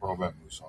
Robert Musa.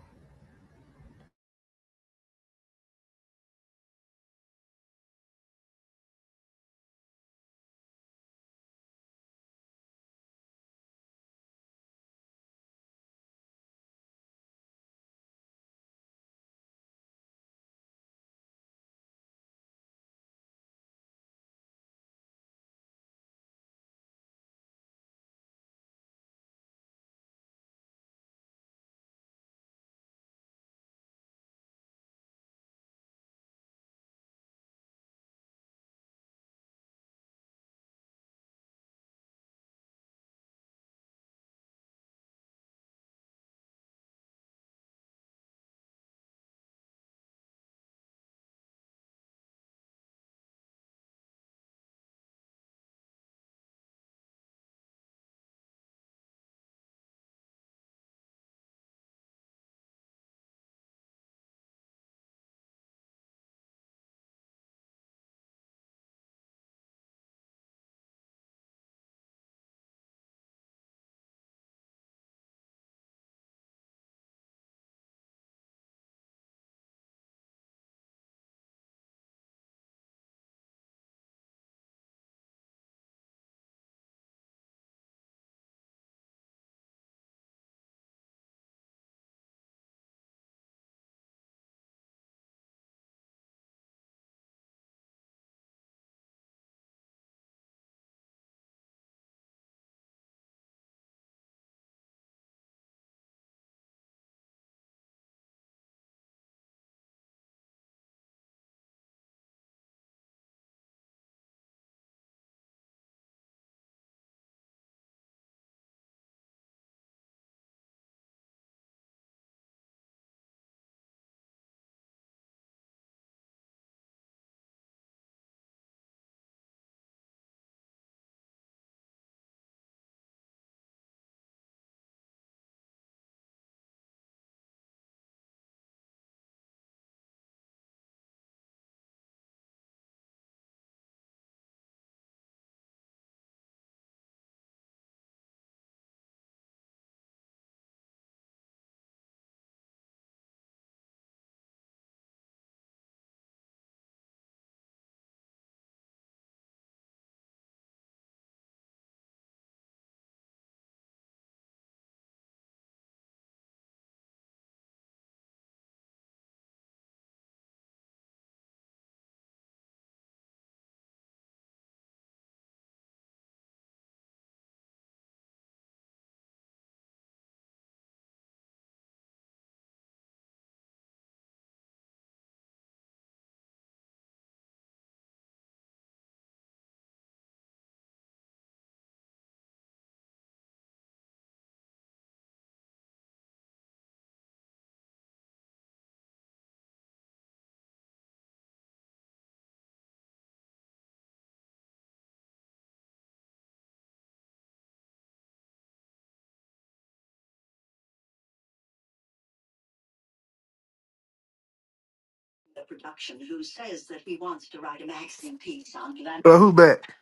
Uh, who back?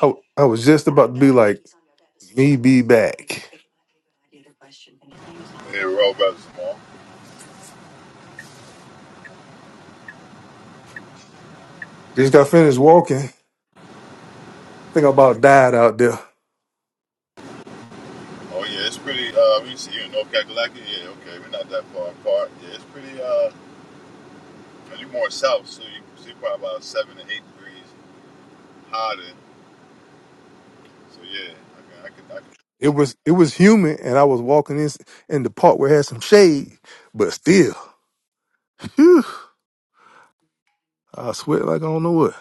I, I was just about to be like, me be back. Yeah, Robert Zamar. Just got finished walking. I think I about died out there. Oh yeah, it's pretty. Uh, we see you in North Carolina. Yeah, okay, we're not that far apart. Yeah, it's pretty. Uh, you're more south, so you see probably about seven to eight degrees hotter. So yeah, I can, I can, I It was it was humid, and I was walking in in the park where it had some shade, but still, whew, I sweat like I don't know what.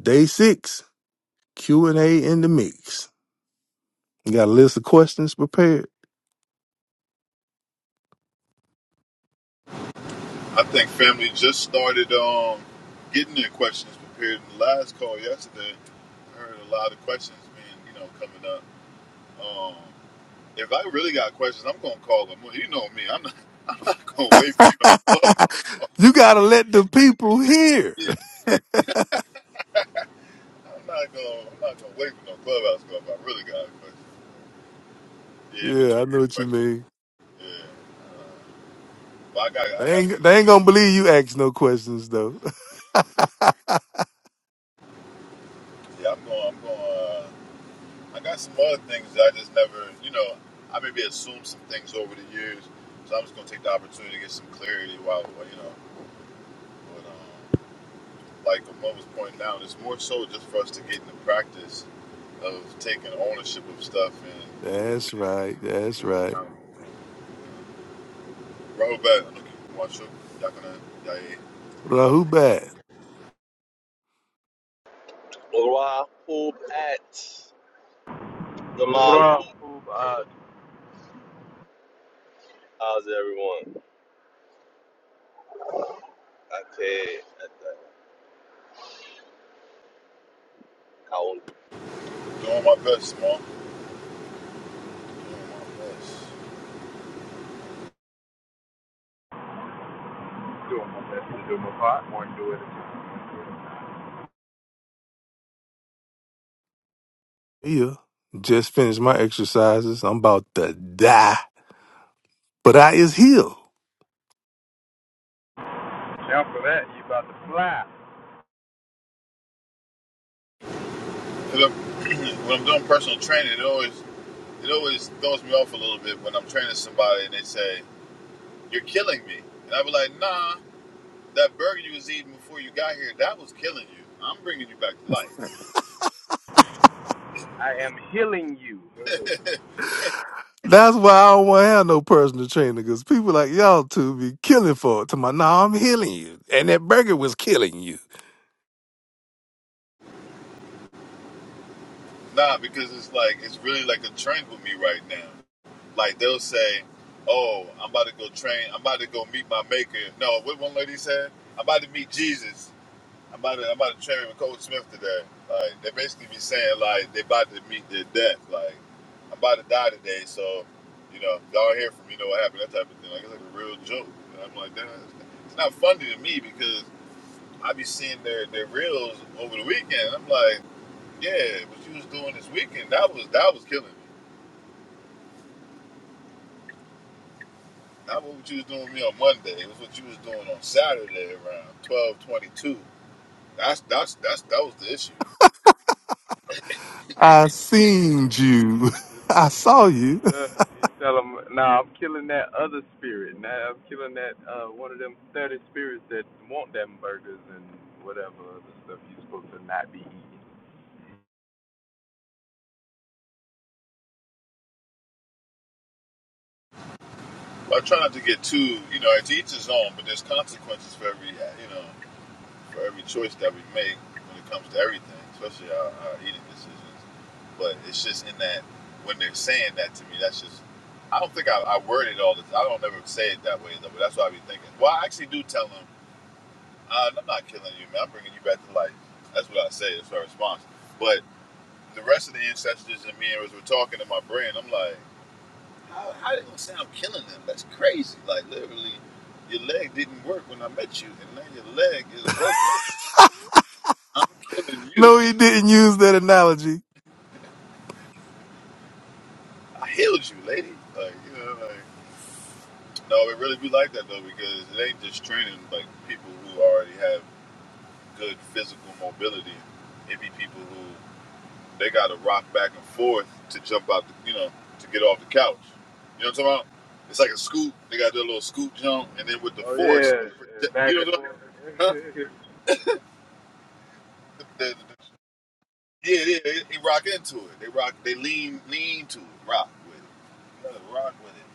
Day six, Q and A in the mix. You got a list of questions prepared. can. I think family just started um getting their questions prepared in the last call yesterday. I heard a lot of questions being you know coming up. Um, if I really got questions, I'm gonna call them. Well, you know me, I'm not. I'm not gonna wait for no clubhouse. call. you gotta let the people hear. Yeah, I'm not gonna, I'm not gonna wait for no clubhouse stuff. I really got a question. Yeah, in Yeah, between I the know what you questions. mean. Yeah, but I got, I They got some. ain't, they ain't gonna believe you ask no questions though. Yeah, I'm going, I'm going. Uh, I got some other things that I just never, you know, I maybe assumed some things over the years. So I'm just gonna take the opportunity to get some clarity while, while, you know. But um, like Amon was pointing out, it's more so just for us to get in the practice of taking ownership of stuff and. That's right. That's right. Rahul back. I'm looking for my show. Y'all gonna, y'all, Well, who yeah. bad? Ora hope at the Malu. Rahub uh How's everyone? Okay. How Doing my best, man. Doing my best. Duma. That's the Duma part. One do it. Yeah. Just finished my exercises. I'm about to die, but I is healed. Now for that, you about to fly. 'Cause I'm- when I'm doing personal training, it always it always throws me off a little bit when I'm training somebody and they say, You're killing me. And i be like, Nah, that burger you was eating before you got here, that was killing you. I'm bringing you back to life. I am healing you. That's why I don't want to have no personal trainer because people like y'all two be killing for it. To my, nah, I'm healing you, and that burger was killing you. Nah, because it's like, it's really like a trend with me right now. Like, they'll say, Oh, I'm about to go train. I'm about to go meet my maker. No, what one lady said? I'm about to meet Jesus. I'm about to, I'm about to train with Coach Smith today. Like they basically be saying like they about to meet their death. Like I'm about to die today, so you know y'all hear from me know what happened. That type of thing. Like it's like a real joke. And I'm like, damn, it's it's not funny to me because I be seeing their their reels over the weekend. I'm like, yeah, what you was doing this weekend that was that was killing me. Not what you was doing with me on Monday. It was what you was doing on Saturday around 12:22. That's that's that's that was the issue. I seen you. I saw you. Look, you tell him, nah, I'm killing that other spirit. Nah, I'm killing that uh one of them thirty spirits that want them burgers and whatever other stuff you are supposed to not be eating. Well, I try not to get too, you know, it's each his own, but there's consequences for every, you know, for every choice that we make when it comes to everything, especially our, our eating decisions. But it's just in that when they're saying that to me, that's just. I don't think I, I word it all the time. I don't ever say it that way though, but that's what I be thinking. Well, I actually do tell them, uh, I'm not killing you, man. I'm bringing you back to life. That's what I say. That's my response. But the rest of the ancestors and me as we're talking in my brain, I'm like. How, how they gonna say I'm killing them? That's crazy. Like literally, your leg didn't work when I met you, and now your leg is working. I'm killing you. No, he didn't use that analogy. I healed you, lady. Like you know, like no, it really be like that though, because it ain't just training like people who already have good physical mobility. It be people who they got to rock back and forth to jump out, the, you know, to get off the couch. You know what I'm talking about? It's like a scoop. They got their little scoop jump, and then with the Oh force, you yeah, yeah, back know what I'm and talking forth. about? Huh? The, the, Yeah, yeah, they, they rock into it. They rock. They lean, lean to it. Rock with it. Yeah, rock with it.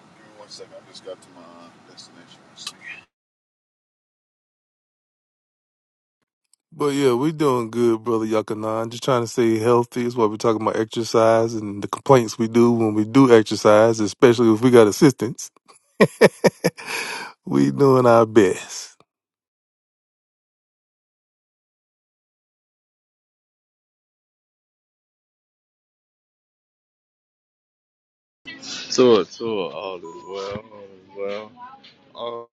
Give me one second. I just got to my destination. One second. But yeah, we doing good, brother Yakanan. Just trying to stay healthy. That's why we're talking about exercise and the complaints we do when we do exercise, especially if we got assistance. we doing our best. Tour, tour. All is well. All is well. Oh,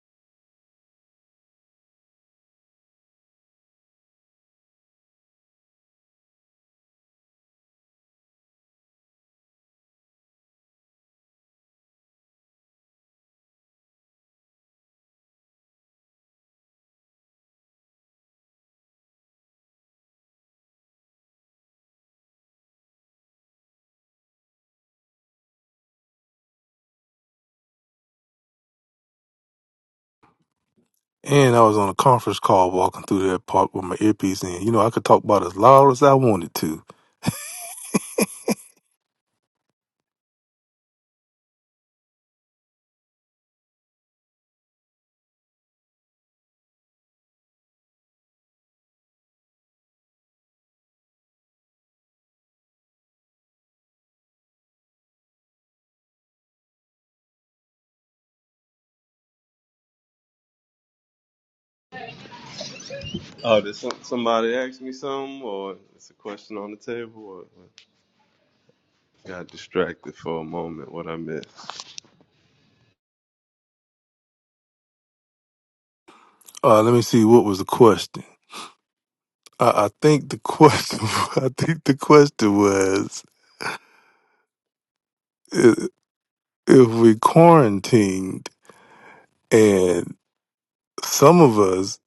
And I was on a conference call walking through that park with my earpiece in. You know, I could talk about as loud as I wanted to. oh did some, somebody ask me something, or it's a question on the table, or or got distracted for a moment? What I missed? Uh, let me see, what was the question? I, I think the question, I think the question was i- if we quarantined and. some of us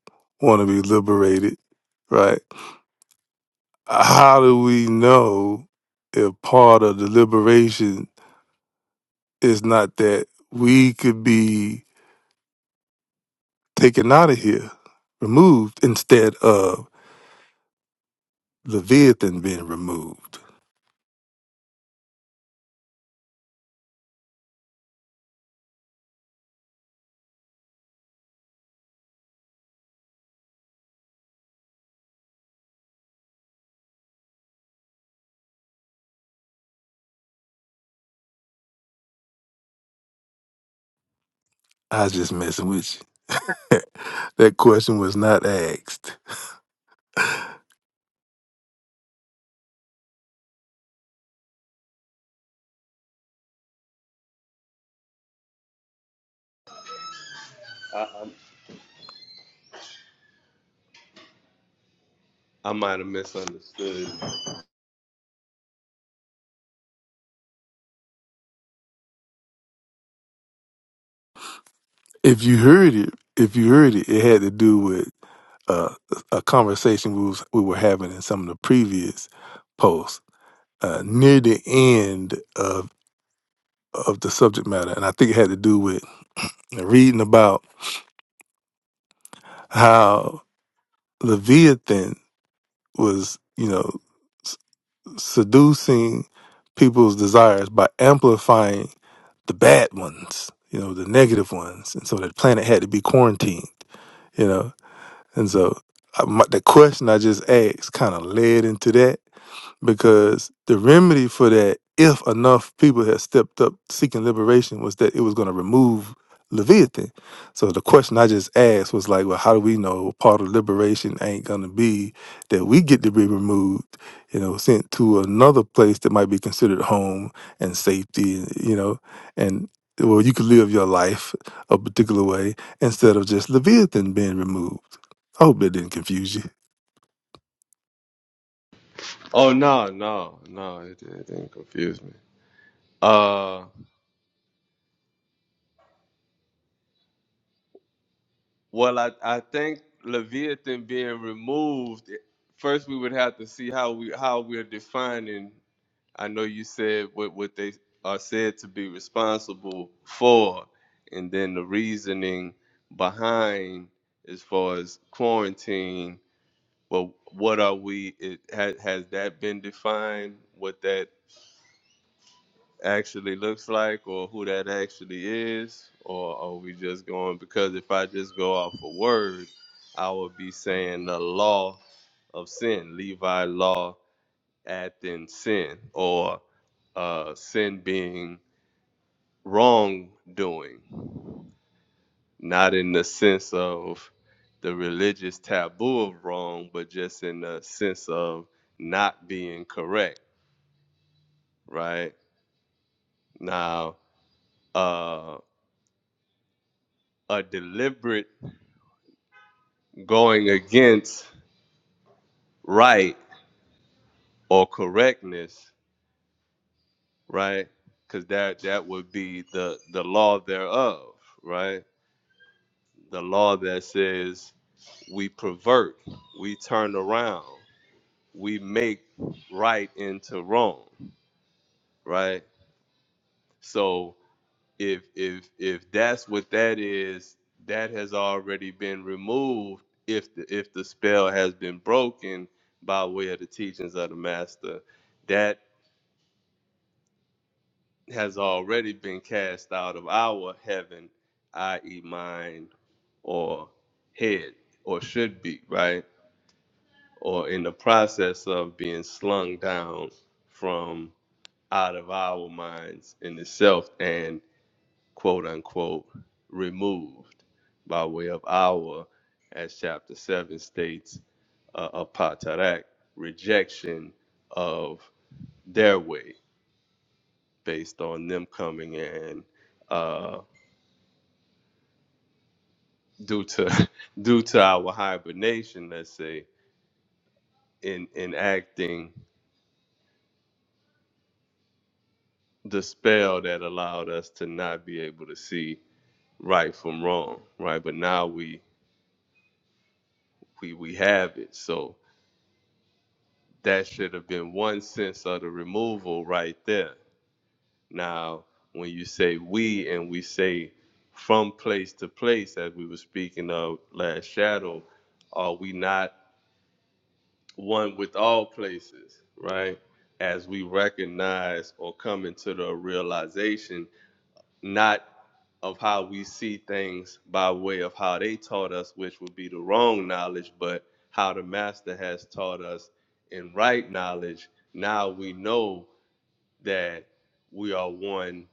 want to be liberated, right? How do we know if part of the liberation is not that we could be taken out of here, removed, instead of Leviathan being removed? I was just messing with you. That question was not asked. I, I, I might have misunderstood. If you heard it, if you heard it, it had to do with uh, a conversation we was we were having in some of the previous posts uh, near the end of of the subject matter, and I think it had to do with reading about how Leviathan was, you know, s- seducing people's desires by amplifying the bad ones, you know, the negative ones, and so the planet had to be quarantined, you know, and so I, my, the question I just asked kind of led into that because the remedy for that, if enough people had stepped up seeking liberation, was that it was going to remove Leviathan. So the question I just asked was like, well, how do we know part of liberation ain't going to be that we get to be removed, you know, sent to another place that might be considered home and safety, you know, and well, you could live your life a particular way instead of just Leviathan being removed. I hope that didn't confuse you. Oh no, no, no! It, it didn't confuse me. Uh. Well, I, I think Leviathan being removed, first we would have to see how we how we're defining. I know you said what what they are said to be responsible for, and then the reasoning behind as far as quarantine. Well, what are we? It, has has that been defined? What that actually looks like or who that actually is or are we just going because if i just go off a word i would be saying the law of sin levi law acting sin or uh, sin being wrongdoing not in the sense of the religious taboo of wrong but just in the sense of not being correct right now uh, a deliberate going against right or correctness, right? Because that that would be the the law thereof, right? The law that says we pervert, we turn around, we make right into wrong, right? So if if if that's what that is, that has already been removed if the if the spell has been broken by way of the teachings of the master. that. has already been cast out of our heaven, i.e., mind or head, or should be, right? Or in the process of being slung down from out of our minds in itself and quote unquote removed by way of our, as chapter 7 states, uh, apatarak, rejection of their way based on them coming in uh, due to due to our hibernation, let's say, in enacting the spell that allowed us to not be able to see right from wrong, right? But now we we we have it. So that should have been one sense of the removal right there. Now, when you say we and we say from place to place, as we were speaking of last shadow, are we not one with all places, right? As we recognize or come into the realization, not of how we see things by way of how they taught us, which would be the wrong knowledge, but how the master has taught us in right knowledge. Now we know that we are one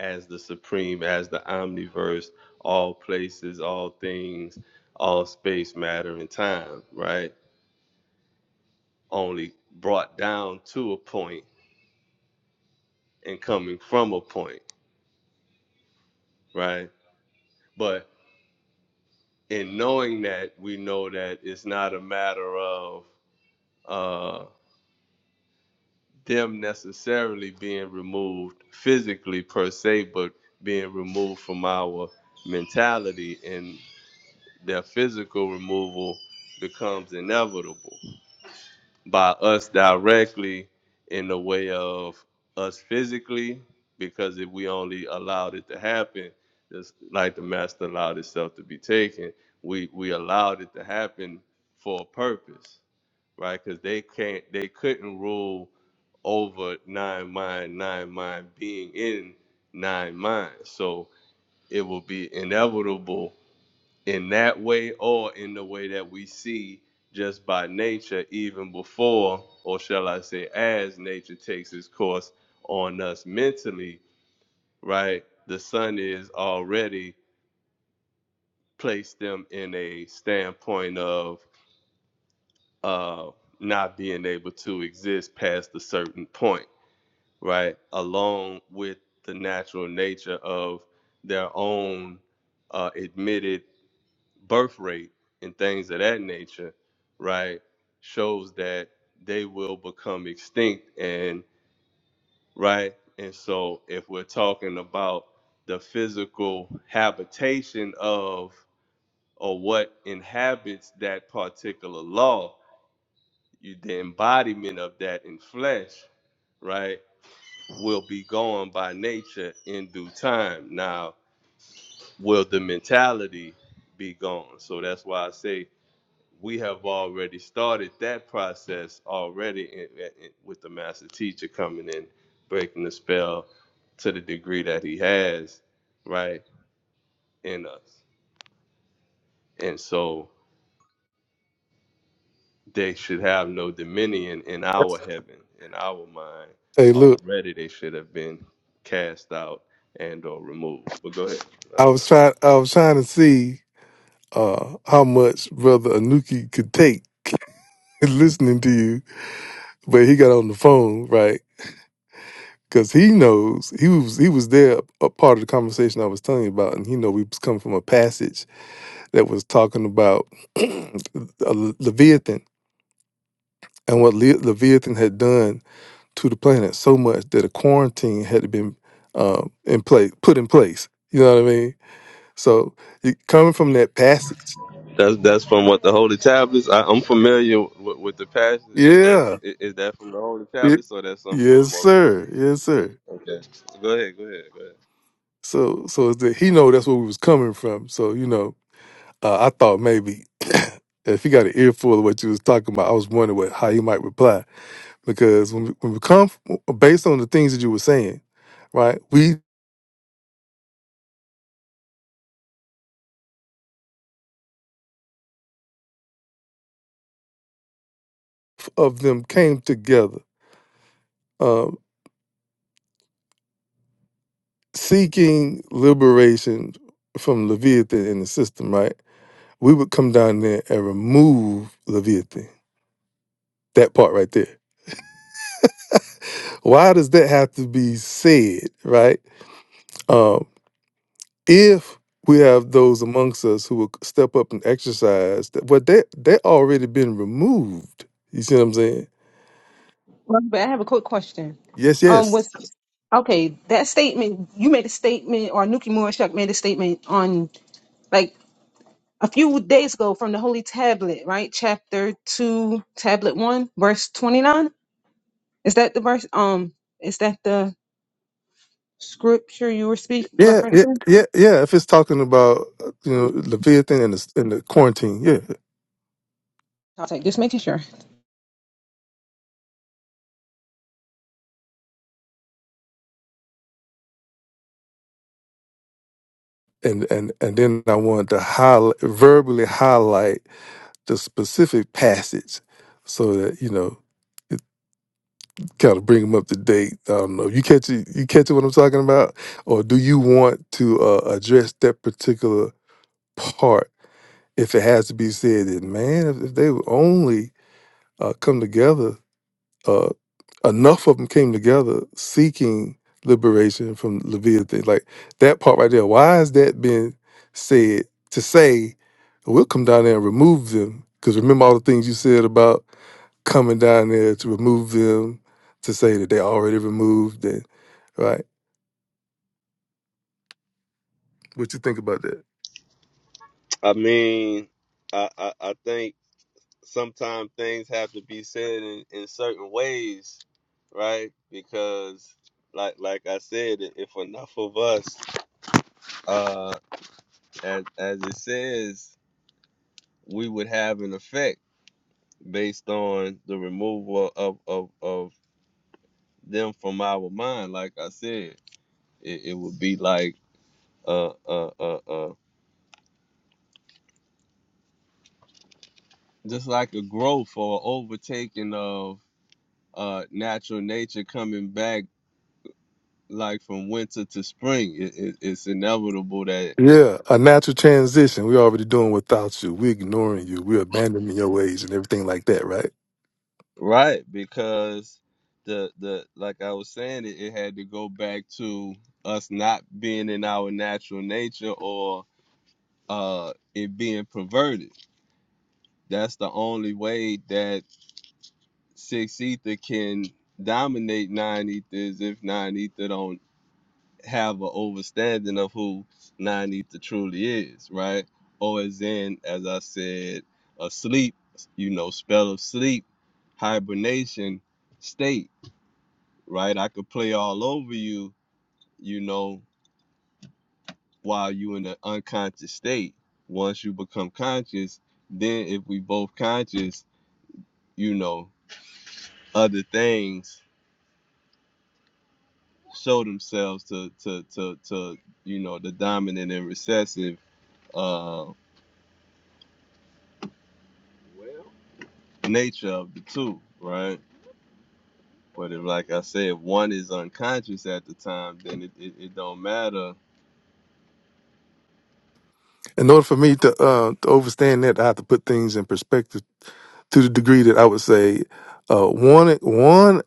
as the supreme, as the omniverse, all places, all things, all space, matter, and time, right? only brought down to a point and coming from a point, right? But in knowing that, we know that it's not a matter of uh, them necessarily being removed physically per se, but being removed from our mentality, and their physical removal becomes inevitable. by us directly in the way of us physically, because if we only allowed it to happen, just like the master allowed itself to be taken, we we allowed it to happen for a purpose, right? Because they can't, they couldn't rule over nine mind, nine mind being in nine minds. So it will be inevitable in that way or in the way that we see just by nature, even before, or shall I say, as nature takes its course on us mentally, right? The sun is already placed them in a standpoint of uh, not being able to exist past a certain point, right? Along with the natural nature of their own uh, admitted birth rate and things of that nature, right, shows that they will become extinct. And right, and so if we're talking about the physical habitation of or what inhabits that particular law, you, the embodiment of that in flesh, right, will be gone by nature in due time. Now, will the mentality be gone? So that's why I say we have already started that process already in, in- with the master teacher coming in, breaking the spell to the degree that he has, right, in us. And so they should have no dominion in our heaven, in our mind. Hey, look, Already they should have been cast out and or removed. But go ahead. I Um, was trying. I was trying to see uh, how much Brother Anuki could take listening to you, but he got on the phone, right? Because he knows he was he was there a part of the conversation I was telling you about, and he know we was coming from a passage that was talking about Le- Leviathan and what Le- Leviathan had done to the planet so much that a quarantine had to be um, in place, put in place. You know what I mean? So you, coming from that passage, that's that's from what the holy tablets. I, I'm familiar with, with the passage, but yeah, is, is that from the holy it- tablets or that's something yes, more sir, yes, sir. Okay. Go ahead. Go ahead. Go ahead. So, so it's that he know that's where we was coming from. So you know, uh, I thought maybe if he got an earful of what you was talking about, I was wondering what how he might reply because when we, when we come based on the things that you were saying, right? We of them came together. um, seeking liberation from Leviathan in the system, right? We would come down there and remove Leviathan. That part right there. Why does that have to be said, right? Um, if we have those amongst us who will step up and exercise, that well, that that already been removed. You see what I'm saying? Well, but I have a quick question. Yes, Um, yes. was okay that statement you made a statement, or Nuki Morishuk made a statement on like a few days ago from the Holy Tablet, right? Chapter two, Tablet one, verse twenty nine. Is that the verse? Um, is that the scripture you were speaking Yeah, yeah, referencing? yeah, yeah. If it's talking about uh, you know Leviathan and the, and the quarantine, yeah. Okay, just making sure. and and and then I wanted to highlight, verbally highlight the specific passage, so that you know, it kind of bring them up to date. I don't know. You catch it? You catch what I'm talking about, or do you want to uh, address that particular part if it has to be said? That man, if, if they would only uh, come together. uh, enough of them came together seeking liberation from Leviathan. Like that part right there. Why has that been said to say we'll come down there and remove them? Because remember all the things you said about coming down there to remove them, to say that they already removed and right. What you think about that? I mean, I, I, I think sometimes things have to be said in, in certain ways, right? Because, like like I said, i- if enough of us, uh, as, as it says, we would have an effect based on the removal of, of, of them from our mind. Like I said, it, it would be like uh, uh, uh, uh, just like a growth or overtaking uh, natural nature coming back like from winter to spring. It, it, it's inevitable that Yeah, a natural transition. We're already doing without you. We're ignoring you. We're abandoning your ways and everything like that, right? right because the the like I was saying, it, it had to go back to us not being in our natural nature or uh it being perverted. That's the only way that six ether can dominate nine ether is if nine ether don't have an overstanding of who Nanita truly is, right? Or as in, as I said, a sleep, you know, spell of sleep, hibernation state, right? I could play all over you, you know, while you in the unconscious state. Once you become conscious, then if we both conscious, you know, other things show themselves to to to to you know the dominant and recessive uh nature of the two, right? But if, like I said, if one is unconscious at the time, then it, it, it don't matter. In order for me to uh, to understand that, I have to put things in perspective to the degree that I would say uh, one one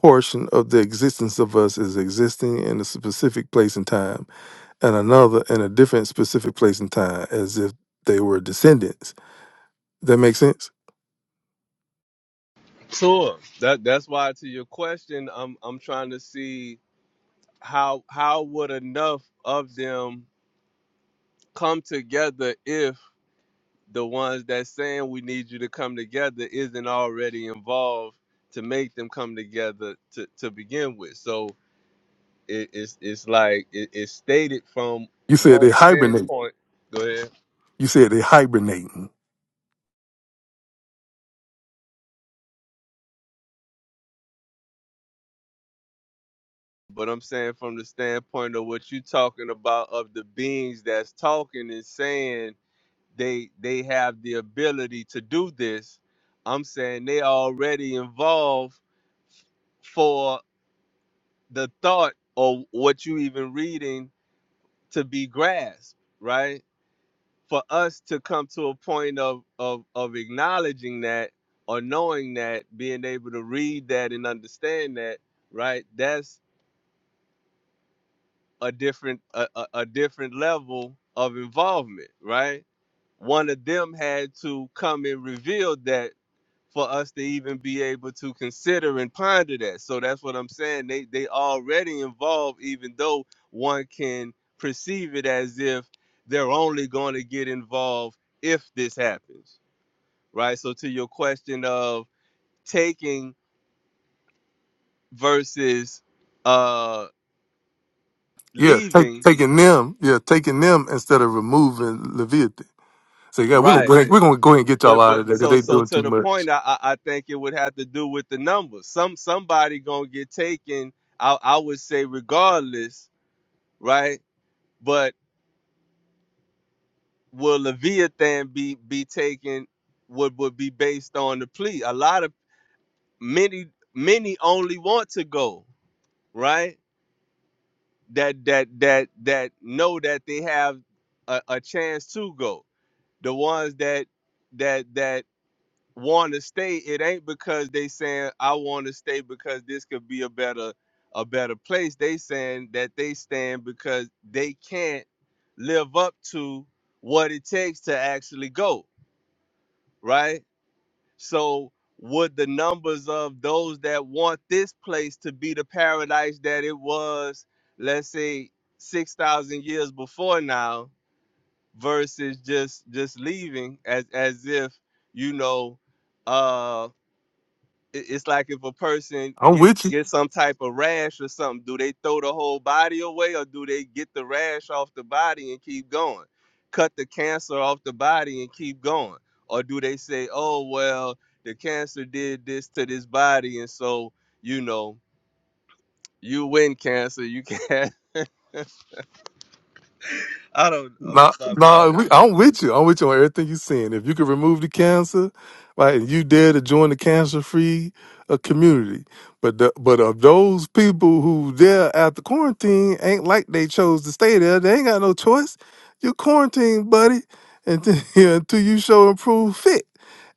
portion of the existence of us is existing in a specific place and time, and another in a different specific place and time, as if they were descendants. That makes sense. Sure. That that's why to your question, I'm I'm trying to see how how would enough of them come together if the ones that saying we need you to come together isn't already involved to make them come together to, to begin with. So it, it's it's like it, it's stated from You said they one hibernate. standpoint. Go ahead. You said they hibernating. But I'm saying from the standpoint of what you're talking about of the beings that's talking and saying they they have the ability to do this, I'm saying they already involved for the thought or what you even reading to be grasped, right? For us to come to a point of of of acknowledging that or knowing that, being able to read that and understand that, right? That's a different a, a, a different level of involvement, right? One of them had to come and reveal that for us to even be able to consider and ponder that. So that's what I'm saying. They they already involved, even though one can perceive it as if they're only going to get involved if this happens, right? So to your question of taking versus uh Yeah, take, leaving, taking them. Yeah, taking them instead of removing Leviathan. So yeah, we're gonna right? go ahead, we're gonna go ahead and get y'all but out but of there because so they so doing to too the much. point I, I I think it would have to do with the numbers. Some somebody gonna get taken, I I would say regardless, right? But will Leviathan be be taken would would be based on the plea. A lot of many many only want to go, right? That that that that know that they have a, a chance to go. The ones that that that want to stay, it ain't because they saying I want to stay because this could be a better a better place. They saying that they stand because they can't live up to what it takes to actually go, right? So would the numbers of those that want this place to be the paradise that it was, let's say 6,000 years before now versus just just leaving as as if, you know, uh it- it's like if a person I'm get with you. get some type of rash or something, do they throw the whole body away or do they get the rash off the body and keep going? Cut the cancer off the body and keep going? Or do they say, "Oh, well, the cancer did this to this body and so, you know, you win cancer, you can't." I don't uh, No, I no, don't we, know. I'm with you. I'm with you on everything you're saying. If you could remove the cancer, right, and you dare to join the cancer-free uh, community, but the, but of those people who there after quarantine, ain't like they chose to stay there. They ain't got no choice. You quarantine, buddy, until yeah, until you show and prove fit,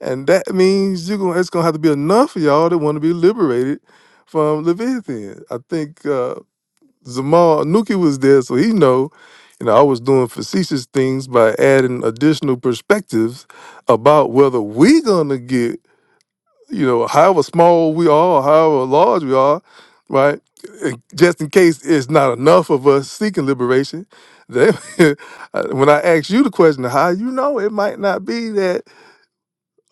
and that means you gonna it's gonna have to be enough of y'all that want to be liberated from Leviathan. I think. Uh, Zamal Nuki was there, so he know. You know, I was doing facetious things by adding additional perspectives about whether we gonna get, you know, however small we are, however large we are, right? Uh, Just in case it's not enough of us seeking liberation. They, when I asked you the question, how you know it might not be that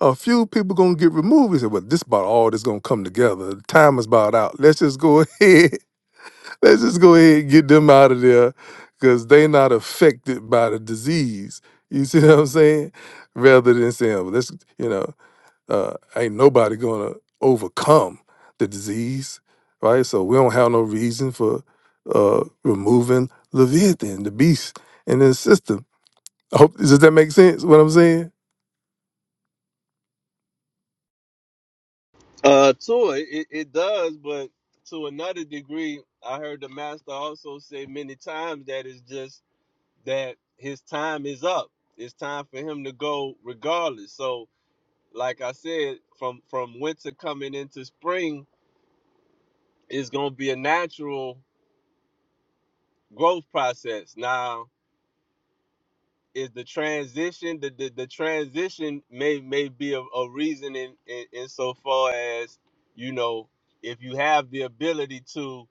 a few people gonna get removed, he said, "Well, this about all that's gonna come together. The time is about out. Let's just go ahead." Let's just go ahead and get them out of there because they not affected by the disease. You see what I'm saying? Rather than saying, well, let's, you know, uh, ain't nobody going to overcome the disease, right? So we don't have no reason for uh, removing Leviathan, the beast in the system I hope does that make sense? What I'm saying? Uh to it, it it does, but to another degree, I heard the master also say many times that it's just that his time is up. It's time for him to go regardless. So, like I said, from from winter coming into spring is going to be a natural growth process. Now, is the transition the the, the transition may may be a, a reason in, in in so far as you know if you have the ability to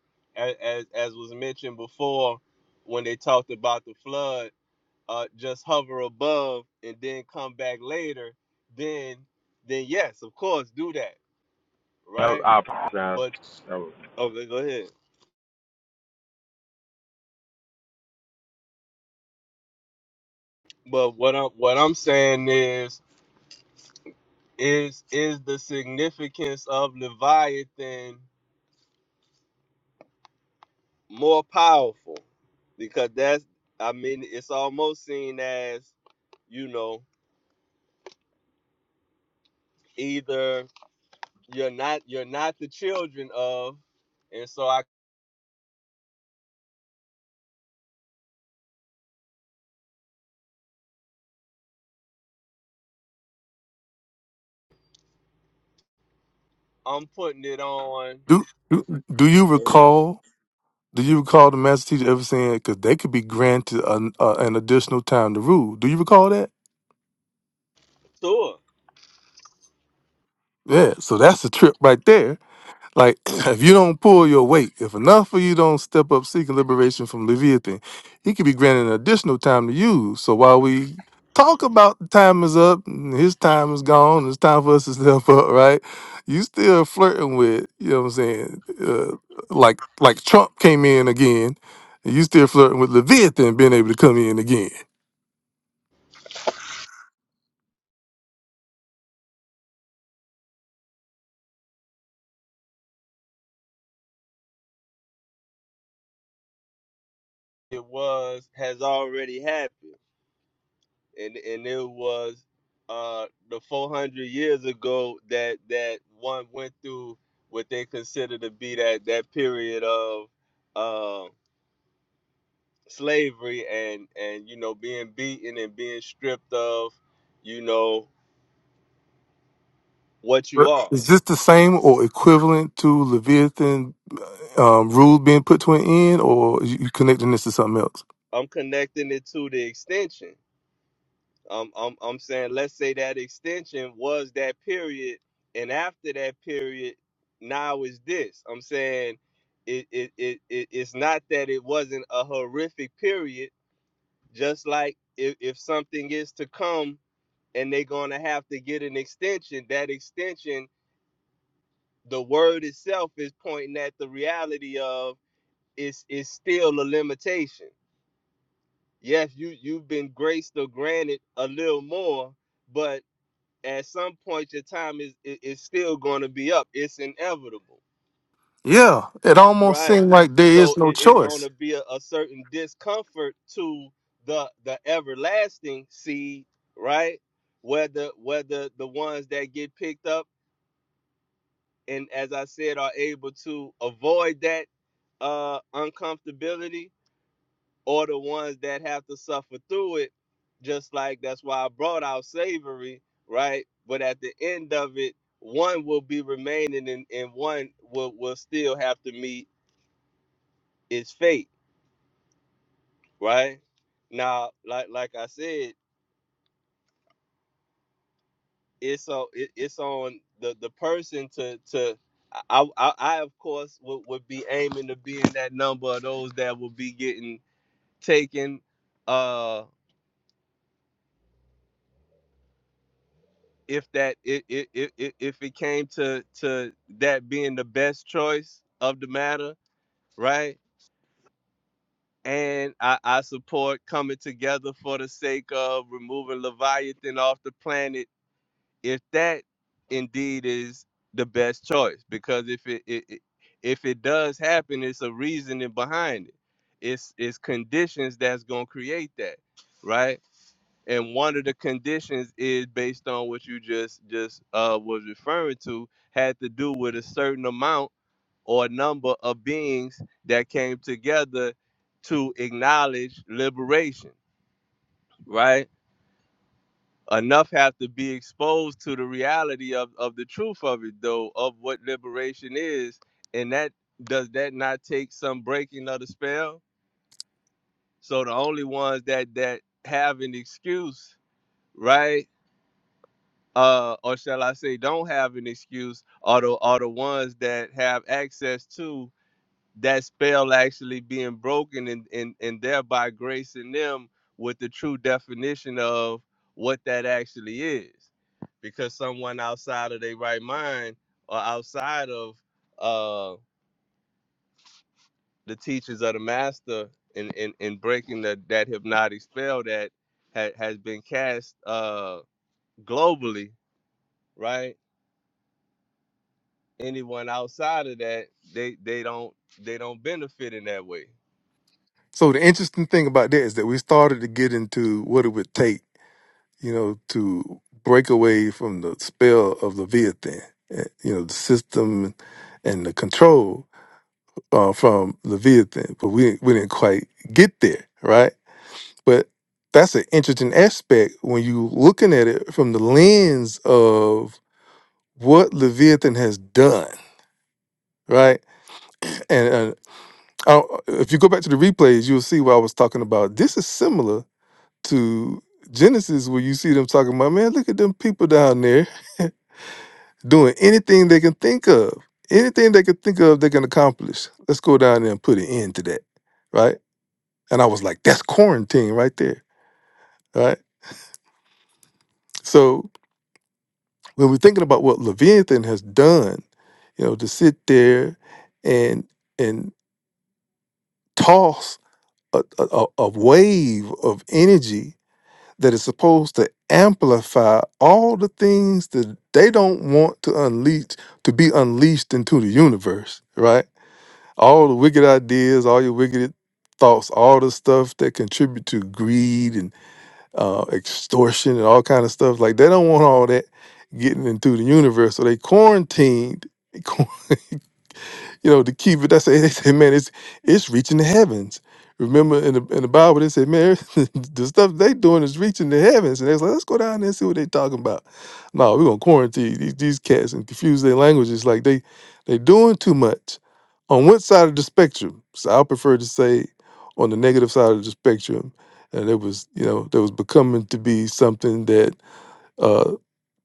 as as was mentioned before when they talked about the flood uh, just hover above and then come back later, then then yes, of course, do that, No, right? I apologize. But was, okay, go ahead. But what I'm what I'm saying is is is the significance of Leviathan more powerful? Because that's I mean it's almost seen as you know either you're not you're not the children of, and so I I'm putting it on Do do, do you uh, recall? Do you recall the master teacher ever saying because they could be granted an, uh, an additional time to rule? Do you recall that? Tua. Yeah. So that's a trip right there. Like, if you don't pull your weight, if enough of you don't step up seeking liberation from Leviathan, he could be granted an additional time to use. So while we talk about the time is up, and his time is gone, it's time for us to step up, right? You still flirting with, you know what I'm saying? Uh, like, like Trump came in again, and you still flirting with Leviathan being able to come in again. it was has already happened, and and it was uh the 400 years ago that that one went through what they consider to be that that period of uh slavery and and you know being beaten and being stripped of you know what you Right. are. Is this the same or equivalent to Leviathan uh, um, rule being put to an end, or you you connecting this to something else? I'm connecting it to the extension. Um, I'm, I'm saying let's say that extension was that period, and after that period, now is this. I'm saying it, it, it, it it's not that it wasn't a horrific period. Just like if, if something is to come and they're gonna have to get an extension, that extension, the word itself is pointing at the reality of it's it's still a limitation. Yes, you you've been graced or granted a little more, but at some point your time is i- is still going to be up it's inevitable Yeah, it almost right seemed like there so is no it is going to choice. be a, a certain discomfort to the the everlasting seed right whether whether the ones that get picked up and as i said are able to avoid that uh uncomfortability or the ones that have to suffer through it. Just like that's why I brought out slavery, right? But at the end of it, one will be remaining and, and one will, will still have to meet its fate, right? Now, like like I said, it's on it, it's on the, the person to to I, I, I of course would, would be aiming to be in that number of those that will be getting taken uh. if that it it if, if it came to to that being the best choice of the matter, right? And I, I support coming together for the sake of removing Leviathan off the planet if that indeed is the best choice. Because if it, it, it if it does happen, it's a reasoning behind it. It's it's conditions that's gonna create that, right? and one of the conditions is based on what you just just uh, was referring to had to do with a certain amount or number of beings that came together to acknowledge liberation right enough have to be exposed to the reality of, of the truth of it though of what liberation is and that does that not take some breaking of the spell so the only ones that that have an excuse right uh, or shall I say, don't have an excuse, are the are the ones that have access to that spell actually being broken, and and and thereby gracing them with the true definition of what that actually is, because someone outside of their right mind or outside of uh, the teachings of the master in in, in breaking the, that hypnotic spell that ha- has been cast uh, globally, right? anyone outside of that, they they don't they don't benefit in that way. So the interesting thing about that is that we started to get into what it would take, you know, to break away from the spell of Leviathan, eh, you know, the system and the control uh, from Leviathan. But we we didn't quite get there, right? But that's an interesting aspect when you looking at it from the lens of what Leviathan has done, right? Oh, uh, if you go back to the replays, you'll see what I was talking about. This is similar to Genesis, where you see them talking about, man, look at them people down there doing anything they can think of. Anything they can think of, they can accomplish. Let's go down there and put an end to that, right? And I was like, that's quarantine right there, right? So when we're thinking about what Leviathan has done, you know, to sit there and and toss a, a, a a wave of energy that is supposed to amplify all the things that they don't want to unleash to be unleashed into the universe, right? All the wicked ideas, all your wicked thoughts, all the stuff that contribute to greed and uh, extortion and all kind of stuff. Like they don't want all that getting into the universe, so they quarantined. you know, to keep it. That's they say, man, it's it's reaching the heavens. Remember in the in the Bible they said, man, the stuff they doing is reaching the heavens, and they was like, let's go down there and see what they talking about. No, we're gonna quarantine these, these cats and confuse their languages. Like they they doing too much. On what side of the spectrum? So I prefer to say on the negative side of the spectrum, and it was you know that was becoming to be something that uh,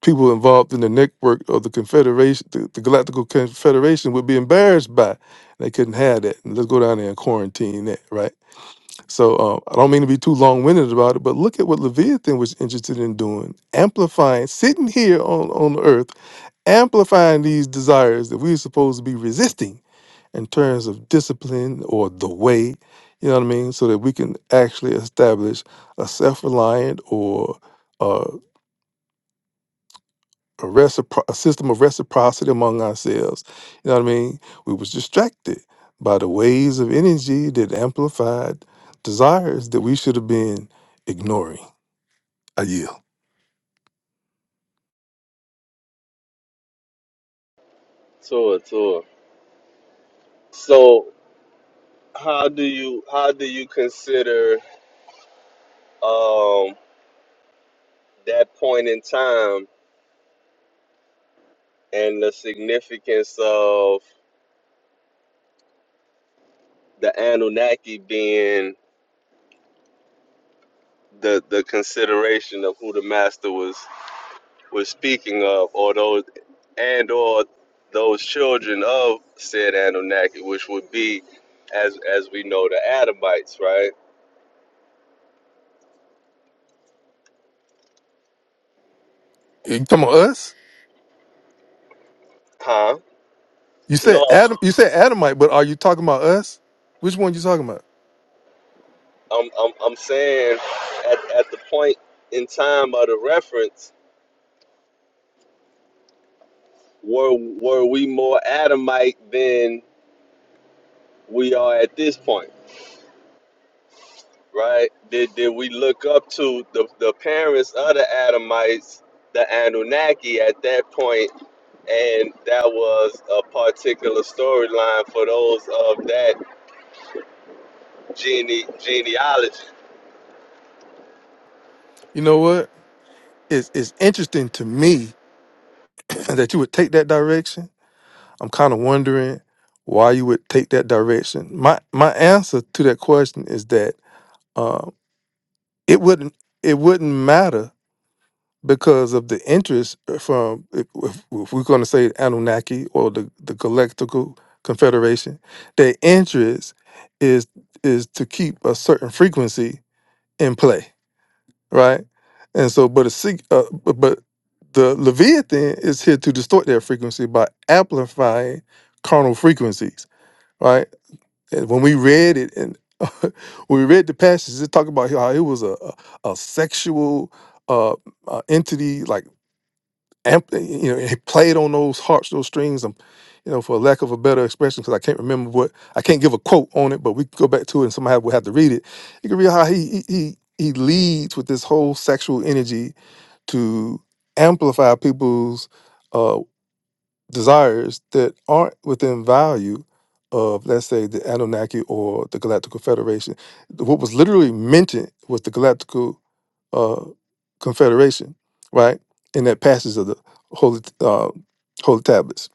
people involved in the network of the Confederation, the, the Galactical Confederation, would be embarrassed by. They couldn't have that. And let's go down there and quarantine that, right? So um, I don't mean to be too long winded about it, but look at what Leviathan was interested in doing, amplifying, sitting here on, on Earth, amplifying these desires that we're supposed to be resisting in terms of discipline or the way, you know what I mean? So that we can actually establish a self reliant or uh, a, recipro- a system of reciprocity among ourselves. You know what I mean? We was distracted by the waves of energy that amplified desires that we should have been ignoring. I yield. Tour, tour. So, how do you how do you consider um, that point in time and the significance of the Anunnaki being the the consideration of who the master was was speaking of, or those and or those children of said Anunnaki, which would be as as we know the Adamites, right? You talking about us? Huh? You said No, Adam. You said Adamite, but are you talking about us? Which one you talking about? I'm I'm I'm saying at at the point in time of the reference, were were we more Adamite than we are at this point, right? Did did we look up to the, the parents of the Adamites, the Anunnaki at that point, and that was a particular storyline for those of that gene genealogy, You know what? It's it's interesting to me that you would take that direction. I'm kind of wondering why you would take that direction. My my answer to that question is that uh, it wouldn't it wouldn't matter because of the interest uh, from if, if if we're going to say Anunnaki or the the Galactical Confederation, their interest is is to keep a certain frequency in play, right? And so, but a sig- uh, bu- but the Leviathan is here to distort that frequency by amplifying carnal frequencies, right? And when we read it, and when we read the passages, it talked about how it was a a, a sexual uh, uh, entity, like amp, you know, it played on those harps, those strings, um, you know, for lack of a better expression, because I can't remember what I can't give a quote on it, but we could go back to it, and somebody will have to read it. You can read how he he he he leads with this whole sexual energy to amplify people's uh, desires that aren't within value of, let's say, the Anunnaki or the Galactical Federation. What was literally mentioned was the Galactical uh, Confederation, right? In that passage of the Holy uh, Holy Tablets.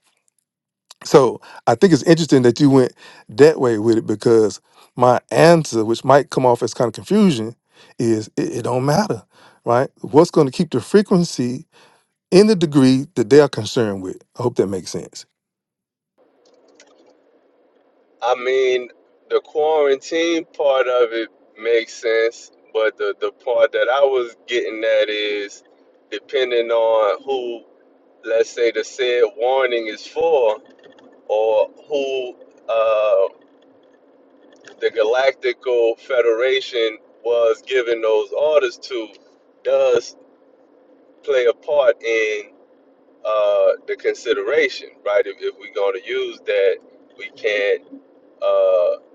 So I think it's interesting that you went that way with it because my answer, which might come off as kind of confusion, is it, it don't matter, right? What's going to keep the frequency? in the degree that they are concerned with. I hope that makes sense. I mean, the quarantine part of it makes sense, but the, the part that I was getting at is depending on who, let's say, the said warning is for, or who uh, the Galactical Federation was giving those orders to, does play a part in uh, the consideration, right? If, if we're going to use that, we can't. Uh,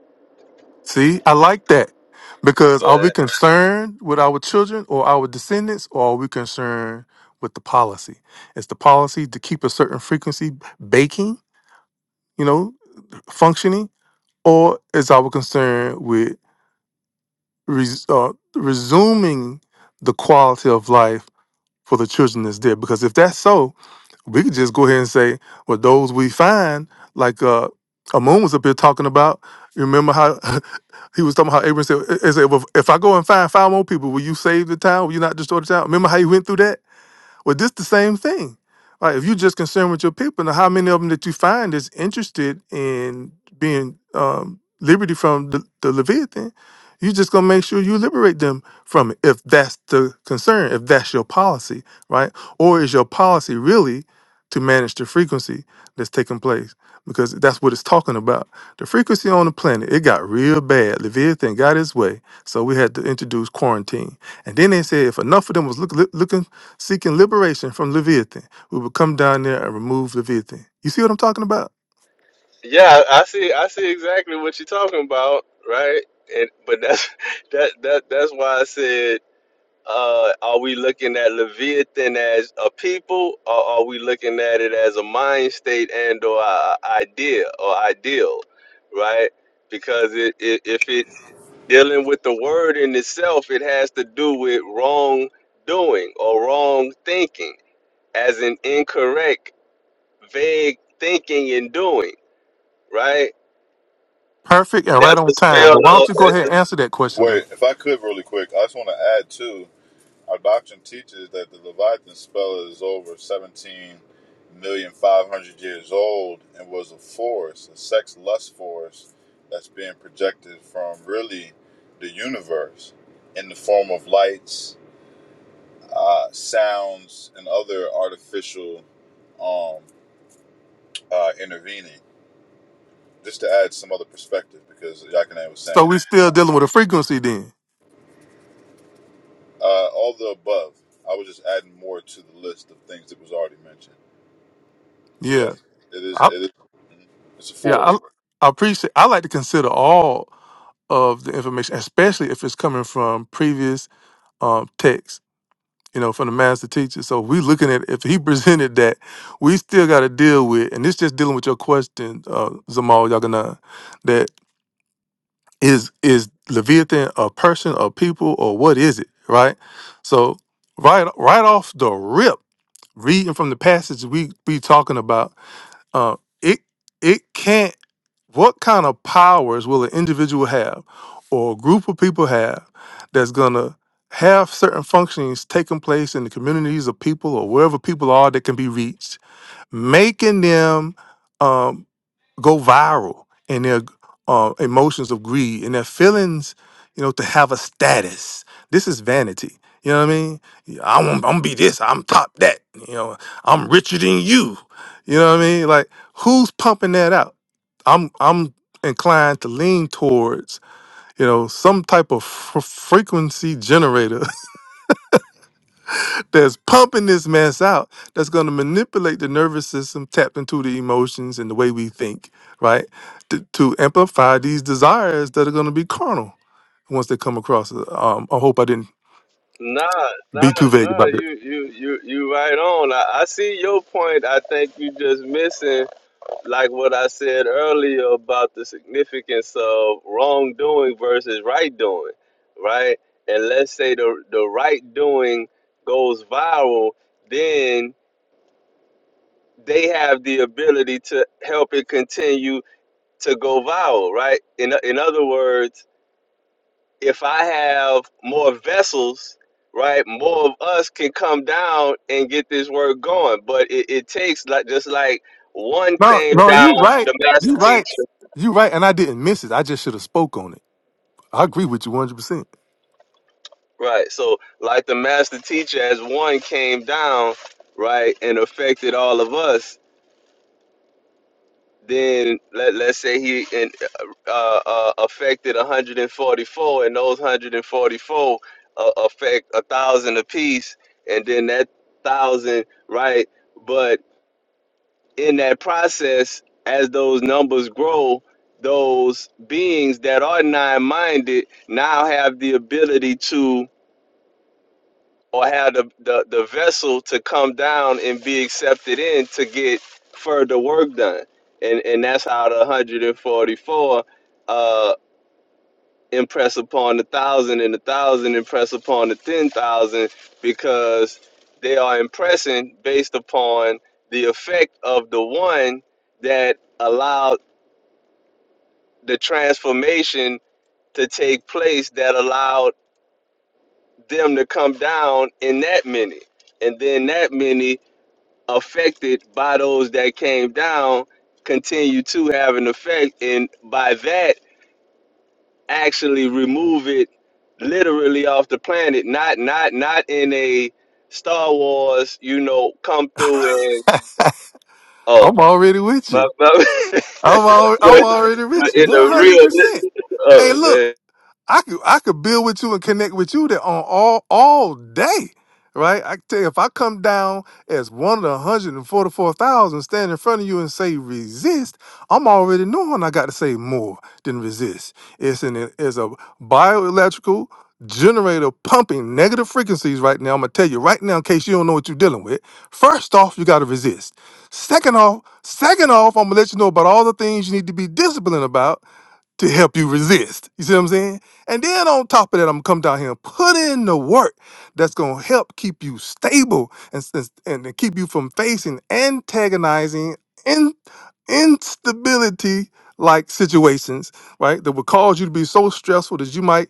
See, I like that because are we concerned with our children or our descendants, or are we concerned with the policy? Is the policy to keep a certain frequency baking, you know, functioning, or is our concern with res, uh, resuming the quality of life for the children that's there. Because if that's so, we could just go ahead and say, well, those we find, like uh, Amun was up here talking about. You remember how he was talking about how Abraham said, he said well, if I go and find five more people, will you save the town? Will you not destroy the town? Remember how he went through that? Well, this the same thing. Like if you're just concerned with your people, now how many of them that you find is interested in being um, liberty from the, the Leviathan? you just gonna make sure you liberate them from it if that's the concern, if that's your policy, right? Or is your policy really to manage the frequency that's taking place? Because that's what it's talking about. The frequency on the planet, it got real bad. Leviathan got his way, so we had to introduce quarantine. And then they said if enough of them was look, look- looking seeking liberation from Leviathan. We will come down there and remove Leviathan. You see what I'm talking about? Yeah, I see. I see exactly what you're talking about, right? And but that's that that that's why I said, uh, are we looking at Leviathan as a people, or are we looking at it as a mind state and or a a idea or ideal, right? Because it, it if it dealing with the word in itself, it has to do with wrong doing or wrong thinking, as an incorrect, vague thinking and doing, right? Perfect and right That's on the time. spell, But why don't Lord. you go That's ahead the and answer that question Wait, though? if I could really quick, I just want to add too. Our doctrine teaches that the Leviathan spell is over seventeen million five hundred years old and was a force, a sex lust force that's being projected from really the universe in the form of lights uh, sounds and other artificial um, uh, intervening. Just to add some other perspective, because Yakane was So saying we still dealing with a frequency then. uh, all the above. I was just adding more to the list of things that was already mentioned. So yeah, Yeah. it is. It I, is. mm-hmm. It's a yeah. force. I, I appreciate. I like to consider all of the information, especially if it's coming from previous um, texts. you know, from the master teacher. So we looking at if he presented that, we still got to deal with, and this just dealing with your question, uh, Zamal Yaganan, that is is Leviathan a person or people or what is it, right? So right right off the rip, reading from the passage we we talking about. Uh, it it can't. What kind of powers will an individual have, or a group of people have, that's gonna have certain functionings taking place in the communities of people or wherever people are that can be reached, making them. um, go viral in their uh, emotions of greed and their feelings, you know, to have a status. This is vanity. You know what I mean? Yeah, I want, I'm gonna be this. I'm top that. You know, I'm richer than you. You know what I mean? Like, who's pumping that out? I'm I'm inclined to lean towards you know some type of fr- frequency generator that's pumping this mess out that's going to manipulate the nervous system tapped into the emotions and the way we think right to, to amplify these desires that are going to be carnal once they come across us. um, i hope i didn't Nah, nah, be too vague nah. about this You, you, you, you. Right on. I, I see your point. I think you just missing, like what I said earlier about the significance of wrongdoing versus right doing, right? And let's say the the right doing goes viral, then they have the ability to help it continue to go viral, right? In in other words if I have more vessels, right, more of us can come down and get this work going. But it, it takes like just like one no came no down, you right the you master right teacher, you right and i didn't miss it i just should have spoke on it i agree with you 100% right? So like the master teacher as one came down, right, and affected all of us. Then let let's say he and uh, uh, affected 144, and those 144 uh, affect a thousand apiece, and then that thousand, right? But in that process, as those numbers grow, those beings that are nine minded now have the ability to or have the, the, the vessel to come down and be accepted in to get further work done. And and that's how the 144 uh, impress upon the thousand and the thousand impress upon the ten thousand because they are impressing based upon the effect of the one that allowed the transformation to take place that allowed them to come down in that many and then that many affected by those that came down continue to have an effect and by that actually remove it literally off the planet not not not in a star wars you know come through and oh i'm already with my, you my, but, I'm al- I'm already but with you, in a one hundred real percent. Hey, oh go look, ahead I could I could build with you and connect with you that on all all day, right? I can tell you if I come down as one of the one hundred and forty four thousand, stand in front of you and say resist, I'm already knowing I got to say more than resist. It's an it's a bioelectrical generator pumping negative frequencies right now. I'm gonna tell you right now in case you don't know what you're dealing with. First off, you got to resist. Second off, second off, I'm gonna let you know about all the things you need to be disciplined about to help you resist. You see what I'm saying? And then on top of that, I'm gonna come down here and put in the work that's gonna help keep you stable and s- and, and keep you from facing antagonizing in, instability like situations, right? That would cause you to be so stressful that you might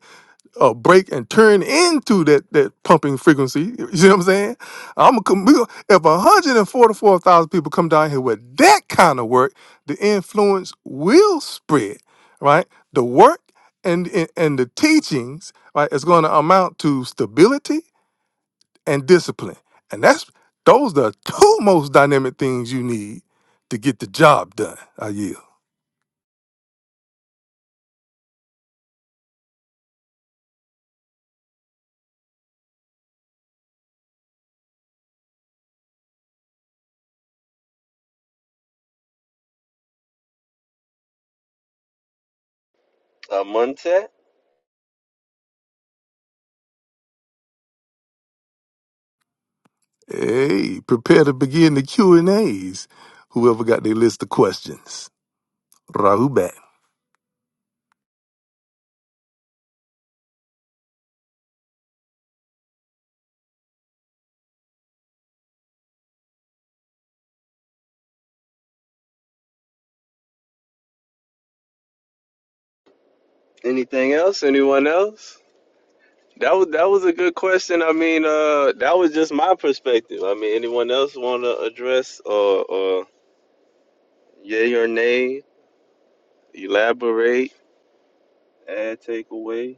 uh, break and turn into that that pumping frequency. You see what I'm saying? I'm gonna if 144,000 people come down here with that kind of work, the influence will spread, right? The work and and, and the teachings, right, is going to amount to stability and discipline, and that's those the two most dynamic things you need to get the job done. I yield. uh, Montet? Hey, prepare to begin the Q and A's. Whoever got their list of questions. Rahube. anything else anyone else that was that was a good question i mean uh that was just my perspective i mean anyone else want to address or or yay or nay elaborate add take away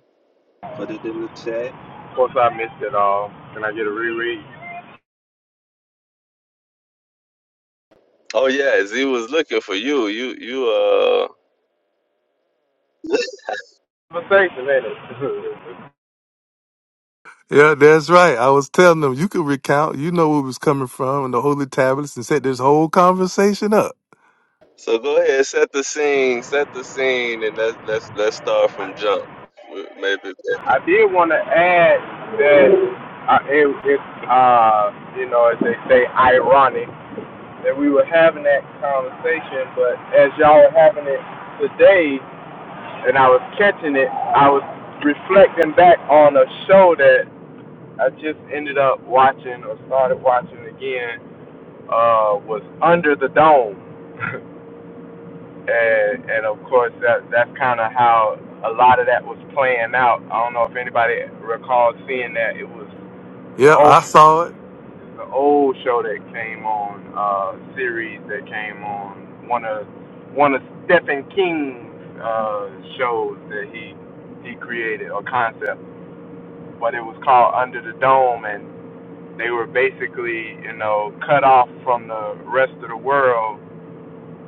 put it in the chat of course, I missed it all. Can I get a reread? Oh yeah, Z was looking for you. You you uh. Conversation, ain't it? Yeah, that's right. I was telling them you could recount, you know where it was coming from and the holy tablets and set this whole conversation up. So go ahead, set the scene, set the scene, and let's let's let's start I from jump. We- Maybe I did want to add that uh, it, it's, uh, you know, as they say, ironic that we were having that conversation, but as y'all were having it today, and I was catching it, I was reflecting back on a show that I just ended up watching or started watching again. Uh, was Under the Dome. and and of course that that's kind of how a lot of that was playing out. I don't know if anybody recalls seeing that it was the Yeah, old I saw it. the old show that came on uh series that came on one of one of Stephen King's uh shows that he he created or concept, but it was called Under the Dome and they were basically, you know, cut off from the rest of the world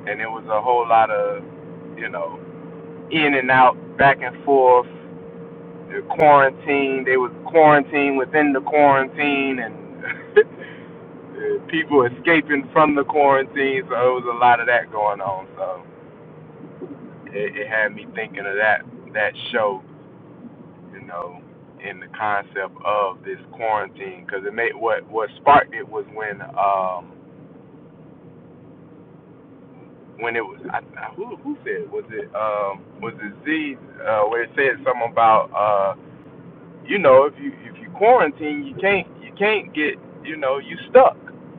and it was a whole lot of you know in and out, back and forth. The quarantine, they was quarantined within the quarantine, and people escaping from the quarantine. So it was a lot of that going on. So it, it had me thinking of that that show, you know, in the concept of this quarantine, because it made what what sparked it was when um when it was I, who who said it? was it um was it Z uh, where it said something about uh. you know, if you if you quarantine, you can't you can't get you know you stuck.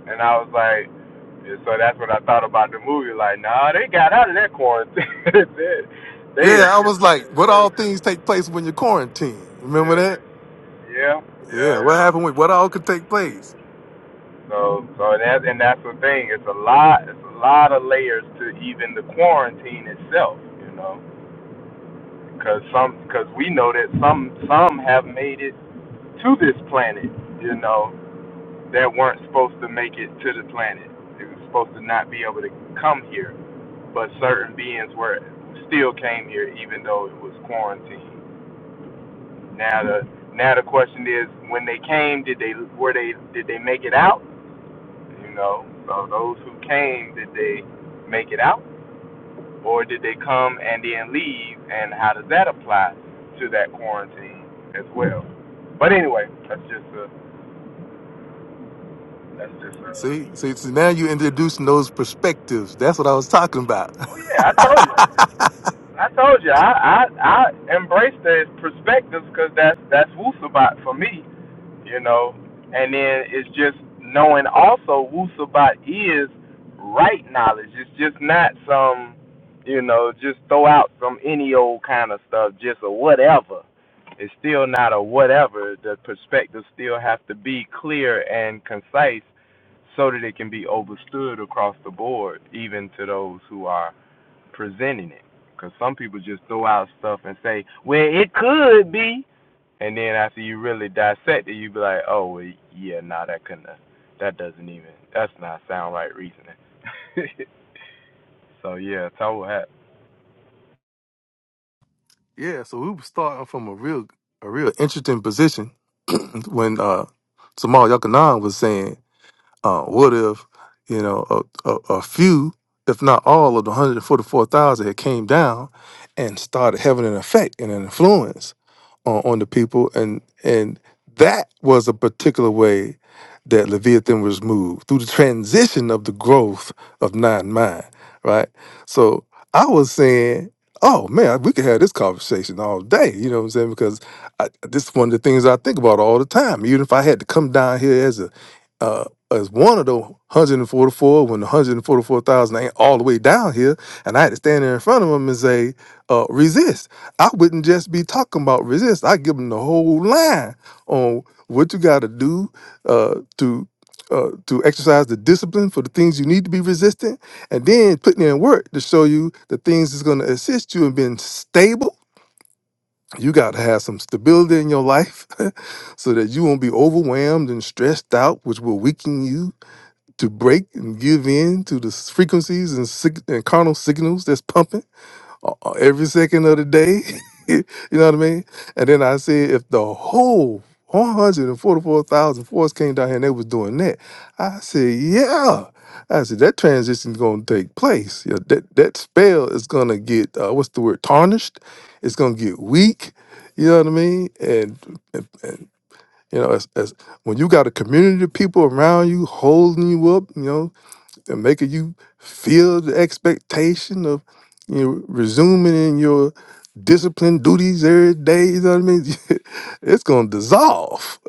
And I was like, and so that's what I thought about the movie. Like, nah, they got out of that quarantine. they, they is, Yeah, I was like, what yeah, all things take place when you're quarantined? Remember that? yeah, Yeah, yeah. what happened with what all could take place? So so that's and that's the thing. It's a lot. It's a lot of layers to even the quarantine itself. You know, because some because we know that some some have made it to this planet. You know, that weren't supposed to make it to the planet. They were supposed to not be able to come here, but certain beings were still came here even though it was quarantined. Now the now the question is, when they came, did they were they did they make it out? You know, so those who came, did they make it out, or did they come and then leave? And how does that apply to that quarantine as well? But anyway, that's just a that's just a. See, see, see now you're introducing those perspectives. That's what I was talking about. Oh yeah, I told you. I told you, I I, I embrace those perspectives because that's that's Wusabat for me, you know. And then it's just knowing also Wusabat is right knowledge. It's just not some, you know, just throw out some any old kind of stuff, just a whatever. It's still not a whatever. The perspectives still have to be clear and concise so that it can be understood across the board, even to those who are presenting it. Because some people just throw out stuff and say, well, it could be. And then after you really dissect it, you be like, oh, well, yeah, nah, that couldn't have, that doesn't even, that's not sound right reasoning. so, yeah, toe hat. yeah, so we were starting from a real a real interesting position when uh Samal Yakanan was saying Uh, what if, you know, a, a, a few, if not all, of the 144,000 had came down and started having an effect and an influence on, on the people, and and that was a particular way that Leviathan was moved through the transition of the growth of nine mind, right? So I was saying, oh man, we could have this conversation all day, you know what I'm saying? Because I, this is one of the things I think about all the time. Even if I had to come down here as a uh, as one of the 144 when the 144,000 ain't all the way down here. And I had to stand there in front of them and say, uh, resist. I wouldn't just be talking about resist. I give them the whole line on what you got to do uh, to uh, to exercise the discipline for the things you need to be resistant, and then putting in work to show you the things that's going to assist you in being stable. You got to have some stability in your life so that you won't be overwhelmed and stressed out, which will weaken you to break and give in to the frequencies and, sig- and carnal signals that's pumping uh, uh, every second of the day. you know what I mean? And then I said, if the whole 144,000 force came down here and they was doing that, I said, yeah. I said, that transition's going to take place. Yeah, that, that spell is going to get, uh, what's the word, tarnished. It's going to get weak. You know what I mean? And, and, and you know, as, as when you got a community of people around you holding you up, you know, that making you feel the expectation of you know resuming in your discipline duties every day. You know what I mean? it's gonna dissolve.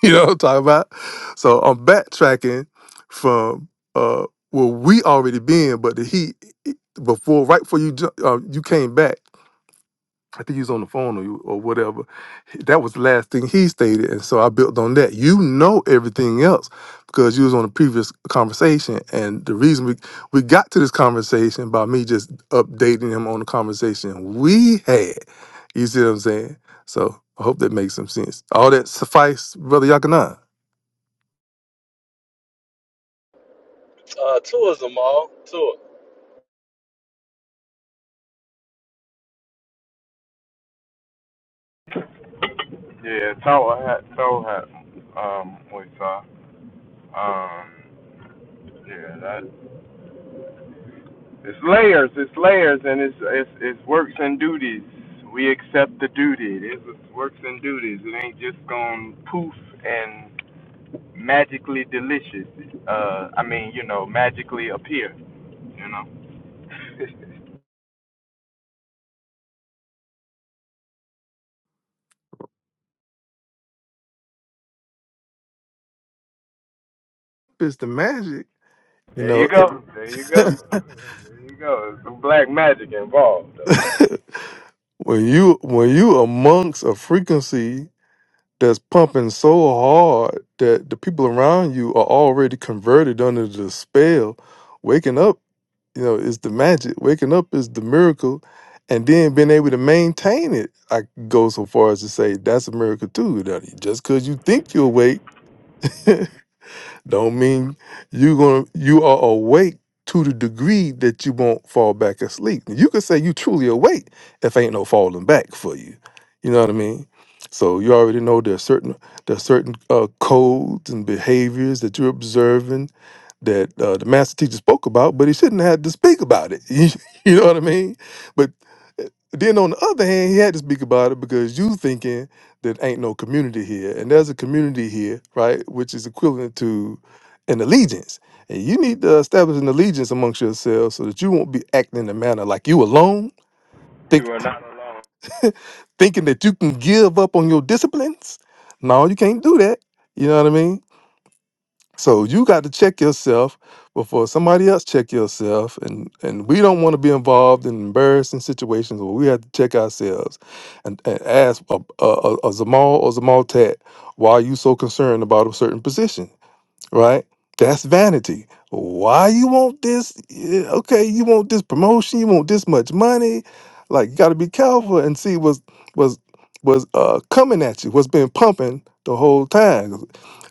You know what I'm talking about? So I'm backtracking from uh where we already been, but the heat before right before you ju- uh, you came back. I think he was on the phone or, or whatever. That was the last thing he stated. And so I built on that. You know everything else because you was on the previous conversation. And the reason we, we got to this conversation by me just updating him on the conversation we had. You see what I'm saying? So I hope that makes some sense. All that suffice, Brother Yakanan. Uh, tour Zamal, tour. Yeah, toe hat, toe hat, um, with, uh, um, yeah, that, it's layers, it's layers, and it's, it's, it's works and duties. We accept the duty. It's works and duties. It ain't just gone poof and magically delicious. Uh, I mean, you know, magically appear. You know. It's the magic. You there you know, go. There you go. There you go. There's some black magic involved, though. when you when you amongst a frequency that's pumping so hard that the people around you are already converted under the spell. Waking up, you know, is the magic. Waking up is the miracle. And then being able to maintain it, I go so far as to say that's a miracle too. That just because you think you're awake Don't mean you gonna you are awake to the degree that you won't fall back asleep. You could say you truly awake if ain't no falling back for you. You know what I mean? So you already know there's certain there's certain uh, codes and behaviors that you're observing that uh, the master teacher spoke about, but he shouldn't have had to speak about it. you know what I mean? But eh, then on the other hand, he had to speak about it because you thinking that ain't no community here. And there's a community here, right, which is equivalent to an allegiance. And you need to establish an allegiance amongst yourselves so that you won't be acting in a manner like you alone, think You are not alone. thinking that you can give up on your disciplines. No, you can't do that. You know what I mean? So you got to check yourself before somebody else check yourself, and and we don't want to be involved in embarrassing situations where we have to check ourselves, and, and ask a, a, a, a Zamal or Zamal Tat, why are you so concerned about a certain position, right? That's vanity. Why you want this? Yeah, Okay, you want this promotion, you want this much money, like you got to be careful and see what's was was uh coming at you, what's been pumping the whole time.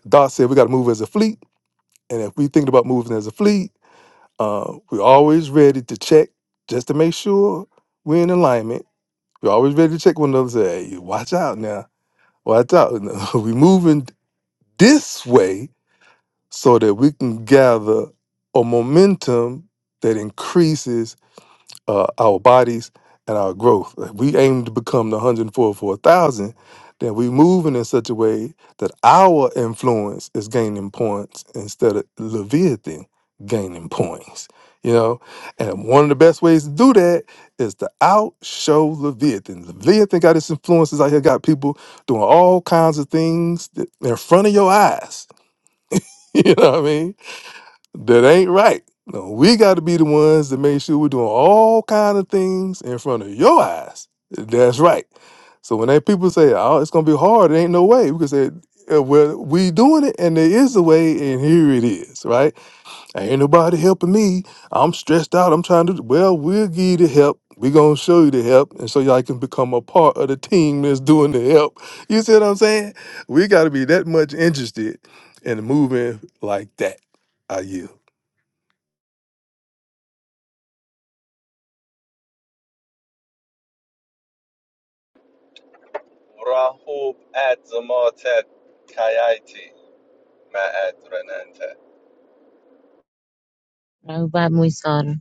Doc said we got to move as a fleet and if we think about moving as a fleet, uh, we're always ready to check just to make sure we're in alignment. We're always ready to check one another. and Say, hey, watch out now, watch out. we're moving this way so that we can gather a momentum that increases uh, our bodies and our growth. If we aim to become the 104 for a thousand, then we moving in such a way that our influence is gaining points instead of Leviathan gaining points. You know, and one of the best ways to do that is to outshow Leviathan. Leviathan got his influences out here, got people doing all kinds of things that- in front of your eyes. You know what I mean? That ain't right. No, we got to be the ones that make sure we're doing all kind of things in front of your eyes. That's right. So when they people say, "Oh, it's gonna be hard," it ain't no way. We can say, "Uh, "Well, we doing it, and there is a way, and here it is." Right? Ain't nobody helping me. I'm stressed out. I'm trying to. Well, we'll give you the help. We gonna show you the help, and so y'all can become a part of the team that's doing the help. You see what I'm saying? We got to be that much interested in moving like that. Are you? Rahub at Zamal Tat Kayati, Ma'at Renantat. Robot Muisar,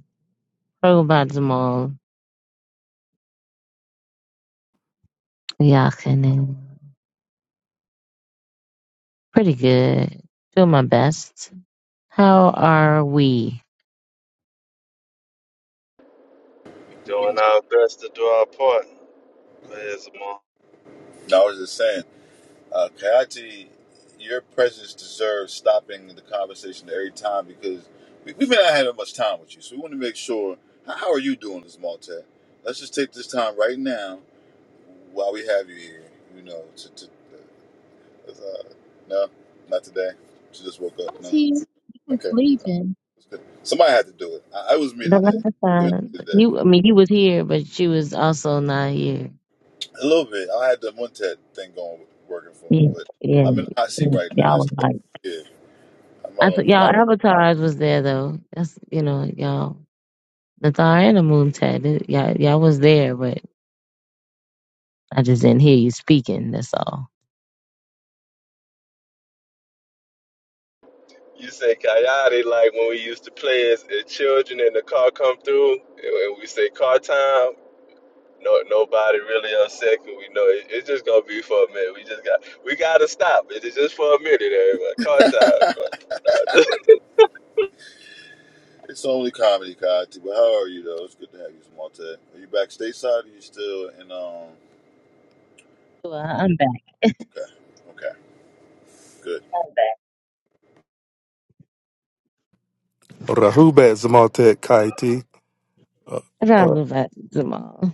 Robot Zamal, Yakinen. Pretty good. Doing my best. How are we? we doing our best to do our part. Go ahead, Zamar. Now I was just saying, uh, Kayati, your presence deserves stopping the conversation every time because we, we've been not having much time with you. So we want to make sure. How, how are you doing, this Maltese? Let's just take this time right now while we have you here, you know, to, to, uh, no, not today. She just woke I up. was No. here. You was Okay. leaving. That's good. Somebody had to do it. I, I was me The today. last It was time me today. you, I mean, you was here, but she was also not here. A little bit. I had the Montet thing going, working for me, Yeah, but yeah, I'm in the hot seat yeah. right now. Y'all I was still, like, yeah, I'm I out said, on y'all bond. avatars was there though. That's you know, y'all Nathar and the Moon Tat, it- y'all, y'all was there, but I just didn't hear you speaking. That's all. You say kāyati like when we used to play as, as children and the car come through and we say car time. No, nobody really upset 'cause we know it, it's just gonna be for a minute. We just got we gotta stop. It's just for a minute, everybody. Car time It's only comedy, Kati, but how are you, though? It's good to have you, Montet. Are you back stateside? Or are you still in, um, Well, I'm back. okay. Okay. Good. I'm Rahubat Zamatek Kaiti, uh, back. uh, Robot Jamal?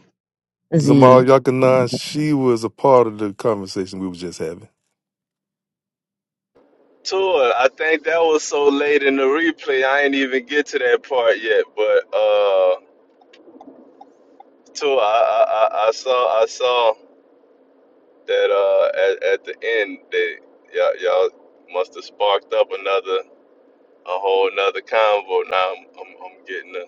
Zamal Z. Yakanan, she was a part of the conversation we were just having. tour. I think that was so late in the replay. I ain't even get to that part yet. But uh, tour. I, I I I saw I saw that uh at, at the end that y'all y'all must have sparked up another a whole another convo. Now I'm I'm, I'm getting a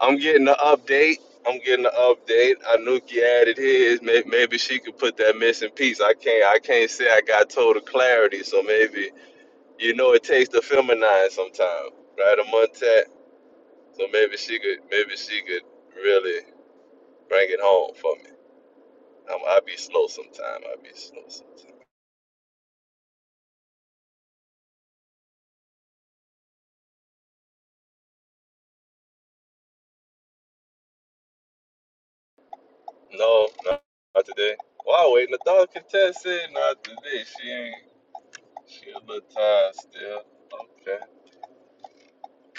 I'm getting the update. I'm getting the update. Anuki added his. May- Maybe she could put that missing piece. I can't. I can't say I got total clarity. So maybe you know it takes the feminine sometime, right? A montet. So maybe she could. Maybe she could really bring it home for me. I'm, I be slow sometime. I be slow sometime. No, no, not today. Wow, waiting. The dog contest said not today. She ain't. She a little tired still. Okay.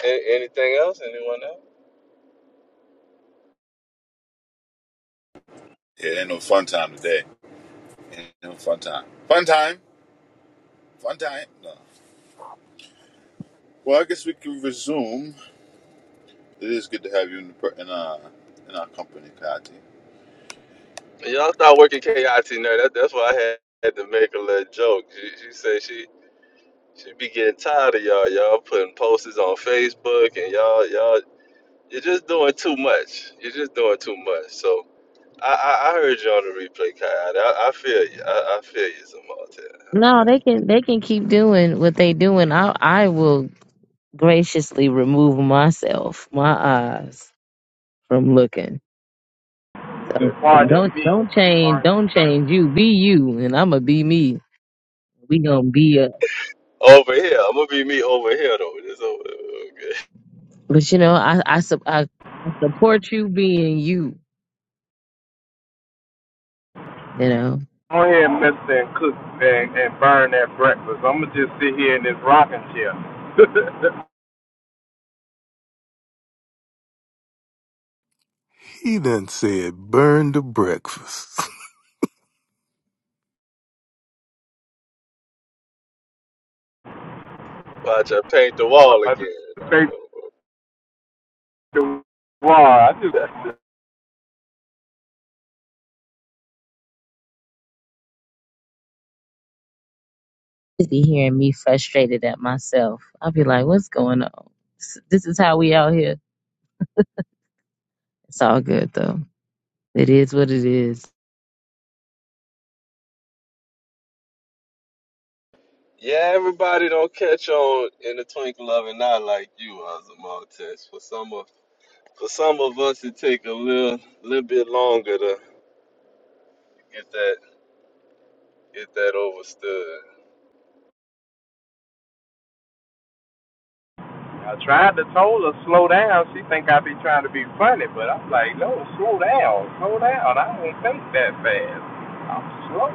A- anything else? Anyone else? Yeah, ain't no fun time today. Ain't no fun time. Fun time. Fun time. No. Well, I guess we can resume. It is good to have you in, the, per- in, our, in our company, Kati. Y'all start working KIT now. That, that's why I had, had to make a little joke. She, she said she she be getting tired of y'all. Y'all putting posters on Facebook and y'all y'all you're just doing too much. You're just doing too much. So I I, I heard you on the replay, Kai. I, I feel you. I, I feel you some more time. No, they can they can keep doing what they doing. I I will graciously remove myself, my eyes from looking. You So said, Pardon don't me. don't change Pardon. me. don't change you. Be you, and I'ma be me. We gonna be us. Over here, I'm gonna be me over here though. This over okay. But you know, I I sup- I, I support you being you. You know, Go ahead, Mister, and cook and, and burn that breakfast. I'm gonna just sit here in this rocking chair. He done said, burn the breakfast. Watch I paint the While wall I again. just face the wall. I just just be hearing me frustrated at myself. I'll be like, what's going on? S- This is how we out here. It's all good though. It is what it is. Yeah, everybody don't catch on in the twinkle of an eye like you, Azamal For some of For some of us, it take a little, little bit longer to get that, get that overstood. I tried to tell her slow down. She think I be trying to be funny, but I'm like, no, slow down, slow down. I don't think that fast. I'm slow.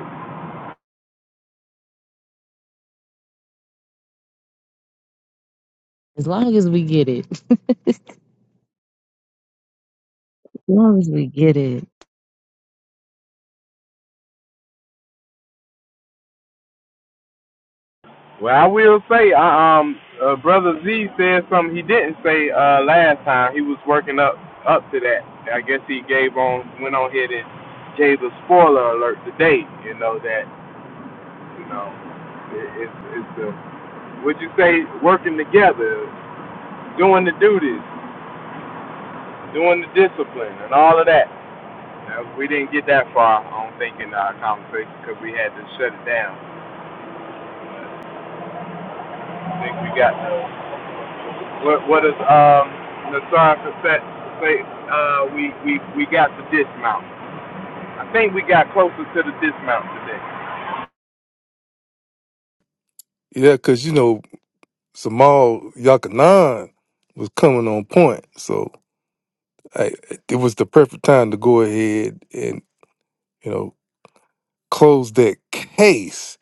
As long as we get it. long as we get it. Well, I will say, I, um, uh, brother Z said something he didn't say uh last time. He was working up up to that. I guess he gave on went on here and gave a spoiler alert today. You know that you know it, it's it's the would you say working together, doing the duties, doing the discipline, and all of that. Uh, we didn't get that far, I don't think, in our conversation because we had to shut it down. I think we got the what what is um Nassar Cassette say uh we, we we got the dismount. I think we got closer to the dismount today. yeah, because, you know, Zamal Yakanan was coming on point. So I, it was the perfect time to go ahead and you know close that case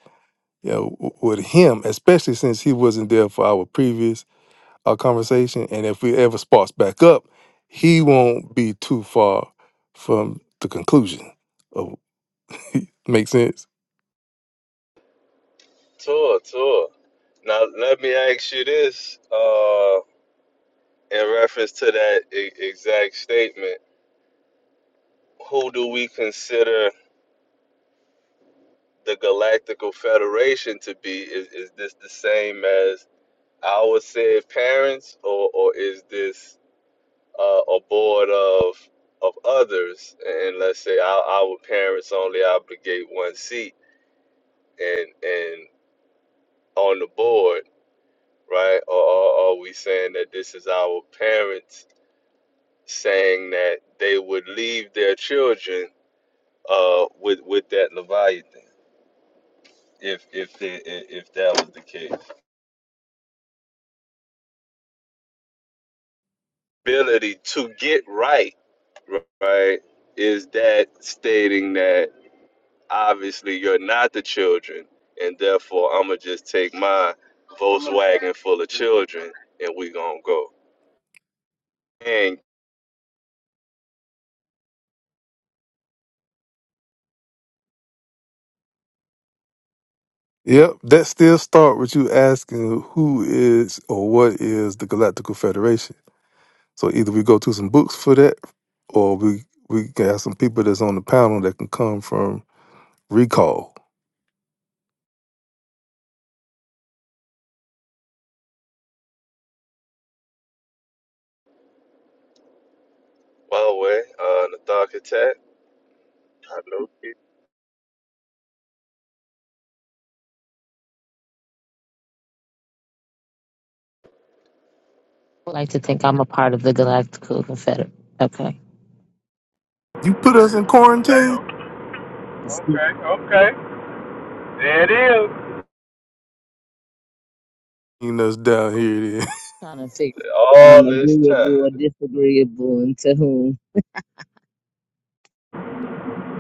you know w- with him especially since he wasn't there for our previous uh, conversation and if we ever sparks back up he won't be too far from the conclusion of make sense Tour, tour. Now, let me ask you this, uh, in reference to that e- exact statement, who do we consider the Galactical Federation to be? Is, is this the same as our said parents, or, or is this uh, a board of of others? And let's say our, our parents only obligate one seat. and and on the board, right? Or, or are we saying that this is our parents saying that they would leave their children uh, with with that Leviathan if if they, i- if that was the case? Ability to get right, right, is that stating that obviously you're not the children, and therefore I'm gonna just take my Volkswagen full of children and we gonna go. yep that still start with you asking who is or what is the galactical federation so either we go to some books for that or we we can have some people that's on the panel that can come from Recall. By the way, uh, Nathar Katat, I know he said I like to think I'm a part of the Galactical Confederate. Okay. You put us in Okay, quarantine? Just okay, okay. There it is. You us down here then. trying to figure out if I'm all this agreeable time. or disagreeable and to whom.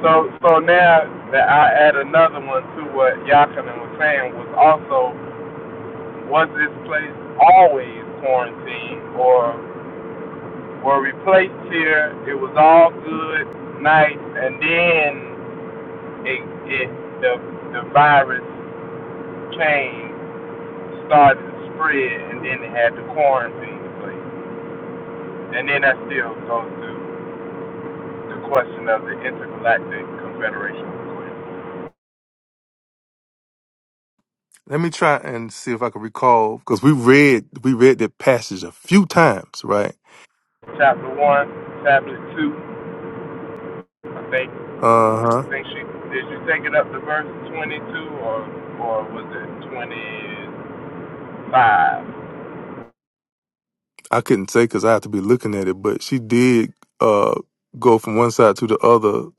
So so now that I add another one to what Yakinen was saying was also was this place always quarantined or were replaced here. It was all good, nice, and then it, it the the virus came, started to spread, and then they had to quarantine the place. And then that still goes to the question of the intergalactic confederation request. Let me try and see if I can recall because we read we read that passage a few times, right? Chapter one, chapter two. I think Uh-huh. think she did You take it up to verse twenty two or or was it twenty five? I couldn't say because I have to be looking at it, but she did uh go from one side to the other,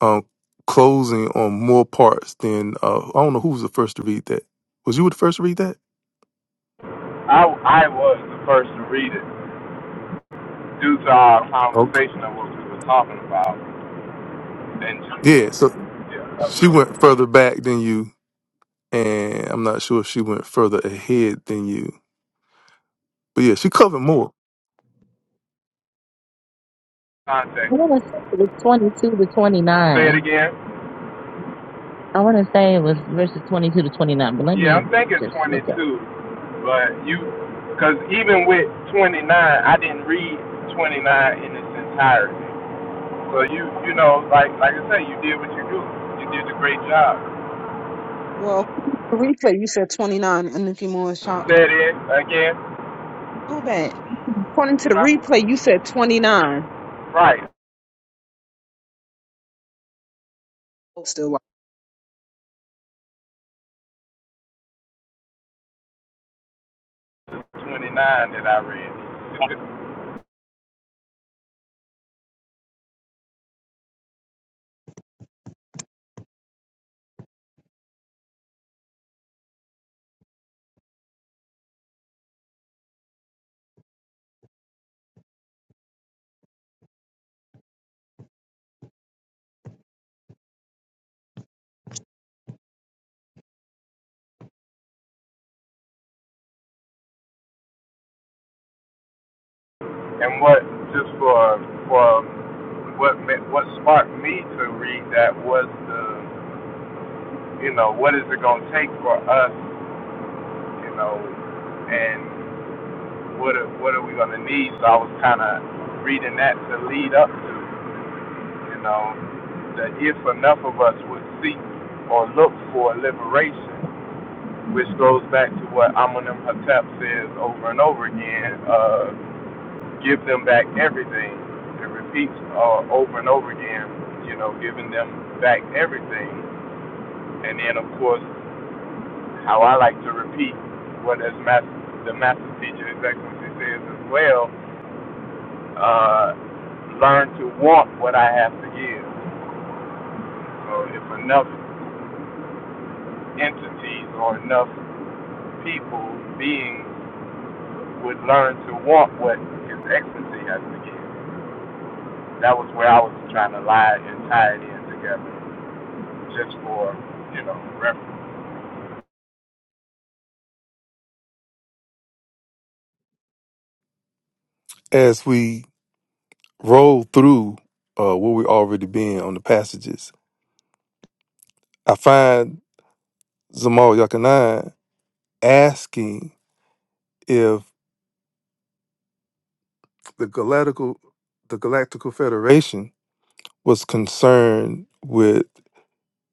um closing on more parts than uh I don't know who was the first to read that. Was you the first to read that? I I was the first to read it due to our Okay. conversation of what we were talking about and just Yeah, so yeah, she went further back than you, and I'm not sure if she went further ahead than you. But yeah, she covered more. I context. want to say it was 22 to Say it 29. again. I want to say it was verses 22 to 29, but let Yeah, I'm me thinking just look 22, but you, because even with 29, I didn't read 29 in its entirety. So you, you know, like like I say, you did what you do. You did a great job. Well, the replay you said twenty nine, Anuki Morishuk. Say it again. Oh, bad. According to the replay, you said twenty nine. Right. Still. 29 that I read. And what just for for what ma- what sparked me to read that was the you know what is it going to take for us you know and what are, what are we going to need? So I was kind of reading that to lead up to you know that if enough of us would seek or look for liberation, which goes back to what Amunim Hatep says over and over again. uh, give them back everything. It repeats uh, over and over again, you know, giving them back everything. And then, of course, how I like to repeat what as mas the master teacher, His Excellency, says as well, uh, learn to want what I have to give. So if enough entities or enough people, beings, would learn to want what His Excellency has to give, that was where I was trying to lie and tie it in together. just for, you know, reference. as we roll through uh, where we already been on the passages, I find Zamal Yakanan asking if the Galactical the Galactical Federation was concerned with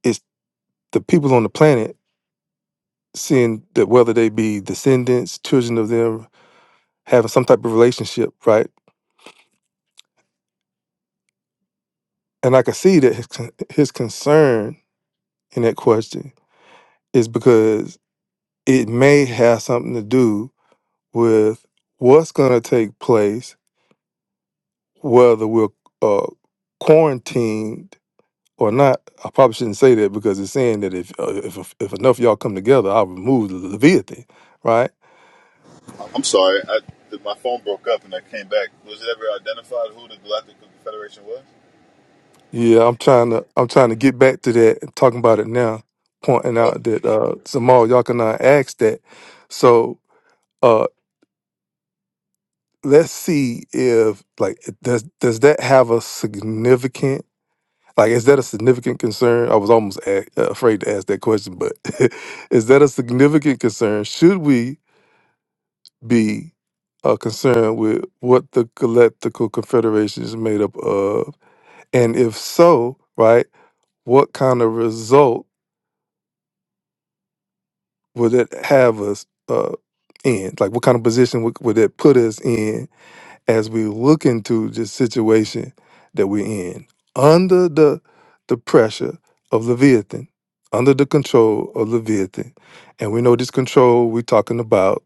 its the people on the planet seeing that whether they be descendants, children of them, having some type of relationship, right? And I can see that his con- his concern in that question is because it may have something to do with what's going to take place, whether we're uh, quarantined or not. I probably shouldn't say that because it's saying that if uh, if if enough of y'all come together, I'll remove the Leviathan, right? I'm sorry, I, the, my phone broke up and I came back. Was it ever identified who the Galactic Confederation was? Yeah, I'm trying to I'm trying to get back to that and talking about it now, pointing Oh, out okay. that uh Samal Yakana asked that. So uh let's see if like does does that have a significant Like, is that a significant concern? I was almost a- uh, afraid to ask that question, but is that a significant concern? Should we be uh, concerned with what the Galactical Confederation is made up of? And if so, right, what kind of result would it have us uh, in? Like, what kind of position would, would it put us in? as we look into this situation that we're in under the the pressure of leviathan under the control of leviathan and we know this control we're talking about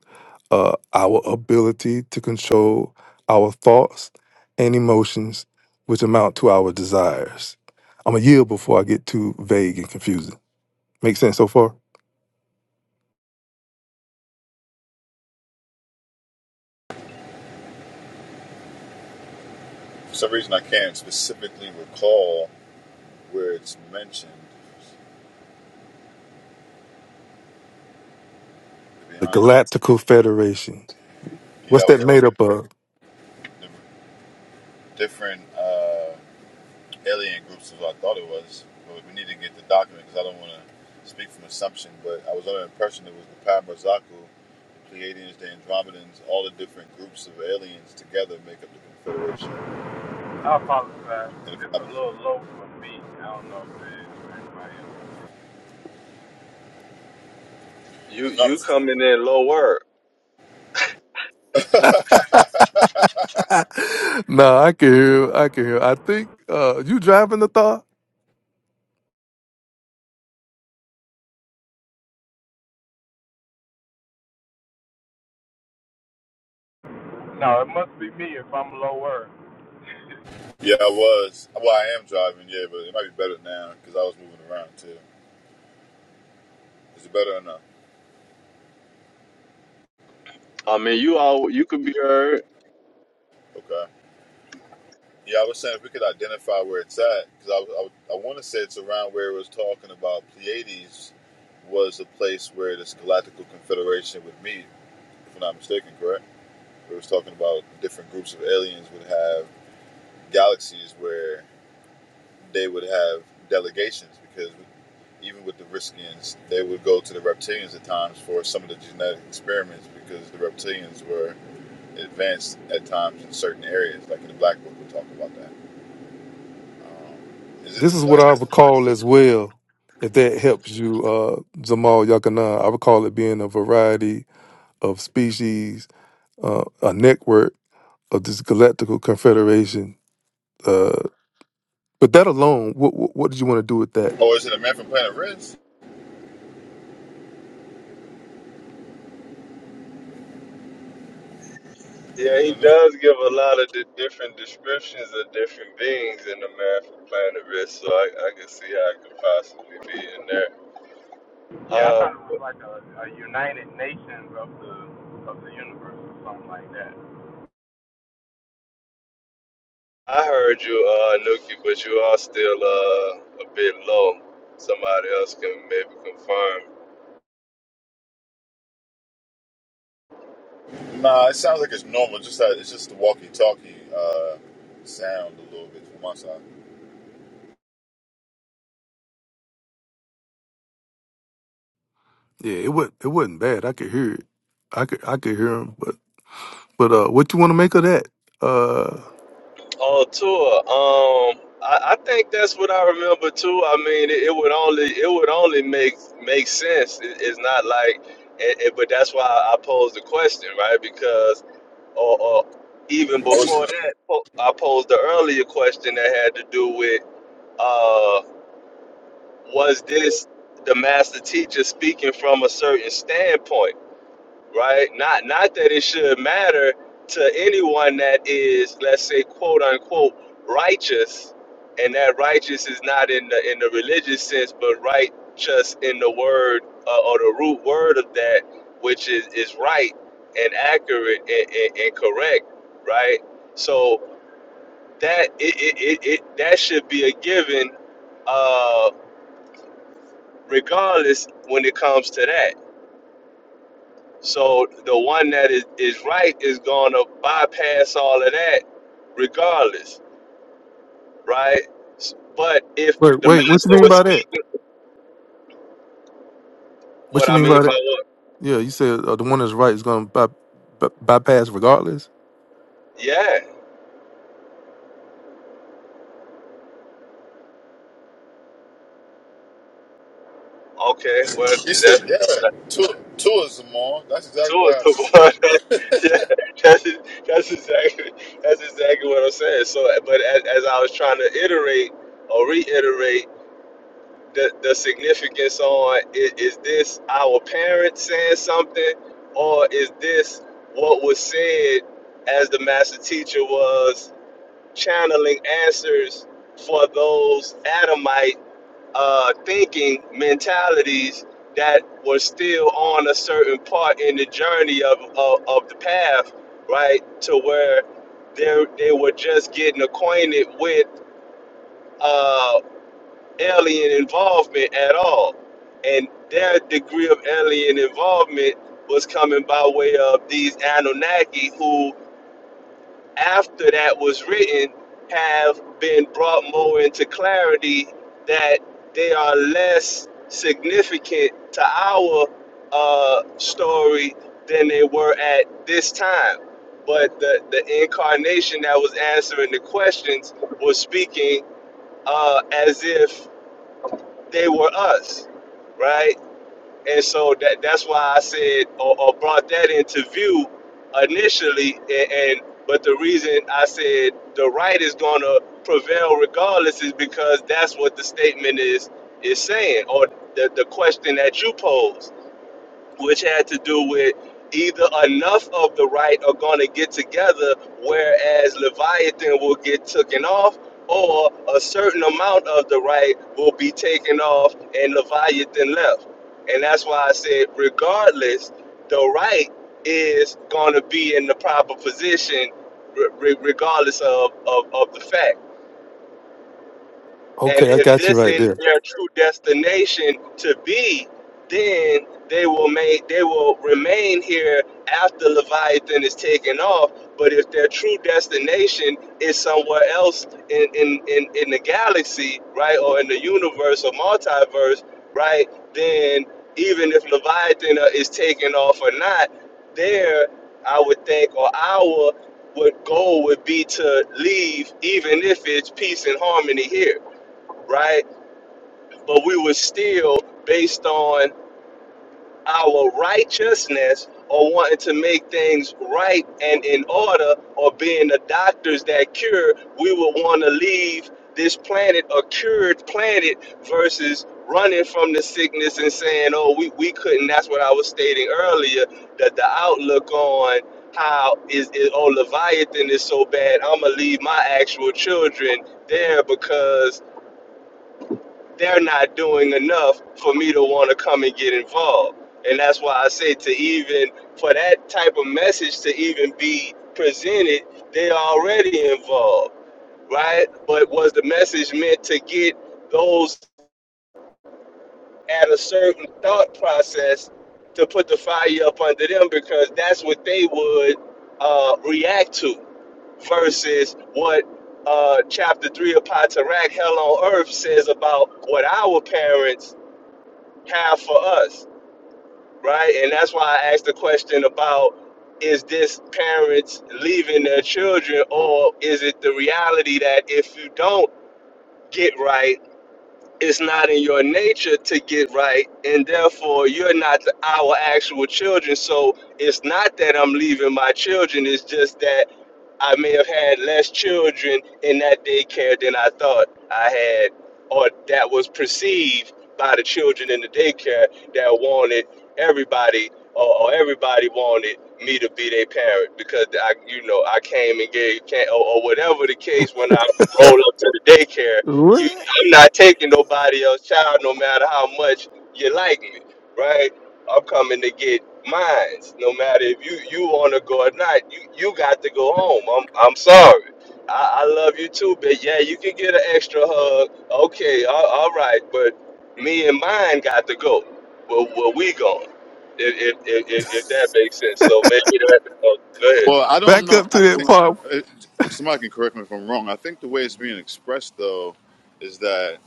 uh, our ability to control our thoughts and emotions which amount to our desires i'm a yield before i get too vague and confusing make sense so far for some reason I can't specifically recall where it's mentioned, to be the honest. with galactical federation you. Yeah, what's I was that looking made up at of the different. Uh, alien groups is what I thought it was. But we need to get the document because I don't want to speak from assumption. But I was under the impression it was the Parabrazaku, the Pleiadians, the Andromedans, all the different groups of aliens together make up the Confederation. I apologize. And if It's I'm, a little low for me. I don't know if it is for anybody else. You if you I'm coming in low word. no, I can hear. I can hear. I think uh, you driving the thought. No, it must be me if I'm lower. yeah, I was. Well, I am driving, yeah, but it might be better now because I was moving around too. Is it better or no? I mean, you all you could be heard. Okay. Yeah, I was saying if we could identify where it's at, because I, I, I want to say it's around where it was talking about Pleiades was the place where this Galactical Confederation would meet, if I'm not mistaken, correct? It was talking about different groups of aliens would have galaxies where they would have delegations, because even with the Riskians, they would go to the reptilians at times for some of the genetic experiments, because the reptilians were advanced at times in certain areas, like in the Black Book, we talk about that. Is it in This the is Black what I would call as well, if that helps you, uh, Jamal Yakana. I would call it being a variety of species, uh, a network of this galactical confederation Uh, but that alone, what, what what did you want to do with that? Oh, is it a man from Planet Reds? Is it Yeah, he in there? does give a lot of the different descriptions of different beings in the man from Planet Risk, so I, I can see how it could possibly be in there. Yeah, I Uh, thought it was like a, a United Nations of the of the universe or something like that. I heard you, uh, Nuki, but you are still uh, a bit low. Somebody else can maybe confirm. Nah, it sounds like it's normal. Just that it's just the walkie-talkie uh, sound a little bit from my side. Yeah, it was it wasn't bad. I could hear it. I could I could hear him. But but uh, what you want to make of that? Uh, Oh, tour. Um, I, I think that's what I remember too. I mean, it, it would only it would only make make sense. It, it's not like, it, it- but that's why I posed the question, right? Because or, or even Oh, it's in before a, that, po- I posed the earlier question that had to do with uh, was this the master teacher speaking from a certain standpoint? right? Not not that it should matter to anyone that is, let's say, quote unquote, righteous, and that righteous is not in the in the religious sense, but righteous in the word uh, or the root word of that, which is is right and accurate and, and, and correct, right? So that it, it, it, it that should be a given, uh, regardless when it comes to that So the one that is, is right is going to bypass all of that regardless, right? S- But if Wait, the wait, what you master mean was by speaking, that? What what you I mean mean by by that? what? yeah, you said uh, the one that's right is gonna by, by, bypass regardless. Yeah, okay, well, you that, said yeah, that's tour, tourism on. That's exactly two is what the happened. one. yeah, that's, e, that's, exactly, that's exactly what I'm saying. So, but as, as I was trying to iterate or reiterate, the, the significance on is, is this our parents saying something or is this what was said as the master teacher was channeling answers for those adamite uh, thinking mentalities that were still on a certain part in the journey of, of, of the path right to where they they were just getting acquainted with uh, alien involvement at all. And their degree of alien involvement was coming by way of these Anunnaki, who, after that was written, have been brought more into clarity that they are less significant to our uh, story than they were at this time. But the, the incarnation that was answering the questions was speaking uh, as if they were us, right? And so that that's why I said or, or brought that into view initially, and, and but the reason I said the right is going to prevail regardless is because that's what the statement is is saying, or the the question that you posed which had to do with either enough of the right are going to get together, whereas Leviathan will get taken off, or a certain amount of the right will be taken off and Leviathan left. And that's why I said, regardless, the right is going to be in the proper position, re- re- regardless of, of, of the fact. And Okay, I if got you this right is there. their true destination to be, then they will make they will remain here after Leviathan is taken off. But if their true destination is somewhere else in, in, in, in the galaxy, right, or in the universe or multiverse, right, then even if Leviathan uh, is taken off or not, there I would think or our would goal would be to leave even if it's peace and harmony here right? But we were still based on our righteousness or wanting to make things right and in order or being the doctors that cure, we would want to leave this planet a cured planet versus running from the sickness and saying, oh, we, we couldn't. That's what I was stating earlier, that the outlook on how is, is oh Leviathan is so bad, I'ma leave my actual children there because they're not doing enough for me to want to come and get involved. And that's why I say to even for that type of message to even be presented, they're already involved, right? But was the message meant to get those at a certain thought process to put the fire up under them because that's what they would uh, react to versus what uh, chapter three of Patarak, Hell on Earth, says about what our parents have for us, right? And that's why I asked the question about is this parents leaving their children, or is it the reality that if you don't get right, it's not in your nature to get right, and therefore you're not the, our actual children. So it's not that I'm leaving my children, it's just that I may have had less children in that daycare than I thought I had, or that was perceived by the children in the daycare that wanted everybody, or, or everybody wanted me to be their parent because I, you know, I came and gave, came, or, or whatever the case. When I roll up to the daycare, What? you, I'm not taking nobody else's child, no matter how much you like me, right? I'm coming to get mines. No matter if you you want to go or not, you you got to go home. I'm I'm sorry. I, I love you too, but yeah, you can get an extra hug. Okay, all, all right, but me and mine got to go. Well, well we going? If if, if if if that makes sense. So maybe that. Oh, go ahead. Well, I don't Back know. up to I that think part. it, somebody can correct me if I'm wrong. I think the way it's being expressed though is that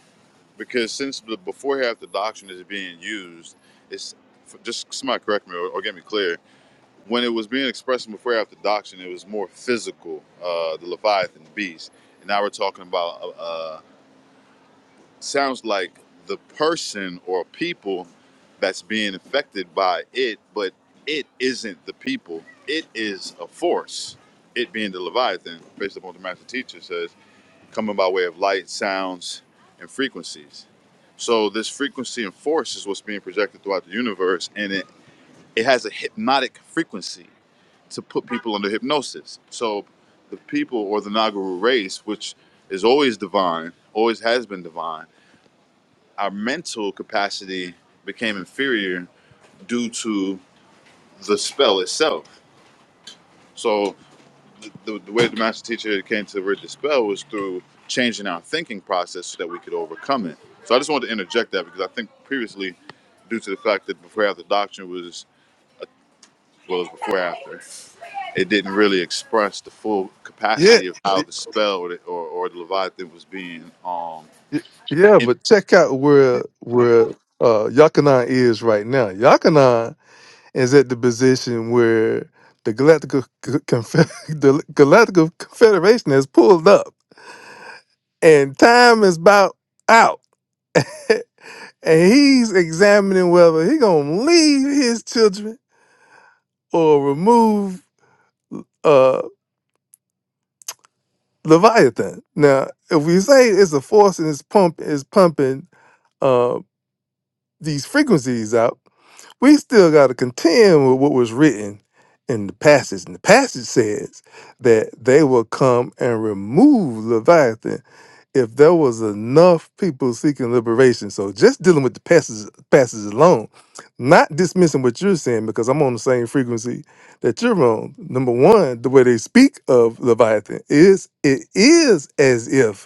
because since the before half the doctrine is being used, it's just somebody correct me or, or get me clear. when it was being expressed in before after doxing, it was more physical, uh, the Leviathan beast. And now we're talking about uh, uh, sounds like the person or people that's being affected by it, but it isn't the people. It is a force. It being the Leviathan, based upon what the master teacher says, coming by way of light, sounds, and frequencies. So this frequency and force is what's being projected throughout the universe, and it, it has a hypnotic frequency to put people under hypnosis. So the people or the Nagaru race, which is always divine, always has been divine, our mental capacity became inferior due to the spell itself. So the, the way the master teacher came to rid the spell was through changing our thinking process so that we could overcome it. So I just wanted to interject that because I think previously, due to the fact that before after doctrine was well as before after. it didn't really express the full Yeah, capacity of how the spell or, the, or, or the Leviathan was being um yeah, in but check out where where uh Yakanan is right now. Yakanan is at the position where the Galactic Confe- the Galactic Confederation has pulled up, and time is about out, and he's examining whether he gonna leave his children or remove uh Leviathan. Now, if we say it's a force and it's pump is pumping. uh, these frequencies out, we still got to contend with what was written in the passage. And the passage says that they will come and remove Leviathan if there was enough people seeking liberation. So just dealing with the passage, passage alone, not dismissing what you're saying, because I'm on the same frequency that you're on. Number one, the way they speak of Leviathan is it is as if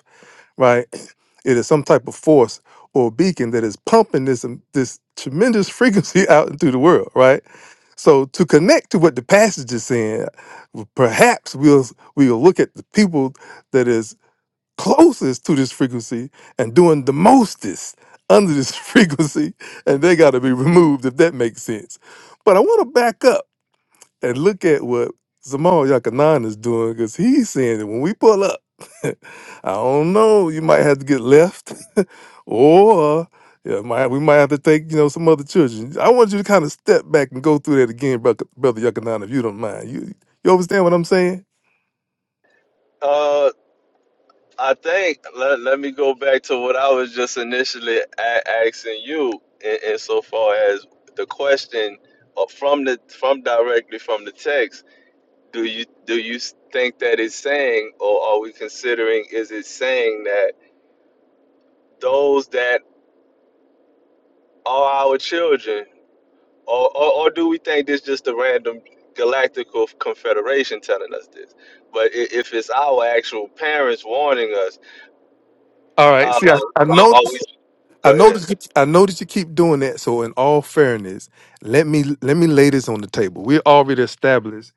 right? It is some type of force or beacon that is pumping this um, this tremendous frequency out into the world, right? So to connect to what the passage is saying, perhaps we'll we'll look at the people that is closest to this frequency and doing the mostest under this frequency, and they got to be removed if that makes sense. But I want to back up and look at what Zamal Yakanan is doing because he's saying that when we pull up, I don't know, you might have to get left or yeah, might, we might have to take, you know, some other children. I want you to kind of step back and go through that again, Brother, brother Yakanan, if you don't mind. You, you understand what I'm saying? Uh. I think let, let me go back to what I was just initially a- asking you in, insofar as the question uh, from the from directly from the text do you do you think that it's saying or are we considering is it saying that those that are our children or, or, or do we think this just a random galactical confederation telling us this but i- if it's our actual parents warning us All uh, right. See, I, I are noticed. are we I go ahead noticed. you- I noticed you keep doing that. So, in all fairness, let me let me lay this on the table. We already established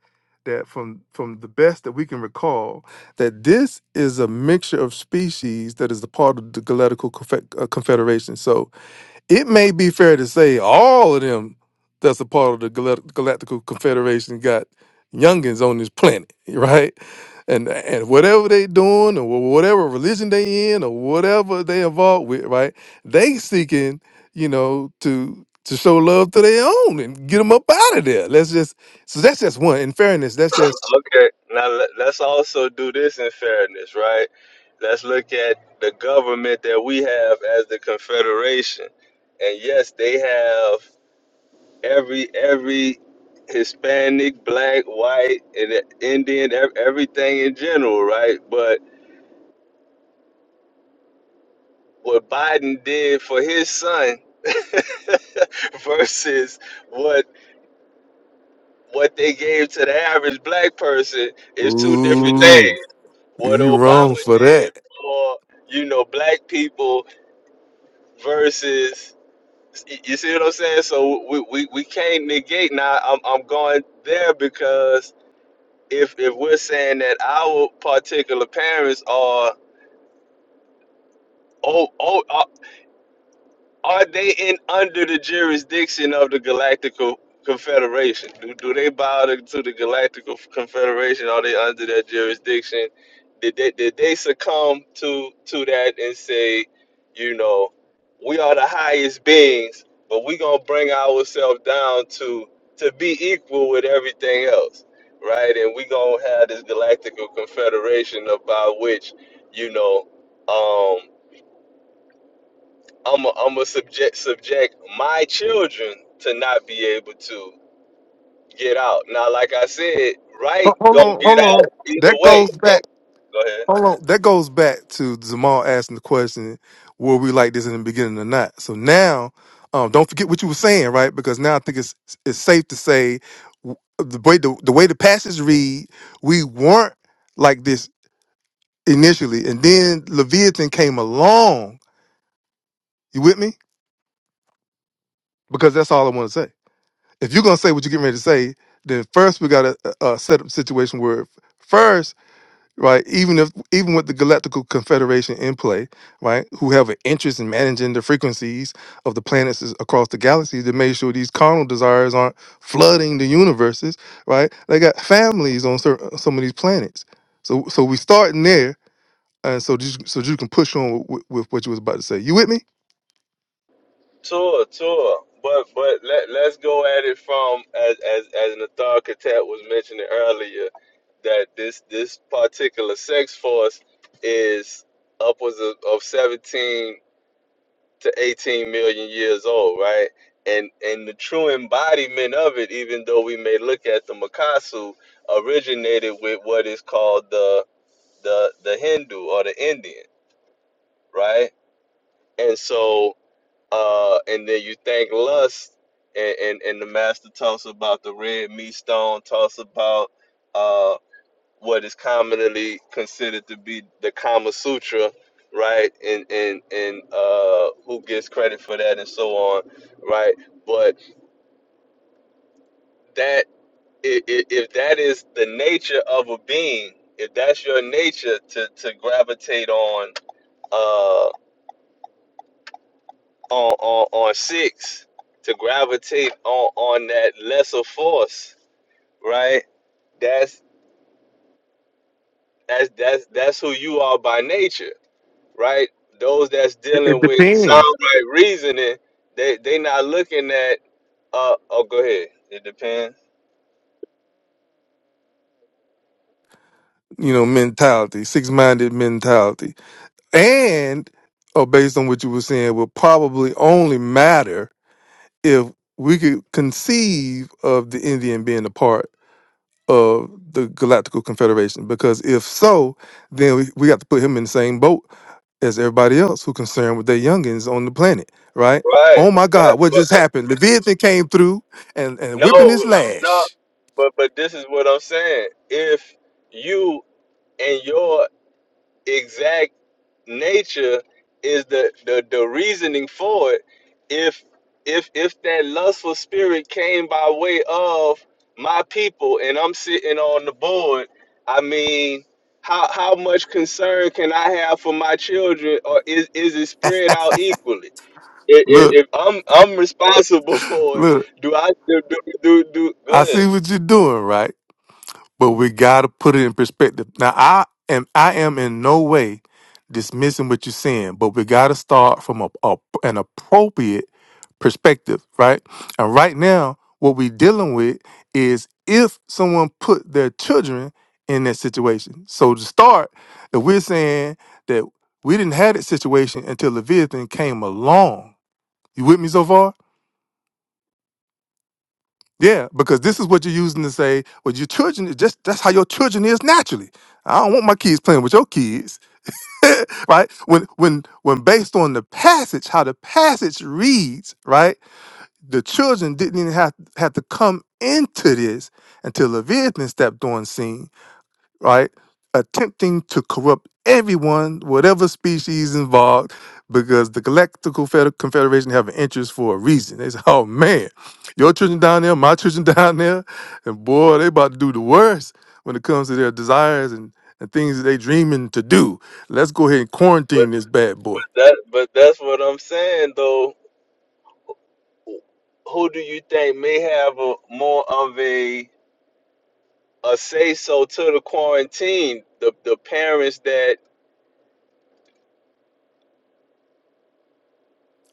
that from from the best that we can recall, that this is a mixture of species that is a part of the Galactical Confe- uh, Confederation. So, it may be fair to say all of them that's a part of the Gal- Galactical Confederation got youngins on this planet, right? And and whatever they doing or wh- whatever religion they in or whatever they involved with, right? They seeking, you know, to to show love to their own and get them up out of there. Let's just so that's just one. In fairness, that's just Okay, now le- let's also do this in fairness, right? Let's look at the government that we have as the Confederation, and yes, they have every every Hispanic, Black, White, and Indian, ev- everything in general, right? But what Biden did for his son versus what what they gave to the average black person is two different things. ooh, what you wrong Obama for did that. for you know black people versus you see what I'm saying? So we, we, we can't negate. Now I'm I'm going there because if if we're saying that our particular parents are oh oh Are they in under the jurisdiction of the Galactical Confederation? Do, do they bow to, to the Galactical Confederation? Are they under their jurisdiction? Did they, did they succumb to to that and say, you know, we are the highest beings, but we gonna bring ourselves down to to be equal with everything else, right? And we gonna have this Galactical Confederation about which, you know. um, I'm a, I'm a subject subject my children to not be able to get out. Now, like I said, right, Ho- Hold go on, get hold on. out either That way. goes back. So go ahead, Hold on. That goes back to Jamal asking the question, were we like this in the beginning or not? So now, um, don't forget what you were saying, right? Because now I think it's it's safe to say w- the way the, the way the passage read, we weren't like this initially, and then Leviathan came along. You with me? Because that's all I want to say. If you're gonna say what you're getting ready to say, then first we got to uh, set up a situation where first right? Even if even with the Galactical Confederation in play, right, who have an interest in managing the frequencies of the planets as- across the galaxies to make sure these carnal desires aren't flooding the universes, right? They got families on certain, some of these planets, so so we starting there, and so just, so you can push on with, with what you was about to say. You with me? tour, tour. But but let let's go at it from as as as an authoritative was mentioning earlier that this this particular sex force is upwards of, of 17 to 18 million years old, right? And and the true embodiment of it, even though we may look at the Makasu, originated with what is called the the the Hindu or the Indian, right? And so uh and then you think lust and and, and the master talks about the red meat stone, talks about uh what is commonly considered to be the Kama Sutra, right? And and and uh, who gets credit for that and so on, right? But that i- i- if that is the nature of a being, if that's your nature to to gravitate on uh on on, on six, to gravitate on on that lesser force, right? That's that's that's that's who you are by nature right? Those that's It, it dealing with sound depends. right reasoning, they they not looking at uh oh go ahead. It depends. you know, mentality, six minded mentality. And or based on what you were saying, will probably only matter if we could conceive of the Indian being a part of the Galactical Confederation. Because if so, then we, we got to put him in the same boat as everybody else who concerned with their youngins on the planet, right? Right. Oh my God, what But just but happened? Leviathan came through and, and no whipping his no lash. but but this is what I'm saying. If you and your exact nature is the, the the reasoning for it if if if that lustful spirit came by way of my people and i'm sitting on the board i mean how how much concern can i have for my children or is is it spread out equally if, Look, if, i'm i'm responsible for it look, do i do do do, do I good see what you're doing, right? but we gotta put it in perspective. Now I am I am in no way dismissing what you're saying, but we gotta start from a, a- an appropriate perspective, right? And right now, what we dealing with is if someone put their children in that situation. So to start, if we're saying that we didn't have that situation until the Leviathan came along. You with me so far? Yeah, because this is what you're using to say, well, your children, is just that's how your children is naturally. I don't want my kids playing with your kids. right? When when when based on the passage, how the passage reads, right? The children didn't even have, have to come into this until Leviathan stepped on scene right? Attempting to corrupt everyone, whatever species involved, because the Galactic Confeder- Confederation have an interest for a reason. They say, oh man, your children down there, my children down there, and boy, they about to do the worst when it comes to their desires and, and things that they dreaming to do. Let's go ahead and but quarantine this bad but boy. that but that's what i'm saying though who do you think may have a more of a a say so to the quarantine? The the parents that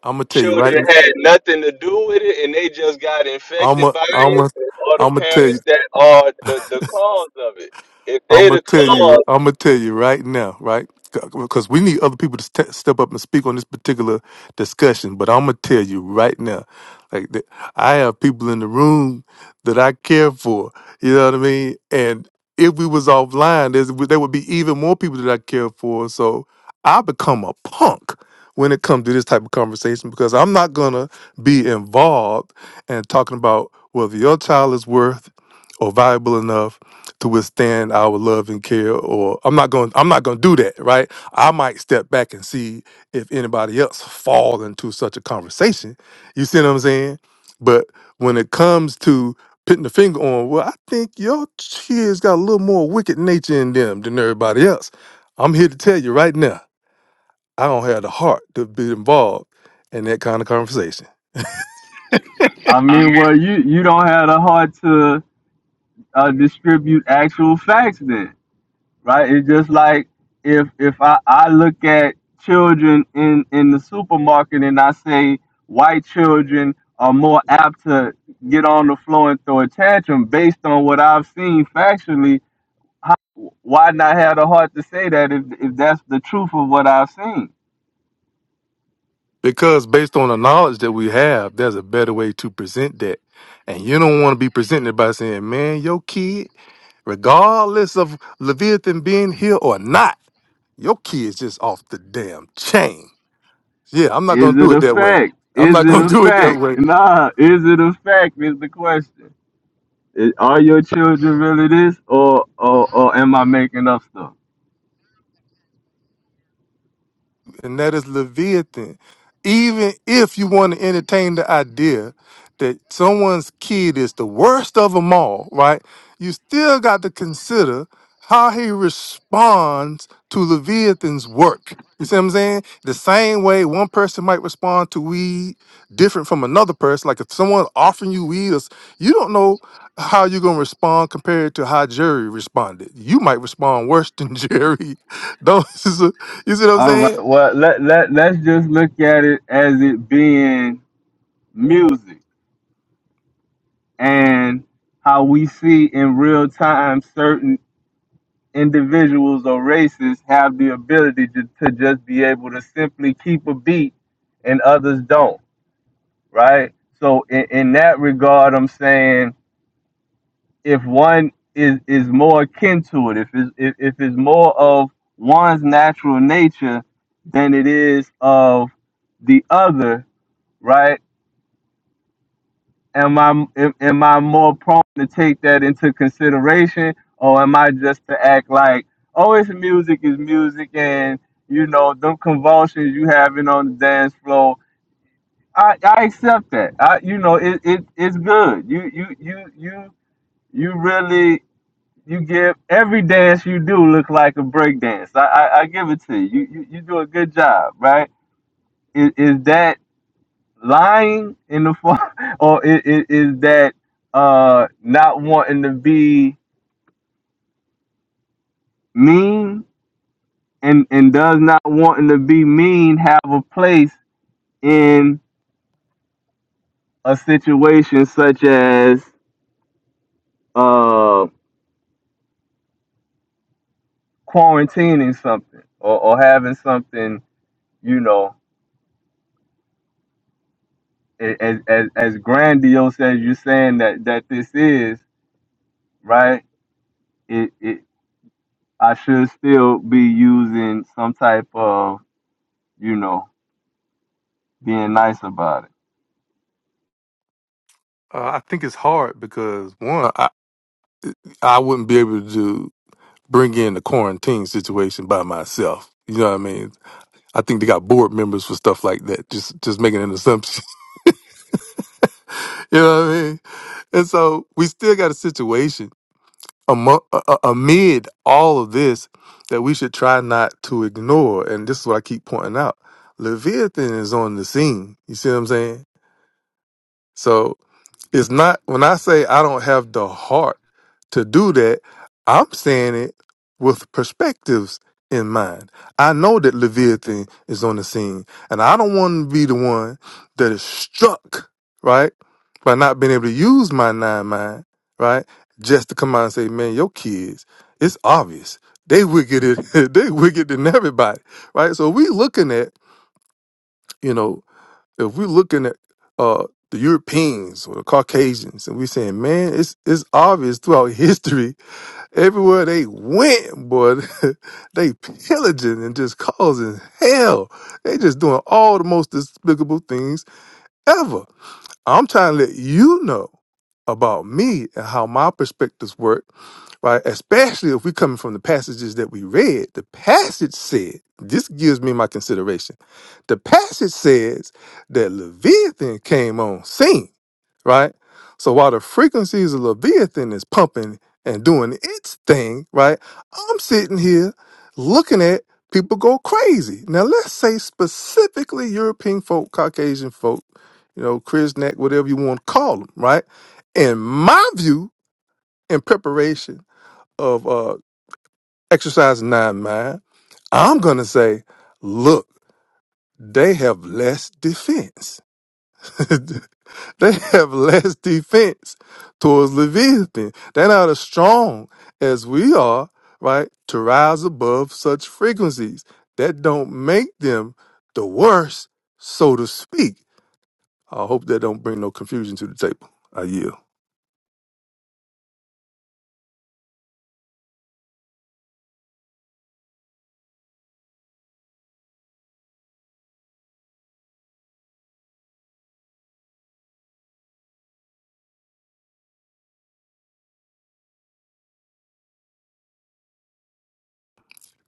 I'm gonna tell you right children now. had nothing to do with it and they just got I'm infected gonna, by I'm it, gonna, or the I'm gonna tell you. parents that are the, the cause of it. If I'm they gonna the tell you. cause, I'm gonna tell you right now, right? Because we need other people to ste step up and speak on this particular discussion. But I'm gonna tell you right now, like th- I have people in the room that I care for. You know what I mean? And if we was offline, there's, there would be even more people that I care for. So I become a punk when it comes to this type of conversation because I'm not gonna be involved and talking about whether your child is worth or valuable enough to withstand our love and care or I'm not going I'm not going to do that, right? I might step back and see if anybody else fall into such a conversation. You see what I'm saying? But when it comes to putting the finger on, well, I think your kids got a little more wicked nature in them than everybody else. I'm here to tell you right now, I don't have the heart to be involved in that kind of conversation. I mean, well, you you don't have the heart to uh, distribute actual facts then. right? It's just like if if I, I look at children in in the supermarket and I say white children are more apt to get on the floor and throw a tantrum based on what I've seen factually. How, why not have the heart to say that if if that's the truth of what I've seen? Because based on the knowledge that we have, there's a better way to present that. And you don't want to be presenting it by saying, man, your kid, regardless of Leviathan being here or not, your kid's just off the damn chain. Yeah, I'm not Is going to it do it a that way. fact? I'm Is not it going a to do it that fact? way. Nah, is it a fact is the question. Is- Are your children really this, or or, or am I making up stuff? and that is Leviathan. Even if you want to entertain the idea that someone's kid is the worst of them all, right? You still got to consider how he responds to Leviathan's work. You see what I'm saying? The same way one person might respond to weed different from another person. Like if someone offering you weed, or s- you don't know how you're gonna respond compared to how Jerry responded. You might respond worse than Jerry. Don't you see what I'm All right. saying? Well, let let let's just look at it as it being music and how we see in real time certain individuals or races have the ability to, to just be able to simply keep a beat and others don't, right? So in, in that regard, I'm saying if one is is more akin to it, if it's, if, if it's more of one's natural nature than it is of the other, right? am I am, am I more prone to take that into consideration, or am I just to act like, oh, it's music is music, and you know, them convulsions you having on the dance floor, I, I accept that. I, you know, it, it it's good. You you you you you really you give every dance you do look like a break dance. I, I I give it to you. You you, you do a good job, right? Is, is that lying in the form, or is, is that uh not wanting to be mean and and does not wanting to be mean have a place in a situation such as uh quarantining something or, or having something you know a- as, as as grandiose as you're saying that that this is right it it I should still be using some type of you know being nice about it. Uh, I think it's hard because one, I, I wouldn't be able to bring in the quarantine situation by myself. You know what I mean? I think they got board members for stuff like that. Just just making an assumption. you know what I mean? And so we still got a situation amo- a- a- amid all of this that we should try not to ignore. And this is what I keep pointing out. Leviathan is on the scene. You see what I'm saying? So It's not when I say I don't have the heart to do that, I'm saying it with perspectives in mind. I know that Leviathan is on the scene, and I don't want to be the one that is struck, right, by not being able to use my nine mind, right, just to come out and say, man, your kids, it's obvious. They wicked, they wicked than everybody, right? So we looking at, you know, if we're looking at uh, the Europeans or the Caucasians, and we're saying, man, it's it's obvious throughout history, everywhere they went, boy, they pillaging and just causing hell. They just doing all the most despicable things ever. I'm trying to let you know about me and how my perspectives work, right? Especially if we coming from the passages that we read. The passage said, this gives me my consideration. The passage says that Leviathan came on scene, right? So while the frequencies of Leviathan is pumping and doing its thing, right? I'm sitting here looking at people go crazy. Now let's say specifically European folk, Caucasian folk, you know, Chris whatever you want to call them, right? In my view, in preparation of uh, exercise nine mind, I'm gonna say, look, they have less defense. they have less defense towards Leviathan. They're not as strong as we are, right, to rise above such frequencies. That don't make them the worst, so to speak. I hope that don't bring no confusion to the table. I yield.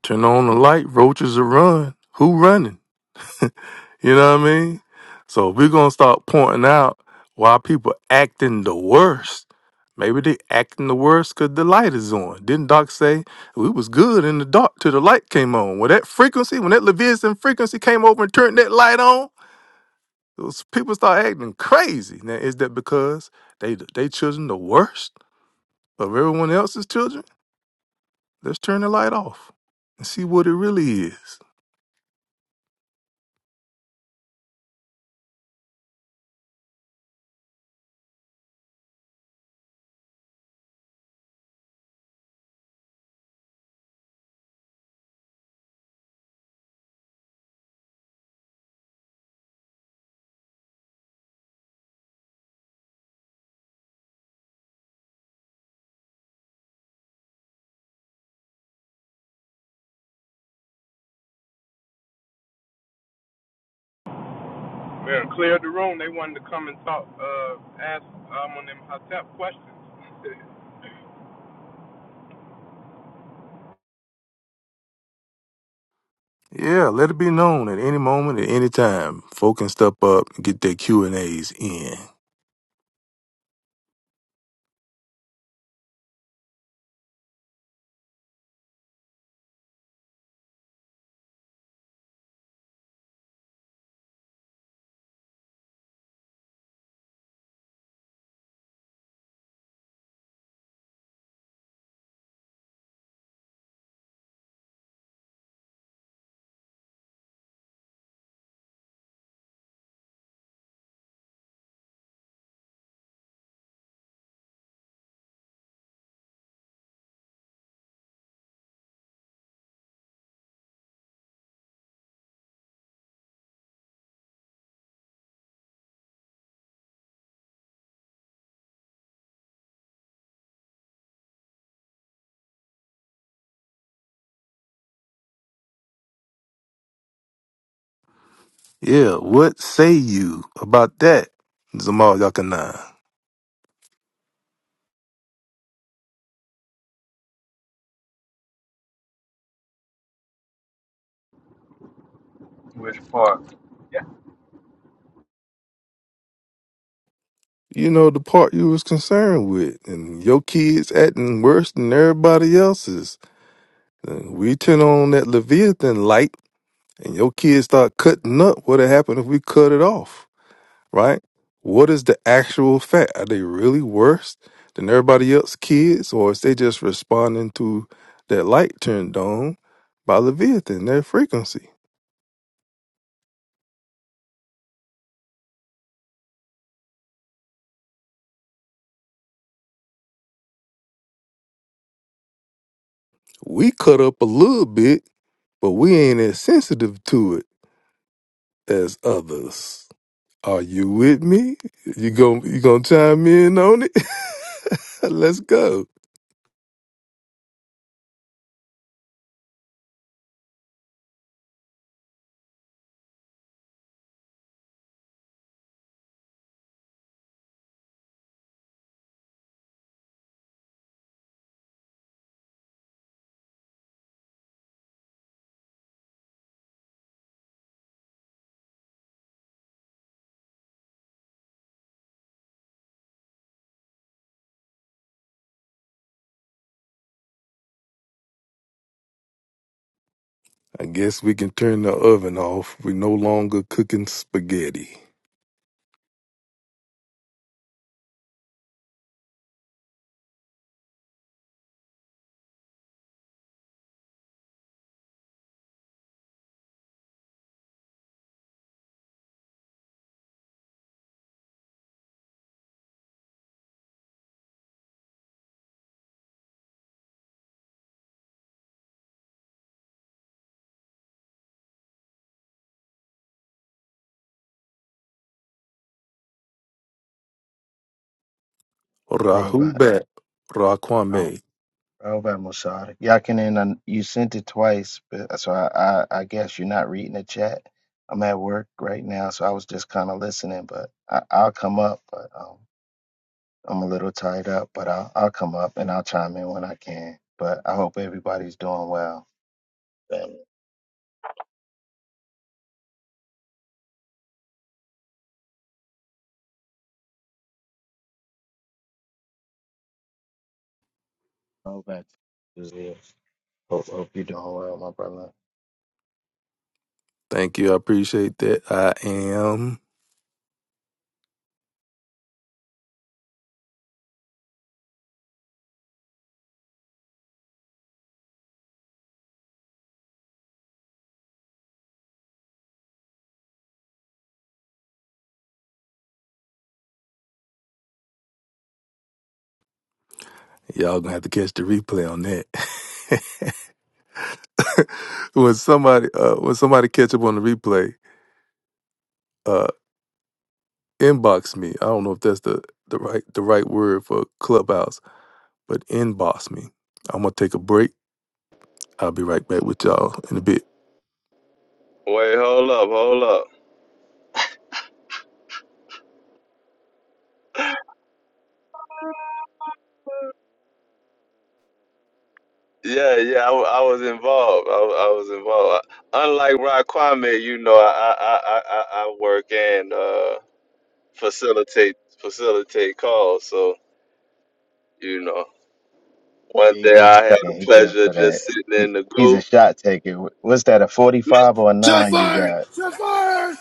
Turn on the light, roaches are run. Who running? You know what I mean? So if we're gonna start pointing out why people acting the worst. Maybe they acting the worst because the light is on. Didn't Doc say we was good in the dark till the light came on? When that frequency, when that Leviathan frequency came over and turned that light on, those people start acting crazy. Now is that because they they children the worst of everyone else's children? Let's turn the light off and see what it really is. We done cleared the room. They wanted to come and talk, uh, ask um, on them Hotep questions. Yeah, let it be known at any moment, at any time. Folk can step up and get their Q and A's in. Yeah, what say you about that, Zamal Yakana? Which part? Yeah. You know the part you was concerned with, and your kids acting worse than everybody else's. And we turn on that Leviathan light, and your kids start cutting up. What'd happen if we cut it off? right? What is the actual fact? Are they really worse than everybody else kids, or is they just responding to that light turned on by Leviathan, their frequency? We cut up a little bit, but we ain't as sensitive to it as others. Are you with me? You gon' you gonna chime in on it? Let's go. I guess we can turn the oven off. We're no longer cooking spaghetti. Rahu Robot. back, Oh, Raquame. Robot Musada. Yakinen, and you sent it twice, but so I, I, I guess you're not reading the chat. I'm at work right now, so I was just kind of listening, but I, I'll come up. But um, I'm a little tied up, but I'll, I'll come up and I'll chime in when I can. But I hope everybody's doing well. Family. Robot. Hope, hope you're doing well, my brother. Thank you. I appreciate that. I am. Y'all gonna have to catch the replay on that. when somebody uh when somebody catch up on the replay, uh inbox me. I don't know if that's the the right the right word for clubhouse, but inbox me. I'm gonna take a break. I'll be right back with y'all in a bit. Wait, hold up, hold up. Yeah, yeah, I, wa- I was involved. I, wa- I was involved. Unlike Rod Kwame, you know, I I, I, I, I I work and uh, facilitate facilitate calls. So you know, one Here you day go. I had Chuck. the Yeah, He good pleasure of for just that. sitting He, in the he's goo a shot taker. What's that, a 45 or a Set 9 you fire! got? Set fire!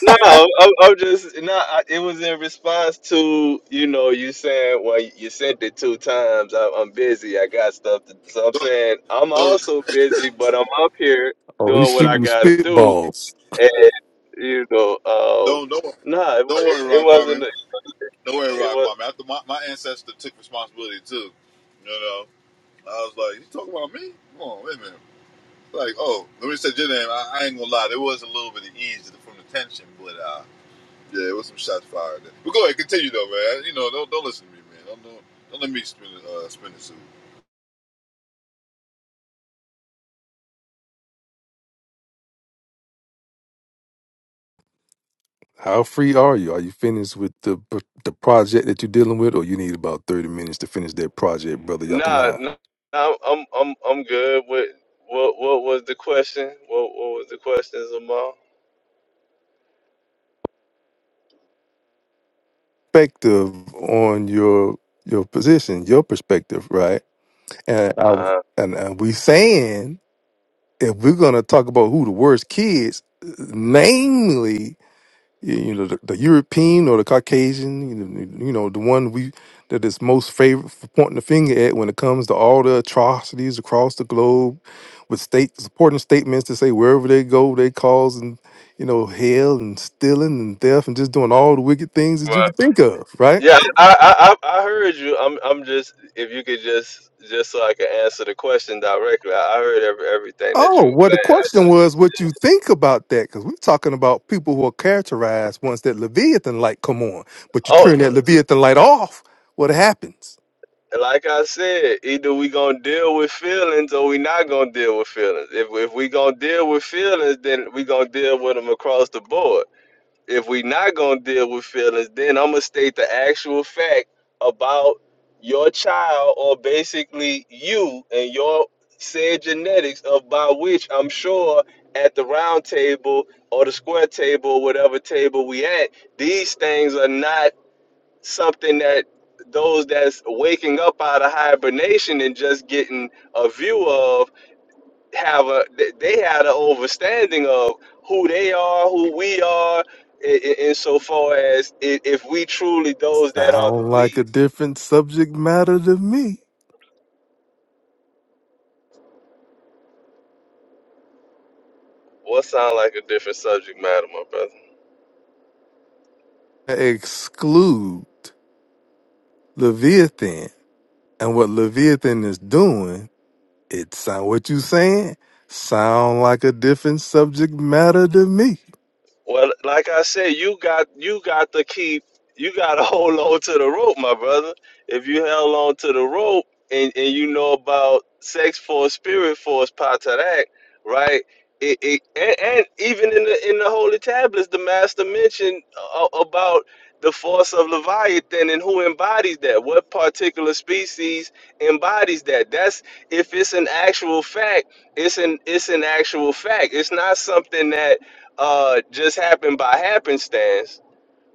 No, I, I'm just no. I, it was in response to you know you saying well you sent it two times. I, I'm busy. I got stuff. To, so I'm Don't, saying I'm don't, also busy, but I'm up here Oh, doing he's what I shooting got to do. spitballs. And you know, uh, don't, don't, wor- nah, it, don't worry, it Rock Kwame. wasn't. Don't worry, It Rock was Kwame. After my, my ancestor took responsibility too, you know, I was like, you talking about me? Come on, wait a minute. Like, oh, let me say your name. I, I ain't gonna lie, there was a little bit of ease from the tension, but uh, Yeah, it was some shots fired. There. But go ahead, continue though, man. You know, don't don't listen to me, man. Don't don't, don't let me spin the uh, spin the suit. How free are you? Are you finished with the the project that you're dealing with, or you need about thirty minutes to finish that project, brother nah. Yakanai? nah I'm I'm I'm I'm good. With what what was the question? What what was the question, Zamal? perspective on your your position, your perspective, right? And I was- Uh, and, and we saying if we're gonna talk about who the worst kids, namely, y- you know, the, the European or the Caucasian, you know, you know, the one we that is most favorite for pointing the finger at when it comes to all the atrocities across the globe, with state supporting statements to say wherever they go, they causing, you know, hell and stealing and theft and just doing all the wicked things that you could think of, right? Yeah, I, I I I heard you. I'm I'm just if you could just just so I can answer the question directly. I I heard every, everything that Oh, you were well, the saying. I question just was what you think about that, because we're talking about people who are characterized once that Leviathan light come on, but you oh, turn that Leviathan light off, what happens? like I said, either we gonna deal with feelings or we not gonna deal with feelings. If if we gonna deal with feelings, then we gonna deal with them across the board. if we not gonna deal with feelings, then I'm gonna state the actual fact about your child or basically you and your said genetics of by which I'm sure at the round table or the square table or whatever table we at, these things are not something that those that's waking up out of hibernation and just getting a view of have a they they had an understanding of who they are, who we are, in, insofar as i- if we truly those that are the Sound like we. a different subject matter to me. What sound like a different subject matter, my brother? Exclude Leviathan and what Leviathan is doing. It sound what you saying sound like a different subject matter to me. Well, like I said, you got you got to keep you got to hold on to the rope, my brother. If you held on to the rope and and you know about sex force, spirit force, patarak, right? It, it and, and even in the in the holy tablets, the master mentioned uh, uh, about the force of Leviathan and who embodies that. What particular species embodies that? That's if it's an actual fact. It's an it's an actual fact. It's not something that uh just happened by happenstance,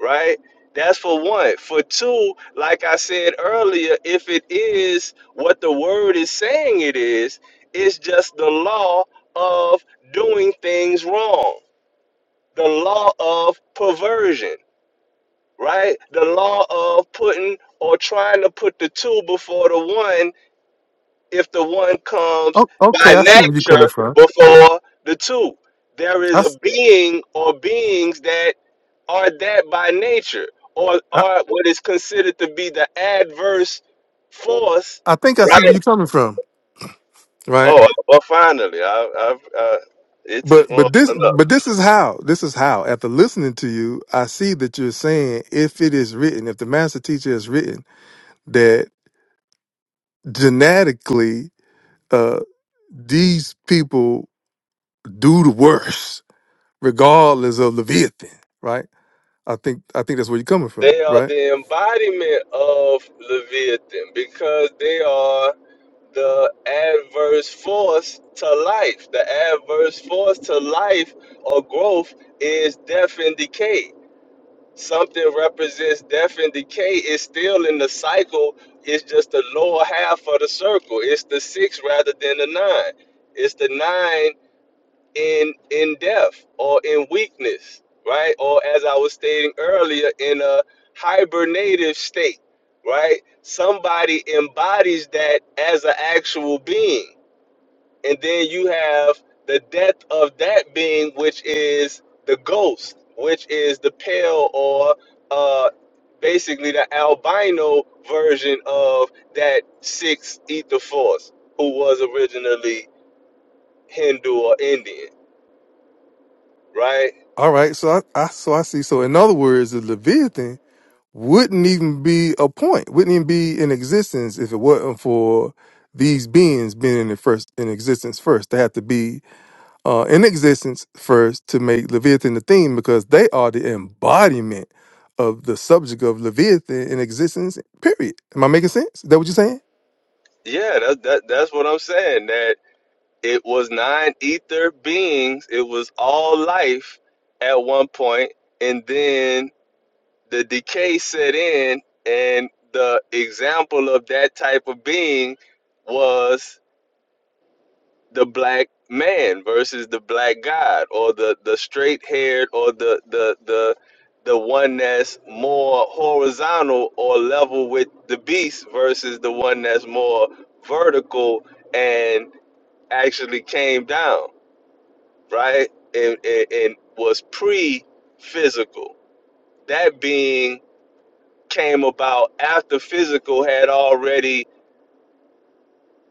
right? That's for one. For two, like I said earlier, if it is what the word is saying it is, it's just the law of doing things wrong, the law of perversion, right? The law of putting or trying to put the two before the one if the one comes Oh, by okay, I see where you're coming nature from. before the two there I, is a s- being or beings that are that by nature, or I, are what is considered to be the adverse force. I think I see where Right. you're coming from, right? Oh, well, finally, I, I, I, it took But long but this enough. but this is how this is how after listening to you I see that you're saying if it is written if the master teacher has written that genetically uh these people do the worst regardless of Leviathan right I think I think that's where you're coming from They are right the embodiment of Leviathan because they are the adverse force to life. The adverse force to life or growth is death and decay Something represents death and decay. It's still in the cycle. It's just the lower half of the circle. It's the six rather than the nine. It's the nine in in death or in weakness, right? Or as I was stating earlier, in a hibernative state, right? Somebody embodies that as an actual being and then you have the death of that being which is the ghost which is the pale or uh basically the albino version of that sixth ether force who was originally hindu or indian right all right so I, I so I see so in other words the Leviathan wouldn't even be a point wouldn't even be in existence if it wasn't for these beings being in the first in existence first they have to be uh, in existence first to make Leviathan the theme because they are the embodiment of the subject of Leviathan in existence, period. Am I making sense? Is that what you're saying? yeah that, that that's what i'm saying that it was nine ether beings it was all life at one point and then the decay set in, and the example of that type of being was the black man versus the black god, or the the straight haired, or the the the the one that's more horizontal or level with the beast versus the one that's more vertical and actually came down, right? And and, and was pre physical. That being came about after physical had already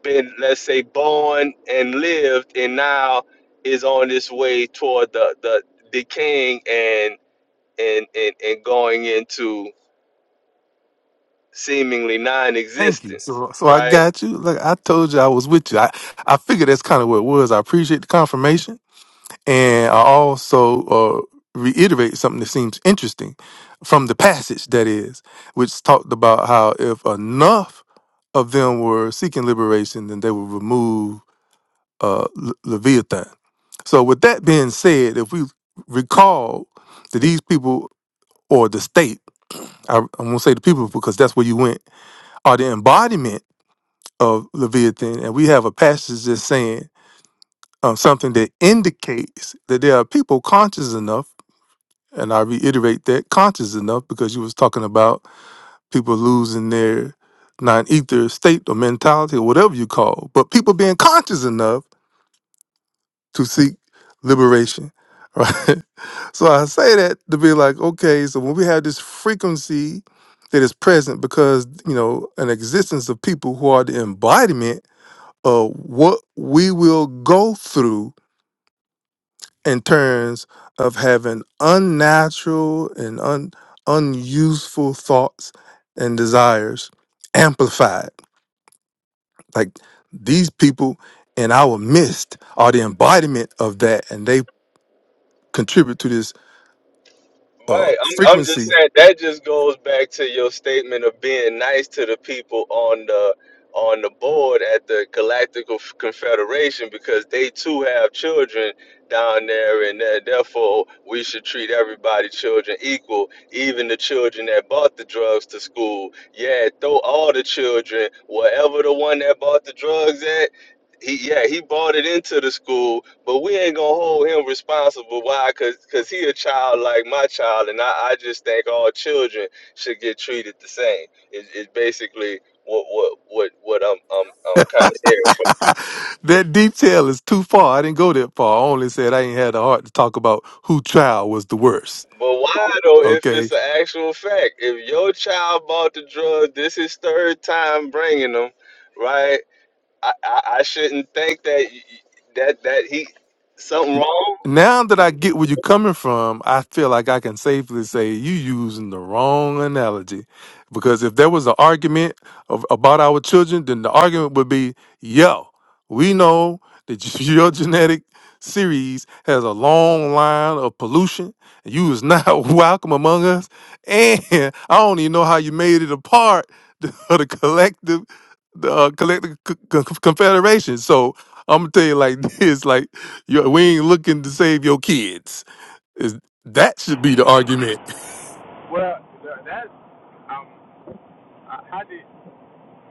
been, let's say, born and lived, and now is on this way toward the, the decaying and, and and and going into seemingly Thank you. non-existence, So, so I right? got you. Look, I told you I was with you. I, I figured that's kind of what it was. I appreciate the confirmation. And I also uh, reiterate something that seems interesting from the passage, that is, which talked about how if enough of them were seeking liberation, then they would remove uh, Le- Leviathan. So, with that being said, if we recall that these people or the state, I, I won't say the people because that's where you went, are the embodiment of Leviathan, and we have a passage that's saying um, something that indicates that there are people conscious enough and I reiterate that conscious enough because you was talking about people losing their non-ether state or mentality or whatever you call, but people being conscious enough to seek liberation, right? so I say that to be like, okay, so when we have this frequency that is present because you know an existence of people who are the embodiment of what we will go through in terms of having unnatural and un, unuseful thoughts and desires amplified. Like these people in our midst are the embodiment of that, and they contribute to this uh, Right. I'm I'm just frequency. saying that just goes back to your statement of being nice to the people on the on the board at the Galactical F- Confederation because they too have children down there and that therefore we should treat everybody children equal, even the children that bought the drugs to school. Yeah, throw all the children, whatever the one that bought the drugs at, he yeah, he bought it into the school but we ain't gonna hold him responsible. Why? Cause, cause he a child like my child, and I, I just think all children should get treated the same. It, it's basically what what what what I'm I'm I'm kind of hearing. that detail is too far. I didn't go that far. I only said I ain't had the heart to talk about who child was the worst. But why though? If Okay, it's an actual fact, if your child bought the drug, this is third time bringing them, right? I I, I shouldn't think that y- y- that that he something N- wrong. Now that I get where you're coming from, I feel like I can safely say you using the wrong analogy. Because if there was an argument of, about our children, then the argument would be, yo, we know that your genetic series has a long line of pollution. and You is not welcome among us. And I don't even know how you made it a part of the collective, the uh, collective c- c- confederation. So I'm gonna tell you like this, like your, we ain't looking to save your kids. Is that should be the argument? well, th- that's um, I- how did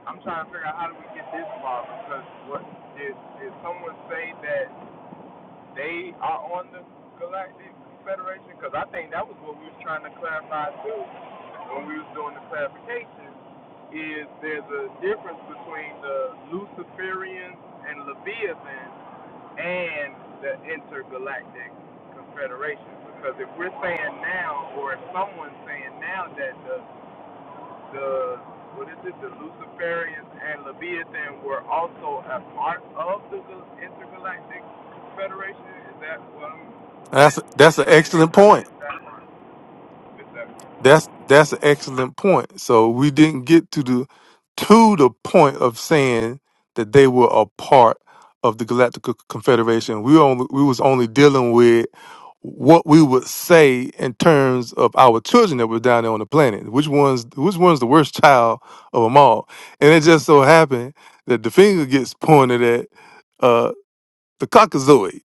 I'm trying to figure out how do we get this far because what did did someone say that? they are on the Galactic Federation? Because I think that was what we was trying to clarify too when we was doing the clarification. Is there's a difference between the Luciferians and Leviathans and the Intergalactic Confederation? Because if we're saying now, or if someone's saying now that the the what is it? The Luciferians and Leviathan were also a part of the intergalactic federation. Is that what I'm, That's that's an I didn't? excellent I point. missed that part. Missed that part. That's that's an excellent point. So we didn't get to the to the point of saying that they were a part of the Galactic Confederation. We only we was only dealing with what we would say in terms of our children that were down there on the planet. Which one's which one's the worst child of them all? And it just so happened that the finger gets pointed at. uh, the cockazoid.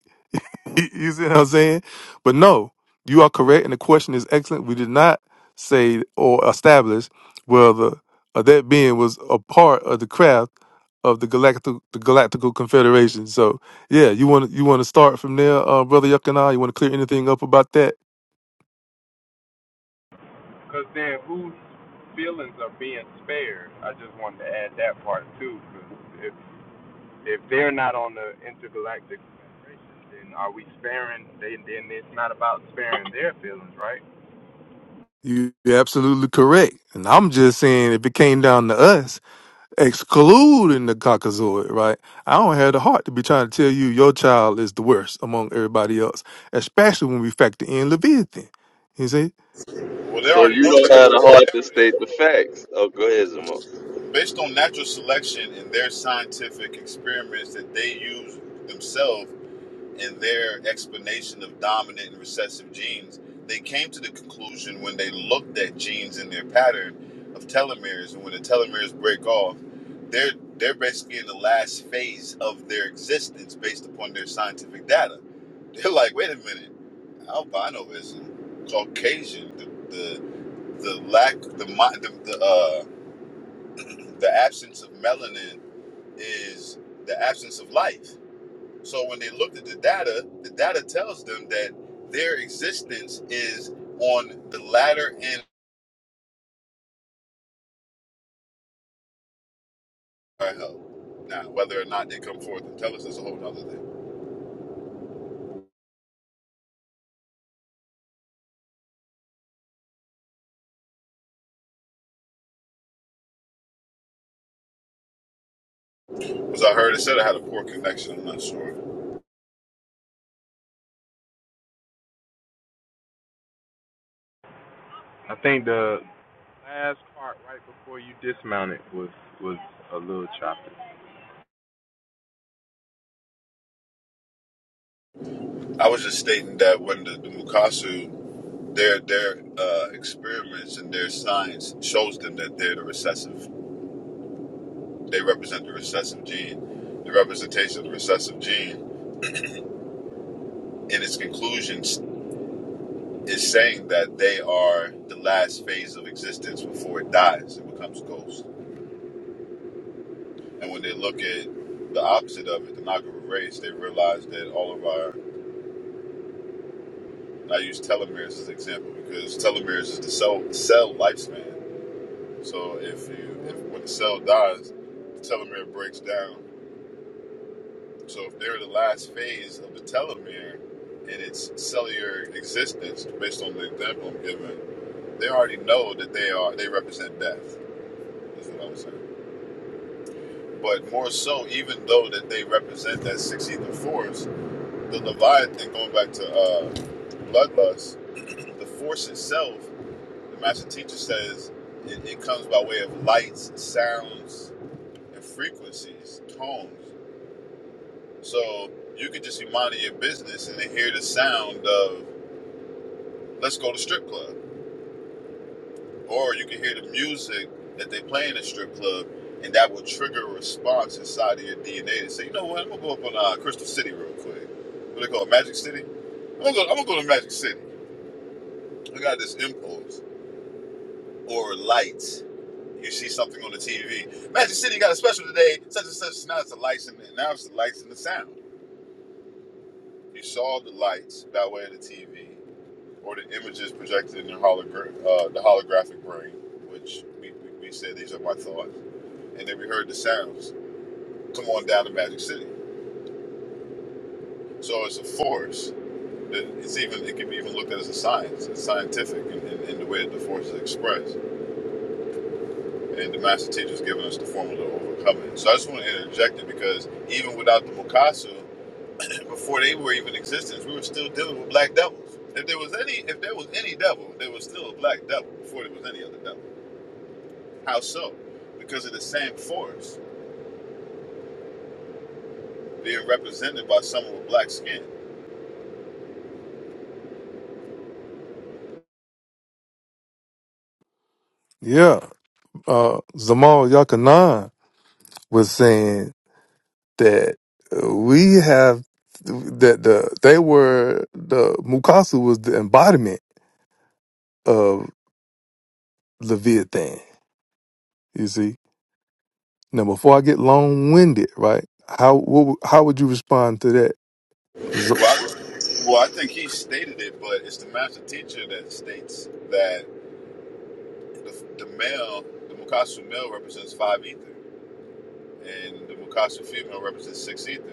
you see what I'm saying? But no, you are correct, and the question is excellent. We did not say or establish whether uh, that being was a part of the craft of the galactic the galactical confederation. So yeah, you want you want to start from there, uh, brother Yuckanah. You want to clear anything up about that? Because then, whose feelings are being spared? I just wanted to add that part too. Because if if they're not on the intergalactic federation, then are we sparing? They, then it's not about sparing their feelings, right? You- are absolutely correct. And I'm just saying, if it came down to us, excluding the Caucasoid, right? I don't have the heart to be trying to tell you your child is the worst among everybody else, especially when we factor in Leviathan. You see? Well, they So already you know don't that. have the heart to They state the already, facts. Oh, go ahead, Zamar. based on natural selection and their scientific experiments that they use themselves in their explanation of dominant and recessive genes, they came to the conclusion when they looked at genes in their pattern of telomeres, and when the telomeres break off, they're they're basically in the last phase of their existence based upon their scientific data. They're like, wait a minute, albinoism, Caucasian, the the, the lack, the mi- the the, uh, the absence of melanin is the absence of life. So when they looked at the data, the data tells them that their existence is on the latter end of our health. Now, whether or not they come forth and tell us is a whole other thing. Because I heard it said I had a poor connection, I'm not sure. I think the last part right before you dismounted was was a little choppy. I was just stating that when the, the Mukasu Their their uh, experiments and their science shows them that they're the recessive. They represent the recessive gene. The representation of the recessive gene, in its conclusions, is saying that they are the last phase of existence before it dies and becomes ghost. And when they look at the opposite of it, the Nagaru race, they realize that all of our and I use telomeres as an example because telomeres is the cell cell lifespan. So if you if when the cell dies, the telomere breaks down So if they're the last phase of the telomere in its cellular existence, based on the example I'm giving, they already know that they are they represent death. Is what I'm saying. But more so, even though that they represent that sixteenth of force, the Leviathan, going back to uh, bloodlust, the force itself, the master teacher says, it, it comes by way of lights, sounds, and frequencies, tones. So you could just be minding your business and then hear the sound of let's go to strip club. Or you can hear the music that they play in the strip club, and that will trigger a response inside of your DNA to say, you know what, I'm gonna go up on uh, Crystal City real quick. What do they call it, Magic City? I'm gonna, go, I'm gonna go to Magic City. I got this impulse. Or lights. You see something on the TV. Magic City got a special today, such and such. Now it's the lights and now it's the lights and the sound. You saw the lights by way of the TV. or the images projected in the, hologra- uh, the holographic brain, which we, we, we said these are my thoughts. And then we heard the sounds come on down to Magic City. So it's a force that it's even it can be even looked at as a science. It's scientific in, in, in the way that the force is expressed. And the master teacher's given us the formula to overcome it. So I just want to interject it because even without the Mukasu, before they were even in existence, we were still dealing with black devils. If there was any if there was any devil, there was still a black devil before there was any other devil. How so? Because of the same force being represented by someone with black skin. Yeah. Uh, Zamal Yakanan was saying that uh, we have, that the they were, the Mukasu was the embodiment of Leviathan. You see? Now, before I get long winded, right? How what, would- how would you respond to that? So- Well, I, well, I think he stated it, but it's the master teacher that states that the, the male, the Mukasu male represents five ether, and the Mukasu female represents six ether.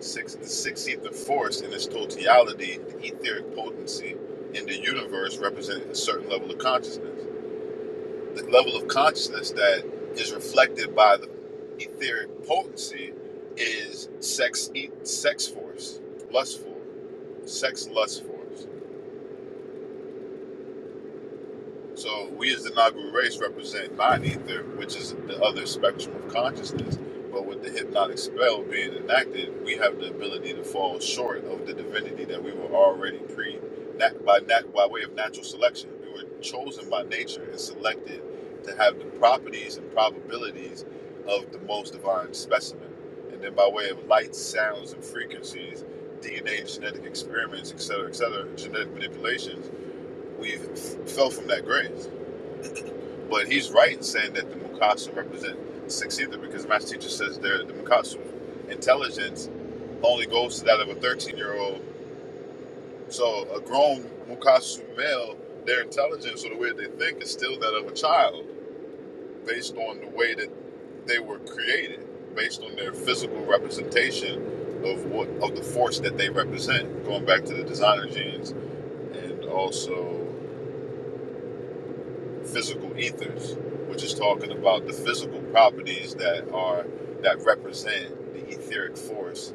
Six, the six ether force in its totality, the etheric potency in the universe, represents a certain level of consciousness. the level of consciousness that is reflected by the etheric potency is sex e- sex force lustful sex lust force So we as the Nagu race represent mind ether, which is the other spectrum of consciousness. But with the hypnotic spell being enacted, we have the ability to fall short of the divinity that we were already pre nat- by nat- by way of natural selection. We were chosen by nature and selected to have the properties and probabilities of the most divine specimen. And then by way of lights, sounds, and frequencies, DNA, genetic experiments, etc., etc., genetic manipulations, we've f- fell from that grace. But he's right in saying that the Mukasu represent six either because my teacher says they're the Mukasu intelligence only goes to that of a 13 year old. So a grown Mukasu male, their intelligence or the way they think is still that of a child based on the way that they were created, based on their physical representation of what of the force that they represent, going back to the designer genes and also physical ethers, which is talking about the physical properties that are that represent the etheric force,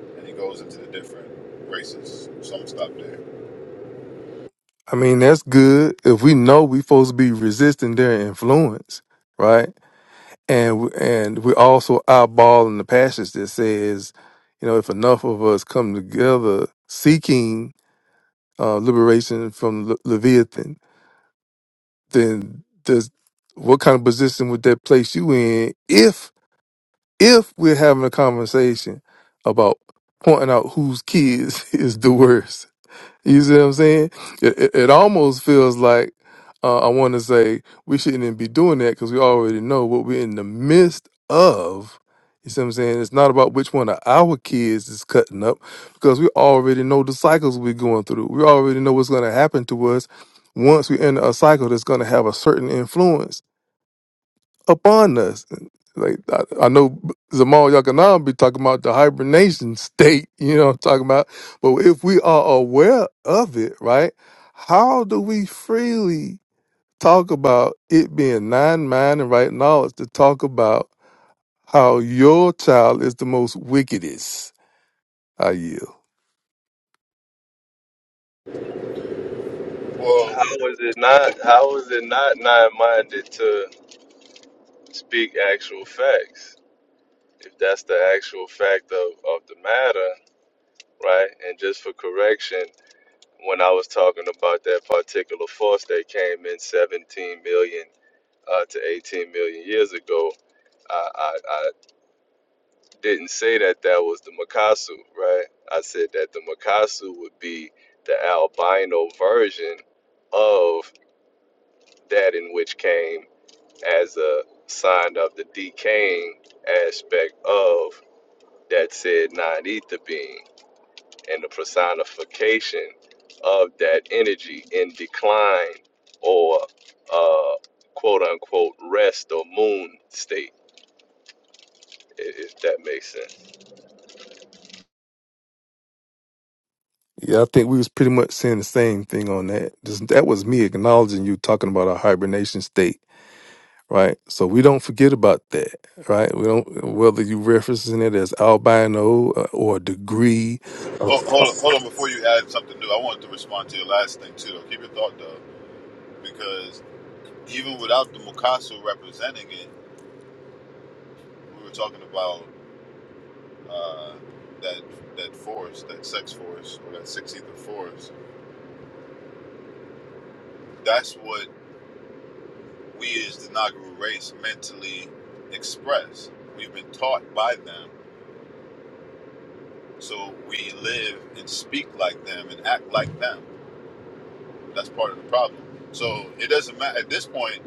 and it goes into the different races. So I'm gonna stop there. I mean, that's good if we know we supposed to be resisting their influence, right? And we- and we're also eyeballing the passage that says, you know, if enough of us come together seeking uh, liberation from Le- Leviathan, then does what kind of position would that place you in if if we're having a conversation about pointing out whose kids is the worst. You see what I'm saying? It, it, it almost feels like uh, I want to say we shouldn't even be doing that because we already know what we're in the midst of. You see what I'm saying? It's not about which one of our kids is cutting up because we already know the cycles we're going through. We already know what's going to happen to us once we enter a cycle that's going to have a certain influence upon us. Like I, I know Zamal Yakanam be talking about the hibernation state, you know what I'm talking about. But if we are aware of it, right, how do we freely talk about it being nine mind and right knowledge to talk about how your child is the most wickedest? I yield. Well, How is it not? How is it not nine-minded to speak actual facts? If that's the actual fact of of the matter, right? And just for correction, when I was talking about that particular force that came in 17 million uh, to 18 million years ago, I, I I didn't say that that was the Makasu, right? I said that the Makasu would be the albino version of that in which came. as a sign of the decaying aspect of that said non ether being and the personification of that energy in decline or uh, quote unquote rest or moon state, i- if that makes sense. Yeah, I think we was pretty much saying the same thing on that. Just, that was me acknowledging you talking about a hibernation state right? So we don't forget about that, right? We don't whether you referencing it as albino uh, or degree. Uh, ho- uh, hold on, hold on. Before you add something new, I wanted to respond to your last thing too. Keep your thought though, because even without the Mikasa representing it, we were talking about uh, that that force, that sex force, or that six ether force. That's what we as the inaugural race mentally express. We've been taught by them, so we live and speak like them and act like them. That's part of the problem. So it doesn't matter at this point.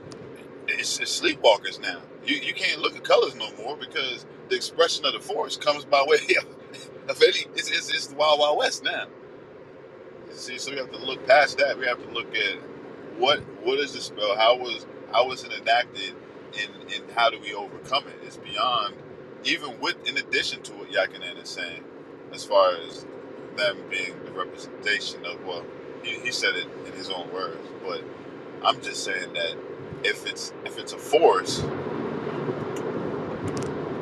It's, it's sleepwalkers now. You you can't look at colors no more because the expression of the forest comes by way of any. It's, it's, it's the wild wild west now. See, so we have to look past that. We have to look at what what is the spell? How was how was it enacted, and and how do we overcome it? It's beyond even with in addition to what Yakinen is saying, as far as them being the representation of well, he, he said it in his own words, but I'm just saying that if it's if it's a force,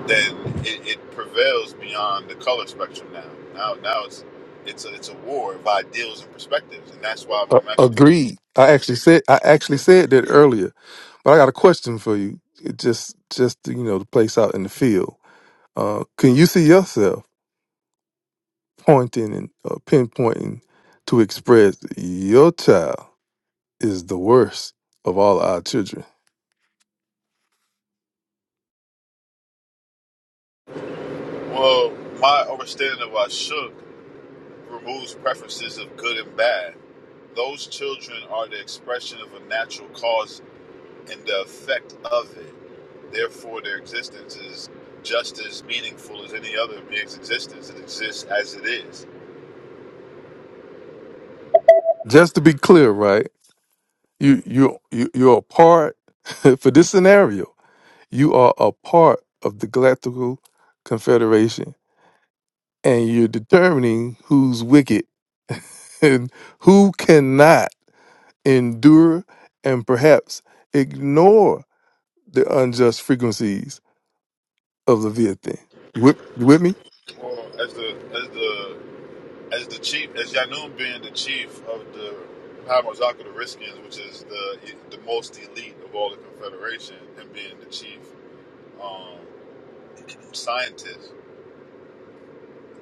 then it, it prevails beyond the color spectrum now. Now now it's it's a, it's a war of ideals and perspectives, and that's why when uh, the match agreed. I actually said I actually said that earlier, but I got a question for you. It just just to, you know to place out in the field. Uh, can you see yourself pointing and uh, pinpointing to express your child is the worst of all our children? Well, my understanding of Ashok removes preferences of good and bad. Those children are the expression of a natural cause and the effect of it. Therefore, their existence is just as meaningful as any other being's existence. It exists as it is. Just to be clear, right? You you you you're a part for this scenario You are a part of the Galactical Confederation, and you're determining who's wicked and who cannot endure and perhaps ignore the unjust frequencies of Leviathan. You with, you with me? Well, as the as the as the chief, as Yanun being the chief of the Hamazaka the Riskins, which is the the most elite of all the Confederation, and being the chief um, scientist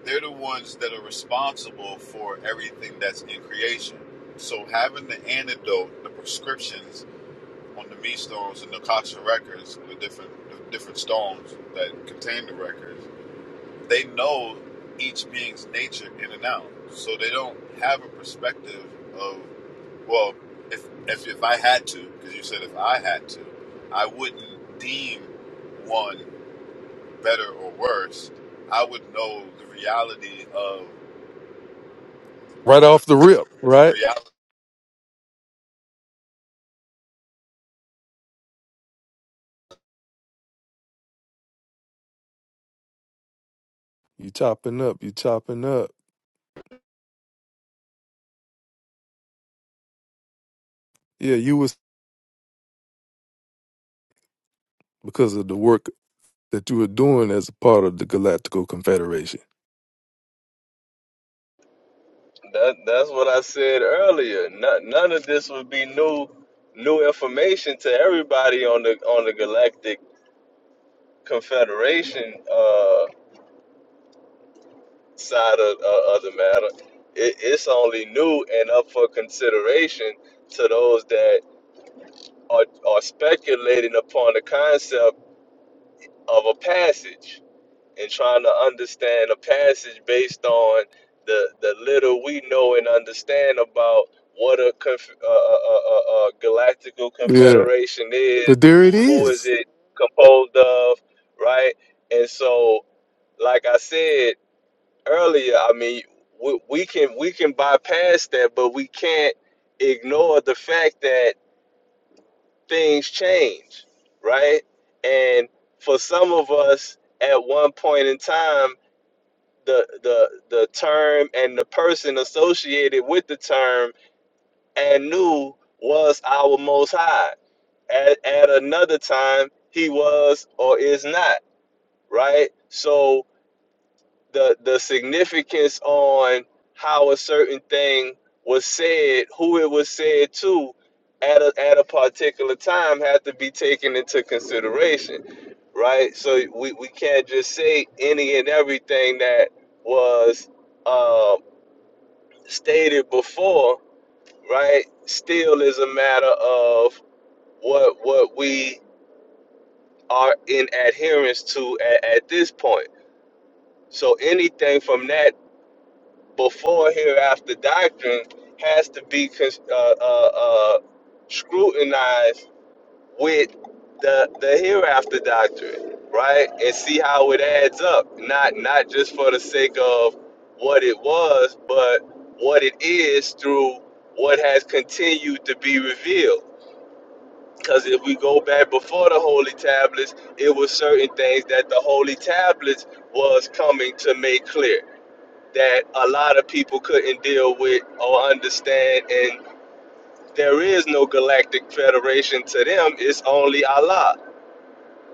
they're the ones that are responsible for everything that's in creation. So having the antidote, the prescriptions on the meat stones and the Akasha records, the different the different stones that contain the records, they know each being's nature in and out. So they don't have a perspective of well, if if, if I had to, because you said if I had to, I wouldn't deem one better or worse. I would know the reality of Right off the rip, the right? reality. You chopping up, you chopping up. Yeah, you was because of the work that you were doing as a part of the Galactical Confederation. That, that's what I said earlier. None, none of this would be new new information to everybody on the on the galactic confederation uh, side of, uh, of the matter, it, it's only new and up for consideration to those that are, are speculating upon the concept of a passage and trying to understand a passage based on the, the little we know and understand about what a, conf, uh, uh, uh, uh, uh, galactical Yeah, confederation is, but there it who is is. it composed of, right? And so, like I said, earlier, I mean, we, we can we can bypass that, but we can't ignore the fact that things change, right? And for some of us, at one point in time, the the the term and the person associated with the term and knew was our Most High. At, at another time, he was or is not, right? So the the significance on how a certain thing was said, who it was said to, at a at a particular time had to be taken into consideration, right? So we, we can't just say any and everything that was um, stated before, right? Still is a matter of what what we are in adherence to at, at this point. So anything from that before hereafter doctrine has to be cons- uh, uh, uh, scrutinized with the the hereafter doctrine, right? And see how it adds up. Not not just for the sake of what it was, but what it is through what has continued to be revealed. Because if we go back before the holy tablets, it was certain things that the holy tablets was coming to make clear that a lot of people couldn't deal with or understand. And there is no galactic federation to them, it's only Allah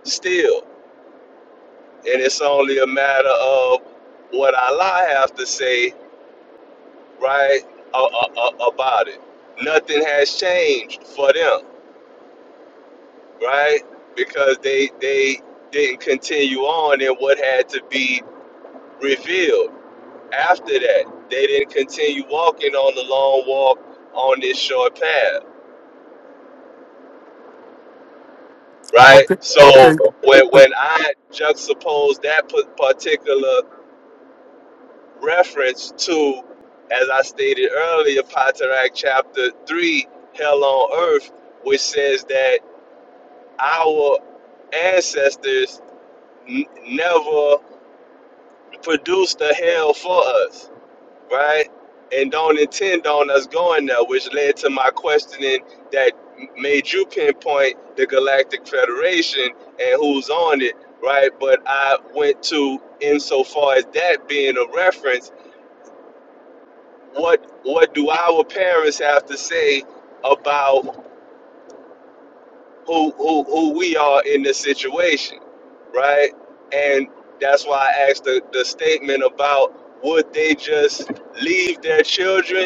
still. And it's only a matter of what Allah have to say, right, a- a- a- about it. Nothing has changed for them, right? Because they they didn't continue on in what had to be revealed. After that, they didn't continue walking on the long walk on this short path right? Okay, So okay. when when I juxtapose that pa- particular reference to, as I stated earlier, Patriarch chapter three, hell on earth, which says that our ancestors n- never produced a hell for us right? And don't intend on us going there, which led to my questioning that made you pinpoint the Galactic Federation and who's on it, right? But I went to insofar as that being a reference, what what do our parents have to say about who who, who we are in this situation, right? And that's why I asked the, the statement about would they just leave their children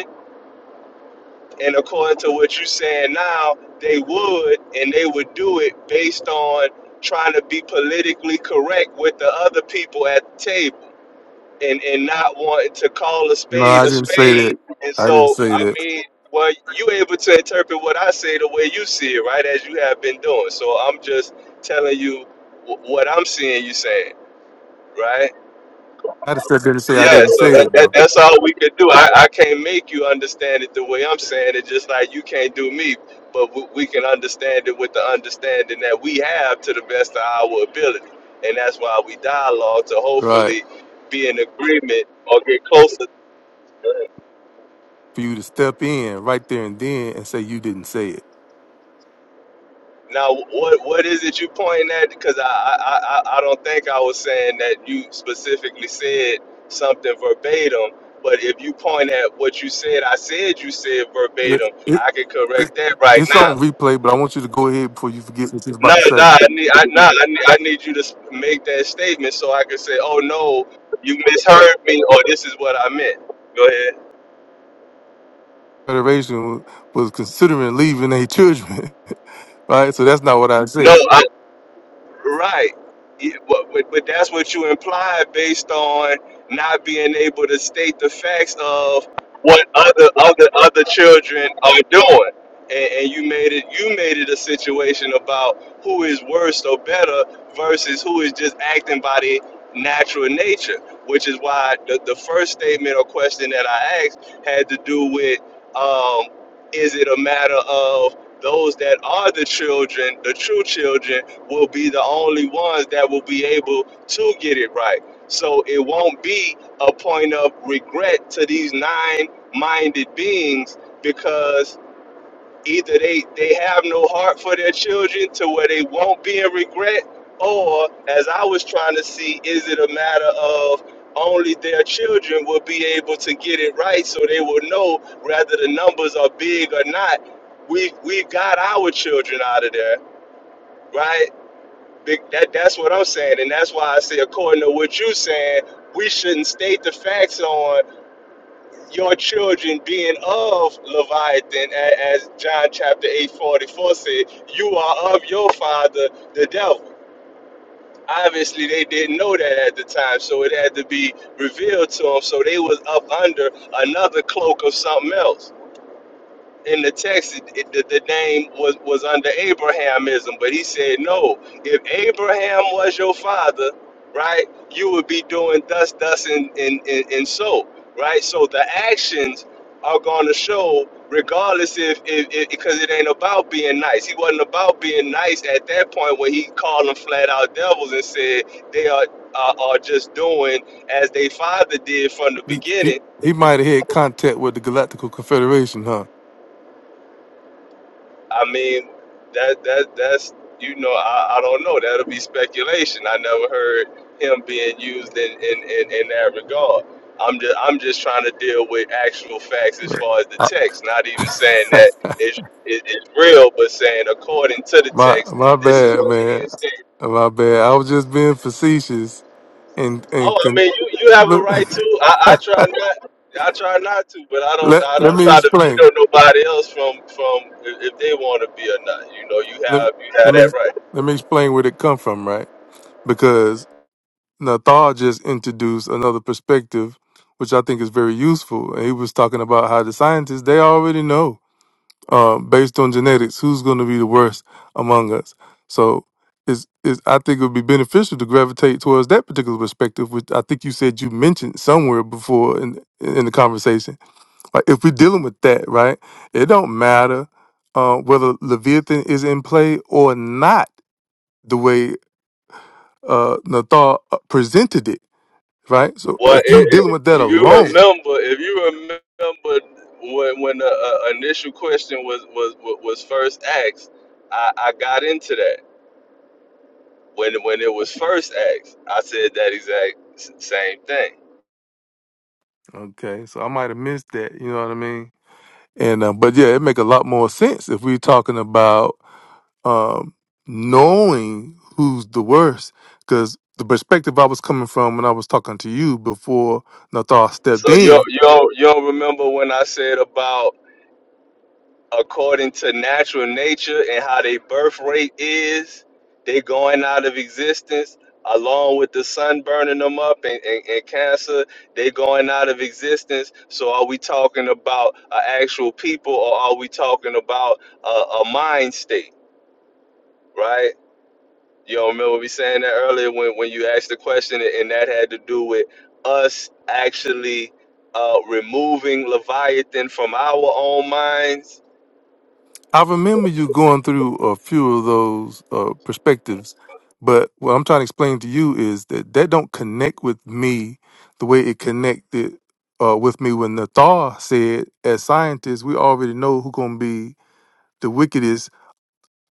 And according to what you're saying now, they would, and they would do it based on trying to be politically correct with the other people at the table and, and not wanting to call a No, spade I a didn't say spade. that. And I didn't so, say I that. mean, well, you able to interpret what I say the way you see it, right? As you have been doing. So I'm just telling you wh- what I'm seeing you saying, right? I just said didn't say I Yeah, didn't so say that, it that though. that's all we could do. I, I can't make you understand it the way I'm saying it, just like you can't do me. But we, we can understand it with the understanding that we have to the best of our ability, and that's why we dialogue to Right. hopefully be in agreement or get closer. For you to step in right there and then and say you didn't say it. Now, what what is it you pointing at? Because I I, I I don't think I was saying that you specifically said something verbatim. But if you point at what you said, I said you said It, verbatim. it- I can correct that right it's now on replay, but I want you to go ahead before you forget what you was No, about to no, say. I need, I, no, I need, I need you to s- make that statement so I can say, "Oh no, you misheard me," or "This is what I meant." Go ahead. Federation was considering leaving their children, right? So that's not what I No, said. I, Right. Yeah, But, but, but that's what you implied based on not being able to state the facts of what other other other children are doing. And, and you made it you made it a situation about who is worse or better versus who is just acting by their natural nature, which is why the, the first statement or question that I asked had to do with um, is it a matter of those that are the children, the true children, will be the only ones that will be able to get it right. So it won't be a point of regret to these nine minded beings because either they, they have no heart for their children to where they won't be in regret, or as I was trying to see, is it a matter of only their children will be able to get it right so they will know whether the numbers are big or not. We, we got our children out of there right? Big, that that's what I'm saying, and that's why I say, according to what you're saying, we shouldn't state the facts on your children being of Leviathan, a- as John chapter eight forty four said, you are of your father, the devil. Obviously, they didn't know that at the time, so it had to be revealed to them. So they was up under another cloak of something else in the text, it, it, the, the name was, was under Abrahamism, but he said, no, if Abraham was your father, right, you would be doing thus, thus, and, and, and, and so, right? So the actions are going to show, regardless if, if, if, because it ain't about being nice. He wasn't about being nice at that point when he called them flat out devils and said they are, are, are just doing as they father did from the He he, beginning he might have had contact with the Galactical Confederation, huh? I mean, that that that's you know, I, I don't know. That'll be speculation. I never heard him being used in, in, in, in that regard. I'm just I'm just trying to deal with actual facts as Right. far as the I- text, not even saying that it's it, it's real, but saying according to the my text, my this is bad, what's man. being stated. My bad. I was just being facetious and Oh, and I con- mean, you, you have a look. right to. I, I try not. I try not to, but I don't. let I let don't me try to explain. veto nobody else from from if if they want to be or not. You know, you Let have you have let me that right. let me explain where it come from, right? Because Nathal just introduced another perspective, which I think is very useful. And he was talking about how the scientists they already know, uh, based on genetics, who's going to be the worst among us. So is is I think it would be beneficial to gravitate towards that particular perspective, which I think you said you mentioned somewhere before in in the conversation Like if we're dealing with that, right? It don't matter uh, whether Leviathan is in play or not, the way uh, Nathar uh, presented it, right? So Well, if you dealing if, with that if you alone, remember, if you remember when when the uh, initial question was was was first asked, I, I got into that. When when it was first asked, I said that exact s- same thing. okay. So I might have missed that. You know what I mean? And uh, but yeah, it make a lot more sense if we're talking about um, knowing who's the worst. Because the perspective I was coming from when I was talking to you before Nathal stepped So you in, don't- you don't, you don't remember when I said about according to natural nature and how their birth rate is, they going out of existence along with the sun burning them up and, and, and cancer, they going out of existence. So are we talking about an actual people or are we talking about a, a mind state, right? You all remember me saying that earlier when, when you asked the question and that had to do with us actually uh, removing Leviathan from our own minds I remember you going through a few of those uh, perspectives, but what I'm trying to explain to you is that that don't connect with me the way it connected uh, with me when Nathar said, as scientists, we already know who's going to be the wickedest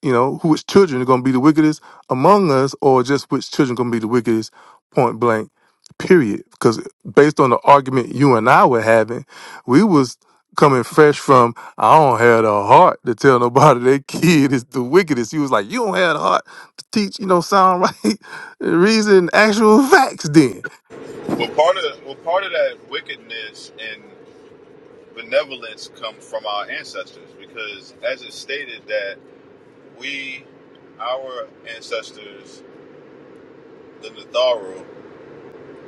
you know, who which children are going to be the wickedest among us, or just which children going to be the wickedest, point blank, period. Because based on the argument you and I were having, we was coming fresh from I don't have the heart to tell nobody their kid is the wickedest. He was like, you don't have the heart to teach, you know, sound right reason, actual facts. Then, Well, part of well, part of that wickedness and benevolence come from our ancestors, because as it's stated that we, our ancestors, the Natharu,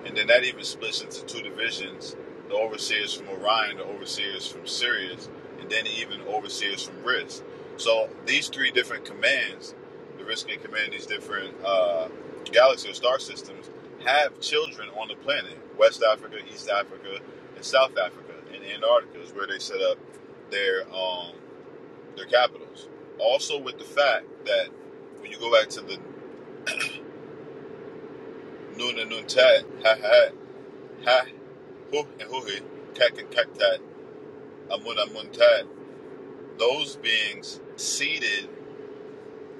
And then that even splits into two divisions the overseers from Orion, the overseers from Sirius, and then even overseers from Risk. So these three different commands, the Risk and Command, these different uh, galaxy or star systems, have children on the planet West Africa, East Africa, and South Africa, and Antarctica is where they set up their, um, their capitals. Also, with the fact that when you go back to the Nuna Nuntat, Ha, Hu, and Huhi, Kak and Kaktat, Amun Amuntat, those beings seeded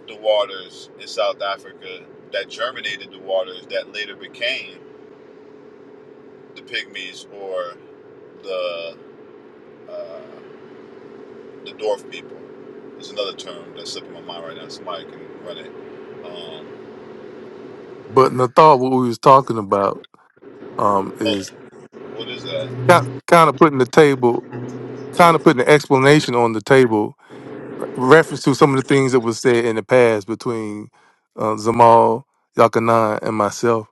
the waters in South Africa that germinated the waters that later became the Pygmies or the uh, the dwarf people. There's another term that's slipping my mind right now. Somebody can run it. Um, but in the thought, what we was talking about um oh, is what is that? kind of putting the table, kind of putting the explanation on the table reference to some of the things that was said in the past between uh, Zamal Yakanan and myself,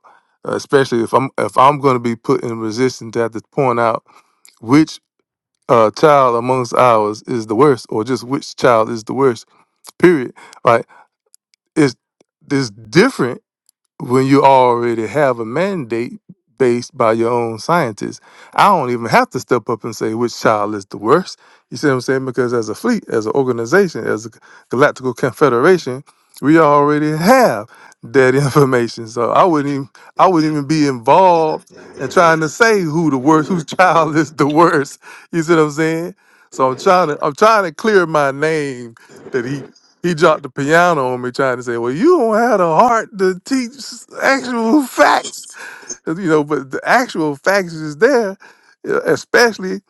uh, especially if I'm if I'm going to be put in resistance to have to point out which uh, child amongst ours is the worst, or just which child is the worst. Period. Right? It's it's different when you already have a mandate based by your own scientists. I don't even have to step up and say which child is the worst. You see what I'm saying? Because as a fleet, as an organization, as a galactical confederation, we already have that information. So I wouldn't even I wouldn't even be involved in trying to say who the worst, whose child is the worst. You see what I'm saying? So I'm trying to I'm trying to clear my name that he he dropped the piano on me trying to say, well, you don't have the heart to teach actual facts. You know, but the actual facts is there, uh, especially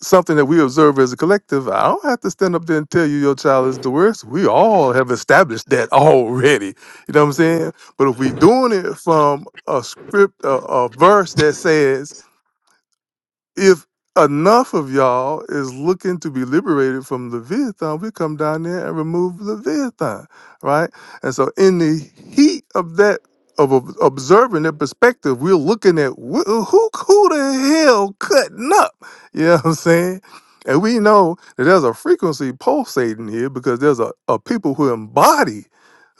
something that we observe as a collective. I don't have to stand up there and tell you your child is the worst. We all have established that already. You know what I'm saying? But if we doing it from a script, a, a verse that says, if enough of y'all is looking to be liberated from Leviathan, we come down there and remove Leviathan, right? And so, in the heat of that, of ob- observing that perspective, we're looking at wh- who, who the hell cutting up? You know what I'm saying? And we know that there's a frequency pulsating here because there's a, a people who embody,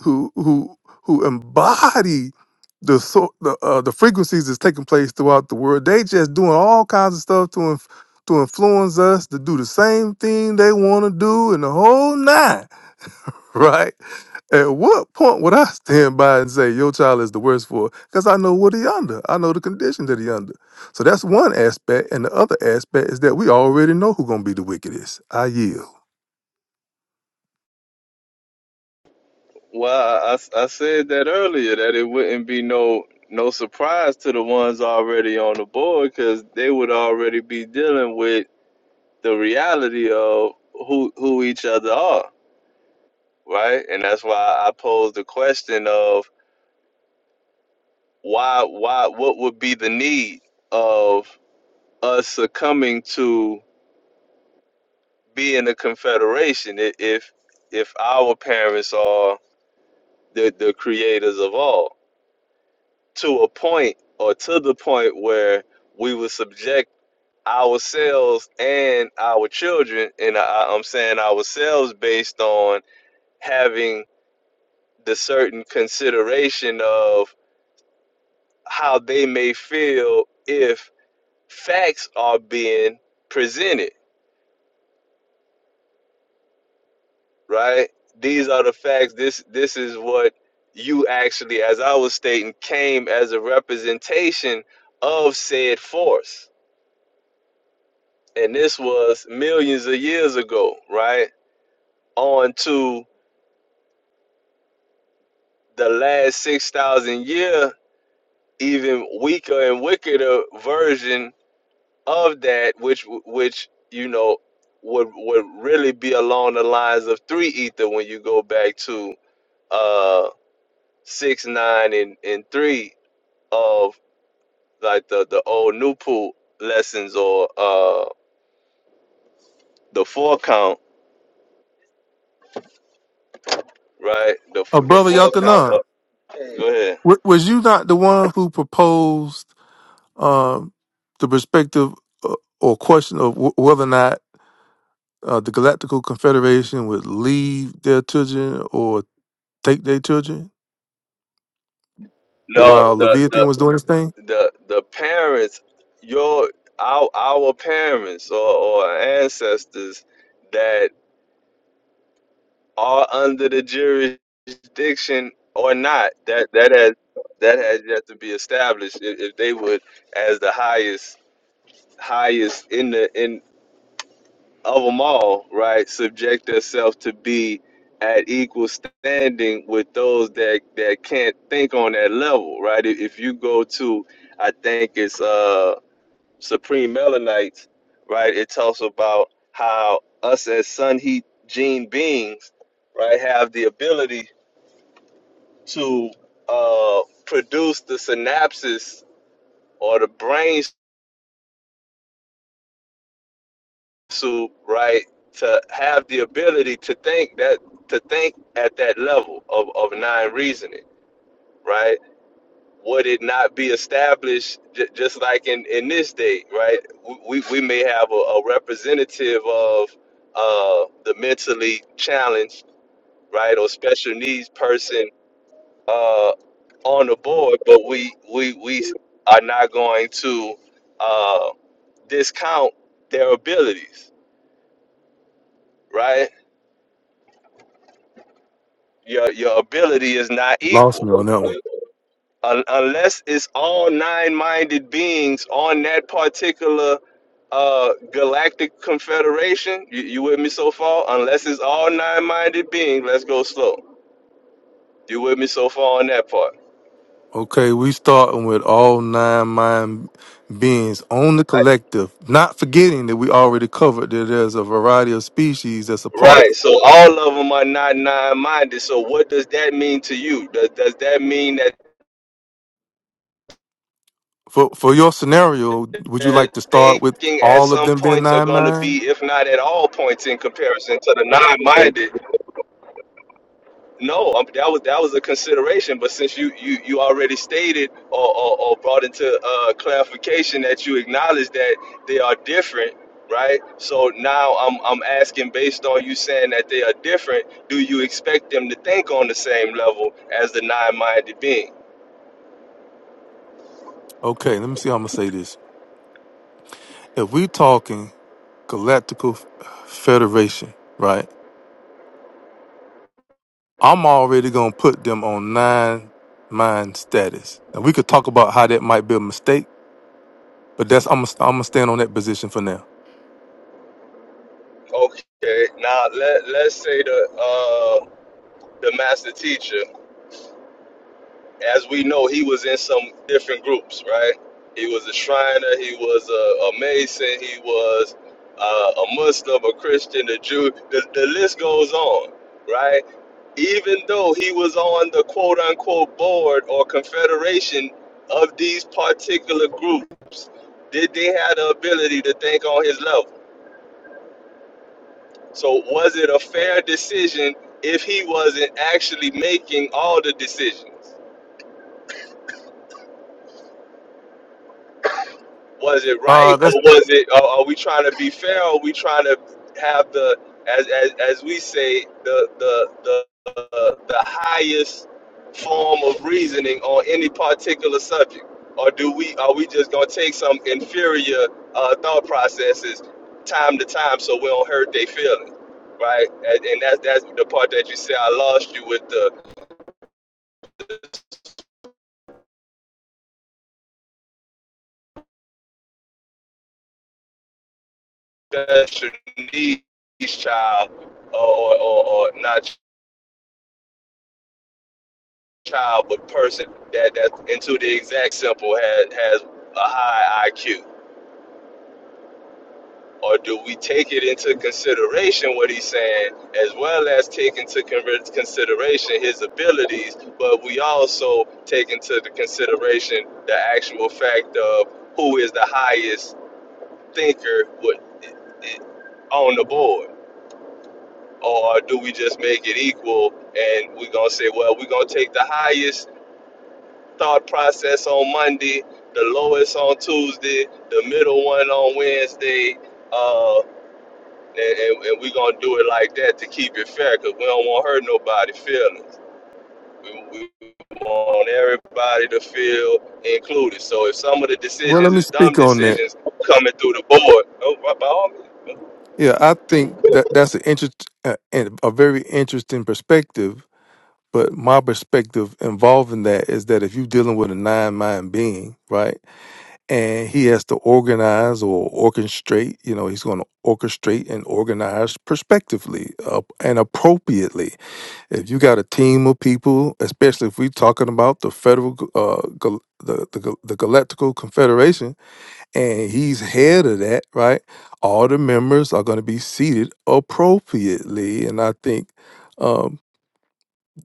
who who who embody the so the uh, the frequencies that's taking place throughout the world. They just doing all kinds of stuff to inf- to influence us to do the same thing they want to do and the whole nine, right? At what point would I stand by and say your child is the worst for? Because I know what he under. I know the condition that he under. So that's one aspect, and the other aspect is that we already know who gonna be the wickedest. I yield. Well, I, I I said that earlier that it wouldn't be no no surprise to the ones already on the board because they would already be dealing with the reality of who who each other are, right? And that's why I posed the question of why why what would be the need of us succumbing to being a confederation i- if if our parents are the the creators of all to a point or to the point where we would subject ourselves and our children and I, i'm saying ourselves based on having the certain consideration of how they may feel if facts are being presented right these are the facts this this is what you actually as i was stating came as a representation of said force and this was millions of years ago, right? On to the last 6,000 year, even weaker and wickeder version of that, which, which you know, would, would really be along the lines of three ether when you go back to uh, six, nine, and, and three of like the, the old Nupu lessons or uh, the four count, right? The, Uh, the brother four count. Up. Yakanan, Go ahead. w- was you not the one who proposed? um, the perspective uh, or question of w- whether or not uh, the Galactical Confederation would leave their children or take their children No, while the, the Leviathan was doing his thing? the the parents your our our parents or, or ancestors that are under the jurisdiction or not that that has that has yet to be established if, if they would as the highest highest in the in of them all right subject themselves to be at equal standing with those that that can't think on that level right if, if you go to i think it's uh Supreme Melanites, right? It talks about how us as sun heat gene beings, right, have the ability to uh, produce the synapses or the brain soup, right, to have the ability to think that to think at that level of, of nine reasoning, right? would it not be established j- just like in, in this day, right? We, we may have a, a representative of uh, the mentally challenged, right, or special needs person uh, on the board, but we, we, we are not going to uh, discount their abilities, right? Your, your ability is not Lost equal. me on that Un unless it's all nine-minded beings on that particular uh galactic confederation you, you with me so far unless it's all nine-minded beings let's go slow you with me so far on that part Okay, we starting with all nine mind beings on the I- collective, not forgetting that we already covered that there's a variety of species that's apart. right so all of them are not nine-minded so what does that mean to you does, does that mean that For for your scenario, would you their like to start with thinking at all of some them being points are nine going to mind? be if not at all points in comparison to the nine-minded No, um, that was that was a consideration, but since you you, you already stated or, or, or brought into uh, clarification that you acknowledge that they are different, right? So now I'm I'm asking based on you saying that they are different, do you expect them to think on the same level as the nine-minded being? Okay, let me see how I'm gonna say this. If we talking galactical federation, right? I'm already gonna put them on nine mind status. Now we could talk about how that might be a mistake But that's I'm gonna I'm gonna stand on that position for now. Okay, now let let's say the uh, the master teacher. as we know, he was in some different groups, right? He was a Shriner, he was a, a Mason, he was uh, a Muslim, a Christian, a Jew. The, the list goes on, right? Even though he was on the quote unquote board or confederation of these particular groups, did they have the ability to think on his level? So, was it a fair decision if he wasn't actually making all the decisions? was it right Uh, that's or was it are, are we trying to be fair or are we trying to have the as as, as we say the the the uh, the highest form of reasoning on any particular subject or do we are we just going to take some inferior uh, thought processes time to time so we don't hurt their feelings right and, and that's that's the part that you say i lost you with the special needs child or or, or, or not child, but person that that into the exact simple has has a high IQ? Or do we take it into consideration what he's saying, as well as take into consideration his abilities, but we also take into the consideration the actual fact of who is the highest thinker with, on the board? Or do we just make it equal and we're going to say, well, we're going to take the highest thought process on Monday, the lowest on Tuesday, the middle one on Wednesday, uh, and, and, and we're gonna do it like that to keep it fair, cause we don't want to hurt nobody's feelings. We, we want everybody to feel included. So if some of the well. Let decisions me is dumb speak on that. decisions coming through the board, oh, by all means, Yeah, I think that that's an interest, a, a very interesting perspective But my perspective involving that is that if you're dealing with a nine mind being, right, and he has to organize or orchestrate, you know, he's going to orchestrate and organize prospectively uh, and appropriately. If you got a team of people, especially if we're talking about the federal, g- uh, gal- the, the gal- the Galactical Confederation, and he's head of that, right, all the members are going to be seated appropriately. And I think. Um,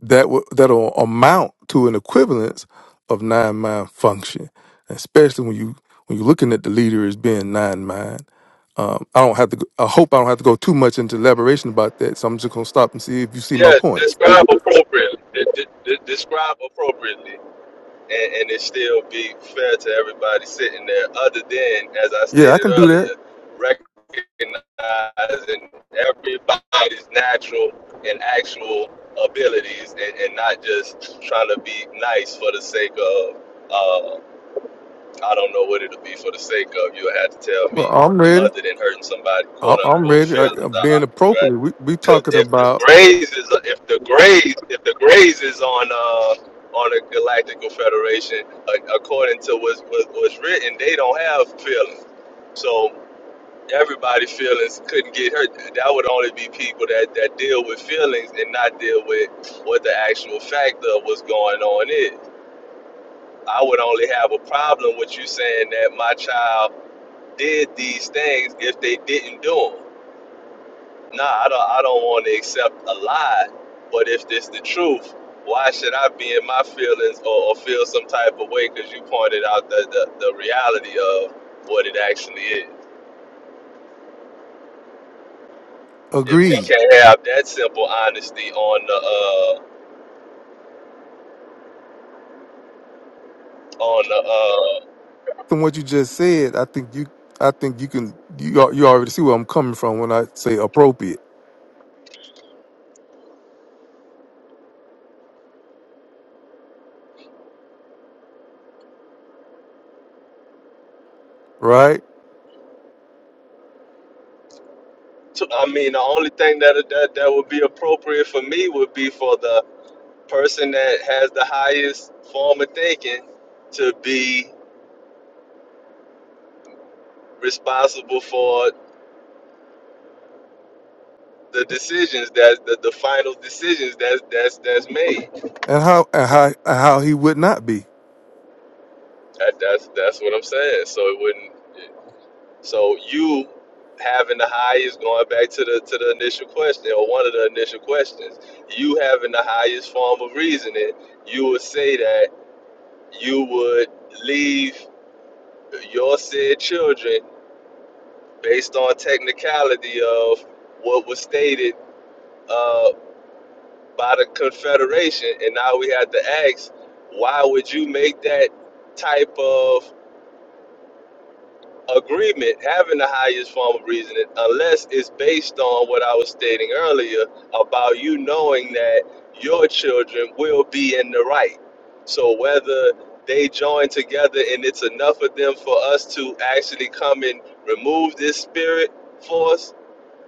that w- that'll amount to an equivalence of nine mind function, especially when you when you're looking at the leader as being nine mind. Um, I don't have to. go- I hope I don't have to go too much into elaboration about that. So I'm just gonna stop and see if you see my yeah, point. describe appropriately. De- de- de- describe appropriately. and, and it still be fair to everybody sitting there, other than, as I Yeah, I stated can do that. earlier, recognizing everybody's natural and actual abilities and, and not just trying to be nice for the sake of. uh, I don't know what it'll be for the sake of. You'll have to tell Well, me, I'm ready. other than hurting somebody, quote I- I'm unquote, ready. I, feel I'm being about it, right? appropriate. We we Because talking if the about graze is if the graze if the graze is on uh on the Galactical Federation, uh, according to what's what, what's written, they don't have feelings. So everybody's feelings couldn't get hurt. That would only be people that that deal with feelings and not deal with what the actual fact of what's going on is. I would only have a problem with you saying that my child did these things if they didn't do them. Nah, I don't. I don't want to accept a lie. But if this the truth, why should I be in my feelings or, or feel some type of way? Because you pointed out the, the the reality of what it actually is. If we agreed can't have that simple honesty on the uh, on the uh, from what you just said. I think you. I think you can. You al- you already see where I'm coming from when I say appropriate, right? t- I mean, the only thing that that that would be appropriate for me would be for the person that has the highest form of thinking to be responsible for the decisions that the, the final decisions that that's that's made. And how and how and how he would not be. That, that's that's what I'm saying. So it wouldn't. So you having the highest, going back to the to the initial question or one of the initial questions, you having the highest form of reasoning, you would say that you would leave your said children based on technicality of what was stated uh, by the Confederation. And now we have to ask, why would you make that type of agreement having the highest form of reasoning unless it's based on what I was stating earlier about you knowing that your children will be in the right. So whether they join together and it's enough of them for us to actually come and remove this spirit force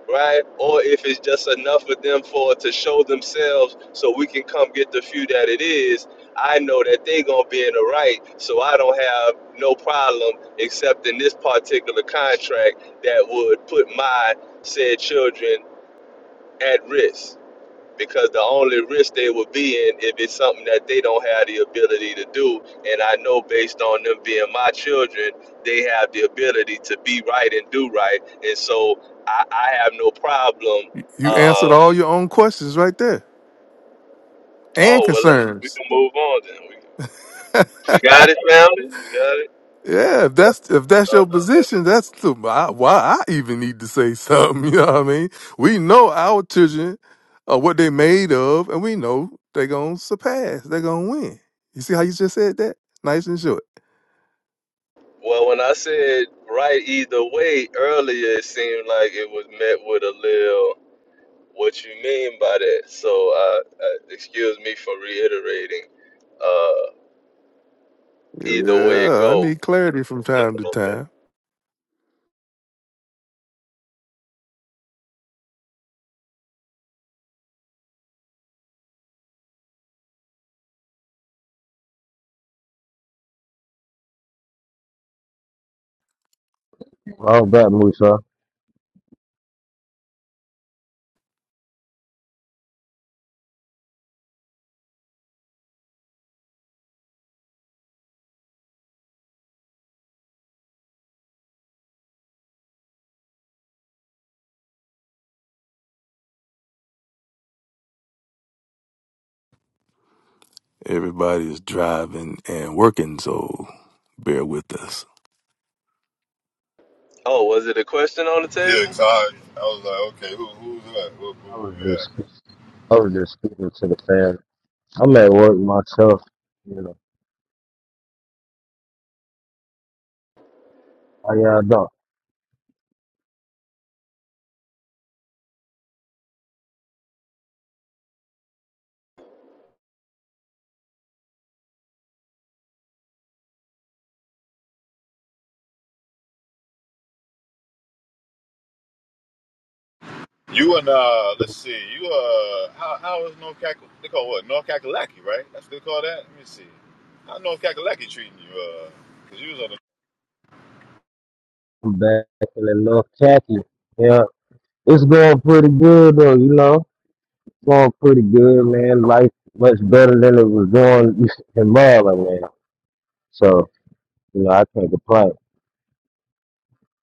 right? Or if it's just enough of them for to show themselves so we can come get the few that it is, I know that they gonna be in the right, so I don't have no problem except in this particular contract that would put my said children at risk because the only risk they would be in if it's something that they don't have the ability to do. And I know based on them being my children, they have the ability to be right and do right. And so I, I have no problem. You Uh, answered all your own questions right there and oh, well, let's, we concerns. can move on then. We, we got it, family. We got it. Yeah, if that's if that's your Uh, position, that's the, I, why I even need to say something. You know what I mean? We know our children are what they made of, and we know they gonna surpass. They gonna win. You see how you just said that? Nice and short. well, when I said right either way earlier, it seemed like it was met with a little, what you mean by that? So uh, uh, excuse me for reiterating. Uh, Either way it Yeah, I go. need clarity from time to time. All that, Musa. Everybody is driving and working, so bear with us. Oh, was it a question on the Yeah, table? 'cause I, I was like, okay, who, who's that? Who, who, I was who we just, I was just speaking to the fans. I'm at work myself. You know, how y'all doing? You and uh, let's see, you uh, how how is North Cack? They call what North Kakalaki, right? That's what they call that. Let me see. How North Kakalaki treating you? Uh, cause you was on the. I'm back in a little khaki. Yeah, it's going pretty good though. You know, it's going pretty good, man. Life much better than it was going in Maryland, man. So, you know, I can't complain.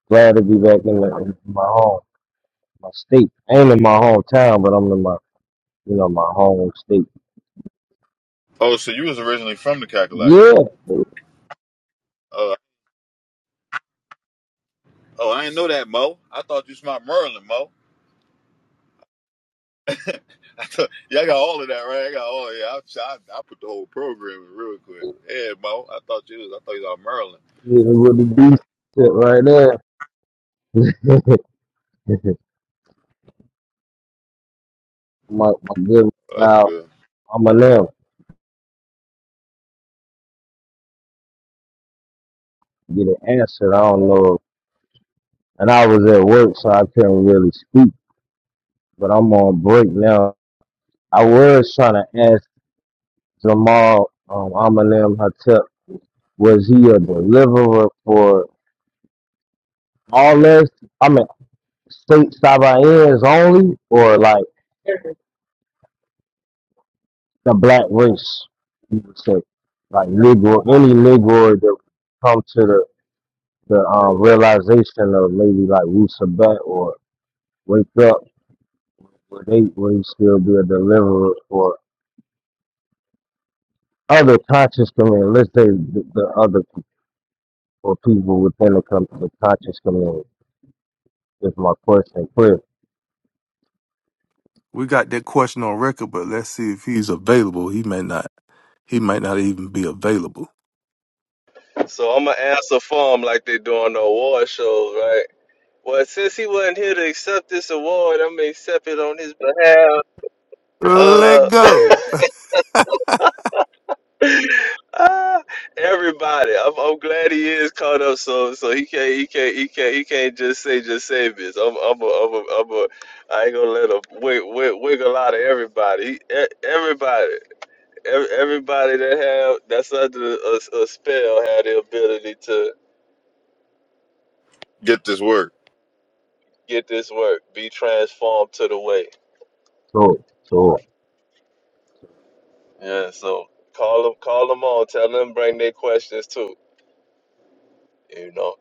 Glad to be back in, the, in my home, my state. I ain't in my hometown, but I'm in my, you know, my home state. Oh, so you was originally from the Kakalaki. Yeah, it Oh, oh, I didn't know that, Mo. I thought you smart Merlin, Mo. I thought, yeah, I got all of that right. I got all. Yeah, I, I, I put the whole program in real quick. Yeah, Mo. I thought you was. I thought you was out Maryland. would be decent right there. my, my good Well, That's now good. I'm going to now get it answered. I don't know. And I was at work, so I couldn't really speak. But I'm on break now. I was trying to ask Jamal um, Amalim Hatep, was he a deliverer for all this? I mean, state Sabaeans only, or like the black race? You would say, like Negro, any Negro that come to the the um, realization of maybe like Wu Sabat or wake up Will they will still be a deliverer for other conscious community? Let's say the, the other or people within the, com- the conscious community. Is my question clear? We got that question on record, but let's see if he's available. He may not. He might not even be available. So I'm gonna answer for him like they do on the award shows, right? Well, since he wasn't here to accept this award, I'm gonna accept it on his behalf. Uh, Let go. ah, everybody, I'm, I'm glad he is caught up, so so he can't he can't he can't he can't just say just say this. I'm I'm a, I'm a, I'm a I ain't gonna let him wig, wig, wiggle out of everybody. He, e- everybody. ev- everybody that have that's under a, a spell have the ability to Get this work. get this work, be transformed to the way. So, so Yeah, so call them, call them all, tell them, bring their questions too. You know,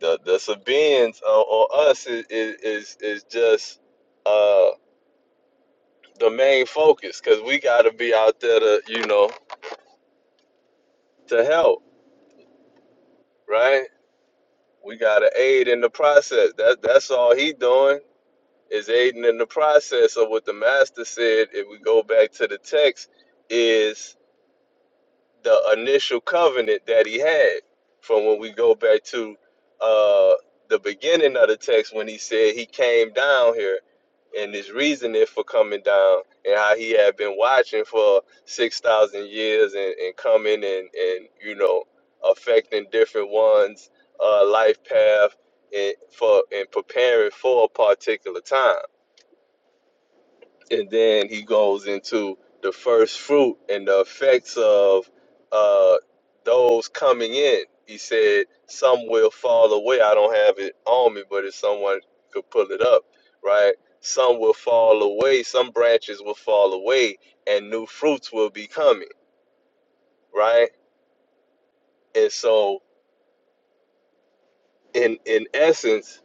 the the Sabians or, or us is is is, is just uh the main focus because we got to be out there to you know to help, right? We got to aid in the process. That that's all he doing. is aiding in the process of what the master said if we go back to the text is the initial covenant that he had from when we go back to uh the beginning of the text when he said he came down here and his reasoning for coming down and how he had been watching for 6,000 years and, and coming and, and, you know, affecting different ones' uh, life path and, for, and preparing for a particular time and then he goes into the first fruit and the effects of uh, those coming in. He said, "Some will fall away." I don't have it on me, but if someone could pull it up, right? Some will fall away. Some branches will fall away, and new fruits will be coming, right? And so, in in essence,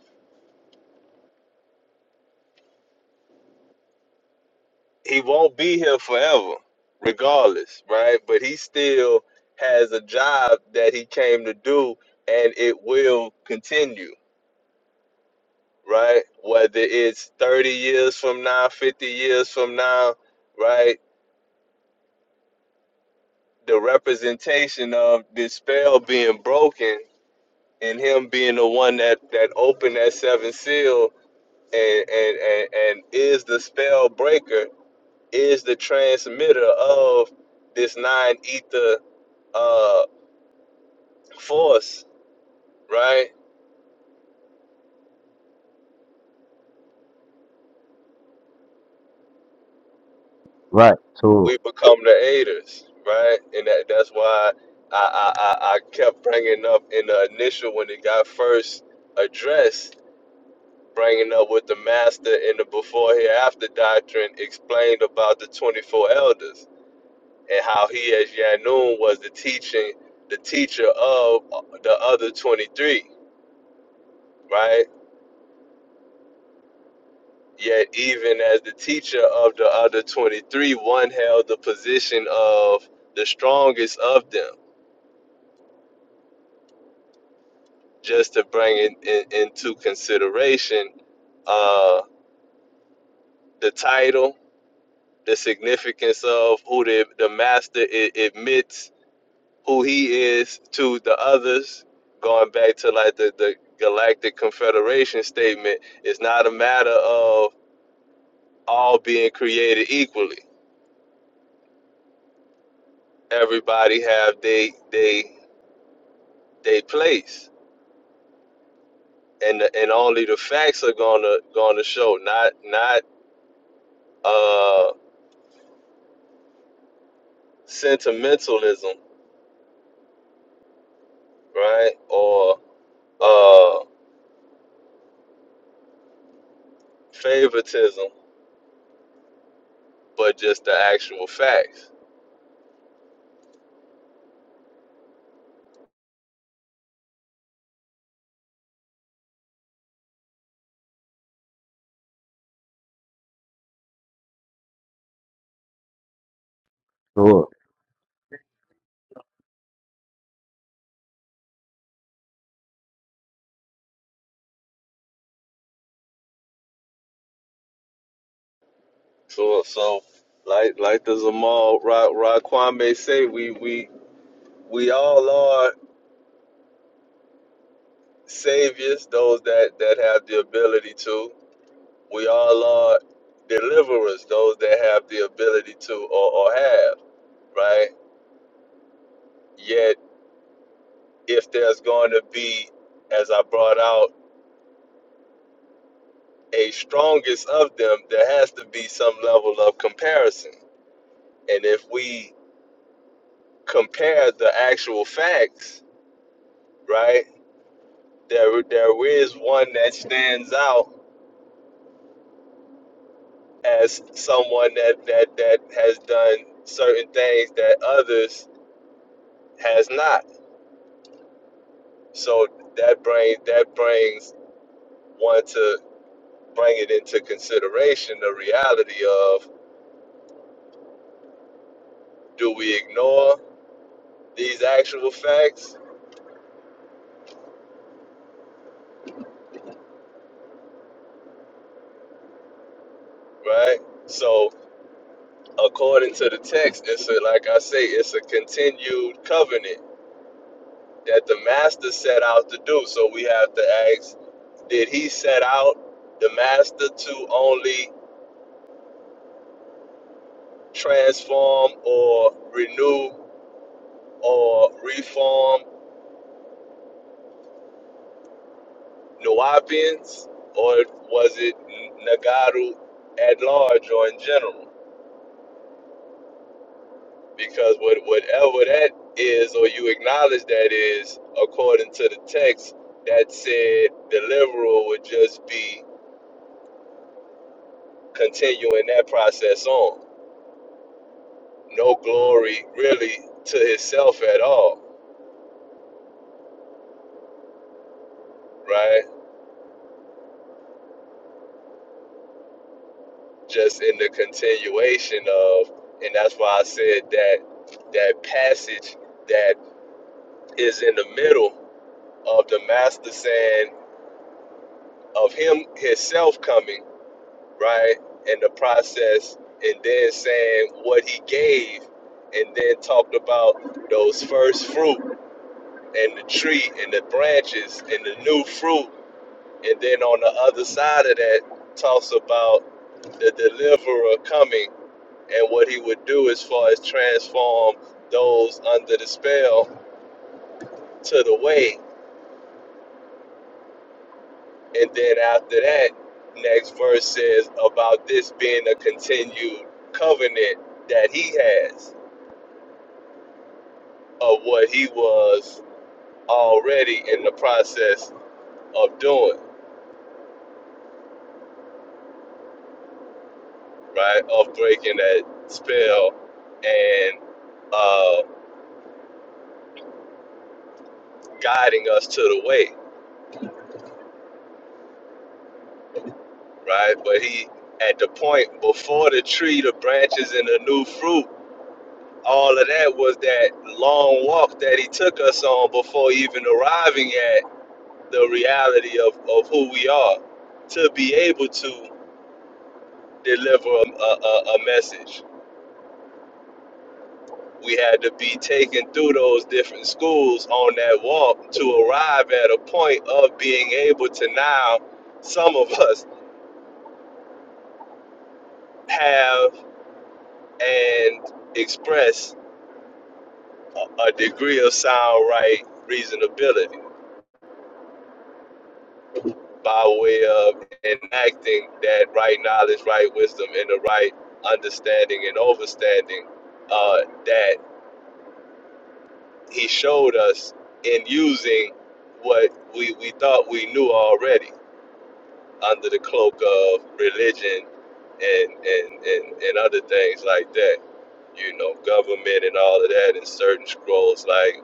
he won't be here forever, regardless, right? But he still has a job that he came to do, and it will continue, right? Whether it's 30 years from now, 50 years from now, right? The representation of this spell being broken and him being the one that, that opened that seven seal and, and, and, and is the spell breaker, is the transmitter of this nine ether uh. force, right? right, so, We become the aiders, right? And that, that's why I, I, I, I kept bringing up in the initial when it got first addressed, bringing up with the master in the before hereafter doctrine explained about the 24 elders and how he as Yanun was the teaching, the teacher of the other 23, right? Yet, even as the teacher of the other 23, one held the position of the strongest of them, just to bring in, in, into consideration uh, the title, the significance of who the, the master I- admits who he is to the others, going back to like the, the Galactic Confederation statement, it's not a matter of all being created equally. Everybody have they they they place and and only the facts are gonna gonna show not not uh sentimentalism right or uh favoritism but just the actual facts so. so so like like the Zamal Ra, Ra Kwame say we we we all are saviors those that that have the ability to we all are deliverers those that have the ability to or, or have right Yet. if there's going to be, as I brought out, a strongest of them, there has to be some level of comparison. And if we compare the actual facts, right, there there is one that stands out as someone that that that has done certain things that others has not. So that brings that brings one to bring it into consideration the reality of do we ignore these actual facts, right? So, according to the text, it's a, like I say, it's a continued covenant that the master set out to do. So, we have to ask did he set out the master to only transform or renew or reform Nuwapians, or was it Nagaru at large or in general? because what whatever that is or you acknowledge that is according to the text that said the liberal would just be continuing that process on no glory really to himself at all right just in the continuation of and that's why i said that that passage that is in the middle of the master saying of him himself coming right? in the process, and then saying what he gave, and then talked about those first fruit and the tree and the branches and the new fruit. And then on the other side of that, talks about the deliverer coming and what he would do as far as transform those under the spell to the way. And then after that, next verse says about this being a continued covenant that he has of what he was already in the process of doing, right? Of breaking that spell and uh, guiding us to the way, right? But he, at the point before the tree, the branches, and the new fruit, all of that was that long walk that he took us on before even arriving at the reality of, of who we are to be able to deliver a, a, a a message we had to be taken through those different schools on that walk to arrive at a point of being able to now some of us have and express a, a degree of sound right reasonability by way of enacting that right knowledge right wisdom and the right understanding and overstanding uh, that he showed us in using what we, we thought we knew already under the cloak of religion and and, and, and other things like that. You know, government and all of that, and certain scrolls like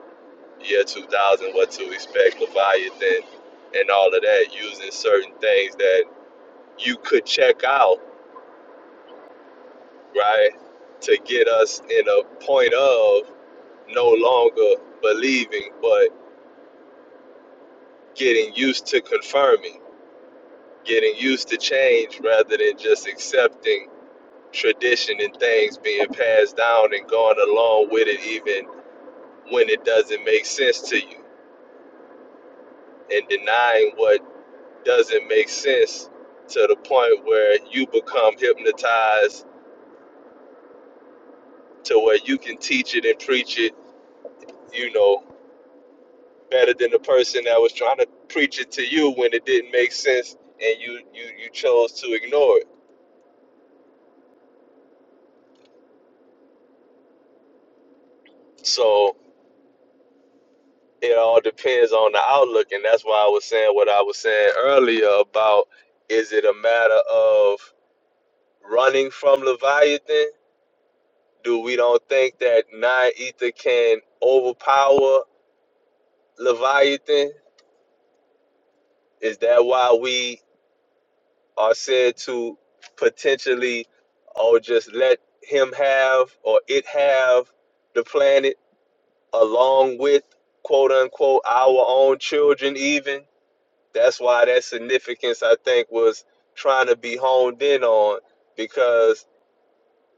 Year 2000, What to Expect, Leviathan, and all of that, using certain things that you could check out, right, to get us in a point of no longer believing, but getting used to confirming, getting used to change rather than just accepting tradition and things being passed down and going along with it even when it doesn't make sense to you and denying what doesn't make sense to the point where you become hypnotized to where you can teach it and preach it you know better than the person that was trying to preach it to you when it didn't make sense and you you you chose to ignore it so it all depends on the outlook and that's why I was saying what I was saying earlier about is it a matter of running from Leviathan? Do we don't think that non ether can overpower Leviathan? Is that why we are said to potentially or just let him have or it have the planet along with quote unquote our own children even? That's why that significance I think was trying to be honed in on because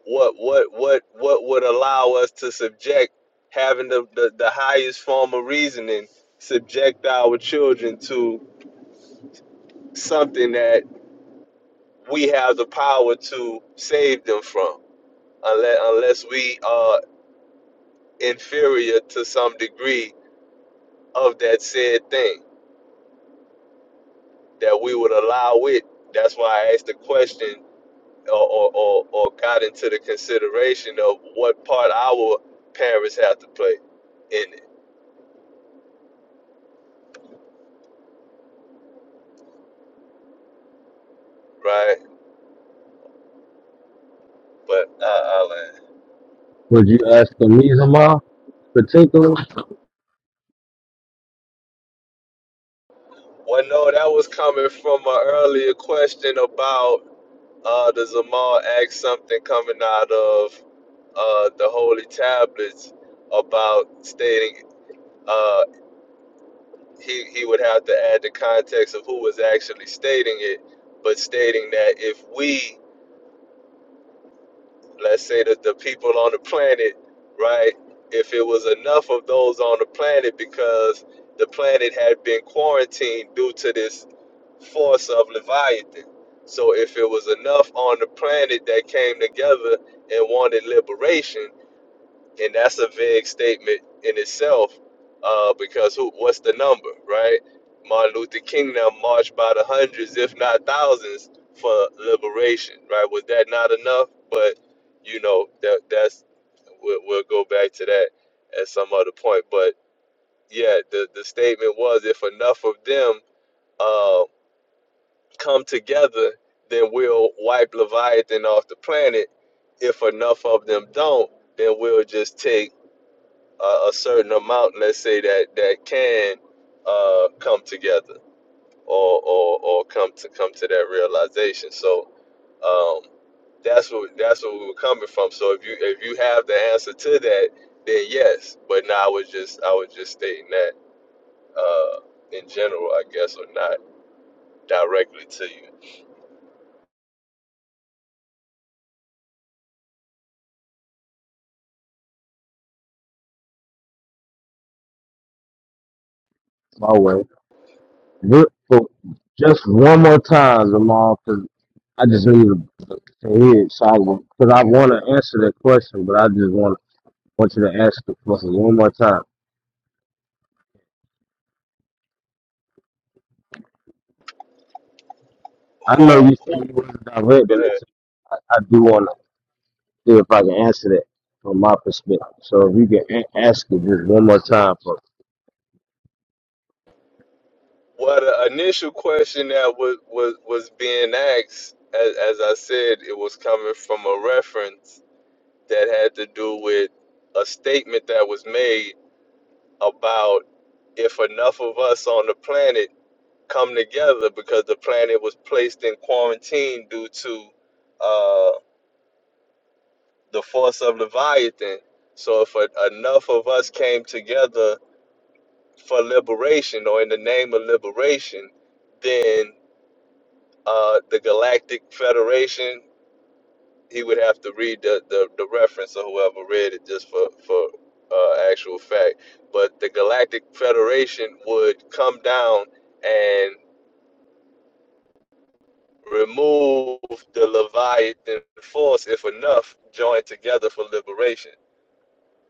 what what what what would allow us to subject having the, the, the highest form of reasoning subject our children to something that we have the power to save them from unless unless we are inferior to some degree of that said thing that we would allow it that's why i asked the question or, or, or, or got into the consideration of what part our parents have to play in it right But uh, i land. Was you asking me, Zamal, particular? Well, no, that was coming from an earlier question about uh, the Zamal asked something coming out of uh, the Holy Tablets about stating uh, he, he would have to add the context of who was actually stating it, but stating that if we, let's say that the people on the planet, right, if it was enough of those on the planet because the planet had been quarantined due to this force of Leviathan. So if it was enough on the planet that came together and wanted liberation, and that's a vague statement in itself, uh, because who, what's the number, right? Martin Luther King now marched by the hundreds, if not thousands, for liberation, right? Was that not enough? But you know that that's we'll, we'll go back to that at some other point. But yeah, the the statement was if enough of them. uh, come together, then we'll wipe Leviathan off the planet. If enough of them don't, then we'll just take a, a certain amount, let's say that that can uh, come together or, or or come to come to that realization. So um, that's what that's what we were coming from. So if you if you have the answer to that, then yes. But now I was just I was just stating that uh, in general, I guess, or not directly to you. My way. Look, so just one more time, Cause I just need to hear it, so I because I want to answer that question, but I just want want you to ask the question one more time. I know Who? you said who you wasn't go directing ahead. it to me. I, I do want to see if I can answer that from my perspective. So if you can a- ask it just one more time for me. Well, the initial question that was was, was being asked, as, as I said, it was coming from a reference that had to do with a statement that was made about if enough of us on the planet come together, because the planet was placed in quarantine due to uh, the force of Leviathan. So, if a, enough of us came together for liberation or in the name of liberation, then. uh, the Galactic Federation. He would have to read the, the, the reference or whoever read it just for for uh, actual fact. But the Galactic Federation would come down and remove the Leviathan force if enough joined together for liberation.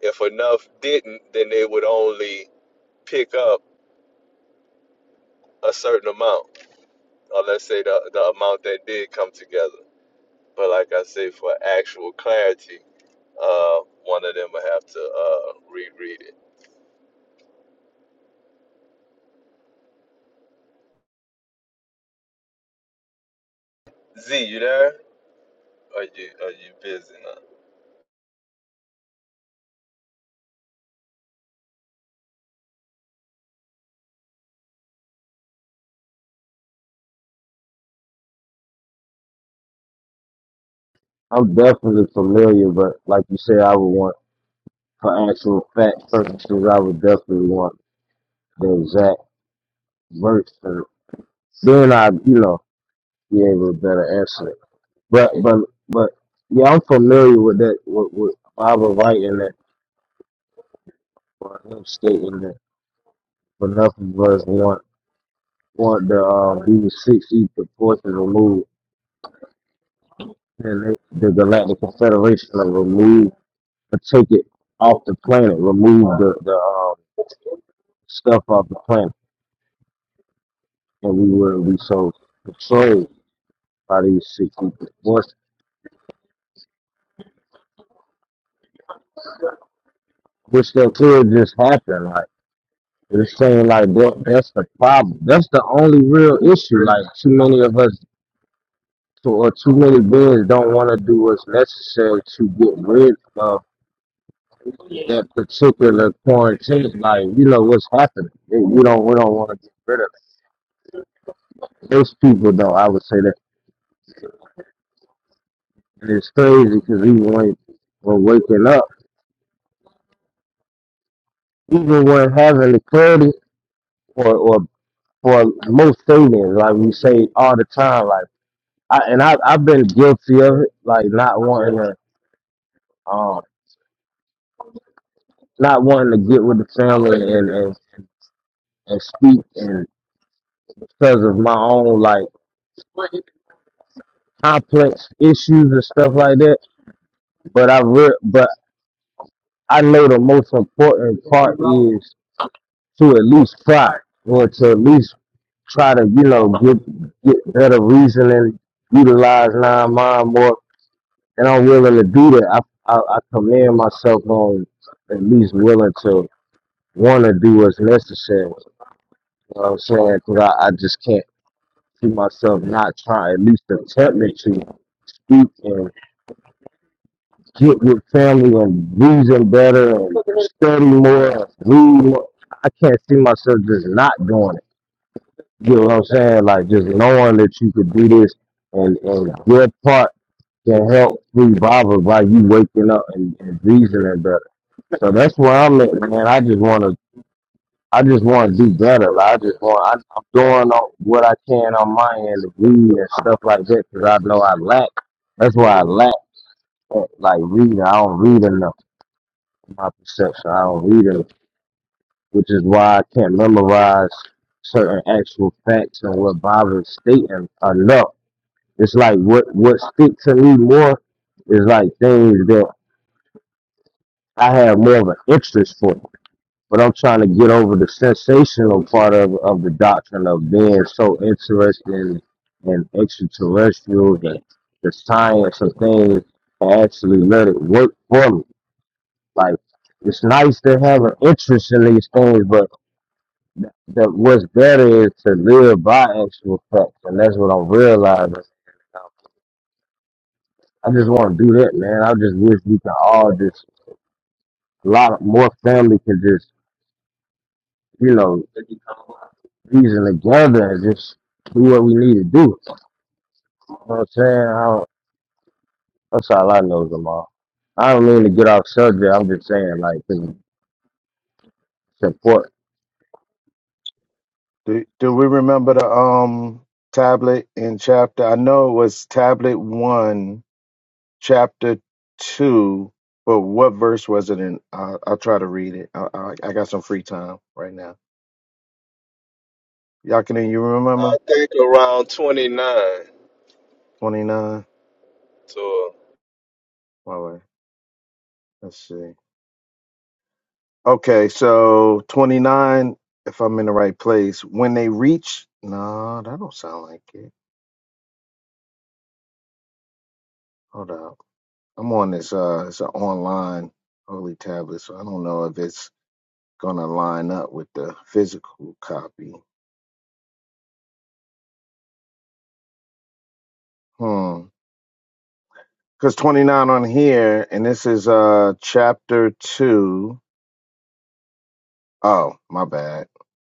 If enough didn't, then they would only pick up a certain amount, or let's say the, the amount that did come together. But like I say, for actual clarity, uh, one of them will have to uh, reread it. Z, you there? Are you are you busy? Now? I'm definitely familiar, but like you said, I would want, for actual fact purposes, I would definitely want the exact verse. And then I, you know, be able to better answer it. But, but, but, yeah, I'm familiar with that, with, with Bible writing that, or him stating that, but nothing was one. want the uh, we were six forces removed, and they, the Galactic Confederation to remove, to take it off the planet, remove the the um, stuff off the planet, and we were we so controlled by these sixty equal forces, which that could just happen. Like it seemed like that, that's the problem. That's the only real issue. Like too many of us. Or too many beings don't want to do what's necessary to get rid of that particular quarantine. Like, you know what's happening. It, we don't we don't want to get rid of it. Most people don't. I would say that, and it's crazy because even when when waking up, even when having the clarity, or or or most things, like we say all the time, like I and I I've been guilty of it, like not wanting to um not wanting to get with the family and and, and speak and because of my own like complex issues and stuff like that. But I re- but I know the most important part is to at least try or to at least try to, you know, get get better reasoning, utilize nine mind more. And I'm willing to do that. I I, I commend myself on at least willing to want to do what's necessary. You know what I'm saying? Because I, I just can't see myself not trying, at least attempting to speak and get with family and reason better and study more, and read more. I can't see myself just not doing it. You know what I'm saying? Like just knowing that you could do this and, and your part can help revival by you waking up and, and reasoning better. So that's where I'm at, man. I just want to, I just want to do better. Like, I just want, I, I'm doing all, what I can on my end to read and stuff like that because I know I lack. That's why I lack at, like reading. I don't read enough. my perception. I don't read them, which is why I can't memorize certain actual facts and what Bibles is stating enough. It's like what what stick to me more is like things that I have more of an interest for. But I'm trying to get over the sensational part of, of the doctrine of being so interested in, in extraterrestrials and the science of things and actually let it work for me. Like it's nice to have an interest in these things, but That that what's better is to live by actual facts, and that's what I'm realizing. I just want to do that, man. I just wish we can all just a lot of, more family can just you know reason together and just do what we need to do. You know what I'm saying? I don't, that's all I know, Jamal. I don't mean to get off subject. I'm just saying, like, 'cause it's important. Do, do we remember the um tablet in chapter? I know it was tablet one, chapter two, but what verse was it in? I, I'll try to read it. I, I, I got some free time right now. Y'all can you remember? I think around twenty nine. 29. So Well, wait, let's see. Okay, so 29, if I'm in the right place. When they reach, no, that don't sound like it. Hold up. I'm on this, uh, it's an online holy tablet, so I don't know if it's gonna line up with the physical copy. Hmm. Cause 29 on here, and this is uh chapter two. Oh, my bad.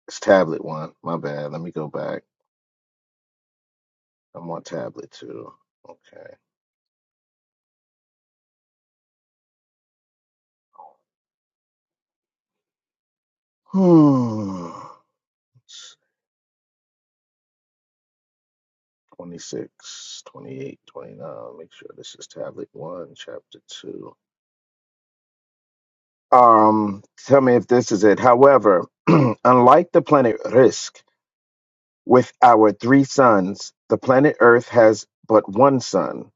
It's tablet one. My bad. Let me go back. I'm on tablet two. Okay. Hmm. 26, 28, 29. Make sure this is tablet one, chapter two. Um, tell me if this is it. However, unlike the planet Risk. With our three suns, the planet Earth has but one sun.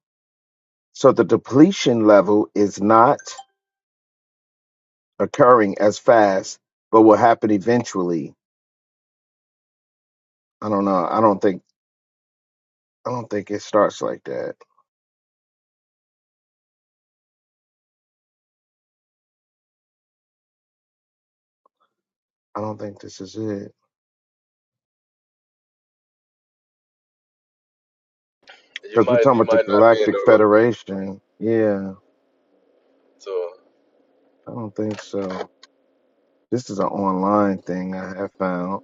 So the depletion level is not occurring as fast, but will happen eventually. I don't know. I don't think I don't think it starts like that. I don't think this is it. you Because we're might talking you about the might not be in the Galactic ri- Federation. Yeah, so I don't think so. This is an online thing I have found.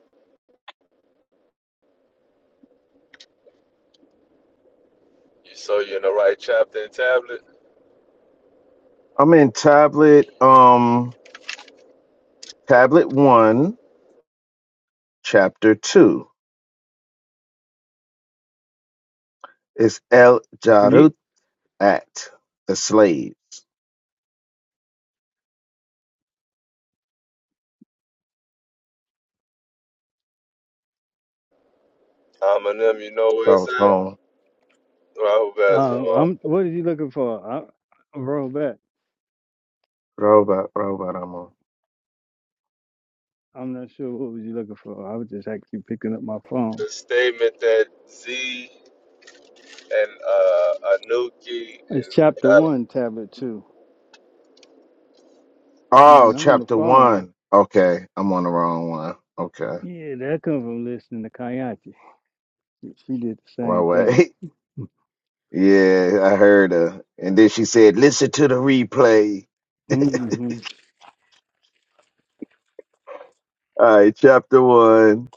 you so you in the right chapter and tablet. I'm in tablet um tablet one, chapter two. It's El You, Jarut act the slaves. I'm in them. You know where I it's at. was home. Rahul uh, Basma. I'm. What are you looking for? I, I'm roll back. Robot, robot, I'm on. I'm not sure what was you looking for. I was just actually picking up my phone. The statement that Z and uh, Anuki It's chapter and one, tablet two. Oh, Man, I'm on the chapter phone. one. Okay, I'm on the wrong one. Okay. Yeah, that comes from listening to Kayati. She did the Well, same thing. wait. Yeah, I heard her. And then she said, listen to the replay. hmm All right, chapter one.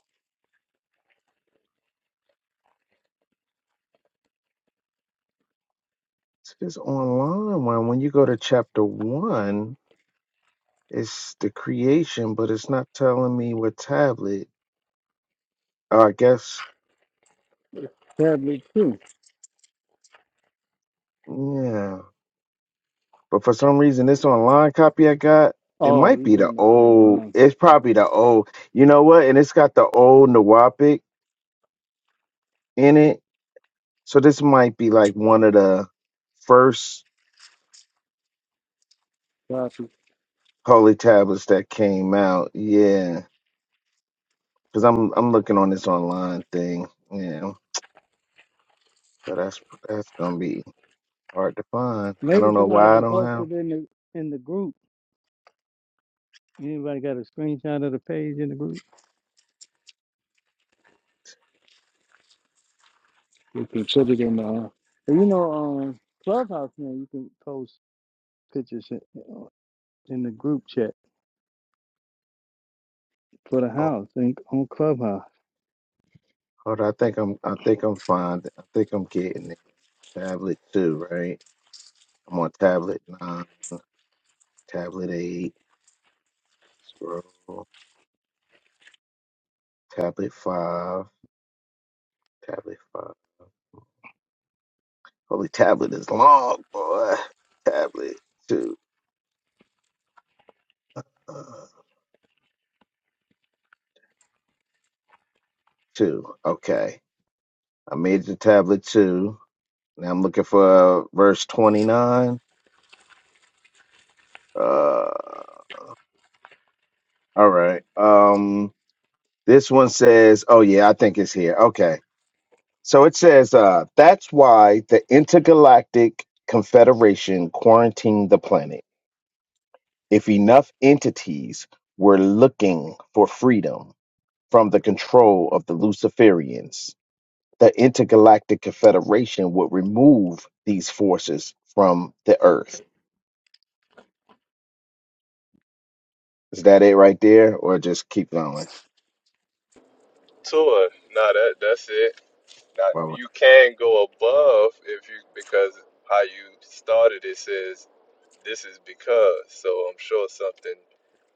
It's this online one. When you go to chapter one, it's the creation, but it's not telling me what tablet. Oh, I guess, Tablet two. yeah. But for some reason, this online copy I got, it Oh, might you be the doing the old. online It's probably the old. You know what? And it's got the old Nawapic in it. So this might be like one of the first copy? holy tablets that came out. Yeah, because I'm I'm looking on this online thing. Yeah, so that's that's gonna be hard to find. I Maybe don't know somebody why I can don't post have. it in the in the group. Anybody got a screenshot of the page in the group? You can put it in the. Uh, you know, um, Clubhouse now you can post pictures in, in the group chat for the Oh, house and on Clubhouse. hold on, I think I'm I think I'm fine. I think I'm getting it. Tablet two, right? I'm on tablet nine, tablet eight. Scroll. Tablet five. Tablet five. Holy tablet is long, boy. Tablet two. Uh, two. Okay. I made the tablet two. Now I'm looking for uh, verse 29. Uh, all right. Um, this one says, oh, yeah, I think it's here. Okay. So it says, uh, that's why the intergalactic confederation quarantined the planet. If enough entities were looking for freedom from the control of the Luciferians, the Intergalactic Confederation would remove these forces from the Earth. Is that it right there, or just keep going? Kator. Nah, that that's it. Now Well, you can go above if you because how you started it says this is because. So I'm sure something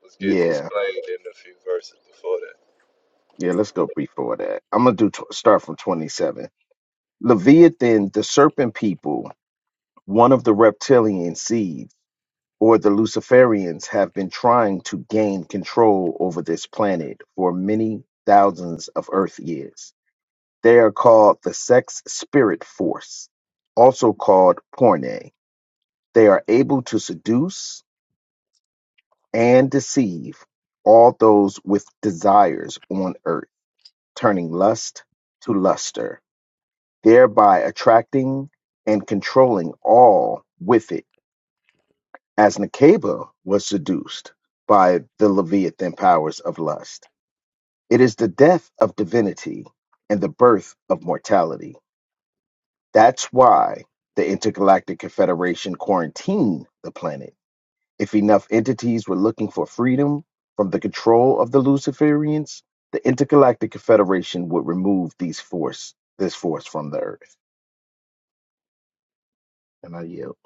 was getting yeah, explained in a few verses before that. yeah. Let's go before that. I'm gonna do tw- start from 27. Leviathan, the Serpent People, one of the reptilian seeds or the Luciferians have been trying to gain control over this planet for many thousands of Earth years. They are called the Sex Spirit Force, also called Porne. They are able to seduce and deceive all those with desires on Earth, turning lust to luster, thereby attracting and controlling all with it as Nekeba was seduced by the Leviathan powers of lust. It is the death of divinity and the birth of mortality. That's why the Intergalactic Confederation quarantined the planet. If enough entities were looking for freedom from the control of the Luciferians, the Intergalactic Confederation would remove these force this force from the earth. And I yield.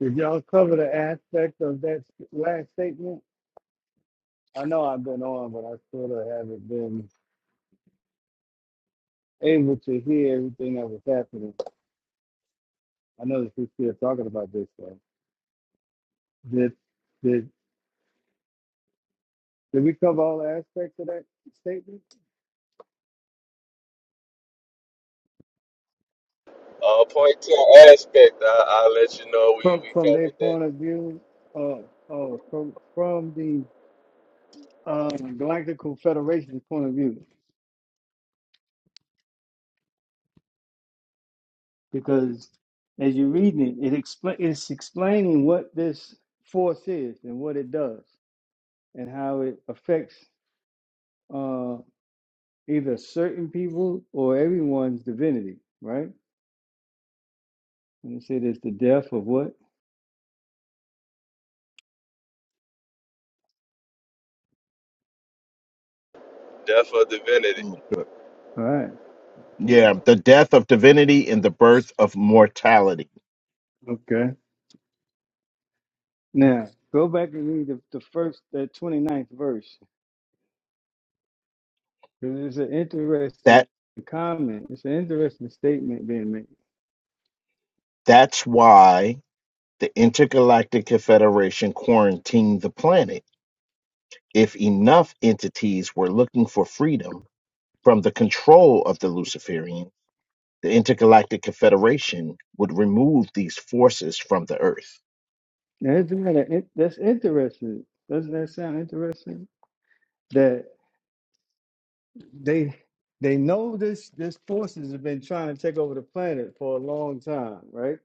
Did y'all cover the aspect of that last statement? I know I've been on, but I sort of haven't been able to hear everything that was happening. I know that we're still talking about this though. Did did did we cover all aspects of that statement Uh, point two aspect, I, I'll let you know we, from we from their covered that point of view? Uh, oh, from from the um, Galactic Federation's point of view. because as you're reading it, it expla it's explaining what this force is and what it does and how it affects uh, either certain people or everyone's divinity, right? And it said it's the death of what? death of divinity. All right. Yeah, the death of divinity and the birth of mortality. Okay. Now, go back and read the, the first, the 29th verse. 'cause It's an That. interesting comment. It's an interesting statement being made. That's why the Intergalactic Confederation quarantined the planet. If enough entities were looking for freedom from the control of the Luciferian, the Intergalactic Confederation would remove these forces from the Earth. Now, isn't that a, that's interesting? Doesn't that sound interesting? That. they they know this this forces have been trying to take over the planet for a long time, right?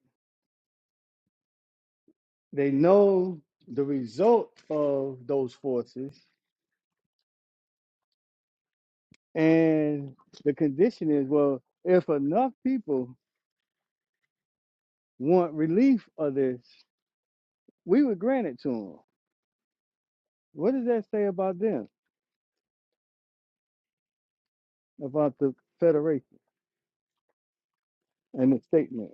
They know the result of those forces, and the condition is well, if enough people want relief of this, we would grant it to them. What does that say about them, about the Federation and the statement?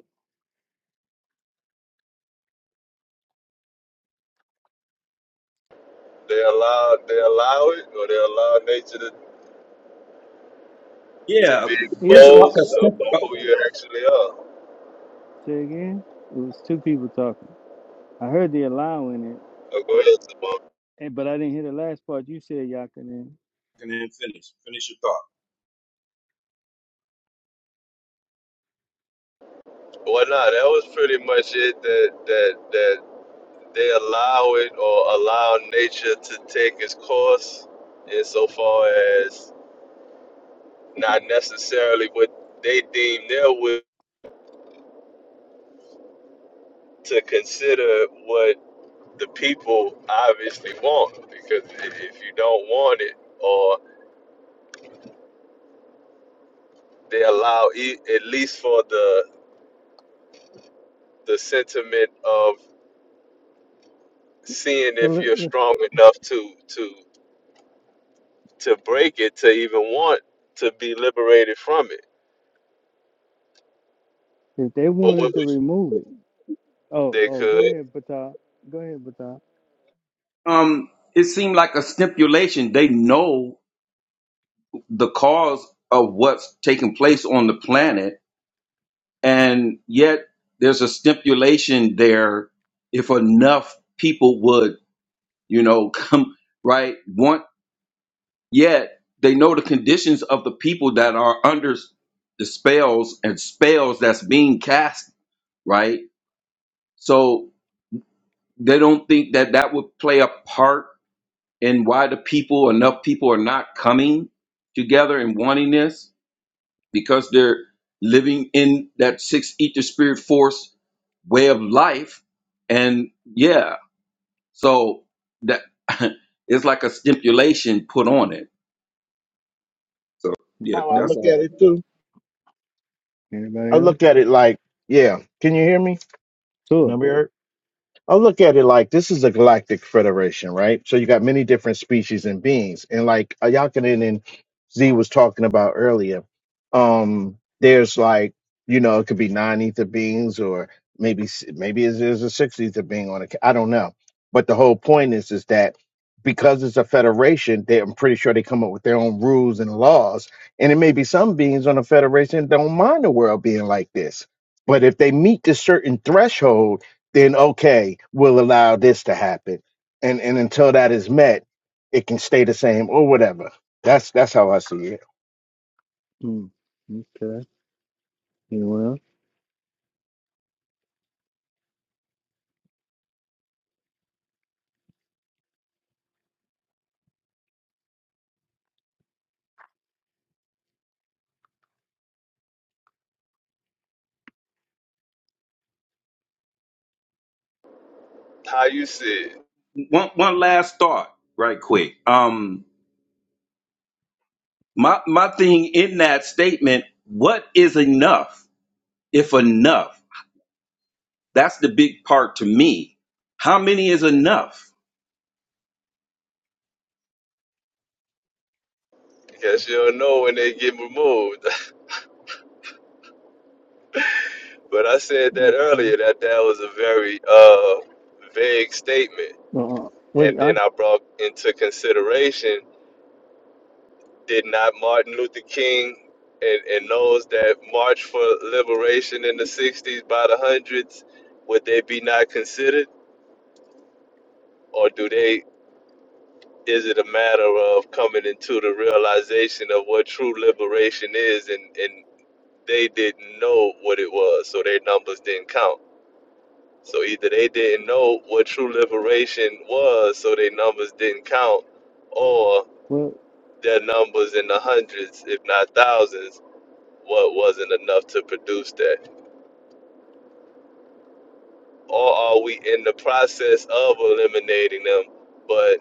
They allow they allow it or they allow nature to, to Yeah, be it's Yeah, like exposed a of stim- who oh, you actually are. say again. It was two people talking. I heard the allowing it, Oh, go ahead, Simone. and but I didn't hear the last part you said, Yakanin. and then finish finish your thought. Well, nah, that was pretty much it that that that They allow it or allow nature to take its course insofar as not necessarily what they deem their will to consider what the people obviously want. Because if you don't want it, or they allow, e- at least for the the sentiment of seeing if you're strong enough to to to break it to even want to be liberated from it. If they But what wanted to would remove it. Oh, they oh, go could ahead, Bata. Go ahead, Bata. Um, it seemed like a stipulation. They know the cause of what's taking place on the planet, and yet there's a stipulation there. If enough people would, you know, come right, want yet they know the conditions of the people that are under the spells and spells that's being cast, right? So they don't think that that would play a part and why the people enough people are not coming together and wanting this because they're living in that six ether spirit force way of life and yeah so that it's like a stipulation put on it so yeah How I Okay. that's look at all it, too. I Anybody else? look at it like, yeah, can you hear me? Can I Sure. be heard? I look at it like this is a galactic federation, right? So you got many different species and beings, and like Ayakanin and Z was talking about earlier, um, there's like you know it could be nine ether beings or maybe s- maybe it's- there's a six ether being on it. I don't know, but the whole point is is that because it's a federation, they, I'm pretty sure they come up with their own rules and laws, and it may be some beings on the federation that don't mind the world being like this, but if they meet this certain threshold then okay, we'll allow this to happen. And and until that is met, it can stay the same or whatever. That's that's how I see it. Mm. Okay. Anyone else? how you see it? one one last thought right quick um my my thing in that statement what is enough if enough that's the big part to me how many is enough Guess you'll know when they get removed. but I said that Okay. earlier that that was a very uh, vague statement, Uh, and wait, I, then I brought into consideration did not Martin Luther King and, and those that marched for liberation in the '60s by the hundreds would they be not considered, or do they? Is it a matter of coming into the realization of what true liberation is, and and they didn't know what it was, so their numbers didn't count? So either they didn't know what true liberation was, so their numbers didn't count, or well, their numbers in the hundreds, if not thousands, what wasn't enough to produce that. Or are we in the process of eliminating them, but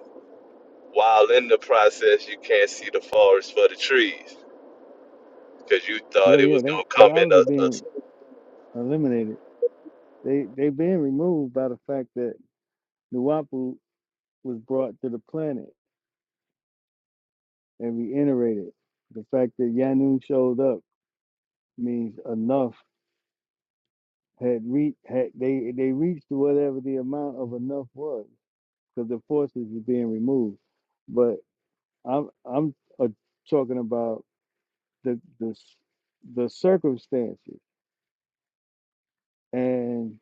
while in the process, you can't see the forest for the trees because you no, thought it yeah, was going they to they come in obviously a, a. being eliminated. They they being removed by the fact that Nuwapu was brought to the planet and reiterated. The fact that Yanun showed up means enough had reached had they they reached whatever the amount of enough was. because the forces is being removed. But I'm I'm uh, talking about the the the circumstances and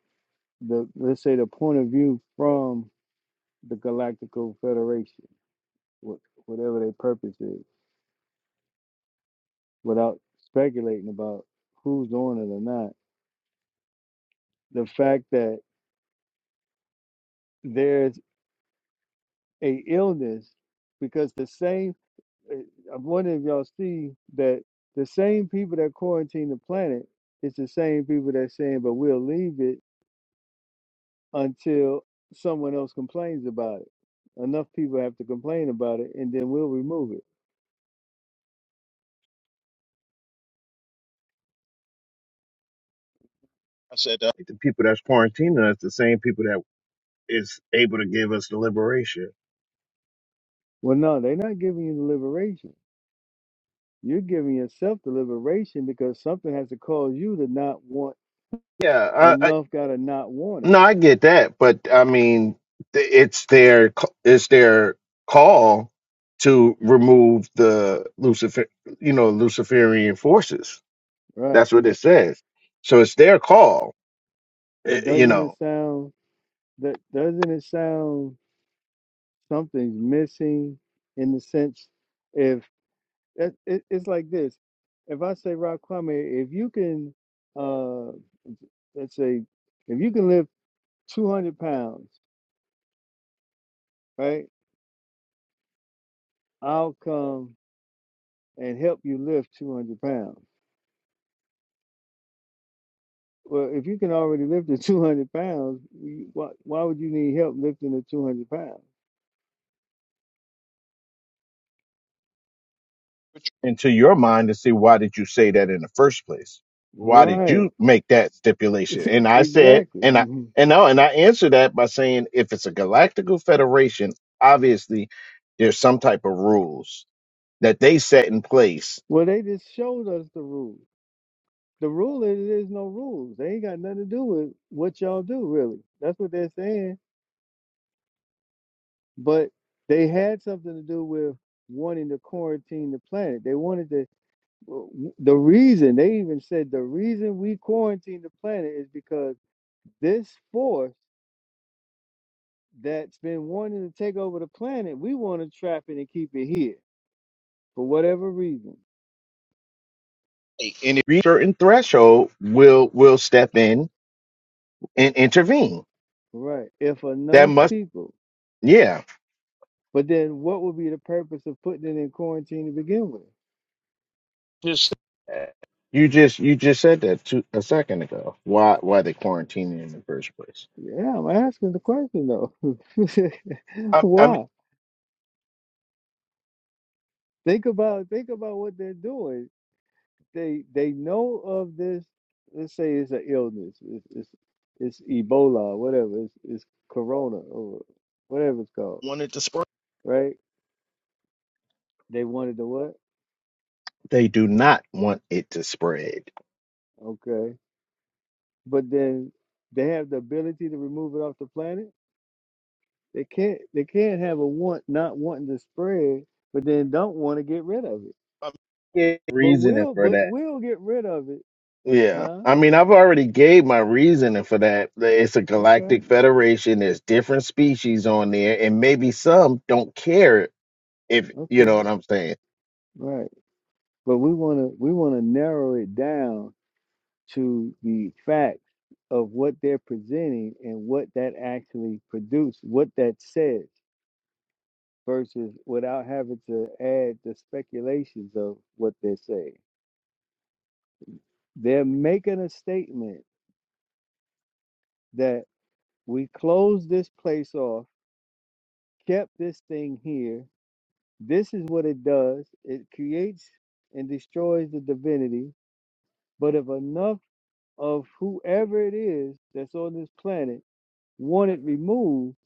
the let's say the point of view from the Galactical Federation, whatever their purpose is, without speculating about who's on it or not. The fact that there's a illness because the same eh, I'm wondering if y'all see that the same people that quarantine the planet is the same people that saying, but we'll leave it until someone else complains about it. Enough people have to complain about it, and then we'll remove it. I said that. The people that's quarantining us, the same people that is able to give us the liberation. Well, no, they're not giving you the liberation. You're giving yourself the liberation because something has to cause you to not want Yeah, I, I enough. Got to not want it, no, I get that, but I mean, th- it's their c- it's their call to remove the Lucifer, you know, Luciferian forces. right? That's what it says. So it's their call, But eh, you doesn't know. it sound that doesn't it sound something's missing in the sense if It, it, it's like this. If I say, Rob Kwame, if you can, uh, let's say, if you can lift 200 pounds, right, I'll come and help you lift 200 pounds. Well, if you can already lift the 200 pounds, you- why, why would you need help lifting the 200 pounds? into your mind to see why did you say that in the first place? Why did Right. you make that stipulation? And I said, and I Exactly. and no, and I answered that by saying, if it's a galactical federation, obviously there's some type of rules that they set in place. Well, they just showed us the rules. The rule is there's no rules. They ain't got nothing to do with what y'all do, really. That's what they're saying but they had something to do with wanting to quarantine the planet. They wanted to. The reason they even said the reason we quarantine the planet is because this force that's been wanting to take over the planet, we want to trap it and keep it here for whatever reason. And if you reach a certain threshold, will will step in and intervene. Right. If That enough must, people, yeah. but then what would be the purpose of putting it in quarantine to begin with? Just You just you just said that two, a second ago. Why why they quarantining in the first place? Yeah, I'm asking the question though. I, I mean, Why? Think about think about what they're doing they they know of this. Let's say it's an illness. It's it's, it's Ebola, whatever. It's, it's Corona or whatever it's called, wanted to spark. right? They wanted to what? They do not want it to spread. Okay, but then they have the ability to remove it off the planet. They can't. They can't have a want not wanting to spread, but then don't want to get rid of it. Um, Yeah, But reasoning we'll for but that. we'll get rid of it, Yeah. huh? I mean, I've already gave my reasoning for that. It's a Okay, galactic federation. There's different species on there, and maybe some don't care if you know okay, what I'm saying. right. But we wanna we wanna narrow it down to the facts of what they're presenting and what that actually produced, what that says, versus without having to add the speculations of what they're saying. They're making a statement that we closed this place off, kept this thing here. This is what it does it creates and destroys the divinity. But if enough of whoever it is that's on this planet want it removed,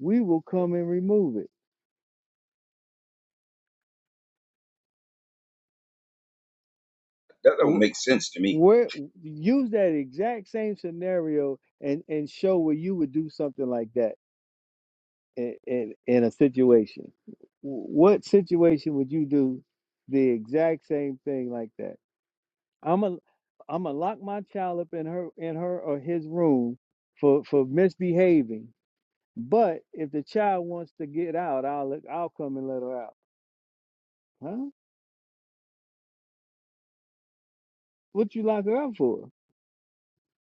we will come and remove it That don't Wh- make sense to me. Where use that exact same scenario and and show where you would do something like that in in, in a situation. Wh- What situation would you do the exact same thing like that? I'm a I'm gonna lock my child up in her in her or his room for for misbehaving. But if the child wants to get out, I'll let, I'll come and let her out. Huh? What you lock her up for?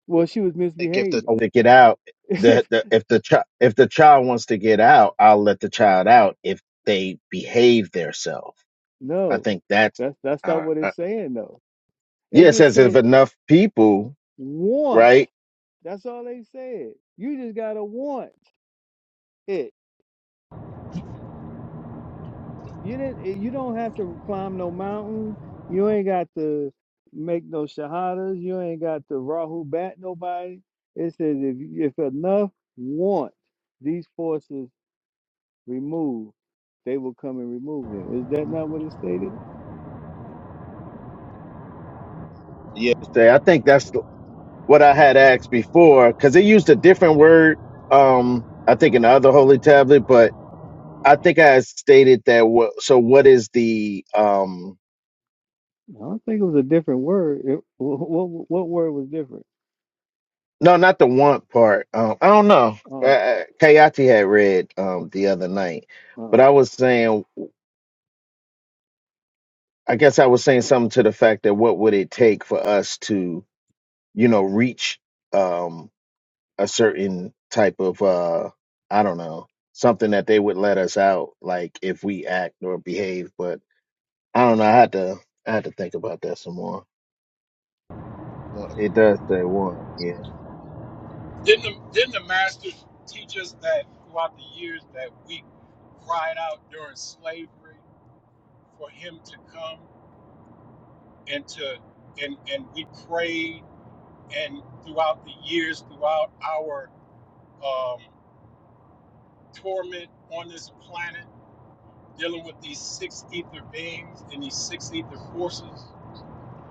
Well, she was think if the misbehaving. to get out. The, the if the child if the child wants to get out, I'll let the child out if they behave themselves. I No, think that's that's that's not uh, what uh, it's saying though. It yes, just as if said enough people, want. right? That's all they said. You just gotta want it. You didn't. eh, You don't have to climb no mountain. You ain't got to make no shahadas. You ain't got to rahu bat nobody. It says if if enough want these forces removed, they will come and remove them. Is that not what it stated? yeah Say, I think that's. what I had asked before because it used a different word. Um, I think in the other holy tablet, but I think I had stated that. What, so what is the um? I don't think it was a different word. It, what, what what word was different? No, not the want part. Um, I don't know. Uh, Oh. uh, Kayati had read um the other night, but I was saying, I guess I was saying something to the fact that what would it take for us to, you know, reach um a certain type of uh, I don't know, something that they would let us out, like if we act or behave, but I don't know. I had to I had to think about that some more. Well, It does say one. Yeah. Didn't the, didn't the masters teach us that throughout the years that we cried out during slavery for him to come and to and and we prayed and throughout the years throughout our um, torment on this planet dealing with these six ether beings and these six ether forces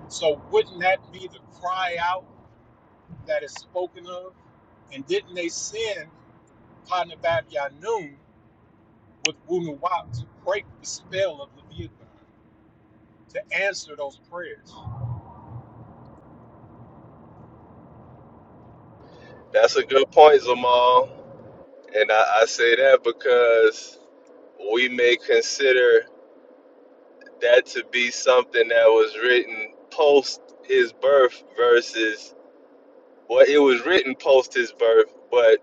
so wouldn't that be the cry out that is spoken of and didn't they send Panabab Yanun with Wunu Wap to break the spell of Leviathan, to answer those prayers. That's a good point, Zamal. And I, I say that because we may consider that to be something that was written post his birth versus well it was written post his birth but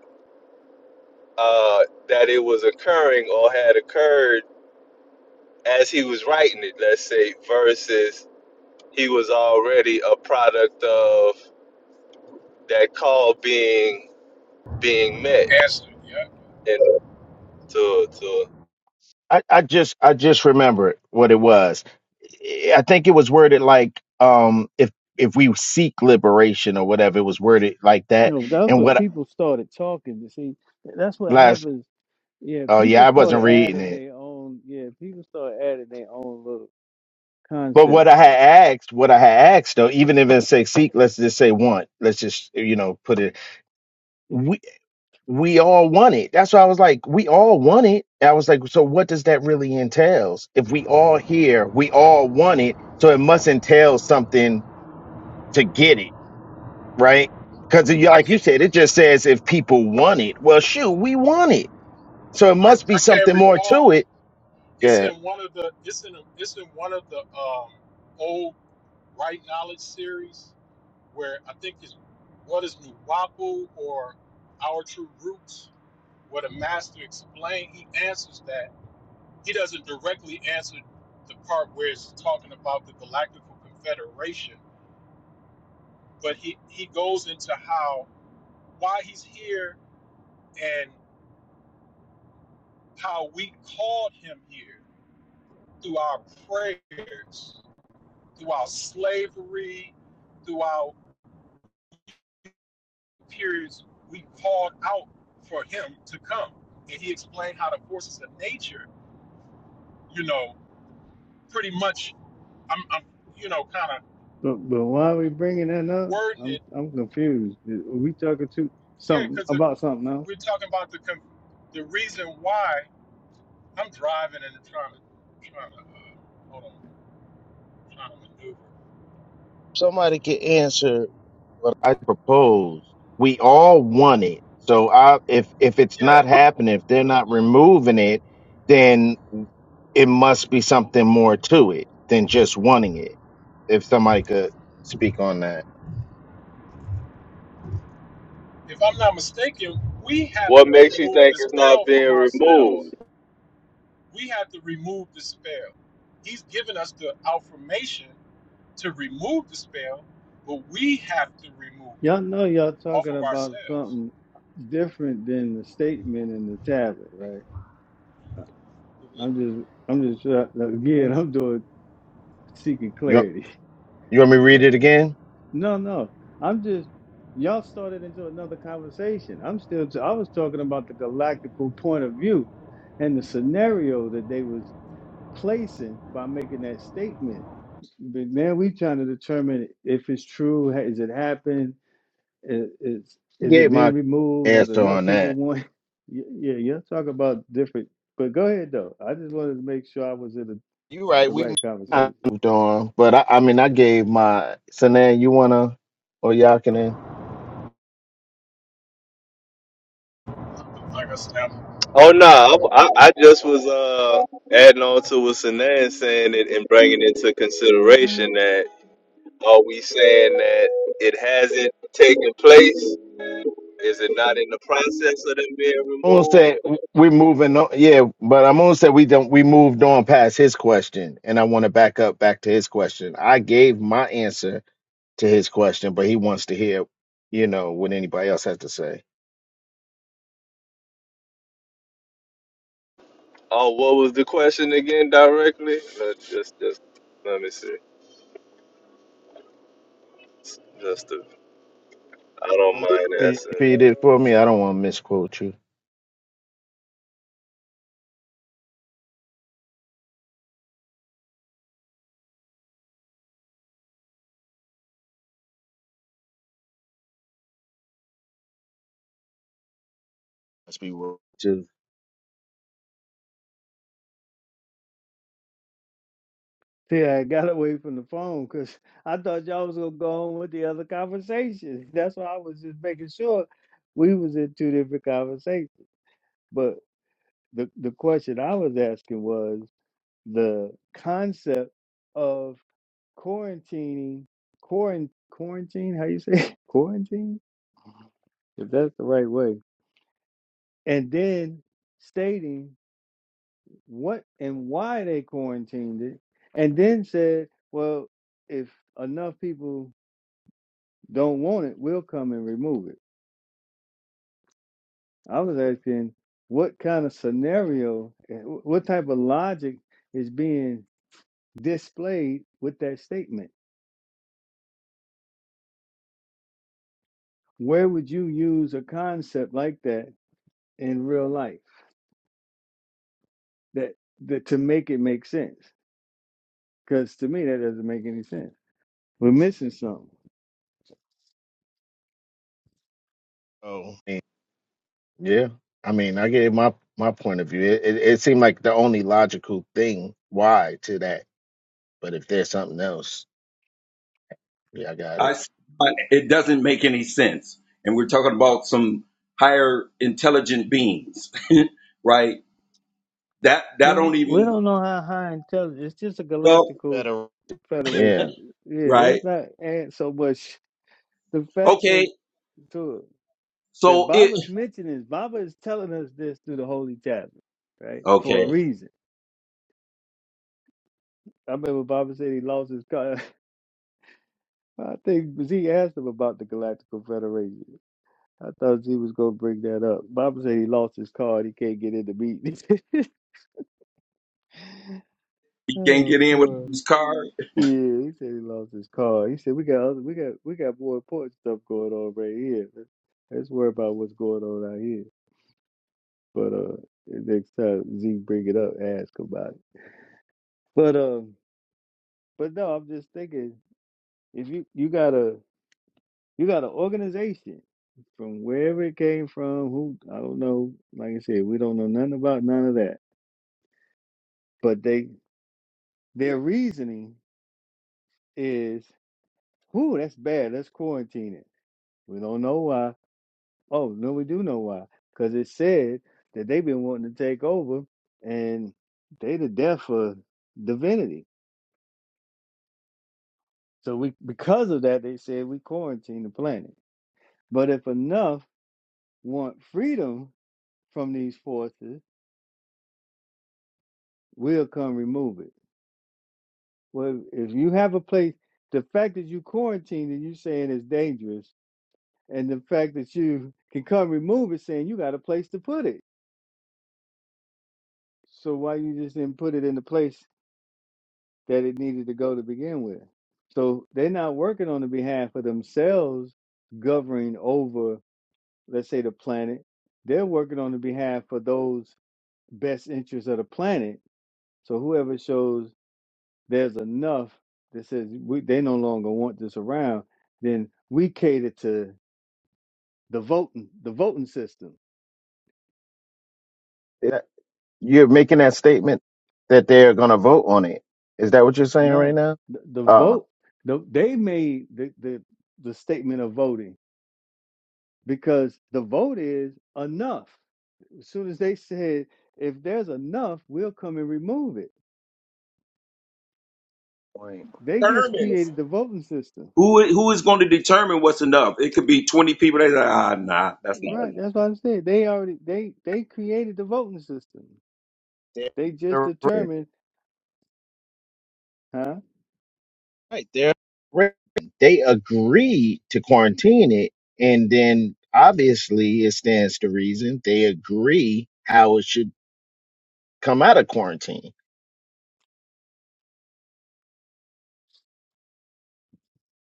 uh that it was occurring or had occurred as he was writing it let's say versus he was already a product of that call being being met Answered, yeah. and to to I, I just I just remembered what it was. I think it was worded like um if if we seek liberation or whatever it was worded like that. No, that's And what what people started talking. You see, that's what last happens. Yeah, oh yeah, people I wasn't started reading adding it. their own. Yeah, people started adding their own little But concepts. what I had asked, what I had asked though, even if it say seek, let's just say want. Let's just you know put it. we all want it. That's why I was like, we all want it. I was like, so what does that really entails? If we all here, we all want it, so it must entail something to get it, right? Because I like you can't said, it just says if people want it. Well, shoot, we want it, so it I, must be I can't something more to recall it. it's Good. in one of the it's in a, it's in one of the um old right knowledge series where I think it's what is Nuwapu or Our True Roots, where the master explained he answers that. He doesn't directly answer the part where it's talking about the Galactical Confederation, but he, he goes into how why he's here and how we called him here through our prayers, through our slavery, through our periods we called out for him to come. And he explained how the forces of nature, you know, pretty much, I'm, I'm you know, kind of But but why are we bringing that up? wording I'm it. I'm confused. Are we talking to Yeah, something because about something else? we're talking about the con- the reason why I'm driving and trying to, trying to, uh, hold on, trying to maneuver. Somebody can answer But I propose we all want it. So I, if if it's yeah. not happening, if they're not removing it, then it must be something more to it than just wanting it. If somebody could speak on that, if I'm not mistaken, we have to what makes you remove think the it's not spell from being removed ourselves. We have to remove the spell. He's given us the affirmation to remove the spell, but we have to remove it Y'all know y'all off talking of about ourselves. something different than the statement in the tablet, right? I'm just I'm just try- again I'm doing seeking you want- clarity. you want me to Okay. read it again? No, no. I'm just y'all started into another conversation. I'm still t- I was talking about the galactical point of view and the scenario that they was placing by making that statement. But now we trying to determine if it's true, has it happened, is is, is it Gave being my removed, has answer enough on people that. want Y- Yeah, y'all talk about different but go ahead though. I just wanted to make sure I was in the, You're right. the We right I conversation. moved on, but I, I mean, I gave my. So now you wanna or y'all can? Like I said, Oh I'm no, driving. I, I I just was uh adding on to what Sanan saying it and bringing into consideration that are we saying that it hasn't taken place? Is it not in the process of them being I'm gonna removed? say we are moving on. Yeah, but I'm gonna say we don't. We moved on past his question, and I want to back up back to his question. I gave my answer to his question, but he wants to hear, you know, what anybody else has to say. Oh, what was the question again directly? No, just just let me see. Just to, I don't Um, mind can you repeat asking. it for me? I don't want to misquote you. Let's be real. Too. See, I got away from the phone because I thought y'all was gonna go on with the other conversation. That's why I was just making sure we was in two different conversations. But the the question I was asking was the concept of quarantining, quarant quarantine, how you say it? quarantine, if that's the right way, and then stating what and why they quarantined it, and then said, well, if enough people don't want it, we'll come and remove it. I was asking what kind of scenario, eh, what type of logic is being displayed with that statement? Where would you use a concept like that in real life that, that to make it make sense? Because to me, that doesn't make any sense. We're missing something. Oh, and yeah. I mean, I gave my my point of view. It, it it seemed like the only logical thing why to that. But if there's something else, yeah, I got it. I it doesn't make any sense. And we're talking about some higher intelligent beings, right? That that Well, don't we even don't know how high intelligence. It's just a well, galactical Better. Yeah. federation. Yeah, right? let's not add so much. The fact that Okay, to that so it Baba's mentioning, Baba is telling us this through the holy tablet, right? For a okay. reason. I remember Baba said he lost his car. I think Z asked him about the Galactical Federation. I thought Z was going to bring that up. Baba said he lost his card. He can't get in the meeting. You can't get oh in with boy. these car Yeah, he said he lost his card. He said we got other, we got we got more important stuff going on right here. Let's let's worry about what's going on out here. But uh, next time Z bring it up, ask about it. But um. But no, I'm just thinking if you you got a you got an organization from wherever it came from, who I don't know. Like I said, we don't know nothing about none of that. But they their reasoning is, "Ooh, that's bad. Let's quarantine it." We don't know why. Oh no, we do know why. Because it said that they've been wanting to take over, and they the death for divinity. So we because of that, they said we quarantine the planet. But if enough want freedom from these forces, we'll come remove it. Well, if you have a place, the fact that you quarantined and you saying it's dangerous, and the fact that you can come remove it, saying you got a place to put it. So why you just didn't put it in the place that it needed to go to begin with? So they're not working on the behalf of themselves, governing over, let's say, the planet. They're working on the behalf of those best interests of the planet. So whoever shows there's enough that says we, they no longer want this around, then we cater to the voting the voting system. You're But making that statement that they're going to vote on it. Is that what you're saying right no, now? the, the Uh, vote the, they made the, the the statement of voting because the vote is enough. As soon as they said if there's enough, we'll come and remove it. wait. They just Determines created the voting system. who i- who is going to determine what's enough? It could be twenty people. They say, ah, nah, that's not Right, enough. that's what I said. They already they they created the voting system. They just They're determined, huh? right. They're right. They agreed to quarantine it, and then obviously it stands to reason they agree how it should come out of quarantine.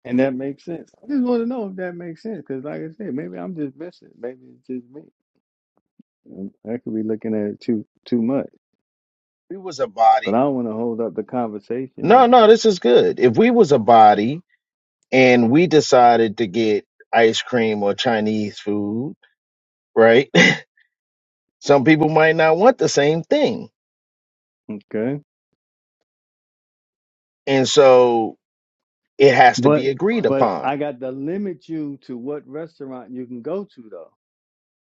And that makes sense. I just want to know if that makes sense because, like I said, maybe I'm just missing. Maybe it's just me. And I could be looking at it too too much, If we was a but body. I don't want to hold up the conversation No, though. no, this is good. If we was a body and we decided to get ice cream or Chinese food, right? Some people might not want the same thing. Okay, and so it has to but be agreed but upon. I got to limit you to what restaurant you can go to though.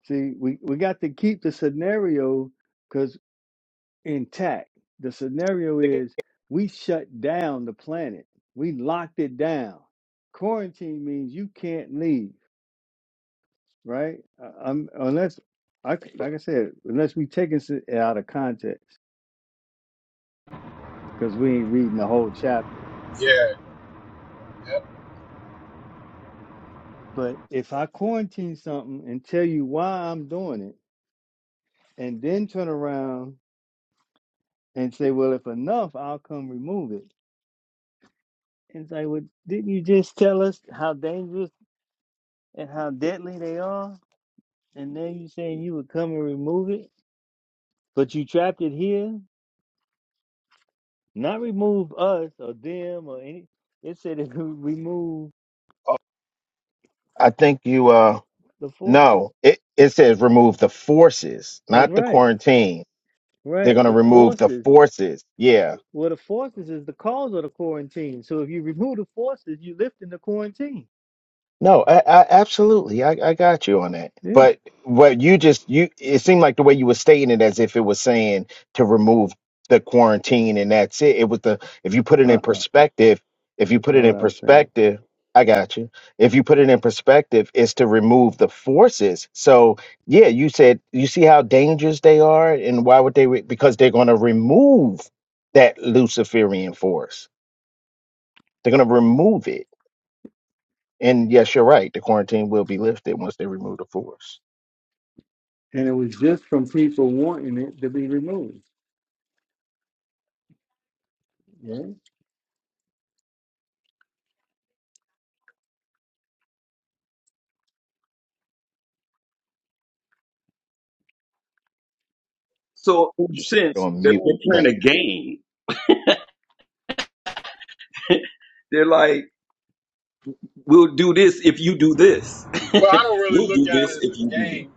See, we we got to keep the scenario because intact. The scenario is we shut down the planet. We locked it down. Quarantine means you can't leave. right? I- I'm unless I c- like I said, unless we taking it out of context because we ain't reading the whole chapter. Yeah. yeah. But if I quarantine something and tell you why I'm doing it, and then turn around and say, "Well, if enough, I'll come remove it," and it's like, "Well, didn't you just tell us how dangerous and how deadly they are?" And then you saying you would come and remove it, but you trapped it here. Not remove us or them or any. It said it remove I think you uh the forces. no, it it says remove the forces, That's not the right. quarantine. They're Right. going to The remove the forces. forces. Yeah. Well, the forces is the cause of the quarantine. So if you remove the forces, you lifting the quarantine. No, I, I absolutely. I, I got you on that. Yeah. But what you just you it seemed like the way you were stating it as if it was saying to remove the quarantine and that's it. It was the if you put it in Uh-uh. perspective, if you That's put not it what in I was saying. perspective, I got you. If you put it in perspective, it's to remove the forces. So yeah, you said you see how dangerous they are and why would they re- because they're gonna remove that Luciferian force. They're gonna remove it and yes, you're right. The quarantine will be lifted once they remove the force. And it was just from people wanting it to be removed. Yeah. So in a You said you're sense, On so. they're, mute. they're playing Cut. a game. They're like, we'll do this if you do this. Well, I don't really we'll look do at it this as a if you do game.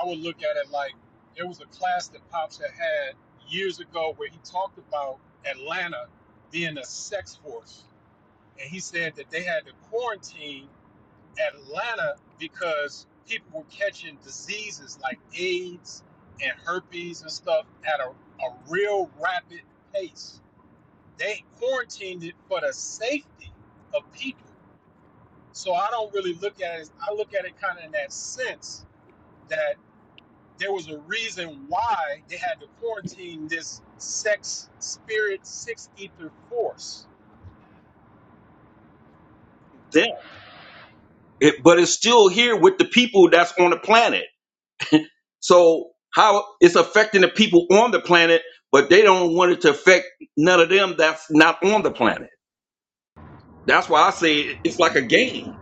I would look at it like there was a class that Pops had had years ago where he talked about Atlanta being a sex force. And he said that they had to quarantine Atlanta because people were catching diseases like AIDS and herpes and stuff at a, a real rapid pace. They quarantined it for the safety of people. So I don't really look at it, as- I look at it kind of in that sense that there was a reason why they had to quarantine this sex, spirit, six ether force. this. It, but it's still here with the people that's on the planet. So how it's affecting the people on the planet, but they don't want it to affect none of them that's not on the planet. That's why I say it- it's like a game.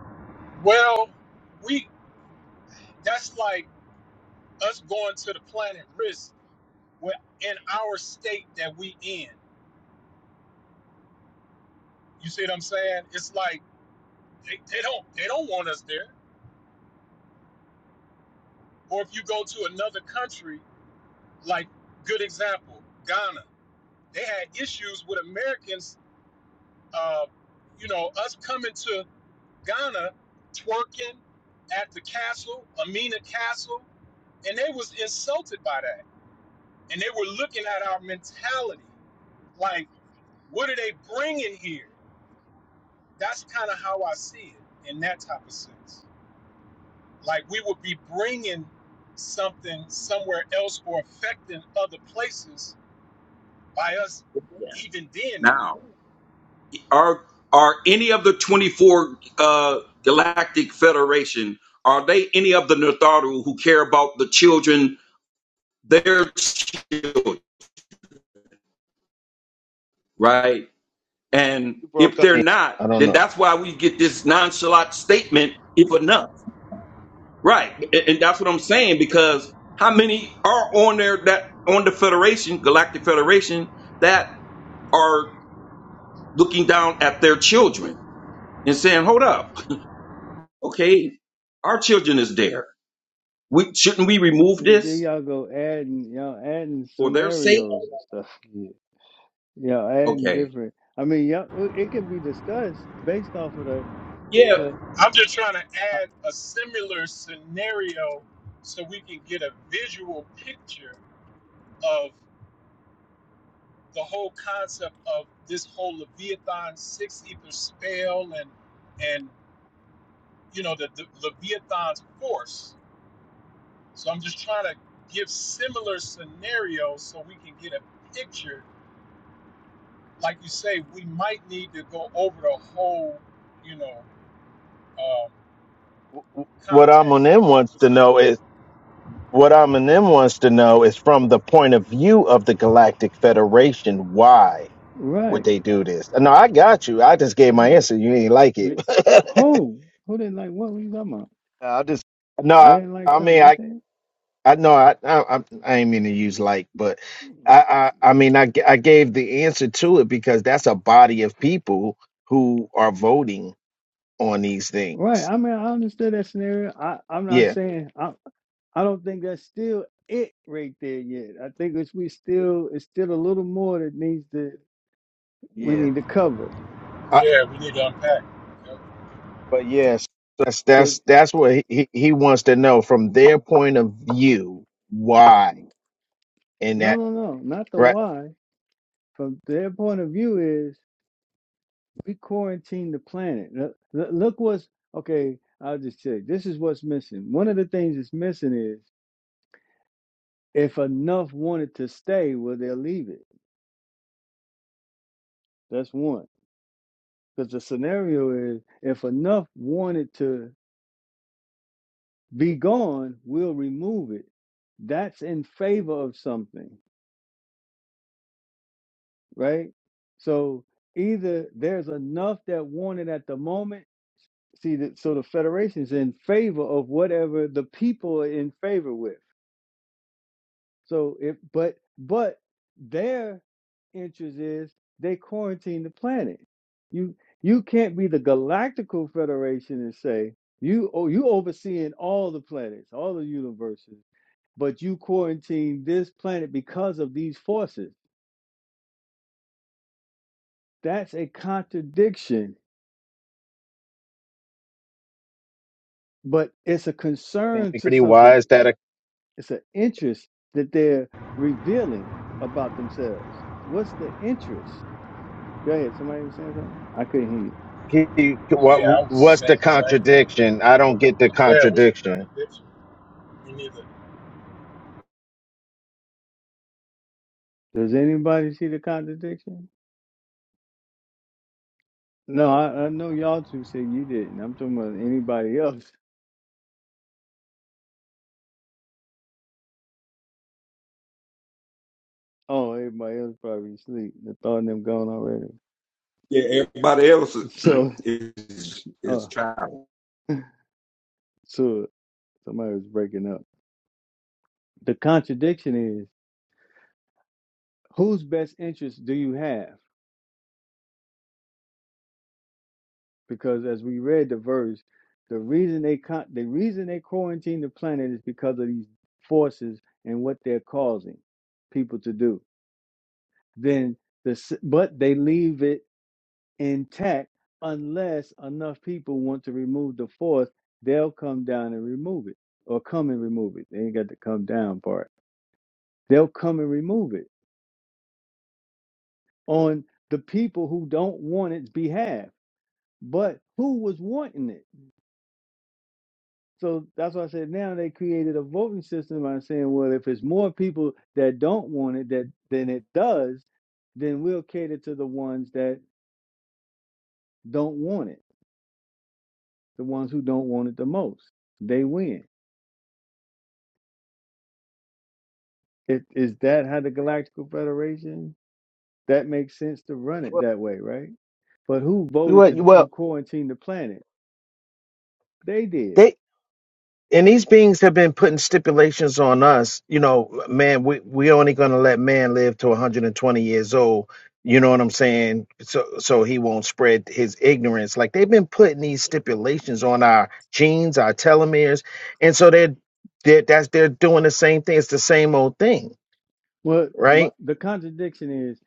Well, we that's like us going to the planet risk well, in our state that we in. You see what I'm saying? It's like they, they don't they don't want us there. Or if you go to another country, like good example, Ghana, they had issues with Americans. Uh, you know, us coming to Ghana, twerking at the castle, Amina Castle, and they was insulted by that, and they were looking at our mentality like, what are they bringing here? That's kind of how I see it in that type of sense. Like we would be bringing something somewhere else or affecting other places by us even being there. Now, are are any of the twenty four uh, galactic federation? Are they any of the Natharu who care about the children They're children, right? And You broke if up. I they're mean, not, I don't then know. that's why we get this nonchalant statement, if enough. Right. And, and that's what I'm saying, because how many are on there that on the Federation, Galactic Federation, that are looking down at their children and saying, Hold up, okay, our children is there. We shouldn't we remove See, there this y'all go adding, y'all adding for their sake? scenarios and stuff. Yeah. Y'all adding Okay. different. I mean, y'all, uh, it can be discussed based off of that, Yeah. but I'm just trying to I, add a similar scenario so we can get a visual picture of the whole concept of this whole Leviathan six ether spell and and you know the, the Leviathan's force. So I'm just trying to give similar scenarios so we can get a picture like you say, we might need to go over the whole, you know, um, What context Amunim of wants what's to in the know book. is what Amunim wants to know is from the point of view of the Galactic Federation, why would right. they do this? No, I got you. I just gave my Yeah. answer. You ain't like it. It- Who? Who didn't like what were you talking about? I just I no, didn't like I mean something I, you said. I know I I I, I ain't mean to use like, but I I, I mean I g- I gave the answer to it because that's a body of people who are voting on these things. Right. I mean, I understood that scenario. I, I'm not Yeah, saying I, I don't think that's still it right there yet. I think it's we still it's still a little more that needs to we yeah. need to cover. I, Yeah, we need to unpack. Yep. but yes, that's 'Cause- that's that's what he he he wants to know from their point of view why and no, that no, no, not the right why. From their point of view, is we quarantine the planet. Look, look look what's okay. I'll just say this is what's missing. One of the things that's missing is if enough wanted to stay, well, they'll leave it. That's one. Because the scenario is if enough wanted to Be gone, we'll remove it. That's in favor of something, right? So either there's enough that want it at the moment. See that so the federation's in favor of whatever the people are in favor with. So if but but their interest is they quarantine the planet. You you can't be the galactical federation and say you oh you overseeing all the planets, all the universes. but you quarantine this planet because of these forces. That's a contradiction, but it's a concern to pretty why something. is that a It's an interest that they're revealing about themselves. What's the interest? Go ahead. Somebody was saying something? I couldn't hear you. he, Yeah, what I was what's the saying the same thing. contradiction? I don't get the Yeah, what's the contradiction. contradiction? We need to. Does anybody see the contradiction? No, I, I know y'all two said you didn't. I'm talking about anybody else. Oh, everybody else probably asleep. The thought of them gone already. Yeah, everybody else is So, is, uh, is child. so somebody was breaking up. The contradiction is whose best interest do you have? Because as we read the verse, the reason they con- the reason they quarantine the planet is because of these forces and what they're causing people to do. Then the s- but they leave it intact unless enough people want to remove the force, they'll come down and remove it or come and remove it. They ain't got the come down part. They'll come and remove it on the people who don't want its behalf but who was wanting it? So that's why I said now they created a voting system by saying, well, if it's more people that don't want it that than it does, then we'll cater to the ones that don't want it, the ones who don't want it the most. They win. It, Is, that how the Galactical Federation? That makes sense to run it Well, that way, right? But who voted well, to who well, quarantined the planet? They did. they and these beings have been putting stipulations on us you know man we we only going to let man live to 120 years old you know what i'm saying so so he won't spread his ignorance like they've been putting these stipulations on our genes our telomeres and so they're, they're that's they're doing the same thing it's the same old thing Well, my, right the contradiction is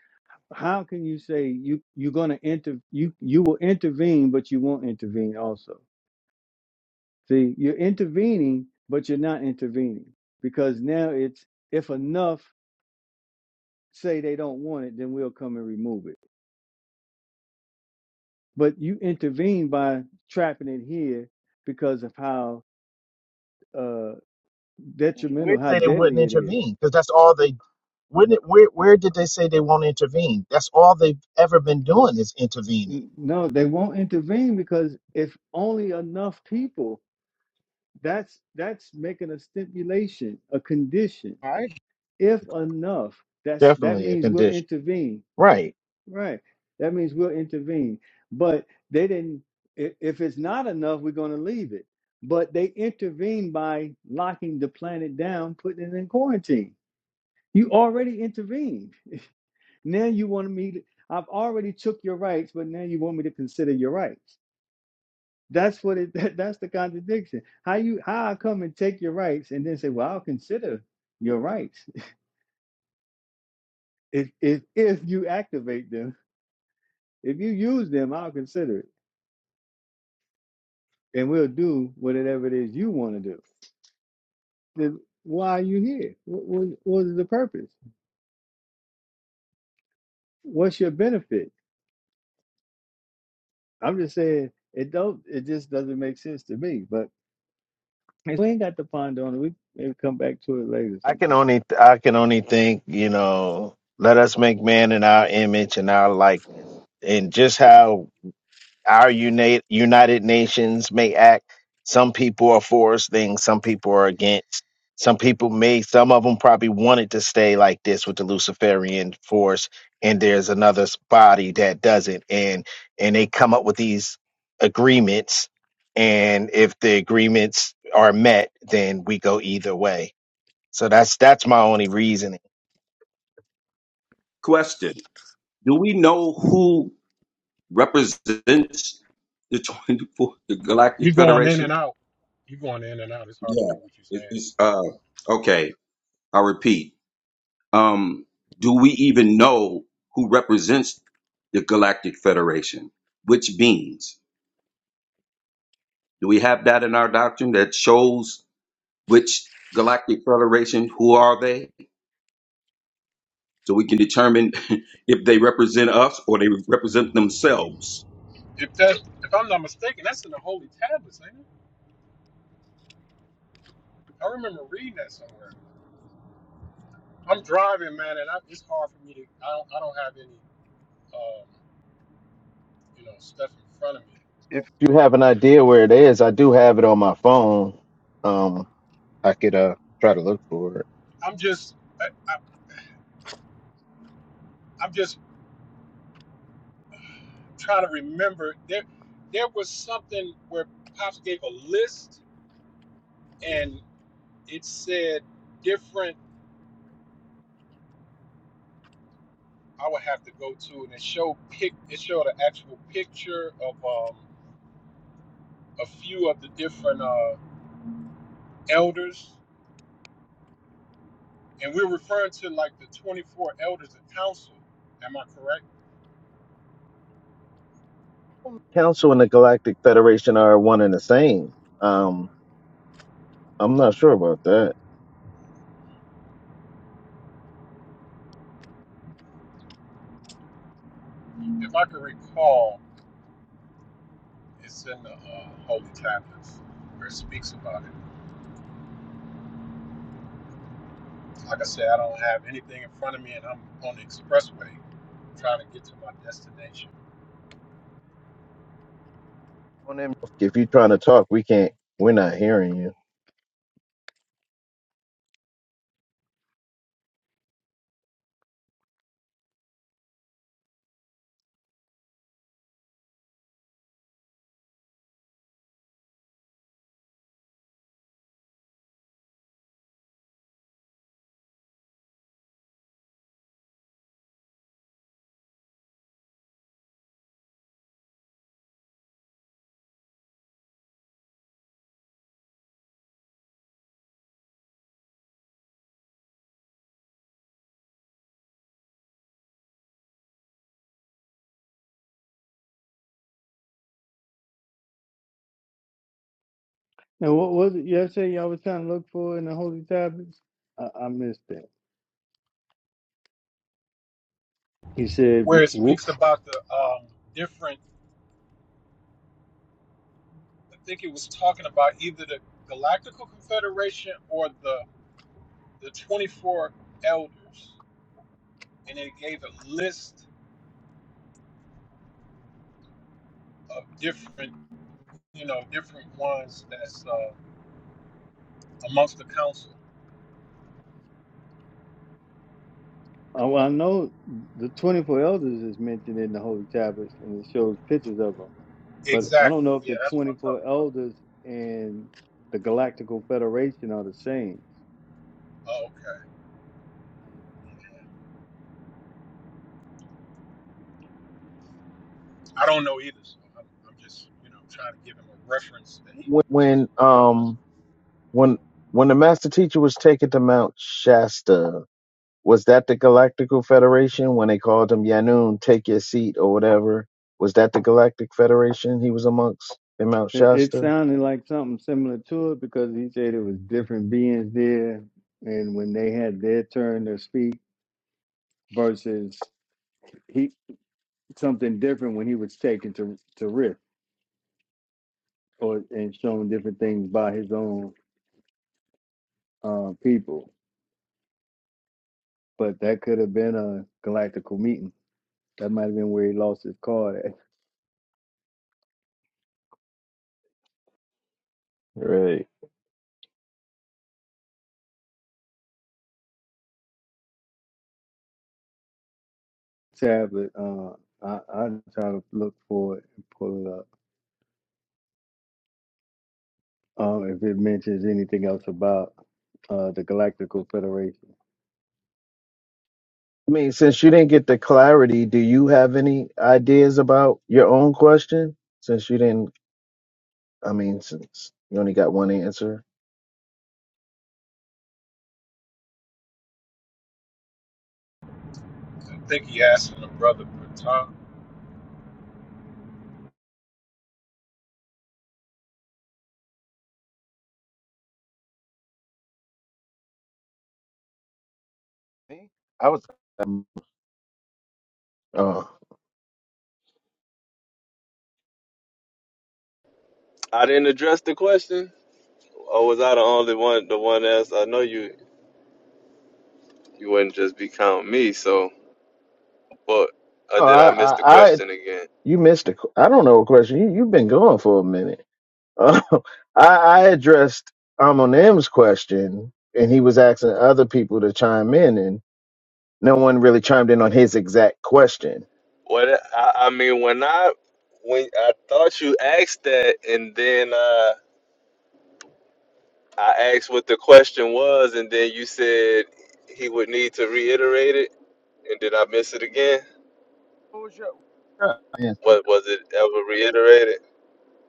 how can you say you you're going to inter you you will intervene but you won't intervene also see you're intervening but you're not intervening because now it's if enough say they don't want it then we'll come and remove it but you intervene by trapping it here because of how uh Where detrimental how say they wouldn't deadly it is intervene because that's all they wouldn't it, where, where did they say they won't intervene that's all they've ever been doing is intervening N- no they won't intervene because if only enough people that's that's making a stipulation a condition all right if enough that's that definitely a means we'll condition intervene Right. right that means we'll intervene but they didn't i- if it's not enough we're going to leave it but they intervened by locking the planet down putting it in quarantine you already intervened now you want me to i've already took your rights but now you want me to consider your rights that's what it that, that's the contradiction how you how i come and take your rights and then say well i'll consider your rights if if, if you activate them If you use them, I'll consider it, and we'll do whatever it is you want to do. Then why are you here? What, what, what is the purpose? What's your benefit? I'm just saying it don't. It just doesn't make sense to me. But if we ain't got to ponder on it. We maybe come back to it later I can sometime. only I can only think, you know, let us make man in our image and our likeness. And just how our unite, United Nations may act, some people are for us things, some people are against. Some people may some of them probably wanted to stay like this with the Luciferian force and there's another s- body that doesn't and and they come up with these agreements and if the agreements are met then we go either way So that's that's my only reasoning. Question. Do we know who represents the 24th the You're Galactic going in and Federation? out. You're going in and out. It's hard to Yeah, hear what you're it, it's saying. uh okay. I'll repeat. Um, do we even know who represents the Galactic Federation? Which beings? Do we have that in our doctrine that shows which Galactic Federation? Who are they? So we can determine if they represent us or they represent themselves. If that, if I'm not mistaken, that's in the Holy Tablets, ain't it? I remember reading that somewhere. I'm driving, man, and I, it's hard for me to. I don't. I don't have any, um, you know, stuff in front of me. If you have an idea where it is, I do have it on my phone. Um, I could uh try to look for it. I'm just. I, I, I'm just trying to remember there there was something where pops gave a list and it said different i would have to go to and it showed pic it showed an actual picture of um a few of the different uh elders and we're referring to like the 24 elders of council am i correct Council and the Galactic Federation are one and the same. Um, I'm not sure about that. if i can recall it's in the uh, holy tablets where it speaks about it like i said i don't have anything in front of me and i'm on the expressway trying to get to my destination, On them- If you're trying to talk, we can't. We're not hearing you. And what was it y'all Y'all was trying to look for in the holy tablets. I, I missed that. He said, where w- it w- speaks about the um, different. I think it was talking about either the Galactical Confederation or the the twenty four elders, and it gave a list of different, you know, different ones that's uh, amongst the council. oh, "I know the 24 elders is mentioned in the holy tablets, and it shows pictures of them." But I don't Exactly. know if Yeah, the that's what I'm talking 24 about. elders and the Galactical Federation are the same. Oh, okay. I don't know either, so I'm, I'm just, you know, trying to give him a reference that he When, can when go um when when the master teacher was taken to Mount Shasta, Was that the Galactical Federation when they called him Yanun, take your seat or whatever? Was that the Galactic Federation he was amongst in Mount It, it Shasta? sounded like something similar to it because he said it was different beings there, and when they had their turn to speak versus he something different when he was taken to to Rift or and shown different things by his own uh, people, but that could have been a galactical meeting. That might have been where he lost his card at. Right. Tablet. Uh, I I trying to look for it and pull it up. Um, if it mentions anything else about uh, the Galactical Federation. I mean, since you didn't get the clarity, do you have any ideas about your own question? Since you didn't, I mean, since you only got one answer. to. I think he asked him the brother, but Tom Me? I was Um, oh, I didn't address the question, or was I the only one? The one asked? I know you you wouldn't just be counting me. So, but or oh did I, I miss the I, I, question again? you missed ai don't know a question. You, you've been going for a minute. Uh, I, I addressed Amonim's question, and he was asking other people to chime in, and no one really chimed in on his exact question. What I, I mean when I when I thought you asked that and then uh I asked what the question was and then you said he would need to reiterate it and did I miss it again? What was your uh, Answer. What was it ever reiterated?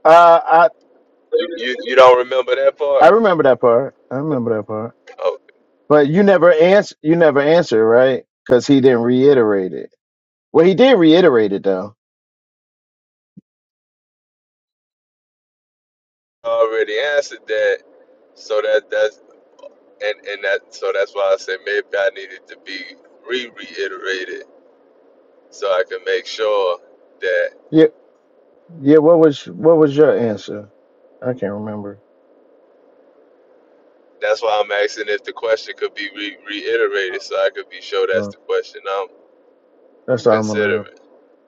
Uh, I You you, you don't remember that I part? remember that part. I remember that part. Oh, But you never answer. You never answer, right? Because he didn't reiterate it. Well, he did reiterate it though. I already answered that. So that that's and and that so that's why I said maybe I needed to be re-reiterated so I can make sure that. Yeah, Yeah, what was what was your answer? I can't remember. That's why I'm asking if the question could be re- Oh, reiterated so I could be sure that's Well, the question I'm that's all I'm on now. considering.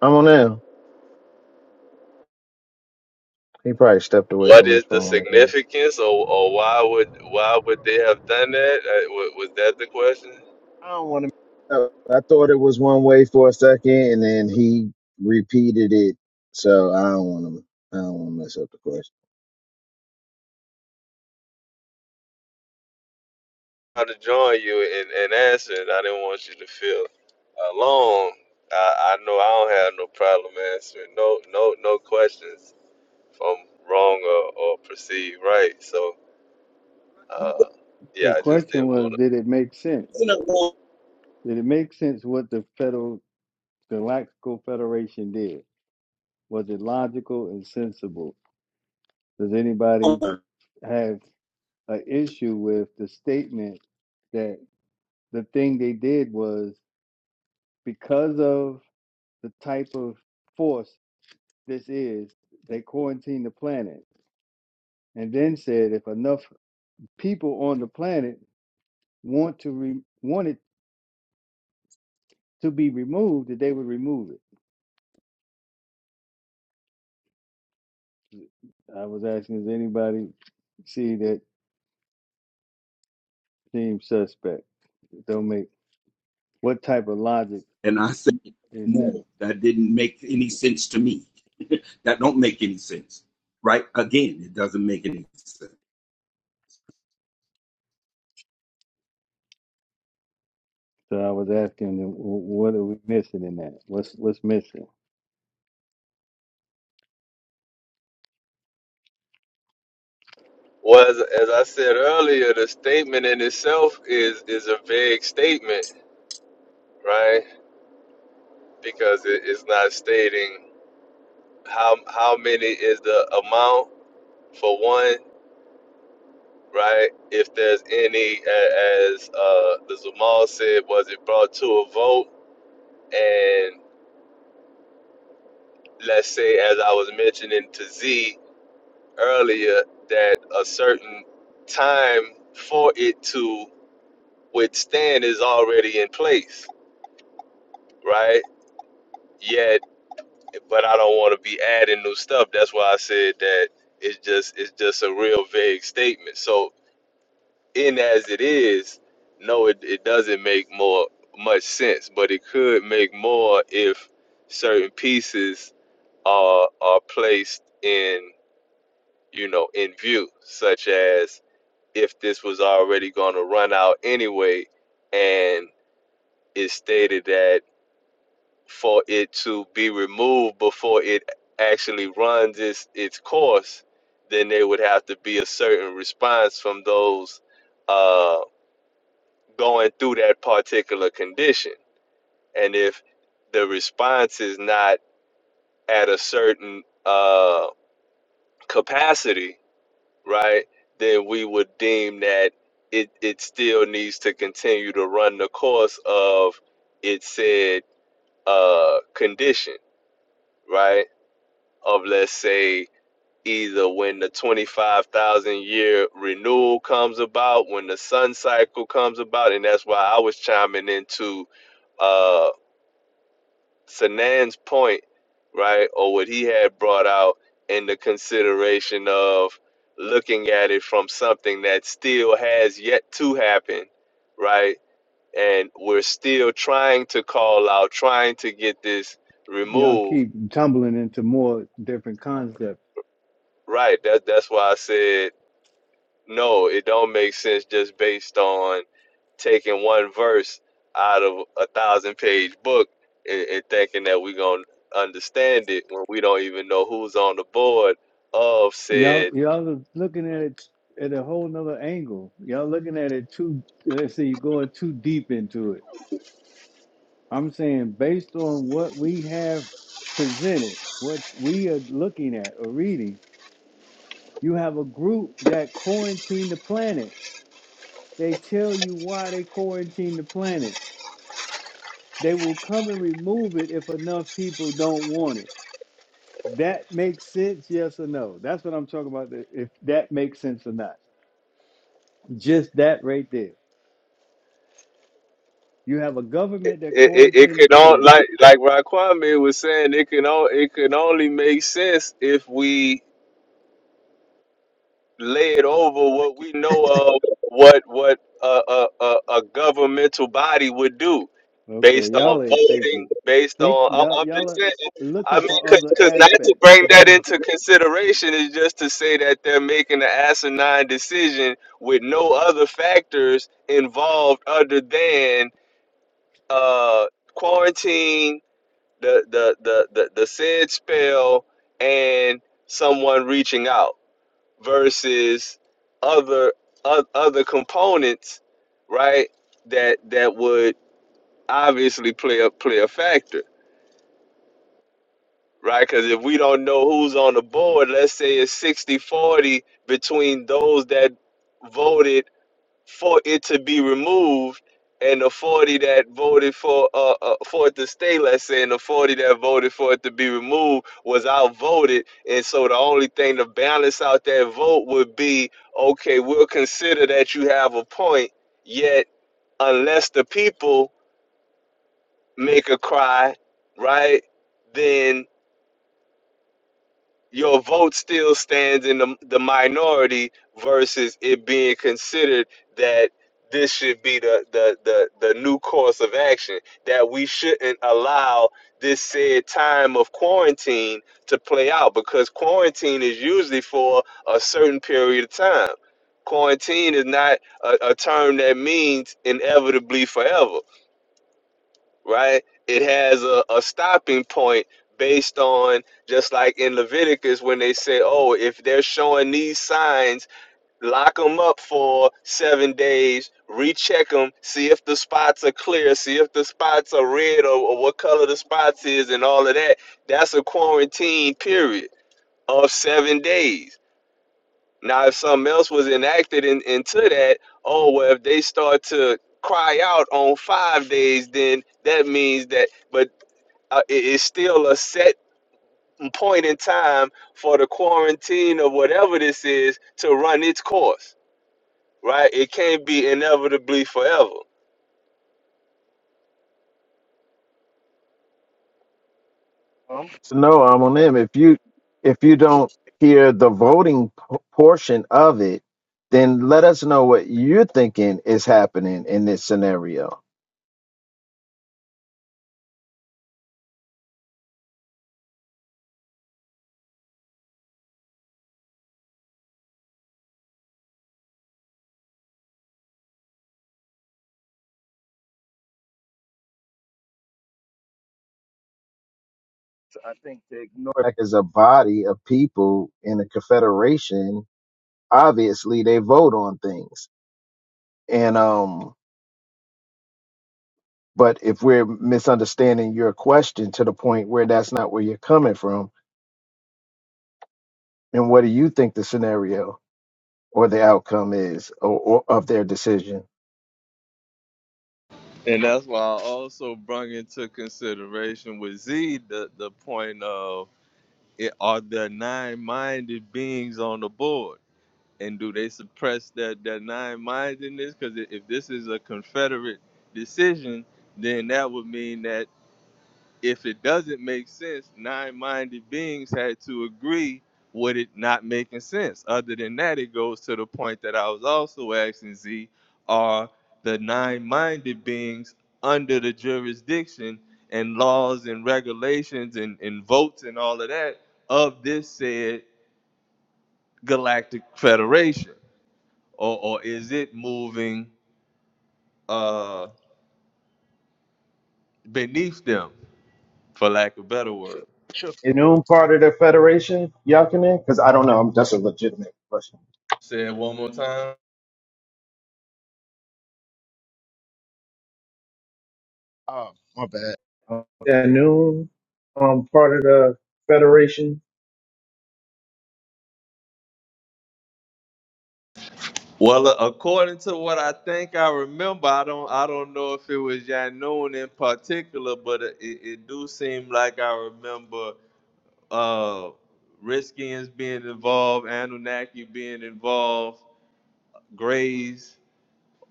I'm on now. He probably stepped away What from is his the phone again. significance, or, or why would why would they have done that? Uh, wa- was that the question? I don't want to. Uh, I thought it was one way for a second, and then he repeated it. So I don't want to. I don't want to mess up the question. I to join you in, in answering. I didn't want you to feel alone. I, I know I don't have no problem answering. No no no questions if I'm wrong or, or perceived right. So uh, yeah, The I just question didn't want to. was, did it make sense? Did it make sense what the Federal Galactical Federation did? Was it logical and sensible? Does anybody have an issue with the statement that the thing they did was because of the type of force this is, they quarantined the planet and then said if enough people on the planet want to re- want it to be removed, that they would remove it. I was asking, does anybody see that seems suspect? Don't make what type of logic And I said, is that? no, that didn't make any sense to me. That don't make any sense, right? Again, it doesn't make any sense. So I was asking, them, what are we missing in that? What's what's missing? Well, as, as I said earlier, the statement in itself is is a vague statement, right? Because it is not stating how how many is the amount for one, right? If there's any, a- as uh, the Zamal said, was it brought to a vote? And let's say, as I was mentioning to Z earlier, that a certain time for it to withstand is already in place, right? Yet. but I don't want to be adding new stuff. That's why I said that it's just it's just a real vague statement. So in as it is, no, it, it doesn't make more much sense, but it could make more if certain pieces are are placed in you know in view, such as if this was already going to run out anyway, and it's stated that. for it to be removed before it actually runs its its course, then there would have to be a certain response from those uh, going through that particular condition. And if the response is not at a certain uh, capacity, right, then we would deem that it, it still needs to continue to run the course of its said uh, condition, right? Of let's say either when the 25,000 year renewal comes about, when the sun cycle comes about, and that's why I was chiming into uh Sanan's point, right? Or what he had brought out in the consideration of looking at it from something that still has yet to happen, right? And we're still trying to call out, trying to get this Y'all removed, keep tumbling into more different concepts right? That that's why I said No, it don't make sense just based on taking one verse out of a thousand page book and, and thinking that we're going to understand it when we don't even know who's on the board of Y'all, said y'all are looking at it at a whole nother angle. Y'all looking at it too. Let's say you're going too deep into it. I'm saying based on what we have presented, what we are looking at or reading, you have a group that quarantine the planet. They tell you why they quarantine the planet. They will come and remove it if enough people don't want it. That makes sense, yes or no? That's what I'm talking about. If that makes sense or not, just that right there You have a it, government that it, it quarantined the could all planet. like like Raquame was saying it can all it can only make sense if we laid over Thank what you, we know of what what a, a, a, a governmental body would do Okay, based on y'all ain't voting thinking. based Think on I- y'all i'm y'all just are saying i looking mean for other because not to aspects. bring that into consideration is just to say that they're making an asinine decision with no other factors involved other than uh quarantine the the the the, the said spell and someone reaching out versus other o- other components, right? That that would obviously play a play a factor, right? Because if we don't know who's on the board, let's say it's sixty forty between those that voted for it to be removed and the 40 that voted for uh, uh for it to stay let's say and the 40 that voted for it to be removed was outvoted and so the only thing to balance out that vote would be okay we'll consider that you have a point yet unless the people make a cry right then your vote still stands in the, the minority versus it being considered that this should be the, the, the, the new course of action, that we shouldn't allow this said time of quarantine to play out because quarantine is usually for a certain period of time. Quarantine is not a, a term that means inevitably forever right? It has a, a stopping point based on just like in Leviticus when they say, oh, if they're showing these signs, lock them up for seven days, recheck them, see if the spots are clear, see if the spots are red or, or what color the spots is and all of that. That's a quarantine period of seven days. Now, if something else was enacted in, into that, oh, well, if they start to cry out on five days, then that means that. But uh, it is still a set point in time for the quarantine or whatever this is to run its course, right? It can't be inevitably forever. Mom. So no, I'm on them. If you if you don't hear the voting p- portion of it, then let us know what you're thinking is happening in this scenario. I think to ignore like as a body of people in a confederation, obviously they vote on things. And um but if we're misunderstanding your question to the point where that's not where you're coming from, then what do you think the scenario or the outcome is or, or of their decision? And that's why I also brought into consideration with Z the, the point of it, are there nine minded beings on the board? And do they suppress that, that nine mindedness? Because if this is a Confederate decision, then that would mean that if it doesn't make sense, nine-minded beings had to agree with it not making sense. Other than that, it goes to the point that I was also asking Z, are the nine-minded beings under the jurisdiction and laws and regulations and, and votes and all of that of this said galactic federation? Or, or is it moving uh, beneath them, for lack of a better word? Should Inum part of their federation, Yakinen? Because I don't know. um, That's a legitimate question. Say it one more time. Oh, my bad. Um, Inum um, part of the federation? Well, a- according to what I think I remember, I don't I don't know if it was Janoon in particular, but it, it it do seem like I remember uh Redskins being involved, Anunnaki being involved, Grays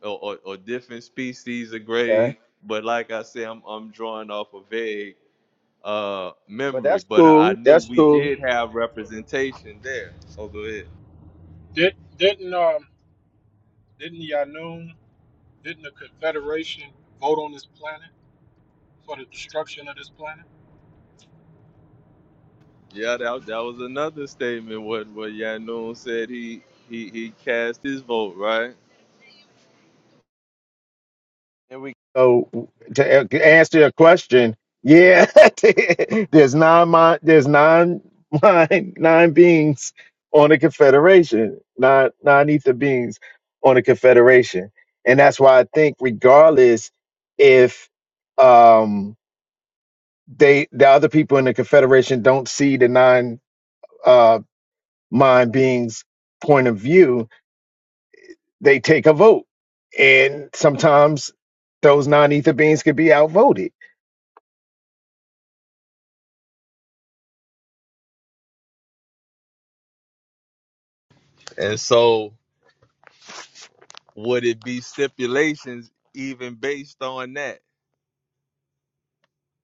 or, or, or different species of Grays. But like I say, I'm I'm drawing off a vague uh But memory, that's but I, I cool. knew That's we cool. did have representation there. So go ahead. did didn't um Didn't Yanun, didn't the Confederation vote on this planet for the destruction of this planet? Yeah, that, that was another statement what what Yanun said he he he cast his vote, right? And we go to a- answer your question, yeah, there's nine mind, there's nine mind, nine beings on the confederation, nine nine ether beings on the confederation, and that's why I think regardless if um they the other people in the confederation don't see the nine uh mind beings point of view they take a vote. And sometimes those non ether beings could be outvoted. And so would it be stipulations even based on that,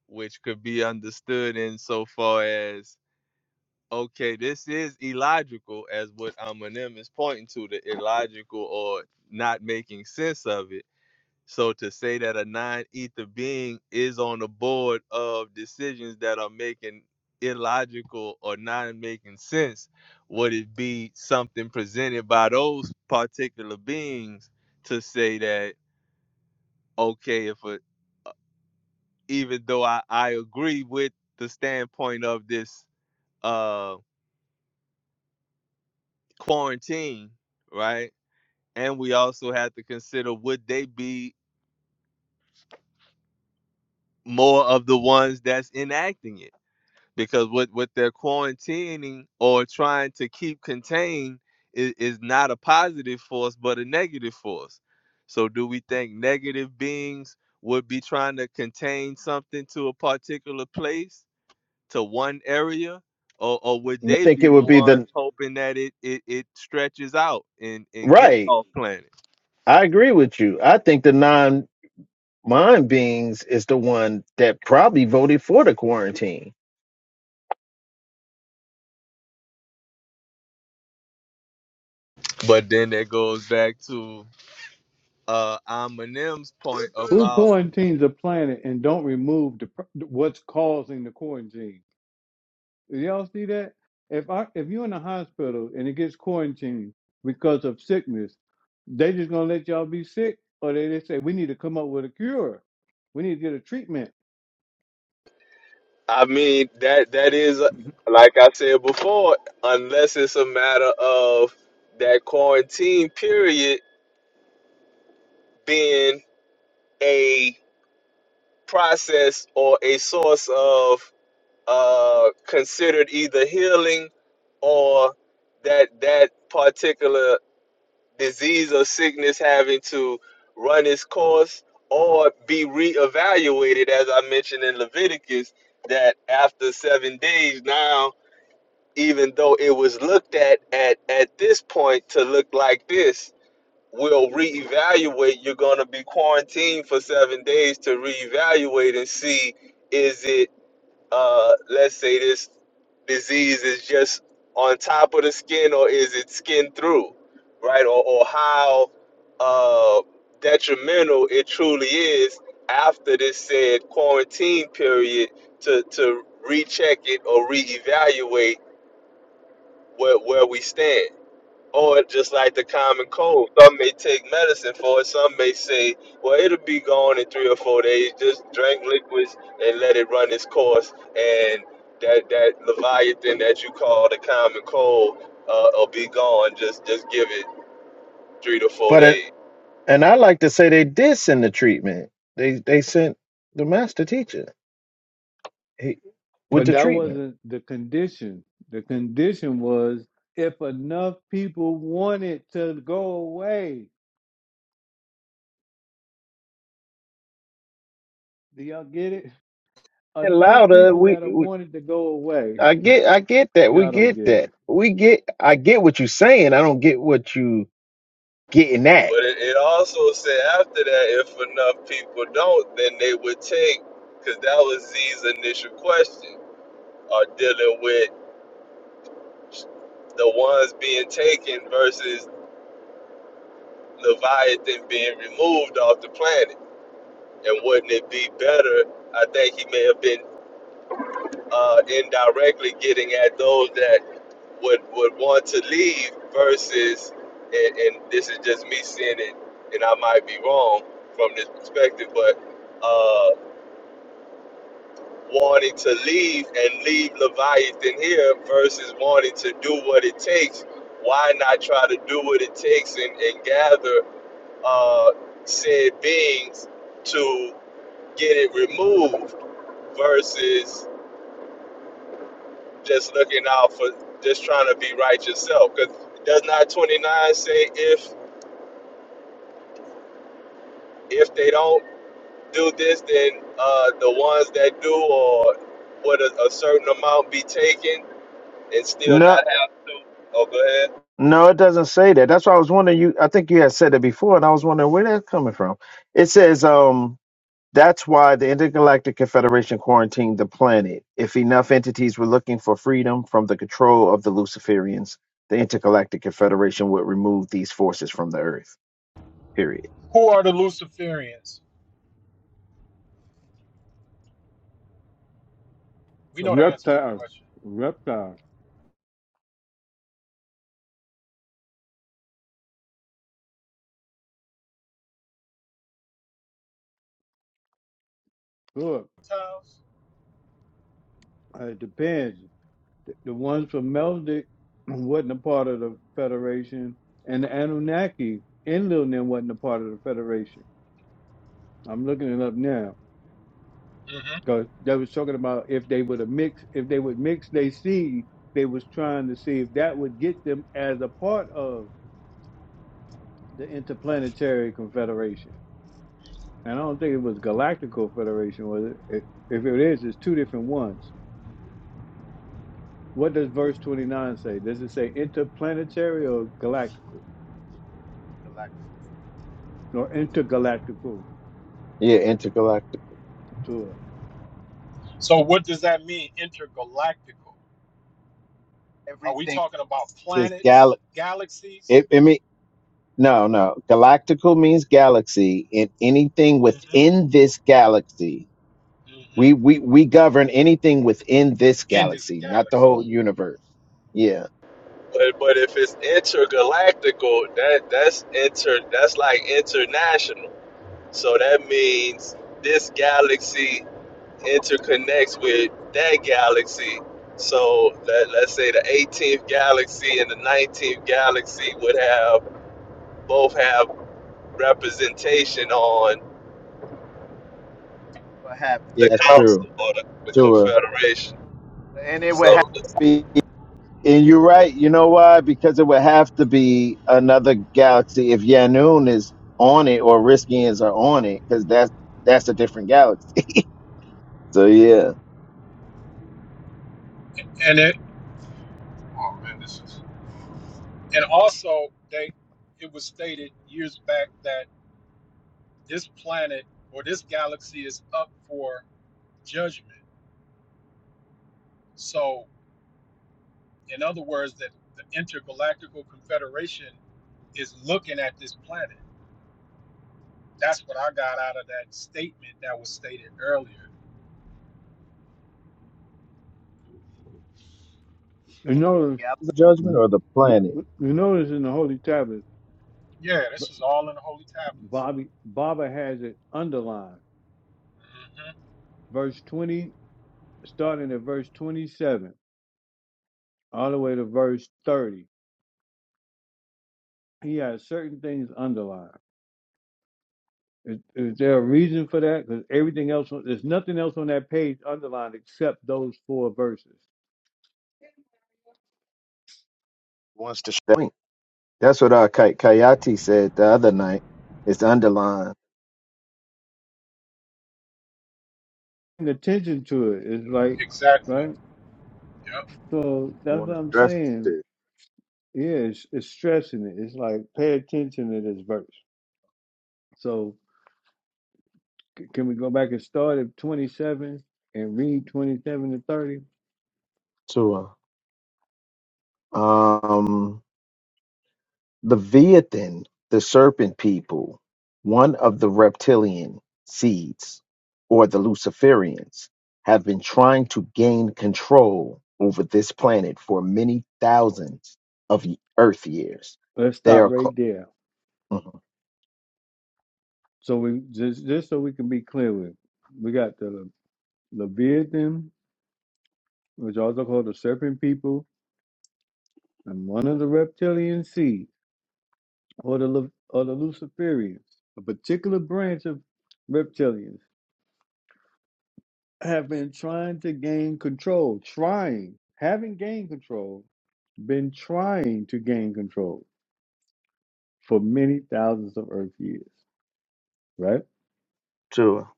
which could be understood in so far as okay, this is illogical as what Amanim is pointing to, the illogical or not making sense of it. So to say that a non-ether being is on the board of decisions that are making illogical or not making sense, would it be something presented by those particular beings to say that okay, if a, even though I, I agree with the standpoint of this uh quarantine, right? And we also have to consider would they be more of the ones that's enacting it? because what what they're quarantining or trying to keep contained is, is not a positive force but a negative force so do we think negative beings would be trying to contain something to a particular place to one area or, or would I they think it be the would be ones the hoping that it, it, it stretches out and, and gets right. off planet I agree with you. I think the non mind beings is the one that probably voted for the quarantine. but then that goes back to uh Aminem's point Who about quarantines a planet and don't remove the pro- what's causing the quarantine? Do y'all see that? If I if you're in a hospital and it gets quarantined because of sickness, they just gonna let y'all be sick, or they, they say we need to come up with a cure. We need to get a treatment. I mean that that is like I said before, unless it's a matter of that quarantine period being a process or a source of uh considered either healing or that that particular disease or sickness having to run its course or be reevaluated as I mentioned in Leviticus that after 7 days now even though it was looked at at at this point to look like this we'll reevaluate you're going to be quarantined for seven days to reevaluate and see is it uh let's say this disease is just on top of the skin or is it skin through right or, or how uh detrimental it truly is after this said quarantine period to to recheck it or reevaluate where where we stand. Or just like the common cold, some may take medicine for it. Some may say, "Well, it'll be gone in three or four days. Just drink liquids and let it run its course." And that that leviathan that you call the common cold uh, will be gone. Just just give it three to four But it- days. and I like to say they did send the treatment. They they sent the master teacher he, with But the that treatment. wasn't the condition. The condition was if enough people wanted to go away. Do y'all get it? And Enough louder, people we, gotta we want it to go away. I get I get that. We Y'all don't get get that. it. We get I get what you're saying. I don't get what you getting at. But it, it also said after that, if enough people don't, then they would take, because that was Z's initial question, are dealing with the ones being taken versus Leviathan being removed off the planet. And wouldn't it be better? I think he may have been uh, indirectly getting at those that would, would want to leave versus, and, and this is just me seeing it, and I might be wrong from this perspective, but uh, wanting to leave and leave Leviathan here versus wanting to do what it takes. Why not try to do what it takes and, and gather uh, said beings to get it removed versus just looking out for just trying to be right yourself. Because does not 29 say if if they don't do this, then uh, the ones that do or would a, a certain amount be taken and still No. not have to? Oh, go ahead. No, it doesn't say that. That's why I was wondering. You, I think you had said it before, and I was wondering where that's coming from. It says, um, that's why the Intergalactic Confederation quarantined the planet. If enough entities were looking for freedom from the control of the Luciferians, the Intergalactic Confederation would remove these forces from the Earth. Period. Who are the Luciferians? We The know the answer to the reptile, question. reptile. Look, Tiles. uh, it depends. The, the ones from Meldick wasn't a part of the Federation, and the Anunnaki in Lil Nim wasn't a part of the Federation. I'm looking it up now. hmm Because they was talking about if they would have mixed, if they would mix their seed, they was trying to see if that would get them as a part of the Interplanetary Confederation. And I don't think it was Galactical Federation, was it? It- If it is, it's two different ones. What does verse 29 say? Does it say interplanetary or galactical? Galactic. Or intergalactical Yeah, intergalactic. to it? So what does that mean, intergalactical? Are we Everything. talking about Is gal? planets, galaxies? It, it mean no, no. Galactical means galaxy, and anything hmm within this galaxy hmm We we we govern anything within this In this galaxy, not the galaxy. whole universe. Yeah, But but if it's intergalactical, that that's inter that's like international. So that means this galaxy interconnects with that galaxy. So let, let's say the 18th galaxy and the 19th galaxy would have both have representation on What happened? yeah, the that's council true. or the, the Sure. confederation. And it would have So be- and you're right. You know why? Because it would have to be another galaxy if Yanun is on it or Riskians are on it, because that's that's a different galaxy. So yeah, And it, oh man, this is, and also they, it was stated years back that this planet or this galaxy is up for judgment. So In other words, that the Intergalactical Confederation is looking at this planet. That's what I got out of that statement that was stated earlier. You notice, yeah, the judgment or the you planet notice in the Holy Tablet, Yeah, B- this is all in the holy tablets. Bobby, Baba has it underlined. hmm Verse 20 starting at verse 27 all the way to verse 30. He has certain things underlined. Is, is there a reason for that? Because everything else, there's nothing else on that page underlined except those four verses. wants to that point. That's what our Kay- Kayati said the other night. It's underlined. And attention to it is like, Exactly. right? Yep. So I that's want to what I'm stress saying. it Yeah, it's, it's stressing it. It's like pay attention to this verse. So c- can we go back and start at 27 and read 27 to 30? to her. Um. Leviathan, the serpent people, one of the reptilian seeds, or the Luciferians, have been trying to gain control over this planet for many thousands of y- Earth years. Let's They stop are right called there. mm-hmm, So we just just so we can be clear with, we got the Le- Leviathan, which also called the serpent people, and one of the reptilian seed, or the Le- or the Luciferians, a particular branch of reptilians, have been trying to gain control, trying, having gained control, been trying to gain control for many thousands of Earth years. Right? Tua.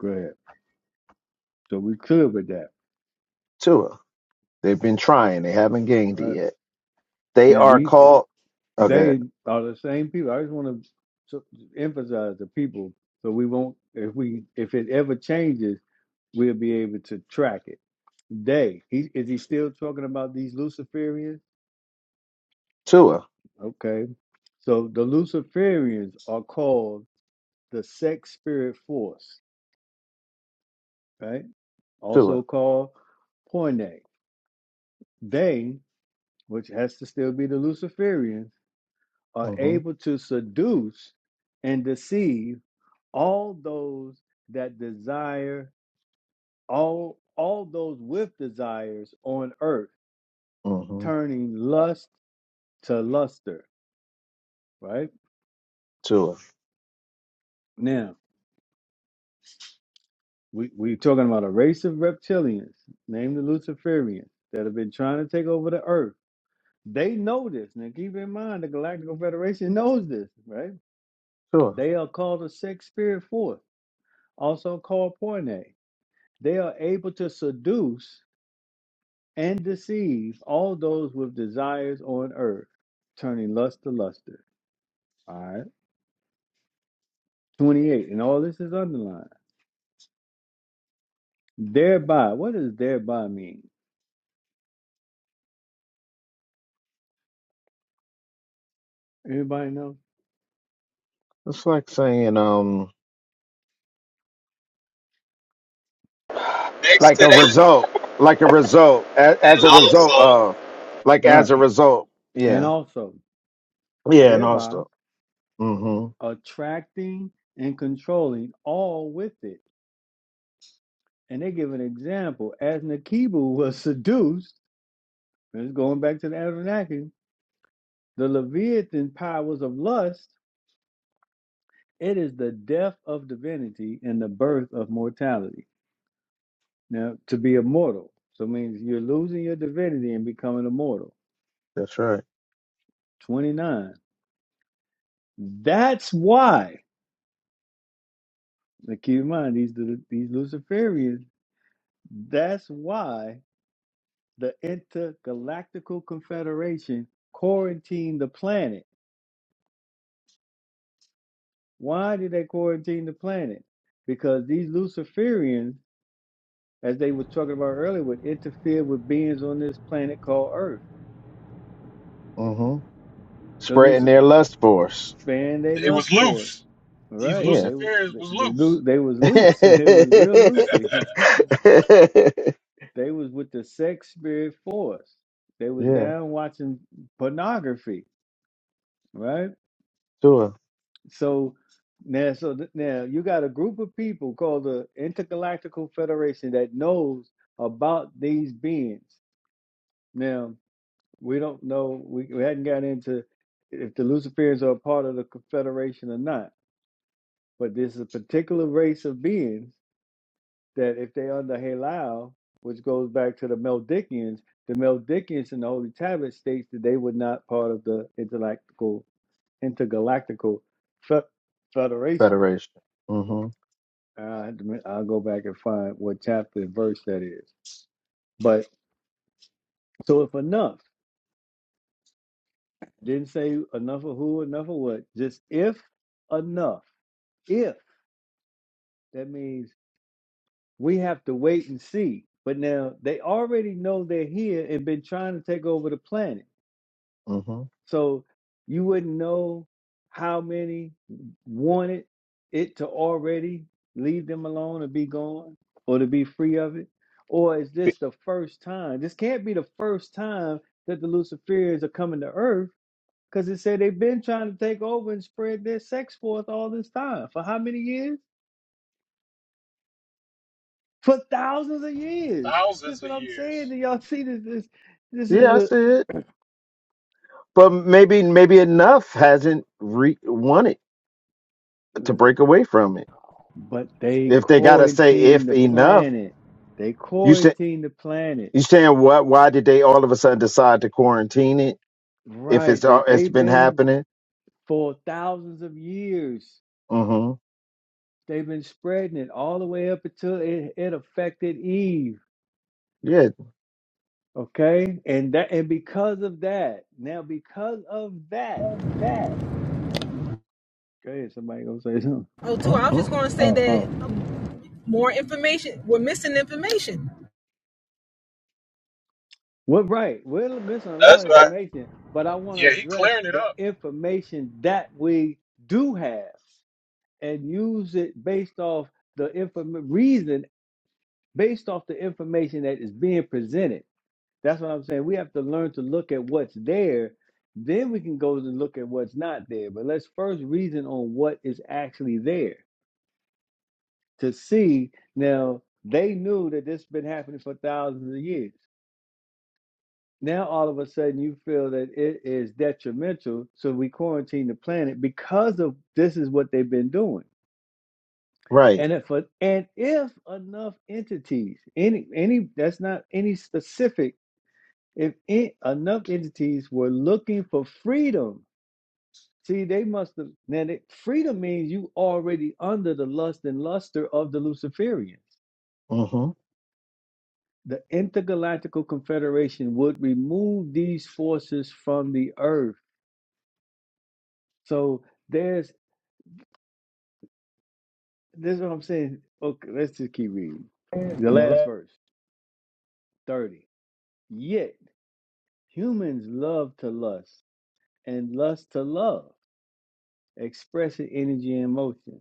Go ahead. So we clear with that. Tua. They've been trying. They haven't gained it Right? yet. They Now are these. called okay. They are the same people. I just want to emphasize the people, so we won't. If we if it ever changes, we'll be able to track it. They he is he still talking about these Luciferians? Tua. Okay, so the Luciferians are called the sex spirit force, right? Tua. Also called Porne. They, which has to still be the Luciferians, are Mm-hmm. able to seduce and deceive all those that desire all all those with desires on earth Mm-hmm. turning lust to luster right Tua. now we, we're talking about a race of reptilians named the luciferians that have been trying to take over the earth they know this now keep in mind the galactic federation knows this right Tua. they are called the sex spirit force also called porne they are able to seduce and deceives all those with desires on earth, turning lust to luster. All right. 28. And all this is underlined. Thereby, what does thereby mean? Anybody know? It's like saying um next like to a that, result, like a result, as, as and a result also of, like Right. as a result. And Yeah, also, yeah, and thereby also, hmm attracting and controlling all with it. And they give an example. As Nakibu was seduced, and it's going back to the Anunnaki, the Leviathan powers of lust, it is the death of divinity and the birth of mortality Now, to be immortal, so it means you're losing your divinity and becoming immortal. that's right, 29. That's why, now keep in mind, these, these Luciferians, that's why the Intergalactical Confederation quarantined the planet. Why did they quarantine the planet? Because these Luciferians, as they were talking about earlier, would interfere with beings on this planet called Earth. hmm spreading The their lust for us. sparing they It lust was for us. loose. These Right? Yeah, They was Luciferians they, was they, loose. loo- they was yeah, loose. They was real loosey. They was with the sex spirit for us. They was down watching pornography. Right? to a So now, so th- now you got a group of people called the Intergalactical Federation that knows about these beings. Now we don't know. We, we hadn't got into if the Luciferians are a part of the Confederation or not. But there's a particular race of beings that if they under halal, which goes back to the Meldikians, the Meldikians in the Holy Tablet states that they were not part of the intergalactical intergalactical fe- federation. federation. hmm I I'll go back and find what chapter and verse that is. But so if enough didn't say enough of who, enough of what, just if enough, if that means we have to wait and see. But now they already know they're here and been trying to take over the planet. hmm So you wouldn't know how many wanted it to already leave them alone or be gone or to be free of it. Or is this the first time? This can't be the first time that the Luciferians are coming to earth because it said they've been trying to take over and spread their sex forth all this time. For how many years? For thousands of years. That's Thousands of what I'm saying. years. Do y'all see this? This, this is Yeah, I a, see it, but maybe maybe enough hasn't re- wanted to break away from it. But they If they gotta say quarantined if the enough, planet. They you said. quarantined the planet. You saying what? Why did they all of a sudden decide to quarantine it if Right. it's They, al- it's they've been been happening? for thousands of years. hmm They've been spreading it all the way up until it, it affected Eve. Yeah. Okay. And that and because of that, now because of that, go ahead, somebody gonna say something. Oh, too. I was just Mm-mm. gonna say that. Oh. more information. We're missing information. Well, right. We're missing a that's lot of right. information, but I want to Yeah, he address clearing it the up. information that we do have. and use it based off the inform- reason, based off the information that is being presented. That's what I'm saying. We have to learn to look at what's there. Then we can go and look at what's not there. But let's first reason on what is actually there to see. Now, they knew that this has been happening for thousands of years. Now, all of a sudden, you feel that it is detrimental. So we quarantine the planet because of this is what they've been doing. Right. And if a, and if enough entities, any any that's not any specific, if e- enough entities were looking for freedom, see they must have. Now they, freedom means you already under the lust and luster of the Luciferians. hmm The intergalactical confederation would remove these forces from the earth. So there's this is what I'm saying. Okay, let's just keep reading. The last verse, thirty. Yet humans love to lust and lust to love, expressing energy and motion,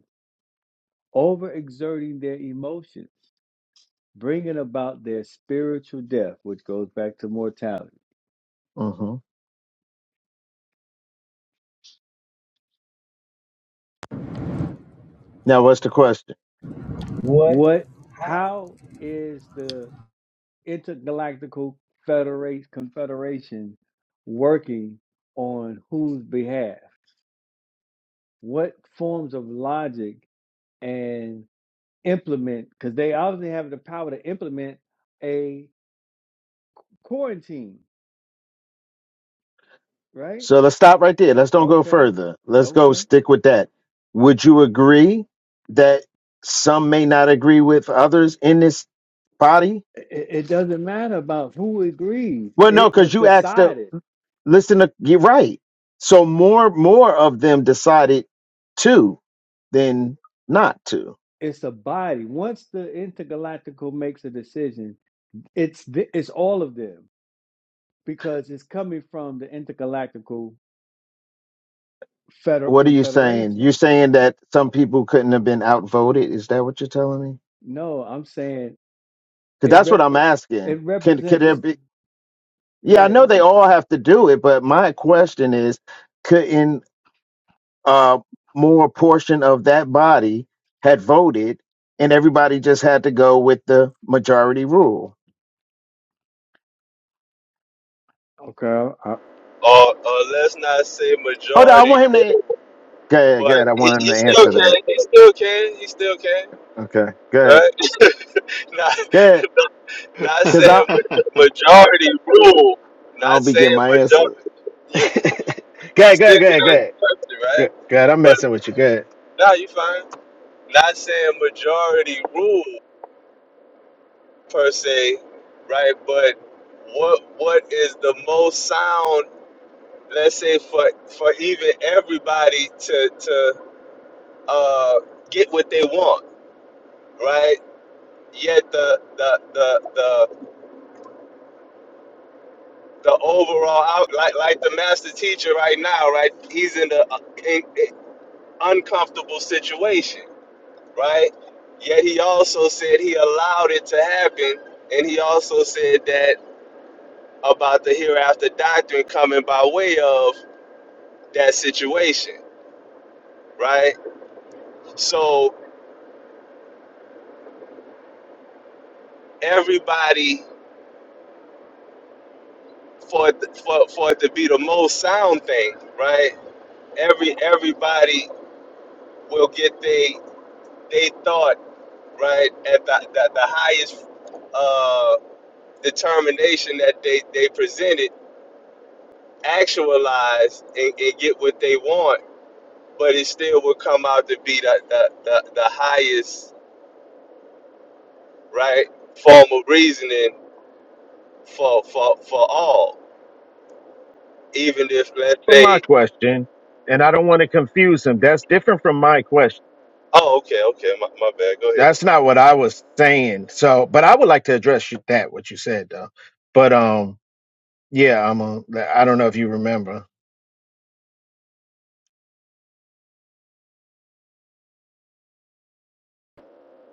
overexerting their emotions, bringing about their spiritual death, which goes back to mortality. hmm Now, what's the question? What? How is the intergalactical federate confederation working on whose behalf? What forms of logic and implement? Because they obviously have the power to implement a quarantine, right? So let's stop right there. Let's don't go Okay. further. Let's okay. go stick with that. Would you agree that some may not agree with others in this body? It, it doesn't matter about who agrees. Well, no, It because was you asked the decided. listen to you're right. So more more of them decided to than not to. It's a body. Once the intergalactical makes a decision, it's th- it's all of them because it's coming from the intergalactical federal What are you saying? You're confederation. saying that some people couldn't have been outvoted? Is that what you're telling me? No, I'm saying Because it that's what rep- I'm asking. it Could could there represents. be? Go Yeah, I ahead. know they all have to do it, but my question is, couldn't uh more portion of that body had voted, and everybody just had to go with the majority rule? Okay. I, Or, or let's not say Hold on, I majority, want him to. Go ahead, go but ahead. I he, want him he to still answer can. that. He still can. He still can. Okay, go ahead, Right? not go ahead. not Because I saying ma- majority rule. i Not don't be getting saying my answer. majority. go You You ahead, go still ahead, go ahead, go with us ahead. person, Go, right? go ahead. I'm But messing with you. Good. now you fine. Not saying majority rule per se, right? But what what is the most sound? Let's say for for even everybody to to uh, get what they want, right? Yet the the the the the overall out like like the master teacher right now, right? He's in a in, in uncomfortable situation right? Yet he also said he allowed it to happen, and he also said that about the hereafter doctrine coming by way of that situation, right? So everybody for it- for for it to be the most sound thing, right? Every everybody will get they they thought right at the the, the highest uh, determination that they they presented actualized and, and get what they want but it still would come out to be the, the, the, the highest right form of reasoning for for for all even if That's let's from my say question, and I don't want to confuse him. That's different from my question. oh okay okay my, my bad go ahead That's not what I was saying. So, but I would like to address you- that what you said though. But um, yeah, I'm a, I don't know if you remember.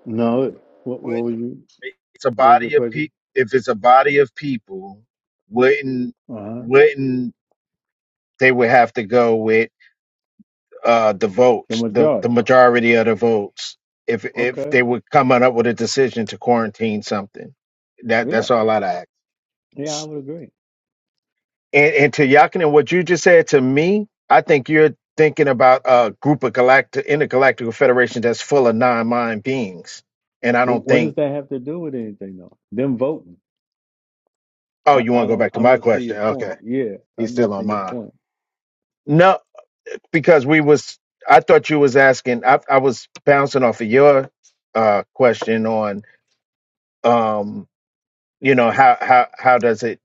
no. What Would what was you? it's a What was your body of pe- question? if it's a body of people, wouldn't Uh huh. wouldn't they would have to go with uh the The votes, the the majority. majority of the votes. If if Okay. they were coming up with a decision to quarantine something, that Yeah. that's all I'd ask. Yeah, I would agree. And, and to Yakin and what you just said to me, I think you're thinking about a group of galactic intergalactical federations that's full of non-mind beings. And I But don't what does think. that have to do with anything, though? Them voting. Oh, I, you I want to go don't. back to I'm my not seeing question? your Okay, point. Yeah, he's I'm still on missing your mine. point. No, because we was. I thought you was asking. I, I was bouncing off of your uh, question on, um, you know, how how how does it,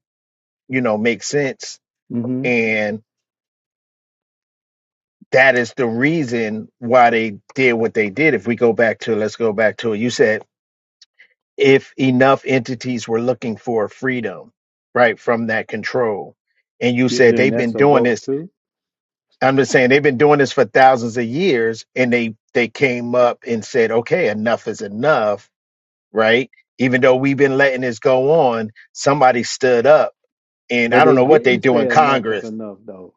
you know, make sense? hmm And that is the reason why they did what they did. If we go back to, let's go back to it. You said if enough entities were looking for freedom, right, from that control. And you You're said saying they've that's been a doing vote this. too, I'm just saying they've been doing this for thousands of years, and they they came up and said, okay, enough is enough, right? Even though we've been letting this go on, somebody stood up, and but I don't they know what they didn't do say in enough is Congress. enough though.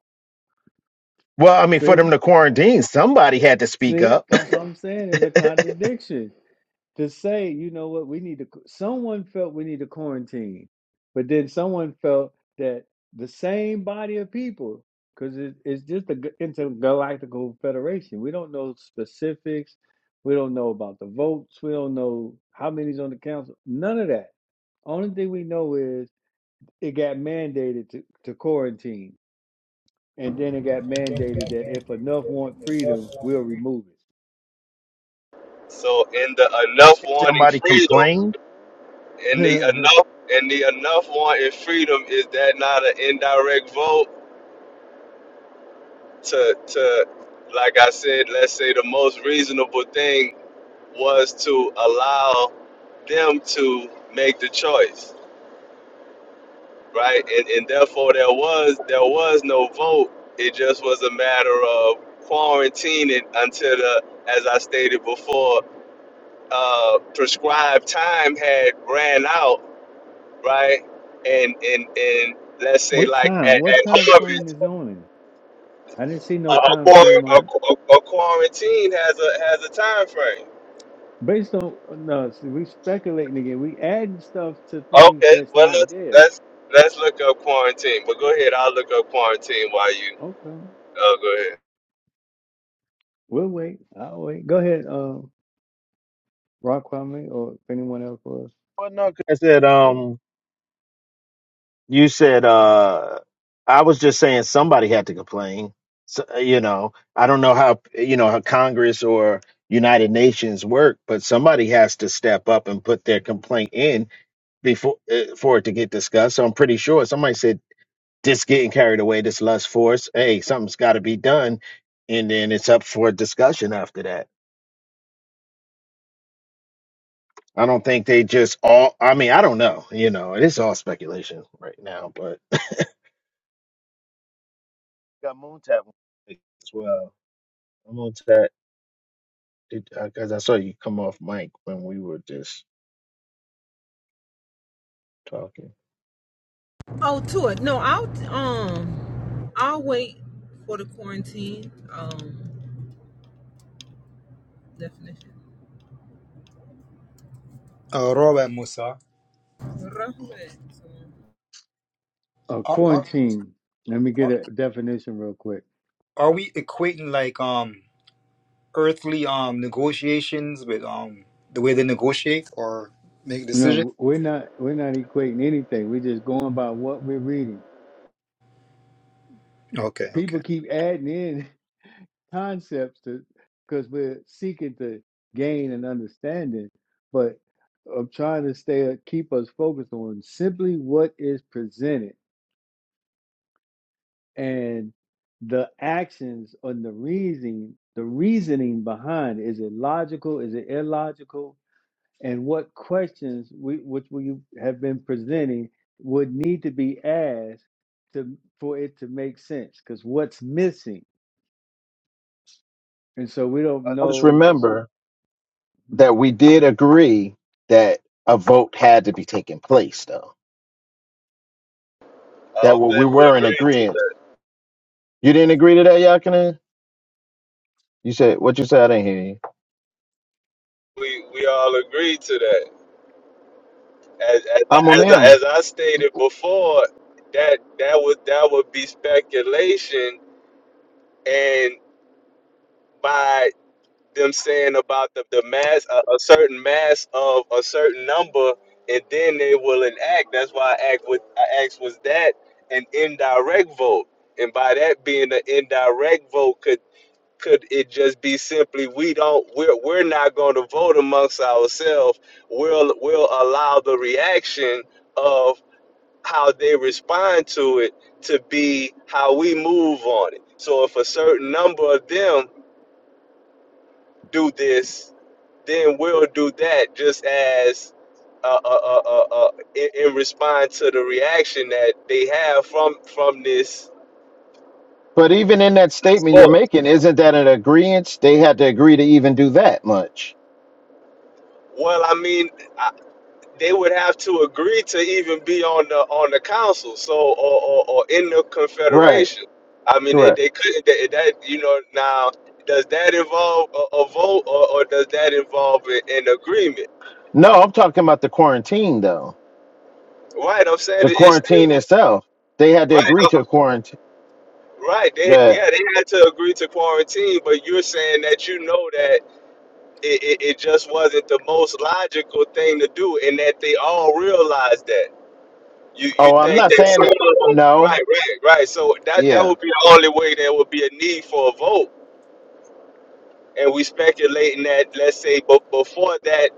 Well, I mean, for See, them to quarantine, somebody had to speak see, up. that's what I'm saying. Is a contradiction to say, you know what, we need to. Someone felt we need to quarantine, but then someone felt that the same body of people, because it, it's just an intergalactical federation. We don't know specifics. We don't know about the votes. We don't know how many's on the council. None of that. Only thing we know is it got mandated to, to quarantine, and then it got mandated that if enough want freedom, we'll remove so in the enough wanting somebody freedom complained. in the it. enough in the enough wanting freedom is that not an indirect vote to to like i said let's say the most reasonable thing was to allow them to make the choice right? And, and therefore there was there was no vote. It just was a matter of quarantining until the, as I stated before, uh, prescribed time had ran out, right? And and and let's say what like at, time? What at time frame harvest, is on it? I didn't see a, no a, time quar- frame on it. a, a a quarantine has a has a time frame. Based on no, see, we speculating again. We adding stuff to things Okay, that's well not let's there. let's let's look up quarantine. But go ahead, I'll look up quarantine while you. Okay, Oh, go ahead. we'll wait. I'll wait. Go ahead, uh, Rock Kwame, or if anyone else was. Well, no, 'cause I said, um, You said uh I was just saying somebody had to complain. So, uh, you know, I don't know how you know how Congress or United Nations work, but somebody has to step up and put their complaint in before uh, for it to get discussed. So I'm pretty sure somebody said this getting carried away, this lust force. Hey, something's got to be done, and then it's up for discussion after that. I don't think they just all. I mean, I don't know. You know, it's all speculation right now, but got Moon Tap as well. I'm on that because I saw you come off mic when we were just talking. Oh, to it. No, I'll um, I'll wait for the quarantine um definition. Uh, Robert Musa, Rahmet. Uh, are, are, quarantine. Let me get are a definition real quick. are we equating like um earthly um negotiations with um the way they negotiate or make decisions? No, we're not we're not equating anything. We're just going by what we're reading. Okay, okay. People keep adding in concepts to because we're seeking to gain an understanding, but I'm trying to stay keep us focused on simply what is presented and the actions and the reasoning the reasoning behind is it logical? Is it illogical? and what questions we which we have been presenting would need to be asked to for it to make sense because what's missing and so we don't I just know remember hmm, that we did agree that a vote had to be taking place, though. I That don't what we think we were in agree to that. agreement. You didn't agree to that, Yakinen? You said what you said. I didn't hear you. we we all agreed to that. As as I'm on as I, them. as I stated before, that that would that would be speculation, and by them saying about the the mass a, a certain mass of a certain number, and then they will enact. That's why I act with I asked was that an indirect vote, and by that being an indirect vote, could could it just be simply we don't we're we're not going to vote amongst ourselves we'll we'll allow the reaction of how they respond to it to be how we move on it so if a certain number of them do this then we'll do that just as uh, uh, uh, uh, uh, in, in response to the reaction that they have from from this But even in that statement Well, you're making, isn't that an agreement? They had to agree to even do that much, well i mean they would have to agree to even be on the on the council, so or, or, or in the right? confederation. I mean, they, Correct. they couldn't. They, that you know now does that involve a, a vote or, or does that involve a- an agreement? No, I'm talking about the quarantine though. Right, I'm saying it- The it's still quarantine itself, they had to like, right, agree uh, to quarantine. right. They, yeah, they had to agree to quarantine, but you're saying that you know that it, it, it just wasn't the most logical thing to do, and that they all realized that. You you Oh, I'm think not that saying some that. of them, No, right, right, right. So that that yeah, would be the only way there would be a need for a vote. And we speculating that let's say, but before that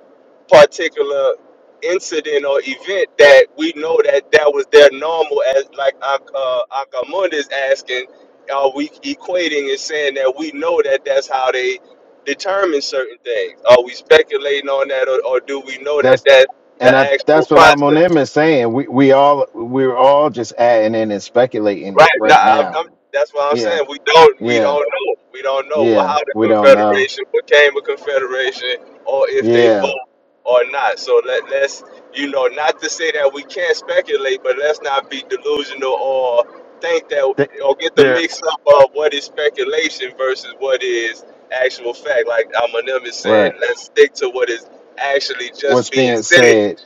particular incident or event, that we know that that was their normal, as like Ak- uh, Akamund is asking, are we equating and saying that we know that that's how they determine certain things? Are we speculating on that, or, or do we know that that's that and the I actual that's what I'm process? on him is saying. We we all we're all just adding in and speculating Right. Now, right I'm, I'm, now. that's what I'm Yeah, saying. We don't. We yeah, don't know. We don't know wh- yeah. how the We don't know. confederation became a confederation, or if they Yeah, vote or not. So let let's you know not to say that we can't speculate, but let's not be delusional or think that they, or get the they're mix up of what is speculation versus what is actual fact. Like Eminem is saying, right. let's stick to what is actually just What's being being said said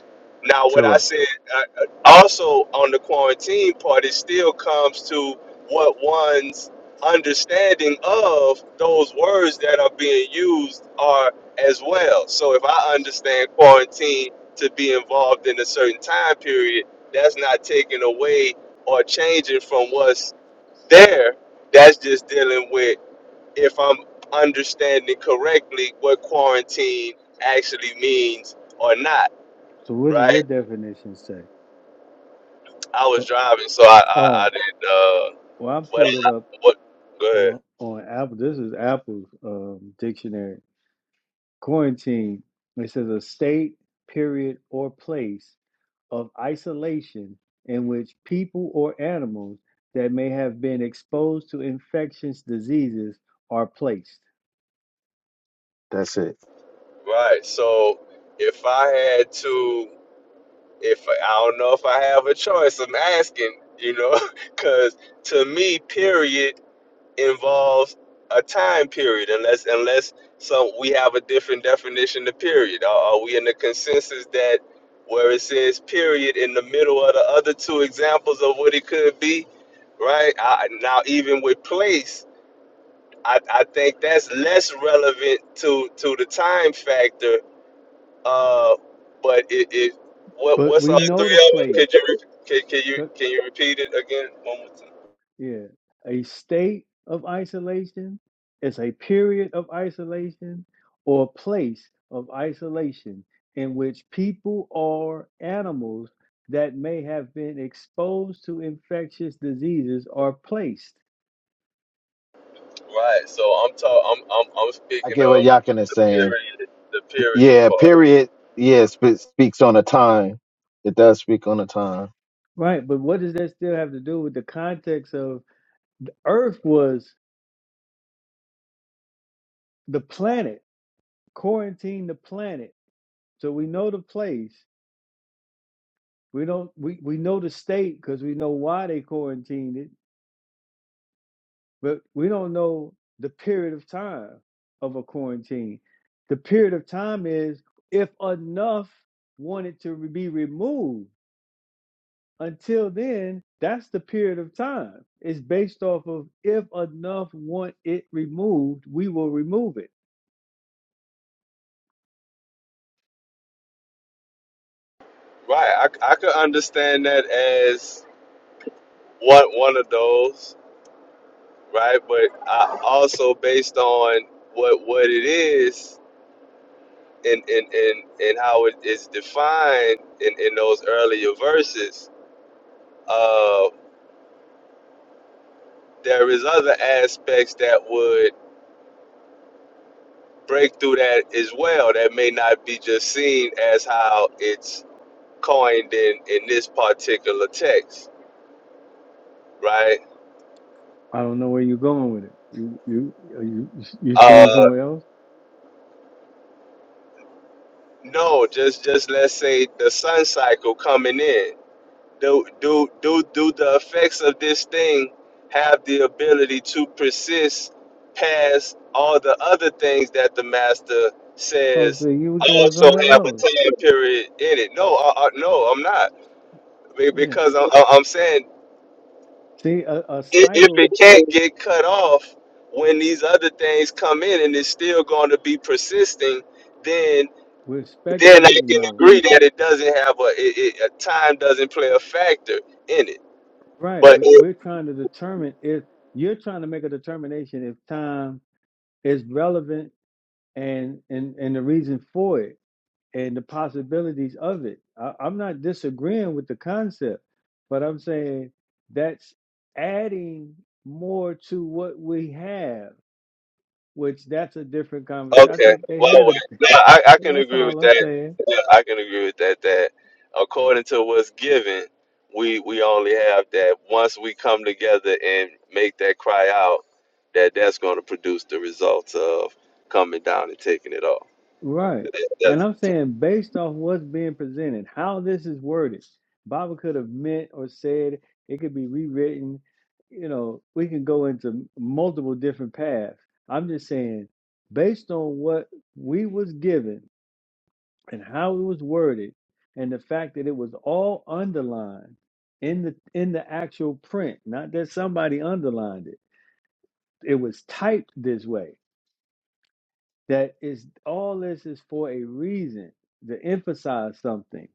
now, what to I him? said uh, uh, also on the quarantine part, it still comes to what one's understanding of those words that are being used are as well. So, if I understand quarantine to be involved in a certain time period, that's not taking away or changing from what's there. That's just dealing with if I'm understanding correctly what quarantine actually means or not, so what does right? your definition say I was oh driving, so I I, I oh, didn't. Uh, well i what pulled it up what? Go ahead. on on apple this is apple's um, dictionary quarantine it says a state period or place of isolation in which people or animals that may have been exposed to infectious diseases are placed. That's it. Right. So if I had to, if I don't know if I have a choice, I'm asking. You know, because to me, period involves a time period, unless unless so we have a different definition of period. Are, are we in the consensus that where it says period in the middle of the other two examples of what it could be? right? I, now, even with place. I, I think that's less relevant to to the time factor. Uh, but it, it what But what's we all three of know the them? place. Could you re- can, can you co- can you repeat it again one more time? Yeah. A state of isolation is a period of isolation or place of isolation in which people or animals that may have been exposed to infectious diseases are placed. Right. So I'm talk I'm I'm I'm I speaking get what of Yakin is the saying. period the period Yeah, part. period. Yeah, sp- speaks on a time. It does speak on a time. Right. But what does that still have to do with the context of? Earth was the planet, quarantine the planet. So we know the place. We don't we, we know the state because we know why they quarantined it, but we don't know the period of time of a quarantine. The period of time is if enough wanted to be removed. Until then, that's the period of time. It's based off of if enough want it removed, we will remove it Right. I I could understand that as one one of those. Right. But I also based on what what it is. in in in, in how it is defined in, in those earlier verses, uh, there is other aspects that would break through that as well that may not be just seen as how it's coined in in this particular text, right? I don't know where you're going with it. You you are you you going Uh, somewhere else? no, just just let's say the sun cycle coming in. do do do do the effects of this thing have the ability to persist past all the other things that the master I was says like, you were going also somewhere have a else. time period in it? No, I, I, no, I'm not Be- Yeah. because I'm, i I'm saying See, a, a i- if it cycle can't get cut off when these other things come in and it's still going to be persisting, then we're then I speculating can though, agree that it doesn't have a, it, it, a time doesn't play a factor in it. right? But But we're trying to determine if you're trying to make a determination if time is relevant and and and the reason for it and the possibilities of it. I, I'm not disagreeing with the concept, but I'm saying that's adding more to what we have which that's a different conversation. I Okay. think they Well, had well, a. no, I, I can That's agree with all I'm that. saying. Yeah, I can agree with that. That according to what's given, we we only have that. Once we come together and make that cry out, that that's going to produce the results of coming down and taking it off. Right, That, and that's I'm saying based off what's being presented, how this is worded, Bible could have meant or said it could be rewritten. You know, we can go into multiple different paths. I'm just saying, based on what we was given and how it was worded, and the fact that it was all underlined in the in the actual print, not that somebody underlined it. It was typed this way that is all this is for a reason to emphasize something.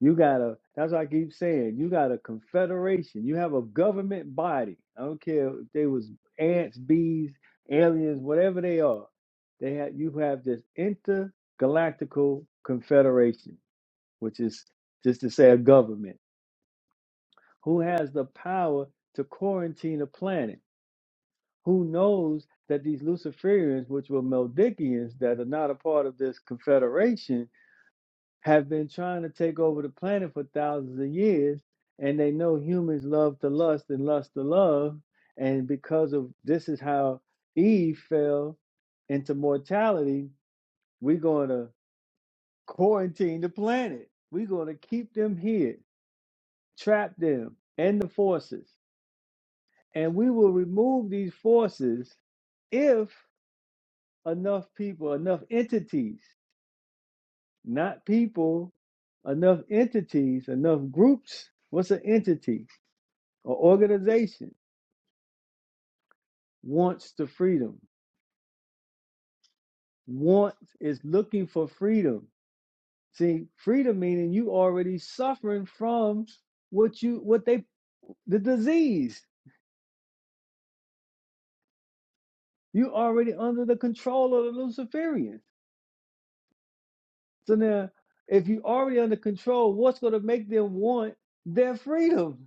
You gotta, that's what I keep saying. You got a confederation. You have a government body. I don't care if they was ants, bees, aliens, whatever they are. They have you have this intergalactical confederation, which is just to say a government who has the power to quarantine a planet who knows that these Luciferians, which were Meldikians that are not a part of this confederation, have been trying to take over the planet for thousands of years, and they know humans love to lust and lust to love, and because of this is how Eve fell into mortality, we're going to quarantine the planet. We're going to keep them here, trap them and the forces, and we will remove these forces if enough people, enough entities, not people, enough entities, enough groups. What's an entity? An organization wants the freedom, wants is looking for freedom. See, freedom meaning you already suffering from what you what they the disease. You already under the control of the Luciferians. So now if you already under control, what's gonna make them want their freedom?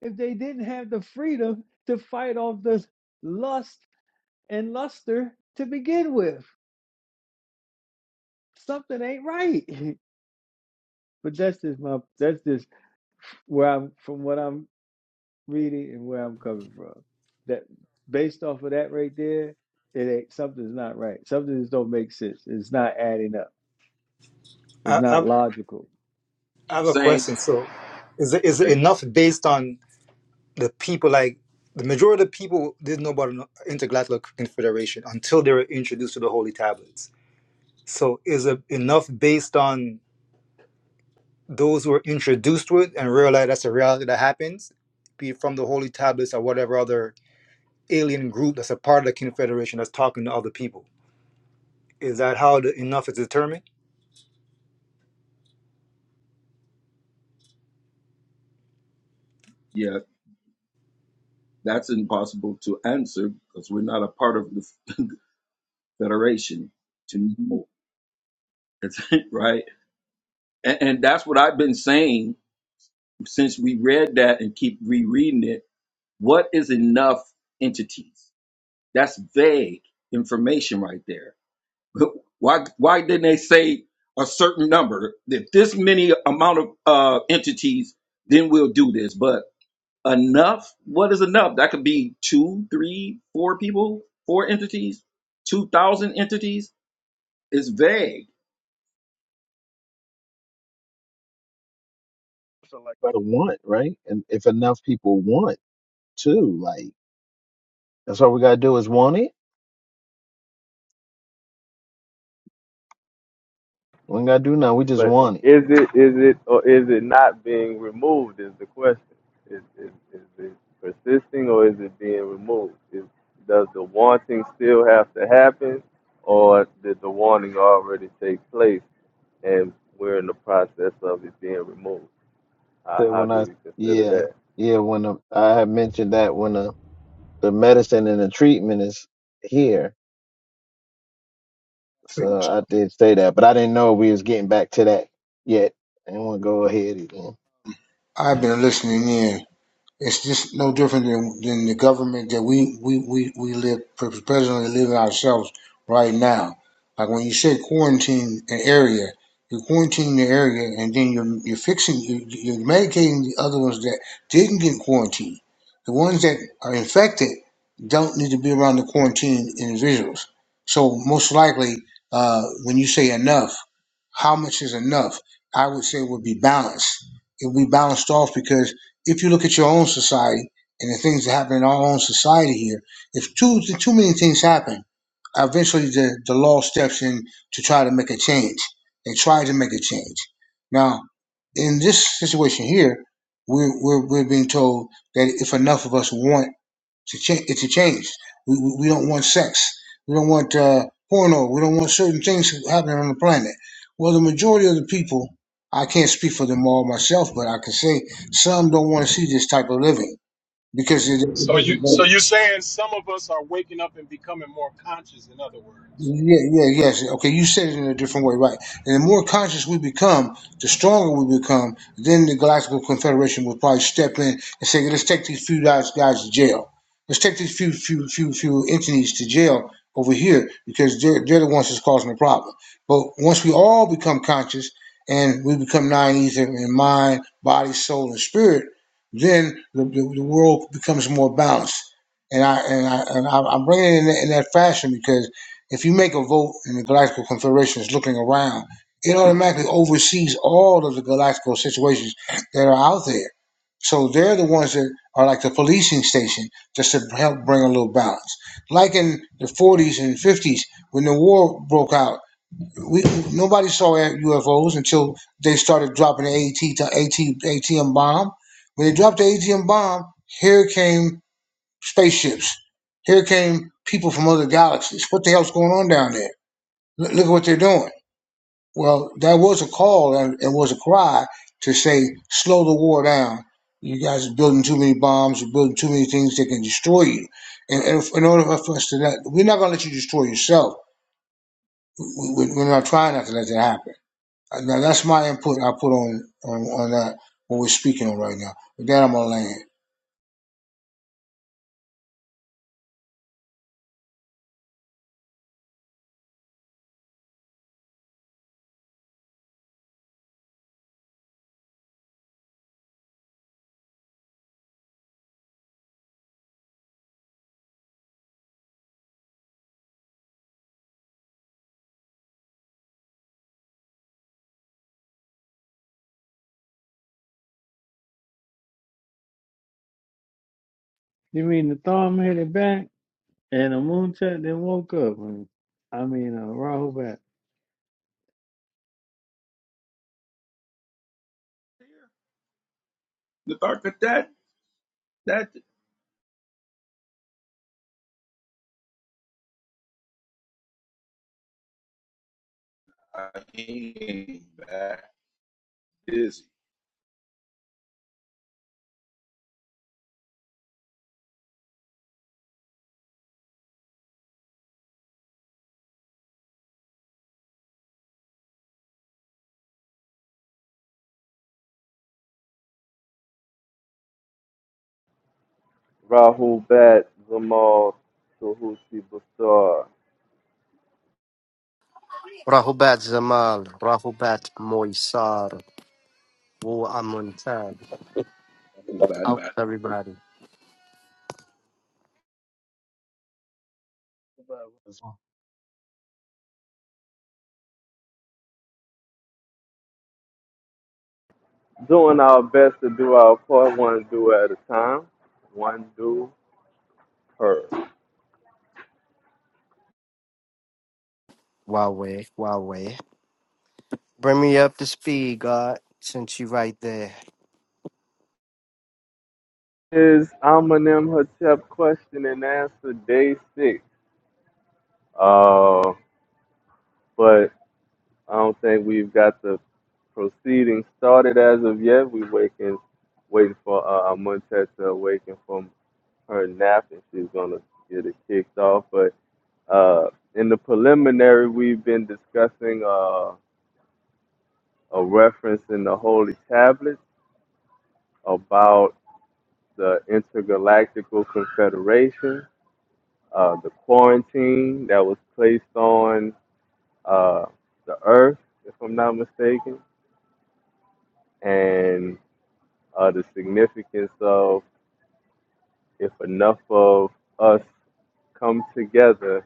if they didn't have the freedom to fight off the lust and luster to begin with. Something ain't right. but that's just my that's just where I'm from what I'm reading and where I'm coming from. That based off of that right there, it ain't something's not right. Something just don't make sense. It's not adding up. It's I, not I, logical. I have Keep a saying, question. So, is it, is it okay, enough based on the people? Like the majority of the people didn't know about an intergalactic confederation until they were introduced to the holy tablets. So, is it enough based on those who were introduced to it and realize that's a reality that happens, be it from the holy tablets or whatever other alien group that's a part of the Confederation that's talking to other people. Is that how the enough is determined? yeah, that's impossible to answer because we're not a part of the federation to know, right? And, and that's what I've been saying since we read that and keep rereading it. What is enough entities? That's vague information right there. Why why didn't they say a certain number? If this many amount of uh, entities, then we'll do this. But enough what is enough that could be two three four people four entities two thousand entities It's vague So like the want, right? And if enough people want too, like. That's all we gotta do is want it. We ain't gotta do nothing. We just But want it. is it is it or is it not being removed is the question. Is is, is it persisting or is it being removed? Is, does the wanting still have to happen or did the wanting already take place and we're in the process of it being removed? How, So how when do I we consider yeah that? yeah when the, I had mentioned that when the the medicine and the treatment is here, so I did say that, but I didn't know we was getting back to that yet. I didn't want to go ahead again. I've been listening in. It's just no different than, than the government that we, we, we, we live presently living ourselves right now. Like when you say quarantine an area, you're quarantining the area and then you're, you're fixing, you you're medicating the other ones that didn't get quarantined. The ones that are infected don't need to be around the quarantined individuals. So most likely, uh, when you say enough, how much is enough? I would say it would be balanced. It would be balanced off because if you look at your own society and the things that happen in our own society here, if too too many things happen, eventually the, the law steps in to try to make a change. They try to make a change. Now, in this situation here, we're, we're, we're being told that if enough of us want to change. It's a change. We, we we don't want sex. We don't want uh, porno. We don't want certain things happening on the planet. Well, the majority of the people, I can't speak for them all myself, but I can say some don't want to see this type of living because it, it So you doesn't. so you're saying some of us are waking up and becoming more conscious, in other words. Yeah, yeah, yes. Okay, you said it in a different way, right? And the more conscious we become, the stronger we become. Then the Galactical Confederation will probably step in and say, "Let's take these few guys, guys to jail. Let's take these few, few, few, few entities to jail over here because they're they're the ones that's causing the problem." But once we all become conscious and we become nine ether in mind, body, soul, and spirit, then the, the, the world becomes more balanced. And I and I and I, I'm bringing it in, that- in that fashion because if you make a vote and the Galactical Confederation is looking around, it automatically oversees all of the galactical situations that are out there. So they're the ones that are like the policing station, just to help bring a little balance. Like in the 40s and 50s, when the war broke out, we nobody saw UFOs until they started dropping the AT, to- AT bomb. When they dropped the ATM bomb, here came spaceships. Here came people from other galaxies. What the hell's going on down there? Look look at what they're doing. Well, that was a call and it was a cry to say, slow the war down. You guys are building too many bombs. You're building too many things that can destroy you. And, and in order for us to not, we're not going to let you destroy yourself. We- are not trying not to let that happen. Uh, Now, that's my input I put on, on, on that, what we're speaking on right now. With that, I'm going to land. You mean the thumb headed back and the moon shot then woke up? I mean uh Rahu back. The fact that that that I mean that is Rahul Bat Zamal Suhusi Basar. Rahubat Zamal, Rahubat Moisar, Wu Amuntan. that Out to everybody. Doing our best to do our part one do at a time. One do per. Huawei, Huawei. Bring me up to speed, God, since you right there. is Eminem Hotep question and answer day six. Uh, but I don't think we've got the proceedings started as of yet. We waking, waiting for uh, Montet to awaken from her nap, and she's gonna get it kicked off. But uh, in the preliminary, we've been discussing uh, a reference in the Holy Tablets about the Intergalactical Confederation, uh, the quarantine that was placed on uh, the Earth, if I'm not mistaken, and uh, the significance of if enough of us come together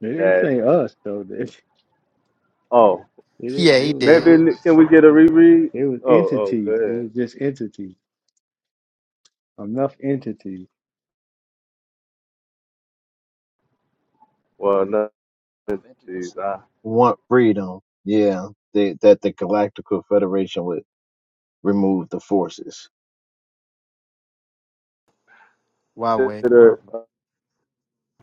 They didn't that say us though. They, oh It Yeah, it he was did. it, maybe can we get a it, reread? it was Oh oh go entities. It ahead. was just entities. Enough entities. Well no, geez, I Want freedom? Yeah, they, that the Galactical Federation would remove the forces. Huawei, Huawei. consider a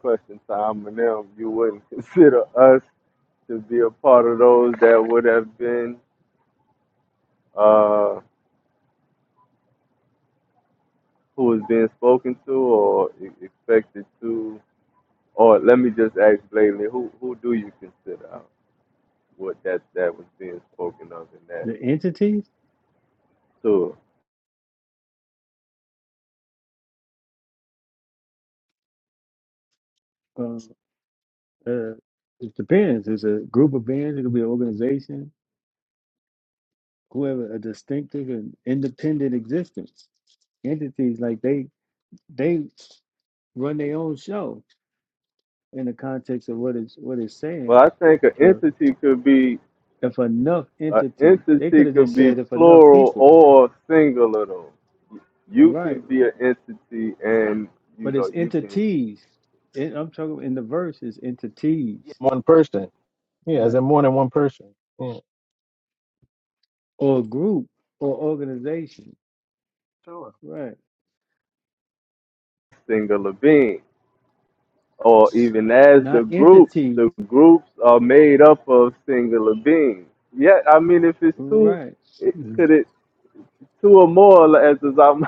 question time and them you wouldn't consider us to be a part of those that would have been uh who was being spoken to or e- expected to Or let me just ask plainly, who who do you consider out what that that was being spoken of in that The entities. tour? Uh, uh, it depends. It's a group of beings. It could be an organization. Whoever a distinctive and independent existence. Entities like they they run their own show in the context of what it's what it's Well, saying. I think an If a entity could be if enough an entity, they entity could have could just be said if enough plural people, or singular. Though you right? can be an entity, and you but know it's you can entities. It, I'm talking in the verse is entities, One person. Yeah, as right? in more than one person. Yeah. Or group or organization, Sure. right? singular being, or even as the Not groups, the entities, groups are made up of singular beings. Yeah, I mean, if it's two, right? it, Mhm. could it two or more as is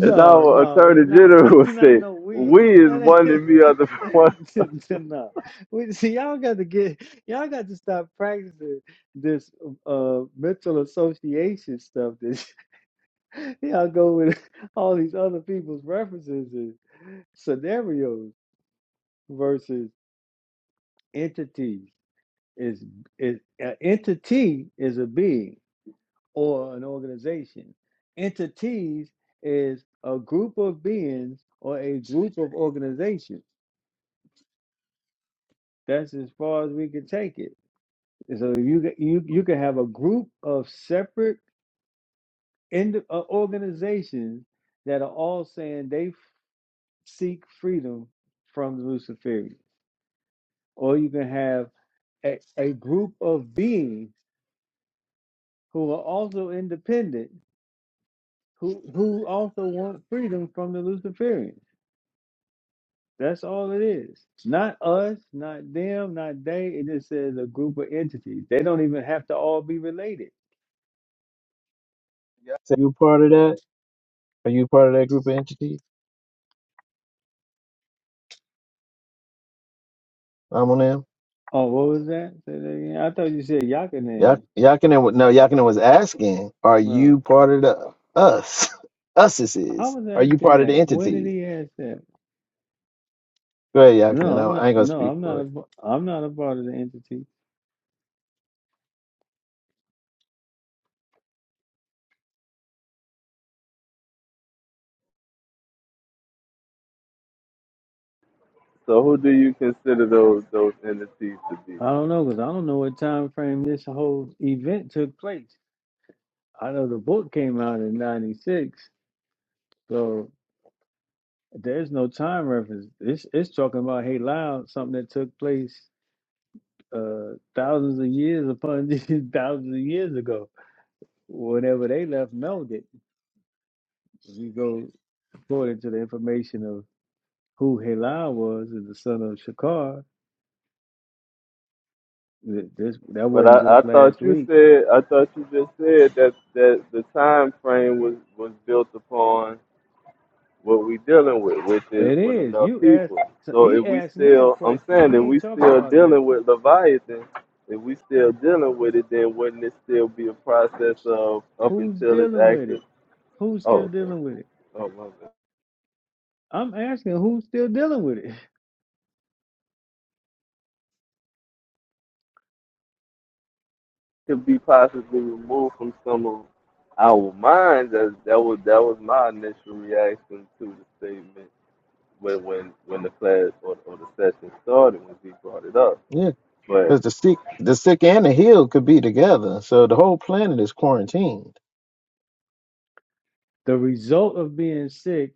As our no, it's attorney not, no, general would not say, no we. we is That one and me other one. ain't no. We see y'all got to get y'all got to stop practicing this uh mental association stuff. This y'all go with all these other people's references and scenarios versus. entities is is an entity is a being or an organization. Entities is a group of beings or a group of organizations. That's as far as we can take it. So you ca- you you can have a group of separate ind- uh, organizations that are all saying they f- seek freedom from the Luciferians, or you can have a, a group of beings who are also independent who who also want freedom from the Luciferians. That's all it is. Not us, not them, not they. It just says a group of entities. They don't even have to all be related. So you part of that? Are you part of that group of entity, Amonam? Oh, what was that? Say that again. I thought you said Ya- Yakanan. Yakinen, wa- no, Yakinen was asking, are you No, part of the us? Us is. I is. was Are you asking part of the that. When did entities? he ask that? Go ahead, No, Yakinen. I, I'm I not. ain't gonna No, speak I'm for not. it. A, I'm not a part of the entity. So who do you consider those those entities to be? I don't know because I don't know what time frame this whole event took place. I know the book came out in '96, so There's no time reference. It's it's talking about hey loud, something that took place uh thousands of years upon thousands of years ago. Whenever they left melted, if you go according to the information of who Halal was and the son of Shakar, th- this that wasn't just last week. I said that the time frame was, was built upon what we dealing with, which is It with is. enough You people. asked so So he if we asked me a still I'm question. saying We if we ain't talking still about that. dealing with Leviathan, if we still dealing with it, then wouldn't it still be a process of up Who's until it's dealing with actually it? Who's oh, still dealing with it? I'm asking who's still dealing with it. it could be possibly removed from some Oh, mine. That that was that was my initial reaction to the statement when when when the class or, or the session started when he brought it up. Yeah, But because the sick, the sick and the healed could be together. So the whole planet is quarantined. The result of being sick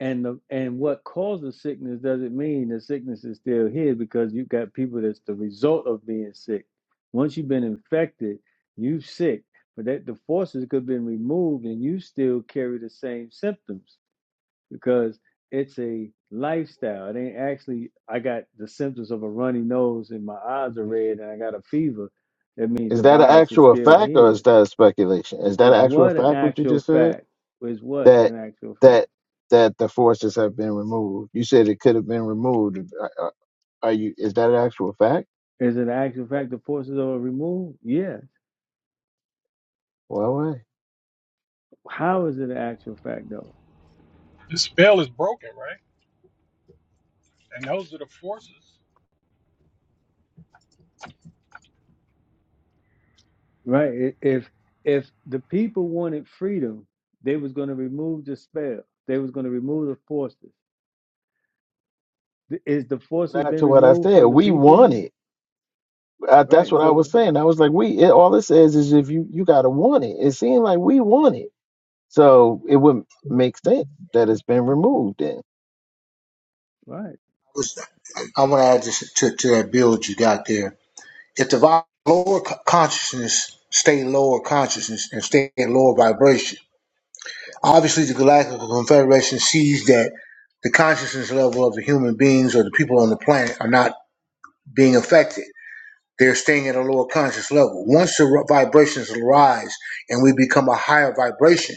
and the and what causes sickness doesn't mean the sickness is still here because you've got people that's the result of being sick. Once you've been infected, you are sick, but that the forces could have been removed and you still carry the same symptoms because it's a lifestyle. It ain't actually I got the symptoms of a runny nose and my eyes are red and I got a fever. That means Is the that an virus is actual still fact or is here. that a speculation? Is that Is an actual what an fact what you actual just said? fact. Is what That an actual fact. that that the forces have been removed. You said it could have been removed. Are, are are you? Is that an actual fact? Is it an actual fact the forces are removed? Yes. Well, How is it an actual fact though? This spell is broken, right? And those are the forces. Right? I- If if the people wanted freedom, they was going to remove the spell. They was going to remove the forces. Th- Is the forces Back been to what I removed said, from the we want people? it. I, that's Right. what I was So saying. I was like, we. It, all it says is if you you gotta want it. It seemed like we want it, so it would make sense that it's been removed. Then right. I want to add this to, to that build you got there. If the lower consciousness stay lower consciousness and stay in lower vibration, Obviously, the Galactic Confederation sees that the consciousness level of the human beings or the people on the planet are not being affected. They're staying at a lower conscious level. Once the vibrations rise and we become a higher vibration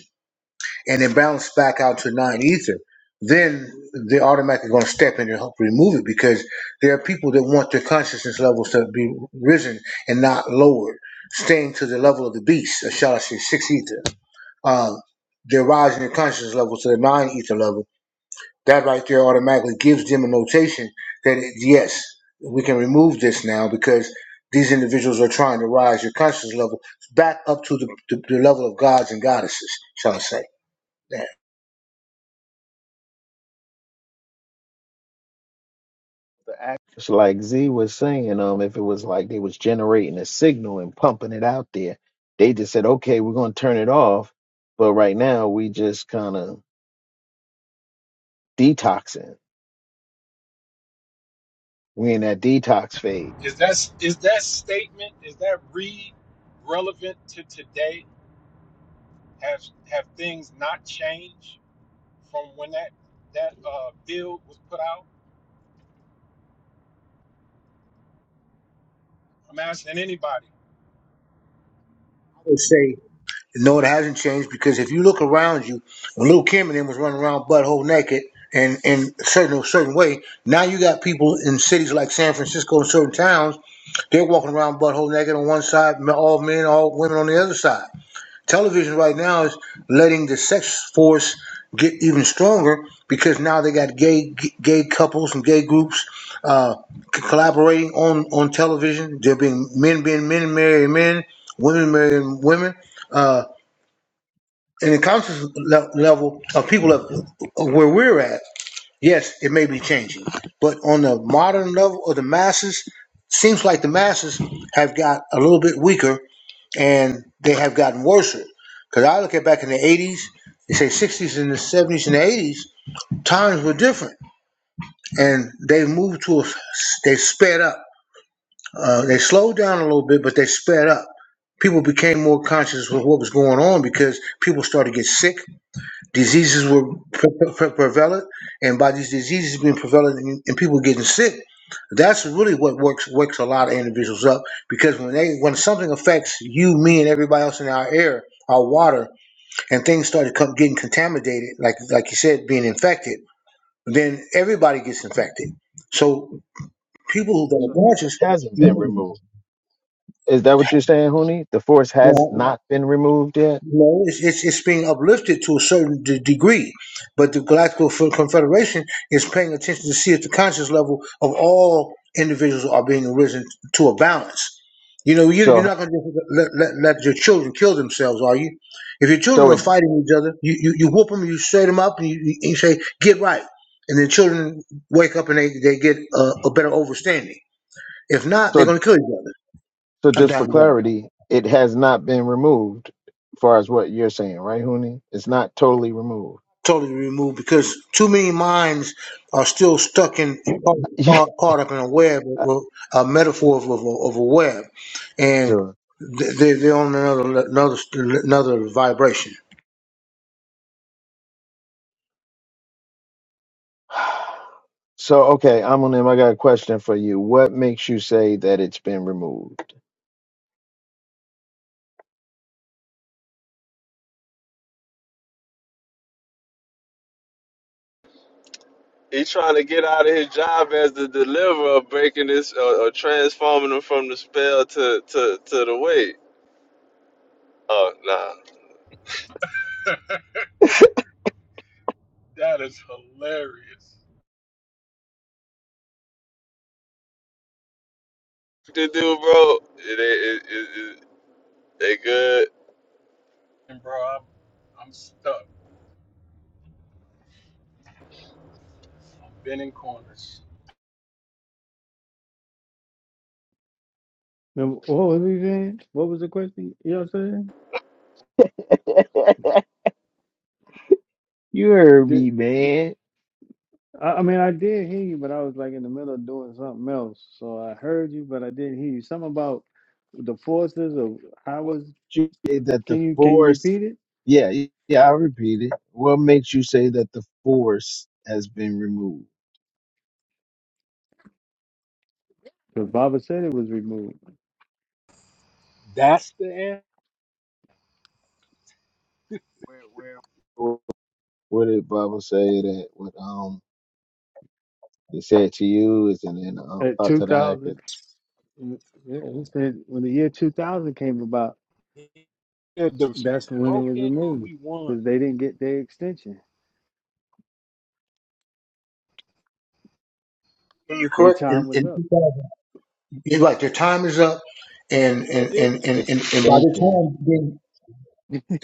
and then bounce back out to nine ether, then they're automatically going to step in and help remove it because there are people that want their consciousness levels to be risen and not lowered, staying to the level of the beast, or shall I say, six ether uh, their rising consciousness level to the non-ether level, that right there automatically gives them a notation that it, yes, we can remove this now because these individuals are trying to rise your consciousness level back up to the, the, the level of gods and goddesses, shall I say. Now, I the act, just like Z was saying, um, if it was like they was generating a signal and pumping it out there, they just said, okay, we're gonna turn it off. But right now, we just kind of detoxing. We in that detox phase. Is that is that statement is that read relevant to today? Have have things not changed from when that that uh, bill was put out? I'm asking anybody. would say. No, it hasn't changed because if you look around you, when Lil Kim and them was running around butthole naked and in a certain certain way, now you got people in cities like San Francisco and certain towns, they're walking around butthole naked on one side, all men, all women on the other side. Television right now is letting the sex force get even stronger because now they got gay gay couples and gay groups uh, collaborating on on television. There being men being men marrying men, women marrying women. Uh, in the conscious le- level of people of, of where we're at, yes, it may be changing. But on the modern level of the masses, seems like the masses have got a little bit weaker and they have gotten worse. Because I look at back in the 80s, they say 60s and the 70s and the 80s, times were different. And they moved to, a, they sped up. Uh, they slowed down a little bit, but they sped up. People became more conscious of what was going on because people started to get sick Diseases were pre- pre- pre- prevalent, and by these diseases being prevalent and and people getting sick, that's really what works wakes a lot of individuals up because when they when something affects you, me, and everybody else in our air, our water, and things started com- getting contaminated, like like you said, being infected, then everybody gets infected. So people that are So yours conscious, hasn't been removed. Is that what you're saying, Huni? The force has yeah, not been removed yet. No, it's, it's, it's being uplifted to a certain de- degree, but the Galactical F- Confederation is paying attention to see if the conscious level of all individuals are being arisen to a balance. You know, you, you're So not going to let, let, let your children kill themselves, are you? If your so children are it fighting each other, you, you, you whoop them, you straight them up, and you, you you say, get right. And the children wake up and they, they get a, a better understanding. If not, they're so going to kill each other. so I'm just for down, down. clarity, it has not been removed, as far as what you're saying, right, Huni? It's not totally removed. totally removed because too many minds are still stuck in Yeah. caught, caught up in a web, a metaphor of, of, of a web, and So they- they're, on another another another vibration. so okay, I'm on him. I got a question for you. What makes you say that it's been removed? He trying to get out of his job as the deliverer, breaking this uh, or transforming him from the spell to to to the weight. Oh nah, That is hilarious, the dude, bro, it, it, it, it, they good. and bro, I'm I'm stuck. I'm bending corners. Now, what was we saying? What was the question? You know what I'm saying? you heard Did, me, man. I, I mean, I did hear you, but I was like in the middle of doing something else. So I heard you, but I didn't hear you. Something about the forces of how What was. makes you say that the Can you can you force? repeat it? Yeah, y- yeah. I repeat it. What makes you say that the force has been removed? Because Baba said it was removed That's the Where where? Where did Bible say that what um they said to you is and then um at out to the hackers? 2000. Yeah, he said when the year 2000 came about, end. The that's when it was broken and removed we won. because they didn't get their extension. And you're Their correct. In, time was in up. 2000, you're right. Their time is up, and He said and The and and, and, and by the extension. time they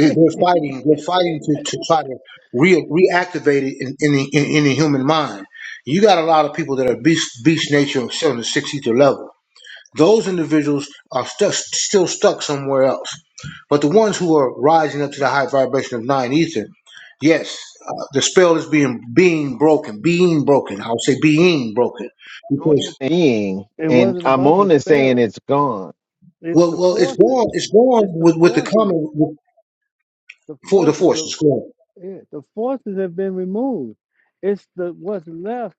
they- they're fighting, they're fighting to, to try to re- reactivate it in, in, the, in, in the human mind. You got a lot of people that are beast beast nature on the sixth ether level Those individuals are stuck, still stuck somewhere else. But the ones who are rising up to the high vibration of nine ether, yes, uh, the spell is being being broken, being broken. I would say being broken Who needs because being? It And wasn't about the Amon is saying spells. it's gone. It's well, the well, it's forces. gone. It's gone It's the with with the forces. common with, The for the forces force. It's of gone. yeah, the forces have been removed. It's the what's left.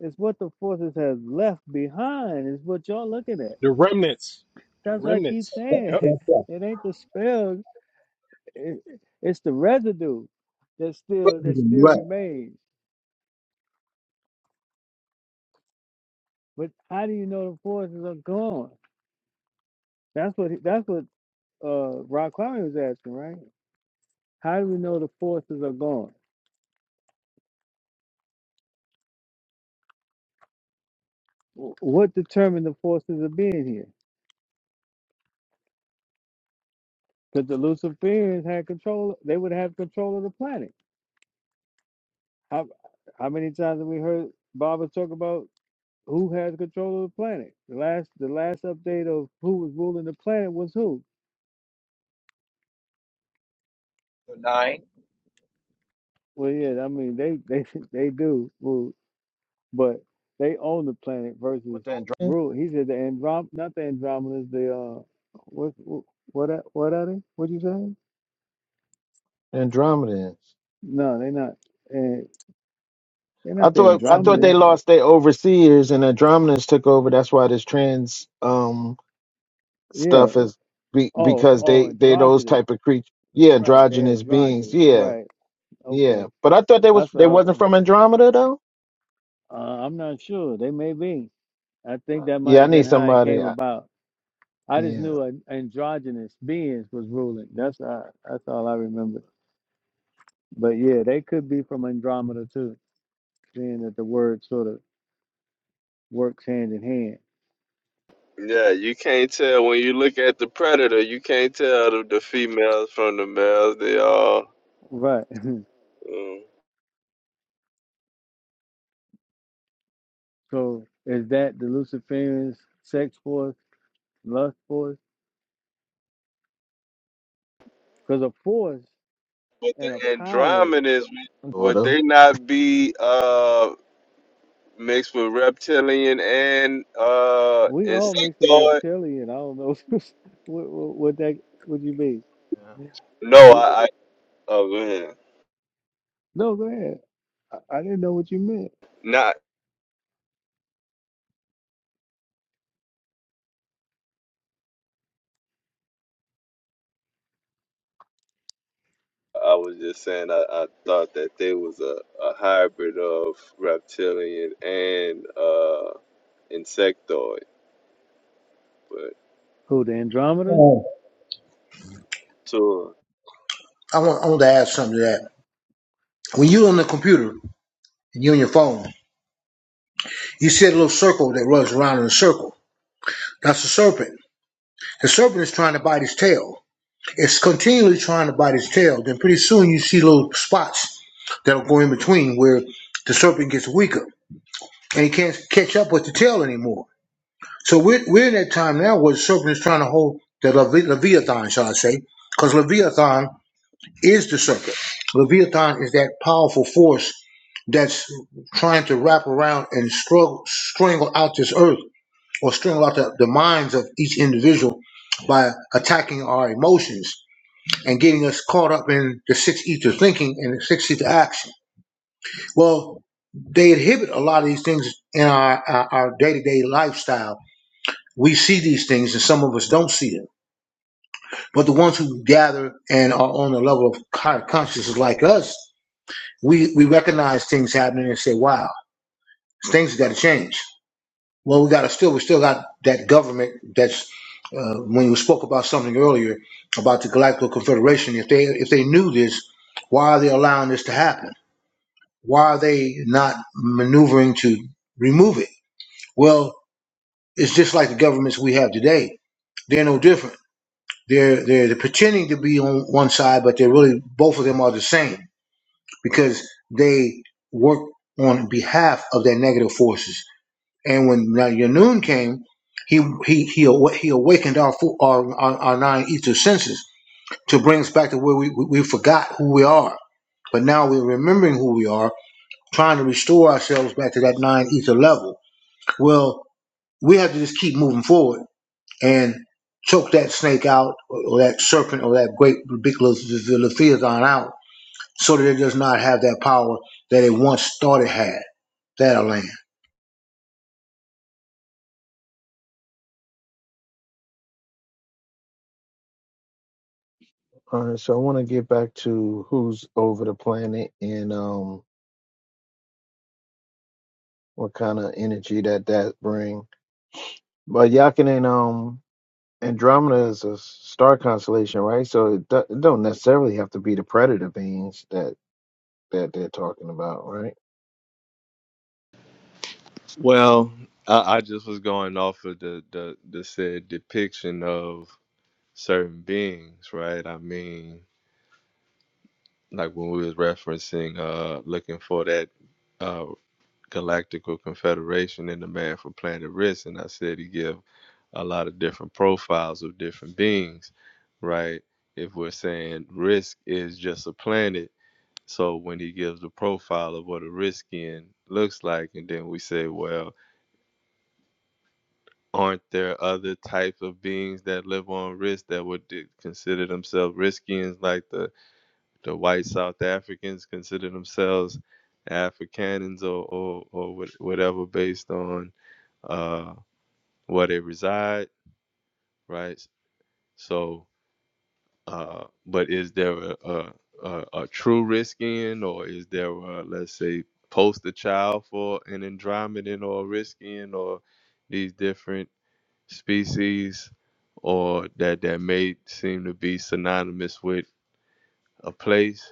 It's what the forces have left behind. Is what y'all looking at. remnants. The That's what I keep remnants. saying. Yep. That's It ain't the spells. it, it's the residue that still that still Right. Right. remains. But how do you know the forces are gone? That's what he- that's what uh Ron Kwame was asking, right? How do we know the forces are gone? Wh- What determined the forces of being here? Because the Luciferians had control; they would have control of the planet. How how many times have we heard Baba talk about who has control of the planet? The last the last update of who was ruling the planet was who? Nine Well, yeah, I mean they they they do. but they own the planet versus With the Androm- rule. He said the Androm, not the Andromedans. The uh, what what are- what are they? What you saying? Andromedans. No, they're not. And they're I not the thought I thought they Andromedans. lost their overseers and Andromedans took over. That's why this trans um Yeah. stuff is be, Oh, because oh, they they those androgynous. type of creatures. Yeah, Right. They're androgynous beings. androgynous. Yeah, Right. Okay. yeah. But I thought they was That's what they I was. wasn't from Andromeda though. Uh, I'm not sure. They may be. I think that might Yeah, I have need been how it somebody. came I, about. I just yeah, knew an androgynous beings was ruling. That's all, that's all I remember. But yeah, they could be from Andromeda too. Seeing that the word sort of works hand in hand. Yeah, you can't tell when you look at the predator. You can't tell the, the females from the males. They all. Right. mm. So is that the Luciferian sex force, lust force? Because a force But the and a power, Andromedans would daughter. they not be uh mixed with reptilian and uh we all mix the insectoid? reptilian. I don't know what, what, what that what you mean. Yeah. No, Wh- I, I oh go ahead. No, go ahead. I, I didn't know what you meant. Not I was just saying I, I thought that they was a, a hybrid of reptilian and uh insectoid, but Who the Andromedas? Um, sure. I want I want to add something to that. When you're on the computer and you're on your phone, you see a little circle that runs around in a circle. That's the serpent. The serpent is trying to bite his tail. It's continually trying to bite its tail. Then pretty soon you see little spots that'll go in between where the serpent gets weaker and he can't catch up with the tail anymore. So we're, we're in that time now where the serpent is trying to hold the Levi- Leviathan, shall I say, because Leviathan is the serpent. Leviathan is that powerful force that's trying to wrap around and struggle, strangle out this earth or strangle out the, the minds of each individual by attacking our emotions and getting us caught up in the six ether thinking and the six ether action. Well, they inhibit a lot of these things in our, our, our day-to-day lifestyle. We see these things and some of us don't see them. But the ones who gather and are on the level of higher consciousness like us, we, we recognize things happening and say, wow, things got to change. Well, we got to still, we still got that government that's, uh, when you spoke about something earlier about the Galactic Confederation, if they, if they knew this, why are they allowing this to happen? why are they not maneuvering to remove it? Well, it's just like the governments we have today. They're no different. They're they're, they're pretending to be on one side, but they're really both of them are the same because they work on behalf of their negative forces. And when Noon came, he he he awa- he awakened our fo- our, our our nine ether senses to bring us back to where we we we forgot who we are, but now we're remembering who we are trying to restore ourselves back to that nine ether level. Well, we have to just keep moving forward and choke that snake out or, or that serpent or that great ridiculous leviathan out so that it does not have that power that it once thought it had. That I land. All right. So I want to get back to who's over the planet and um what kind of energy that that bring. But Yakin and um Andromeda is a star constellation, right? So it, do, it don't necessarily have to be the predator beings that that they're talking about, right? Well, I, I just was going off of the, the the said depiction of certain beings, right? I mean like when we was referencing uh looking for that uh galactical confederation in the man from planet risk and i said he give a lot of different profiles of different beings right if we're saying risk is just a planet so when he gives the profile of what a Riskian looks like and then we say well aren't there other types of beings that live on risk that would consider themselves riskians like the the white South Africans consider themselves Afrikaners or, or, or whatever based on uh, where they reside, right? So, uh, but is there a, a, a, a true risk in, or is there a, let's say, poster child for an Andromedan or a risk in, or these different species, or that, that may seem to be synonymous with a place?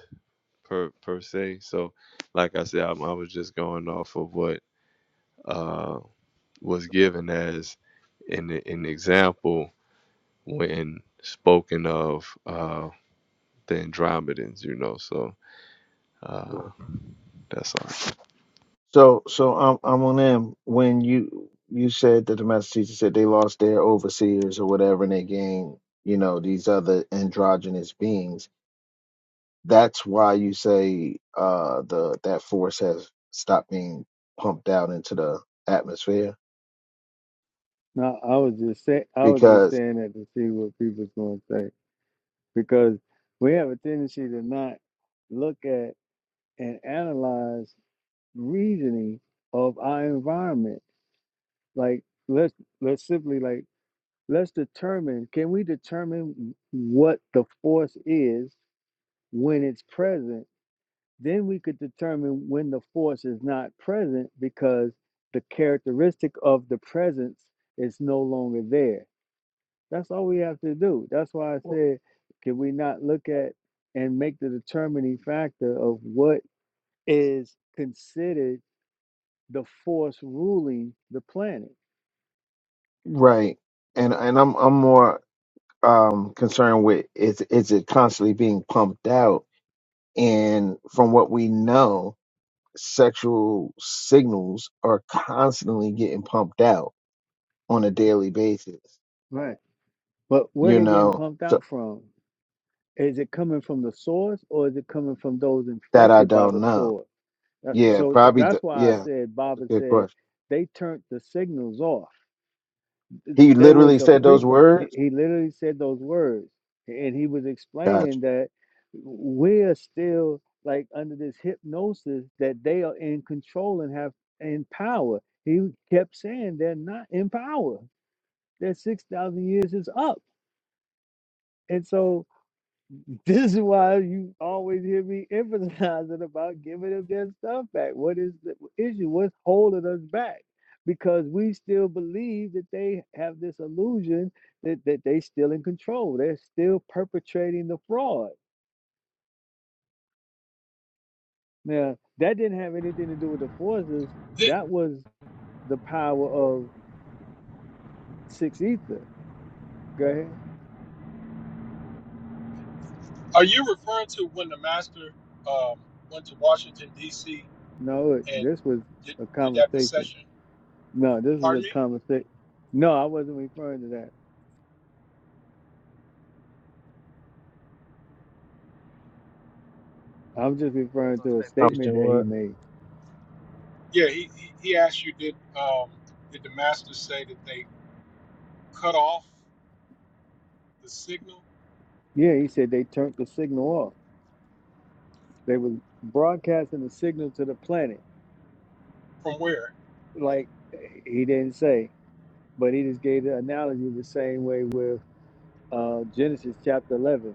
per per se. So, like I said, I, I was just going off of what uh, was given as an an example when spoken of uh, the Andromedans. You know, so uh, Sure. that's all. So so um, I'm on them when you you said that the master teacher said they lost their overseers or whatever and they gained you know these other androgynous beings That's why you say uh, the that force has stopped being pumped out into the atmosphere No, I was just say I was just because saying that to see what people's going to say because we have a tendency to not look at and analyze reasoning of our environment. Like let's let's simply like let's determine can we determine what the force is when it's present? Then we could determine when the force is not present because the characteristic of the presence is no longer there. That's all we have to do. That's why I said can we not look at and make the determining factor of what is considered the force ruling the planet. right, and and I'm I'm more um, concerned with is is it constantly being pumped out? And from what we know, sexual signals are constantly getting pumped out on a daily basis. Right. But where You they getting know, pumped so out from? Is it coming from the source or is it coming from those that I infected by don't the know. source? Yeah, So probably. The, that's why I yeah, said, it's Baba a good said, question. they turned the signals off. He There was literally a said those frequency. words. He literally said those words. And he was Gotcha. explaining that we're still like under this hypnosis that they are in control and have in power. He kept saying they're not in power. that 6,000 years is up. And so this is why you always hear me emphasizing about giving them their stuff back. What is the issue? What's holding us back? Because we still believe that they have this illusion that, that they still in control. They're still perpetrating the fraud. Now, that didn't have anything to do with the forces. That was the power of six ether. Go ahead. Are you referring to when the master um, went to Washington D.C. No, it, and this was did, a did that conversation. procession? No, this is a Pardon me? conversation. No, I wasn't referring to that. I'm just referring Gonna to a statement that he what? made. Yeah, he, he, he asked you did um, did the master say that they cut off the signal Yeah, he said they turned the signal off. They was broadcasting the signal to the planet. from where? Like he didn't say, but he just gave the analogy the same way with uh, Genesis chapter 11.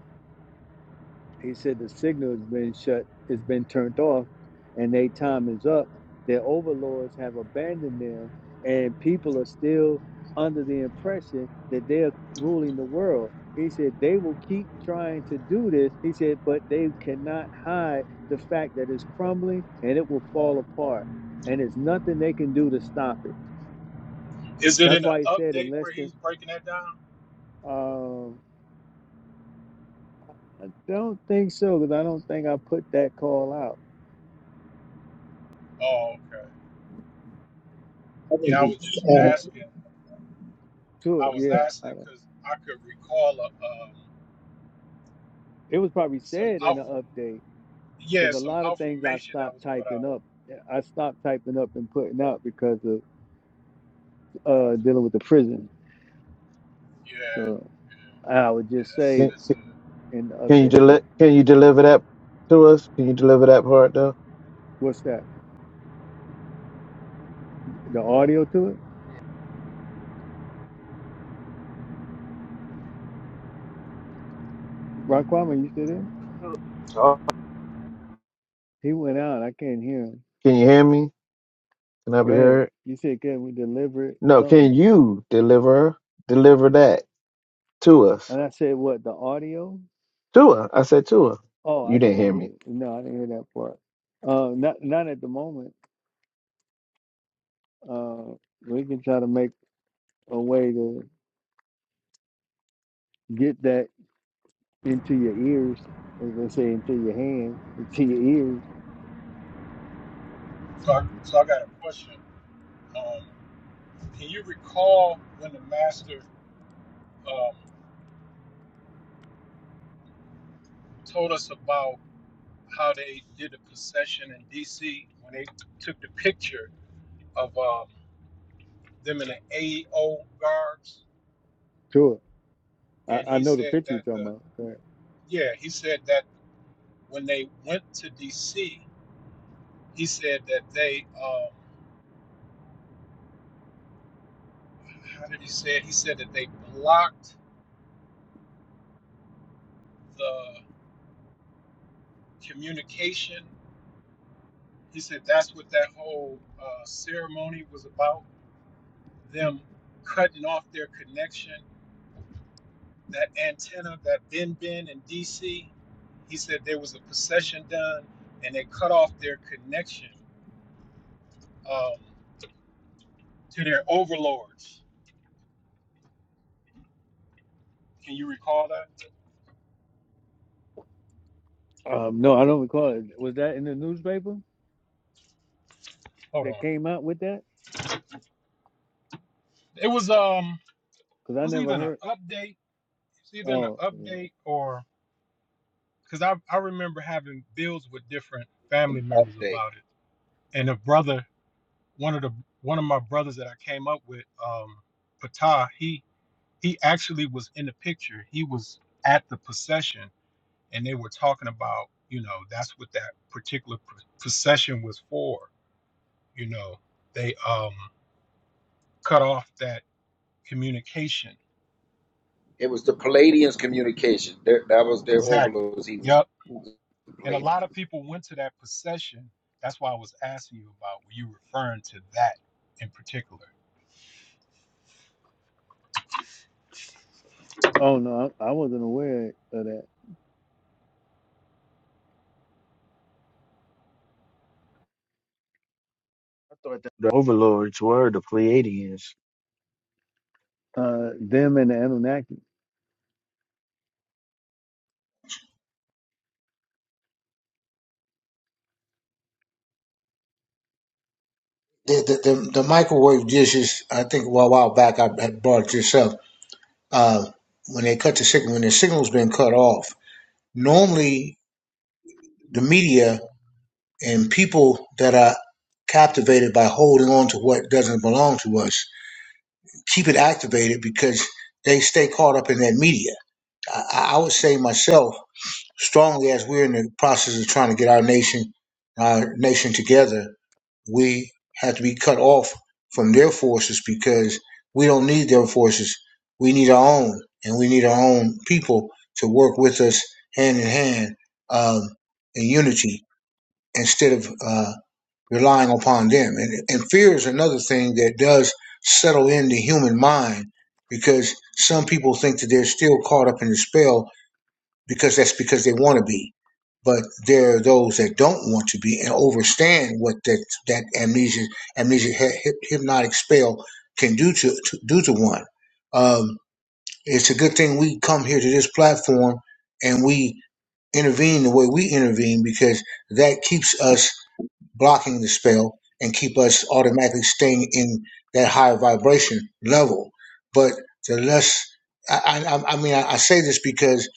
He said the signal has been shut, it's been turned off, and their time is up. Their overlords have abandoned them, and people are still under the impression that they're ruling the world. He said they will keep trying to do this. He said, but they cannot hide the fact that it's crumbling and it will fall apart, and there's nothing they can do to stop it. Is it That's in an why he said, update where unless the he's breaking that down? um, I don't think so, because I don't think I put that call out. Oh, okay. Yeah, I was just And asking. I Sure, was yeah. asking I, because I could recall uh, um, It was probably some said in alpha, the update yeah, because a some lot of things I information that stopped was put typing out. up. eh, I stopped typing up and putting out because of uh, dealing with the prison. Yeah, So yeah, I would yeah. just That's say Can, it's a in the can you update, deli- Can you deliver that to us? Can you deliver that part though? what's that? The audio to it? Raquam, are you still there? Oh, He went out. I can't hear him. Can you hear me? Can I be Go ahead. heard? You said, can we deliver it? No. Can Something. you deliver deliver that to us? And I said, what? The audio? To us. I said to us. Oh, I You didn't didn't hear me. hear. No, I didn't hear that part. Uh, not not at the moment. Uh, we can try to make a way to get that into your ears, as they say, into your hands, into your ears. So I, so I got a question. Um, can you recall when the master um, told us about how they did the procession in D.C. when they took the picture of um, them in the AO guards, Sure. and I, I he know the said picture you're that talking the about. Go ahead. yeah he said that when they went to D.C. he said that they um, how did he say it? He said that they blocked the communication. He said that's what that whole uh, ceremony was about them cutting off their connection, that antenna, that bin bin in DC, he said there was a procession done and they cut off their connection um, to their overlords. Can you recall that? Um, no, I don't recall it. Was that in the newspaper Hold that on. came out with that? It was um Because it I was either never an heard. update, it's either an Oh, yeah. update or because I, I remember having bills with different family an members update. about it. And a brother, one of the one of my brothers that I came up with, um, Patah, he he actually was in the picture. He was at the procession, and they were talking about, you know, that's what that particular pr- procession was for. You know, they um, cut off that communication. It was the Palladians' communication. Their, that was their Exactly. overlords. He was Yep. the And a Palladian, lot of people went to that procession. That's why I was asking you about. Were you referring to that in particular? oh no, I, I wasn't aware of that. I thought that the overlords were the Pleiadians. Uh, them and the Anunnaki. the, the, the, the microwave dishes, I think a while back I had brought it yourself, uh, when they cut the signal, when the signal's been cut off, normally the media and people that are captivated by holding on to what doesn't belong to us keep it activated because they stay caught up in that media. I, I would say myself strongly as we're in the process of trying to get our nation our nation together, we have to be cut off from their forces because we don't need their forces. We need our own, and we need our own people to work with us hand in hand um, in unity instead of uh, relying upon them. And, and fear is another thing that does settle in the human mind because some people think that they're still caught up in the spell because that's because they want to be. But there are those that don't want to be and overstand what that that amnesia amnesia hypnotic spell can do to, to do to one. Um, it's a good thing we come here to this platform and we intervene the way we intervene because that keeps us blocking the spell and keep us automatically staying in that higher vibration level. But the less, I, I, I mean, I, I say this because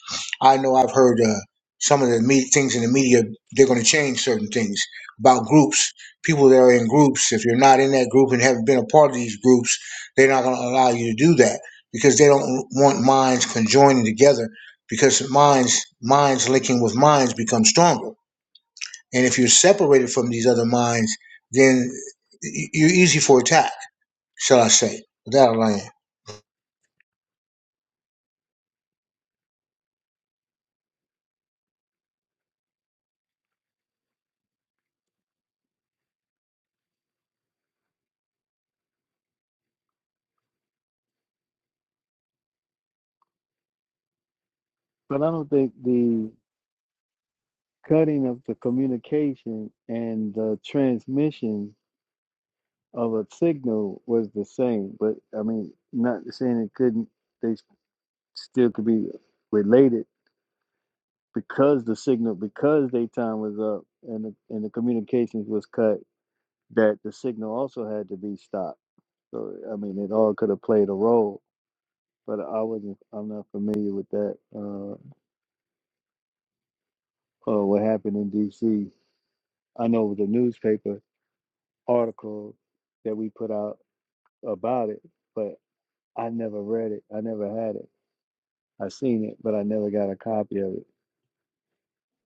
I know I've heard uh, some of the me- things in the media, they're going to change certain things about groups. People that are in groups, if you're not in that group and haven't been a part of these groups, they're not going to allow you to do that because they don't want minds conjoining together because minds minds linking with minds become stronger and if you're separated from these other minds, then you're easy for attack, shall I say. Without a land. But I don't think the cutting of the communication and the transmission of a signal was the same. But I mean, not saying it couldn't. They still could be related because the signal because their time was up and the, and the communications was cut that the signal also had to be stopped so i mean it all could have played a role but i wasn't i'm not familiar with that uh, uh what happened in dc i know it was a newspaper article that we put out about it but i never read it i never had it i seen it but i never got a copy of it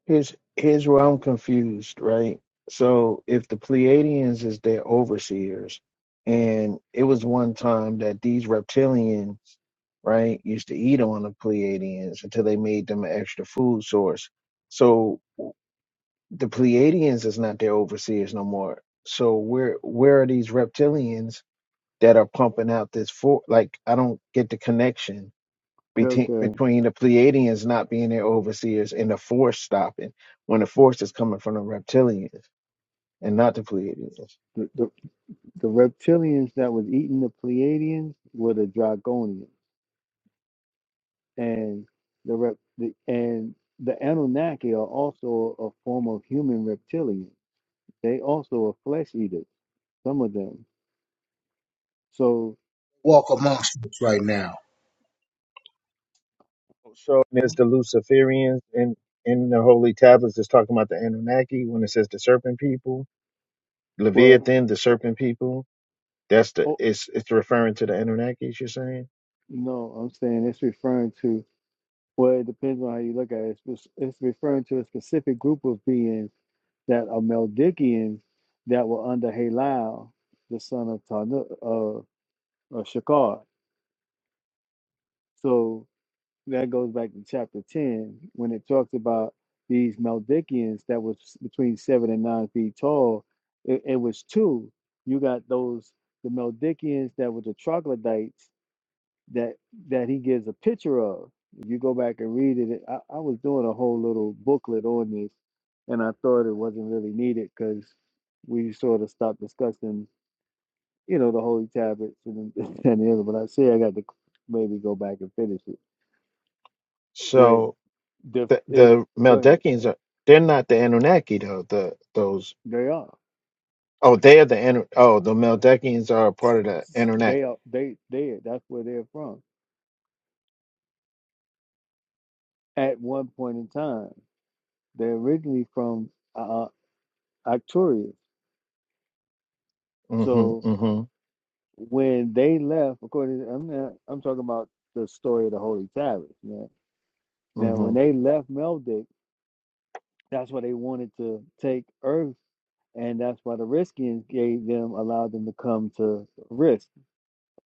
Here's here's where I'm confused, right? So if the Pleiadians is their overseers, and it was one time that these reptilians, right, used to eat on the Pleiadians until they made them an extra food source. So the Pleiadians is not their overseers no more. So where where are these reptilians that are pumping out this for? Like I don't get the connection between okay between the Pleiadians not being their overseers and the Force stopping when the Force is coming from the reptilians and not the Pleiadians. the, the, the reptilians that was eating the pleiadians were the dragonians and the rep the, and the Anunnaki are also a form of human reptilian. They also are flesh eaters. Some of them. So, Walk amongst us right now So huh? there's the Luciferians in in the Holy Tablets that's talking about the Anunnaki when it says the Serpent People, well, Leviathan, the Serpent People. That's the oh it's it's referring to the Anunnaki. You're saying no, I'm saying it's referring to. Well, it depends on how you look at it. It's, it's referring to a specific group of beings that are Meldikians that were under Halal, the son of Tanu, uh, of Shakar. So that goes back to chapter 10 when it talks about these Meldikians that was between seven and nine feet tall. It, it was two. You got those the Meldikians that were the troglodytes that that he gives a picture of. If you go back and read it, I, I was doing a whole little booklet on this, and I thought it wasn't really needed because we sort of stopped discussing, you know, the holy tablets and, and the other. But I say I got to maybe go back and finish it Where. so The the it the go ahead. Meldekians are they're not the Anunnaki though the those They are. oh they're the Anu- oh the Meldekians are a part of the It's- They Anunnaki. are. They they. That's where they're from. At one point in time, they're originally from uh, Arcturus. hmm So hmm when they left, according to, I'm not, I'm talking about the story of the Holy Tablet. Now, now hmm when they left Meldic, that's why they wanted to take Earth, and that's why the Riskians gave them allowed them to come to Risk,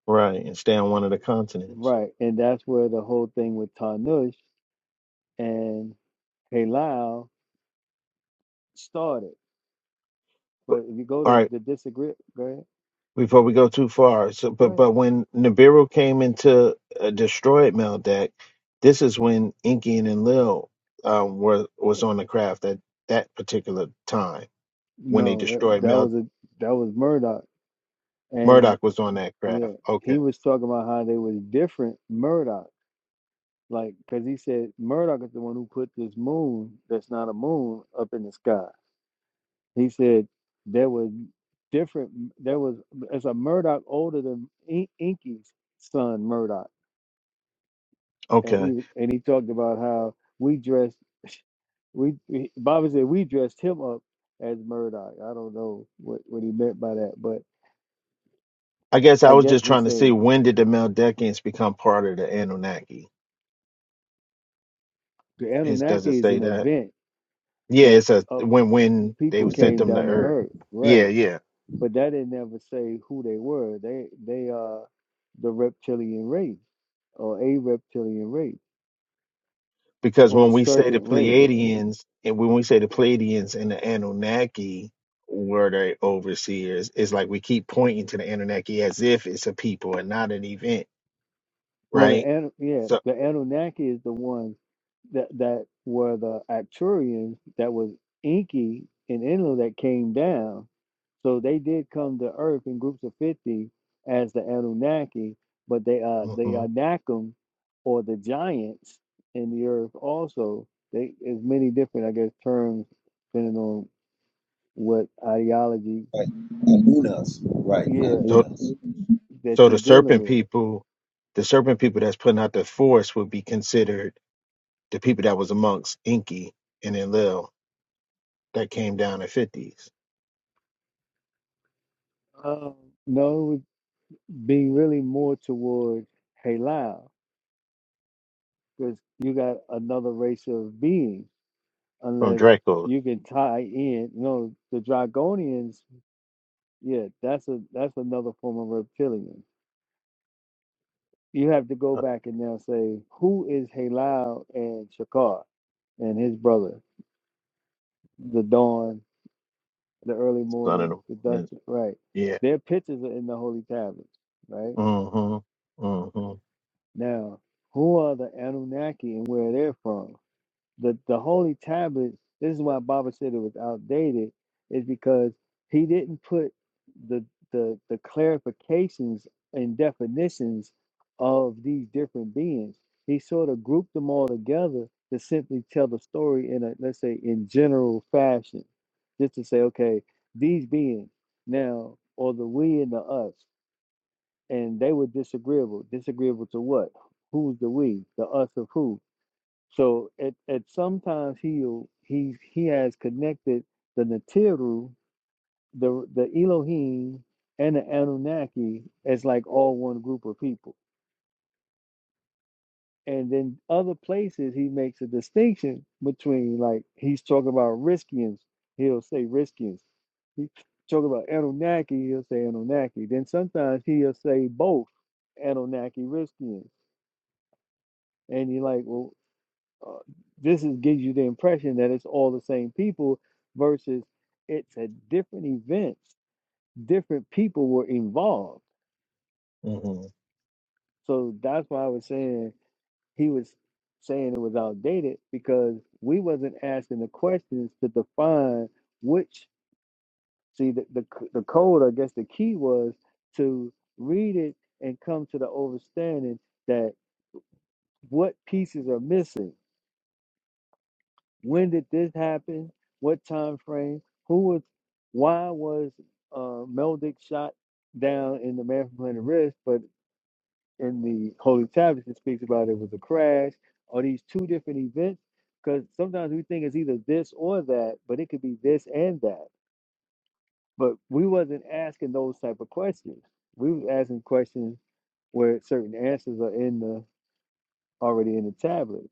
Right, and stay on one of the continents. right? And that's where the whole thing with Tarnush and Halal started. But, But if you go all to right, the disagree, go ahead. before we go too far, so Go but ahead. but when Nibiru came into uh, destroyed Meldeck, this is when Inkian and Lil um, were was on the craft at that particular time when they No, that, destroyed that Mel. was a that was Murdoch, and Murdoch was on that craft. yeah, he Okay, was talking about how they was different Murdoch, like because he said Murdoch is the one who put this moon that's not a moon up in the sky. He said there was different. There was it's a Murdoch older than In- Inky's son Murdoch, and okay. he and he talked about how we dress. We, we Bobby said we dressed him up as Murdoch. I don't know what, what he meant by that, but I guess I I was guess just trying he's to see saying when did the Meldekians become part of the Anunnaki? the Is does it Anunnaki is say an that? event Yeah, that It's a uh, when when they people sent came them to down to Earth. Earth, Yeah, right? yeah. But that didn't ever say who they were. They they are the reptilian race, or a reptilian race, because or a when we say the serpent race. Pleiadians and when we say the Pleiadians and the Anunnaki were the overseers, it's like we keep pointing to the Anunnaki as if it's a people and not an event, Well, the right? Anu- yeah, So, the Anunnaki is the ones that that were the Acturians that was Inky and Enlil that came down. So they did come to Earth in groups of fifty as the Anunnaki, but they uh the mhm. Anakim or the giants in the Earth also. They is many different, I guess, terms depending on what ideology, right? Nunas. right? yeah, so, Nunas. that so you're the dealing serpent with. people, the serpent people that's putting out the force would be considered the people that was amongst Inki and Enlil that came down in fifties Um, no, being really more toward halal because you got another race of being from unless Draco's you can tie in you know the dragonians yeah that's a that's another form of reptilian you have to go uh, back and now say who is halal and shakar and his brother the dawn the early son of morning the the dusk morning. right Yeah. their pictures are in the holy tablets right Mm-hmm. Mm-hmm. now who are the anunnaki and where they're from the the holy tablets. This is why Baba said it was outdated, is because he didn't put the the the clarifications and definitions of these different beings. He sort of grouped them all together to simply tell the story in a let's say in general fashion, just to say, okay, these beings now, or the we and the us, and they were disagreeable. Disagreeable to what? Who's the we? The us of who? So at, at sometimes he'll he he has connected the Natiru, the the Elohim, and the Anunnaki as like all one group of people. And then other places he makes a distinction between like he's talking about Riskians, he'll say Riskians. He talk about Anunnaki, he'll say Anunnaki. Then sometimes he'll say both Anunnaki Riskians. And you're like, well, uh, this is gives you the impression that it's all the same people versus it's a different events different people were involved Mm-hmm. so that's why i was saying he was saying it was outdated because we wasn't asking the questions to define which see the, the, c- the code i guess the key was to read it and come to the understanding that what pieces are missing When did this happen? What time frame? Who was? Why was uh, Meldick shot down in the Man from Planet Risk? But in the Holy Tablets, it speaks about it was a crash. Are these two different events? Because sometimes we think it's either this or that, but it could be this and that. But we wasn't asking those type of questions. We was asking questions where certain answers are in the already in the tablet,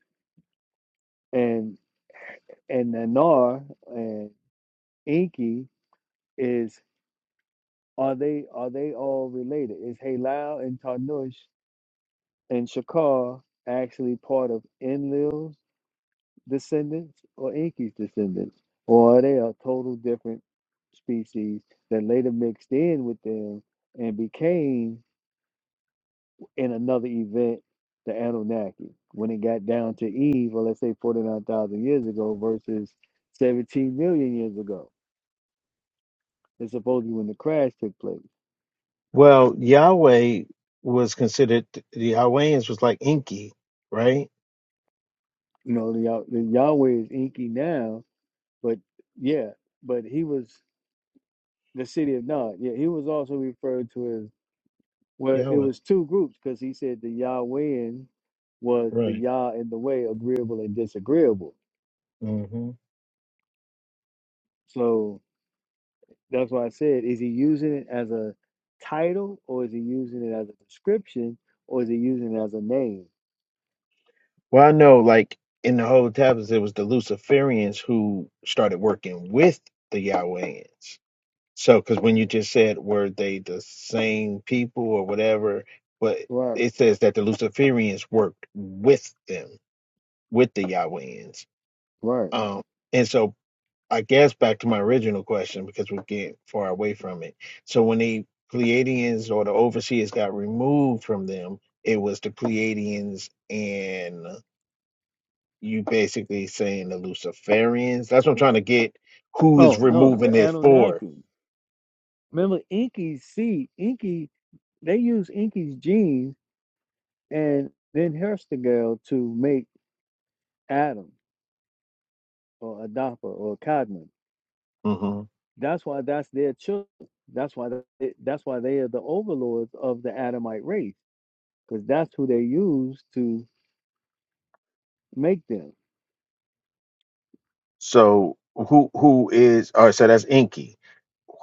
and and Nanar and Inky is Are they are they all related? Is Halal and Tarnush and Shakar actually part of Enlil's descendants or Enki's descendants? Or are they a total different species that later mixed in with them and became in another event the Anunnaki when it got down to Eve, or let's say 49,000 years ago versus 17 million years ago. It's supposedly when the crash took place. Well, Yahweh was considered the Yahwehians was like Inky, right? You know, the, Yah- the Yahweh is Enki now, But yeah, but he was the city of Nod. Yeah, he was also referred to as well. It Yahweh, was two groups because he said the Yahwehan was the right? Yah in the way agreeable and disagreeable. hmm So that's why I said, is he using it as a title or is he using it as a description or is he using it as a name? Well, I know, like in the whole tablets, it was the Luciferians who started working with the Yahwehians. So, because when you just said were they the same people or whatever, but Right, it says that the Luciferians worked with them, with the Yahwehians. right. Um, and so I guess back to my original question because we get far away from it. So when the Pleiadians or the overseers got removed from them, it was the Pleiadians and you basically saying the Luciferians. That's what I'm trying to get. Who is Oh no, the removing it for? Anunnaki. Remember Inky's seed, Inky, they use Inky's gene and then Herstigal to make Adam or Adapa or Codman. hmm That's why that's their children. That's why they, that's why they are the overlords of the Adamite race because that's who they use to make them. So who who is? All right. So that's Inky.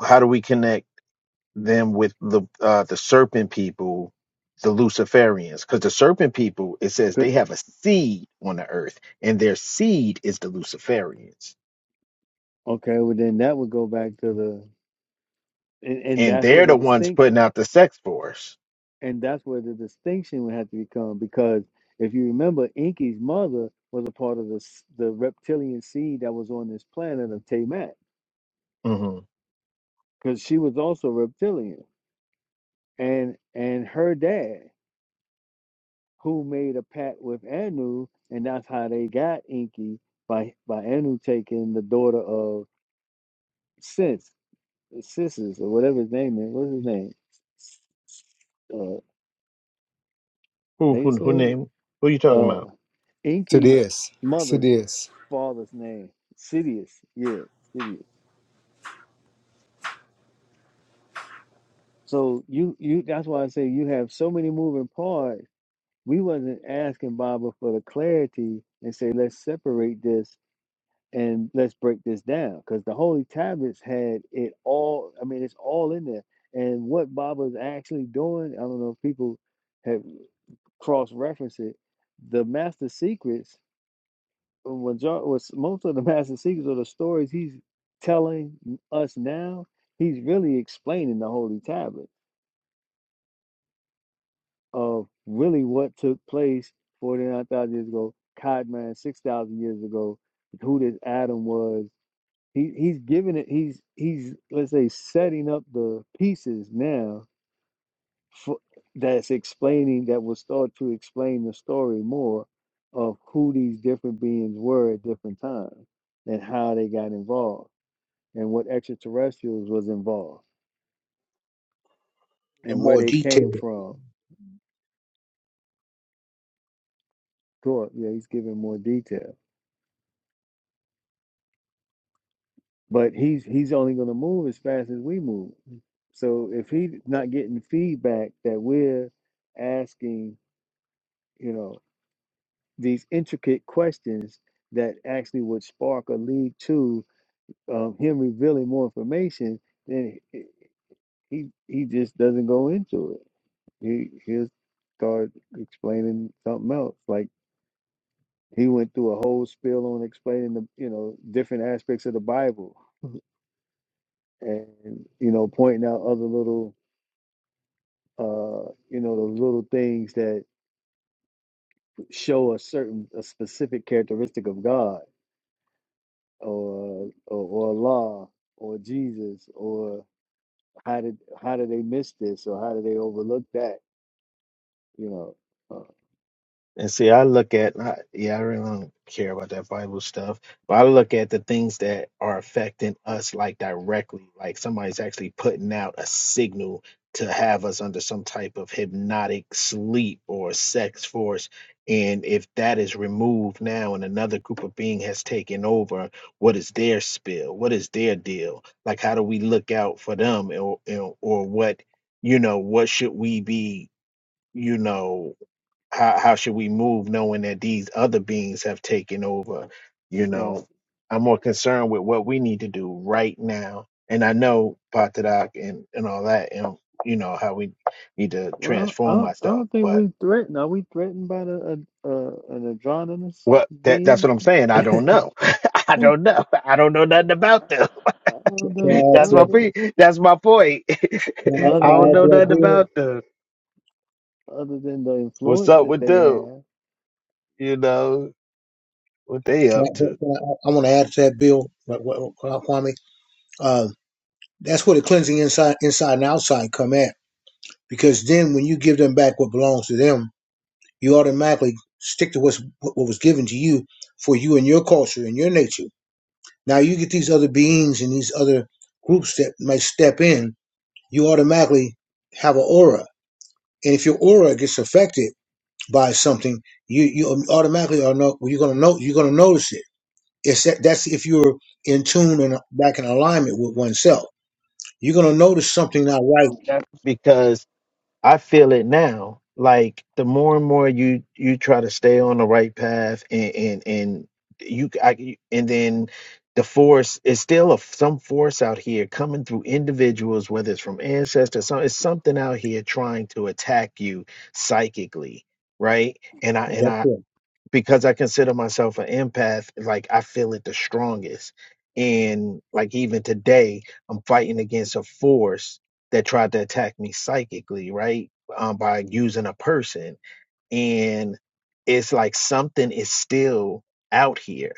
How do we connect? them with the uh, the serpent people, the Luciferians, because the serpent people it says they have a seed on the earth, and their seed is the Luciferians, Okay, well then that would go back to the and, and and that's where they're the the ones putting distinction out the sex force. and that's where the distinction would have to become because if you remember, Inky's mother was a part of the the reptilian seed that was on this planet of Tamat hmm because she was also reptilian and and her dad who made a pact with Anu, and that's how they got Inky by by Anu taking the daughter of Sis, Sissus or whatever his name is. What's his name? Uh, Who how you who who say it? name? Who you talking about? Uh, So It Inky's is. So It mother's is. father's name, Sidious. Yeah, Sidious. So you you that's why I say you have so many moving parts. We wasn't asking Baba for the clarity and say let's separate this And let's break this down because the Holy Tablets had it all. I mean, it's all in there. And what Baba's actually doing, I don't know if people have cross referenced it. The Master Secrets, uh, major- was most of the Master Secrets or the stories he's telling us now, he's really explaining the Holy Tablet of really what took place 49,000 years ago, Codman 6,000 years ago, who this Adam was He he's giving it. He's he's let's say setting up the pieces now for that's explaining that will start to explain the story more of who these different beings were at different times and how they got involved and what extraterrestrials was involved in and where more they detail. came from. Cool. Yeah, he's giving more detail, but he's he's only going to move as fast as we move. So if he's not getting feedback that we're asking, you know, these intricate questions that actually would spark or lead to um, him revealing more information, then he he he just doesn't go into it. He he'll start explaining something else. Like he went through a whole spiel on explaining the you know different aspects of the Bible and you know pointing out other little uh you know the little things that show a certain a specific characteristic of God or or, or Allah or Jesus or how did how did they miss this or how did they overlook that? You know, uh, And see, I look at, I, yeah, I really don't care about that Bible stuff, but I look at the things that are affecting us like directly, like somebody's actually putting out a signal to have us under some type of hypnotic sleep or sex force. And if that is removed now and another group of being has taken over, what is their spill? What is their deal? Like, how do we look out for them or, or or what, you know, what should we be, you know? how how should we move knowing that these other beings have taken over you right? know i'm more concerned with what we need to do right now and i know patadak and and all that and you know how we need to Well, I transform don't, I ourselves don't think but we threatened. Are we threatened by the uh, uh, an androgynous what that that's being? what i'm saying i don't know i I don't know i don't know nothing about them don't Can know. I I add that's to my don't that, know. pre- that's my point can I, i can Other I don't add to know than that nothing bill? about them other than the what's influence up that with they them have, you know what they Can I, up to can I, I want to add to that bill, what- what- what- Kwame. Um, that's where the cleansing inside, inside and outside come at. Because then when you give them back what belongs to them, you automatically stick to what's, what was given to you for you and your culture and your nature Now you get these other beings and these other groups that might step in, you automatically have an aura. And if your aura gets affected by something, you, you automatically are no, you're gonna know you're gonna notice it. It's that, that's if you're in tune and back in alignment with oneself. You're gonna notice something not right. No, that's because I feel it now. Like the more and more you you try to stay on the right path, and and and you, I, and then the force is still a, some force out here coming through individuals, whether it's from ancestors, So it's something out here trying to attack you psychically, right? And I and That's I it. because I consider myself an empath, like I feel it the strongest. And like even today, I'm fighting against a force that tried to attack me psychically, right? Um, by using a person. And it's like something is still out here,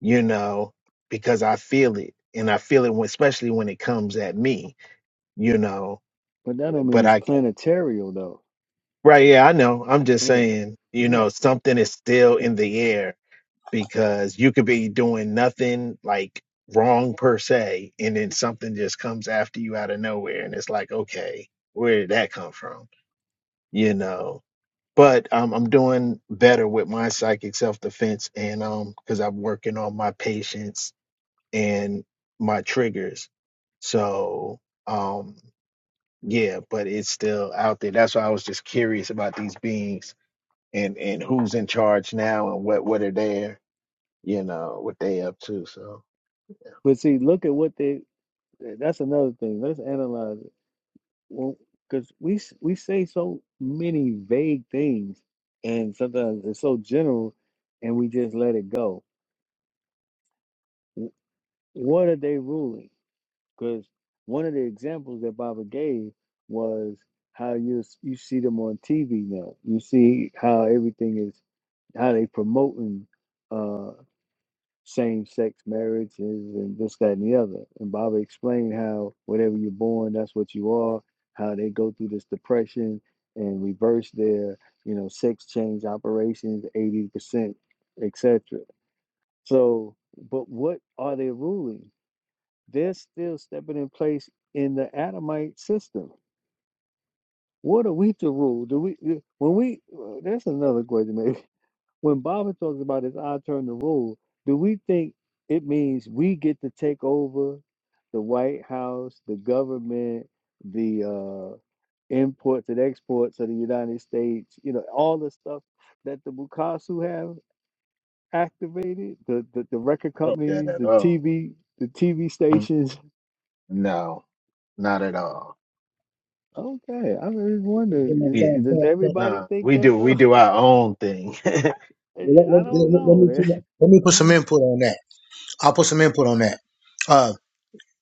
you know, because I feel it. And I feel it when, especially when it comes at me, you know. but that don't But mean it's I, planetarial though. right, yeah, I know. I'm just Yeah, saying, you yeah. know, something is still in the air because you could be doing nothing like wrong per se, and then something just comes after you out of nowhere, and it's like, okay, where did that come from? You know. But um, I'm doing better with my psychic self defense, and um, because I'm working on my patience and my triggers. So um, yeah, but it's still out there. That's why I was just curious about these beings and and who's in charge now and what what are there you know, what they up to. So yeah. But see, look at what they. That's another thing. Let's analyze. Well, because we s- we say so many vague things, and sometimes it's so general, and we just let it go. W- What are they ruling? Because one of the examples that Baba gave was how you s- you see them on TV now. You see how everything is how they promoting. uh, same sex marriages and this, that, and the other. And Baba explained how whatever you're born, that's what you are, how they go through this depression and reverse their, you know, sex change operations, 80%, etc. So, but what are they ruling? They're still stepping in place in the Adamite system. What are we to rule? Do we, when we, well, that's another question, maybe when Baba talks about his I turn the rule, do we think it means we get to take over the White House, the government, the uh, imports and exports of the United States, you know, all the stuff that the Bukasu have activated, the, the, the record I don't get that companies, at the all. TV, the TV Mm, stations. No, not at all. Okay, I'm wondering, Yeah. is, does everybody No, think we that do we though? do our own thing. Let, I- I let- don't let- let me know. let me put some input on that. I'll put some input on that. Uh,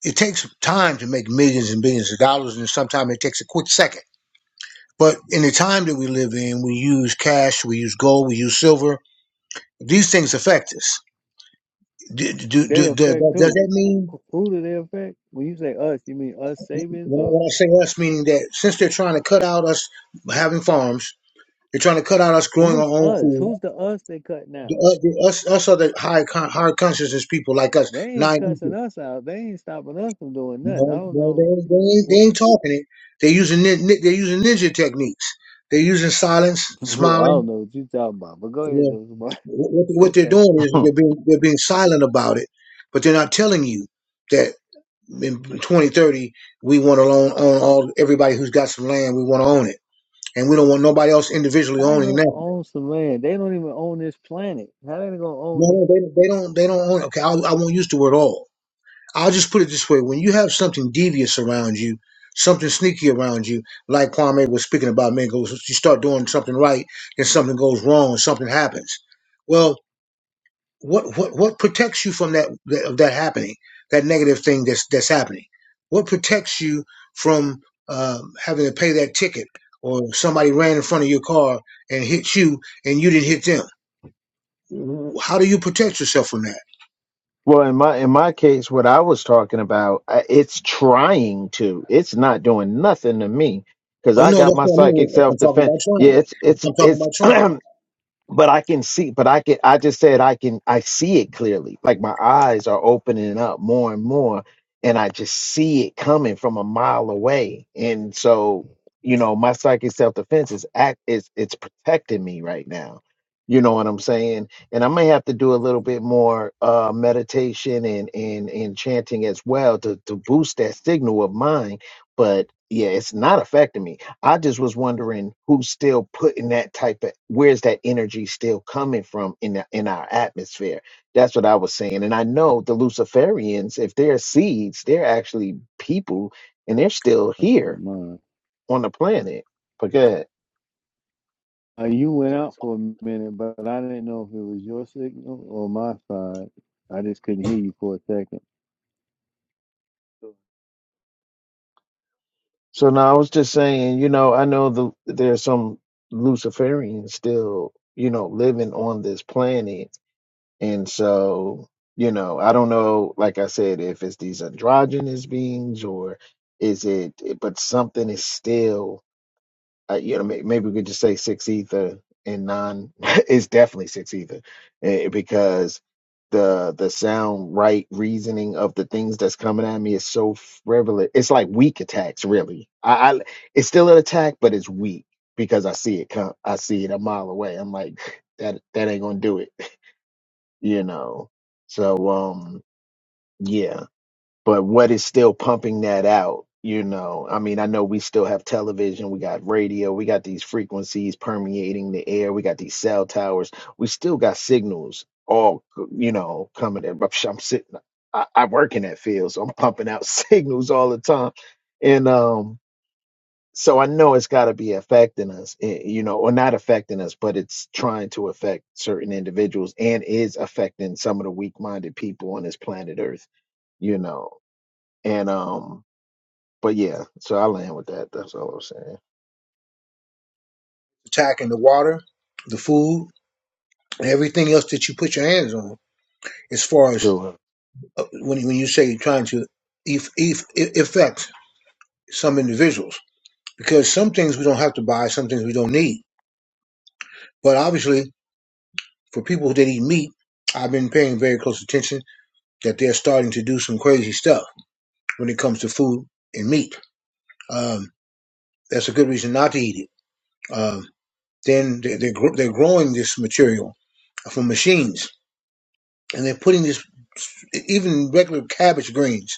it takes time to make millions and billions of dollars, and sometimes it takes a quick second But in the time that we live in, we use cash, we use gold, we use silver. These things affect us. Do, do, They do, do- affect does who? that Who mean, who do they affect? When you say us, you mean us savings when I, or when I say us, meaning that since they're trying to cut out us having farms, they're trying to cut out us growing our who's own us? food. Who's the us they cutting The, out? uh, the, us, us other high con- higher consciousness people like us, They ain't nine, cussing us out. They ain't stopping us from doing nothing. I no, don't no, they, know. ain't- they, ain't, they What, ain't talking it. They're using nin- nin- they're using ninja techniques. They're using silence, I smiling. don't know what you talking about. But go ahead, Well, though. Zamar. what, what they're Okay. doing is they're being they're being silent about it, but they're not telling you that in 2030 we want to own, own all everybody who's got some land. We want to own it, and we don't want nobody else individually How they owning gonna that. own some land? They don't even own this planet. How they gonna No, own it? no, they, they don't they don't own it. Okay, I, I won't use the word all. I'll just put it this way: when you have something devious around you, something sneaky around you, like Kwame was speaking about, man, goes you start doing something right, then something goes wrong, something happens. Well. what what what protects you from that that- of that happening that negative thing that's that's happening what protects you from um, having to pay that ticket or somebody ran in front of your car and hit you and you didn't hit them W- how do you protect yourself from that well, in my in my case, what I was talking about, I- it's trying to. It's not doing nothing to me because oh I no got that's my what i psychic mean i'm self talking defense. about Yeah, trying it's it's i'm talking it's about trying but I can see, but I can, I just said I can, I see it clearly. Like my eyes are opening up more and more, and I just see it coming from a mile away. And so, you know, my psychic self defense is act is it's protecting me right now. You know what I'm saying? And I may have to do a little bit more uh meditation and and and chanting as well to to boost that signal of mine. But yeah, it's not affecting me. I just was wondering who's still putting that type of where's that energy still coming from in the, in our atmosphere. That's what I was saying, and I know the Luciferians, if they're seeds, they're actually people, and they're still I see here mine. on the planet. But go ahead. Uh, you went out That's for a minute, but I didn't know if it was your signal or my side. I just couldn't hear you for a second. good. So now I was just saying, you know, I know the there's some Luciferians still, you know, living on this planet And so, you know, I don't know, like I said, if it's these androgynous beings or is it, it- but something is still, uh, you know, may- maybe we could just say six ether and non, it's definitely six ether eh, because the the sound right reasoning of the things that's coming at me is so frivolous. It's like weak attacks, really. I, I it's still an attack, but it's weak because I see it come, I see it a mile away. I'm like, that that ain't gonna do it you know. So um yeah, but what is still pumping that out, you know. I mean, I know we still have television, we got radio, we got these frequencies permeating the air, we got these cell towers. We still got signals all, you know, coming in. But I'm sitting I, I work in that field, so I'm pumping out signals all the time. And um so I know it's got to be affecting us, eh, you know, or not affecting us, but it's trying to affect certain individuals and is affecting some of the weak-minded people on this planet Earth, you know. And um, but yeah, so I land with that. That's all I'm saying. attacking the water the food and everything else that you put your hands on as far as So, uh, when, you- when you say you're trying to eff- eff- affect some individuals because some things we don't have to buy, some things we don't need. But obviously, for people that eat meat, I've been paying very close attention that they're starting to do some crazy stuff when it comes to food and meat. Um, that's a good reason not to eat it. Um, then they- they're, gr- they're growing this material from machines, and they're putting this even regular cabbage greens,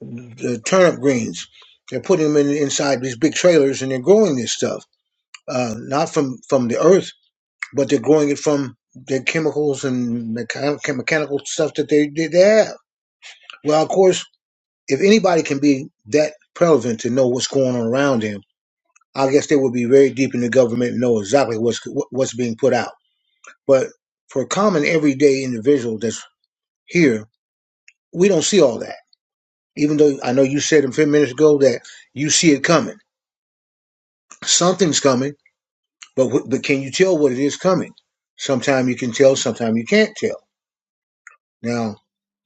the turnip greens. They're putting them in, inside these big trailers, and they're growing this stuff, uh, not from from the earth but they're growing it from the chemicals and mechan- mechanical stuff that they, they they have. Well, of course, if anybody can be that prevalent to know what's going on around them, I guess they would be very deep in the government and know exactly what's what's being put out. But for a common everyday individual that's here, we don't see all that. Even though I know you said a few minutes ago that you see it coming, something's coming, but wh- but can you tell what it is coming? Sometimes you can tell, sometimes you can't tell. Now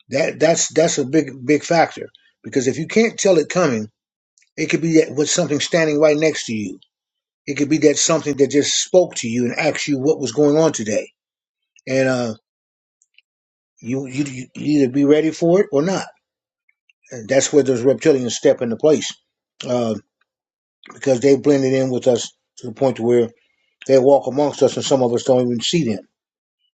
That that's that's a big big factor because if you can't tell it coming, it could be that with something standing right next to you. It could be that something that just spoke to you and asked you what was going on today, and uh, you, you you either be ready for it or not. And that's where those reptilians step into place uh, because they blended in with us to the point to where they walk amongst us, and some of us don't even see them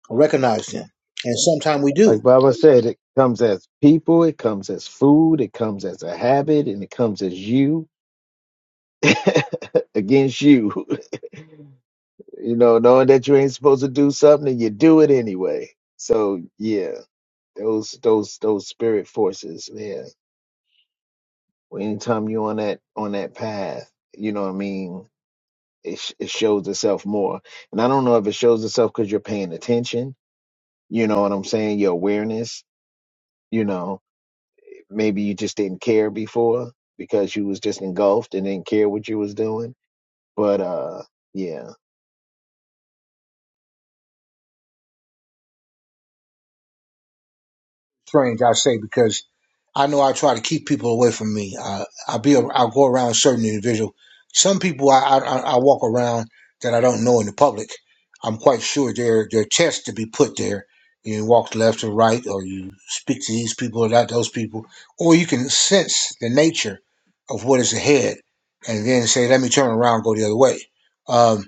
or recognize them, and sometimes we do. like Baba said, it comes as people, it comes as food, it comes as a habit, and it comes as you against you, you know, knowing that you ain't supposed to do something and you do it anyway. So yeah. those those those spirit forces yeah Well, anytime you're on that on that path you know what i mean it, sh- it shows itself more and i don't know if it shows itself because you're paying attention you know what i'm saying your awareness you know maybe you just didn't care before because you was just engulfed and didn't care what you was doing but uh yeah strange, I say, because I know I try to keep people away from me. Uh, I'll be, I'll go around certain individuals. Some people I, I, I I walk around that I don't know in the public. I'm quite sure they're, they're tests to be put there. You walk left or right, or you speak to these people or that, those people, or you can sense the nature of what is ahead and then say, let me turn around, go the other way. Um,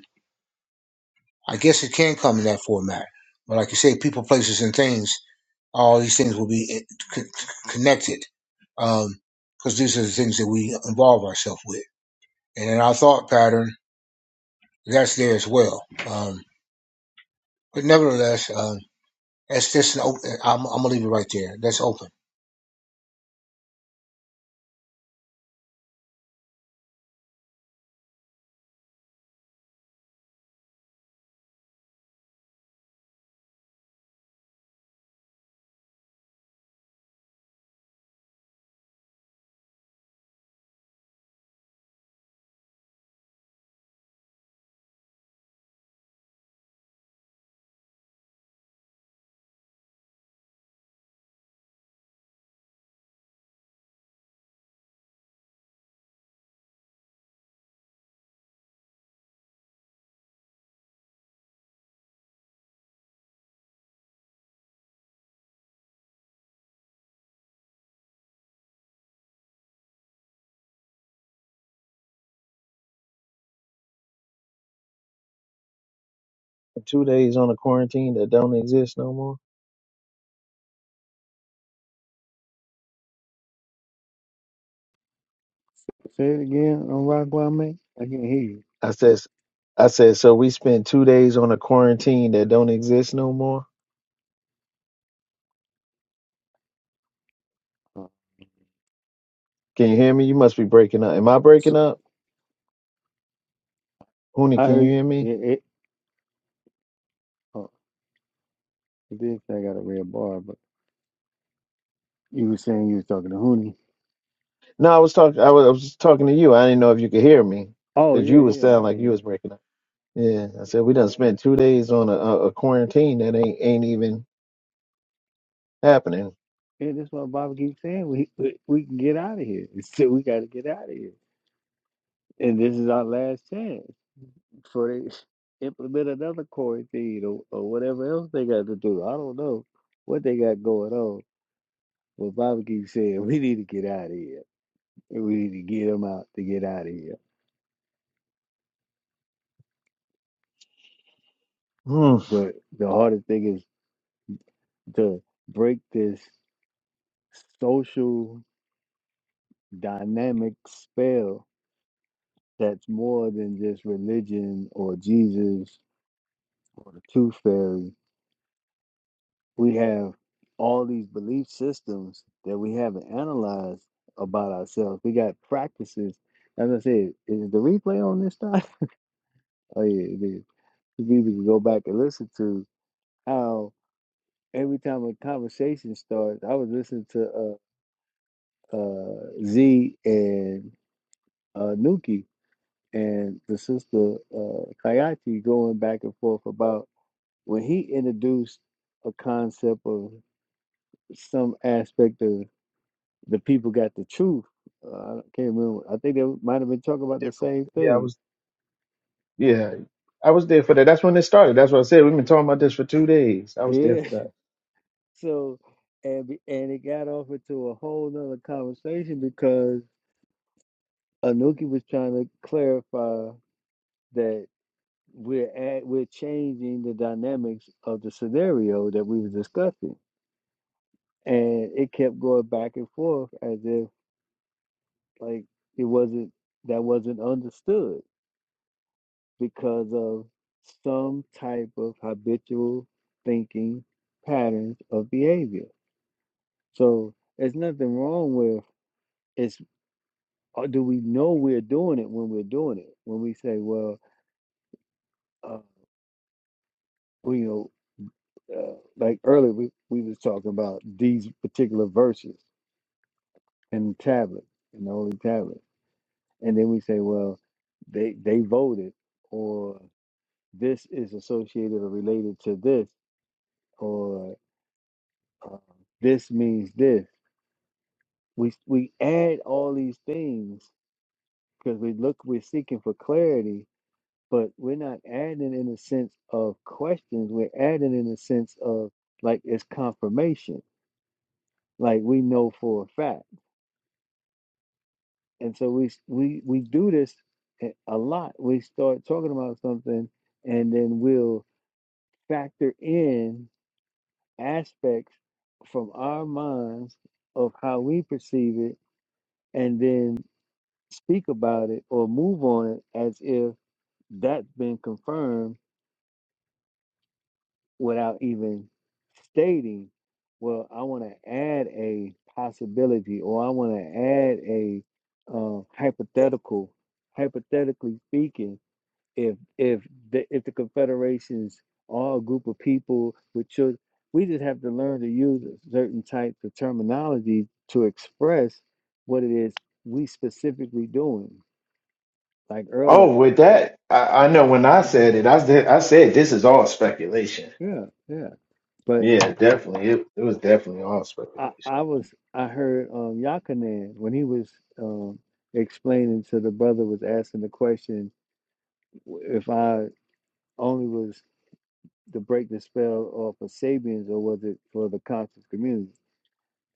I guess it can come in that format. But like you say, people, places, and things all these things will be eh, c- c- connected um, because these are the things that we involve ourselves with. And in our thought pattern, that's there as well. Um, but nevertheless, um, that's just an open, I'm, I'm gonna leave it right there. That's open. two days on a quarantine that don't exist no more Say it again on Rock Wild Man. I can't hear you. i says i said so we spent two days on a quarantine that don't exist no more Uh, Can you hear me? You must be breaking up. Am I s- breaking up? Huni, I can heard you hear it. me? it oh, it did say I got a red bar, but you were saying you was talking to Hooney. No, I was talking. I was, I was just talking to you. I didn't know if you could hear me Oh because yeah, you was yeah, I sound like can hear you you. was breaking up. Yeah, I said we done spent Yeah, two days on a, a, a quarantine that ain't ain't even happening. yeah. That's what Bobby keeps saying. We we, we can get out of here. He said we got to get out of here, and this is our last chance before they implement another quarantine or, or whatever else they got to do. I don't know what they got going on, but Bobby keeps saying we need to get out of here. We need to get them out to get out of here. Hmm. But the hardest thing is to break this social dynamic spell that's more than just religion or Jesus or the tooth fairy. We have all these belief systems that we haven't analyzed about ourselves. We got practices. As I said, is the replay on this time? Oh yeah, it is. You people can go back and listen to how every time a conversation starts, I was listening to uh, uh, Z and uh, Nuki and the sister uh, Kayati going back and forth about when he introduced a concept of some aspect of the people got the truth. Uh, I can't remember. I think they might have been talking about the Different. same Yeah, I thing. was. Yeah, I was there for that. That's when it started. That's what I said. We've been talking about this for two days. I was there Yeah. for that. So and be- and it got off into a whole nother conversation because Anuki was trying to clarify that. we're at, we're changing the dynamics of the scenario that we were discussing, and it kept going back and forth as if like it wasn't that wasn't understood because of some type of habitual thinking patterns of behavior. So there's nothing wrong with it's. uh, Do we know we're doing it when we're doing it? When we say, well, uh, we, you know, uh, like earlier we, we was talking about these particular verses in the tablet, in the holy tablet. And then we say, well, they they voted, or this is associated or related to this, or uh, this means this. We we add all these things because we look, we're seeking for clarity, but we're not adding in a sense of questions. We're adding in a sense of like it's confirmation, like we know for a fact and so we we we do this eh, a lot. We start talking about something, and then we'll factor in aspects from our minds of how we perceive it, and then speak about it or move on it as if that's been confirmed without even stating. Well, I want to add a possibility, or I want to add a uh, hypothetical. Hypothetically speaking if if the if the confederations are a group of people with children we just have to learn to use certain types of terminology to express what it is we specifically doing like earlier Oh, with that, I, I know when I said it, I said I said this is all speculation. yeah yeah but Yeah, definitely. It, it was definitely all i speculation. i was i heard um yakanan when he was um explaining to the brother was asking the question if i only was to break the spell off of sabians or was it for the conscious community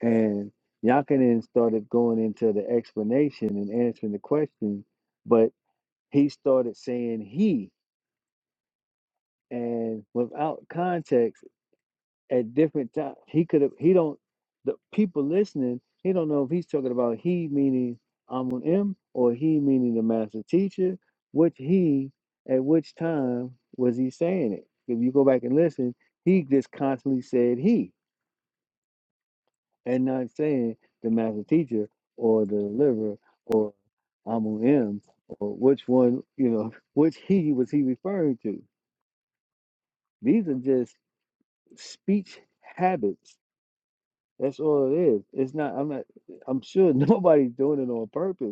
And Yakinen started going into the explanation and answering the question, but he started saying he and without context at different times he could have he don't the people listening, he don't know if he's talking about he meaning Amun M or he meaning the master teacher, which he at which time was he saying it. If you go back and listen, he just constantly said he. and not saying the master teacher or the deliverer or Amun M or which one, you know, which he was he referring to. These are just speech habits. That's all it is. It's not, I'm not, I'm sure nobody's doing it on purpose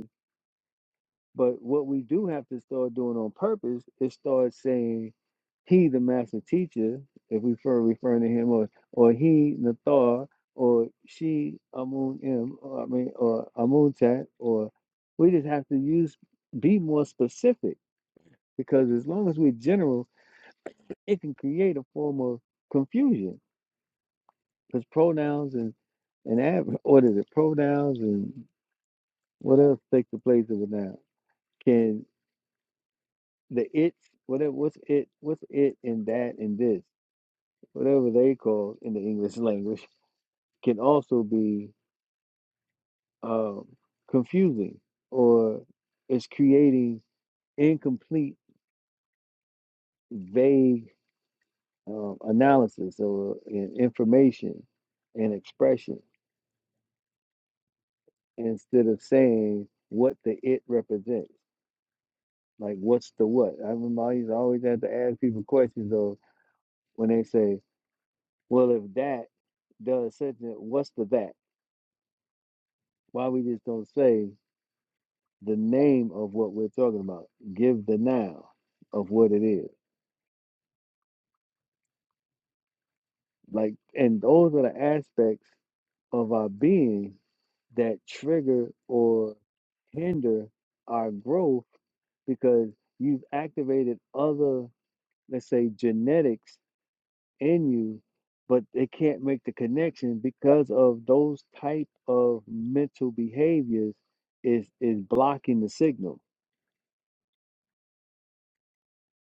But what we do have to start doing on purpose is start saying, "He, the master teacher," if we refer referring to him, or or he, Nathar, or she, Amun M, or, I mean, or Amun Tat, or we just have to use be more specific because as long as we're general, it can create a form of confusion because pronouns and and ad, what is it? Pronouns and what else takes the place of a noun can the it's whatever what's it what's it and that and this whatever they call in the English language can also be um, confusing or it's creating incomplete vague um, analysis or in- information and expression instead of saying what the it represents like what's the what I remember I used to always have to ask people questions though when they say well if that does such and what's the that Why we just don't say the name of what we're talking about? Give the noun of what it is. Like, and those are the aspects of our being that trigger or hinder our growth because you've activated other, let's say, genetics in you, but they can't make the connection because of those type of mental behaviors is is blocking the signal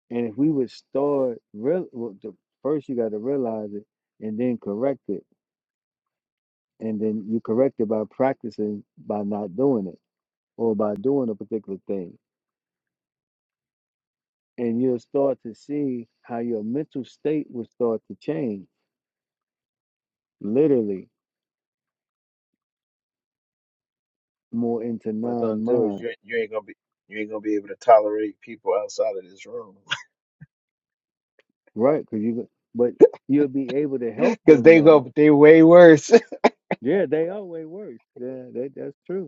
And if we would start real, well, the, first you got to realize it, and then correct it, and then you correct it by practicing by not doing it or by doing a particular thing, and you'll start to see how your mental state will start to change, literally more into What it's gonna do is non-mind, you you ain't gonna be you ain't gonna be able to tolerate people outside of this room right? Because you, go- but you'll be able to help because them they know. go they way worse. Yeah, they are way worse. Yeah, that, that's true.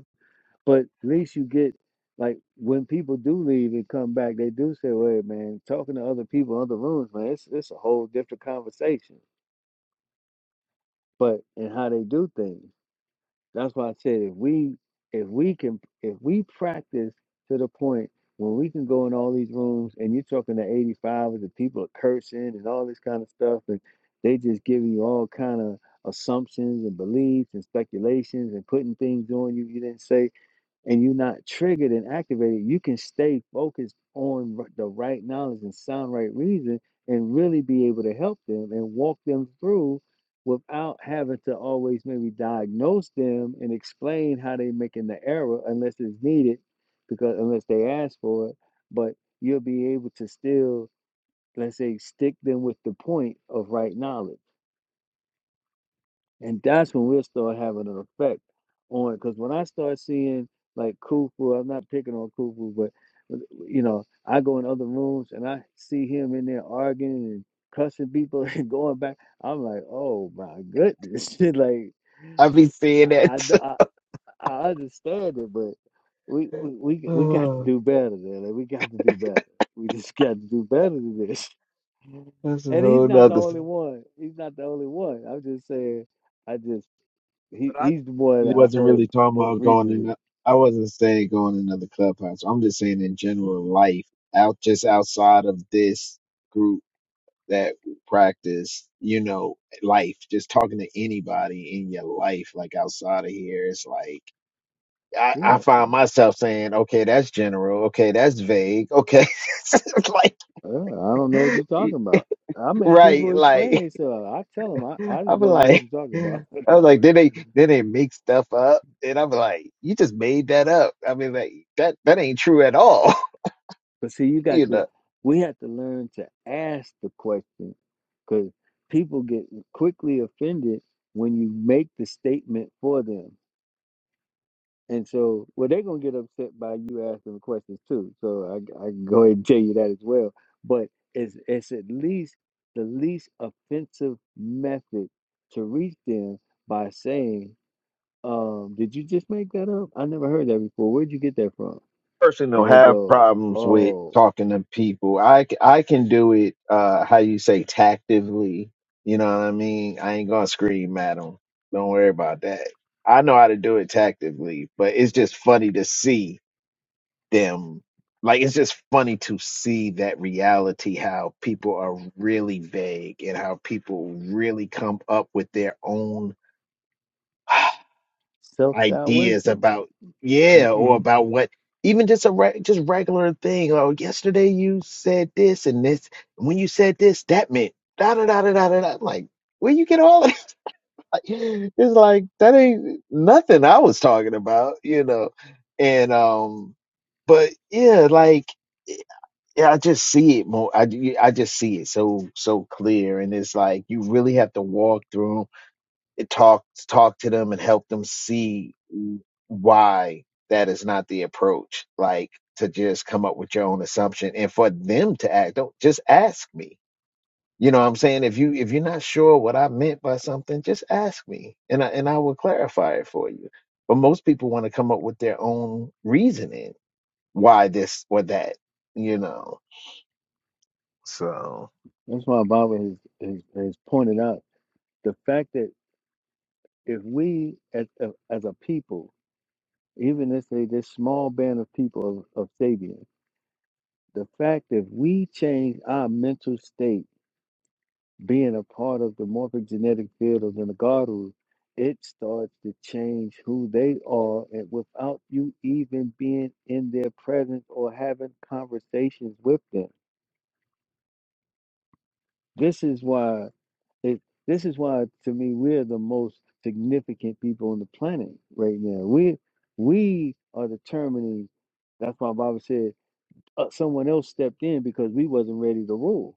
But at least you get like when people do leave and come back, they do say, "Wait, man, talking to other people, in other rooms, man, it's it's a whole different conversation." But and how they do things. That's why I said if we if we can if we practice to the point when we can go in all these rooms and you're talking to 85 and the people are cursing and all this kind of stuff and they just giving you all kind of assumptions and beliefs and speculations and putting things on you you didn't say and you're not triggered and activated, you can stay focused on r- the right knowledge and sound right reason and really be able to help them and walk them through without having to always maybe diagnose them and explain how they're making the error unless it's needed because unless they ask for it but you'll be able to still let's say stick them with the point of right knowledge and that's when we'll start having an effect on Because when I start seeing like Kufu, I'm not picking on Kufu, but uh, you know, I go in other rooms and I see him in there arguing and cussing people and going back. I'm like, oh my goodness. like, I be seeing I, that. I, I understand it, but we we we we got to oh, do better than that. We got to do better. We just got to do better than this. that's a And he's whole not the nother. only thing. one. He's not the only one. I'm just saying. I just he But I he's the one really that I've wasn't really heard talking most about going in. recently. the- I wasn't saying going in another clubhouse. I'm just saying in general "Mm, life out just outside of this group that practice you know life just talking to anybody in your life like outside of here it's like I, I Yeah, find myself saying, okay, that's general. Okay, that's vague. Okay, It's like, uh, I don't know what you're talking about. I make people right? explain Like, themselves. I tell them I, I I'm just don't know what like, you're talking i about. was like, then they then they make stuff up, and I'm like, you just made that up. I mean, like that that ain't true at all, But see, you got you know. to, we have to learn to ask the question because people get quickly offended when you make the statement for them. And so, well, they're going to get upset by you asking the questions too. So I, I can go ahead and tell you that as well. But it's, it's at least the least offensive method to reach them by saying, um, Did you just make that up? I never heard that before. Where'd you get that from? personal And they have go, problems with Oh, talking to people. I, c- I can do it, uh, how you say, tactively. You know what I mean? I ain't gonna scream at them. Don't worry about that. I know how to do it tactively, but it's just funny to see them. Like, it's just funny to see that reality, how people are really vague and how people really come up with their own. self doubt ideas wisdom. about yeah or Mm-mm. about what even just a re- just regular thing oh yesterday you said this and this when you said this that meant da da da da da da da I'm like where you get all that Like, it's like that ain't nothing I was talking about you know and um but yeah like yeah, I just see it more I, I just see it so so clear and it's like you really have to walk through 'em talk talk to them and help them see why that is not the approach like to just come up with your own assumption and for them to act don't just ask me you know what i'm saying if you if you're not sure what i meant by something just ask me and i and i will clarify it for you but most people want to come up with their own reasoning why this or that you know so That's why Baba has, has, has pointed out the fact that if we, as a, as a people, even if they this small band of people of, of Sabian, the fact that we change our mental state, being a part of the morphic genetic field of the Nagaru, it starts to change who they are, and without you even being in their presence or having conversations with them. This is why. It, this is why, to me, we're the most significant people on the planet right now. We we are determining. That's why Baba said uh, someone else stepped in because we wasn't ready to rule.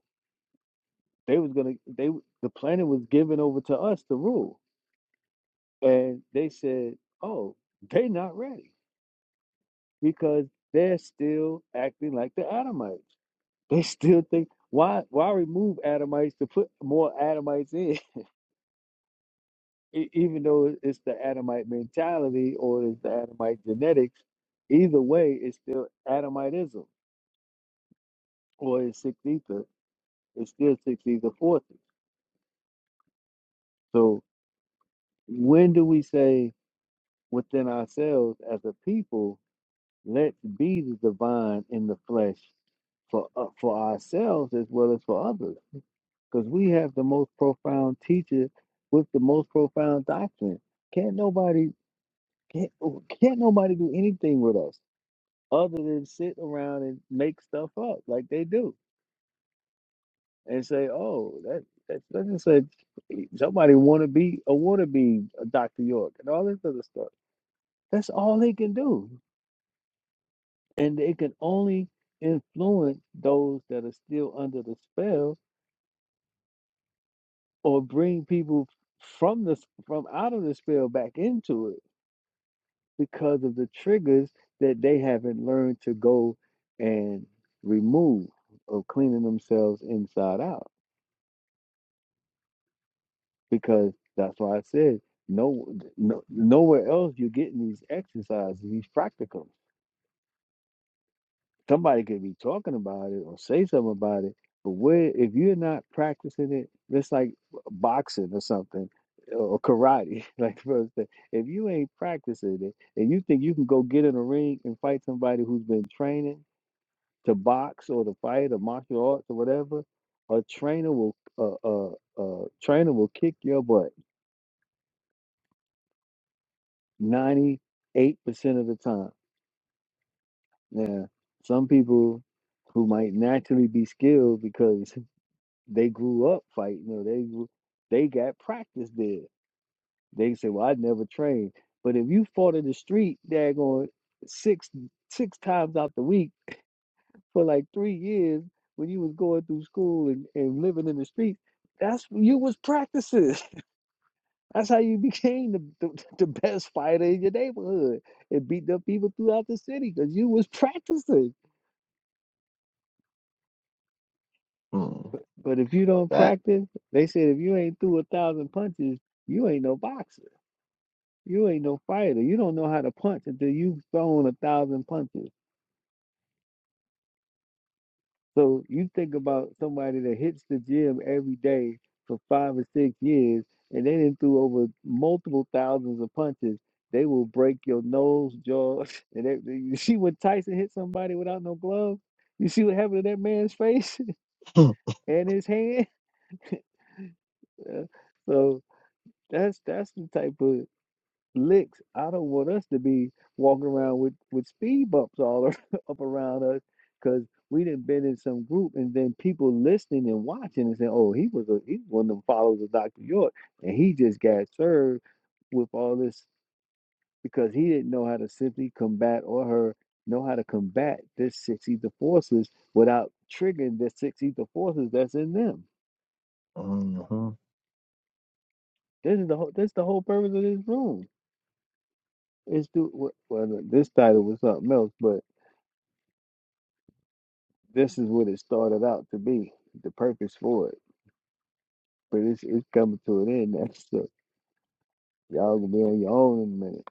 They was gonna. They the planet was given over to us to rule, and they said, "Oh, they not ready because they're still acting like the Adamites. They still think why why remove Adamites to put more Adamites in." e- even though it's the Adamite mentality or it's the Adamite genetics, either way, it's still Adamitism or it's Six Ether. It's still Six Ether forces. So when do we say within ourselves as a people, let's be the divine in the flesh for uh, for ourselves as well as for others? Because we have the most profound teacher with the most profound doctrine. Can't nobody can't, can't nobody do anything with us other than sit around and make stuff up like they do and say, "Oh, that that that's just a somebody want to be a want to be a Dr. York and all this other stuff." That's all they can do, and they can only influence those that are still under the spell or bring people from the from out of the spell back into it because of the triggers that they haven't learned to go and remove of cleaning themselves inside out because that's why I said no, no nowhere else you're getting these exercises, these practicums. Somebody could be talking about it or say something about it, but where if you're not practicing it, it's like boxing or something or karate. Like the brother if you ain't practicing it and you think you can go get in a ring and fight somebody who's been training to box or to fight or martial arts or whatever, a trainer will uh, uh, uh, trainer will kick your butt 98% of the time. Now, some people who might naturally be skilled because they grew up fighting or they grew- they got practice there. They say, "Well, I never trained." But if you fought in the street, daggone six six times out the week for like three years when you was going through school and, and living in the streets, that's when you was practicing. That's how you became the, the, the best fighter in your neighborhood and beat up people throughout the city because you was practicing. mm, But if you don't that practice, they said if you ain't threw a thousand punches, you ain't no boxer. You ain't no fighter. You don't know how to punch until you've thrown a thousand punches. So you think about somebody that hits the gym every day for five or six years, and they didn't threw over multiple thousands of punches. They will break your nose, jaw, and everything. You see when Tyson hit somebody without no glove? You see what happened to that man's face and his hand? Uh, So that's that's the type of licks. I don't want us to be walking around with, with speed bumps all up around us because we done been in some group and then people listening and watching and saying, oh, he was a he's one of them followers of Dr. York and he just got served with all this because he didn't know how to simply combat or her know how to combat this six ether forces without triggering the six ether forces that's in them. mhm. This is the whole, That's the whole purpose of this room. It's to well, this title was something else, but this is what it started out to be, the purpose for it. But it's it's coming to an end. That's the y'all gonna be on your own in a minute.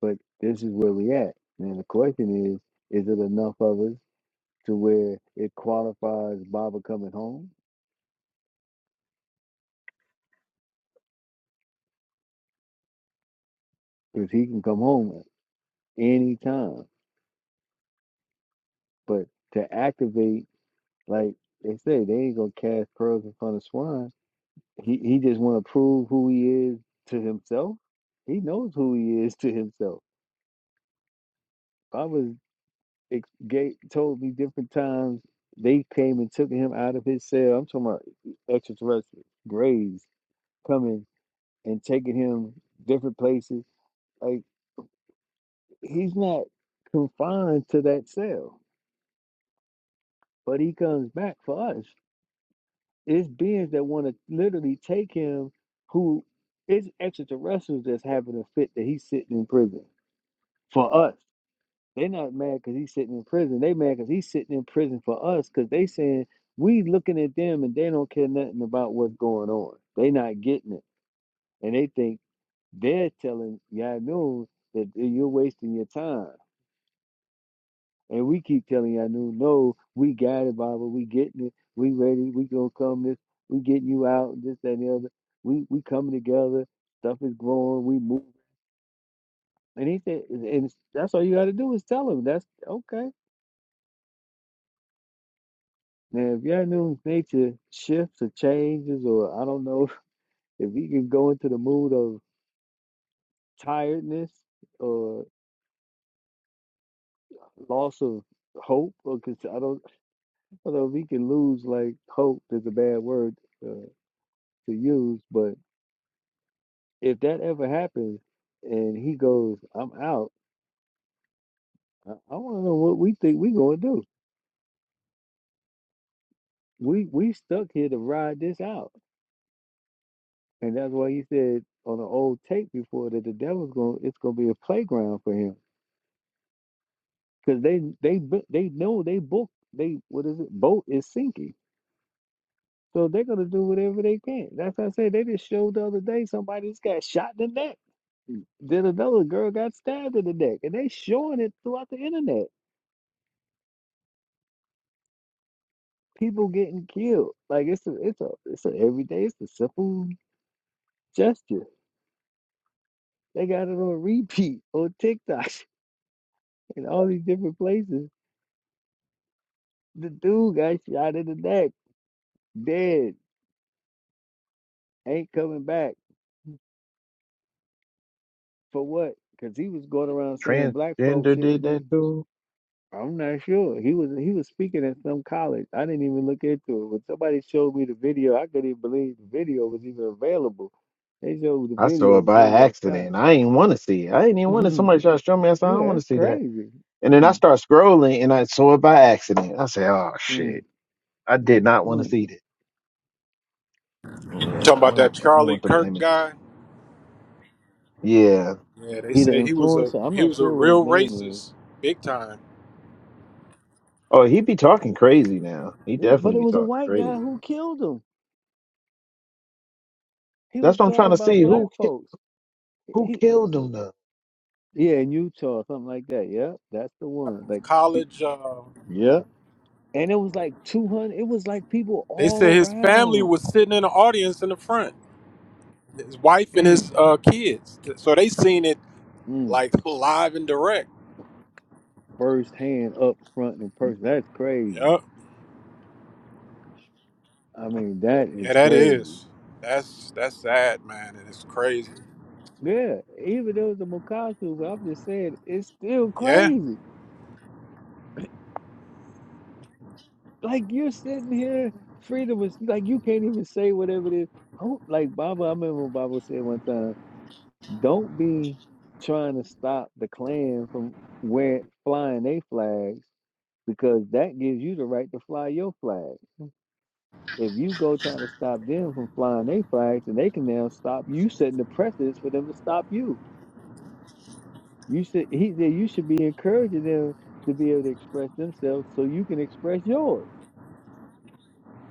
But this is where we at. And the question is, is it enough of us to where it qualifies Baba coming home? Because he can come home at any time. But to activate, like they say, they ain't gonna cast pearls in front of swine. He he just wanna prove who he is to himself. He knows who he is to himself. Baba. ex- gave, told me different times they came and took him out of his cell. I'm talking about extraterrestrials, grays coming and taking him different places. Like he's not confined to that cell, but he comes back for us. It's beings that want to literally take him who it's extraterrestrials that's having a fit that he's sitting in prison for us. They not mad because he's sitting in prison. They mad because he's sitting in prison for us because they saying we looking at them and they don't care nothing about what's going on. They not getting it. And they think they're telling Yanu that you're wasting your time. And we keep telling Yanu, no, we got it, Baba. We getting it. We ready. We gonna come this. We getting you out. This, that, and the other. We we coming together. Stuff is growing. We move. And he said, and that's all you got to do is tell him. That's okay. Now, if y'all knew nature shifts or changes, or I don't know if you can go into the mood of tiredness or loss of hope, or cause I don't, I don't know if you can lose like hope is a bad word uh, to use, but if that ever happens and he goes, I'm out, I, I want to know what we think we gonna do. We we stuck here to ride this out, and that's why he said on an old tape before that the devil's gonna it's gonna be a playground for him because they they bu- they know they book they what is it boat is sinking so they're gonna do whatever they can that's what i say they just showed the other day somebody just got shot in the neck then another girl got stabbed in the neck and they showing it throughout the internet people getting killed like it's a it's a it's a everyday it's a simple gesture they got it on repeat on tiktok and all these different places the dude got shot in the neck dead ain't coming back For what? Because he was going around saying black folks transgender shouldn't did that be. too I'm not sure. He was he was speaking at some college. I didn't even look into it. When somebody showed me the video, I couldn't even believe the video was even available. They showed the I saw video. it The by dude got accident. shot. I ain't want to see it. I ain't even want to. Somebody try to show me. I said, I don't yeah, want to that's see that. crazy. And then I Mm, start scrolling and I saw it by accident. I said, oh mm, shit. I did mm, not want to mm. see that. Yeah, Talking I about that don't I don't Charlie want them Kirk images. guy. Yeah. Yeah, they He the said he was a influencer. I'm he not was a sure what his real name is. racist, big time. Oh, he be talking crazy now. He Yeah, but definitely it be was a talking white guy crazy. who killed him. He That's was what I'm talking trying to about see. black Who ki- folks. who He, killed him though? yeah, in Utah, something like that. Yeah, that's the one. Like, College. Uh, yeah. and it was like 200 it was like people They all said his family around was sitting in the audience in the front, his wife and mm, his uh, kids. So they seen it mm, like live and direct. first up front in person that's crazy Yep. i mean that is Yeah, that crazy is. That's that's sad, man, and it's crazy. yeah even though it's a mocasu but i'm just saying it's still Yeah, crazy like you're sitting here freedom is like you can't even say whatever it is Oh, like baba i remember baba said one time don't be trying to stop the klan from wearing flying their flags because that gives you the right to fly your flag If you go trying to stop them from flying their flags, and they can now stop you setting the precedence for them to stop you. You should he said you should be encouraging them to be able to express themselves so you can express yours.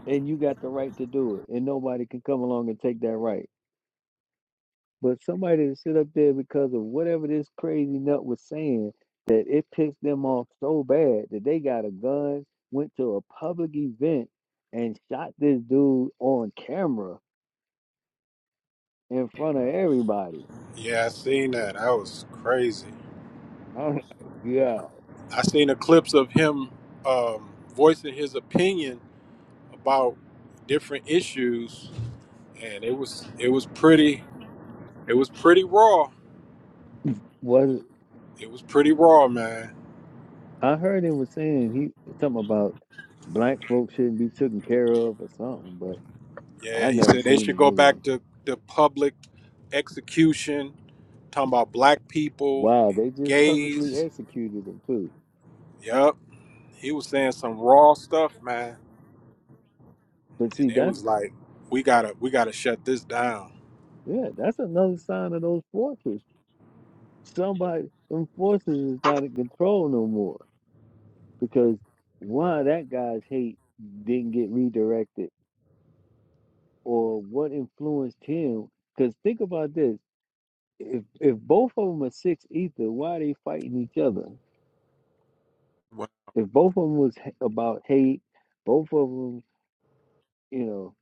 And you got the right to do it. And nobody can come along and take that right. But somebody to sit up there because of whatever this crazy nut was saying that it pissed them off so bad that they got a gun, went to a public event and shot this dude on camera in front of everybody yeah, I seen that. That was crazy. I'm like, yo, I seen the clips of him um, voicing his opinion about different issues, and it was it was pretty it was pretty raw. was It was pretty raw, man. I heard him was saying he something about black folks shouldn't be taken care of or something, but Yeah, I he never said they seen the should go video. back to the public execution, talking about black people Wow, and they just publicly gays. executed them too. Yep. He was saying some raw stuff, man. But see, And it that's was like, we gotta we gotta shut this down. yeah, that's another sign of those forces. Somebody, them forces is not in control no more because why that guy's hate didn't get redirected or what influenced him. Because think about this. if if both of them are six ether, why are they fighting each other? What? If both of them was h- about hate, both of them, you know,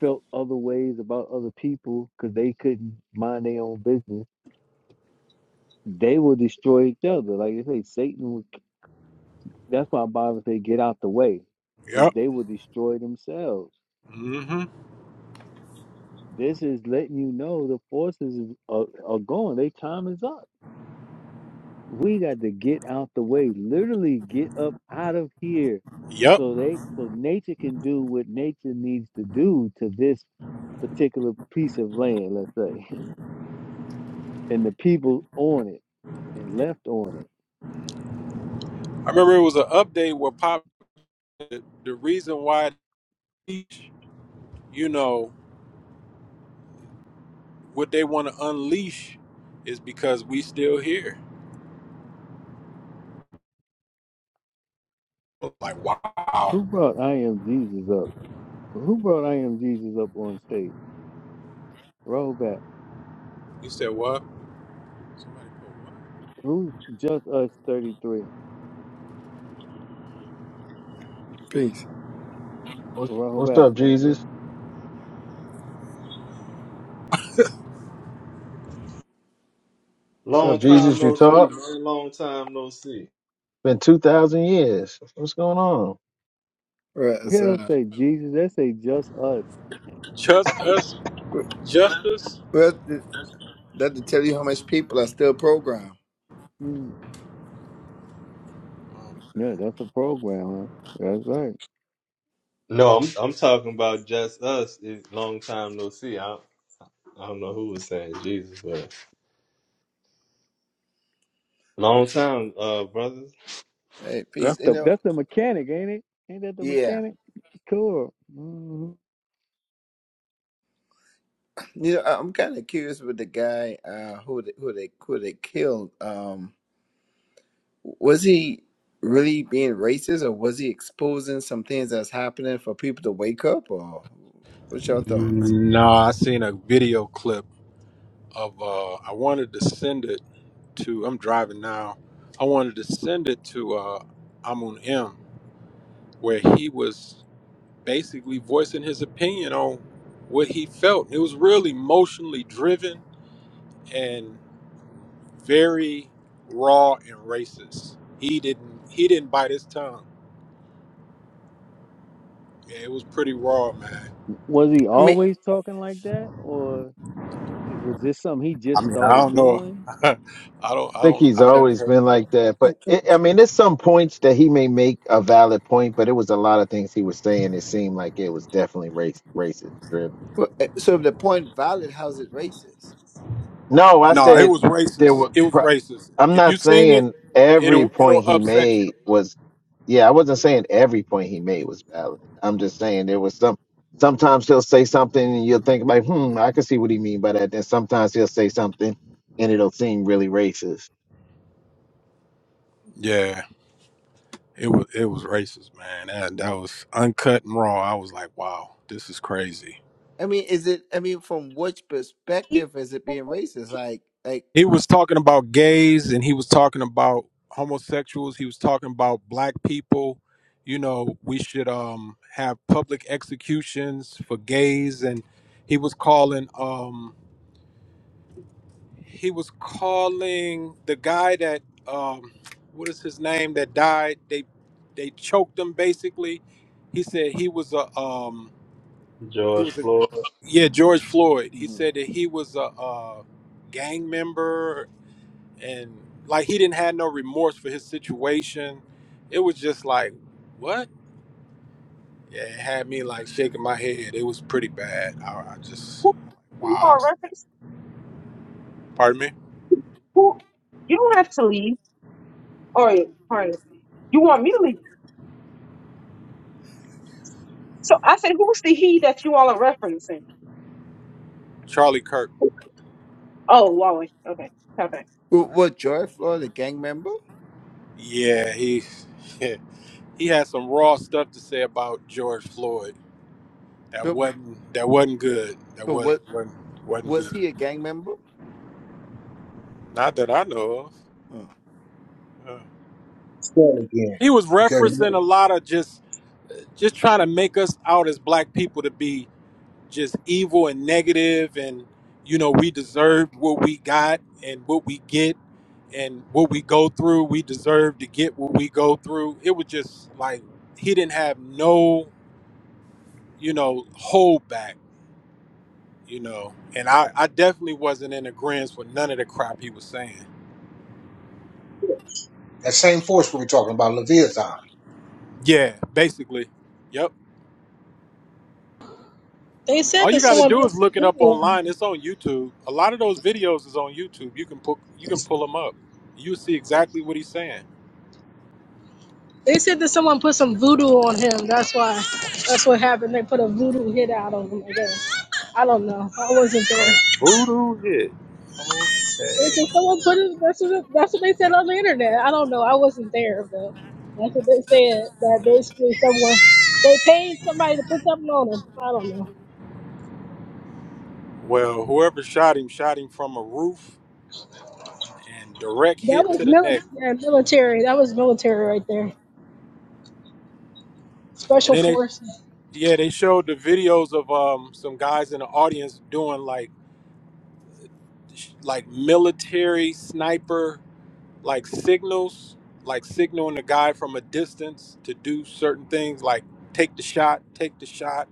felt other ways about other people because they couldn't mind their own business, they will destroy each other. Like you say, Satan. Would, that's why Bible say, "Get out the way," because Yep. they will destroy themselves. hmm This is letting you know the forces are, are going. Their time is up we got to get out the way literally get up out of here Yep. so they so nature can do what nature needs to do to this particular piece of land let's say and the people on it and left on it I remember it was an update where pop the, the reason why you know, what they want to unleash is because we still here. Like, wow. who brought i am jesus up who brought i am jesus up on stage roll You said what? Somebody put what? who's just us 33 Peace. What's, roll what's back up, Jesus? What's Long up, time Jesus? You no see, talk? man. Long time no see. Been two thousand years. What's going on? Right, yeah don't aside. say jesus they say just us Just us Justice? Well, that to tell you how much people are still programmed. Mm, yeah that's a program huh that's right No, I'm I'm talking about just us. It's long time no see. I I don't know who was saying Jesus, but long time, uh, brothers. Hey, That's peace. You the know, that's the mechanic, ain't it? Ain't that the yeah. mechanic? Cool. hmm You know, I- I'm kind of curious with the guy uh, who they, who they who they killed. Um, was he really being racist, or was he exposing some things that's happening for people to wake up? Or what's your thoughts? No, I seen a video clip of. Uh, I wanted to send it to. I'm driving now. I wanted to send it to uh, Amun M, where he was basically voicing his opinion on what he felt. It was really emotionally driven and very raw and racist. He didn't. He didn't bite his tongue. Yeah, It was pretty raw, man. Was he I mean, always talking like that, or th- was this something he I just mean, I started don't know. doing? I don't. I think don't. he's I've never always heard. been like that. But it, I mean, there's some points that he may make a valid point, but it was a lot of things he was saying. It seemed like it was definitely race racist driven. well, eh, so if the point valid, how's it racist? No, I No, it said was there racist. were. It was Pro- racist. I'm If you not seen it, saying every it'll it'll point he upset you. made was. Yeah, I wasn't saying every point he made was valid. I'm just saying there was some. Sometimes he'll say something and you'll think like, hmm, I can see what he mean by that. Then sometimes he'll say something and it'll seem really racist. Yeah, it was it was racist, man. That that was uncut and raw. I was like, wow, this is crazy. I mean, is it? I mean, from which You, perspective is it being racist? Like, like. He was talking about gays, and he was talking about homosexuals. He was talking about black people. You know, we should um have public executions for gays, and he was calling um He was calling the guy that um, what is his name that died. They they choked him basically. He said he was a um, he George was a Floyd. yeah George Floyd. He said that he was a, uh gang member and like he didn't have no remorse for his situation. It was just like what? Yeah, it had me like shaking my head. It was pretty bad. I, I just who, like, you wow. are a reference? Pardon me, Who? You don't have to leave. Or, pardon. You want me to leave? So I said, who's the he that you all are referencing? Charlie Kirk. Oh, Wally. Okay. okay. What, what George Floyd a gang member? Yeah, he. he had some raw stuff to say about George Floyd that But, wasn't that wasn't good. That but was what not wasn't wasn't was good. he a gang member? Not that I know Oh. of. Uh, Still again, He was because referencing a lot of just just trying to make us out as black people to be just evil and negative and you know we deserved what we got and what we get and what we go through we deserve to get what we go through it was just like he didn't have no you know holdback you know. And I, I definitely wasn't in agreement with none of the crap he was saying. that same force we were talking about, Leviathan. Yeah, basically. Yep. They said All you that got to someone do put is some look it voodoo up on him. online. It's on YouTube. A lot of those videos is on YouTube. You can put you can pull them up. You'll see exactly what he's saying. They said that someone put some voodoo on him. That's why. That's what happened. They put a voodoo hit out on him. I guess. I don't know. I wasn't A there. voodoo hit. They said Okay. someone put it. That's what. That's what they said on the internet. I don't know. I wasn't there, but that's what they said. That basically someone they paid somebody to put something on him. I don't know. Well, whoever shot him shot him from a roof and direct That hit was to the neck. military. Military. That was military right there. And Special then they forces. yeah, they showed the videos of um some guys in the audience doing like sh- like military sniper like signals, like signaling a guy from a distance to do certain things, like take the shot, take the shot.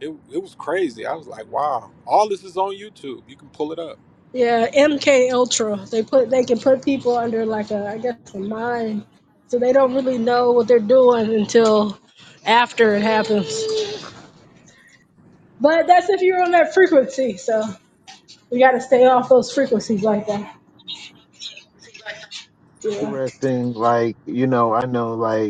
It, it was crazy. I was like, wow, all this is on YouTube. You can pull it up. Yeah, MK Ultra. They put they can put people under like a I guess a mine, so they don't really know what they're doing until after it happens. But that's if you're on that frequency. So we got to stay off those frequencies like that. Yeah. Interesting. Like, you know, I know like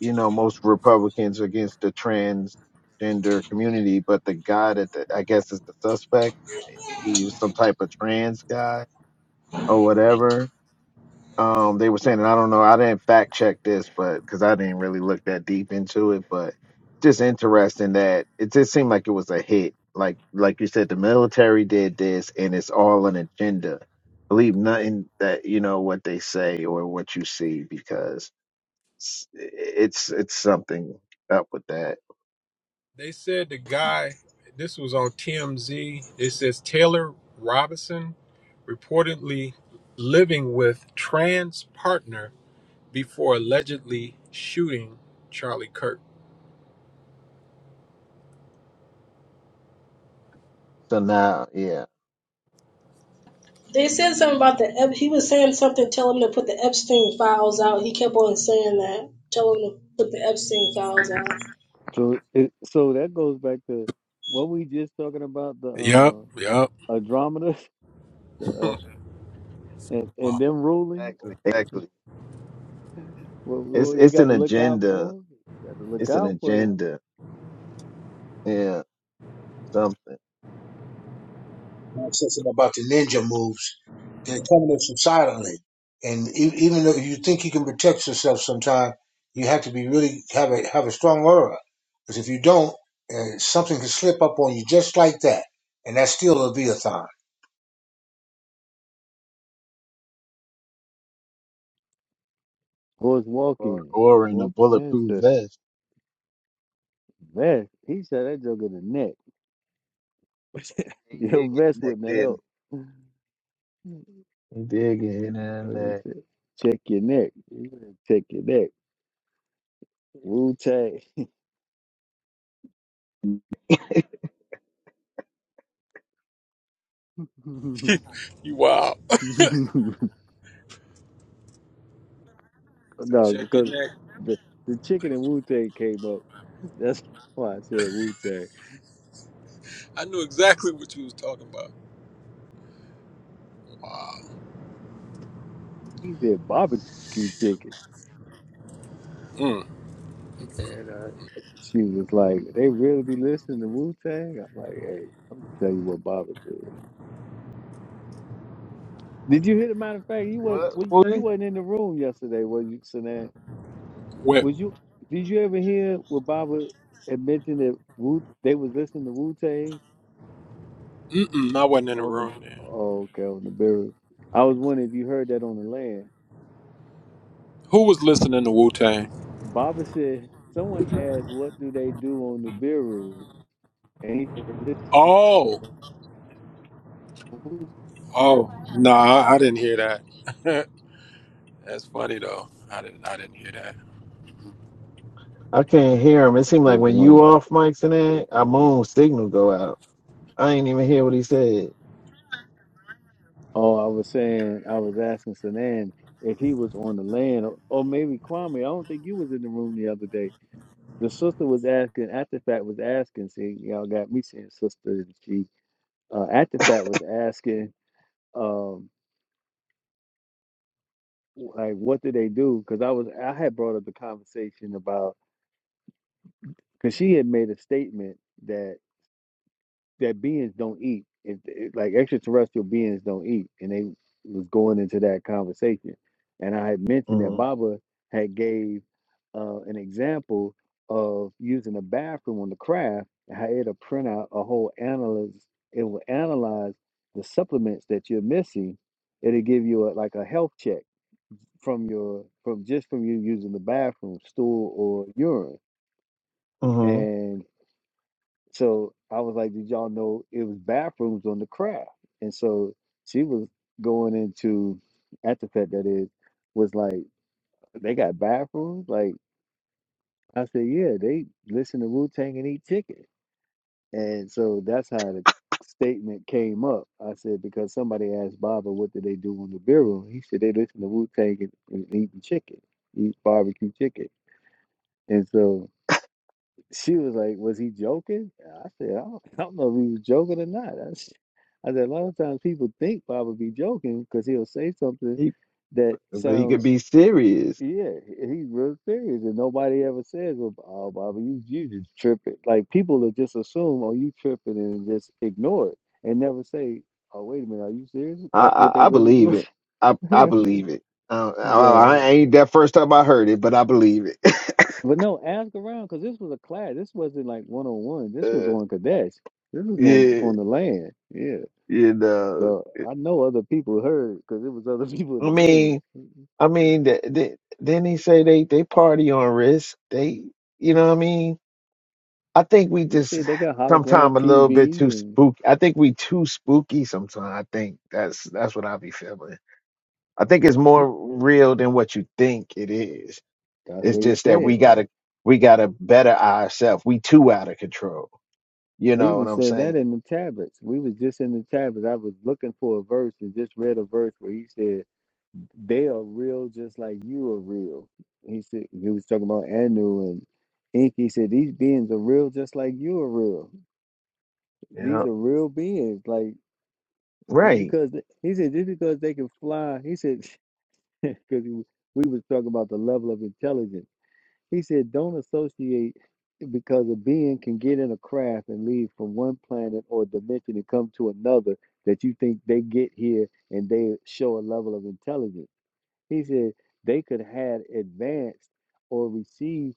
you know most Republicans are against the transgender community, but the guy that the, I guess is the suspect, he was some type of trans guy or whatever. Um, they were saying, and I don't know, I didn't fact check this, but because I didn't really look that deep into it, but just interesting that it just seemed like it was a hit. Like like you said, the military did this, and it's all an agenda. Believe nothing that you know what they say or what you see because s- it's it's something up with that. They said the guy, this was on TMZ. It says Taylor Robinson reportedly living with trans partner before allegedly shooting Charlie Kirk. So now, yeah, They said something about the Ep- he was saying something. Tell him to put the Epstein files out. He kept on saying that. Tell him to put the Epstein files out. So, it, so that goes back to what we just talking about the Yup, uh, yup. Andromeda the, uh, and and them ruling. exactly, exactly. What, It's what you it's got an to look out agenda. for? You got to look It's an out for agenda. Yeah, something And I said something about the ninja moves. They're coming at you silently, and e- even though you think you can protect yourself, sometimes you have to be really have a have a strong aura. Because if you don't, uh, something can slip up on you just like that, and that's still a Leviathan. horse or walking, or in a horse bulletproof ancestors. vest. Vest. He shot that joke in the neck. He Your did get the vest neck, wouldn't have didn't helped. he? He did get hit in What is the it? Check your neck. You better Check your neck. Wu Tang. neck. you wow. So no, check your because neck. the the chicken and Wu Tang came up. That's why I said Wu Tang. I knew exactly what you was talking about. Wow. He said barbecue chicken, Mm. and uh, she was like, "They really be listening to Wu Tang." I'm like, "Hey, I'm gonna tell you what Bobby said." Did you hear the matter of fact? You wasn't What? well, you What? wasn't in the room yesterday, was you, Sinan? Well, Was you did you ever hear where Baba had mentioned that Wu they was listening to Wu Tang mm-mm, I wasn't in the on the room then. oh, okay on the burial? I was wondering if you heard that on the land. Who was listening to Wu Tang? Baba said someone asked what do they do on the burial, and he said, this is Oh, Wu oh, nah, I didn't hear that. That's funny though. I didn't, I didn't hear that. I can't hear him. It seemed Tang like was when you wondering. off mics and that, our moon signal go out. I ain't even hear what he said. Oh, I was saying I was asking Sanan if he was on the land, or, or maybe Kwame. I don't think you was in the room the other day. The sister was asking, after the fact was asking, see, y'all got me saying sister and she uh, at the fact was asking um, like what did they do because i was i had brought up the conversation about because she had made a statement that that beings don't eat if, if- like extraterrestrial beings don't eat and they was going into that conversation and i had mentioned that Mm-hmm. baba had gave uh, an example of using a bathroom on the craft and how it'll print out a whole analysis it will analyze the supplements that you're missing it'll give you a, like a health check from your from just from you using the bathroom, stool or urine. Mm-hmm. And so I was like, did y'all know it was bathrooms on the craft? And so she was going into at the fact that is was like, they got bathrooms? Like I said, yeah, they listen to Wu Tang and eat chicken. And so that's how the statement came up. I said, because somebody asked Baba what did they do on the bureau? He said they listen to Wu Tang and, and eating chicken, eat barbecue chicken. And so she was like, "Was he joking?" And I said, "I don't, I don't know if he was joking or not." I, s- I said, "A lot of times people think Bob would be joking because he'll say something He, that but he could sounds, be serious. yeah, he- he's real serious, and nobody ever says, well, oh, Bobby, you you just tripping.' Like people will just assume, oh, you tripping, and just ignore it and never say." Oh wait a minute! Are you serious? I, That's what they I, I really believe do. it. I I believe it. Um, I, so I I ain't that first time I heard it, but I believe it. But no, ask around because this was a class. This wasn't like one on one. This was uh, on Kadesh. This was on yeah, on the land. Yeah. you know. So I know other people heard because it was other people in I the room. mean, I mean, th- th- then they say they they party on risk. They, you know, what I mean, I think we He just said they got hologram sometimes a little bit too TV, and spooky. I think we too spooky sometimes. I think that's that's what I be feeling. I think it's he more real than what you think it is. that's It's what he just that said. we gotta we gotta better ourselves. We too out of control You He know even what I'm said that saying? in the tablets. We was just in the tablets. I was looking for a verse and just read a verse where he said they are real, just like you are real. He said he was talking about Anu and Inky said these beings are real, just like you are real. Yeah, These are real beings. Like just right. because he said, just because they can fly, he said, because we was talking about the level of intelligence. He said, don't associate because a being can get in a craft and leave from one planet or dimension and come to another that you think they get here and they show a level of intelligence. He said they could have advanced or received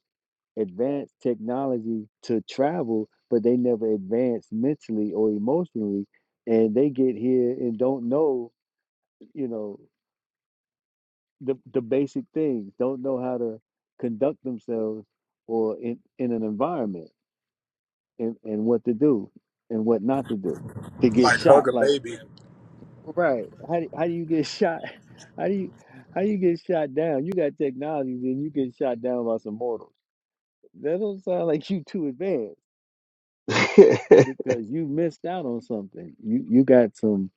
advanced technology to travel, but they never advance mentally or emotionally. And they get here and don't know, you know, the, the basic things, don't know how to conduct themselves or in, in an environment and, and what to do and what not to do to get Like hug shot. a Like, baby. right. How do, how do you get shot? How do you how you get shot down? You got technology, then you get shot down by some mortals. That don't sound like you too advanced because you missed out on something. You you got some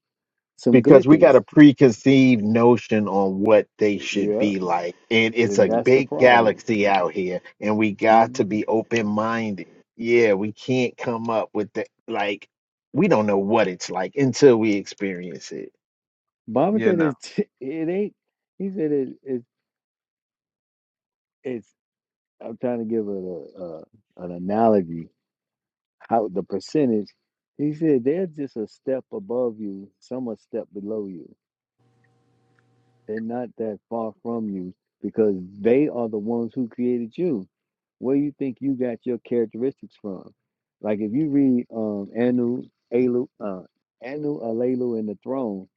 some because we got a glitches. preconceived notion on what they should Yeah, be like. And it's then a that's the big problem. galaxy out here, and we got hmm to be open minded. Yeah, we can't come up with the like, we don't know what it's like until we experience it. Baba You said know, it. It ain't. He said it. it it's. I'm trying to give it a, a an analogy. How the percentage? He said they're just a step above you. Some a step below you. They're not that far from you because they are the ones who created you. Where you think you got your characteristics from? Like if you read um, Anu, Elu, uh, Anu, Alelu, and the Throne,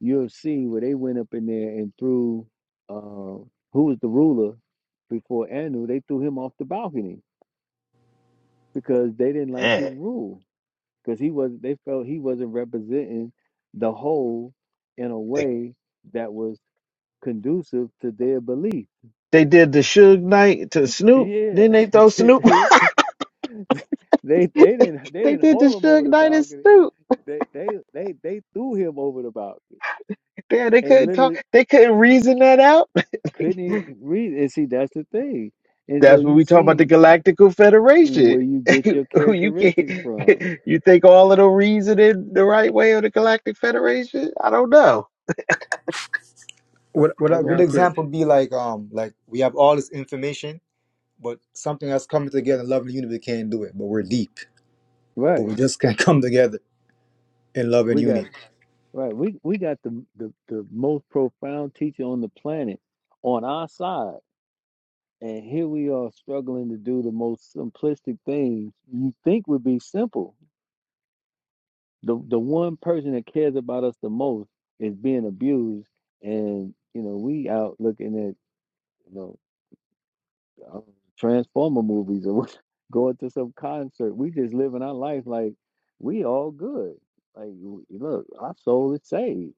you'll see where they went up in there and threw uh, who was the ruler before Anu. They threw him off the balcony because they didn't like Eh, his rule because he was. They felt he wasn't representing the whole in a They, way that was conducive to their belief they did the Suge Knight to Snoop, Yeah, then they throw Snoop. they they didn't they they didn't did the hold him Suge over the Knight and balcony. Snoop. They they they they threw him over the balcony Yeah, they and couldn't literally talk, they couldn't eh, reason that out. couldn't even read. And see, that's the thing. And so That's what you we talk about the see Galactical Federation. where you get your you characteristics from. can't you think all of the reasoning the right way of the Galactic Federation? I don't know. But Would, would that's a good why I said, example be like um like we have all this information, but something that's coming together in love and unity can't do it. But we're deep, but right, we just can't come together in love and we got unity. right, we we got the the, the most profound teacher on the planet on our side. And here we are struggling to do the most simplistic things you think would be simple the the one person that cares about us the most is being abused, and you know we out looking at you know uh, transformer movies or going to some concert. We just living our life like we all good. Like w- look, our soul is saved,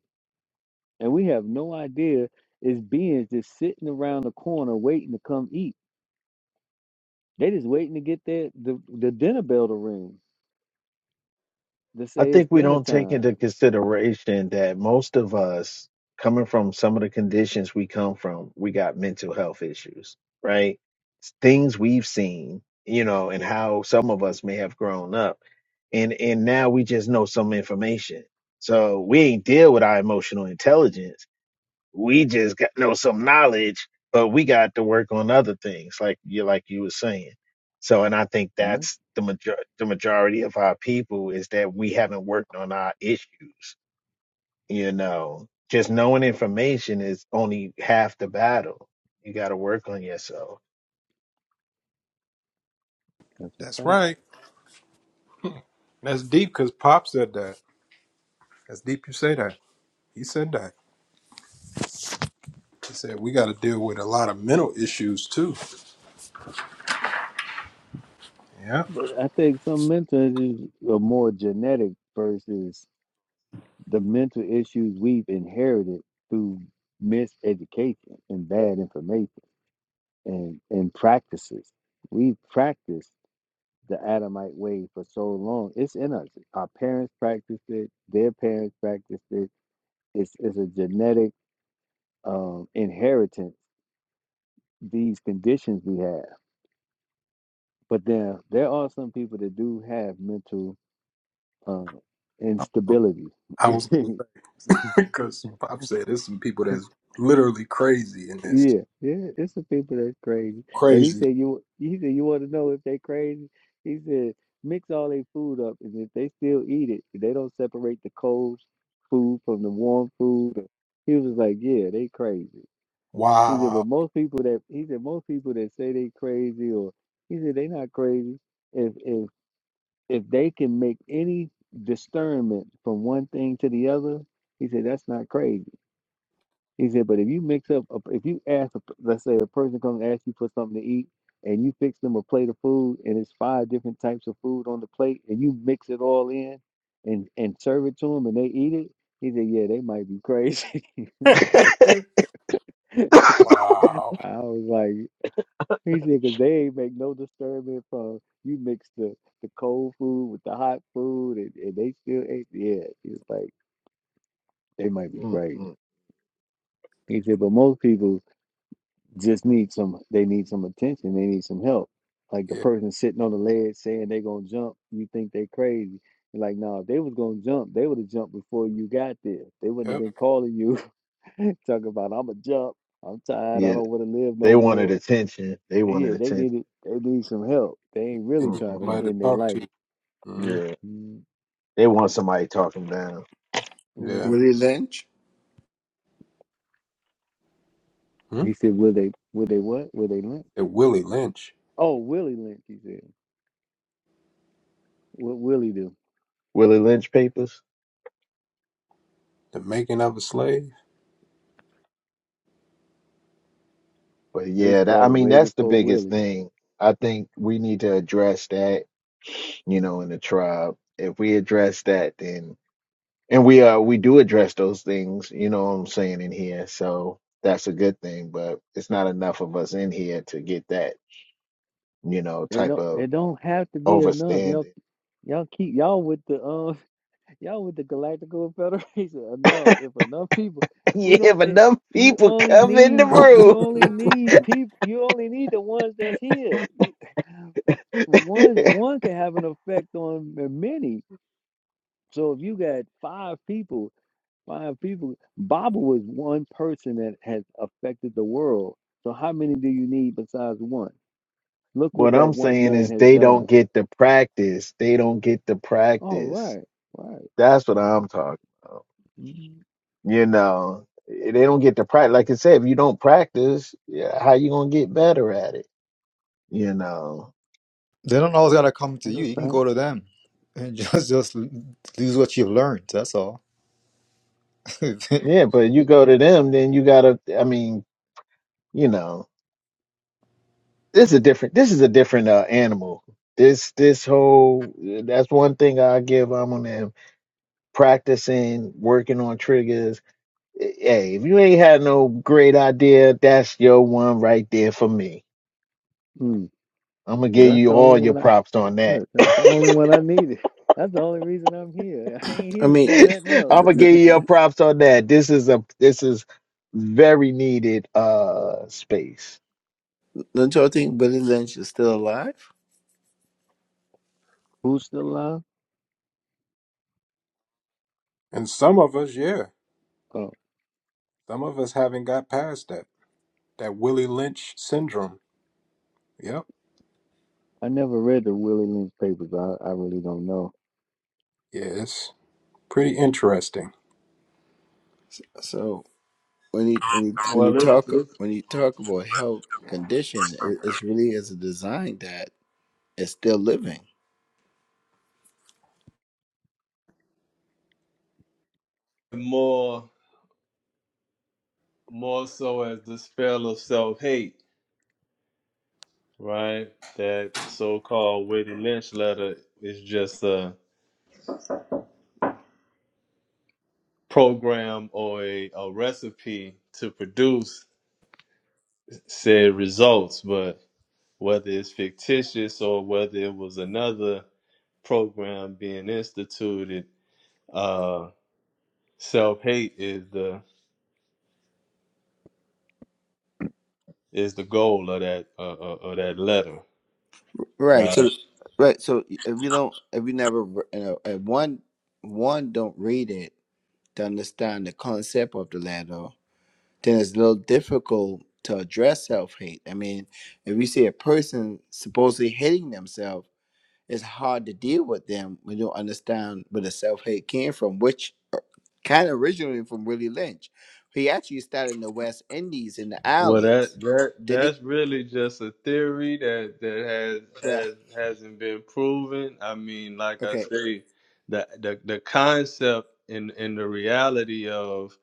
and we have no idea it's beings just sitting around the corner waiting to come eat. They just waiting to get their the, the dinner bell to ring to I say it's think we dinner don't take time. into consideration that most of us coming from some of the conditions we come from, we got mental health issues, right? Things we've seen, you know, and how some of us may have grown up. And and now we just know some information. So we ain't deal with our emotional intelligence We just got know some knowledge, but we got to work on other things, like you like you were saying. So, and I think No, that's the major the majority of our people is that we haven't worked on our issues. You know, just knowing information is only half the battle. You got to work on yourself. that's a That's fact. right. That's deep because Pop said that. That's deep. You say that. He said that. He said we got to deal with a lot of mental issues too. Yeah, But I think some mental issues are more genetic versus the mental issues we've inherited through miseducation and bad information and, and practices. We've practiced the Adamite way for so long. It's in us. Our parents practiced it, their parents practiced it. It's, it's a genetic um, inheritance, these conditions we have. But then there are some people that do have mental um, instability. I was because Pop said there's some people that's literally crazy in this. Yeah, yeah, it's some people that's crazy. And he Crazy. said you he said you want to know if they crazy? He said mix all their food up and if they still eat it, if they don't separate the cold food from the warm food. or-" He was like, Yeah, they crazy. He said, Wow. but most people that he said most people that say they crazy or he said they not crazy if if if they can make any discernment from one thing to the other, he said that's not crazy. He said, but if you mix up, a- if you ask, a p- let's say a person comes and asks you for something to eat, and you fix them a plate of food, and it's five different types of food on the plate, and you mix it all in, and and serve it to them, and they eat it. He said, yeah, they might be crazy. so wow. I was like, he said, because they ain't make no disturbance from you mix the the cold food with the hot food, and, and they still ate. Yeah, he was like, they might be crazy. Mm-mm. He said, but most people. just need some they need some attention they need some help like the Yeah. person sitting on the ledge saying they gonna jump you think they crazy You're like no if they was gonna jump they would have jumped before you got there they wouldn't have Yep. been calling you talking about i'm a jump i'm tired i Yeah, don't want to live they no wanted more attention. They wanted yeah they attention. needed they need some help they ain't They really need trying Mm-hmm. somebody to to end their talk life to. hmm Yeah, Mm, they want somebody talking down. mhm. Yeah. Willie Lynch. Hmm? he said will they will they what will they lynch And Willie Lynch, oh willie lynch he said what willie do Willie Lynch papers. the making of a slave. But They yeah, that, I started mean, way that's the before biggest willie thing. I think we need to address that, you know, in the tribe. If we address that, then and we uh we do address those things, you know what I'm saying in here. So that's a good thing, but it's not enough of us in here to get that, you know, It type don't of it don't have to be enough. Y'all overstanding. y'all keep y'all with the um y'all with the Galactical Federation enough. If enough people we Yeah, don't but it, them you people only come in the need room. you only need people you only need the ones that's here. You one one can have an effect on the many. So if you got five people, five people Baba was one person that has affected the world. So how many do you need besides one? Look What what that I'm one saying man is has they done don't get the practice. They don't get the Oh, practice. right, right. That's what I'm talking about. Mm, You know, eh, they don't get to practice. Like I said, if you don't practice, yeah, how you gonna get better at it? You know, They don't always gotta come to you. You can okay. go to them and just just use what you've learned. That's all. yeah. But you go to them, then you gotta. I mean, you know, this is a different. This is a different uh, animal. This this whole. eh, That's one thing I give. I'm on them practicing, working on triggers. Eh, Hey, if you ain't had no great idea, that's your one right there for me. Mm. I'm gonna give Well, that's you the only all your one I props on that look. That's the only one I needed. That's the only reason I'm here. I ain't here I to mean, do it, nothing else. I'm th- gonna give you th- your props on that. This is a this is very needed uh space. don't y'all think Willie Lynch is still alive? Who's still alive? and some of us, yeah, Oh, some of us haven't got past that. That Willie Lynch syndrome. Yep. I never read the Willie Lynch papers. I, I really don't know. Yeah, it's pretty interesting. So when you when you when Well, you this, talk this is when you talk about health condition, it, it's really is a design that is still living. more. more so as the spell of self hate, right? That so called Witty Lynch letter is just a program or a, a recipe to produce said results, but whether it's fictitious or whether it was another program being instituted, uh, self hate is the is the goal of that uh, uh, of that letter, Right. right? So right. So if you don't, if you never, you know, if one one don't read it to understand the concept of the letter, then it's a little difficult to address self hate. I mean, if you see a person supposedly hating themselves, it's hard to deal with them when you don't understand where the self hate came from, which kind of originated from Willie Lynch. He actually started in the West Indies in the Well, islands. that that Then he, that's really just a theory that that has well, has hasn't been proven. I mean, like I okay, say, the the the concept and and the reality of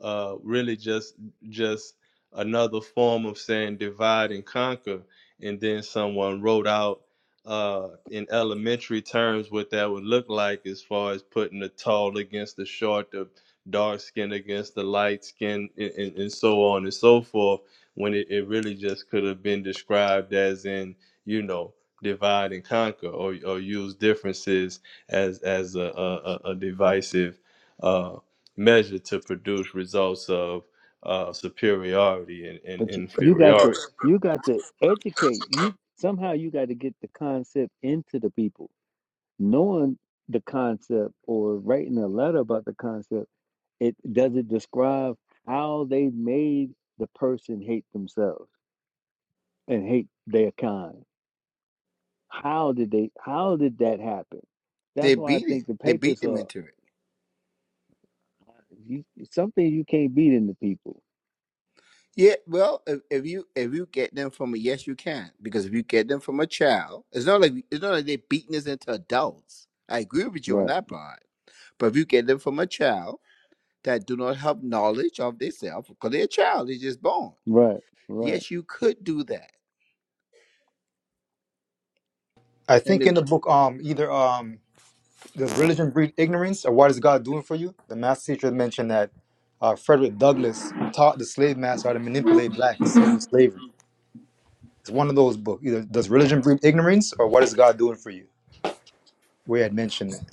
uh really just just another form of saying divide and conquer, and then someone wrote out uh in elementary terms what that would look like as far as putting the tall against the short, the dark skin against the light skin, and, and, and so on and so forth when it, it really just could have been described as in you know divide and conquer or, or use differences as as a, a, a divisive uh, measure to produce results of uh, superiority and, and But you, you got to inferiority. you got to educate you somehow. You got to get the concept into the people. Knowing the concept or writing a letter about the concept, it does it describe how they made the person hate themselves and hate their kind. How did they? How did that happen? That's they why I beat it. think the They beat papers them are into it. you, something you can't beat in the people. Yeah, well, if, if you if you get them from a yes, you can because if you get them from a child, it's not like it's not like they're beating us into adults. I agree with you on Right, that part But if you get them from a child that do not have knowledge of themselves, because they're a child, they're just born. right, right. Yes, you could do that. I And think in the, the book um either um Does religion breed ignorance, or what is God doing for you? The master teacher mentioned that uh, Frederick Douglass taught the slave master how to manipulate blacks in slavery. It's one of those books. Either does religion breed ignorance, or what is God doing for you? We had mentioned that.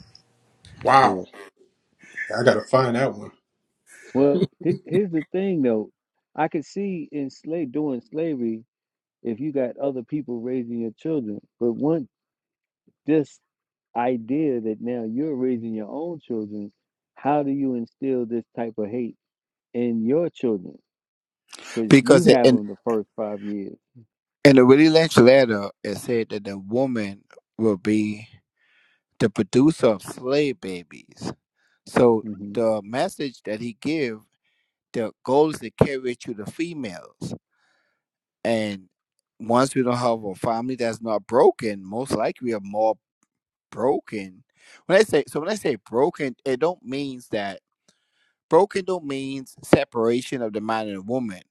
Wow. Sure. I gotta find that one. Well, he- here's the thing though. I could see in slave doing slavery if you got other people raising your children, but once this idea that now you're raising your own children, how do you instill this type of hate in your children? Because you because in have in them the first five years. in the Willie Lynch letter, it said that the woman will be the producer of slave babies. So hmm the message that he give, the goal is to carry it to the females. And once we don't have a family that's not broken, most likely we are more broken. When I say so, when I say broken, it don't means that Broken don't means separation of the man and woman.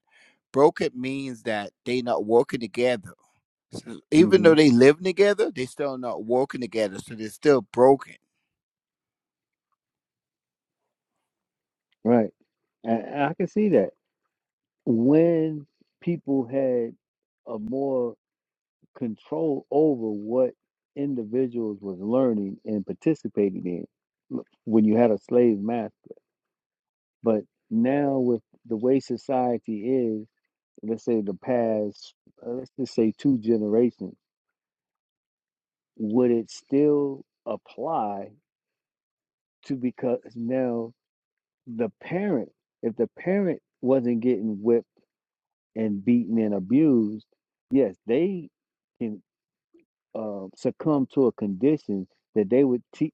Broken means that they not working together. So even though they living together, they still not working together, so they're still broken. Right. And and I can see that when people had a more control over what individuals was learning and participating in l- when you had a slave master. But now with the way society is, let's say the past, uh, let's just say two generations, would it still apply to because now the parent, if the parent wasn't getting whipped and beaten and abused, yes, they can uh, succumb to a condition that they would teach.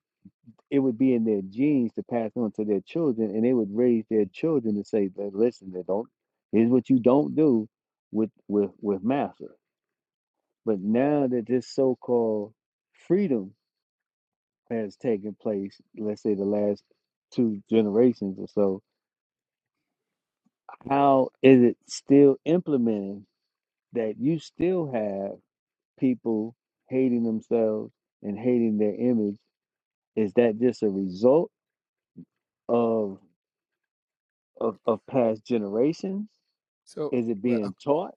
It would be in their genes to pass on to their children, and they would raise their children to say, "Li- "Listen, they don't. Here's what you don't do with with with master." But now that this so-called freedom has taken place, let's say the last two generations or so, how is it still implementing that you still have? people hating themselves and hating their image is that just a result of of, of past generations So, is it well, uh, being taught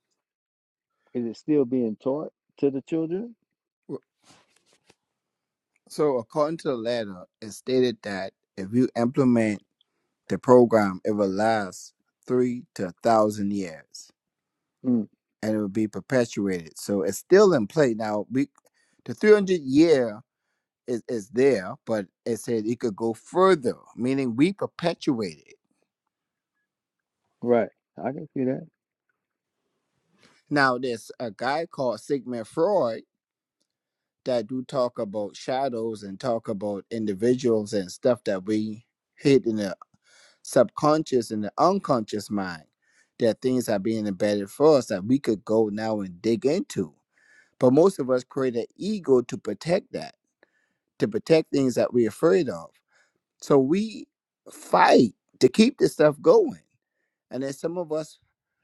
is it still being taught to the children so according to the letter, it stated that if you implement the program, it will last three to a thousand years, mm, and it will be perpetuated. So it's still in play now. We the three hundred year is, is there, but it said it could go further, meaning we perpetuate it. right i can see that Now, there's a guy called Sigmund Freud that do talk about shadows and talk about individuals and stuff that we hid in the subconscious and the unconscious mind. That things are being embedded for us that we could go now and dig into. But most of us create an ego to protect that, to protect things that we're afraid of. So we fight to keep this stuff going And then some of us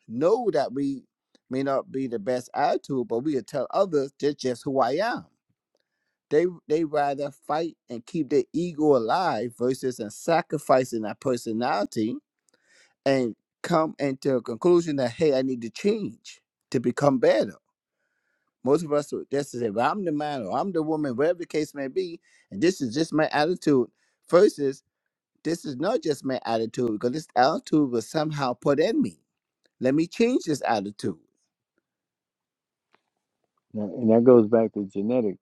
know that we may not be the best attitude, but we will tell others that's just who I am. They they rather fight and keep their ego alive versus and sacrificing their personality and come into a conclusion that hey, I need to change to become better. Most of us would just say, well, I'm the man or I'm the woman, whatever the case may be, and this is just my attitude. Versus, this is not just my attitude because this attitude was somehow put in me let me change this attitude. Now- and that goes back to genetics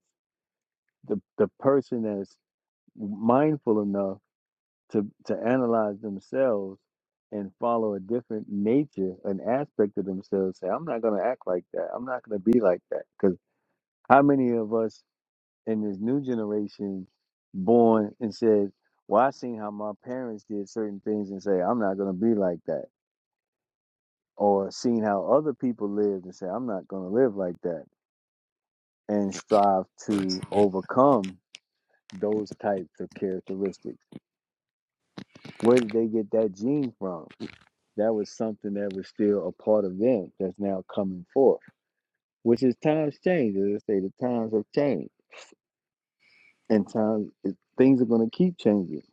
the, the person that's mindful enough to to analyze themselves and follow a different nature an aspect of themselves say i'm not going to act like that i'm not going to be like that because how many of us and this new generation born and said, Well, I seen how my parents did certain things and say, I'm not gonna be like that. Or seen how other people lived and say, I'm not gonna live like that and strive to overcome those types of characteristics. Where did they get that gene from? That was something that was still a part of them that's now coming forth. Which is times change, as I say, the times have changed. And times things are gonna keep changing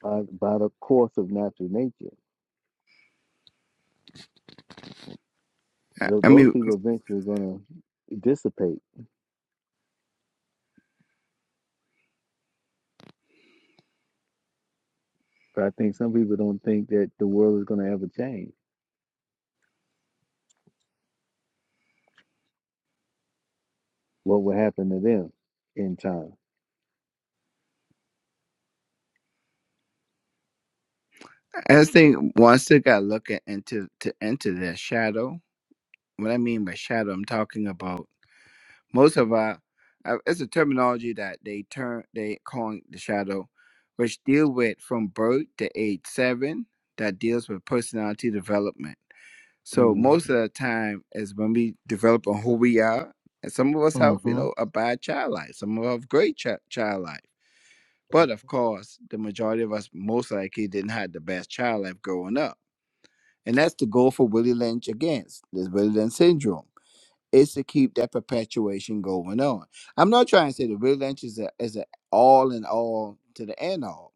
by by the course of natural nature. I tho- I those mean, people eventually going to dissipate. But I think some people don't think that the world is going to ever change. What will happen to them in time? I think one still got to look at into to enter their shadow. What I mean by shadow, I'm talking about most of our. uh, It's a terminology that they turn they calling the shadow, which deal with from birth to age seven. That deals with personality development. So Mm. most of the time is when we develop on who we are, and some of us have you hmm know a bad child life, some of us have great ch- child life. But of course, the majority of us most likely didn't have the best child life growing up. And that's the goal for Willie Lynch against this Willie Lynch syndrome is to keep that perpetuation going on. I'm not trying to say that Willie Lynch is a is a all in all to the end all,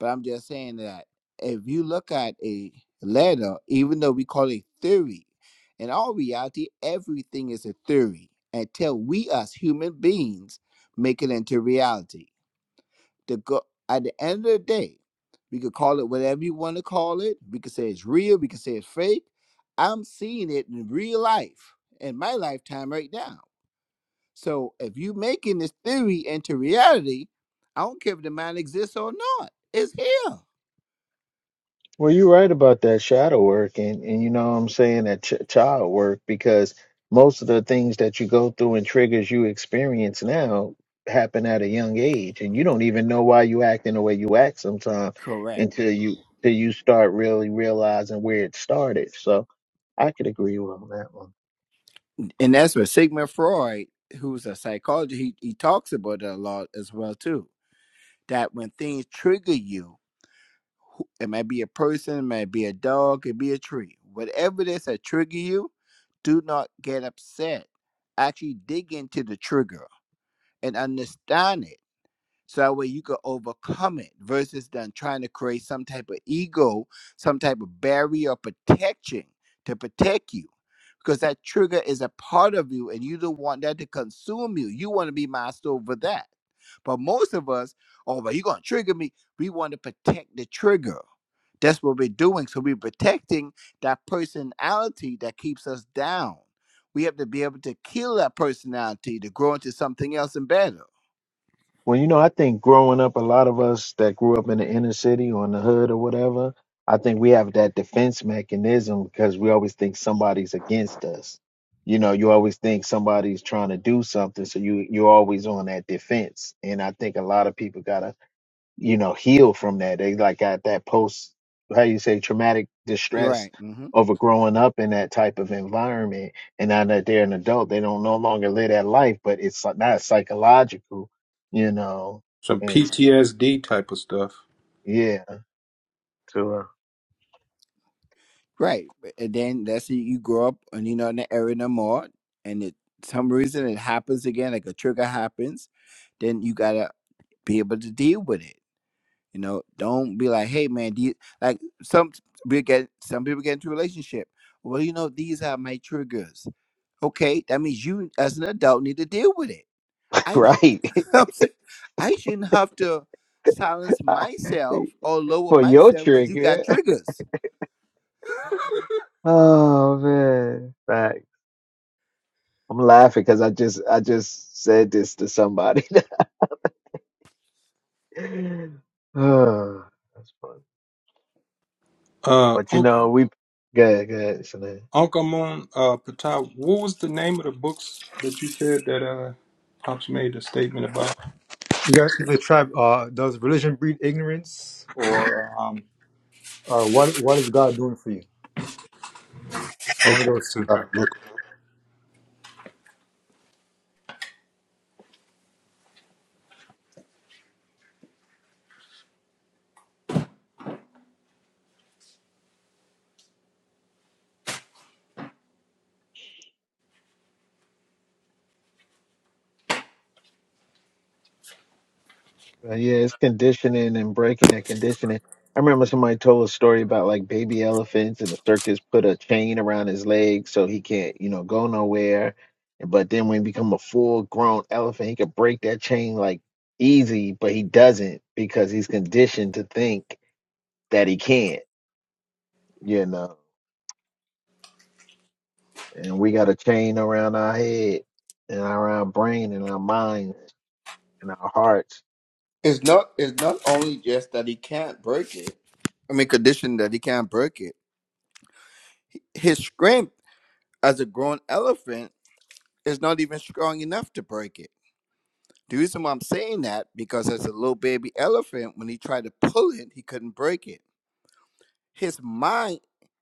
but I'm just saying that if you look at a letter, even though we call it theory, in all reality, everything is a theory until we as human beings make it into reality the go at the end of the day, we could call it whatever you want to call it. We could say it's real, we could say it's fake. I'm seeing it in real life in my lifetime right now. So if you are making this theory into reality, I don't care if the mind exists or not. It's here. Well, you're right about that shadow work, and and you know what I'm saying that ch- child work because most of the things that you go through and triggers you experience now happen at a young age, and you don't even know why you acting the way you act sometimes Correct. until you till you start really realizing where it started. So I could agree with him on that one. And that's what Sigmund Freud, who's a psychologist, he, he talks about it a lot as well too. That when things trigger you, who- It might be a person, it might be a dog, it be a tree. Whatever it is that trigger you, do not get upset. Actually dig into the trigger and understand it. So that way you can overcome it versus then trying to create some type of ego, some type of barrier of protection to protect you. Because that trigger is a part of you and you don't want that to consume you. You want to be master over that. But most of us, oh, but you're gonna trigger me. We want to protect the trigger that's what we're doing. So we're protecting that personality that keeps us down. We have to be able to kill that personality to grow into something else and better. Well, you know, I think growing up, a lot of us that grew up in the inner city or in the hood or whatever, I think we have that defense mechanism because we always think somebody's against us. You know, you always think somebody's trying to do something, so you you're always on that defense. And I think a lot of people gotta you know, heal from that. They like got that post, how you say, traumatic distress Right. hmm over growing up in that type of environment. And now that they're an adult, they don't no longer live that life, but it's like- not psychological, you know. Some And so, PTSD type of stuff. yeah, so, uh, Right. And then that's it. You grow up and you know in the area no more, and it some reason it happens again, like a trigger happens. Then you gotta be able to deal with it. You know, don't be like, hey man, do you, like some we get some people get into a relationship. Well, you know, these are my triggers Okay, that means you, as an adult, need to deal with it. I should, right I'm saying, I shouldn't have to silence myself or lower for your myself because you got trigger. triggers. Oh man, Fact. I'm laughing because I just I just said this to somebody. oh, that's funny. But you Uh. know, we good, good, Shanae. Uncle Moon, uh, Patai, what was the name of the books that you said that uh, Pops made a statement about? You guys, the tribe. Uh, does religion breed ignorance, or um, or what? What is God doing for you? One of those two. All right, look. Uh, yeah, it's conditioning and breaking that conditioning. I remember somebody told a story about like baby elephants and the circus put a chain around his leg so he can't, you know, go nowhere. But then when he become a full grown elephant, he could break that chain like easy, but he doesn't because he's conditioned to think that he can't, you know. And we got a chain around our head and around our brain and our minds and our hearts. It's not. It's not only just that he can't break it. I mean, condition that he can't break it. His strength as a grown elephant is not even strong enough to break it. The reason why I'm saying that because as a little baby elephant, when he tried to pull it, he couldn't break it. His mind,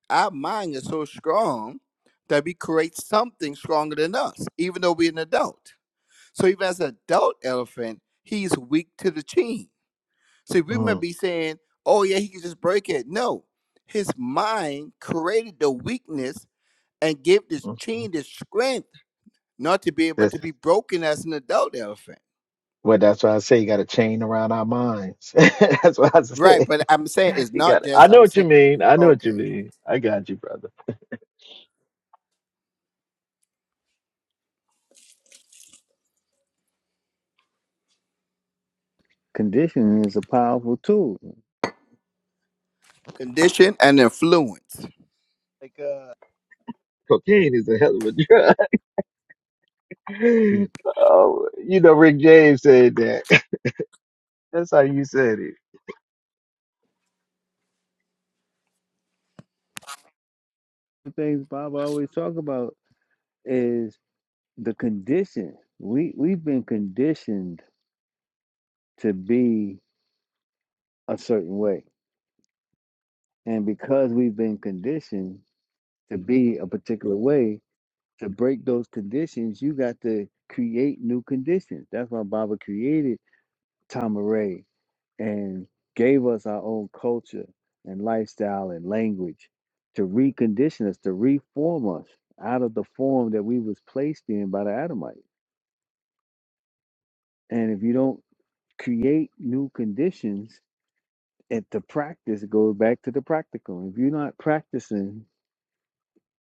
our mind is so strong that we create something stronger than us, even though we're an adult. So even as an adult elephant, he's weak to the chin. So we might Mm, be saying, oh yeah, he can just break it. No. His mind created the weakness and gave this mhm chin the strength not to be able to be broken as an adult elephant. Well, that's why I say you got a chain around our minds. that's what I Right, say. but I'm saying it's You got. not I just know I'm what you saying mean. I know what you okay. mean. I got you, brother. Conditioning is a powerful tool. Condition and influence. Like uh, cocaine is a hell of a drug. Mm. oh, you know, Rick James said that. That's how you said it. The things Bob always talk about is the condition. We we've been conditioned to be a certain way, and because we've been conditioned to be a particular way, to break those conditions, you got to create new conditions. That's why Baba created Tama and gave us our own culture and lifestyle and language to recondition us, to reform us out of the form that we was placed in by the Adamites. And if you don't create new conditions, at the practice it goes back to the practical. If you're not practicing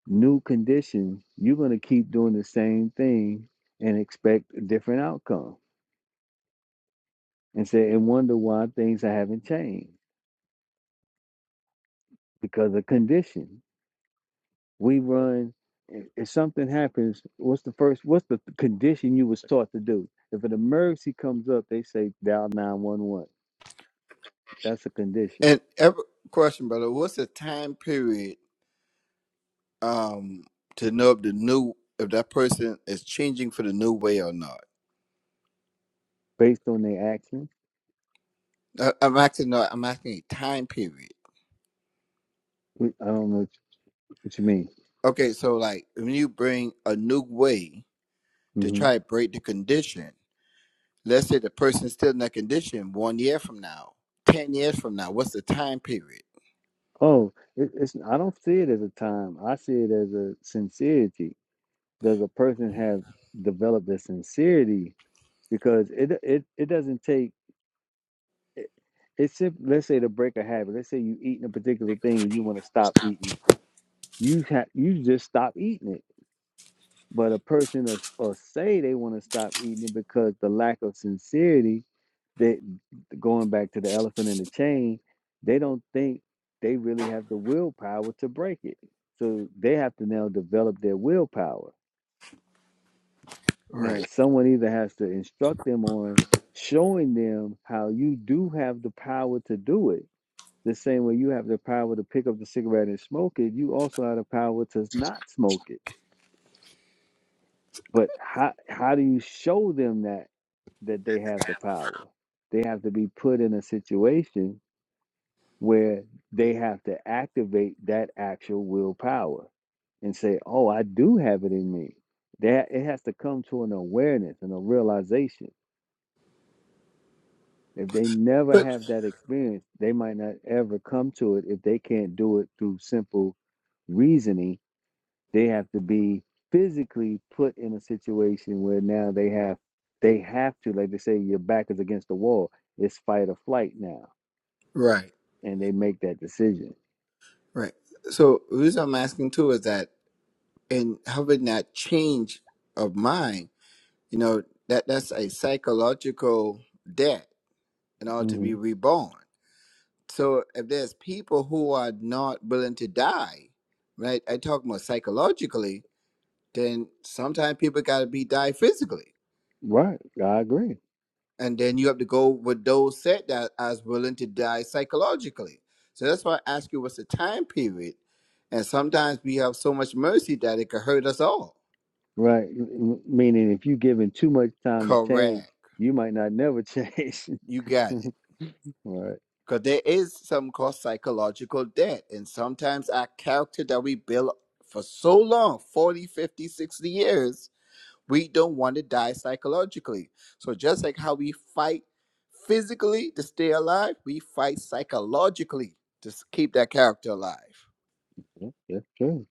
new conditions, you're gonna keep doing the same thing and expect a different outcome. And say and wonder why things haven't changed because of condition We run. If, if something happens, what's the first? What's the condition you was taught to do? If an emergency comes up, they say dial nine one one. That's a condition And every question, brother, what's the time period um to know if the new if that person is changing for the new way or not? based on their action. I, I'm asking not I'm asking a time period. We- I don't know what you what you mean. Okay, so like when you bring a new way to hmm try to break the condition, let's say the person's still in that condition one year from now, ten years from now, what's the time period? Oh, it, it's. I don't see it as a time. I see it as a sincerity. Does a person have developed a sincerity? Because it it it doesn't take. it- It's simple. Let's say to break a habit. Let's say you eating a particular thing and you want to stop eating it you have you just stop eating it. But a person will, will say they want to stop eating it because the lack of sincerity that going back to the elephant in the chain, they don't think they really have the willpower to break it. So they have to now develop their willpower. Now Right. someone either has to instruct them on showing them how you do have the power to do it. The same way you have the power to pick up the cigarette and smoke it, you also have the power to not smoke it But how how do you show them that that they have the power? They have to be put in a situation where they have to activate that actual willpower and say, "Oh, I do have it in me." That it has to come to an awareness and a realization. If they never But have that experience, they might not ever come to it if they can't do it through simple reasoning They have to be physically put in a situation where now they have they have to, like they say, your back is against the wall. It's fight or flight now. right, And they make that decision. right. So the reason I'm asking too is that in having that change of mind You know, that that's a psychological debt in order to hmm be reborn. So if there's people who are not willing to die, right? I talk more psychologically, then sometimes people gotta be die physically. Right. I agree. And then you have to go with those said that as willing to die psychologically. So that's why I ask you what's the time period. And sometimes we have so much mercy that it could hurt us all. Right. M- Meaning if you are given too much time to change, Correct. you might not never change. You got it. Right. Because there is some called psychological debt. And sometimes our character that we build for so long 405060 years we don't want to die psychologically. So, just like how we fight physically to stay alive, we fight psychologically to s- keep that character alive. Yeah, that's true.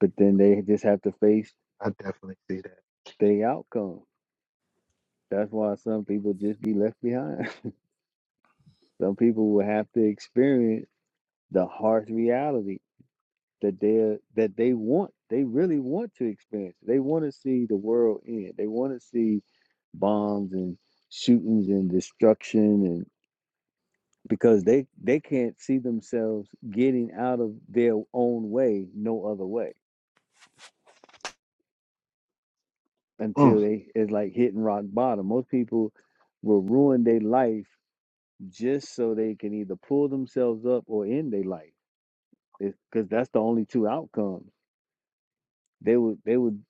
But then they just have to face I definitely see that. the outcome. That's why some people just be left behind. Some people will have to experience the harsh reality that they that they want they really want to experience they want to see the world end they want to see bombs and shootings and destruction and because they they can't see themselves getting out of their own way no other way until Mm. they it's like hitting rock bottom most people will ruin their life just so they can either pull themselves up or end their life because that's the only two outcomes they would they would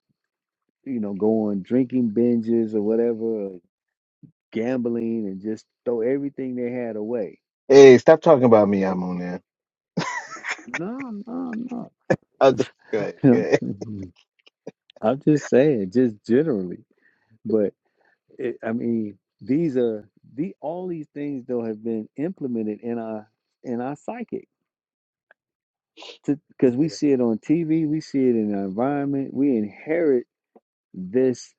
you know go on drinking binges or whatever gambling and just throw everything they had away. Hey, stop talking about me. Like, I'm on there. no, no, I just, good, no. good. I'm just saying, just generally. But it, I mean, these are the all these things though have been implemented in our in our psychic because Yeah. we see it on TV, we see it in our environment. We inherit this.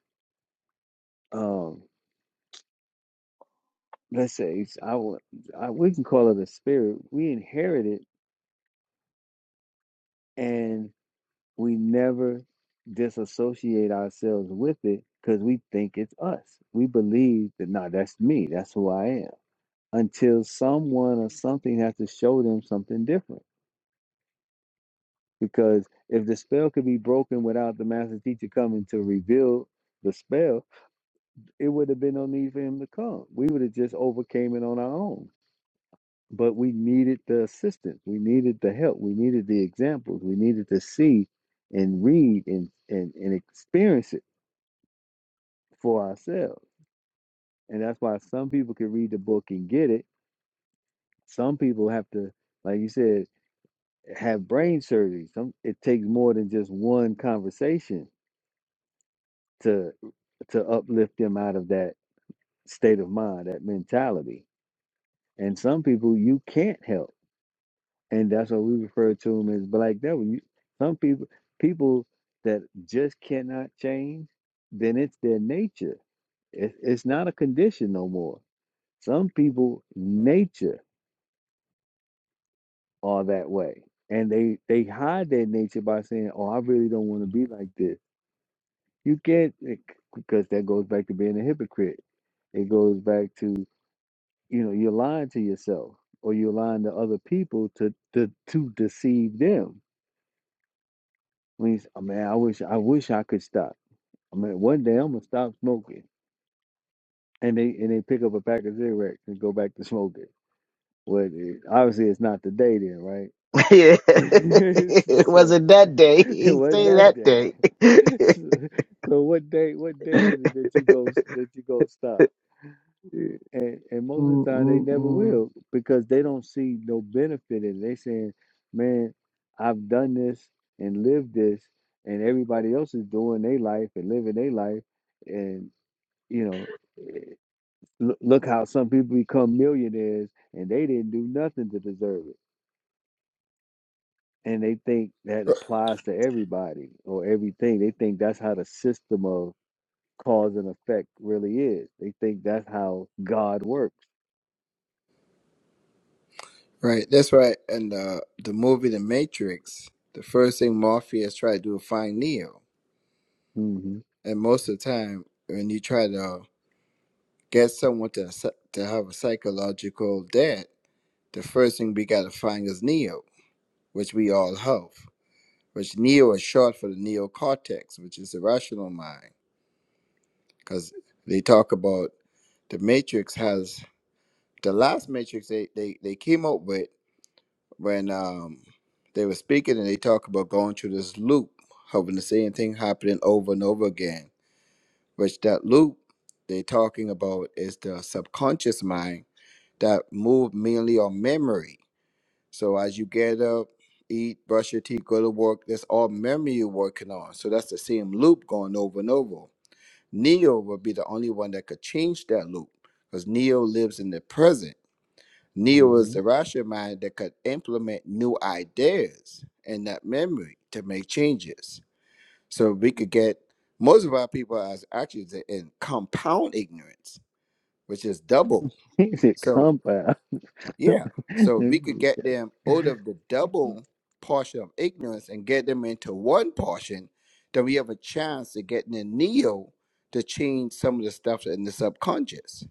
Um, let's say it's- I, would- I we can call it a spirit. We inherit it, and. we never disassociate ourselves with it because we think it's us. We believe that, nah, that's me. That's who I am. Until someone or something has to show them something different. Because if the spell could be broken without the master teacher coming to reveal the spell, it would have been no need for him to come. We would have just overcame it on our own. But we needed the assistance. We needed the help. We needed the examples. We needed to see and read and, and, and experience it for ourselves. And that's why some people can read the book and get it. Some people have to, like you said, have brain surgery. Some it takes more than just one conversation to to uplift them out of that state of mind, that mentality. And some people you can't help. And that's what we refer to them as black devil. You, some people people that just cannot change, then it's their nature. It, it's not a condition no more. Some people nature are that way. And they they hide their nature by saying, "Oh, I really don't want to be like this." You can't it- because that goes back to being a hypocrite. It goes back to you know you're lying to yourself or you're lying to other people to to to deceive them. When you say, oh, man, I wish I wish I could stop. I mean, one day I'm gonna stop smoking, and they and they pick up a pack of cigarettes and go back to smoking. Well, it, obviously it's not the day then, right? yeah. it so. wasn't that day. It He wasn't say that that day. day. So, so what day? What day Mm, is it that you go that you go stop? And and most of mm, the time they never mm. will because they don't see no benefit in. it. They saying, "Man, I've done this and lived this, and everybody else is doing their life and living their life, and you know." eh, Look look how some people become millionaires and they didn't do nothing to deserve it. And they think that applies to everybody or everything. They think that's how the system of cause and effect really is. They think that's how God works. Right. That's right. And uh, the movie The Matrix, the first thing Morpheus tried to do is find Neo. Mm-hmm. And most of the time, when you try to get someone to s- to have a psychological debt, the first thing we gotta find is neo, which we all have. Which neo is short for the neocortex, which is the rational mind, because they talk about the matrix has the last matrix they they, they came up with when um they were speaking and they talk about going through this loop, having the same thing happening over and over again. Which that loop they're talking about is the subconscious mind that move mainly on memory. So as you get up, eat, brush your teeth, go to work, that's all memory you're working on. So that's the same loop going over and over. Neo would be the only one that could change that loop because Neo lives in the present. Neo is Mm-hmm. the rational mind that could implement new ideas in that memory to make changes. So we could get most of our people as actually in compound ignorance, which is double. It's a So compound. Yeah. So if we could Mhm, get them out of the double portion of ignorance and get them into one portion, then we have a chance of getting a neo to change some of the stuff in the subconscious,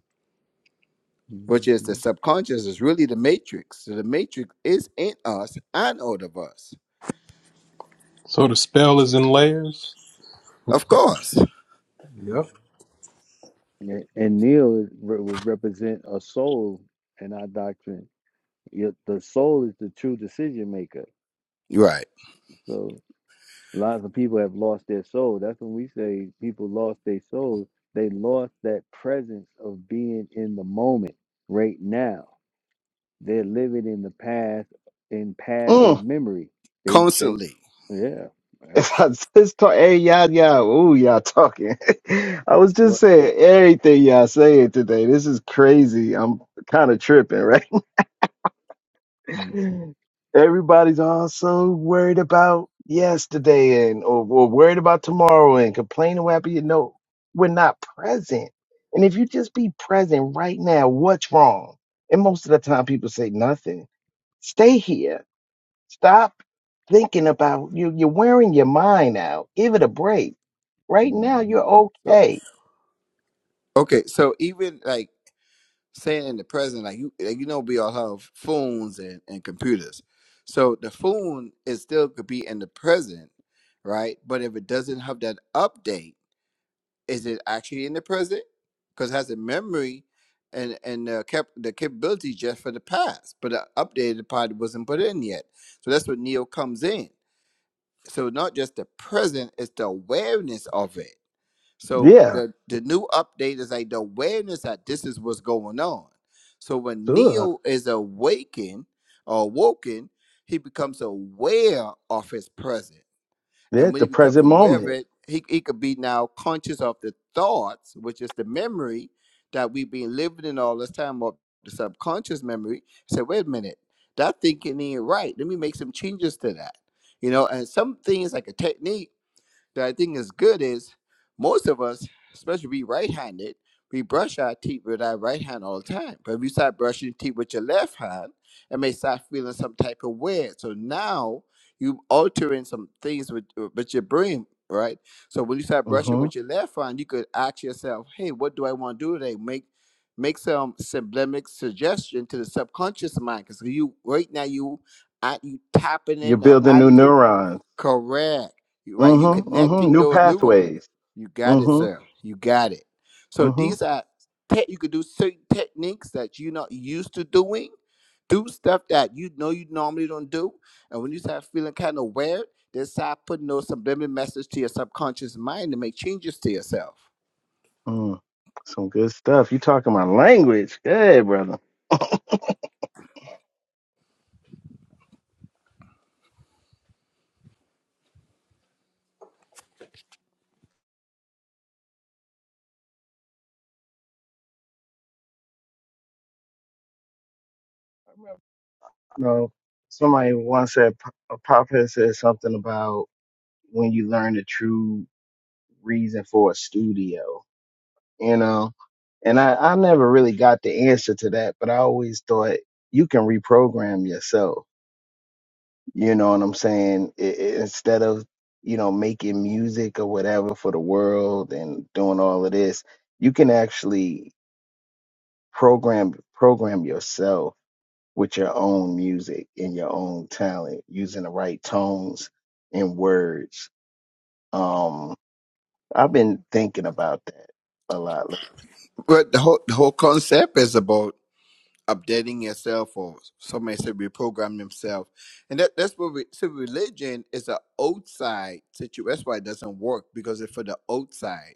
mhm, which is the subconscious is really the matrix. So the matrix is in us and out of us. So the spell is in layers. Of course. mhm. Yep. And and Neil is, re- would represent a soul in our doctrine. Yet The soul is the true decision maker. Right. So lots of people have lost their soul. That's when we say people lost their soul. They lost that presence of being in the moment right now They're living in the past in past Mm. is memory. They they Constantly. yeah. yeah. If I just talk, hey, y'all, y'all, ooh, y'all talking. I was just What saying everything y'all saying today. This is crazy. I'm kind of tripping, right? mm, Everybody's also worried about yesterday and or, or worried about tomorrow and complaining what happened. You know, we're not present. And if you just be present right now, what's wrong? And most of the time, people say nothing. Stay here. Stop thinking about you. You're wearing your mind out. Give it a break Right mhm. now, you're So okay. okay, so even like saying in the present, like you, like, you know, we all have phones and, and computers. So the phone is still could be in the present, right? But if it doesn't have that update, is it actually in the present? Because it has a memory and and the cap- the capability just for the past, but the updated part wasn't put in yet. So that's what Neo comes in. So not just the present, it's the awareness of it so Yeah, the the new update is like the awareness that this is what's going on. So when sure. Neil is awakened or awoken, he becomes aware of his present. Yeah, And at when the he becomes present aware of moment. it, he, he could be now conscious of the thoughts, which is the memory that we've been living in all this time of the subconscious memory. Say, wait a minute, that thinking ain't right. Let me make some changes to that. You know, and some things like a technique that I think is good is most of us, especially we right-handed, we brush our teeth with our right hand all the time. But if you start brushing your teeth with your left hand, it may start feeling some type of weird. So now you altering some things with with your brain, right? So when you start brushing hmm with your left hand, you could ask yourself, "Hey, what do I want to do today?" Make make some sublimic suggestion to the subconscious mind because you right now you at you tapping You're in or building new animate neurons. Correct. You're right. You're Mm-hmm. Mm-hmm. connecting New those neurons. pathways. You got it, sir. Mm-hmm. You got it. So Mm-hmm. these are te- you could do certain techniques that you're not used to doing. Do stuff that you know you normally don't do. And when you start feeling kind of weird, then start putting those subliminal messages to your subconscious mind to make changes to yourself. Mm. Some good stuff. You talking my language. Good, brother. No, somebody once said a prophet said something about when you learn the true reason for a studio, you know. And I, I never really got the answer to that, but I always thought you can reprogram yourself You know what I'm saying? I i instead of, you know, making music or whatever for the world and doing all of this, you can actually program program yourself with your own music and your own talent using the right tones and words. Um, I've been thinking about that a lot lately. But the whole the whole concept is about updating yourself or some may say reprogram themselves and that that's what we so religion is an outside situation that's why it doesn't work because it's for the outside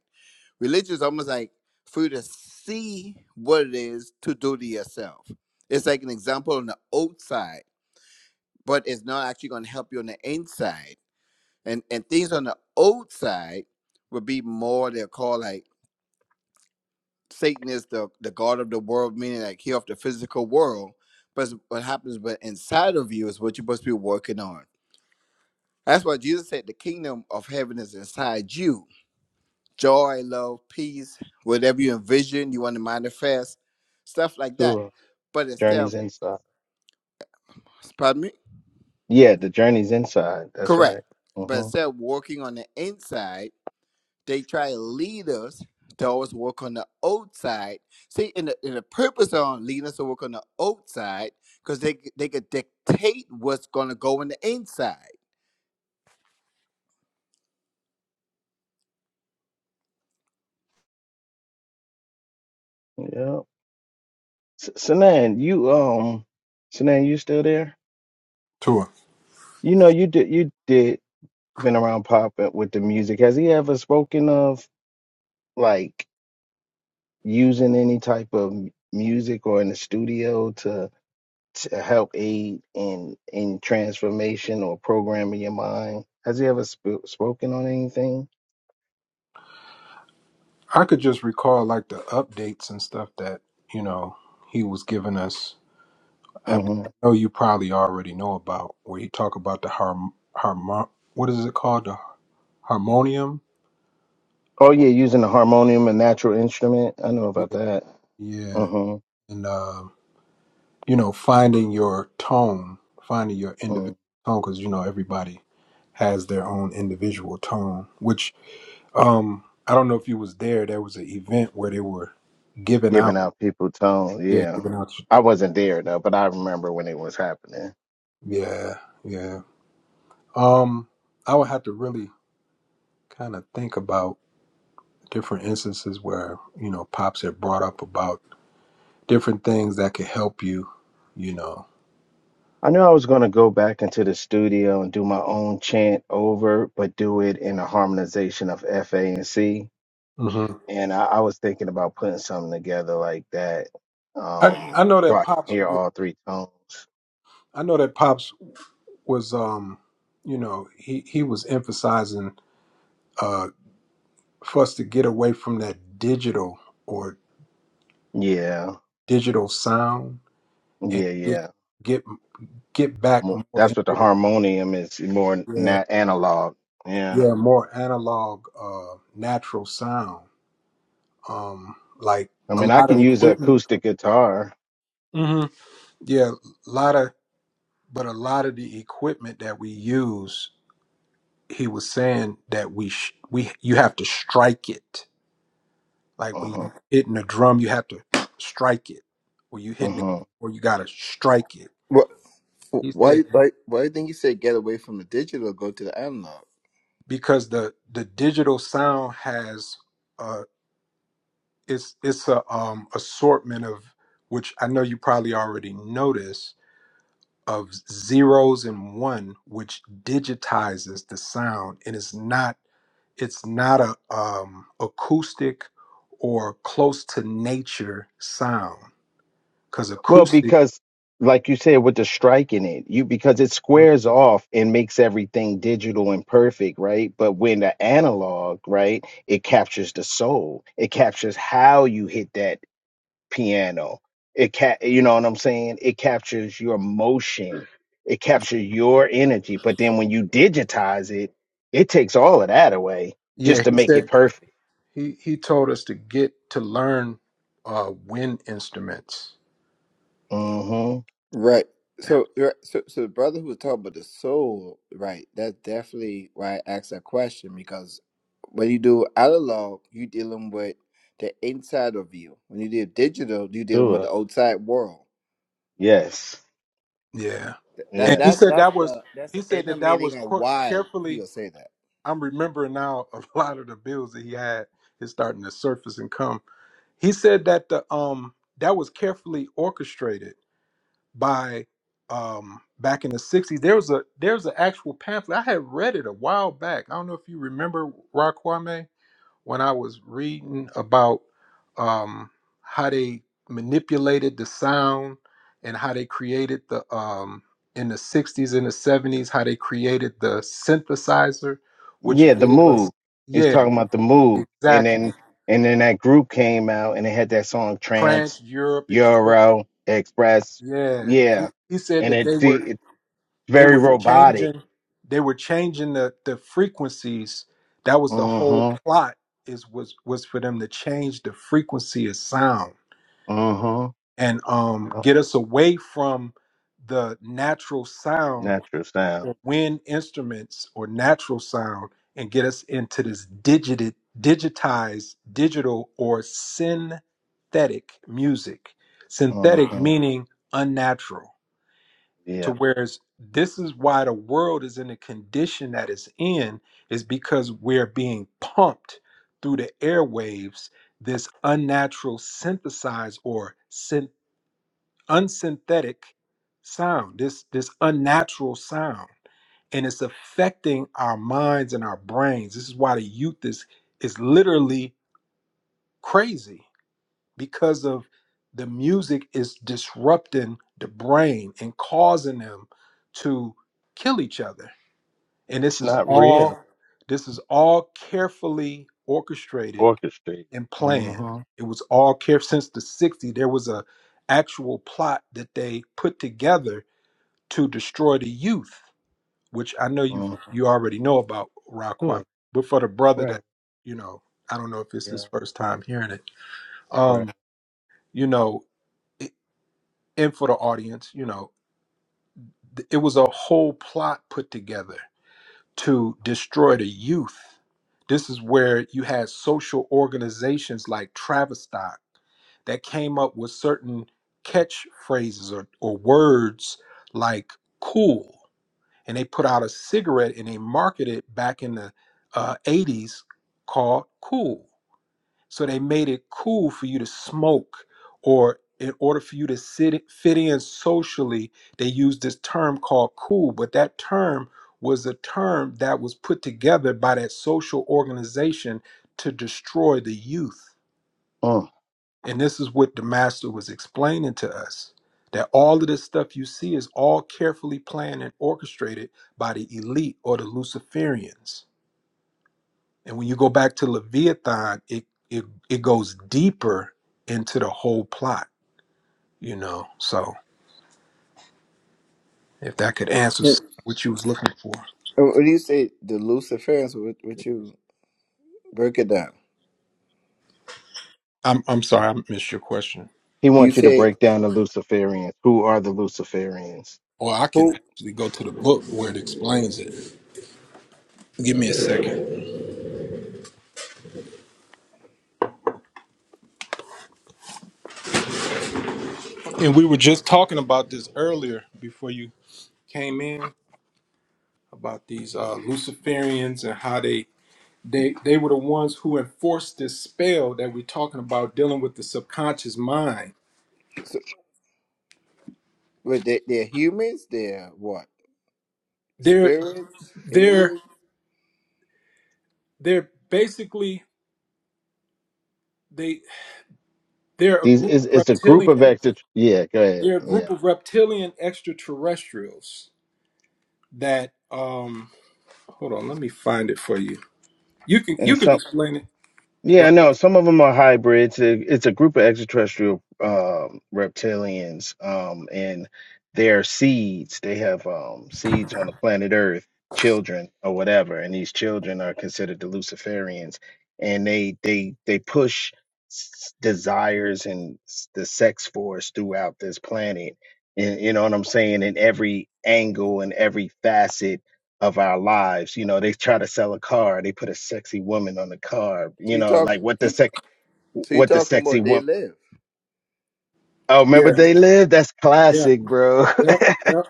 religion is almost like for you to see what it is to do to yourself it's like an example on the outside but it's not actually going to help you on the inside and and things on the outside would be more they're called like Satan is the the god of the world, meaning like he of the physical world. But what happens, but inside of you is what you're supposed to be working on. That's why Jesus said the kingdom of heaven is inside you. Joy, love, peace, whatever you envision, you want to manifest, stuff like that. Sure. But instead of Journeys inside. pardon me, Yeah, the journeys inside. That's correct. right. Uh But huh. instead of working on the inside. They try to lead us to always work on the outside. See, and the, and the purpose on leading us to work on the outside because they they could dictate what's gonna go on the inside. Yeah. S- Sanan, you um, Sanan, you still there? Tour. You know, you did you did been around pop uh, with the music. Has he ever spoken of like using any type of m- music or in the studio to to help aid in in transformation or programming your mind? Has he ever sp- spoken on anything? I could just recall like the updates and stuff that, you know, he was giving us. I hmm know you probably already know about where he talk about the harm harm what is it called? The harmonium? Oh yeah, using the harmonium, a natural instrument. I know about that. Yeah. Mm-hmm. And um you know, finding your tone, finding your individual mm. tone, because you know everybody has their own individual tone. Which um, I don't know if you was there. There was an event where they were giving out. Giving out people tone. Yeah, Yeah. giving out. I wasn't there though, but I remember when it was happening. Yeah, yeah. Um, I would have to really kind of think about different instances where you know pops had brought up about different things that could help you. You know, I knew I was going to go back into the studio and do my own chant over, but do it in a harmonization of F, A, and C. hmm And I, I was thinking about putting something together like that, I um, I know so that I can pops. hear all three tones. I know that pops. was um you know he he was emphasizing uh for us to get away from that digital or Yeah, digital sound and yeah, get yeah. get, get back Mo- more That's into what the the harmonium is more yeah na analog. Yeah, yeah more analog uh natural sound um like I a mean I lot can of use an equipment acoustic guitar. hmm yeah a lot of but a lot of the equipment that we use he was saying that we sh- we you have to strike it Like when Uh you're hitting a drum, you have to strike it. When you're hitting it, huh. or you gotta strike it. What? He said Why? Why? Why do you think he said get away from the digital, go to the analog? because the the digital sound has uh it's it's a um assortment of which I know you probably already noticed of zeros and one, which digitizes the sound and it's not it's not a um acoustic or close to nature sound because Well, acoustic because like you said, with the strike in it, you because it squares off and makes everything digital and perfect, right? But when the analog, right, it captures the soul. It captures how you hit that piano. It ca- you know what I'm saying? It captures your emotion. It captures your energy. But then when you digitize it, it takes all of that away yeah just to he make it said perfect. He he told us to get to learn uh, wind instruments. Mm-hmm. Right. So, right, so, so the brother who was talking about the soul, right? That's definitely why I asked that question because when you do analog, you dealing with the inside of you. When you do digital, you dealing with Sure. the outside world. Yes. Yeah, Th- That and Yes. he that's said that's that was the that's he the said inner that that was meaning of qu- why carefully. he'll say that. I'm remembering now a lot of the bills that he had is starting to surface and come. He said that the um that was carefully orchestrated by um back in the 60s. There was a there's an actual pamphlet. I had read it a while back. I don't know if you remember Raquame. when I was reading about um, how they manipulated the sound and how they created the um, in the 60s and the 70s how they created the synthesizer which Yeah, the gave us move. It's yeah talking about the move, and exactly then and then that group came out and they had that song trans Trance, europe express Euro Express. yeah he, Yeah, he said and that it's they were it's they very were robotic. changing they were changing the the frequencies that was the Uh whole huh. plot is was was for them to change the frequency of sound Uh huh. and um, Yeah. get us away from the natural sound Natural sound. or wind instruments or natural sound and get us into this digit digitized digital or synthetic music Uh synthetic huh. meaning unnatural to Yeah. whereas this is why the world is in the condition that it's in is because we're being pumped through the airwaves this unnatural synthesized or synthetic unsynthetic sound, this this unnatural sound, and it's affecting our minds and our brains. This is why the youth is is literally crazy because of the music is disrupting the brain and causing them to kill each other. And this It's is not all real. this is all carefully orchestrated Orchestrated. and Uh planned. huh. It was all care since the 60s. There was a actual plot that they put together to destroy the youth, which I know you Uh huh. you already know about Raquan, Good. but for the brother Right. that you know, I don't know if it's Yeah. his first time hearing it. Right. Um, you know, i- and for the audience, you know, th- it was a whole plot put together to destroy the youth. This is where you had social organizations like Travistock that came up with certain catchphrases or, or words like cool and they put out a cigarette and they marketed it back in the uh, 80s called cool so they made it cool for you to smoke or in order for you to sit, fit in socially they used this term called cool but that term was a term that was put together by that social organization to destroy the youth Uh. and this is what the master was explaining to us that all of this stuff you see is all carefully planned and orchestrated by the elite or the Luciferians. And when you go back to Leviathan, it it, it goes deeper into the whole plot, you know. So if that could answer s- Yeah. what you was looking for. And When you say the Luciferians, what, what you break it down? I'm I'm sorry, I missed your question. He You wants you to say break down the Luciferians. Who are the Luciferians? Or I can who? actually go to the book where it explains it. Give me a second. And we were just talking about this earlier before you came in. about these uh, Luciferians and how they they they were the ones who enforced this spell that we're talking about dealing with the subconscious mind. So, but they, they're humans. They're what? They're Spirits? they're Aliens? they're basically they they're a These group is of it's a group of reptilian extra. Yeah, go ahead. they're a group Yeah, of reptilian extraterrestrials that um hold on let me find it for you. You can you and can some explain it right yeah no some of them are hybrids It- it's a group of extraterrestrial um reptilians um and they're seeds they have um seeds on the planet earth children or whatever and these children are considered the luciferians and they they they push s- desires and s- the sex force throughout this planet and you know what i'm saying in every angle and every facet of our lives. You know, they try to sell a car, they put a sexy woman on the car. So You you know, talk? like what the You, sec, so you what the talking sexy about they woman. live Oh, remember yeah they live? That's yeah classic, bro. yeah yeah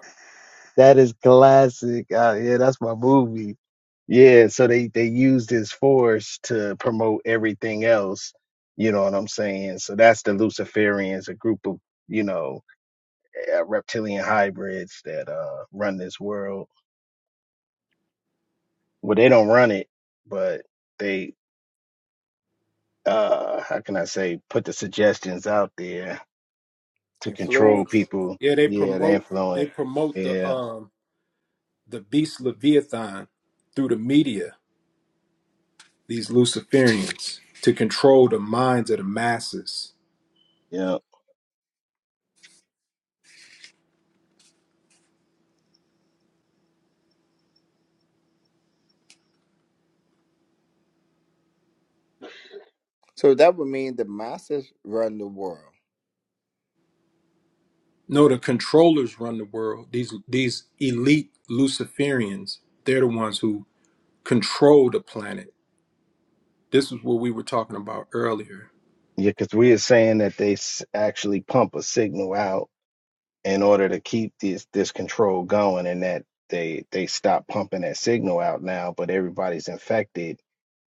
that is classic. Uh, yeah, that's my movie. Yeah, so they they used his force to promote everything else. You know what I'm saying? So that's the Luciferians, a group of you know uh, reptilian hybrids that uh run this world. Well, they don't run it, but they. uh how can I say put the suggestions out there to control influence? people. yeah they Yeah, the promote they influence. promote the Yeah, um the beast leviathan through the media these Luciferians, to control the minds of the masses. yeah, So that would mean the masses run the world. No, the controllers run the world. These these elite Luciferians, they're the ones who control the planet. This is what we were talking about earlier. yeah. Because we are saying that they s- actually pump a signal out in order to keep this this control going and that they they stop pumping that signal out now but everybody's infected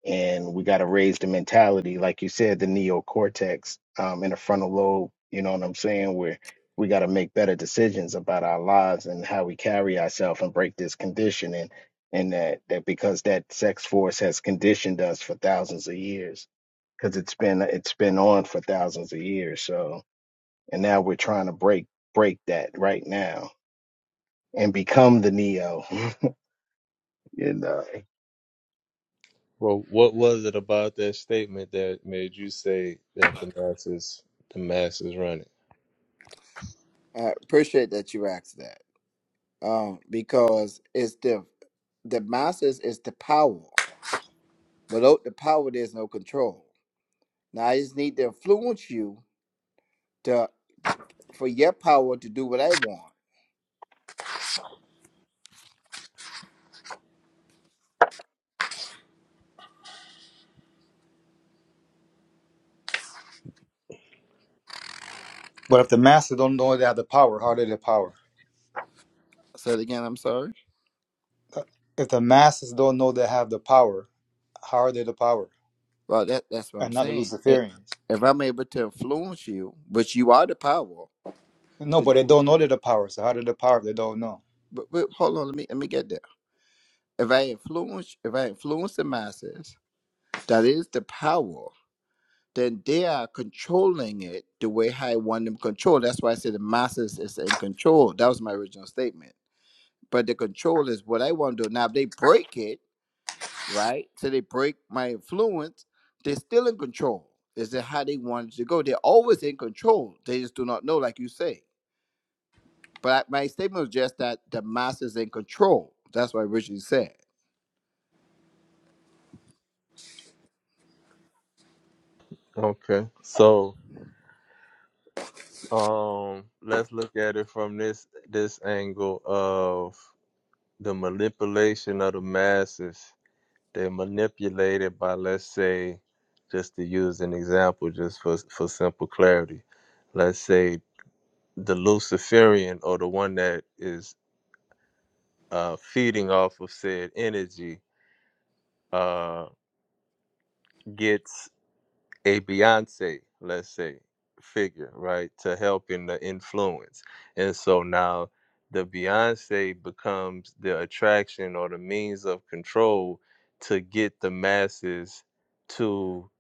and we got to raise the mentality like you said the neocortex um in the frontal lobe you know what i'm saying where we got to make better decisions about our lives and how we carry ourselves and break this conditioning and that that because that sex force has conditioned us for thousands of years because it's been it's been on for thousands of years so and now we're trying to break break that right now and become the neo you know Well, what was it about that statement that made you say that the masses the masses run it? I appreciate that you asked that. Um, because it's the the masses is the power. Without the power, there's no control. Now I just need to influence you to for your power to do what I want. But if the masses don't know they have the power, how are they the power? I said again, I'm sorry. Uh, If the masses don't know they have the power, how are they the power? Well, that that's what I'm And not the saying. I- Luciferians. If I'm able to influence you, which you are the power No, to but do they what, don't know they're the power. So how did the power if they don't know? but, but hold on, let me let me get there. If I influence, if I influence the masses, that is the power. Then they are controlling it the way how I want them controlled. That's why I said the masses is in control. That was my original statement But the control is what I want to do. Now, if they break it, so they break my influence, they're still in control. Is it how they wanted to go? They're always in control. They just do not know, like you say. But I, my statement was just that the master's in control. That's what Richie said. Okay, so um, let's look at it from this this angle of. the manipulation of the masses. They're manipulated by, let's say, just to use an example, just for for simple clarity. Let's say the Luciferian or the one that is uh, feeding off of said energy uh, gets a Beyonce, let's say, figure, right, to help in the influence. And so now the Beyonce becomes the attraction or the means of control to get the masses to,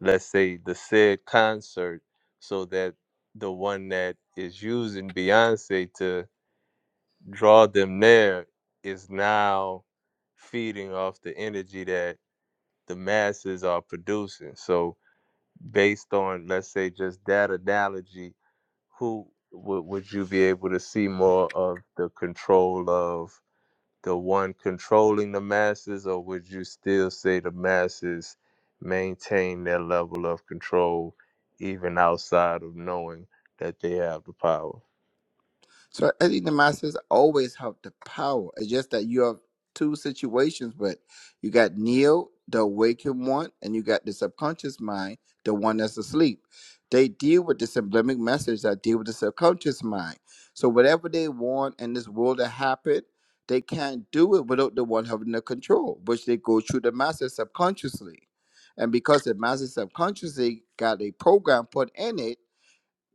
let's say, the said concert so that the one that is using Beyonce to draw them there is now feeding off the energy that the masses are producing. So, based on let's say just that analogy who would, would you be able to see more of the control of the one controlling the masses or would you still say the masses maintain their level of control even outside of knowing that they have the power So I think the masses always have the power. It's just that you have two situations, but you got Neo, the awakened one, and you got the subconscious mind, the one that's asleep. They deal with the symbolic message that deal with the subconscious mind. So whatever they want in this world to happen, they can't do it without the one having the control, which they go through the masses subconsciously. And because the masses subconsciously got a program put in it,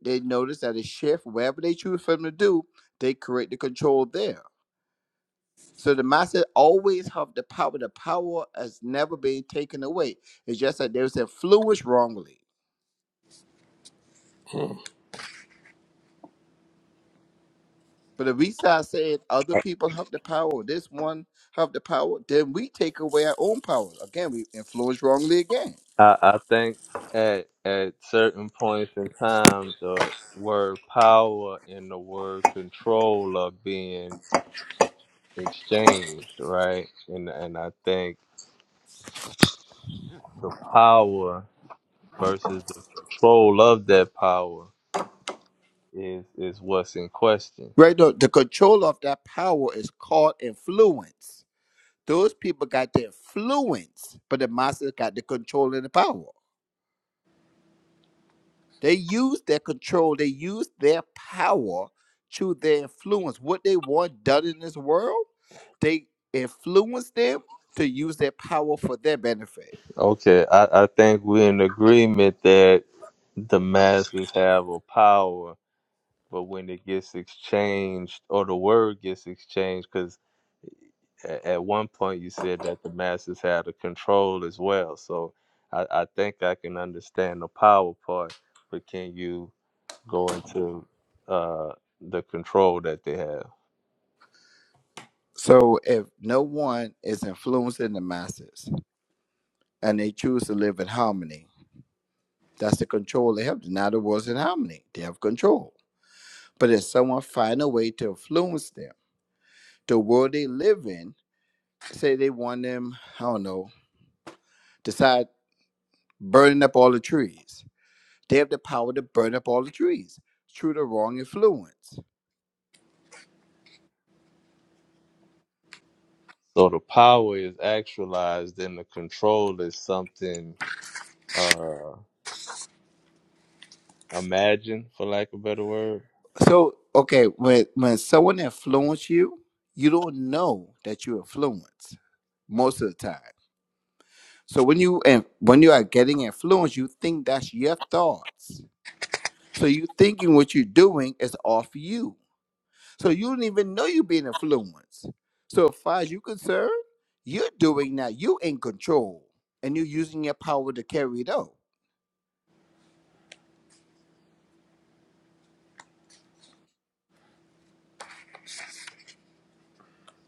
they notice that a shift, wherever they choose for them to do, they create the control there. So the master always have the power. The power has never been taken away. It's just that they was influenced wrongly. Mm. But if we start saying other people have the power, this one have the power, then we take away our own power. Again, we influence wrongly again. i, I think at, at certain points in time the word power and the word control are being exchanged, right? And and I think the power versus the control of that power is is what's in question. Right? The, the control of that power is called influence. Those people got the influence, but the master got the control and the power. They use their control, they use their power to their influence. What they want done in this world, they influence them to use their power for their benefit. Okay, I, I think we're in agreement that the masses have a power, but when it gets exchanged or the word gets exchanged, because at one point you said that the masses had a control as well. So I, I think I can understand the power part, but can you? go into uh, the control that they have. So if no one is influencing the masses and they choose to live in harmony, that's the control they have. Now the world's in harmony. They have control. But if someone find a way to influence them, the world they live in, say they want them, I don't know, decide burning up all the trees They have the power to burn up all the trees through the wrong influence. So the power is actualized, and the control is something uh, imagined, for lack of a better word. So, okay, when when someone influences you, you don't know that you influence most of the time. So when you and when you are getting influenced, you think that's your thoughts. So you thinking what you're doing is off you. So you don't even know you're being influenced. So as far as you're concerned, you're doing that. You in control, and you're using your power to carry it out.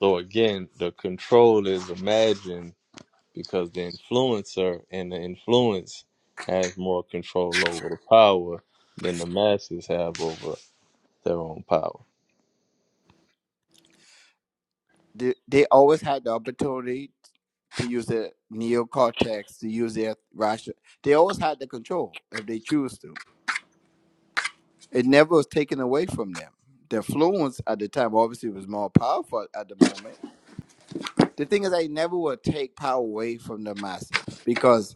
So again, the control is imagined because the influencer and the influence has more control over the power than the masses have over their own power. they, they always had the opportunity to use their neocortex, to use their rational. They always had the control if they choose to. It never was taken away from them. The influence at the time obviously was more powerful at the moment. The thing is, I never would take power away from the masses because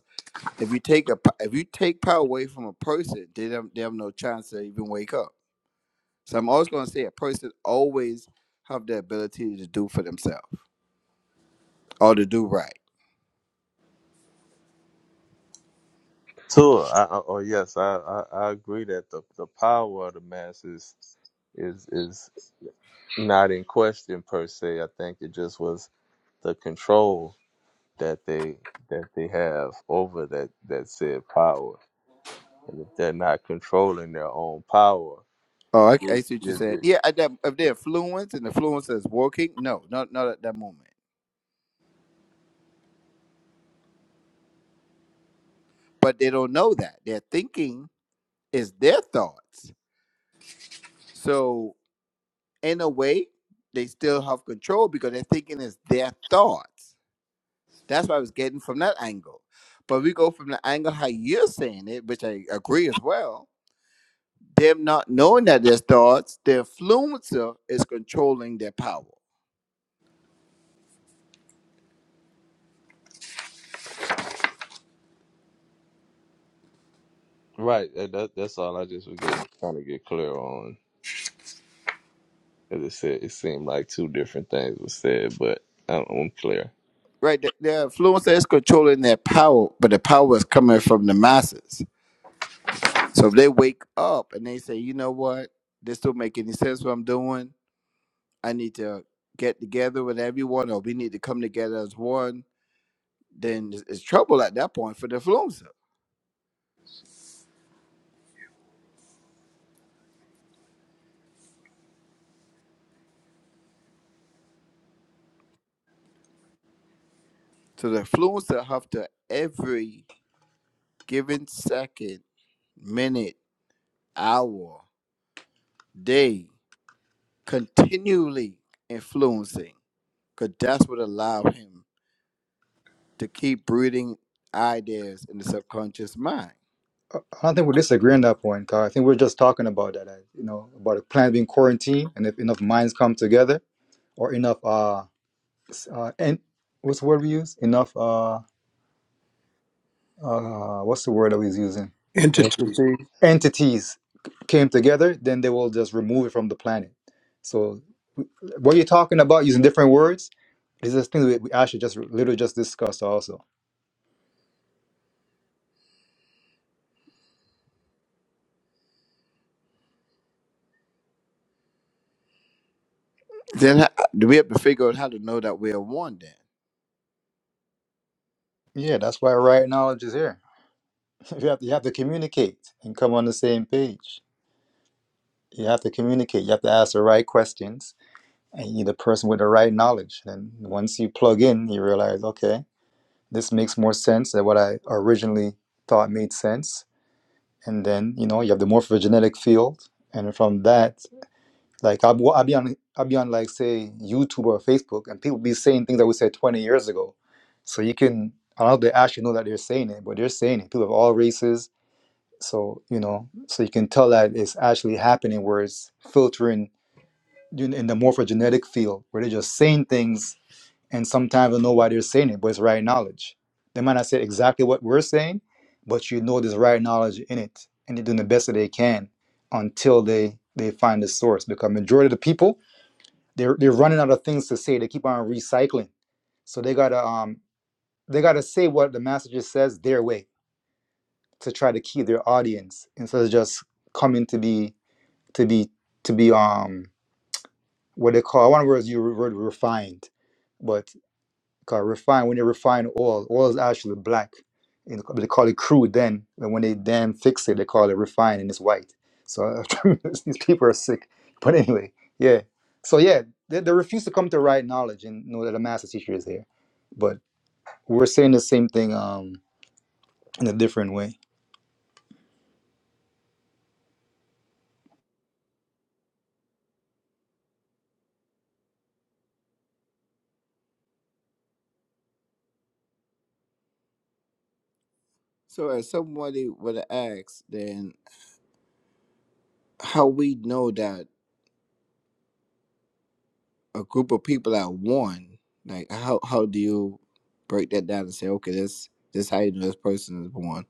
if you take a if you take power away from a person, they don't they have no chance to even wake up. So I'm always going to say a person always have the ability to do for themselves or to do right So, I, I- oh yes, I, I, I agree that the, the power of the masses is is not in question per se. I think it just was the control that they that they have over that that said power, and if they're not controlling their own power, Oh, I, is, I see what you're is saying. it Yeah, at that, if they're fluent and the fluence is working, no, not not at that moment. But they don't know that their thinking is their thoughts. So in a way, they still have control because their thinking is their thoughts. That's what I was getting from that angle. But we go from the angle how you're saying it, which I agree as well. Them not knowing that their thoughts, their fluencer is controlling their power. right? and That, that's all I just was getting trying to get clear on. As it said, it seemed like two different things were said, but I'm, I'm clear. Right. The, the influencer is controlling their power, but the power is coming from the masses. So if they wake up and they say, you know what, this don't make any sense what I'm doing. I need to get together with everyone, or we need to come together as one. Then it's it's trouble at that point for the influencer. So the influencer have to every given second, minute, hour, day, continually influencing, because that's what allow him to keep breeding ideas in the subconscious mind. I I don't think we're disagreeing on that point, Kyle. I think we're just talking about that, uh, you know, about a planet being quarantined, and if enough minds come together, or enough, uh, s- uh and what's the word we use? Enough, uh, uh, what's the word I was using? Entities. Entity. Entities c- came together, then they will just remove it from the planet. So what you're talking about using different words is this thing we we actually just literally just discussed also. Then do we have to figure out how to know that we are one then? Yeah, that's why right knowledge is here. You have to, you have to communicate and come on the same page. You have to communicate. You have to ask the right questions, and you're the person with the right knowledge. And once you plug in, you realize, okay, this makes more sense than what I originally thought made sense. And then you know you have the morphogenetic field, and from that, like I'll, well, I'll be on I'll be on like say YouTube or Facebook, and people be saying things that we said 20 years ago. So you can I don't know if they actually know that they're saying it, but they're saying it. People of all races, So, you know, so you can tell that it's actually happening where it's filtering in the morphogenetic field where they're just saying things and sometimes you know why they're saying it, but it's right knowledge. They might not say exactly what we're saying, but you know there's right knowledge in it. And they're doing the best that they can until they they find the source. Because majority of the people, they're they're running out of things to say. They keep on recycling. So they gotta um they gotta say what the master just says their way to try to keep their audience instead of just coming to be to be to be um what they call i want to words you word refined, but cause refined when they refine oil, oil is actually black. You know, they call it crude then, and when they then fix it, they call it refined and it's white. So these people are sick. But anyway, yeah. So yeah, they, they refuse to come to right knowledge and know that a master teacher is here. But we're saying the same thing um in a different way. So as somebody would ask, then how we know that a group of people are one, like how how do you break that down and say, okay, this this is how you know this person is one?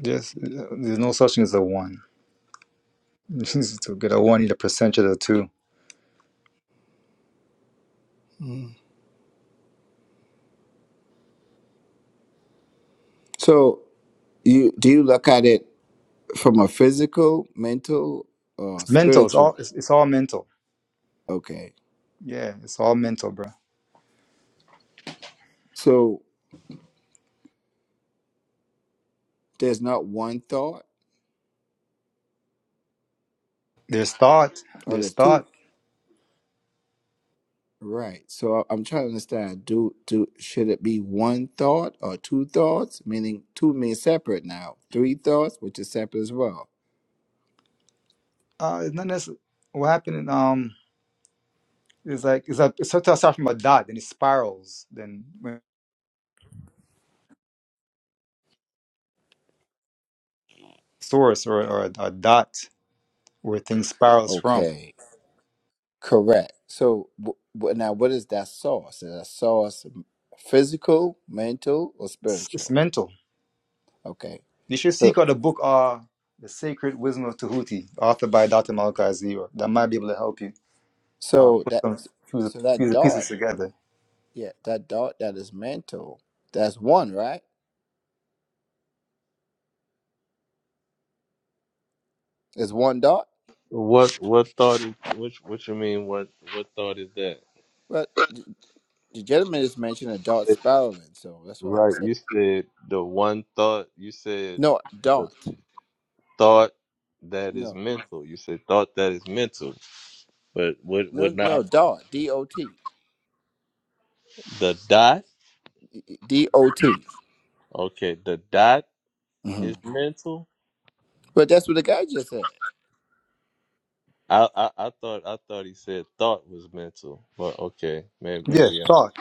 Just uh, there's no such thing as a one. to get a one, you need a percentage of the two. Mm. So you do you look at it from a physical, mental, or mental. It's spiritual? all it's, it's all mental. Okay. Yeah, it's all mental, bro. So there's not one thought, There's thought. or There's there's two thought. Right. So I- I'm trying to understand. Do do should it be one thought or two thoughts? Meaning two means separate now. Three thoughts, which is separate as well. Uh, it's not necessarily what happened. In, um, is like it's a it's sometimes starts from a dot, then it spirals. Then when source or or a, a dot where things spirals from. Okay. Correct. So w- w- now, what is that source? Is that source physical, mental, or It's, it's spiritual? mental. Okay. You should So seek out the book. Uh, the Sacred Wisdom of Tahuti, authored by Dr. Malachi Zero. That might be able to help you uh, so put that some fuse the so fuse that the dot, pieces together. yeah, that dot that is mental. That's one, right? Is one dot. What what thought is which what you mean what what thought is that? But the gentleman just mentioned a dot spiraling, so that's what I'm Right. saying. You said the one thought. You said. No, the. dot. thought that is No, mental. You said thought that is mental, but would would no, no, not dot. D O T. the dot? D O T. Okay, the dot is Mhm. mental. But that's what the guy just said. I, I I thought I thought he said thought was mental, but okay, maybe Yeah, maybe um thought.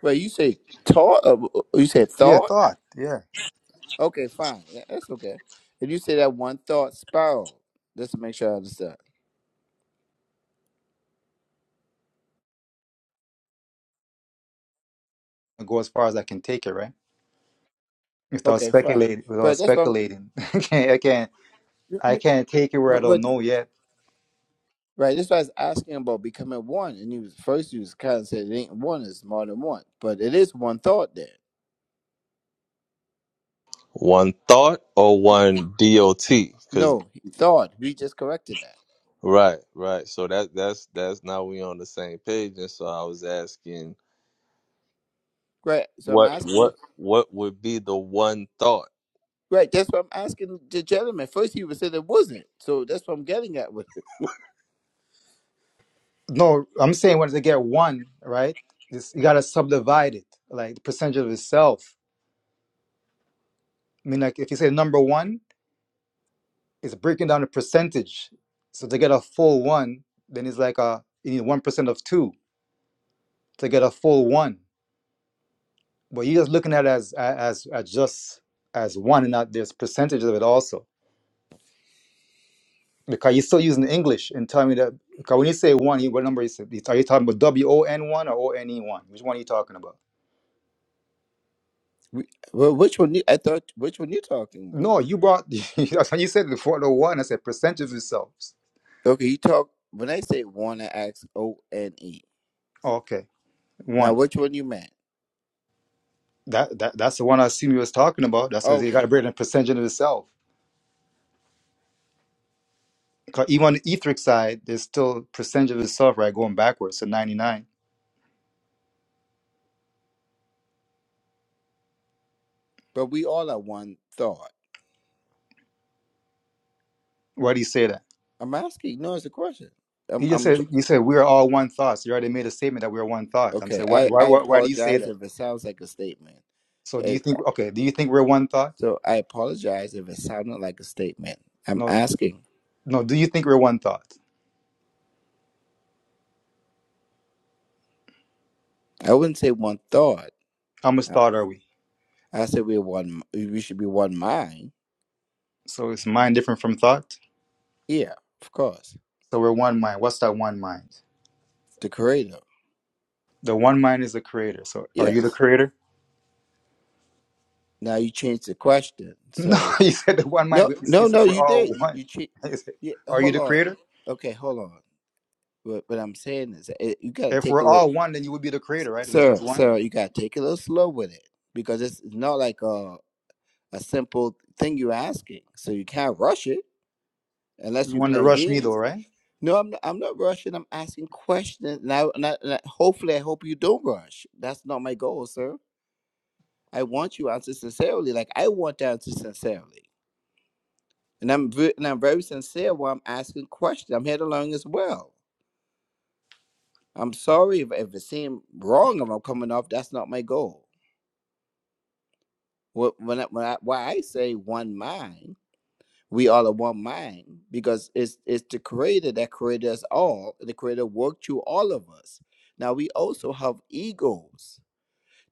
Well, you say thought. Uh, you said Yeah, thought. thought. Yeah, Okay, fine. Tha- That's okay. If you say that one thought spiral, just to make sure I understand. I go as far as I can take it, right? Without Okay, fine. speculating. without But that's what I'm. speculating. I can't. I can't. you know what I I mean? can't take it where I But don't but know yet. right. That's why I was asking about becoming one. And you was first you was kind of said it ain't one. It's more than one. But it is one thought there. one thought or one dot because No thought. We just corrected that. right right. So that that's that's now we on the same page, and so I was asking Right. So I'm what asking. what what would be the one thought Right, that's what I'm asking the gentleman. First, he was said it wasn't, so that's what I'm getting at with it. No, I'm saying once they get one right, it's, you gotta subdivide it, like the percentage of itself. I mean, like if you say number one, it's breaking down the percentage. So to get a full one, then it's like a you need one percent of two to get a full one. But you're just looking at it as as as just as one, and not there's percentage of it also. because you're still using English and tell me that because when you say one, you- what number is it? Are you talking about W O N one or O N E one? Which one are you talking about? We, well, which one? You, I thought which one you talking about? No, you brought that's when you said before the one. I said percentage of yourselves. Okay, you talk when I say one, I ask O N E. Okay, Now, one. which one you meant? That, that that's the one I assume you was talking about. That's because you got Okay, to bring in percentage of yourself. 'Cause even on the etheric side, there's still percentage of itself, right? Going backwards to ninety nine. but we all are one thought. Why do you say that? I'm asking. No, it's a question. I'm. You just I'm j- said you said we are all one thought. So you already made a statement that we're one thought. I'm okay. saying why I why I why, why do you say apologize that? if it sounds like a statement. So do you It, think okay? Do you think we're one thought? so I apologize if it sounded like a statement. I'm No, asking. no. Do you think we're one thought? I wouldn't say one thought. How much I, thought are we? I said we're one. We should be one mind. So is mind different from thought? Yeah, of course. So we're one mind. What's that one mind? The creator. The one mind is the creator. So are you the Yes. creator? Now you changed the question. No, So you said the one mind. no, You no, said no. we're You all did. You one. you che- You said, yeah, Are you Hold the on. creator? Okay, hold on. What what I'm saying is, eh, you gotta If take we're a little, all one, then you would be the creator, right? If there's just sir, one, sir. You gotta take it a little slow with it because it's not like a a simple thing you're asking. So you can't rush it unless you you're want to playing rush me though, games. right? No, I'm not, I'm not rushing. I'm asking questions. Now, and I, and I- hopefully, I hope you don't rush. That's not my goal, sir. I want you answer sincerely. Like I want the answer sincerely, and I'm ve- and I'm very sincere while I'm asking questions. I'm here to learn as well. I'm sorry if, if it seemed wrong. If I'm coming off, that's not my goal. Wh- When I, when I, why I say one mind, we all are one mind because it's it's the Creator that created us all. The Creator worked through all of us. Now we also have egos.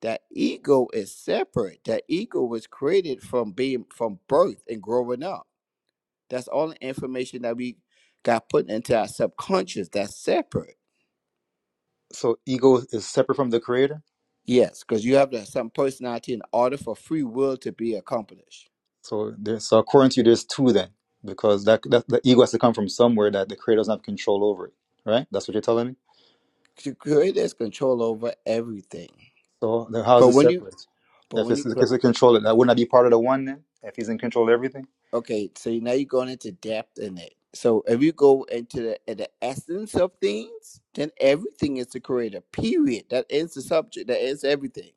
That ego is separate. That ego was created from being from birth and growing up That's all the information that we got put into our subconscious that's separate. So ego is separate from the creator. Yes, because you have to have some personality in order for free will to be accomplished. So there, so according to you, there's two then, because that, that the ego has to come from somewhere that the creator doesn't have control over it, right? That's what you're telling me. The creator has control over everything. So then how is But it when you, separate? but If when it's you, because a controller, that would not be part of the one then? If he's in control of everything? okay, so now you're going into depth in it. So if you go into the, in the essence of things, then everything is the creator. Period. That ends the subject. That ends everything.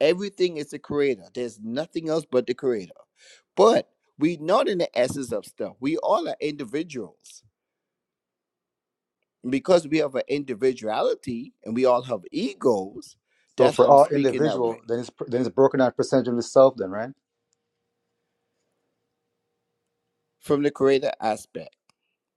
Everything is the creator. There's nothing else but the creator. But we are not in the essence of stuff. We all are individuals. And because we have an individuality and we all have egos, So that's for why I'm all speaking that way. individual, then it's then it's broken down percentage of itself then, right? From the creator aspect.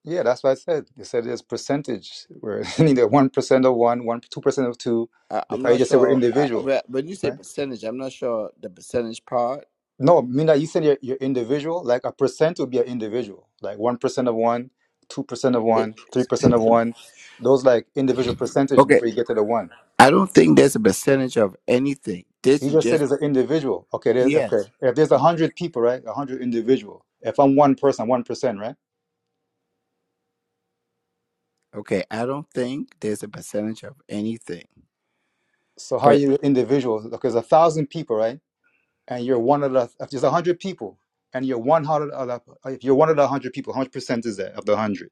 Yeah, that's what I said. They said it's percentage. We're either one percent of one, one two percent of two. I, I'm Because you not just said we're sure I, individual, when when you say right? percentage, I'm not sure the percentage part. No, Mina, you said you're, you're individual. Like a percent would be an individual. Like one percent of one, two percent of It, one, three percent of one. Those like individual percentage okay. before you get to the one. I don't think there's a percentage of anything. This He is just said just as an individual. Okay, there's, okay. yes. If there's a hundred people, right? A hundred individual. If I'm one person, one percent, right? Okay. I don't think there's a percentage of anything. So how but. you individual? Because a thousand people, right? And you're one of the. If there's a hundred people, and you're one hundred of the. If you're one of the hundred people, how much percent is that of the hundred?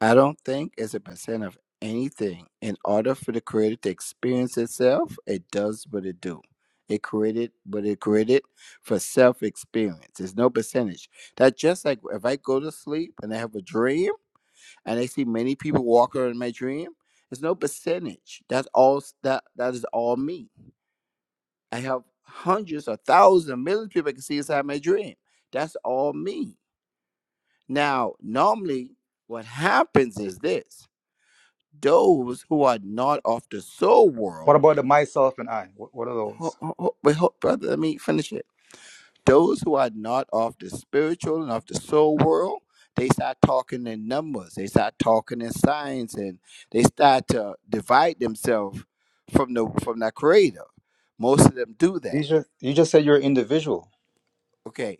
I don't think it's a percent of anything. In order for the creator to experience itself, it does what it do. It created what it created for self experience. There's no percentage. That's just like if I go to sleep and I have a dream and I see many people walk around in my dream, there's no percentage. That's all that that is all me. I have hundreds or thousands, millions of people I can see inside my dream. That's all me. Now, normally what happens is this those who are not of the soul What world. about the myself and I? What, what are these? Ho- ho- ho- Wait, ho- brother, let me finish it. Those who are not of the spiritual and of the soul world, they start talking in numbers, they start talking in signs, and they start to divide themselves from the from the creator. Most of them do that. These are you just said you're individual. Okay,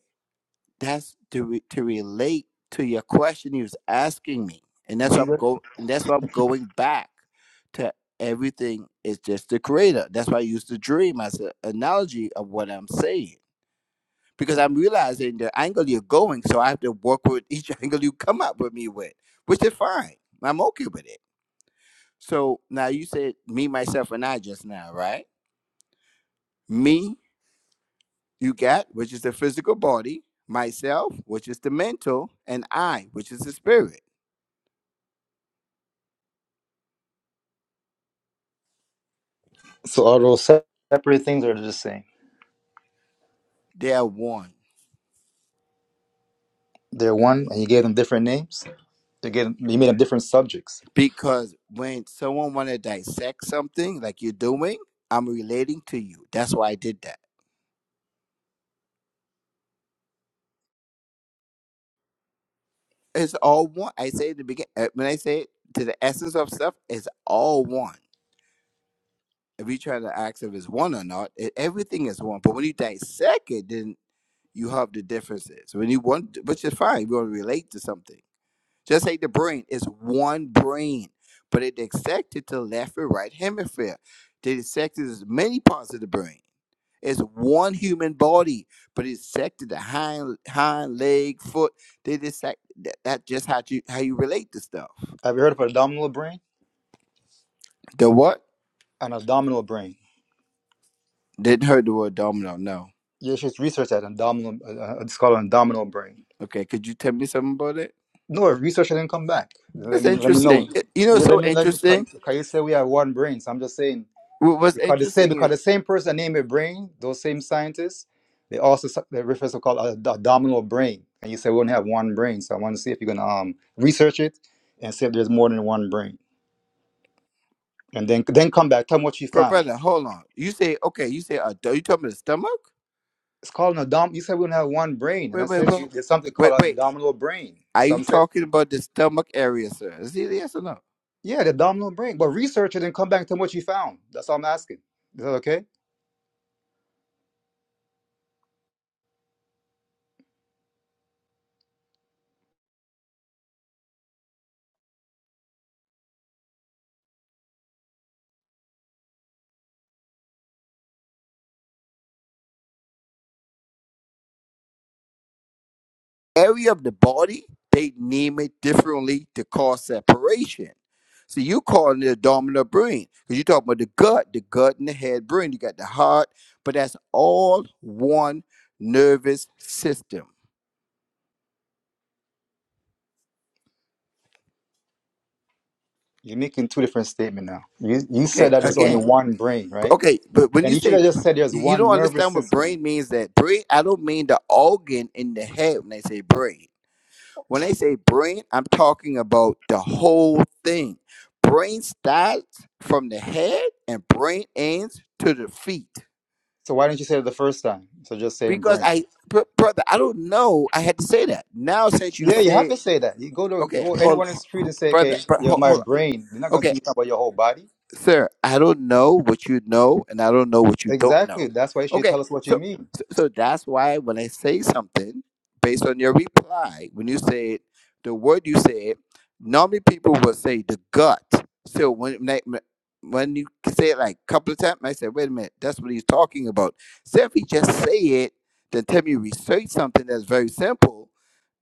That's to re- to relate to your question he was asking me, and that's But why you I'm got- go. And that's why I'm going back to everything is just the creator. That's why I use the dream as an analogy of what I'm saying because I'm realizing the angle you're going, so I have to work with each angle you come up with me with, which is fine. I'm okay with it. So now you said me, myself, and I just now, right? Me, you got, which is the physical body, myself, which is the mental, and I, which is the spirit. so all those se- separate things are the same. they're one They're one, and you gave them different names. They gave them, you made them different subjects. because when someone want to dissect something like you're doing i'm relating to you that's why i did that it's all one i say at the beginning when i say it, to the essence of stuff it's all one if you try to ask if it's one or not it, everything is one but when you dissect it then you have the differences when you want which is fine you want to relate to something just like the brain is one brain, but it dissected to left and right hemisphere. They dissected as many parts of the brain. It's one human body, but it's sected the hind hind leg, foot. They just sec- that, that just how you how you relate to stuff. Have you heard of abdominal brain? The what? An abdominal brain. Didn't heard the word domino. No. Yeah, she's research at abdominal, uh, a scholar on abdominal brain. Okay. Could you tell me something about it? No, if research didn't come back. Let That's me let me know. interesting. It- you know, what's Yeah, let so me let me. interesting. you say we have one brain? So I'm just saying What- What's because they same interesting because is, the same person named it brain. Those same scientists, they also s- they refer to called a, the abdominal brain. And you say we only have one brain. So I want to see if you're gonna um research it and see if there's more than one brain, and then then come back. Tell me what you bro, found. brother. Hold on. You say okay. You say uh, you talking about the stomach? It's called an abdominal. You said we only have one brain, and I Wait, wait, said to wait, you there's something wait, called an wait. abdominal brain. Are you Some said. talking about the stomach area, sir? Is it yes or no? Yeah, the abdominal brain. But research it and come back to what you found. That's all I'm asking. Is that okay? area of the body, they name it differently to cause separation. So you calling it abdominal brain because you talking about the gut, the gut and the head brain. You got the heart, but that's all one nervous system. You're making two different statements now. You, you said Okay, that there's only again, one brain, right? okay, but when And you you should say have just said there's you you one don't nervous understand what system. brain means, that brain, I don't mean the organ in the head when I say brain. When they say brain, I'm talking about the whole thing. Brain starts from the head and brain ends to the feet. So why didn't you say it the first time? So just saying Because brain. I, br- brother, I don't know. I had to say that. Now, since you Yeah, you have said, to say that. You go to okay, go hold anyone in the street on, and say, okay, brother, bro, you're hold, my hold on. brain. They're not going to Okay, think about your whole body. sir, I don't know what you know, and I don't know what you don't Exactly. know. That's why you should tell Okay, us what you so mean. so, so that's why when I say something based on your reply, when you say it, the word you said, normally people will say the gut. So when when I- when you say it like a couple of times, I said, wait a minute, that's what he's talking about. So if he just say it, then tell me research something that's very simple.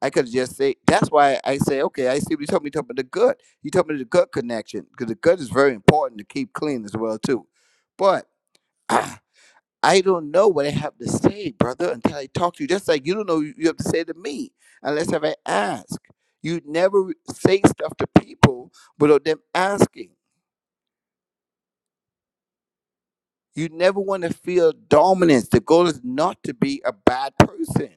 I could just say that's why I say, okay, I see what you're talking, you're talking about the gut. You told about the gut connection because the gut is very important to keep clean as well too. But I don't know what I have to say, brother, until I talk to you. Just like you don't know you have to say to me unless if I ask. You never say stuff to people without them asking. You never want to feel dominance. The goal is not to be a bad person.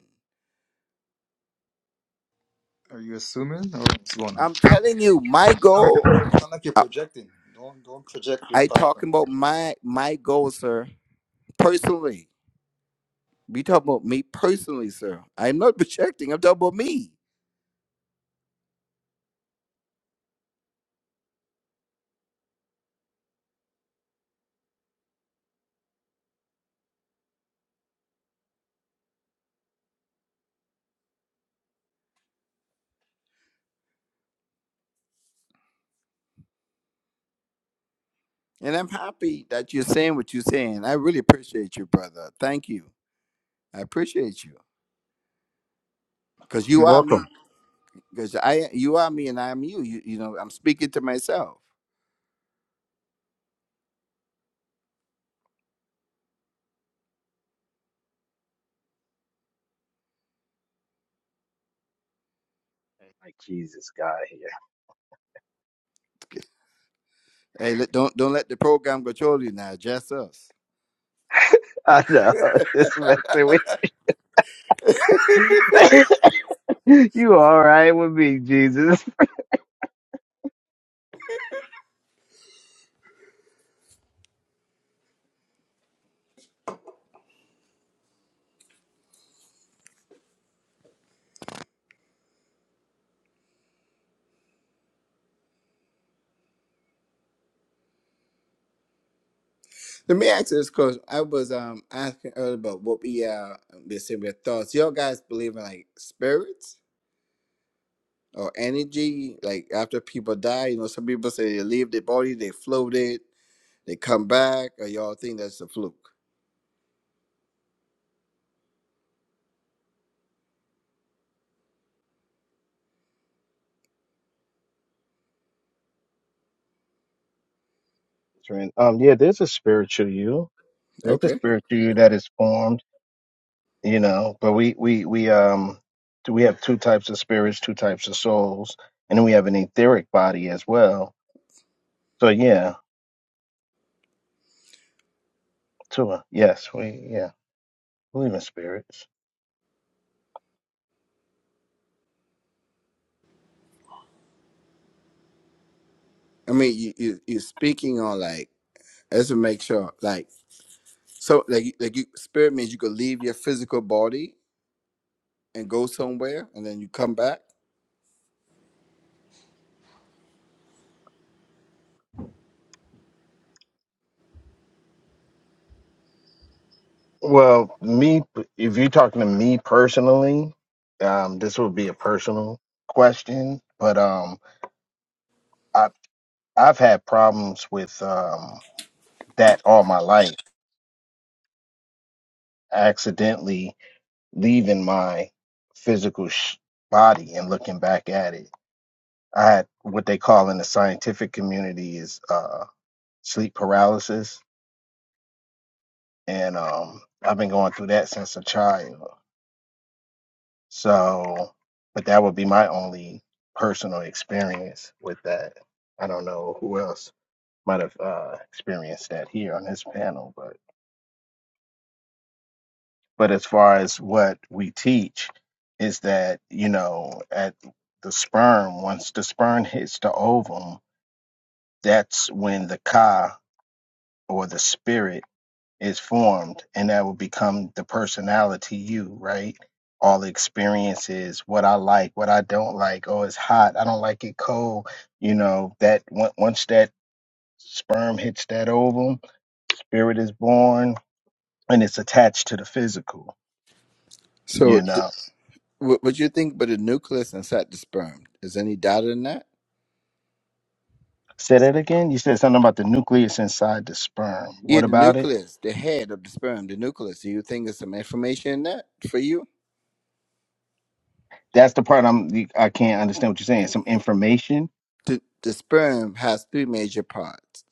Are you assuming or what's going on? I'm telling you, my goal. It's not like you're I, projecting. Don't don't project your I thought. talking about my my goal, sir. Personally, We talk about me personally, sir. I'm not projecting. I'm talking about me. And I'm happy that you're saying what you're saying. I really appreciate you, brother. Thank you. I appreciate you. Because you are Welcome. me. Because I you are me and I am you. you. You know, I'm speaking to myself. like jesus god here Hey, let, don't don't let the program control you now, just us. i know just messing with you all right with me jesus Let me ask you this because I was um asking earlier about what we uh um, they say we're thoughts. Y'all guys believe in like spirits? or energy. Like after people die, you know, some people say they leave their body, they float it, they come back, or y'all think that's a fluke. Trent, um yeah there's a spiritual you there's a Okay. spiritual you that is formed you know but we we we um we have two types of spirits two types of souls and then we have an etheric body as well so yeah Tua, yes we yeah believe in spirits I mean, you, you you're speaking on like let's make sure like so like you- like you spirit means you could leave your physical body and go somewhere, and then you come back. Well, me, if you're talking to me personally, um, this would be a personal question, but um, I, I've had problems with um, that all my life, accidentally leaving my physical sh- body and looking back at it. I had what they call in the scientific community is uh, sleep paralysis, and um, I've been going through that since a child. So, but that would be my only personal experience with that. I don't know who else might have uh, experienced that here on this panel, but but as far as what we teach is that you know at the sperm once the sperm hits the ovum, that's when the ka or the spirit is formed and that will become the personality you right all the experiences what i like what i don't like oh it's hot i don't like it cold you know that on- once that sperm hits that ovum spirit is born and it's attached to the physical you So th- know what what you think about the nucleus inside the sperm? Is any doubt in that? say that again you said something about the nucleus inside the sperm Yeah, what the about it nucleus, the head of the sperm, the nucleus. Do you think there's some information in that for you? that's the part i'm you- i can't understand what you're saying some information The, the sperm has three major parts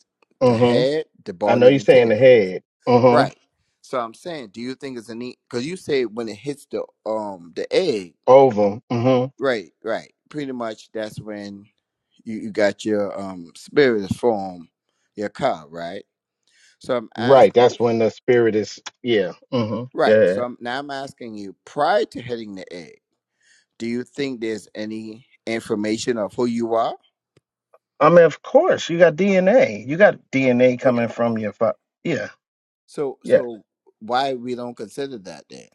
the mm-hmm head, the i know body, and you're the saying the tail. head mm-hmm Right. So I'm saying, do you think it's a neat? Because you say when it hits the um the egg, ovum Mm-hmm. right, right. Pretty much that's when you, you got your um spirit form, your cow, right? So I'm Right, asking, that's when the spirit is. Yeah. Mm-hmm. right? Yeah. So I'm, now I'm asking you, prior to hitting the egg, do you think there's any information of who you are? I mean, of course, you got DNA. You got DNA Okay. coming from your fa- Yeah. So Yeah. so why we don't consider that then?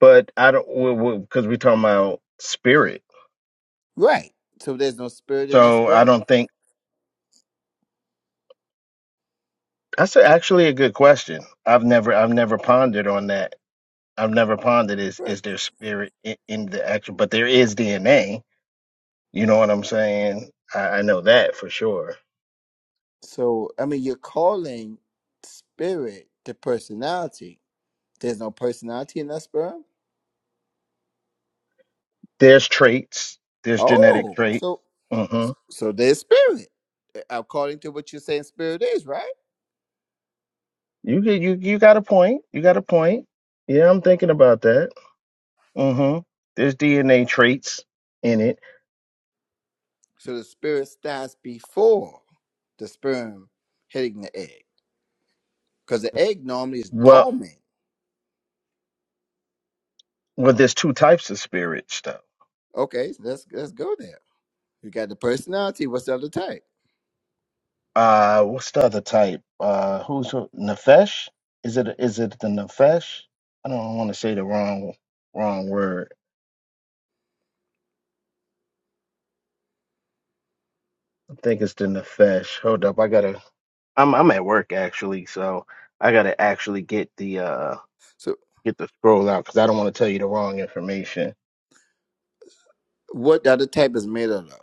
But I don't because we, we 'cause we're talking about spirit, Right. So there's no spirit in that so I sperm. don't think that's a- actually a good question. I've never I've never pondered on that. I've never pondered is Right. is there spirit in, in the actual, but there is DNA. You know what I'm saying? I, I know that for sure. So I mean, you're calling spirit the personality. There's no personality in that sperm. There's traits. There's genetic Oh, traits. so Mm-hmm. so there's spirit eh, according to what you're saying. Spirit is right. You get you you got a point. You got a point. Yeah, I'm thinking about that. Mm-hmm. There's DNA traits in it. So the spirit stands before the sperm hitting the egg because the egg normally is Well, dormant. well, there's two types of spirits though. Okay, so let's let's go there. You got the personality. What's the other type? Uh, what's the other type? Uh, who's who- nefesh? Is it is it the nefesh? I don't want to say the wrong wrong word. I think it's the nefesh. Hold up, I gotta. I'm I'm at work actually, so I gotta actually get the uh So get the scroll out because I don't want to tell you the wrong information. what the other type is made out of?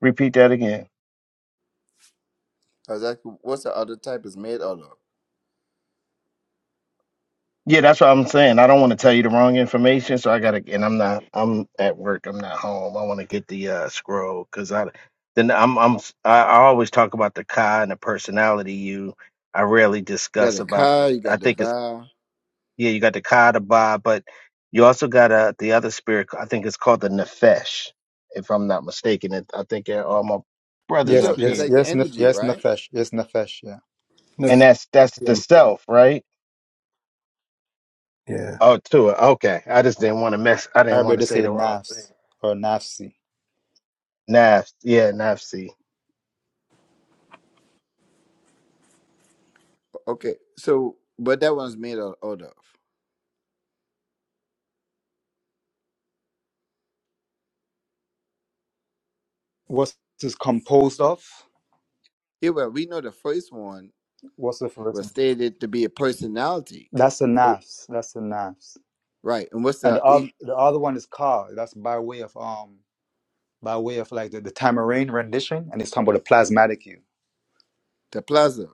Repeat that again. I was asking, what's the other type is made out of? Yeah, that's what I'm saying. I don't want to tell you the wrong information, so I gotta. And I'm not. I'm at work. I'm not home. I want to get the uh, scroll because I then I'm I'm I, I always talk about the Kai and the personality. You, I rarely You got discuss the about the. car, you I got the think it's bar. yeah. You got the Kai, the Ba, but you also got uh, the other spirit. I think it's called the Nefesh, if I'm not mistaken. It, I think they're all my You brothers Yes, talk, up it's yes, here, like the yes, nef- energy, yes, right? nefesh, yes, nefesh, yeah. and that's that's the Nephilim. self, right? Yeah. Oh, to it. Okay, I just didn't want to mess. I didn't Arabic want they to say say the wrong thing. nafs or nafsi. Naf, yeah, Nafsi. Okay, so but that one's made out, out of. What is this composed of? Yeah, well, we know the first one What's the first was one? stated to be a personality. That's the So nafs. That's the nafs. right, and what's And the the e- other, the other one is ka. That's by way of um, by way of like the, the tamarind rendition, and it's talking about the plasmatic you. the plaza?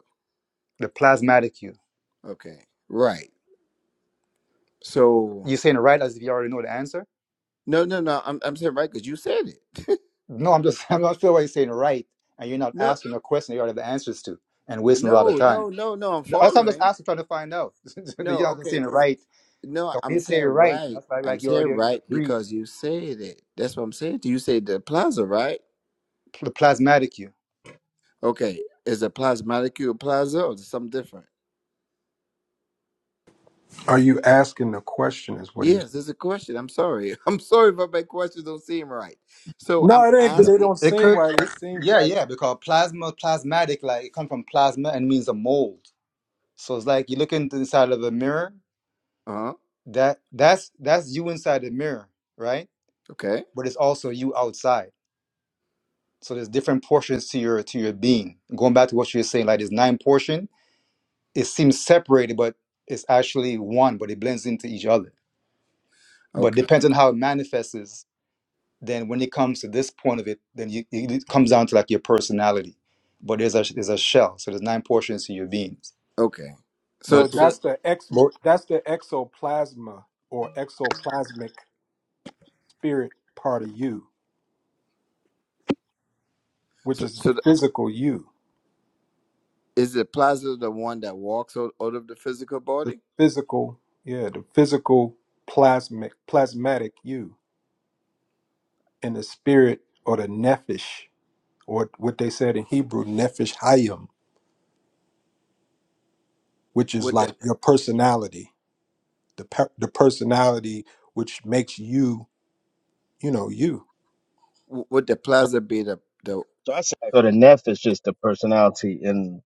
The plasmatic you. Okay, right. So You're saying right as if you already know the answer. no, no, no. I'm I'm saying right because you said it. No, I'm just I'm not sure why you're saying right, and you're not no, asking a question you already have the answers to, and wasting a lot of no, time. no, no, no. I'm The other time, I'm just following. asking trying to find out. you're No, not just okay. saying right No, 'Cause when I'm you say it saying right, right. that's like, I'm like you saying already you right agree, because you said it. That's what I'm saying. to You You said the plaza, right? the plasmatic you. Okay, is a plasmaticule a plaza or is it something different? Are you asking the question? Is what he's. Yes, there's a question. I'm sorry. I'm sorry if my questions don't seem right. So No, I'm it ain't. that No, They asking. don't it seem could, right. It it, seems yeah, like yeah, because plasma, plasmatic, like it comes from plasma and means a mold. So it's like you look into inside of a mirror. Uh huh. That that's that's you inside the mirror, right? Okay. But it's also you outside. So there's different portions to your to your being. Going back to what you were saying, like there's nine portion. It seems separated, but it's actually one. But it blends into each other. But Okay. depends on how it manifests. then when it comes to this point of it, then you, it comes down to like your personality. But there's a there's a shell, so there's nine portions to your beings. Okay. So so. But, so That's the ex. but That's the exoplasma or exoplasmic spirit part of you, which so is the so the, physical you. is the plaza the one that walks out, out of the physical the body? physical, yeah, the physical plasmic plasmatic you and the spirit or the nephesh or what they said in Hebrew nephesh hayim, which is Would the like your personality, the per- the personality which makes you, you know, you. w- would the plaza be the the So I said, So the neph is just the personality, and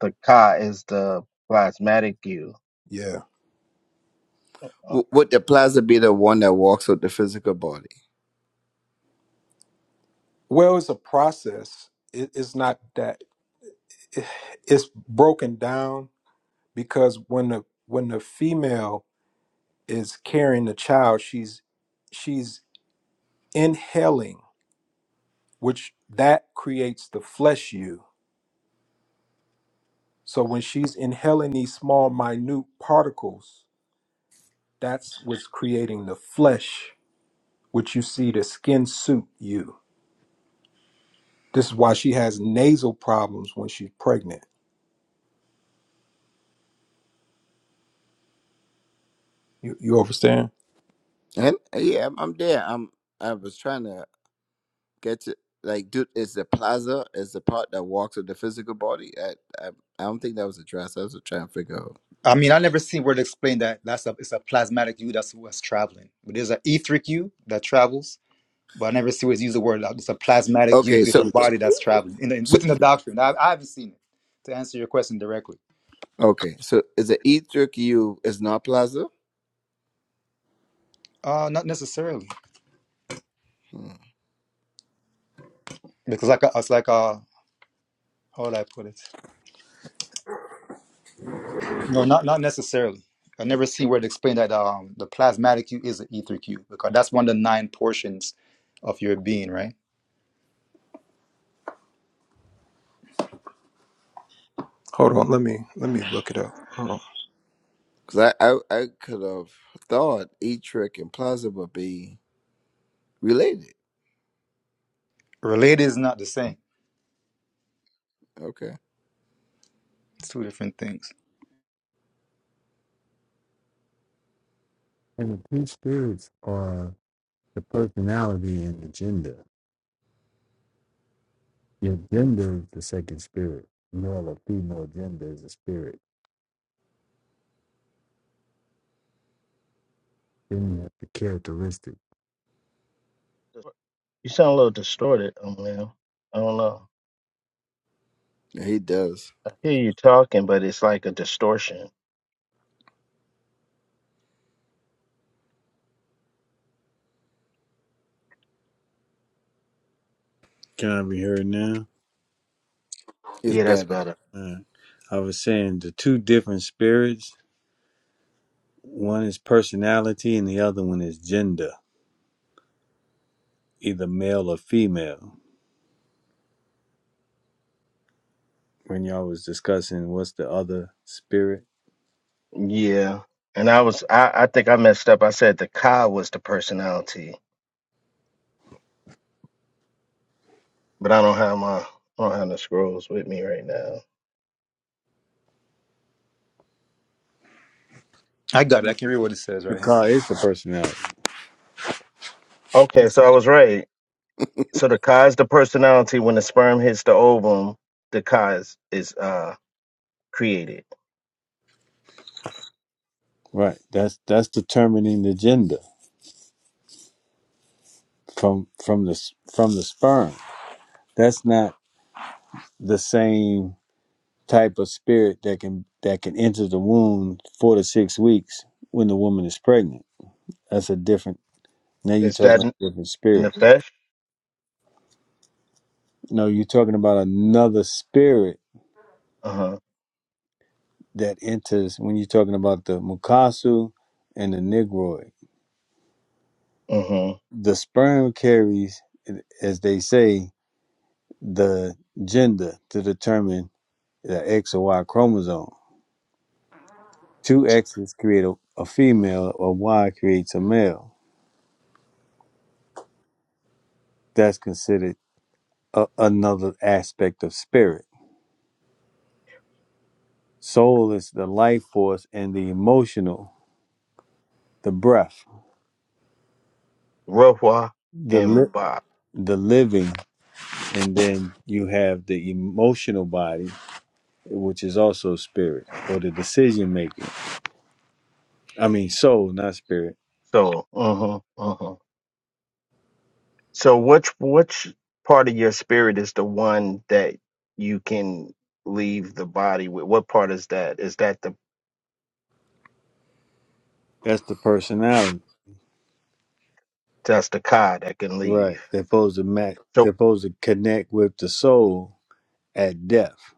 the Ka is the plasmatic you. Yeah. w- would the plaza be the one that walks out the physical body? Well, it's a process. It, it's not that it's broken down because when the when the female is carrying the child, she's she's inhaling. which that creates the flesh you. So when she's inhaling these small, minute particles, that's what's creating the flesh, which you see the skin suit you. This is why she has nasal problems when she's pregnant. You, you understand? And uh, yeah, I'm, I'm there. I'm I was trying to. Get to Like, dude, is the plaza is the part that walks with the physical body? I, I I don't think that was addressed. I was trying to figure out. I mean, I never seen where they explain that that's a it's a plasmatic you that's what's traveling. But there's an etheric you that travels. But I never see where it's used the word. like, It's a plasmatic you. Okay, It's so a body that's traveling in the, so within the doctrine. I, I haven't seen it to answer your question directly. okay, so is the e-trick you is not plaza? Uh, not necessarily because like a, it's like uh how would I put it? No, not not necessarily. I never see where it explained that um, the plasmatic Q is an ether Q because that's one of the nine portions of your being, right? Hold on, let me let me look it up. Hold on. Because I, I I could have thought e-trick and plaza would be related. Related is not the same. Okay, It's two different things. And the two spirits are the personality and the gender. Your gender is the second spirit. Male or female gender is a spirit. Then you have the characteristic. Okay. You sound a little distorted, Emil. I don't know. yeah, he does. I hear you talking, but it's like a distortion. Can I be heard now? It's Yeah, that's better. better. Uh, I was saying the two different spirits. One is personality, and the other one is gender, either male or female. when y'all was discussing what's the other spirit. Yeah, and I was, I, I think I messed up. I said the Ka was the personality, but I don't have my, I don't have the scrolls with me right now. I got it. I The can read what it says right here. car is the personality, Okay, It's, so I was right. So the Ka is the personality. When the sperm hits the ovum, the Ka is, is uh created. right? That's that's determining the gender from from the from the sperm. That's not the same type of spirit that can that can enter the womb four to six weeks when the woman is pregnant. That's a different. Now you're It's talking that about n- a different spirit. nefesh, No, you're talking about another spirit uh-huh, that enters when you're talking about the mukasu and the negroid. uh-huh, the sperm carries, as they say, the gender to determine the X or Y chromosome. Two X's create a, a female, or Y creates a male. That's considered a, another aspect of spirit. Soul is the life force and the emotional, the breath, ruah, the and li- ba. the living, and then you have the emotional body, which is also spirit or the decision making. I mean, soul, not spirit So, uh-huh, uh-huh. So, which which part of your spirit is the one that you can leave the body with? What part is that? Is that the That's the personality. that's the ka that can leave? Right. They're supposed to match So, they're supposed to connect with the soul at death.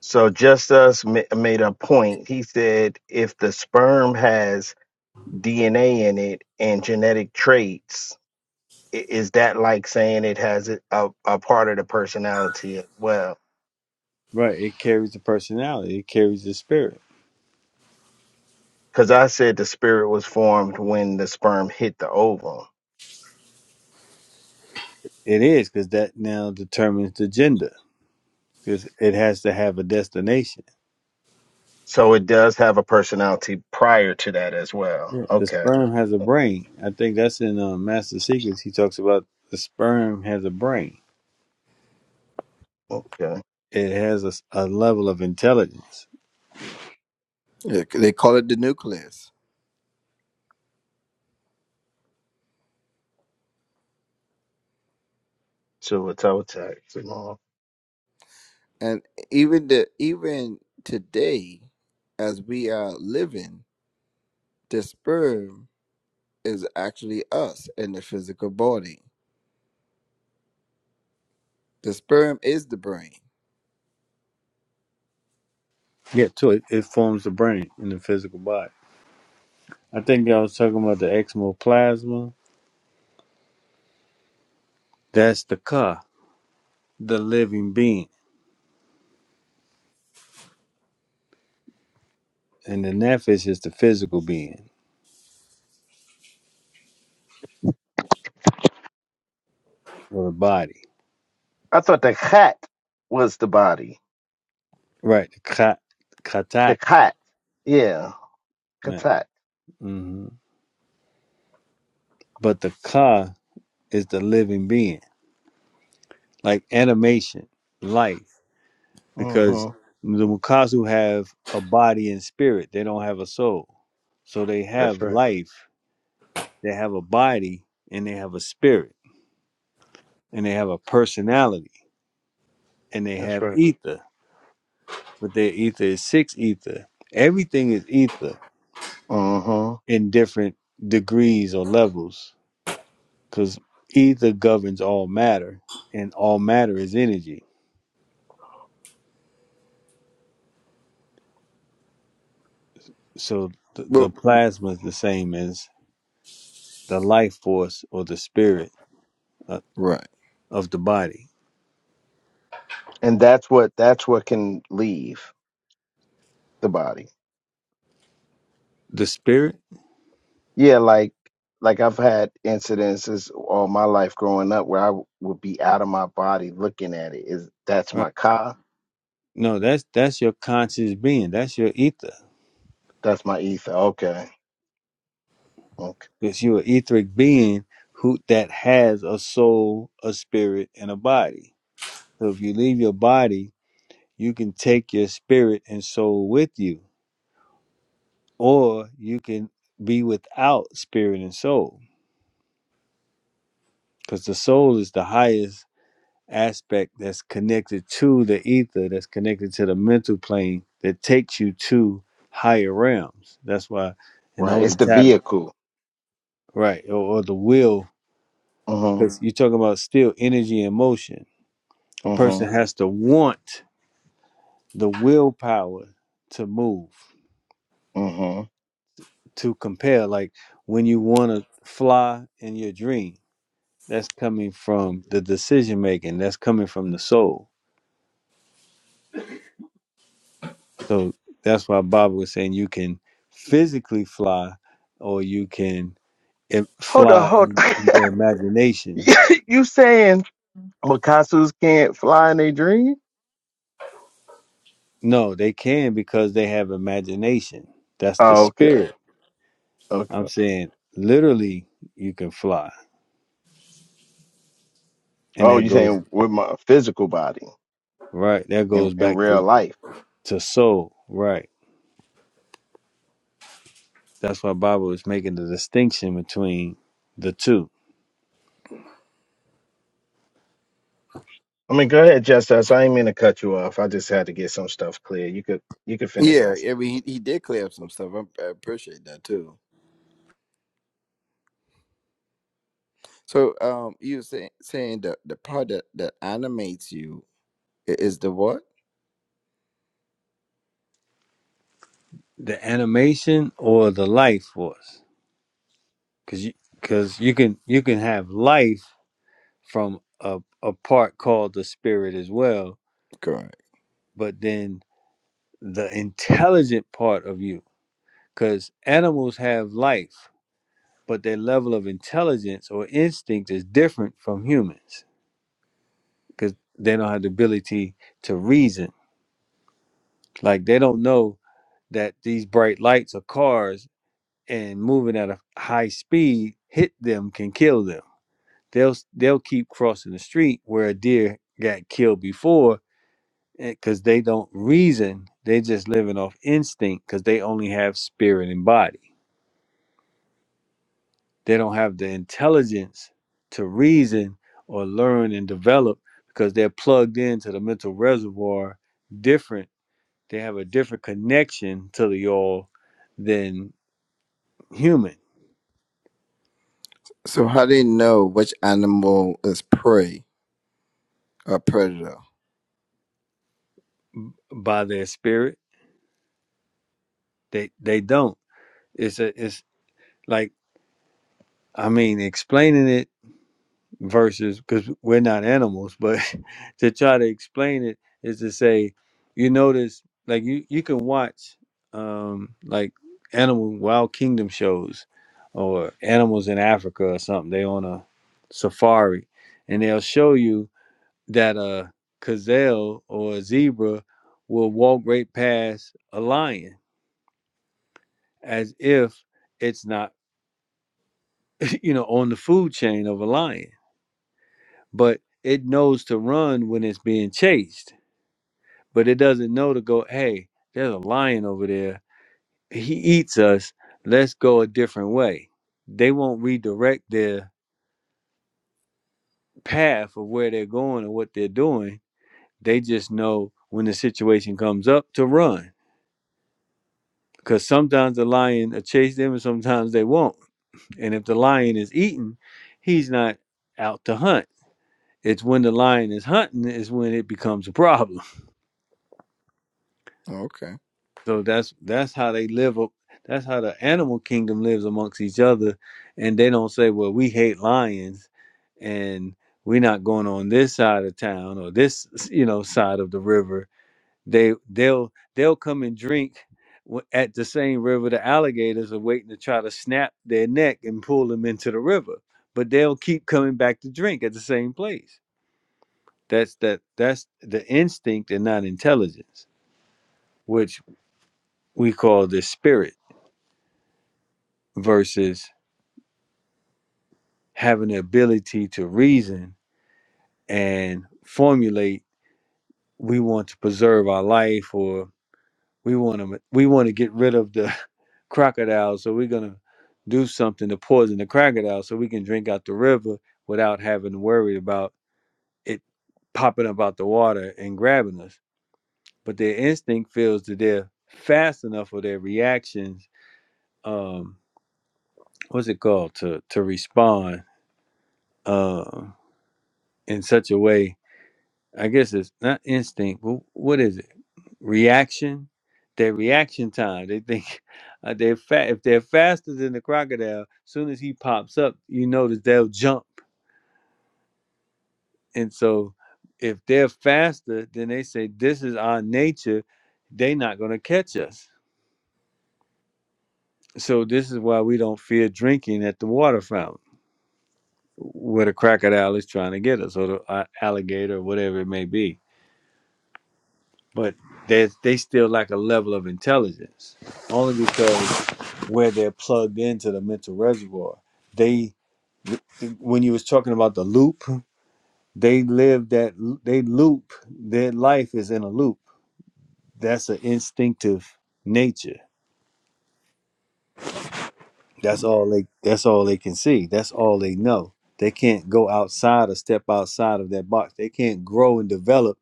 so just us ma- made a point. He said if the sperm has DNA in it and genetic traits i- is that like saying it has a, a a part of the personality as well? Right. It carries the personality. It carries the spirit. Because I said the spirit was formed when the sperm hit the ovum. It is because that now determines the gender. Because it has to have a destination. So it does have a personality prior to that as well. Yeah. The Okay. sperm has a brain. I think that's in uh, Master Secrets. He talks about the sperm has a brain. Okay. It has a, s- a level of intelligence. Yeah, They call it the nucleus, So it's out and even the even today, as we are living, the sperm. is actually us in the physical body. The sperm is the brain. Yeah, too. It, it forms the brain in the physical body. I think I was talking about the exoplasm. That's the car. the living being, and the nephesh is the physical being or the body. I thought the cat was the body. Right, the ka, katat. The cat. Yeah. Right. Katat. hmm But the ka is the living being, like animation, life, because hmm the Mukasu have a body and spirit. They don't have a soul, so they That's have right. life. They have a body and they have a spirit and they have a personality and they That's have right. ether, but their ether is six ether. Everything is ether hmm in different degrees or levels because ether governs all matter and all matter is energy so th- the Well, plasma is the same as the life force or the spirit uh, right. of the body And that's what that's what can leave the body. the spirit Yeah, like like I've had incidences all my life growing up where I w- would be out of my body looking at it. Is that's right my car? no that's that's your conscious being that's your ether That's my ether. Okay. Okay. because you're an etheric being who that has a soul a spirit and a body so if you leave your body you can take your spirit and soul with you or you can be without spirit and soul because the soul is the highest aspect that's connected to the ether that's connected to the mental plane that takes you to higher realms that's why in the Right. holy It's the tablet vehicle. right or, or the will Mm-hmm. because you're talking about still energy and motion a person Mm-hmm. has to want the willpower to move Mm-hmm. to compare like when you want to fly in your dream that's coming from the decision making that's coming from the soul so that's why bob was saying you can physically fly or you can eh, Hold on, fly hold in, on. in your imagination You you saying Mikasus can't fly in a dream? no they can because they have imagination that's the Oh, okay. spirit i'm Okay. saying literally you can fly and Oh, that you goes saying with my physical body right that in, goes in back real to life. to soul right that's why bob was making the distinction between the two I mean, go ahead, Justice. I ain't mean to cut you off. I just had to get some stuff clear. You could you could finish Yeah, asking. I mean, he, he did clear up some stuff. I, I appreciate that too. So, um, you were say, saying that the part that, that animates you is the what? the animation or the life force because you because you can you can have life from a, a part called the spirit as well Correct. but then the intelligent part of you because animals have life but their level of intelligence or instinct is different from humans because they don't have the ability to reason like they don't know that these bright lights are cars and moving at a high speed hit them can kill them they'll they'll keep crossing the street where a deer got killed before because they don't reason they just living off instinct because they only have spirit and body they don't have the intelligence to reason or learn and develop because they're plugged into the mental reservoir different they have a different connection to the all than human So, how do you know which animal is prey or predator? by their spirit they they don't it's a it's like i mean explaining it versus because we're not animals but to try to explain it is to say you notice like you you can watch um like animal wild kingdom shows or animals in africa or something they on a safari and they'll show you that a gazelle or a zebra will walk right past a lion as if it's not you know on the food chain of a lion but it knows to run when it's being chased but it doesn't know to go hey there's a lion over there he eats us let's go a different way they won't redirect their path of where they're going or what they're doing they just know when the situation comes up to run because sometimes the lion will chase them and sometimes they won't and if the lion is eaten he's not out to hunt it's when the lion is hunting is when it becomes a problem Okay. So that's that's how they live up. That's how the animal kingdom lives amongst each other, and they don't say, "Well, we hate lions, and we're not going on this side of town or this you know side of the river." They they'll they'll come and drink w- at the same river. The alligators are waiting to try to snap their neck and pull them into the river, but they'll keep coming back to drink at the same place. That's that that's the instinct and not intelligence, which we call the spirit versus having the ability to reason and formulate we want to preserve our life or we want to we want to get rid of the crocodile so we're going to do something to poison the crocodile so we can drink out the river without having to worry about it popping up out the water and grabbing us but their instinct feels that they're fast enough or their reactions um what's it called to to respond uh, in such a way I guess it's not instinct, but what is it? Reaction. Their reaction time. They think uh, they're fa- if they're faster than the crocodile. Soon as he pops up, you notice they'll jump. And so, if they're faster, then they say this is our nature. They're not going to catch us. So this is why we don't fear drinking at the water fountain where the crocodile is trying to get us, or the uh, alligator, or whatever it may be. But there's they still lack a level of intelligence only because where they're plugged into the mental reservoir. They, when you was talking about the loop, they live that they loop. Their life is in a loop. That's an instinctive nature. That's Mm. all they. That's all they can see. That's all they know. They can't go outside or step outside of that box. They can't grow and develop.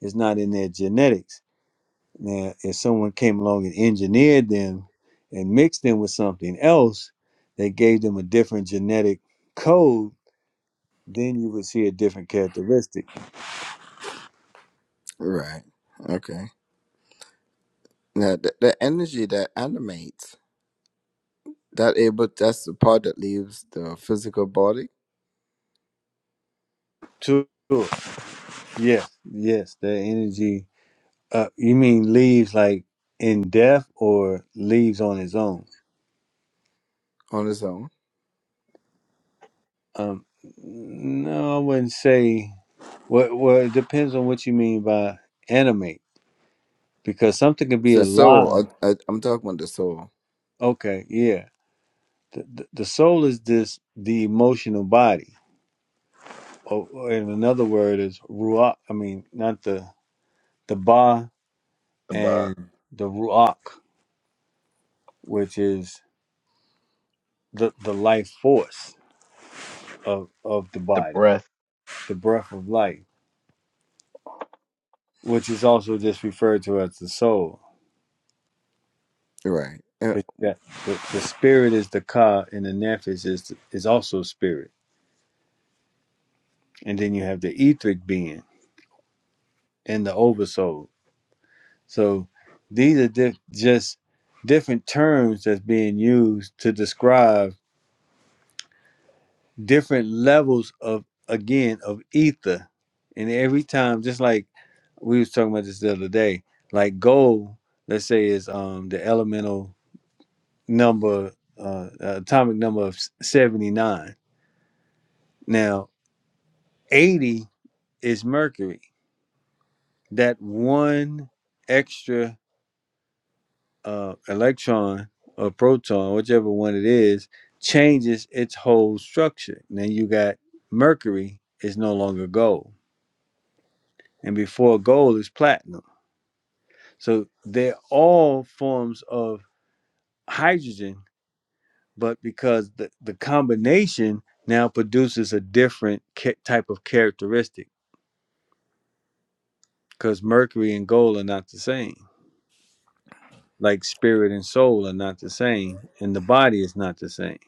It's not in their genetics. Now, if someone came along and engineered them and mixed them with something else, they gave them a different genetic code then you would see a different characteristic Right. Okay. Now, the, the energy that animates that able that's the part that leaves the physical body too. Yes, yes, that energy. Uh, you mean leaves like in death or leaves on its own? on its own Um, no, I wouldn't say. Well, well, it depends on what you mean by animate, because something can be the alive. soul. I, I, I'm talking about the soul. Okay, yeah. The, the, the soul is this the emotional body, or, or in another word is ruach. I mean, not the the ba the uh, and the ruach, which is the the life force of of the the body, breath the breath of life, which is also just referred to as the soul. Right. Yeah. It- that- The, the spirit is the ka, and the nephesh is is also spirit. And then you have the etheric being and the oversoul. So these are di- just different terms that's being used to describe different levels of again of ether and every time just like we was talking about this the other day like gold let's say is um the elemental number uh uh, atomic number of s- 79 now 80 is mercury that one extra uh electron or proton whichever one it is changes its whole structure now you got mercury is no longer gold and before gold is platinum. So they're all forms of hydrogen, but because the, the combination now produces a different ca- type of characteristic, because mercury and gold are not the same. Like spirit and soul are not the same, and the body is not the same.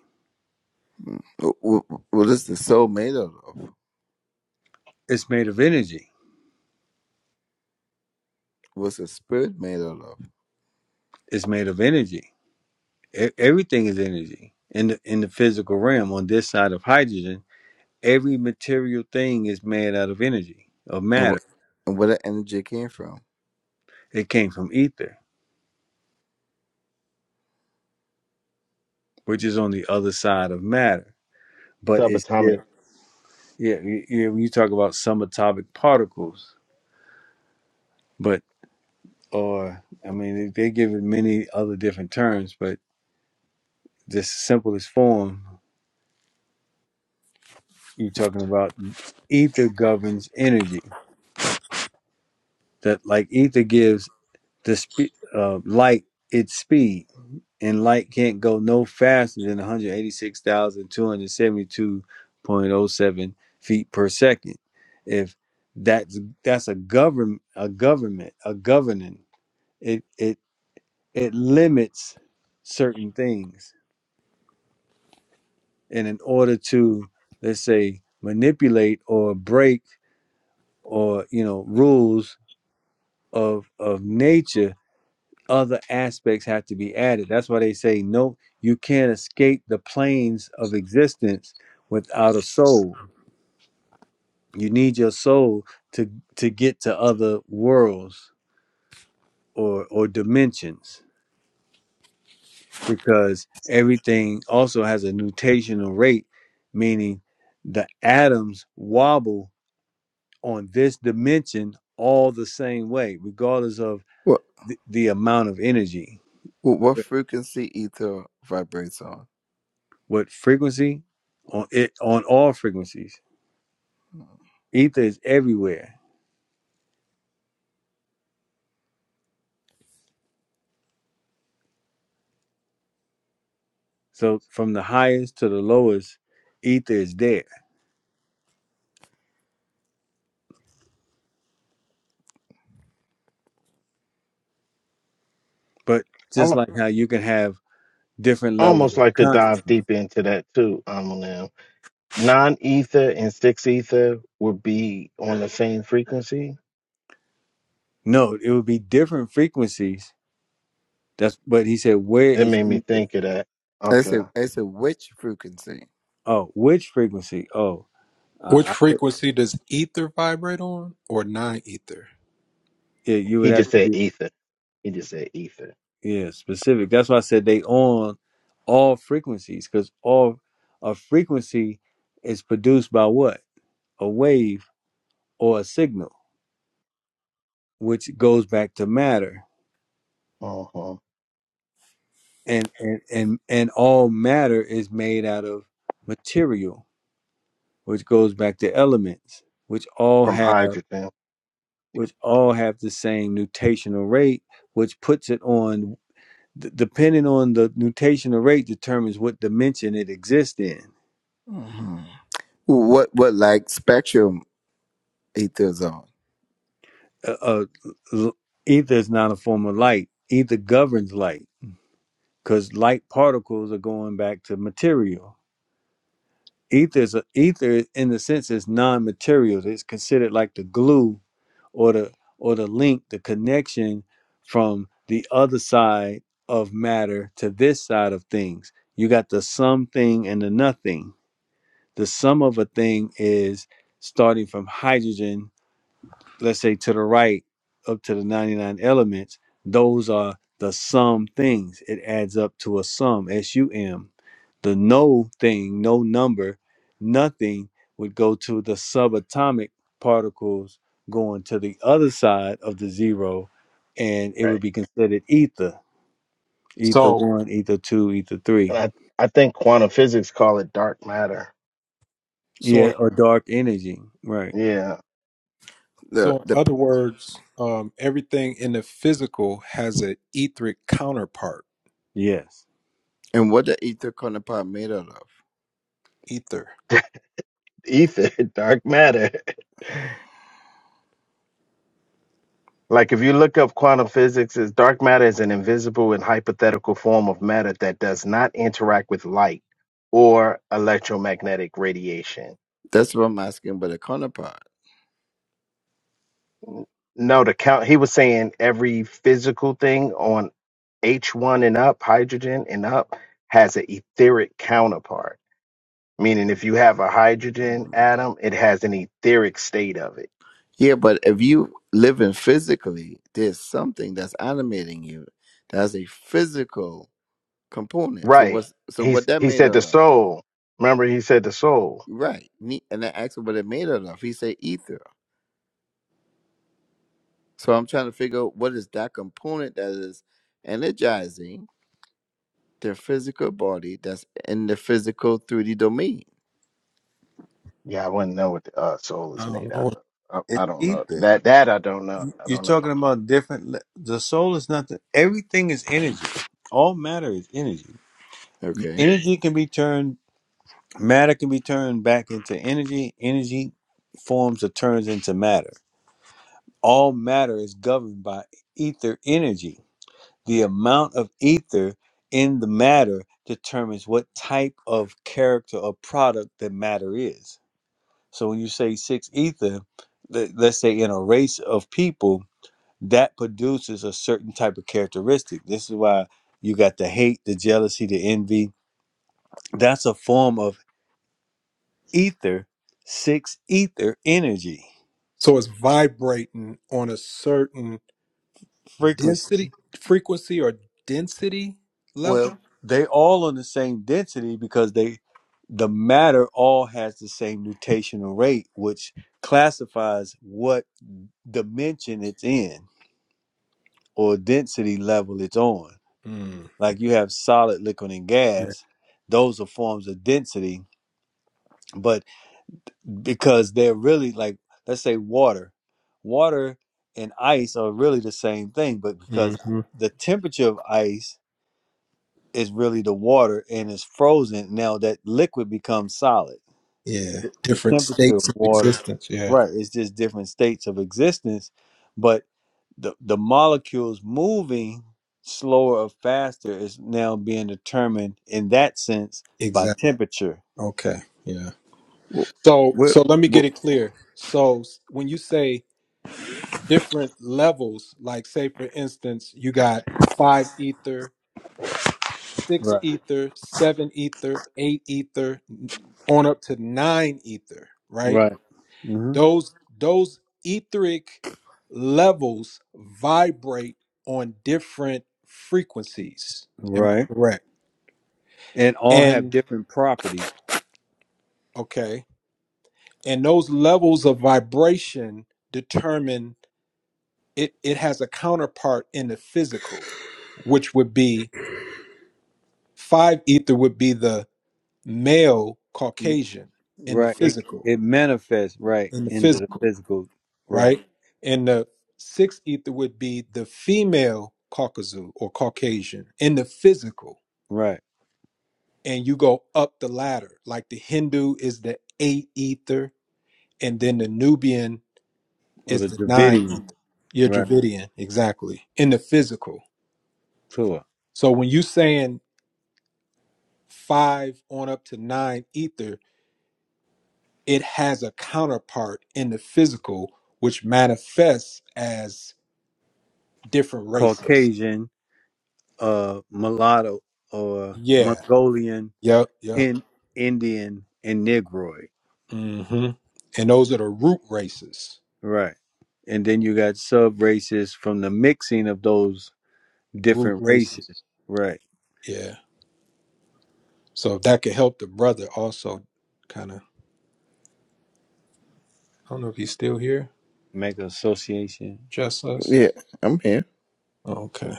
Mm. Wh- wh- What is the soul made out of? It's made of energy. What's the spirit made out of? It's made of energy. E- everything is energy in the in the physical realm. On this side of hydrogen, every material thing is made out of energy, of And matter. what and where the energy came from? It came from ether which is on the other side of matter. But it's subatomic. yeah, yeah. y- yeah when you talk about subatomic particles, but or I mean, they they give it many other different terms, but just simplest form, you're talking about ether governs energy. That like ether gives the spe- uh, light its speed and light can't go no faster than 186,272.07 feet per second. If that's that's a government a government a governing it it it limits certain things and in order to let's say manipulate or break or you know rules of of nature other aspects have to be added. That's why they say no, you can't escape the planes of existence without a soul. You need your soul to to get to other worlds or or dimensions because everything also has a nutational rate, meaning the atoms wobble on this dimension all the same way, regardless of What the, the amount of energy. what, what frequency ether vibrates on? What frequency on it on all frequencies? Ether is everywhere. So from the highest to the lowest, ether is there. But I just li- like how you can have different levels almost of like to consciousness. dive deep into that too. Um, now non ether and six ether would be on the same frequency. No, it would be different frequencies. That's but he said, where That is made me ether? think of that. I Okay, say I say which frequency? Oh, which frequency? Oh, Which uh, I could, frequency does ether vibrate on or non ether? yeah, you he would have just to said be ether. He just said ether. yeah specific. That's why I said they on all frequencies because all a frequency is produced by what a wave or a signal, which goes back to matter Uh-huh. and and and and all matter is made out of material which goes back to elements which all From have hydrogen, which all have the same nutational rate which puts it on d- depending on the nutational rate determines what dimension it exists in hmm What what like spectrum ether's on? uh, uh, l- ether is not a form of light ether governs light because light particles are going back to material ether is a, ether in the sense is non-material it's considered like the glue or the or the link, the connection from the other side of matter to this side of things. You got the something and the nothing. The sum of a thing is starting from hydrogen let's say to the right up to the 99 elements those are the sum things it adds up to a sum s-u-m the no thing no number nothing would go to the subatomic particles going to the other side of the zero and it would right? be considered ether ether So one ether two ether And three I I think quantum physics call it dark matter. yeah so or dark energy right Yeah, The so in the other words, um, everything in the physical has an etheric counterpart, yes and what the ether counterpart made out of? ether. ether, dark matter. Like if you look up quantum physics, is dark matter is an invisible and hypothetical form of matter that does not interact with light or electromagnetic radiation. That's what I'm asking. But the counterpart. No, the count he was saying every physical thing on H1 and up, hydrogen and up, has an etheric counterpart. Meaning if you have a hydrogen atom, it has an etheric state of it. Yeah, but if you living physically, there's something that's animating you. That's a physical component. So Right. what's so what He's that he made said out the of? soul. Remember he said the soul. Right. Ne- And I asked him what it made out of. He said ether. So I'm trying to figure out what is that component that is energizing their physical body that's in the physical 3D domain. Yeah, I wouldn't know what the uh, soul I is made don't out know. of. I, it's I don't know ether that. That I don't know. I You're don't know. talking about different. le- The soul is nothing. Everything is energy. All matter is energy. Okay. Energy can be turned. Matter can be turned back into energy. Energy forms or turns into matter. All matter is governed by ether energy. The amount of ether in the matter determines what type of character or product that matter is. So when you say six ether, let- let's say in a race of people, that produces a certain type of characteristic. This is why you got the hate, the jealousy, the envy. That's a form of ether, six ether energy So it's vibrating on a certain frequency. density frequency or density level? Well, they all on the same density because they the matter all has the same nutational rate, which classifies what dimension it's in or density level it's on. Mm. Like you have solid, liquid, and gas; those are forms of density but. because they're really like let's say water water and ice are really the same thing but because the temperature of ice is really the water and it's frozen now that liquid becomes solid Yeah, the different temperature of states of water existence. Yeah, right it's just different states of existence but the, the molecules moving slower or faster is now being determined in that sense by exactly. temperature Okay. Yeah. Well, So, well, so let me get well it clear. So, s- when you say different levels, like say for instance, you got five ether, six right ether, seven ether, eight ether, n- on up to nine ether, right? right hmm Those those etheric levels vibrate on different frequencies. Am right I correct? and all have And different properties okay. and those levels of vibration determine it it has a counterpart in the physical which would be five ether would be the male Mm, caucasian in the right it, physical it manifests right in the into the physical physical right right and the six ether would be the female caucasus or caucasian in the physical right and you go up the ladder like the hindu is the eight ether and then the nubian or is the the ninth. Dravidian You're right Dravidian, exactly. In the physical. tour So when you saying five on up to nine ether, it has a counterpart in the physical, which manifests as different races. Caucasian uh mulatto or Yeah. Mongolian Yep. Yep. in Indian and Negroid hmm And those are the root races. right and then you got sub races from the mixing of those Root different races races. right Yeah. So if that could help the brother also kind of I don't know if he's still here. make an association Just us. yeah, I'm here. Oh, Okay.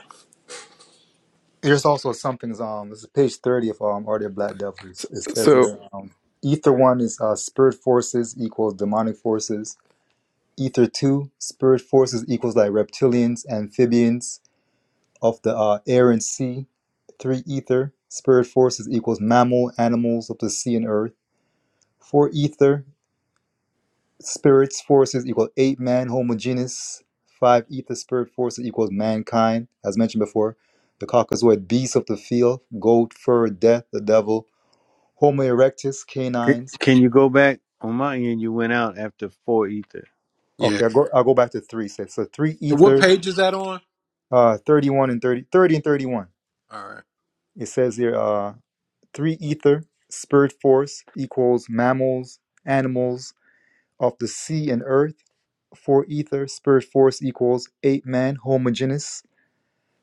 there's also something's um. This is page thirty of um. Are there black devils? It says So here, um. Ether one is uh, spirit forces equals demonic forces. Ether two, spirit forces equals like reptilians, amphibians, of the uh, air and sea. Three ether, spirit forces equals mammal, animals of the sea and earth. Four ether, spirits forces equal eight man homogeneous. Five ether, spirit forces equals mankind, as mentioned before. The caucasoid beasts of the field, goat fur, death, the devil. Homo erectus, C- canines. can you go back on my end you went out after four ether Yeah. Okay, I'll go, I'll go back to three. So, so three And what ether, page is that on? uh, 31 and 30, 30 and 31. All right. It says here, uh, Three ether, spirit force equals mammals, animals of the sea and earth. Four ether, spirit force equals ape man, homogeneous.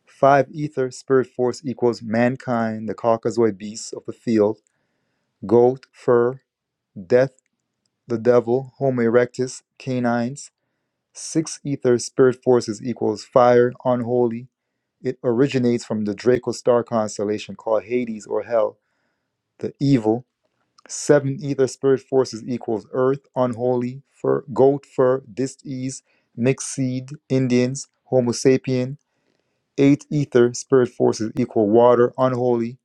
Five ether, spirit force equals mankind, the Caucasoid beasts of the field, goat, fur, death, the devil, Homo erectus, canines. Six ether, spirit forces equals fire, unholy. It originates from the Draco star constellation called Hades or Hell, the evil. Seven ether spirit forces equals earth, unholy, fur, goat fur, dis-ease, mixed seed, Indians, Homo sapien. Eight ether spirit forces equal water, unholy,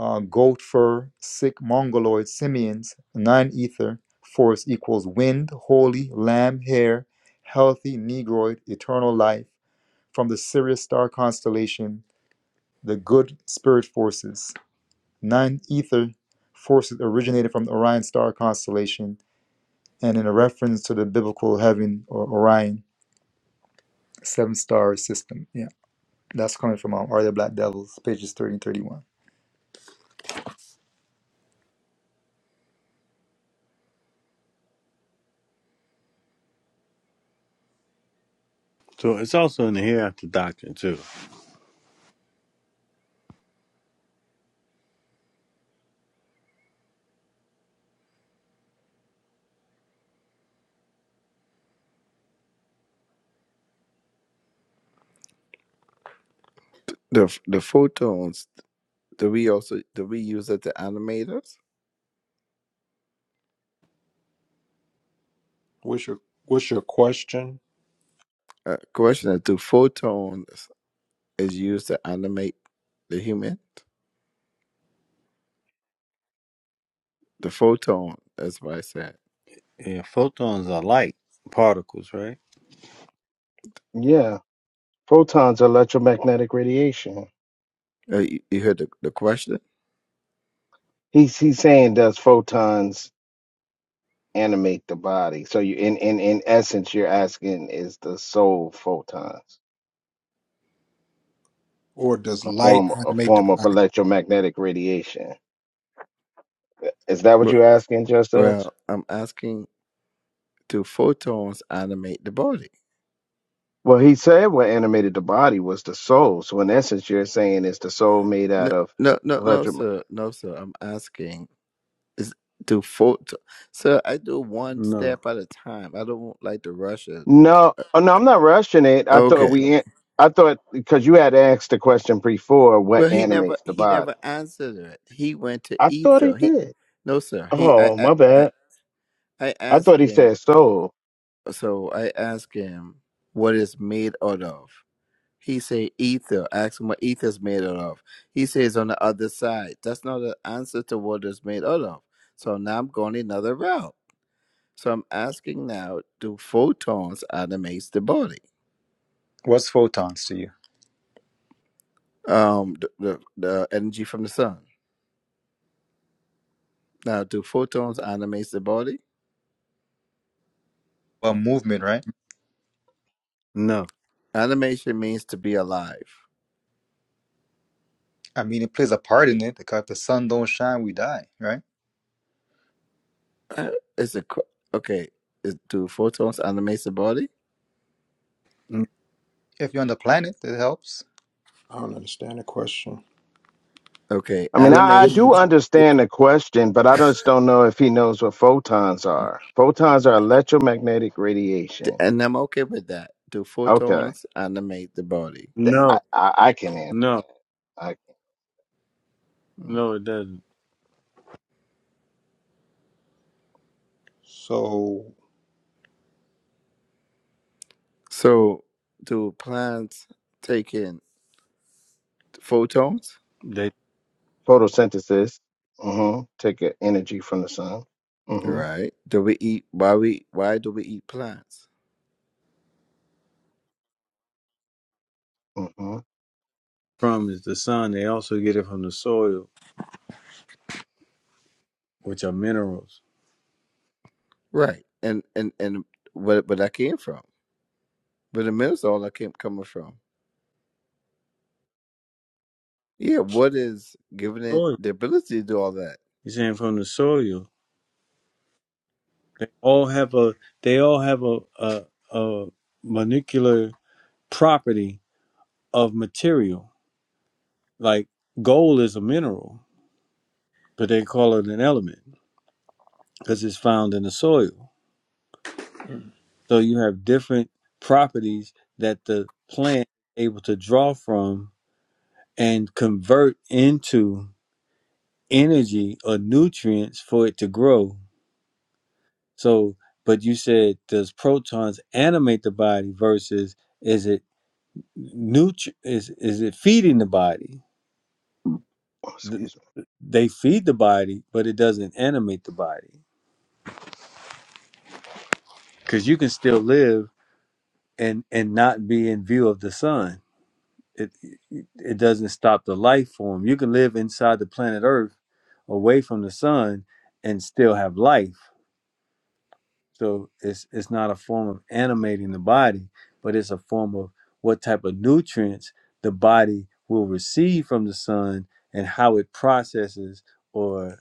uh, goat fur, sick, mongoloid, simians. Nine ether force equals wind, holy, lamb, hair, healthy, negroid, eternal life. From the Sirius star constellation, the good spirit forces. Nine ether forces originated from the Orion star constellation and in a reference to the biblical heaven or Orion seven star system. Yeah, that's coming from um, Are the Black Devils, pages 30 and 31. So it's also in the hereafter doctrine too. the the photons do we also do we use it to animators? What's your What's your question? Uh, question do photons is used to animate the human? The photon, that's what I said. Yeah, photons are light particles, right? Yeah, photons are electromagnetic radiation. Uh, you, you heard the, the question? He's he's saying does photons animate the body? So you in in in essence, you're asking is the soul photons Or does a light form a animate the form of body? electromagnetic radiation? Is that what Well, you're asking, just us? well, I'm asking, do photons animate the body? Well, he said what animated the body was the soul. So in essence, you're saying is the soul made No, out of no, no, no, electro? sir. No, sir. I'm asking, is do photon? Sir, I do one No, step at a time. I don't like to rush it. No, oh, no, I'm not rushing it. I thought Okay. we, an- I thought because you had asked the question before, what Well, he never, animates the he body? never answered it. He went to I thought he ether. He, did. no, sir. He, I, Oh, I, my I, bad. I I thought asked he him. said soul. So I asked him what it's made out of. He said ether. I asked him what ether is made out of. He says on the other side. That's not an answer to what it's made out of. So now I'm going another route. So I'm asking now, do photons animate the body? What's photons to you? Um, the, the, the energy from the sun. Now, do photons animate the body? Well, movement, right? no, Animation means to be alive. I mean, it plays a part in it because if the sun don't shine, we die, right? Uh, It's a qu- okay. Is, do photons animate the body? N- If you're on the planet, it helps. I don't understand the question. Okay, I mean, What, I, I what animation. are you trying do to understand the question, but I just don't know if he knows what photons are. Photons are electromagnetic radiation. and I'm okay with that. Do Okay, photons animate the body? Th- I, no, I, I can answer no, that. I, Mm. no. It doesn't. So, So, do plants take in photons? They photosynthesis. Mm-hmm. Take uh, energy from the sun. Mm-hmm. Right. Do we eat? Why we? Why do we eat plants? Mm-hmm. from is the sun. They also get it from the soil, which are minerals. Right. And and and what? where I came from? But the minerals all I came coming from? Yeah. What is giving it Soil. the ability to do all that? You're saying from the soil. They all have a. They all have a a, a molecular property of material. Like gold is a mineral, but they call it an element because it's found in the soil. So you have different properties that the plant is able to draw from and convert into energy or nutrients for it to grow. So, but you said does protons animate the body versus is it nutri- is is it feeding the body? Oh, Th- excuse They feed the body, but it doesn't animate the body because you can still live and and not be in view of the sun. it it doesn't stop the life form. You can live inside the planet Earth, away from the sun, and still have life. So it's it's not a form of animating the body, but it's a form of what type of nutrients the body will receive from the sun and how it processes or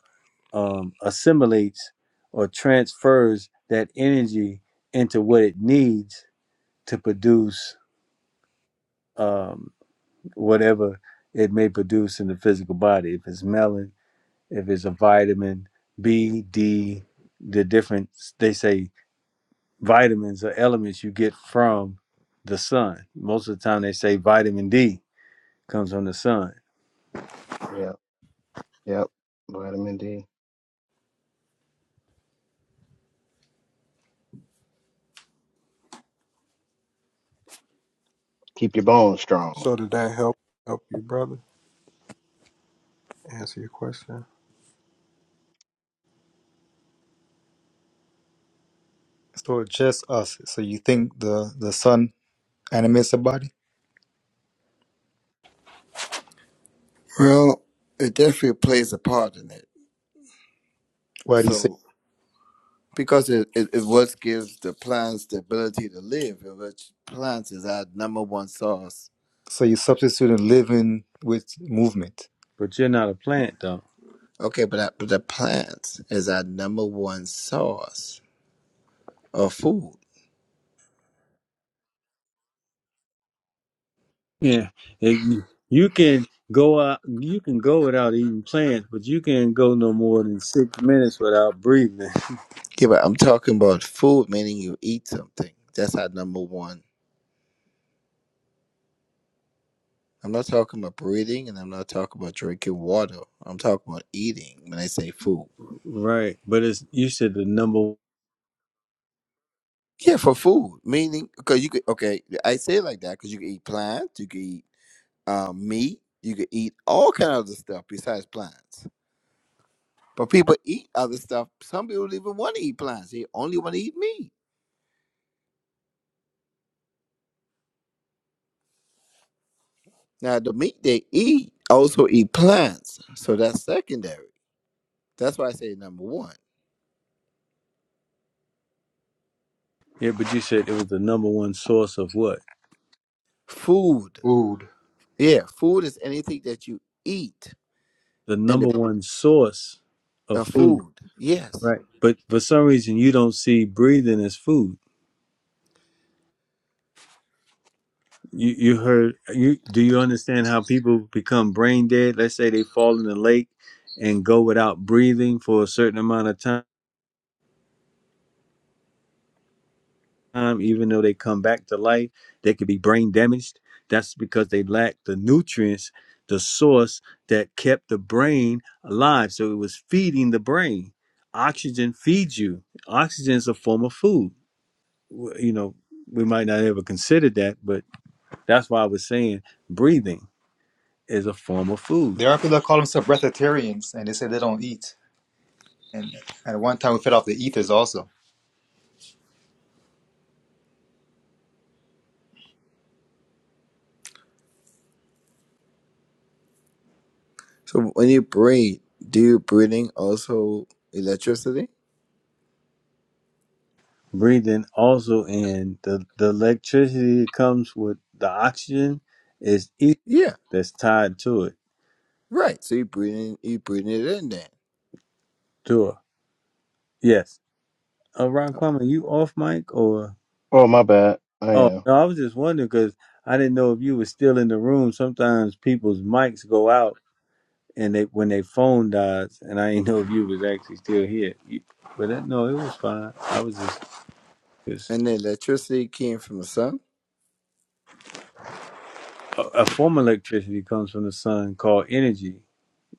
um, assimilates or transfers that energy into what it needs to produce um, whatever it may produce in the physical body. If it's melon, if it's a vitamin B, D, the different they say vitamins are elements you get from the sun. Most of the time they say vitamin D comes from the sun, me. Yeah. Yep. Vitamin D. Keep your bones strong. so did that help help you, brother? Answer your question. So just us. So you think the, the sun animates the body? Well, it definitely plays a part in it. Why do you say? So. Because it, it, it what gives the plants the ability to live, and which plants is our number one source. So you substitute a living with movement. but you're not a plant though. Okay, but, I, but the plants is our number one source of food. Yeah, and you you can go out. You can go without eating plants, but you can't go no more than six minutes without breathing. Yeah, but I'm talking about food, meaning you eat something. That's our number one. I'm not talking about breathing, and I'm not talking about drinking water. I'm talking about eating when I say food. Right, but it's you said the number. Yeah, for food, meaning because you could. Okay, I say it like that because you can eat plants, you can eat um, meat, you could eat all kind of other stuff besides plants. But people eat other stuff. Some people don't even want to eat plants. They only want to eat meat. Now the meat they eat also eat plants. So that's secondary. That's why I say number one. Yeah, but you said it was the number one source of what? Food. Food, Yeah, food is anything that you eat the and number the one source of uh, food, food. Yes. right? But for some reason, you don't see breathing as food. You you heard you do you understand how people become brain dead? Let's say they fall in the lake and go without breathing for a certain amount of time, even though they come back to life, they could be brain damaged. That's because they lack the nutrients, the source that kept the brain alive. So it was feeding the brain. Oxygen feeds you. Oxygen is a form of food w- you know we might not ever consider that but that's why i was saying breathing is a form of food There are people that call themselves breatharians, and they say they don't eat. And at one time, we fed off the ethers also So when you breathe, do you breathing also electricity? breathing also and the, the electricity that comes with the oxygen is ether Yeah. that's tied to it Right. So you breathing you breathing it in then. to it. yes uh, ron Kwame, you off mic or Oh, my bad. I oh am. no i was just wondering because i didn't know if you were still in the room sometimes people's mics go out and they when they phone dies and i didn't know if you was actually still here You- but that, no it was fine i was just Because And the electricity came from the sun. a, a form of electricity comes from the sun called energy.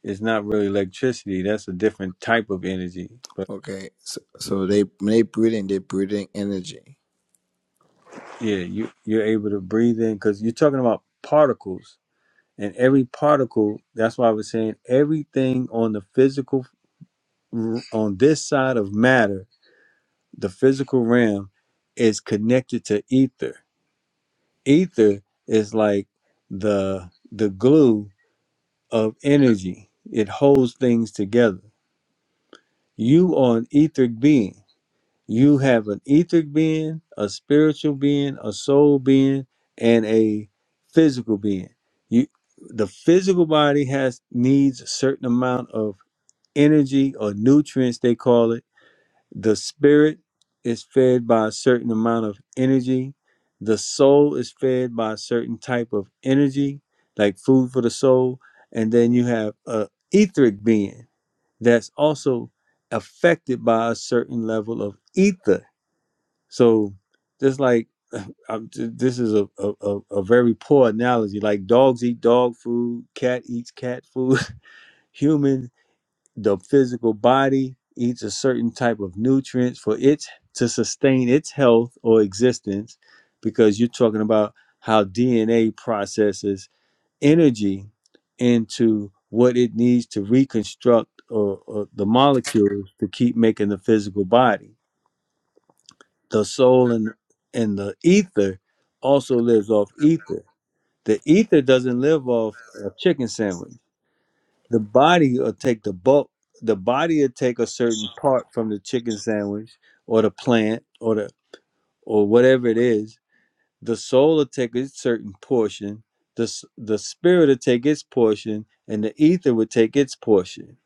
It's not really electricity. That's a different type of energy. But Okay. So so they when they breathing, they're breathing energy. yeah, you you're able to breathe in because you're talking about particles, and every particle. That's why I was saying everything on the physical r- on this side of matter, the physical realm, is connected to ether. Ether is like the the glue of energy. It holds things together You are an etheric being. You have an etheric being, a spiritual being, a soul being, and a physical being. You the physical body has needs a certain amount of energy or nutrients they call it. The spirit is fed by a certain amount of energy. The soul is fed by a certain type of energy, like food for the soul. And then you have a etheric being that's also affected by a certain level of ether. So just like I'm, this is a, a, a a very poor analogy. Like dogs eat dog food, cat eats cat food. Human, the physical body eats a certain type of nutrients for it to sustain its health or existence, because you're talking about how DNA processes energy into what it needs to reconstruct or, or the molecules to keep making the physical body. The soul and and the ether also lives off ether. The ether doesn't live off a chicken sandwich. The body will take the bulk. The body will take a certain part from the chicken sandwich or the plant or the or whatever it is, the soul will take its certain portion, the, the spirit will take its portion, and the ether will take its portion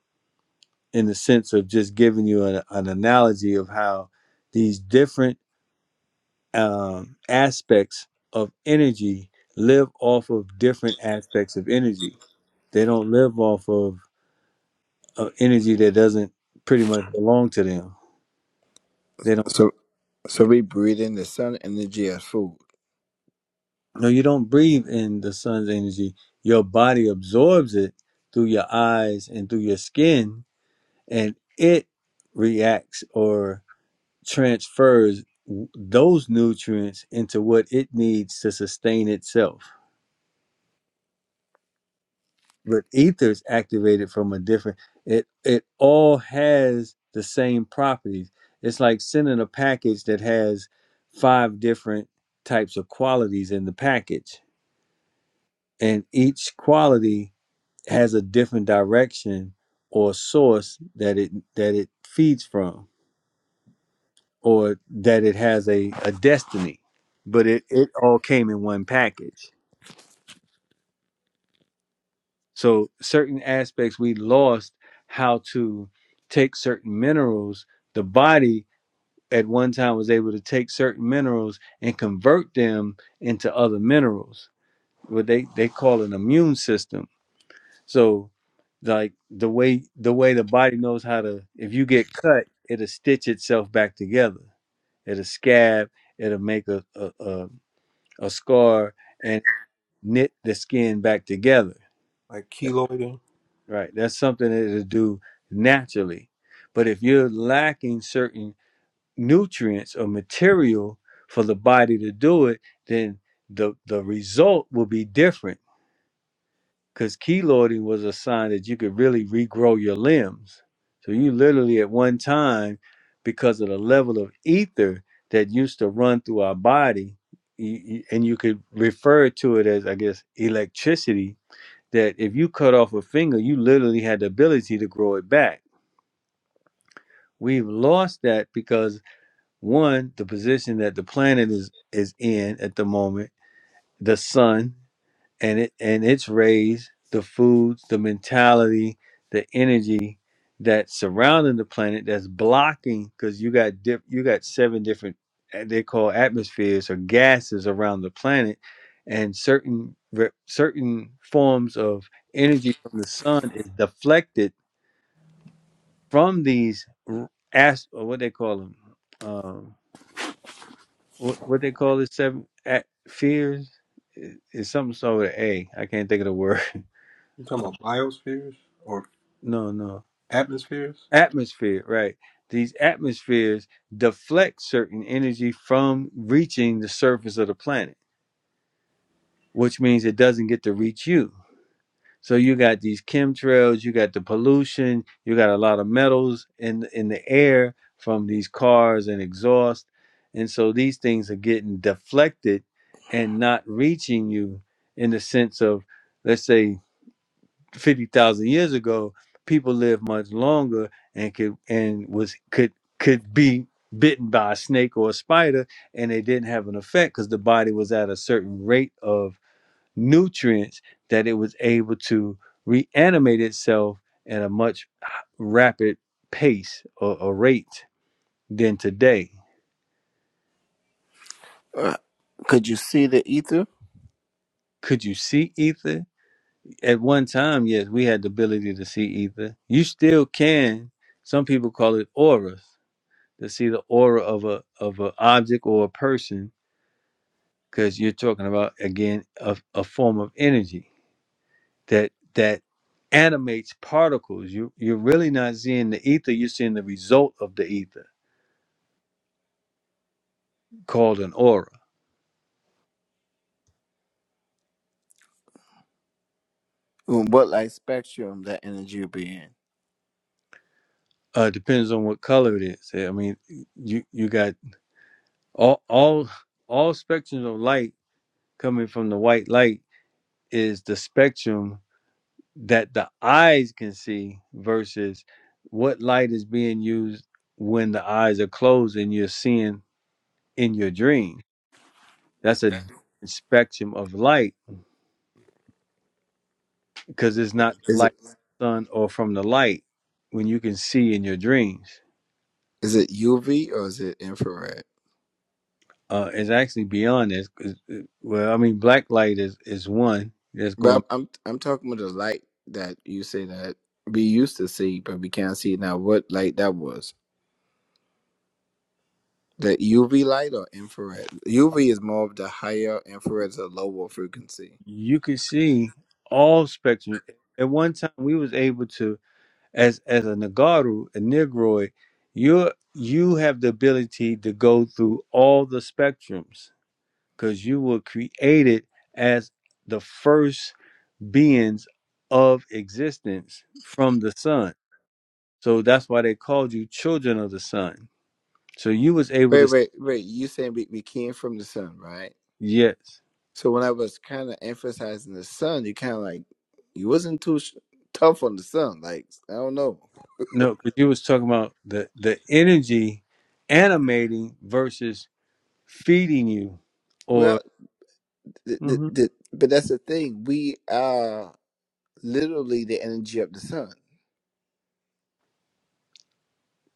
in the sense of just giving you an, an analogy of how these different um, aspects of energy live off of different aspects of energy. They don't live off of, of energy that doesn't pretty much belong to them. They don't, So So we breathe in the sun energy as food. no, you don't breathe in the sun's energy. Your body absorbs it through your eyes and through your skin, and it reacts or transfers w- those nutrients into what it needs to sustain itself. But ether's activated from a different it it all has the same properties. It's like sending a package that has five different types of qualities in the package. And each quality has a different direction or source that it that it feeds from or that it has a, a destiny, but it, it all came in one package. So, certain aspects we lost how to take certain minerals. The body at one time was able to take certain minerals and convert them into other minerals, what they, they call an immune system. So, like the way the way the body knows how to if you get cut it'll stitch itself back together it'll scab it'll make a, a, a a scar and knit the skin back together. like keloiding. Right. That's something that it'll do naturally. But if you're lacking certain nutrients or material for the body to do it, then the the result will be different because keloiding was a sign that you could really regrow your limbs. So you literally at one time, because of the level of ether that used to run through our body, y- y- and you could refer to it as, I guess, electricity, that if you cut off a finger, you literally had the ability to grow it back. We've lost that because one, the position that the planet is is in at the moment, the sun and it and it's rays, the foods, the mentality, the energy that's surrounding the planet that's blocking because you got dip, you got seven different uh, they call atmospheres or gases around the planet, and certain re- certain forms of energy from the sun is deflected from these r- as or what they call them, um, what what they call the seven at fears is something so with an A. I can't think of the word. You talking about biospheres or No, no atmospheres? atmosphere right these atmospheres deflect certain energy from reaching the surface of the planet which means it doesn't get to reach you so you got these chemtrails you got the pollution you got a lot of metals in in the air from these cars and exhaust and so these things are getting deflected and not reaching you in the sense of let's say fifty thousand years ago, people lived much longer and could and was could could be bitten by a snake or a spider, and they didn't have an effect because the body was at a certain rate of nutrients that it was able to reanimate itself at a much rapid pace or, or rate than today. Uh, Could you see the ether? Could you see ether? At one time, yes, we had the ability to see ether. You still can. Some people call it aura to see the aura of a of an object or a person because you're talking about again a, a form of energy that that animates particles you you're really not seeing the ether you're seeing the result of the ether called an aura In What light spectrum that energy will be in? uh depends on what color it is i mean you you got all all all spectrums of light coming from the white light is the spectrum that the eyes can see versus what light is being used when the eyes are closed and you're seeing in your dream. That's a different spectrum of light because it's not Is light it from the sun or from the light when you can see in your dreams. is it UV or is it infrared? Uh, it's actually beyond this. 'cause, uh, Well, I mean, black light is, is one that's But I'm going. I'm, I'm talking about the light that you say that we used to see, but we can't see now. What light that was? The UV light or infrared? UV is more of the higher, infrared is a lower frequency. You can see all spectrum. At one time, we was able to. as as a Nagaru, a Negroid, you you have the ability to go through all the spectrums because you were created as the first beings of existence from the sun. So that's why they called you children of the sun. So you was able Wait, to wait, wait. You saying we, we came from the sun, right? yes. So when I was kind of emphasizing the sun, you kind of like you wasn't too sh- tough on the sun. Like I don't know. No, because you was talking about the the energy animating versus feeding you or Well, th- th- hmm th- but that's the thing. We are literally the energy of the sun.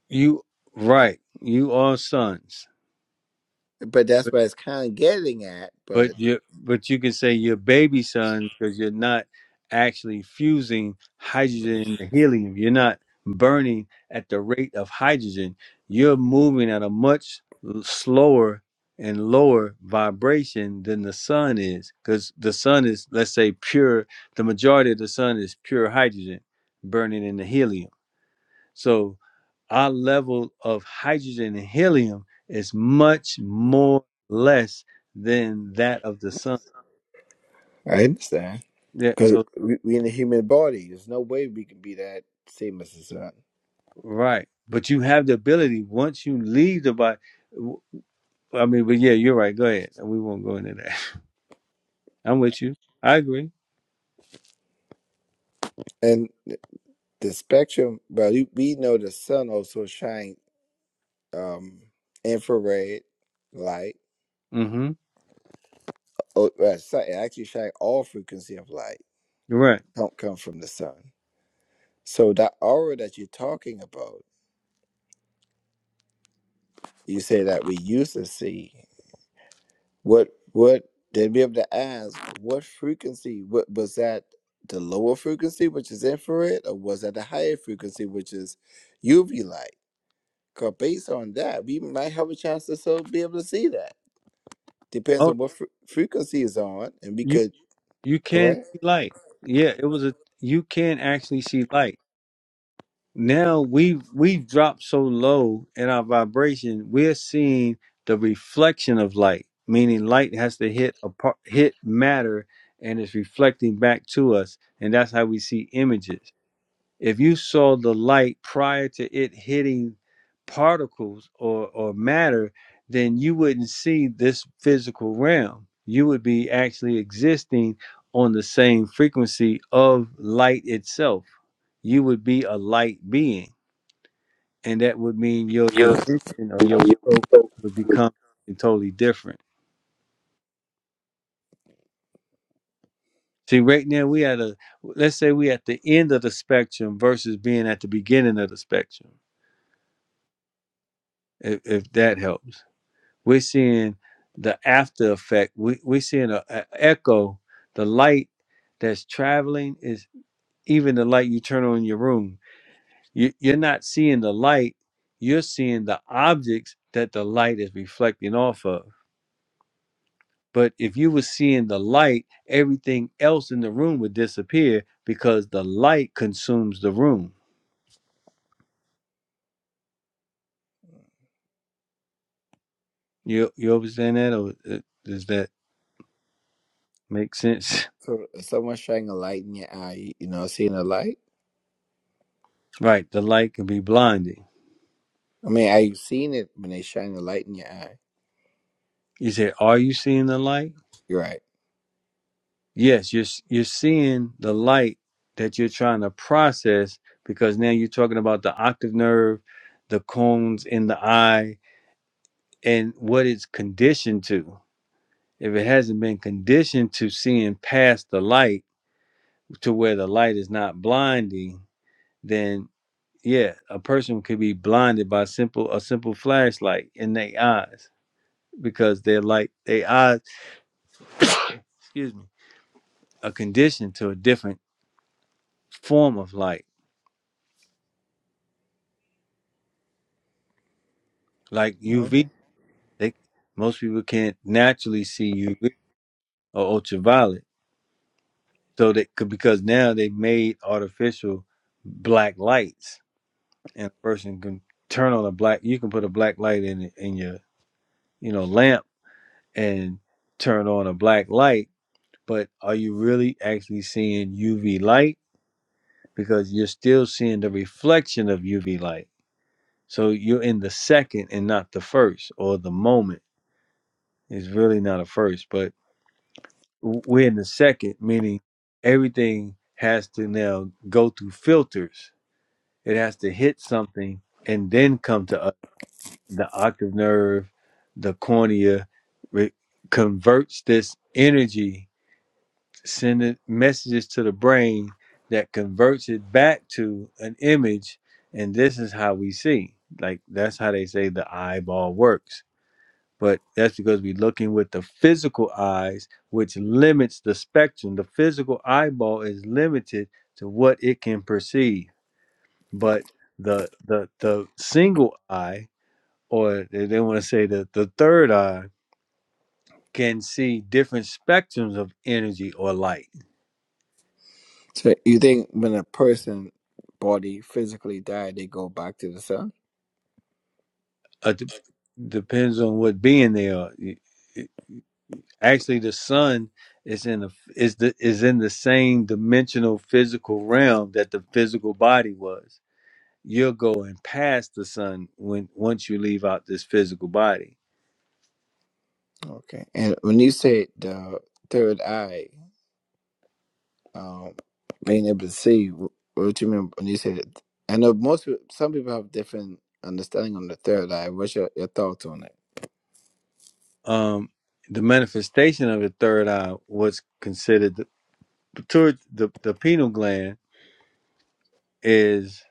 you right. You are sons. But that's But what it's kind of getting at. But but you but you can say your baby sons because you're not actually fusing hydrogen into helium. You're not burning at the rate of hydrogen. You're moving at a much l- slower and lower vibration than the sun is because the sun is let's say pure the majority of the sun is pure hydrogen burning in the helium so our level of hydrogen and helium is much more less than that of the sun. I understand Yeah, because so we, we in the human body. There's no way we can be that same as the sun. right. But you have the ability once you leave the body. w- I mean, but yeah, you're right. Go ahead. We won't go into that. I'm with you. I agree. And th- the spectrum. Well, you- we know the sun also shines um, infrared light Mm-hmm. Oh, right. So it actually shine all frequency of light You're right. don't come from the sun. So that aura that you're talking about, you say that we used to see. What what then be able to ask what frequency? What was that? The lower frequency, which is infrared, or was that the higher frequency, which is UV light? Because based on that, we might have a chance to so be able to see that. Depends Oh, on what fre- frequency is on, and we you could you can correct. see light. Yeah, it was a you can actually see light. now we've we've dropped so low in our vibration we're seeing the reflection of light meaning light has to hit a par- hit matter and it's reflecting back to us and that's how we see images if you saw the light prior to it hitting particles or or matter then you wouldn't see this physical realm you would be actually existing on the same frequency of light itself you would be a light being and that would mean your dimension or your world would become something totally different. See, right now we at a let's say we at the end of the spectrum versus being at the beginning of the spectrum. If, if that helps, we're seeing the after effect. We we're seeing a, a echo. The light that's traveling is even the light you turn on in your room. You, you're not seeing the light. You're seeing the objects that the light is reflecting off of But if you were seeing the light, everything else in the room would disappear because the light consumes the room. You you understand that, or uh, does that make sense? So if someone's shining a light in your eye, you know, seeing a light. Right, the light can be blinding. I mean, I've seen it when they shine the light in your eye. You say, "Are you seeing the light?" You're right. Yes, you're s- you're seeing the light that you're trying to process because now you're talking about the octave nerve, the cones in the eye, and what it's conditioned to. If it hasn't been conditioned to seeing past the light to where the light is not blinding, then yeah, a person could be blinded by simple a simple flashlight in their eyes because their light their eyes, excuse me, are conditioned to a different form of light, like Okay. UV. They most people can't naturally see UV or ultraviolet, so they could because now they've made artificial black lights, and a person can turn on a black. You can put a black light in in your you know lamp and turn on a black light, but are you really actually seeing UV light? Because you're still seeing the reflection of UV light. So you're in the second and not the first, or the moment is really not a first, but w- we're in the second, meaning everything has to now go through filters. It has to hit something and then come to us. The octave nerve, the cornea, re- converts this energy sending messages to the brain that converts it back to an image and this is how we see like that's how they say the eyeball works but that's because we're looking with the physical eyes which limits the spectrum the physical eyeball is limited to what it can perceive but the the the single eye or they, they want to say that the the third eye can see different spectrums of energy or light So you think when a person body physically die, they go back to the sun? Uh, d- depends on what being they are. Y- y- Actually, the sun is in the is the is in the same dimensional physical realm that the physical body was. You're going past the sun when once you leave out this physical body. Okay. And when you say the third eye, um, being able to see, wh- what do you mean when you say that? I know most peo- some people have different understanding on the third eye. What's your, your thoughts on it? Um, the manifestation of the third eye, what's considered the towards the the pineal gland, is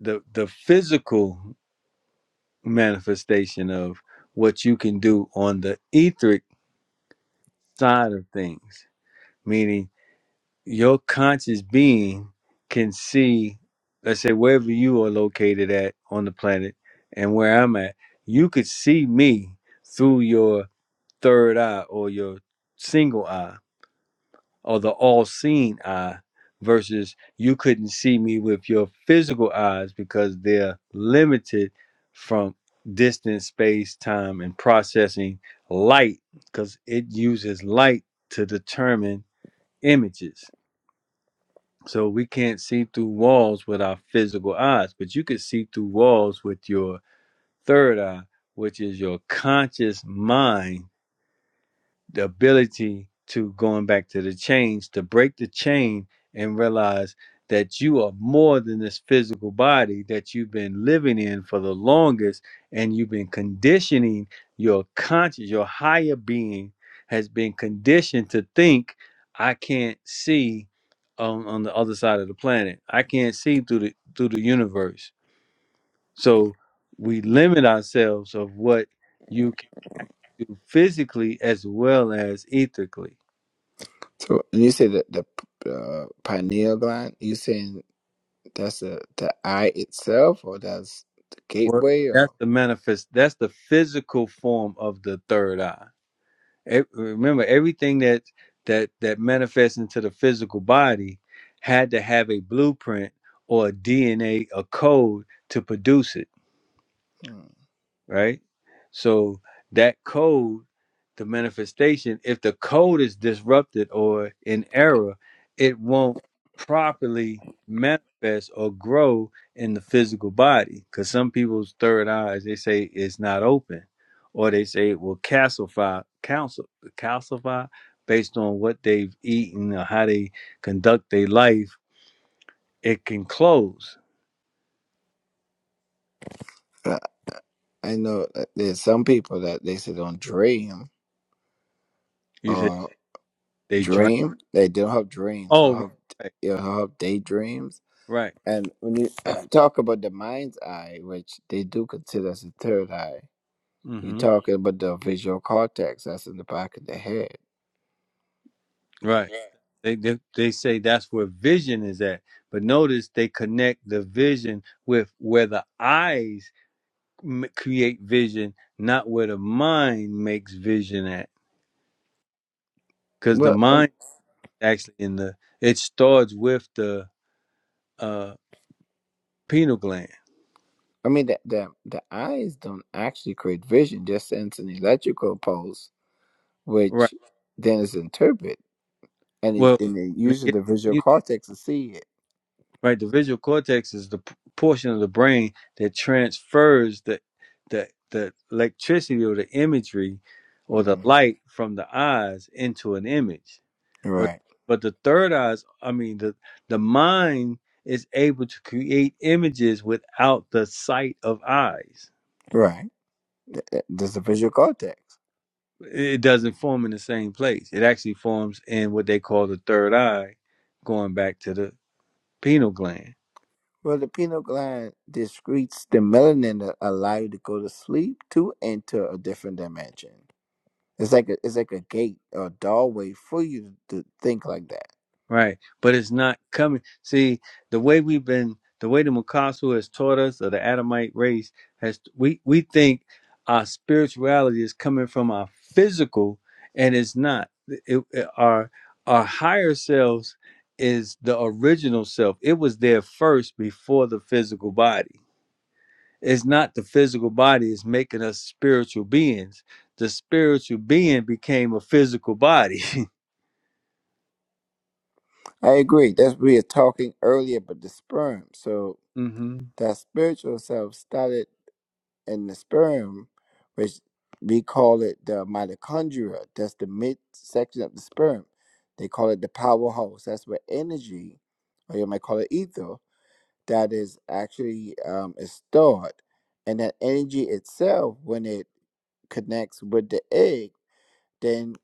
the the physical manifestation of what you can do on the etheric side of things meaning your conscious being can see, let's say, wherever you are located at on the planet and where I'm at, you could see me through your third eye or your single eye or the all seeing eye versus you couldn't see me with your physical eyes because they're limited from distance, space, time, and processing light because it uses light to determine images So we can't see through walls with our physical eyes, but you can see through walls with your third eye, which is your conscious mind the ability to going back to the chains to break the chain and realize that you are more than this physical body that you've been living in for the longest and you've been conditioning your conscious your higher being has been conditioned to think i can't see on, on the other side of the planet i can't see through the through the universe so we limit ourselves of what you can do physically as well as ethically So when you say that the p- uh, pineal gland, you saying That's the the eye itself, or that's the Well, gateway, that's or the manifest. That's the physical form of the third eye. E- remember, everything that that that manifests into the physical body had to have a blueprint or a DNA, a a code to produce it Hmm. right? So that code, the manifestation, if the code is disrupted or in error, it won't properly manifest or grow in the physical body. Because some people's third eyes, they say it's not open, or they say it will calcify, calcify, calcify based on what they've eaten or how they conduct their life. It can close. I, I know that there's some people that they say don't dream You said or they drink. dream. They don't have dreams or Oh, right, have right, you know, have daydreams. right. And when you talk about the mind's eye, which they do consider as the third eye, you're mm-hmm. talking about the visual cortex that's in the back of the head. Right. Yeah. They, they they say that's where vision is at, but notice they connect the vision with where the eyes m- create vision, not where the mind makes vision at, because the Well, um, mind actually in the it starts with the uh, pineal gland. I mean, the, the, the eyes don't actually create vision, just sense an electrical pulse, Right. which then is interpreted. And it, Well, and it when it uses the gets- visual cortex to see it. right? The visual cortex is the p- portion of the brain that transfers the the the electricity or the imagery or the hmm light from the eyes into an image. But Right, but the third eyes, I mean the the mind is able to create images without the sight of eyes. right. Th- th- There's the visual cortex. It doesn't form in the same place. It actually forms in what they call the third eye, going back to the pineal gland Well, the pineal gland discretes the melanin that allow you to go to sleep to enter a different dimension. It's like a it's like a gate or a doorway for you to think like that. Right. But it's not coming. See, the way we've been, the way the Mukasu has taught us, or the Adamite race has, we, we think our spirituality is coming from our physical, and it's not. It, it- our, our higher selves is the original self. It was there first before the physical body. It's not the physical body is making us spiritual beings. The spiritual being became a physical body. I agree. That's we were talking earlier about the sperm. So mm-hmm. that spiritual self started in the sperm, which we call it the mitochondria. That's the midsection of the sperm. They call it the powerhouse. That's where energy, or you might call it ether, that is actually um, is stored, and that energy itself, when it connects with the egg, then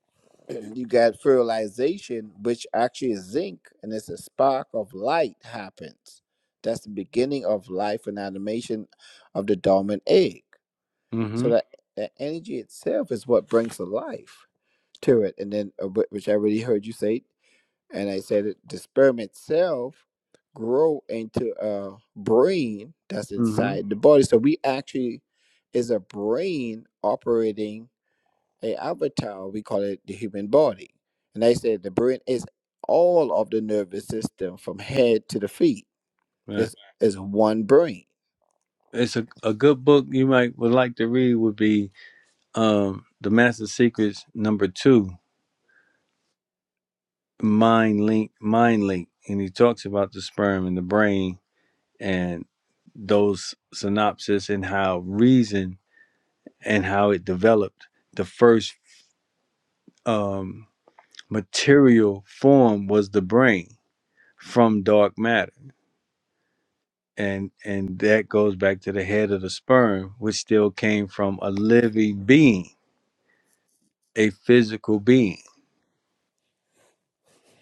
you got fertilization, which actually is zinc, and it's a spark of light happens. That's the beginning of life and animation of the dormant egg. Mm-hmm. So that that energy itself is what brings the life to it. And then, uh, wh- which I already heard you say and I said it, the sperm itself grow into a brain that's Mm-hmm. inside the body. So we actually is a brain operating a avatar. We call it the human body. And I said the brain is all of the nervous system from head to the feet. It's, it's one brain. it's a, a good book you might would like to read would be um the master secrets number two mind link mind link and he talks about the sperm and the brain and those synopsis and how reason and how it developed the first um material form was the brain from dark matter and and that goes back to the head of the sperm which still came from a living being a physical being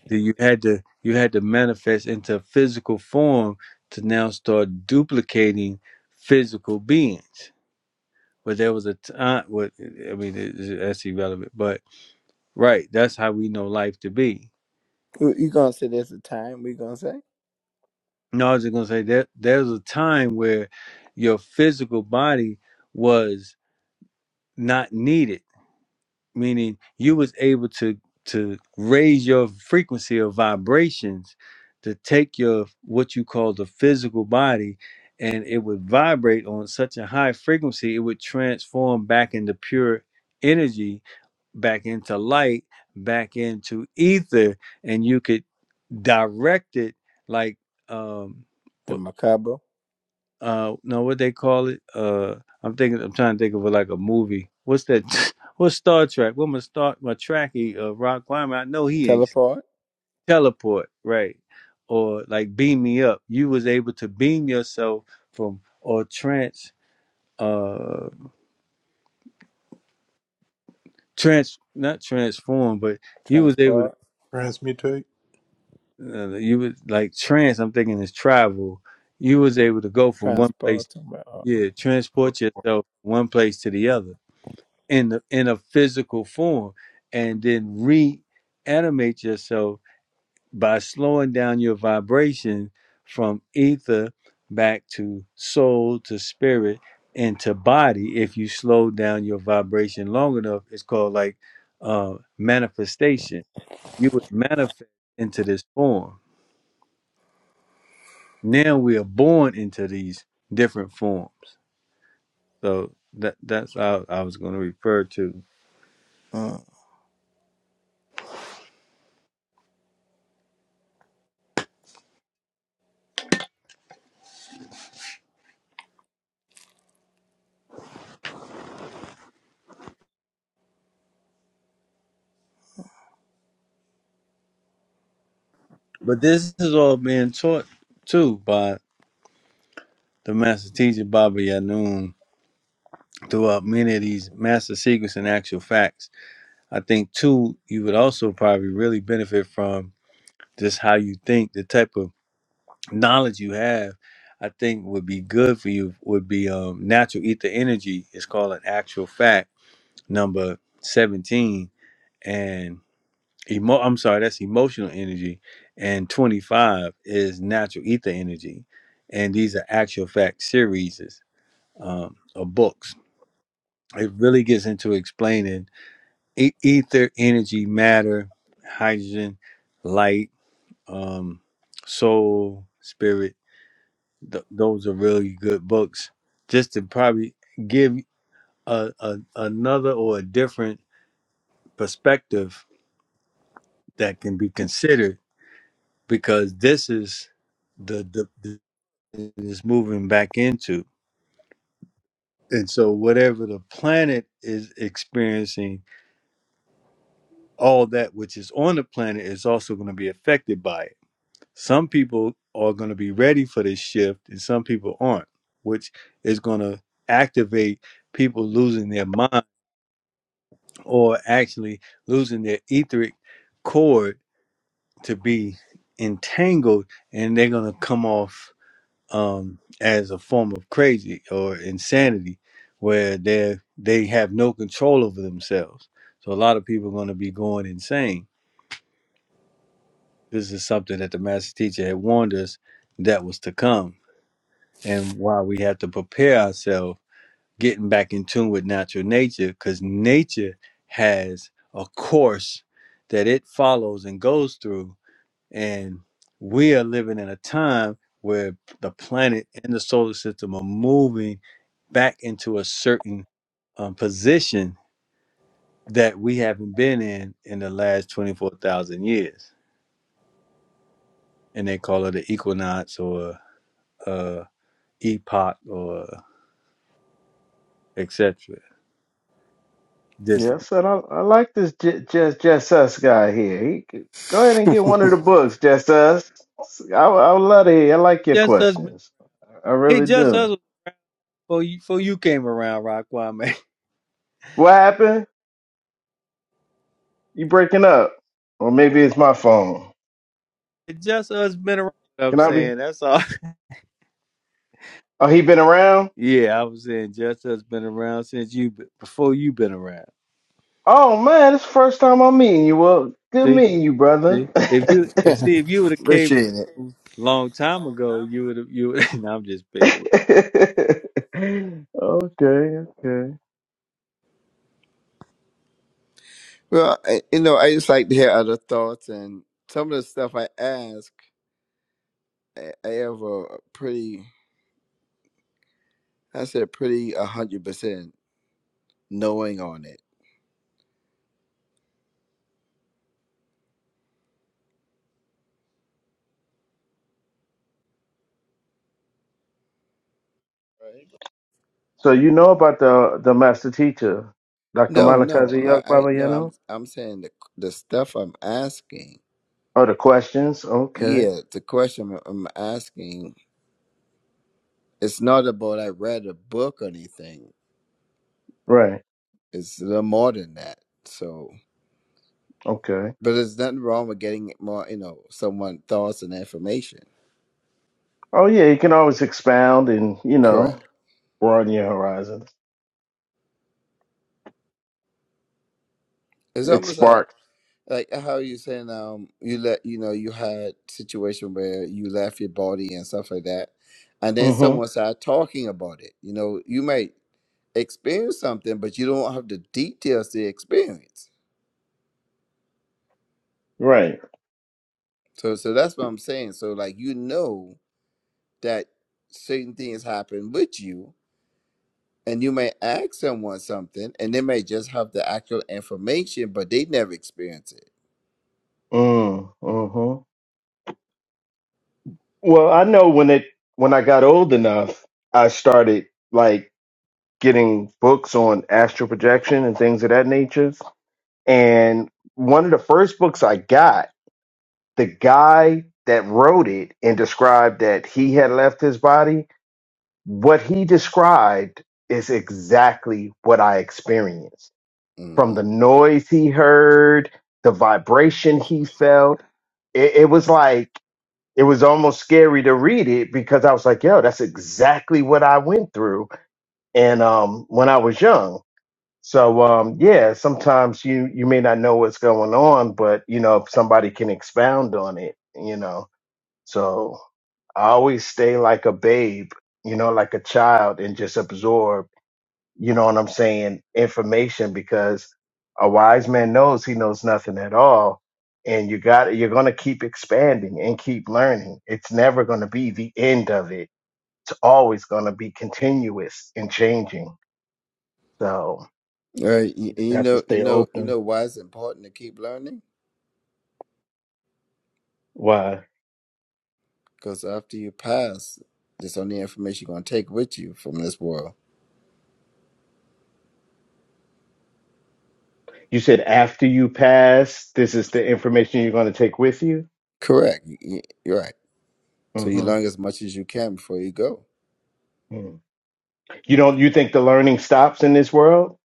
that you had to you had to manifest into physical form to now start duplicating physical beings but there was a time what i mean it- it- that's irrelevant but right that's how we know life to be You you gonna say there's a time we gonna say no i was just going to say that there's a time where your physical body was not needed meaning you was able to to raise your frequency of vibrations to take your what you call the physical body and it would vibrate on such a high frequency it would transform back into pure energy back into light back into ether and you could direct it like um the macabre uh no what they call it uh i'm thinking i'm trying to think of it like a movie what's that what's star trek what my star my tracky uh rock climber i know he ain't sleep. teleport teleport right or like beam me up you was able to beam yourself from or trans uh trans not transform but you was able to transport Transmutate. uh, you was like trans i'm thinking is travel you was able to go from one transport. place Uh, yeah transport yourself one place to the other in the, in a physical form and then reanimate yourself by slowing down your vibration from ether back to soul to spirit and to body if you slow down your vibration long enough it's called like uh manifestation you would manifest into this form now we are born into these different forms so that that's how i was going to refer to uh. But this is all being taught too by the master teacher Baba Yanun throughout many of these master secrets and actual facts. I think too, you would also probably really benefit from just how you think, the type of knowledge you have. I think would be good for you would be um, natural ether energy. It's called an actual fact number seventeen, and. Emo- I'm sorry, that's emotional energy, and 25 is natural ether energy, and these are actual fact series um, of books. It really gets into explaining e- ether, energy, matter, hydrogen, light, um, soul, spirit. Th- those are really good books, just to probably give a, a another or a different perspective that can be considered because this is the, the, the is moving back into. And so whatever the planet is experiencing, all that which is on the planet is also going to be affected by it. Some people are going to be ready for this shift and some people aren't, which is going to activate people losing their mind or actually losing their etheric cord to be entangled and they're going to come off um, as a form of crazy or insanity, where they they have no control over themselves. So a lot of people are going to be going insane. This is something that the master teacher had warned us that was to come, and why we have to prepare ourselves, getting back in tune with natural nature, because nature has a course that it follows and goes through And we are living in a time where the planet and the solar system are moving back into a certain um, position that we haven't been in in the last 24,000 years. And they call it an equinox or uh, epoch or etc. Just, Yes, and I, I like this J- just just us guy here. He, c- go ahead and get one of the books, just us. I, would- I would love to hear. I like your just us, questions. I hey, really just do. us before you, before you came around, Rockwell, man. What happened? You breaking up? Or maybe it's my phone. Just us been around. you know what I'm Can I be? saying that's all. Oh, he been around? Yeah, I was saying just has been around since you b- before you been around. Oh man, it's the first time I'm meeting you. Well, good See, meeting you, brother. see if you okay, and see if you would have came Appreciate it. a long time ago, you would have you. Would, no, I'm just picking. with- okay. Well, I, you know, I just like to hear other thoughts, and some of the stuff I ask, I, I have a pretty, I said, pretty a hundred percent knowing on it. So you know about the the master teacher, Dr. No, no, Malakazi I, Yak I no, Baba I'm, I'm saying the the stuff I'm asking. Oh, the questions? Okay. Yeah, the question I'm asking, it's not about I read a book or anything. Right. It's a little more than that. So, Okay. but there's nothing wrong with getting more, you know, someone thoughts and information. Oh, yeah. You can always expound and, you know, Correct. broaden your horizons. It's It almost like sparks. like how you saying um you let you know you had situation where you left your body and stuff like that and then hmm someone started talking about it you know you might experience something but you don't have the details to experience Right. so so that's what i'm saying so like you know that certain things happen with you and you may ask someone something and they may just have the actual information but they never experience it Mm, hmm Well, I know when it, when I got old enough, I started like getting books on astral projection and things of that nature. And one of the first books I got, the guy that wrote it and described that he had left his body What he described is exactly what I experienced Mm. from the noise he heard, the vibration he felt. It, it was like, it was almost scary to read it because I was like, yo, that's exactly what I went through. And um, when I was young. So um, yeah, sometimes you you may not know what's going on, but you know if somebody can expound on it. You know. So I always stay like a babe, you know, like a child and just absorb, you know what I'm saying, information because a wise man knows he knows nothing at all. And you got you're gonna keep expanding and keep learning. It's never gonna be the end of it. It's always gonna be continuous and changing. So Uh, you, you just you have to know, you stay know, you open. know why it's important to keep learning? Why? Because after you pass, that's only information you're gonna take with you from this world. You said after you pass, this is the information you're gonna take with you? Correct. You- you- You're right. So you hmm learn as much as you can before you go. You don't you think the learning stops in this world?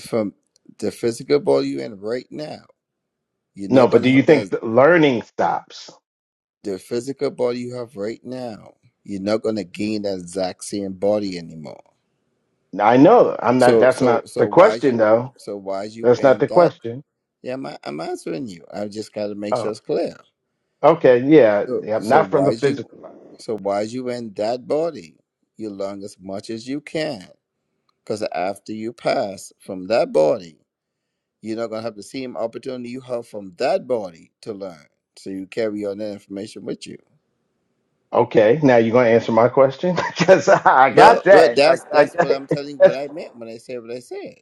From the physical body you're in right now, you're No, not but gonna do you have think that. the learning stops? The physical body you have right now, you're not gonna gain that exact same body anymore. I know. I'm not So, that's so, not so the why question you? though. So why you That's not in the that? question. Yeah, I'm, I'm answering you. I just gotta make sure Oh. it's clear. Okay, yeah. So, yeah so not from the why's you, physical. so why's you in that body? You learn as much as you can, because after you pass from that body, you're not gonna have the same opportunity you have from that body to learn. So you carry on that information with you. Okay. Now you're gonna answer my question? Because I Well, got well, that. that's that's what I, I'm telling you. I, What I meant when I said what I said.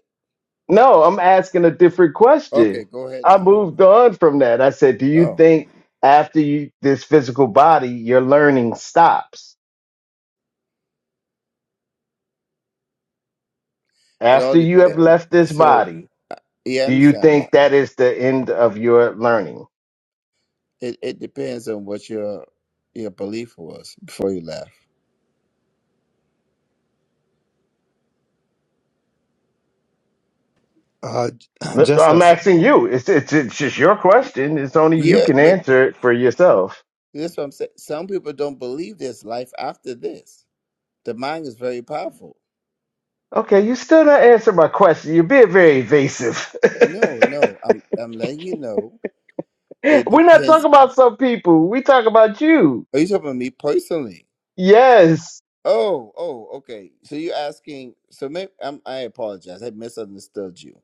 no, I'm asking a different Okay, question. go ahead I now. moved on from that. I said, Do you Oh, think after you this physical body, your learning stops? it all After you have depends. left this So, body, uh, yeah, I Do you understand that. think that is the end of your learning? It it depends on what your your belief was before you left. Uh, Look, just I'm us. asking you. It's, it's it's just your question. It's only you Yeah, can but answer it for yourself. This is what I'm saying. Some people don't believe there's life after this. The mind is very powerful. Okay, you still not answer my question. You're being very evasive. No, no, I'm I'm letting you know. It We're not talking depends. about some people. We talk about you. Are you talking about me personally? Yes. Oh, oh, okay. So you're asking. So maybe I'm, I apologize. I misunderstood you.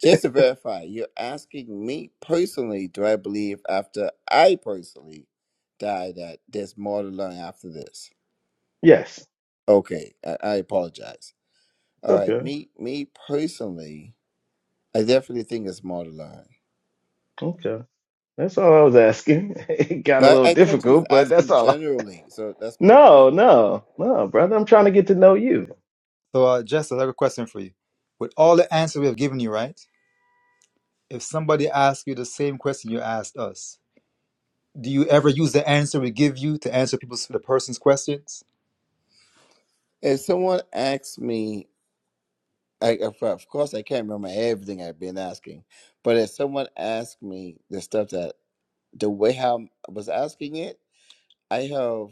Just to verify, you're asking me personally. Do I believe after I personally die that there's more to learn after this? Yes. It's Okay, I, I apologize. All right, okay. me me personally. I definitely think it's modeled. Okay. That's all I was asking. It got a Now, I, little I thought you was difficult, but that's asking all. I... generally, so that's my bad. No, no, no, brother. I'm trying to get to know you. So, uh, just us, I have a question for you. With all the answers we have given you, right? If somebody asks you the same question you asked us, do you ever use the answer we give you to answer people's the person's questions? If someone asks me, I, of of course, I can't remember everything I've been asking, but if someone asks me the stuff that the way how I was asking it, I have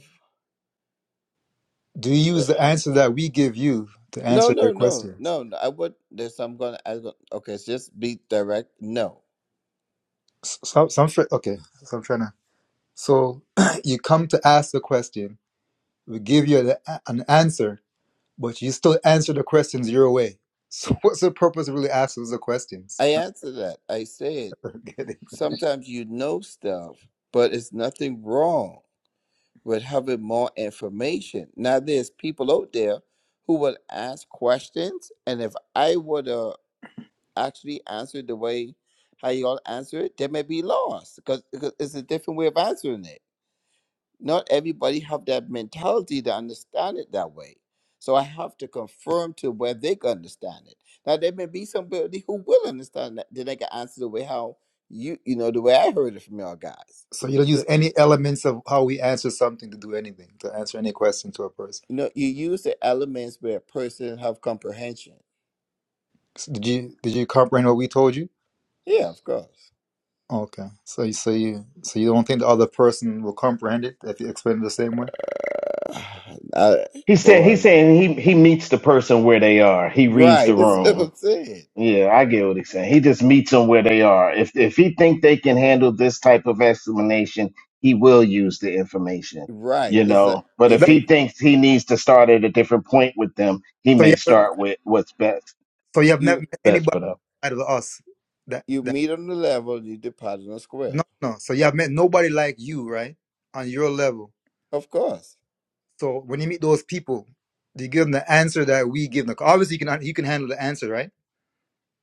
Do you uh, use the answer that we give you to no, answer their no, no, questions? no. no, I would. There's I'm gonna. I go, okay, it's just be direct. No, S- Some, some, fr- okay. So I'm trying to. So you come to ask the question, we give you the, a- an answer, but you still answer the questions your way. So what's the purpose of really asking the questions? I answer that. I said sometimes you know stuff, but it's nothing wrong with having more information. Now there's people out there who will ask questions, and if I would uh, actually answer the way how y'all answer it, they may be lost because, because it's a different way of answering it. Not everybody have that mentality to understand it that way. So I have to confirm to where they can understand it. Now there may be somebody who will understand that then they can answer the way how you you know the way I heard it from y'all guys. So you don't So, use any elements of how we answer something to do anything, to answer any question to a person. You know, you use the elements where a person have comprehension. So did you did you comprehend what we told you? Yeah, of course. Okay. So you so you so you don't think the other person will comprehend it if you explain it the same way? Ah, I, He said he's boy, saying he he meets the person where they are. He reads the right? That's what room. I'm saying. Yeah, I get what he's saying. He just meets them where they are. If if he think they can handle this type of explanation, he will use the information. Right? You It's a, know, but if it's That, he like thinks he needs to start at a different point with them, he so may you have, start with what's best so you have never you met best anybody for them. out of us that you that meet on the level, you depart on the square. no no. So you have met nobody like you, right? On your level. Of course. So when you meet those people, do you give them the answer that we give them? Obviously you can you can handle the answer, right?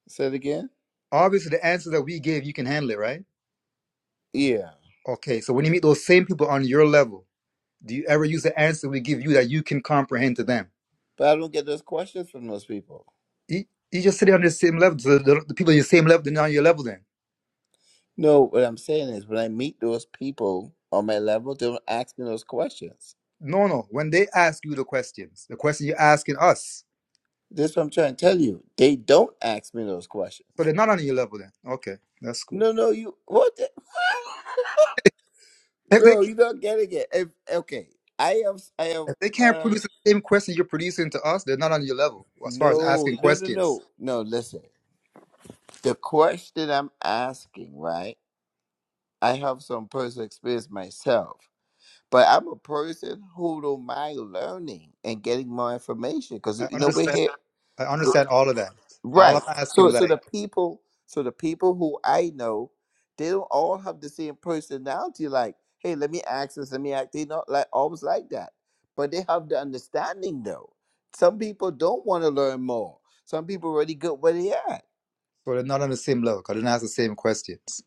Say it again. Obviously the answer that we gave you can handle it, right? Yeah, Okay, so when you meet those same people on your level, do you ever use the answer we give you that you can comprehend to them? but I don't get those questions from those people. You, you just sit on the same level, the, the, the people on your same level, they're not on your level then. No, what I'm saying is when I meet those people on my level, they don't ask me those questions. No, no, when they ask you the questions, the question you're asking us, This is what I'm trying to tell you. They don't ask me those so they're questions. not on your level then. Okay, that's cool. No, no, you what? The? If they bro. can't, You're not getting it. If, okay, I am. I am. if they can't Uh, produce the same question you're producing to us, they're not on your level as far as no, asking no, no, questions. no, no. Listen, the question I'm asking, right? I have some personal experience myself, but I'm a person who don't mind learning and getting more information because I you know we're understand. here. I understand all of that. All Right. I'm asking So is so the like, people so the people who I know, they don't all have the same personality. Like, hey, let me ask this, let me act. They not like always like that. But they have the understanding though. Some people don't want to learn more. Some people already good where they at. so they're not on the same level because they don't ask the same questions.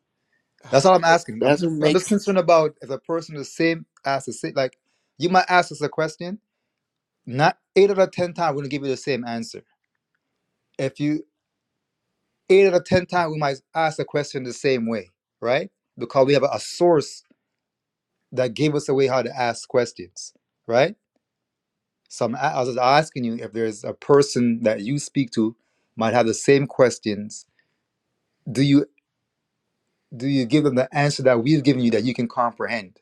That's all I'm asking. I'm That's just, what I'm just makes concerned about if a person is the same as the same. Like you might ask us a question, not eight out of ten times we're gonna give you the same answer. If you eight out of ten times we might ask the question the same way, right? Because we have a, a source that gave us a way how to ask questions, right? So I'm, a- I was just asking you if there's a person that you speak to might have the same questions. Do you do you give them the answer that we've given you that you can comprehend?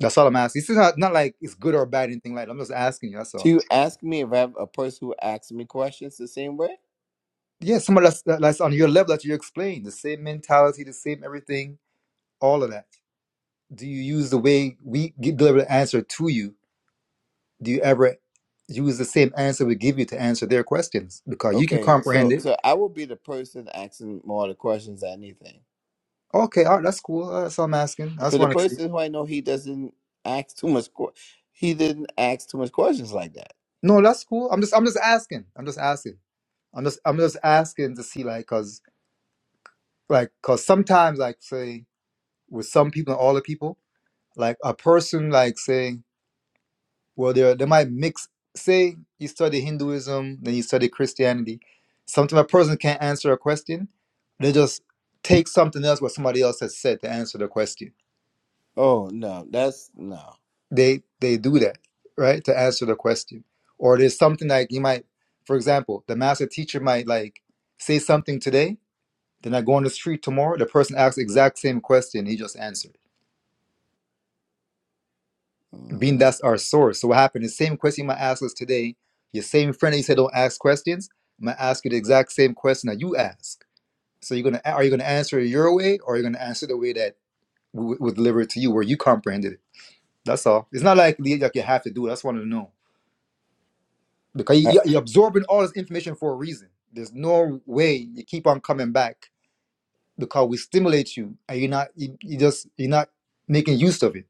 That's all I'm asking. It's not not like it's good or bad, anything like that. I'm just asking you. That's So all. you ask me if I have a person who asks me questions the same way? Yeah, someone that's that- that's on your level that you explain the same mentality, the same everything, all of that. Do you use the way we gi- deliver the answer to you? Do you ever use the same answer we give you to answer their questions because you can Okay, comprehend so it? so I will be the person asking more of the questions than anything. Okay, all right, that's cool. Uh, That's all I'm asking. I just Because the want to see. person who I know he doesn't ask too much que- he didn't ask too much questions like that. No, that's cool. I'm just I'm just asking. I'm just asking. I'm just I'm just asking to see like cause like cause sometimes like say with some people and all the people. like a person like say well they they might mix say you study hinduism then you study christianity sometimes a person can't answer a question they just take something else what somebody else has said to answer the question Oh no, that's no. they they do that right to answer the question or there's something like you might for example the master teacher might like say something today then i go on the street tomorrow the person asks the exact same question he just answered being Mm. that's our source. So what happened? The same question you might ask us today, your same friend that you said don't ask questions, I'm gonna ask you the exact same question that you ask. So you're gonna are you gonna answer it your way, or are you gonna answer the way that we would deliver it to you, where you comprehended it? That's all. It's not like you- like you have to do. it. That's what I just wanted to know because you, you're absorbing all this information for a reason. There's no way you keep on coming back because we stimulate you, and you're not you, you just you're not making use of it.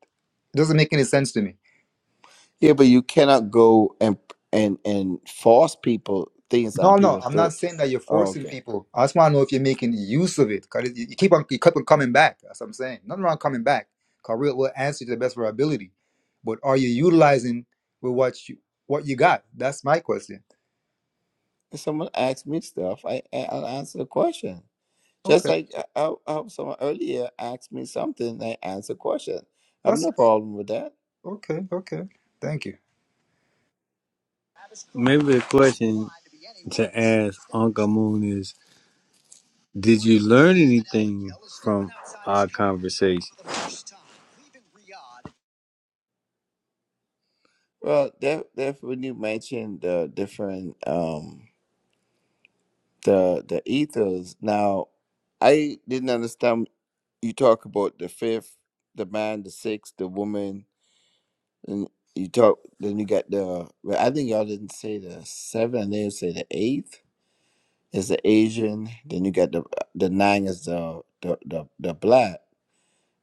It doesn't make any sense to me. Yeah, but you cannot go and and and force people things on No, no, people's I'm not throat. saying that you're Oh, forcing okay. people. I just want to know if you're making use of it. Cause it- you keep on, you keep on coming back. That's what I'm saying. Nothing wrong coming back. Cause we'll, we'll answer to the best of our ability. But are you utilizing with what you what you got? That's my question. If someone asked me stuff, I I- I'll answer the question. Just Okay, like I, I, I someone earlier asked me something, I answer the question. I have that's no problem with that. okay. Okay, thank you. Maybe the question to ask Uncle Moon is, did you learn anything from our conversation? Well, there, therefore, when you mentioned the different um the the ethos, now I didn't understand you talk about the fifth, the man, the sixth, the woman. Then you talk. Then you got the. well, I think y'all didn't say the seven. I think you say the eighth is the Asian. Then you got the the nine is the the the, the black.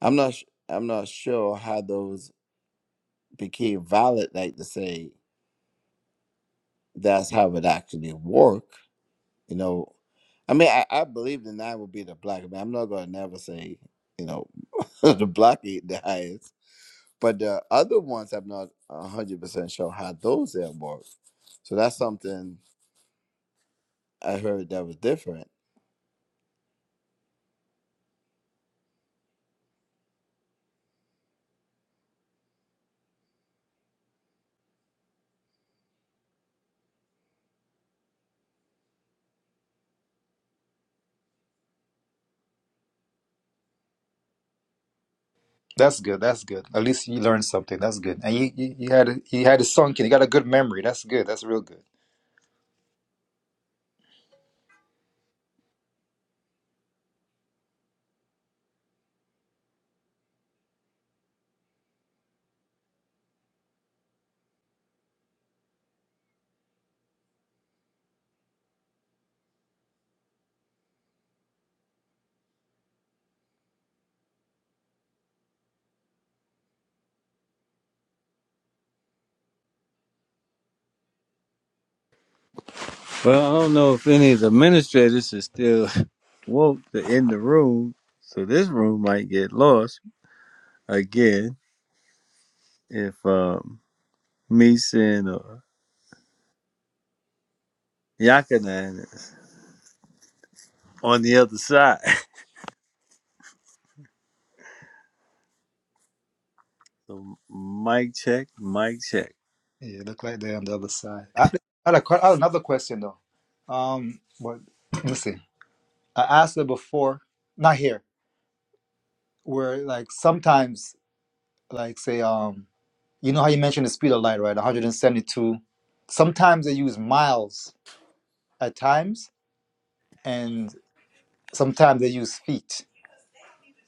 I'm not. su- I'm not sure how those became valid. Like to say that's how it actually work. You know. I mean, I, I believe the nine would be the black. I mean, I'm not gonna never say you know the black ain't the highest. But the other ones I'm not one hundred percent sure how those have worked. So that's something I heard that was different. That's good. That's good. At least you learned something. That's good. And you you, you had a, you had it sunk in. You got a good memory. That's good. That's real good. Well, I don't know if any of the administrators are still woke to in the room, so this room might get lost again if um, me and or Yakanan on the other side. So mic check, mic check. Yeah, it looked like they're on the other side. I, I, had a, que- I had another question though. Um, what? Let me see. I asked her before, not here, where like sometimes, like say, um, you know how you mentioned the speed of light, right? 172. Sometimes they use miles at times, and sometimes they use feet.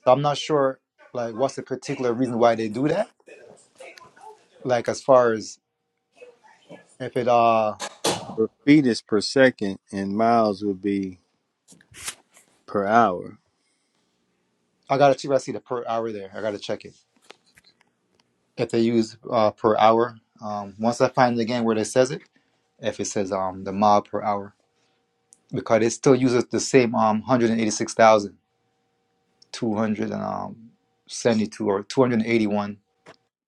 So I'm not sure, like, what's the particular reason why they do that. Like, as far as if it, uh, For feet is per second, and miles would be per hour. I gotta check. I see the per hour there. I gotta check it. If they use uh per hour, um, once I find it again where it says it, if it says um the mile per hour. because it still uses the same um 186,272 or 281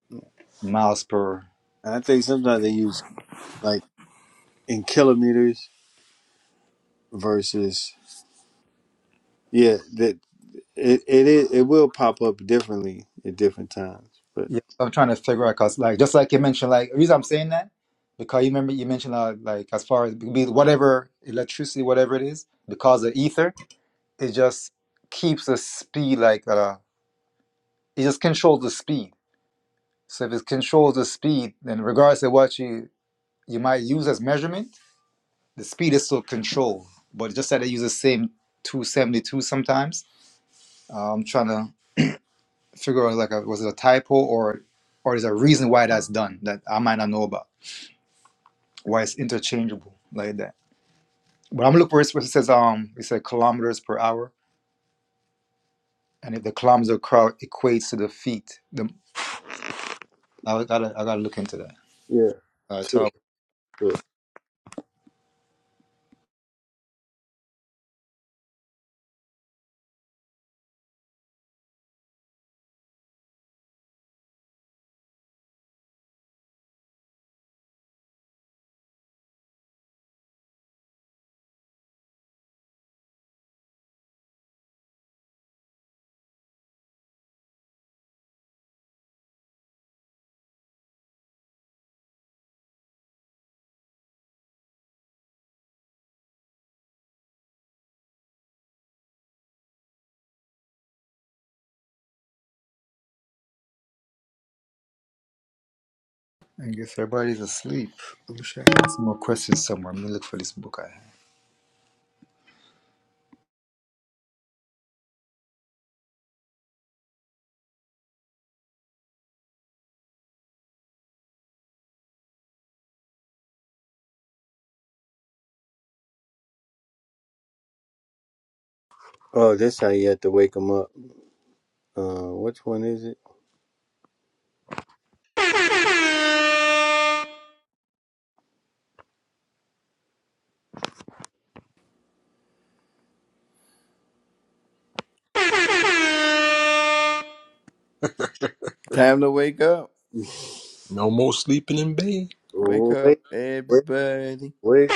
And miles per. I think sometimes they use like in kilometers versus yeah that it it is, it will pop up differently at different times. But Yeah, I'm trying to figure out because like just like you mentioned, like the reason I'm saying that because you remember you mentioned uh, like as far as be whatever electricity, whatever it is, because of ether, it just keeps the speed like uh it just controls the speed. So if it controls the speed, then regardless of what you you might use as measurement the speed is still controlled, but just that it uses the same 272 sometimes. Uh, I'm trying to figure out like a, was it a typo or or is there a reason why that's done that I might not know about why it's interchangeable like that. But I'm looking for it. It says um it said kilometers per hour, and if the kilometers crowd equates to the feet, the I gotta I gotta look into that. yeah, Uh, top. true, true. I guess everybody's asleep. I wish I had some more questions somewhere. I'm gonna look for this book I have. Oh, that's how you have to wake them up. Uh, which one is it? Time to wake up. No more sleeping in bed. Wake up, Wake, everybody. Wait.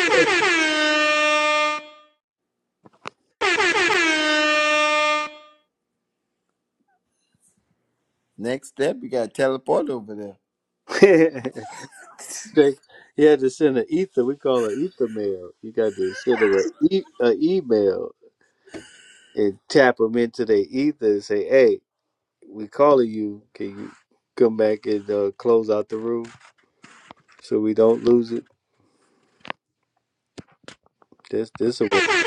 Next step, you gotta teleport over Jake, he had to send an ether. We call it ether mail. You got to send them an e- a email and tap them into their ether and say, "Hey, we calling you. Can you come back and uh, close out the room so we don't lose it?" This this a way.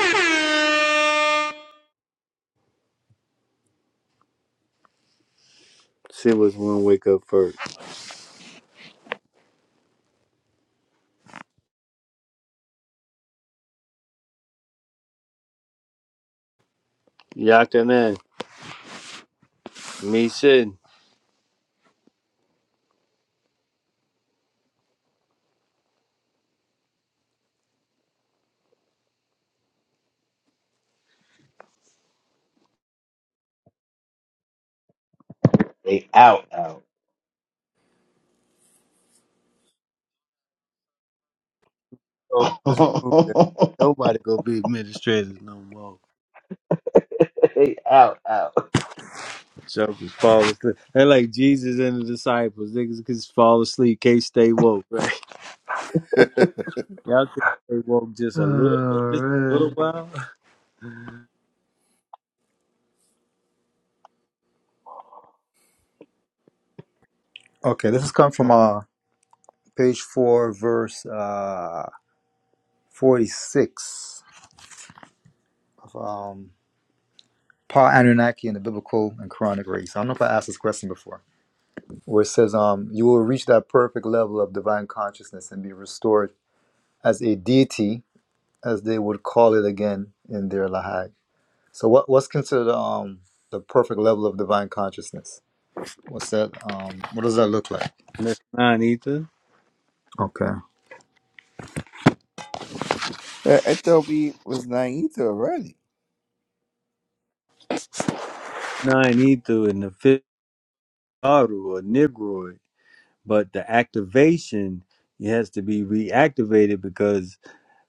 She was one wake up first. Yakanan, me sin. They out out. Oh, this room, Nobody gonna be administrators no more. they out out. Jokers fall asleep. They like Jesus and the disciples. Niggas can just fall asleep, can't stay woke. Right? there. Y'all can stay woke just All a little, bit- just a little right. while. Okay, this is coming from uh page four, verse uh 46 of um, Paul Anunnaki and the Biblical and Quranic Race. I don't know if I asked this question before, where it says, um, You will reach that perfect level of divine consciousness and be restored as a deity, as they would call it again in their Lahag. So, what, what's considered um, the perfect level of divine consciousness? What's that? Um, what does that look like? Miss Nine Ether, Okay. I I thought we was naive already. Nine Ether, in the fifth bottle or Negroid. But the activation it has to be reactivated because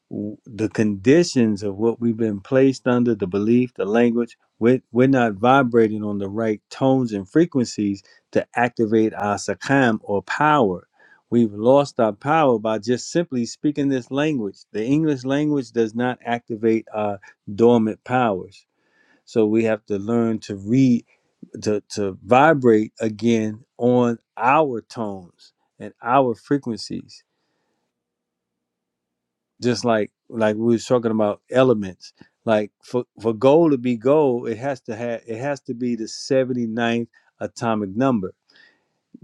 w- the conditions of what we've been placed under the belief the language we're, we're not vibrating on the right tones and frequencies to activate our sakam or power we've lost our power by just simply speaking this language the english language does not activate our dormant powers so we have to learn to read to, to vibrate again on our tones and our frequencies just like like we was talking about elements like for for gold to be gold it has to have it has to be the seventy ninth atomic number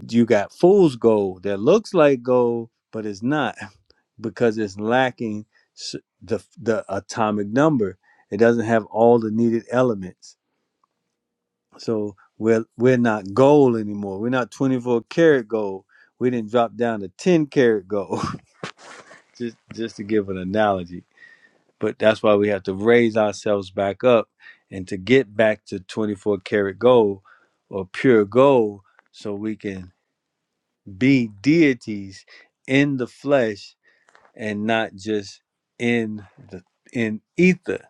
you got fool's gold that looks like gold but it's not because it's lacking s- the the atomic number it doesn't have all the needed elements so we're we're not gold anymore we're not 24 karat gold we didn't drop down to 10 karat gold just just to give an analogy but that's why we have to raise ourselves back up and to get back to 24 karat gold or pure gold so we can be deities in the flesh and not just in the in ether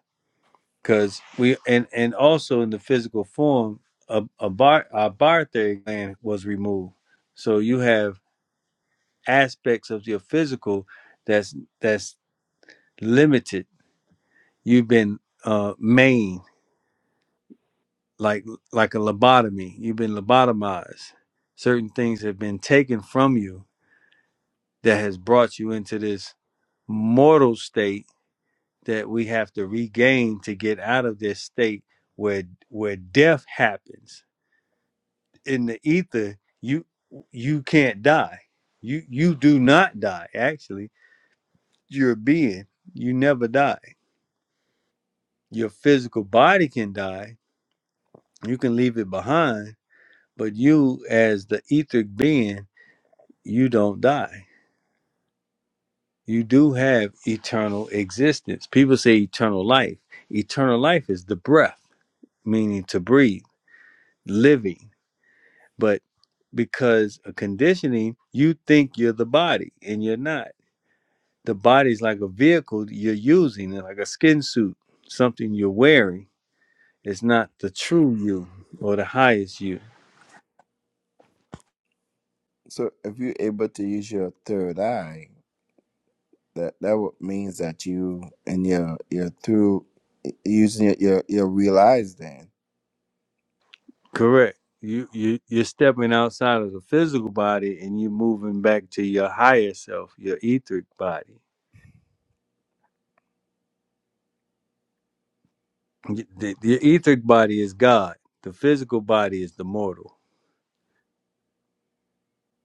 because we and and also in the physical form a, a bar our barthary gland was removed so you have aspects of your physical that's that's limited you've been uh, maimed like like a lobotomy. You've been lobotomized. Certain things have been taken from you that has brought you into this mortal state that we have to regain to get out of this state where where death happens. In the ether, you you can't die. You you do not die. Actually, you're a being. You never die. Your physical body can die. You can leave it behind, but you as the etheric being, you don't die you do have eternal existence. People say eternal life. Eternal life is the breath, meaning to breathe, living. But because of conditioning, you think you're the body and you're not. The body's like a vehicle you're using, like a skin suit, something you're wearing. It's not the true you or the highest you. So if you're able to use your third eye, that that would means that you and your your through using your your, your real eyes. Then Correct. You, you you're stepping outside of the physical body and you're moving back to your higher self, your etheric body Y- The, the etheric body is God. The physical body is the mortal.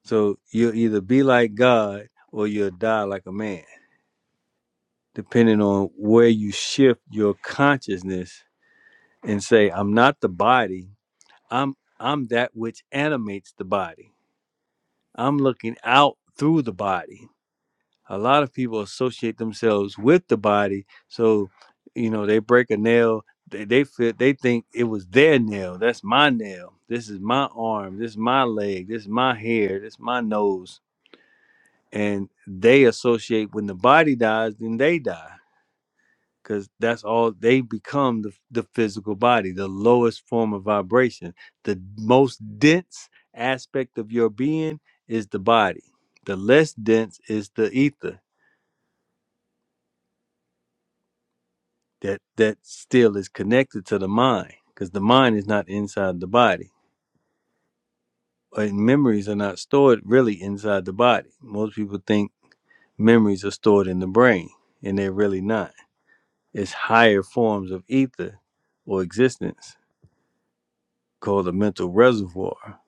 So you'll either be like God or you'll die like a man, depending on where you shift your consciousness and say, "I'm not the body. I'm I'm that which animates the body. I'm looking out through the body." a lot of people associate themselves with the body so you know they break a nail they, they feel they think it was their nail that's my nail this is my arm this is my leg this is my hair this is my nose and they associate when the body dies then they die because that's all they become the, the physical body the lowest form of vibration the most dense aspect of your being is the body the less dense is the ether that that still is connected to the mind because the mind is not inside the body and memories are not stored really inside the body most people think memories are stored in the brain and they're really not it's higher forms of ether or existence called a mental reservoir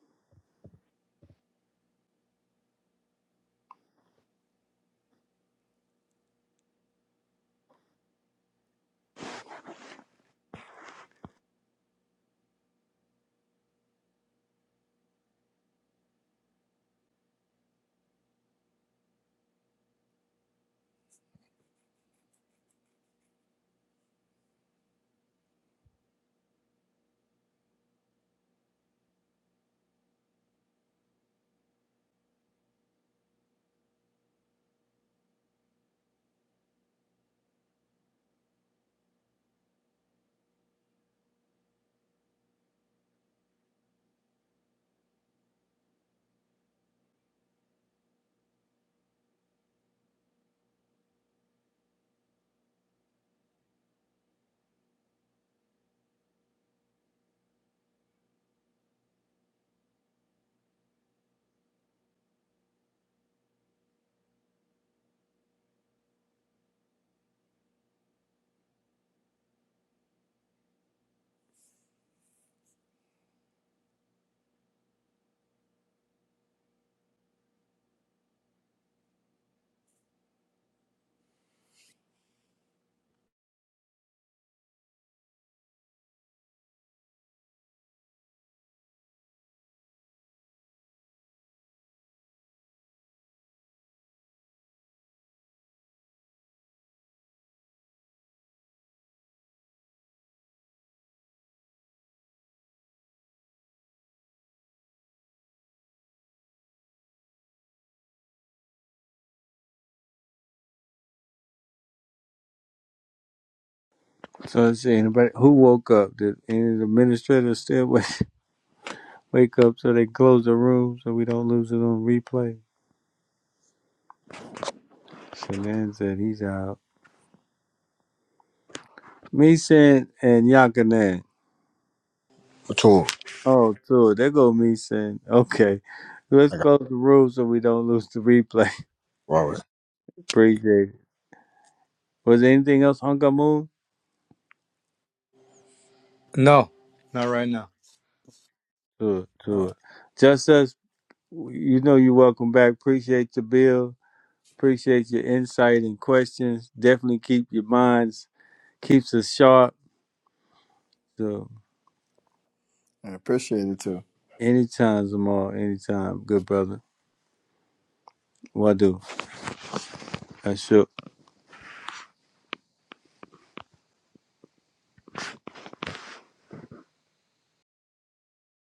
so let's see anybody who woke up did any of the administrators still wake, wake up so they close the room so we don't lose it on replay Shanann said he's out me saying and Yakanan What tool? Oh, dude, there go me saying, okay, let's I got. close the room so we don't lose the replay. Wow. Appreciate it. Was there anything else, Hunka Moon? No, not right now. Do it, Uh, do it. Just us, you know you're welcome back. Appreciate your bill. Appreciate your insight and questions. Definitely keep your minds, keeps us sharp. So I appreciate it too. anytime, Zamal, anytime. Good brother. What do? I sure.